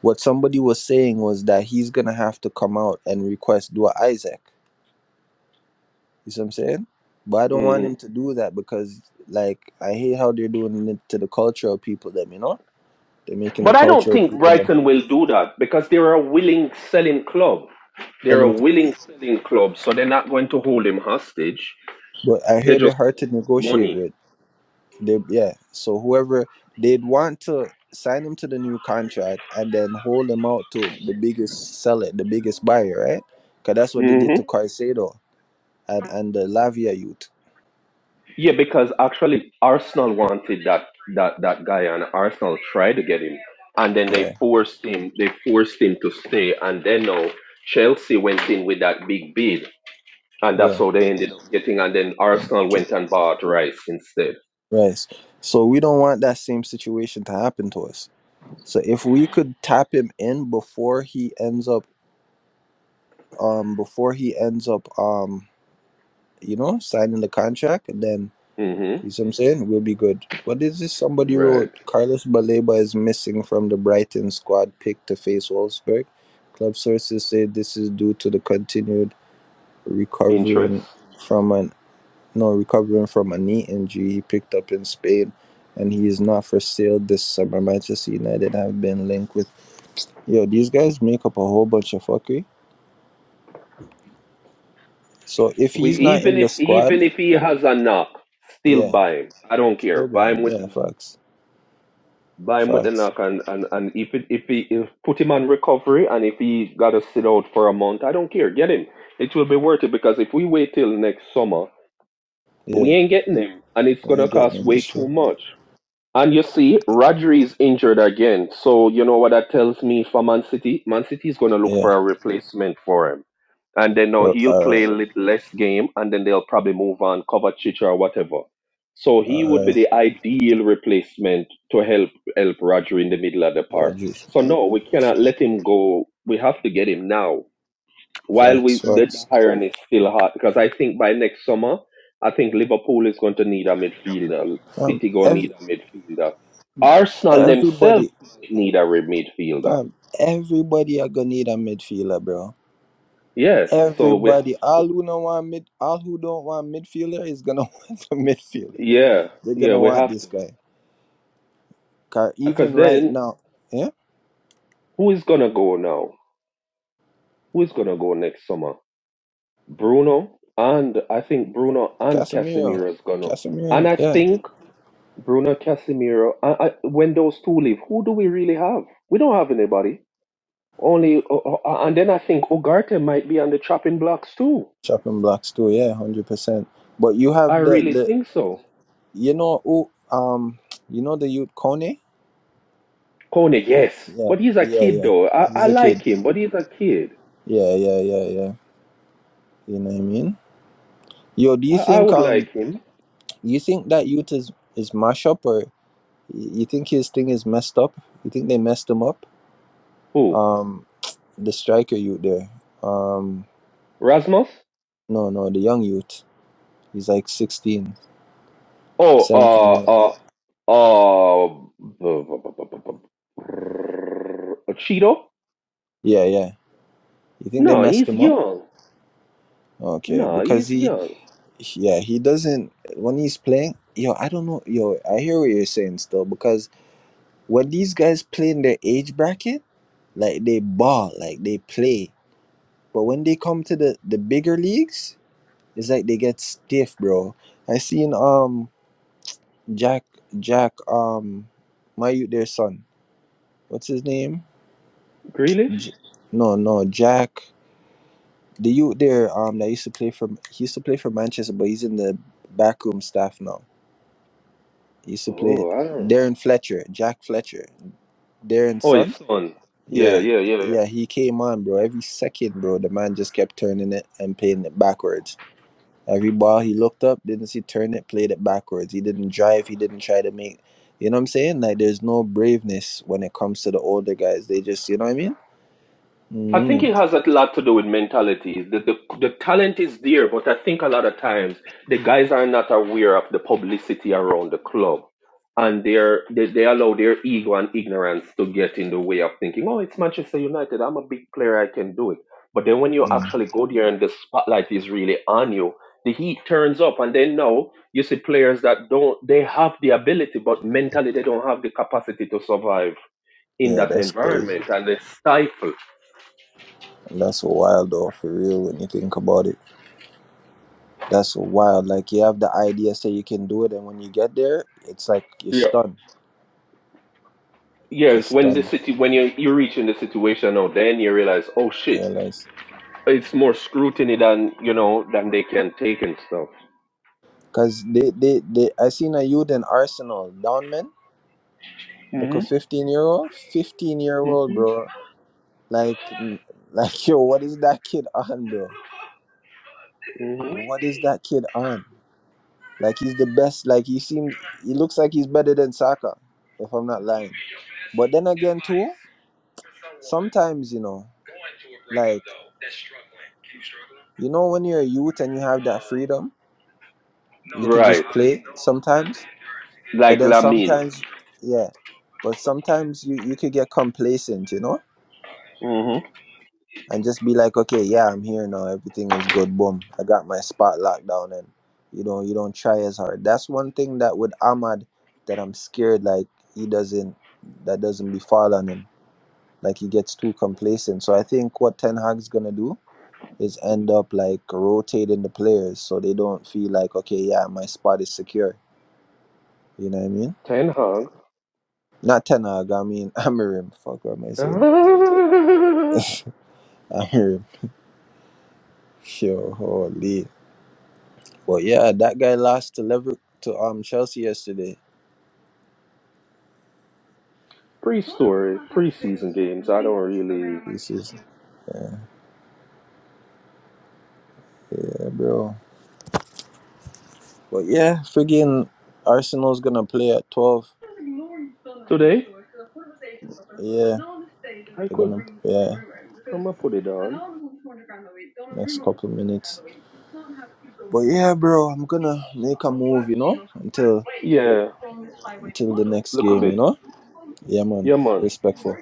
[SPEAKER 5] what somebody was saying was that he's gonna have to come out and request Dua Isaac. You see what I'm saying? But I don't want
[SPEAKER 9] hmm
[SPEAKER 5] him to do that because, like, I hate how they're doing it to the cultural people. Them, you know, they're making the
[SPEAKER 9] But I don't
[SPEAKER 5] cultural
[SPEAKER 9] think
[SPEAKER 5] people them
[SPEAKER 9] Brighton will do that because they're a willing selling club. They're a
[SPEAKER 5] selling. To,
[SPEAKER 9] willing selling club, so they're not going to hold him hostage.
[SPEAKER 5] but I
[SPEAKER 9] They
[SPEAKER 5] hear they're
[SPEAKER 9] just
[SPEAKER 5] hard
[SPEAKER 9] want to
[SPEAKER 5] to
[SPEAKER 9] get the
[SPEAKER 5] negotiate
[SPEAKER 9] money.
[SPEAKER 5] with. They, yeah. So whoever they'd want to sign him to the new contract and then hold him out to the biggest seller, the biggest buyer, right? Because that's what they did to
[SPEAKER 9] hmm
[SPEAKER 5] Caicedo and and the Lavia youth.
[SPEAKER 9] Yeah, because actually Arsenal wanted that that that guy, and Arsenal tried to get him, and then they
[SPEAKER 5] Yeah.
[SPEAKER 9] forced him. They forced him to stay, and then now Chelsea went in with that big bid, and that's
[SPEAKER 5] Yeah.
[SPEAKER 9] how they ended up getting. And then Arsenal
[SPEAKER 5] Okay.
[SPEAKER 9] went and bought Rice instead.
[SPEAKER 5] Right. So we don't want that same situation to happen to us. So if we could tap him in before he ends up, um, before he ends up, um, you know, signing the contract, then
[SPEAKER 9] hmm
[SPEAKER 5] you see what I'm saying we'll be good. What is this? Somebody wrote
[SPEAKER 9] Right.
[SPEAKER 5] Carlos Baleba is missing from the Brighton squad pick to face Wolfsburg. Club sources say this is due to the continued
[SPEAKER 9] interest.
[SPEAKER 5] recovering from an no recovering from a knee injury he picked up in Spain, and he is not for sale this summer. Manchester United have been linked with. Yo, these guys make up a whole bunch of fuckery. So if
[SPEAKER 9] We
[SPEAKER 5] he's not
[SPEAKER 9] even
[SPEAKER 5] in the
[SPEAKER 9] if
[SPEAKER 5] squad,
[SPEAKER 9] even if he has a knock, still
[SPEAKER 5] yeah,
[SPEAKER 9] buy him. I don't
[SPEAKER 5] still
[SPEAKER 9] care.
[SPEAKER 5] buy
[SPEAKER 9] Buy him
[SPEAKER 5] him.
[SPEAKER 9] with the
[SPEAKER 5] Yeah,
[SPEAKER 9] knock.
[SPEAKER 5] facts.
[SPEAKER 9] buy him with the
[SPEAKER 5] Facts.
[SPEAKER 9] knock, and and and if it, if he if put him on recovery, and if he got to sit out for a month, I don't care. Get him. It will be worth it because if we wait till next summer,
[SPEAKER 5] Yeah,
[SPEAKER 9] we ain't getting him, and it's
[SPEAKER 5] we
[SPEAKER 9] gonna
[SPEAKER 5] ain't getting
[SPEAKER 9] cost
[SPEAKER 5] him this
[SPEAKER 9] way
[SPEAKER 5] shit.
[SPEAKER 9] too much. And you see, Rodri is injured again. So you know what that tells me for Man City? Man City is going to look
[SPEAKER 5] Yeah.
[SPEAKER 9] for a replacement for him. And then now
[SPEAKER 5] But,
[SPEAKER 9] he'll
[SPEAKER 5] all right.
[SPEAKER 9] play lit- less game and then they'll probably move on, cover Chicha or whatever. So he
[SPEAKER 5] All
[SPEAKER 9] would be
[SPEAKER 5] right.
[SPEAKER 9] the ideal replacement to help help Rodri in the middle of the park.
[SPEAKER 5] Rodgers.
[SPEAKER 9] So no, we cannot let him go. We have to get him now while
[SPEAKER 5] Facts.
[SPEAKER 9] we the the
[SPEAKER 5] Facts.
[SPEAKER 9] hiring is still hot because I think by next summer, I think Liverpool is going to need a midfielder.
[SPEAKER 5] Fam,
[SPEAKER 9] City going to need
[SPEAKER 5] every,
[SPEAKER 9] a midfielder. Arsenal themselves
[SPEAKER 5] everybody,
[SPEAKER 9] might need a re- midfielder.
[SPEAKER 5] fam, everybody are gonna need a midfielder, bro.
[SPEAKER 9] Yeah, so we have
[SPEAKER 5] Everybody,
[SPEAKER 9] to.
[SPEAKER 5] all who don't want mid, all who don't want midfielder is gonna <laughs> want a midfielder.
[SPEAKER 9] Yeah,
[SPEAKER 5] They're
[SPEAKER 9] yeah,
[SPEAKER 5] gonna
[SPEAKER 9] we
[SPEAKER 5] want
[SPEAKER 9] have
[SPEAKER 5] this
[SPEAKER 9] to.
[SPEAKER 5] guy. Car
[SPEAKER 9] Because
[SPEAKER 5] even right
[SPEAKER 9] then
[SPEAKER 5] now. yeah.
[SPEAKER 9] who is going to go now? Who is going to go next summer? Bruno and I think Bruno and
[SPEAKER 5] Casemiro,
[SPEAKER 9] Casemiro is going to. And
[SPEAKER 5] Casemiro,
[SPEAKER 9] I
[SPEAKER 5] yeah,
[SPEAKER 9] think Bruno Casemiro, I, I, when those two leave, who do we really have? We don't have anybody. Only, uh, uh, and then I think Ugarte might be on the chopping blocks too.
[SPEAKER 5] chopping blocks too, yeah, hundred percent. But you have
[SPEAKER 9] I
[SPEAKER 5] the
[SPEAKER 9] really
[SPEAKER 5] the
[SPEAKER 9] think so.
[SPEAKER 5] you know who um you know the youth Kone,
[SPEAKER 9] Kone, yes,
[SPEAKER 5] yeah,
[SPEAKER 9] but he's a
[SPEAKER 5] yeah,
[SPEAKER 9] kid
[SPEAKER 5] yeah,
[SPEAKER 9] though. I,
[SPEAKER 5] he's
[SPEAKER 9] I
[SPEAKER 5] a kid,
[SPEAKER 9] like him, but he's a kid.
[SPEAKER 5] yeah, yeah, yeah, yeah. You know what I mean? Yo, do you
[SPEAKER 9] I, I
[SPEAKER 5] think
[SPEAKER 9] would
[SPEAKER 5] um
[SPEAKER 9] like him.
[SPEAKER 5] you think that youth is is mash up or y- you think his thing is messed up? You think they messed him up?
[SPEAKER 9] Who?
[SPEAKER 5] Um, the striker youth there, um,
[SPEAKER 9] Rasmus?
[SPEAKER 5] no, no, the young youth. He's like 16,
[SPEAKER 9] Oh,
[SPEAKER 5] 17 year
[SPEAKER 9] uh,
[SPEAKER 5] old.
[SPEAKER 9] uh, uh, b- b- b- b- b- b- Cheeto?
[SPEAKER 5] Yeah, yeah. You think they
[SPEAKER 9] No,
[SPEAKER 5] messed
[SPEAKER 9] he's
[SPEAKER 5] him up?
[SPEAKER 9] young.
[SPEAKER 5] Okay,
[SPEAKER 9] No,
[SPEAKER 5] because
[SPEAKER 9] he's
[SPEAKER 5] he,
[SPEAKER 9] young.
[SPEAKER 5] yeah, he doesn't when he's playing. Yo, I don't know. Yo, I hear what you're saying still because when these guys play in their age bracket, like they ball, like they play. But when they come to the the bigger leagues, it's like they get stiff, bro. I seen um Jack Jack um my youth their son. What's his name?
[SPEAKER 9] Grealish?
[SPEAKER 5] J- no, no, Jack. The youth there um that used to play for he used to play for Manchester, but he's in the backroom staff now He used to play
[SPEAKER 9] Oh, I don't know.
[SPEAKER 5] Darren Fletcher, Jack Fletcher, Darren's
[SPEAKER 9] Oh, his
[SPEAKER 5] son.
[SPEAKER 9] son. Yeah,
[SPEAKER 5] Yeah,
[SPEAKER 9] yeah, yeah, yeah.
[SPEAKER 5] yeah, he came on, bro. Every second, bro, the man just kept turning it and playing it backwards. Every ball he looked up, didn't see turn it, played it backwards. He didn't drive. He didn't try to make. You know what I'm saying? Like, there's no braveness when it comes to the older guys. They just, you know what I mean?
[SPEAKER 9] I think it
[SPEAKER 5] Mm-hmm.
[SPEAKER 9] has a lot to do with mentality. The, the the talent is there, but I think a lot of times the guys are not aware of the publicity around the club, and they're, they they allow their ego and ignorance to get in the way of thinking, oh, it's Manchester United. I'm a big player. I can do it. But then when you
[SPEAKER 5] Mm.
[SPEAKER 9] actually go there and the spotlight is really on you, the heat turns up, and then now you see players that don't they have the ability, but mentally they don't have the capacity to survive in
[SPEAKER 5] Yeah,
[SPEAKER 9] that
[SPEAKER 5] that's crazy.
[SPEAKER 9] environment, and they stifle.
[SPEAKER 5] That's wild, though, for real, when you think about it. That's wild. Like, you have the idea, say you can do it, and when you get there, it's like you're
[SPEAKER 9] Yeah.
[SPEAKER 5] stunned.
[SPEAKER 9] Yes,
[SPEAKER 5] It's
[SPEAKER 9] when the
[SPEAKER 5] done.
[SPEAKER 9] city when you you reach in the situation now, then you realize, oh shit,
[SPEAKER 5] Realize.
[SPEAKER 9] it's more scrutiny than you know than they can take and stuff.
[SPEAKER 5] Cause they, they, they I seen a youth in Arsenal, Downman, like
[SPEAKER 9] hmm
[SPEAKER 5] a fifteen year old. Fifteen year
[SPEAKER 9] hmm
[SPEAKER 5] old bro. Like n- <laughs> like yo, what is that kid on, bro?
[SPEAKER 9] hmm
[SPEAKER 5] What is that kid on? Like he's the best, like he seems he looks like he's better than Saka, if I'm not lying. But then again too, sometimes, you know, like you know when you're a youth and you have that freedom, you could
[SPEAKER 9] Right,
[SPEAKER 5] just play sometimes But
[SPEAKER 9] like
[SPEAKER 5] then
[SPEAKER 9] Lamine.
[SPEAKER 5] sometimes, yeah, but sometimes you you could get complacent, you know,
[SPEAKER 9] hmm
[SPEAKER 5] and just be like, okay, yeah, I'm here now. Everything is good. Boom, I got my spot locked down, and you know, you don't try as hard. That's one thing that with Ahmad that I'm scared like he doesn't that doesn't befall on him. Like he gets too complacent. So I think what Ten Hag's gonna do is end up like rotating the players so they don't feel like okay, yeah, my spot is secure. You know what I mean?
[SPEAKER 9] Ten Hag. <laughs>
[SPEAKER 5] Not Ten Hag, I mean <laughs> Amarim. Fuck what am I saying?
[SPEAKER 9] Ah,
[SPEAKER 5] I heard sure holy. But yeah, that guy lost to Liver to um Chelsea yesterday.
[SPEAKER 9] Pre-story, pre-season games. I don't really
[SPEAKER 5] This is yeah, yeah, bro. But yeah, friggin' Arsenal's gonna play at twelve.
[SPEAKER 9] today.
[SPEAKER 5] Yeah,
[SPEAKER 9] I
[SPEAKER 5] they're
[SPEAKER 9] could.
[SPEAKER 5] gonna yeah
[SPEAKER 9] I'm gonna put it on.
[SPEAKER 5] next couple minutes. But yeah, bro, I'm gonna make a move, you know, until
[SPEAKER 9] Yeah,
[SPEAKER 5] until the next
[SPEAKER 9] look a
[SPEAKER 5] game, you
[SPEAKER 9] bit.
[SPEAKER 5] know. Yeah, man,
[SPEAKER 9] Yeah, man.
[SPEAKER 5] respectful.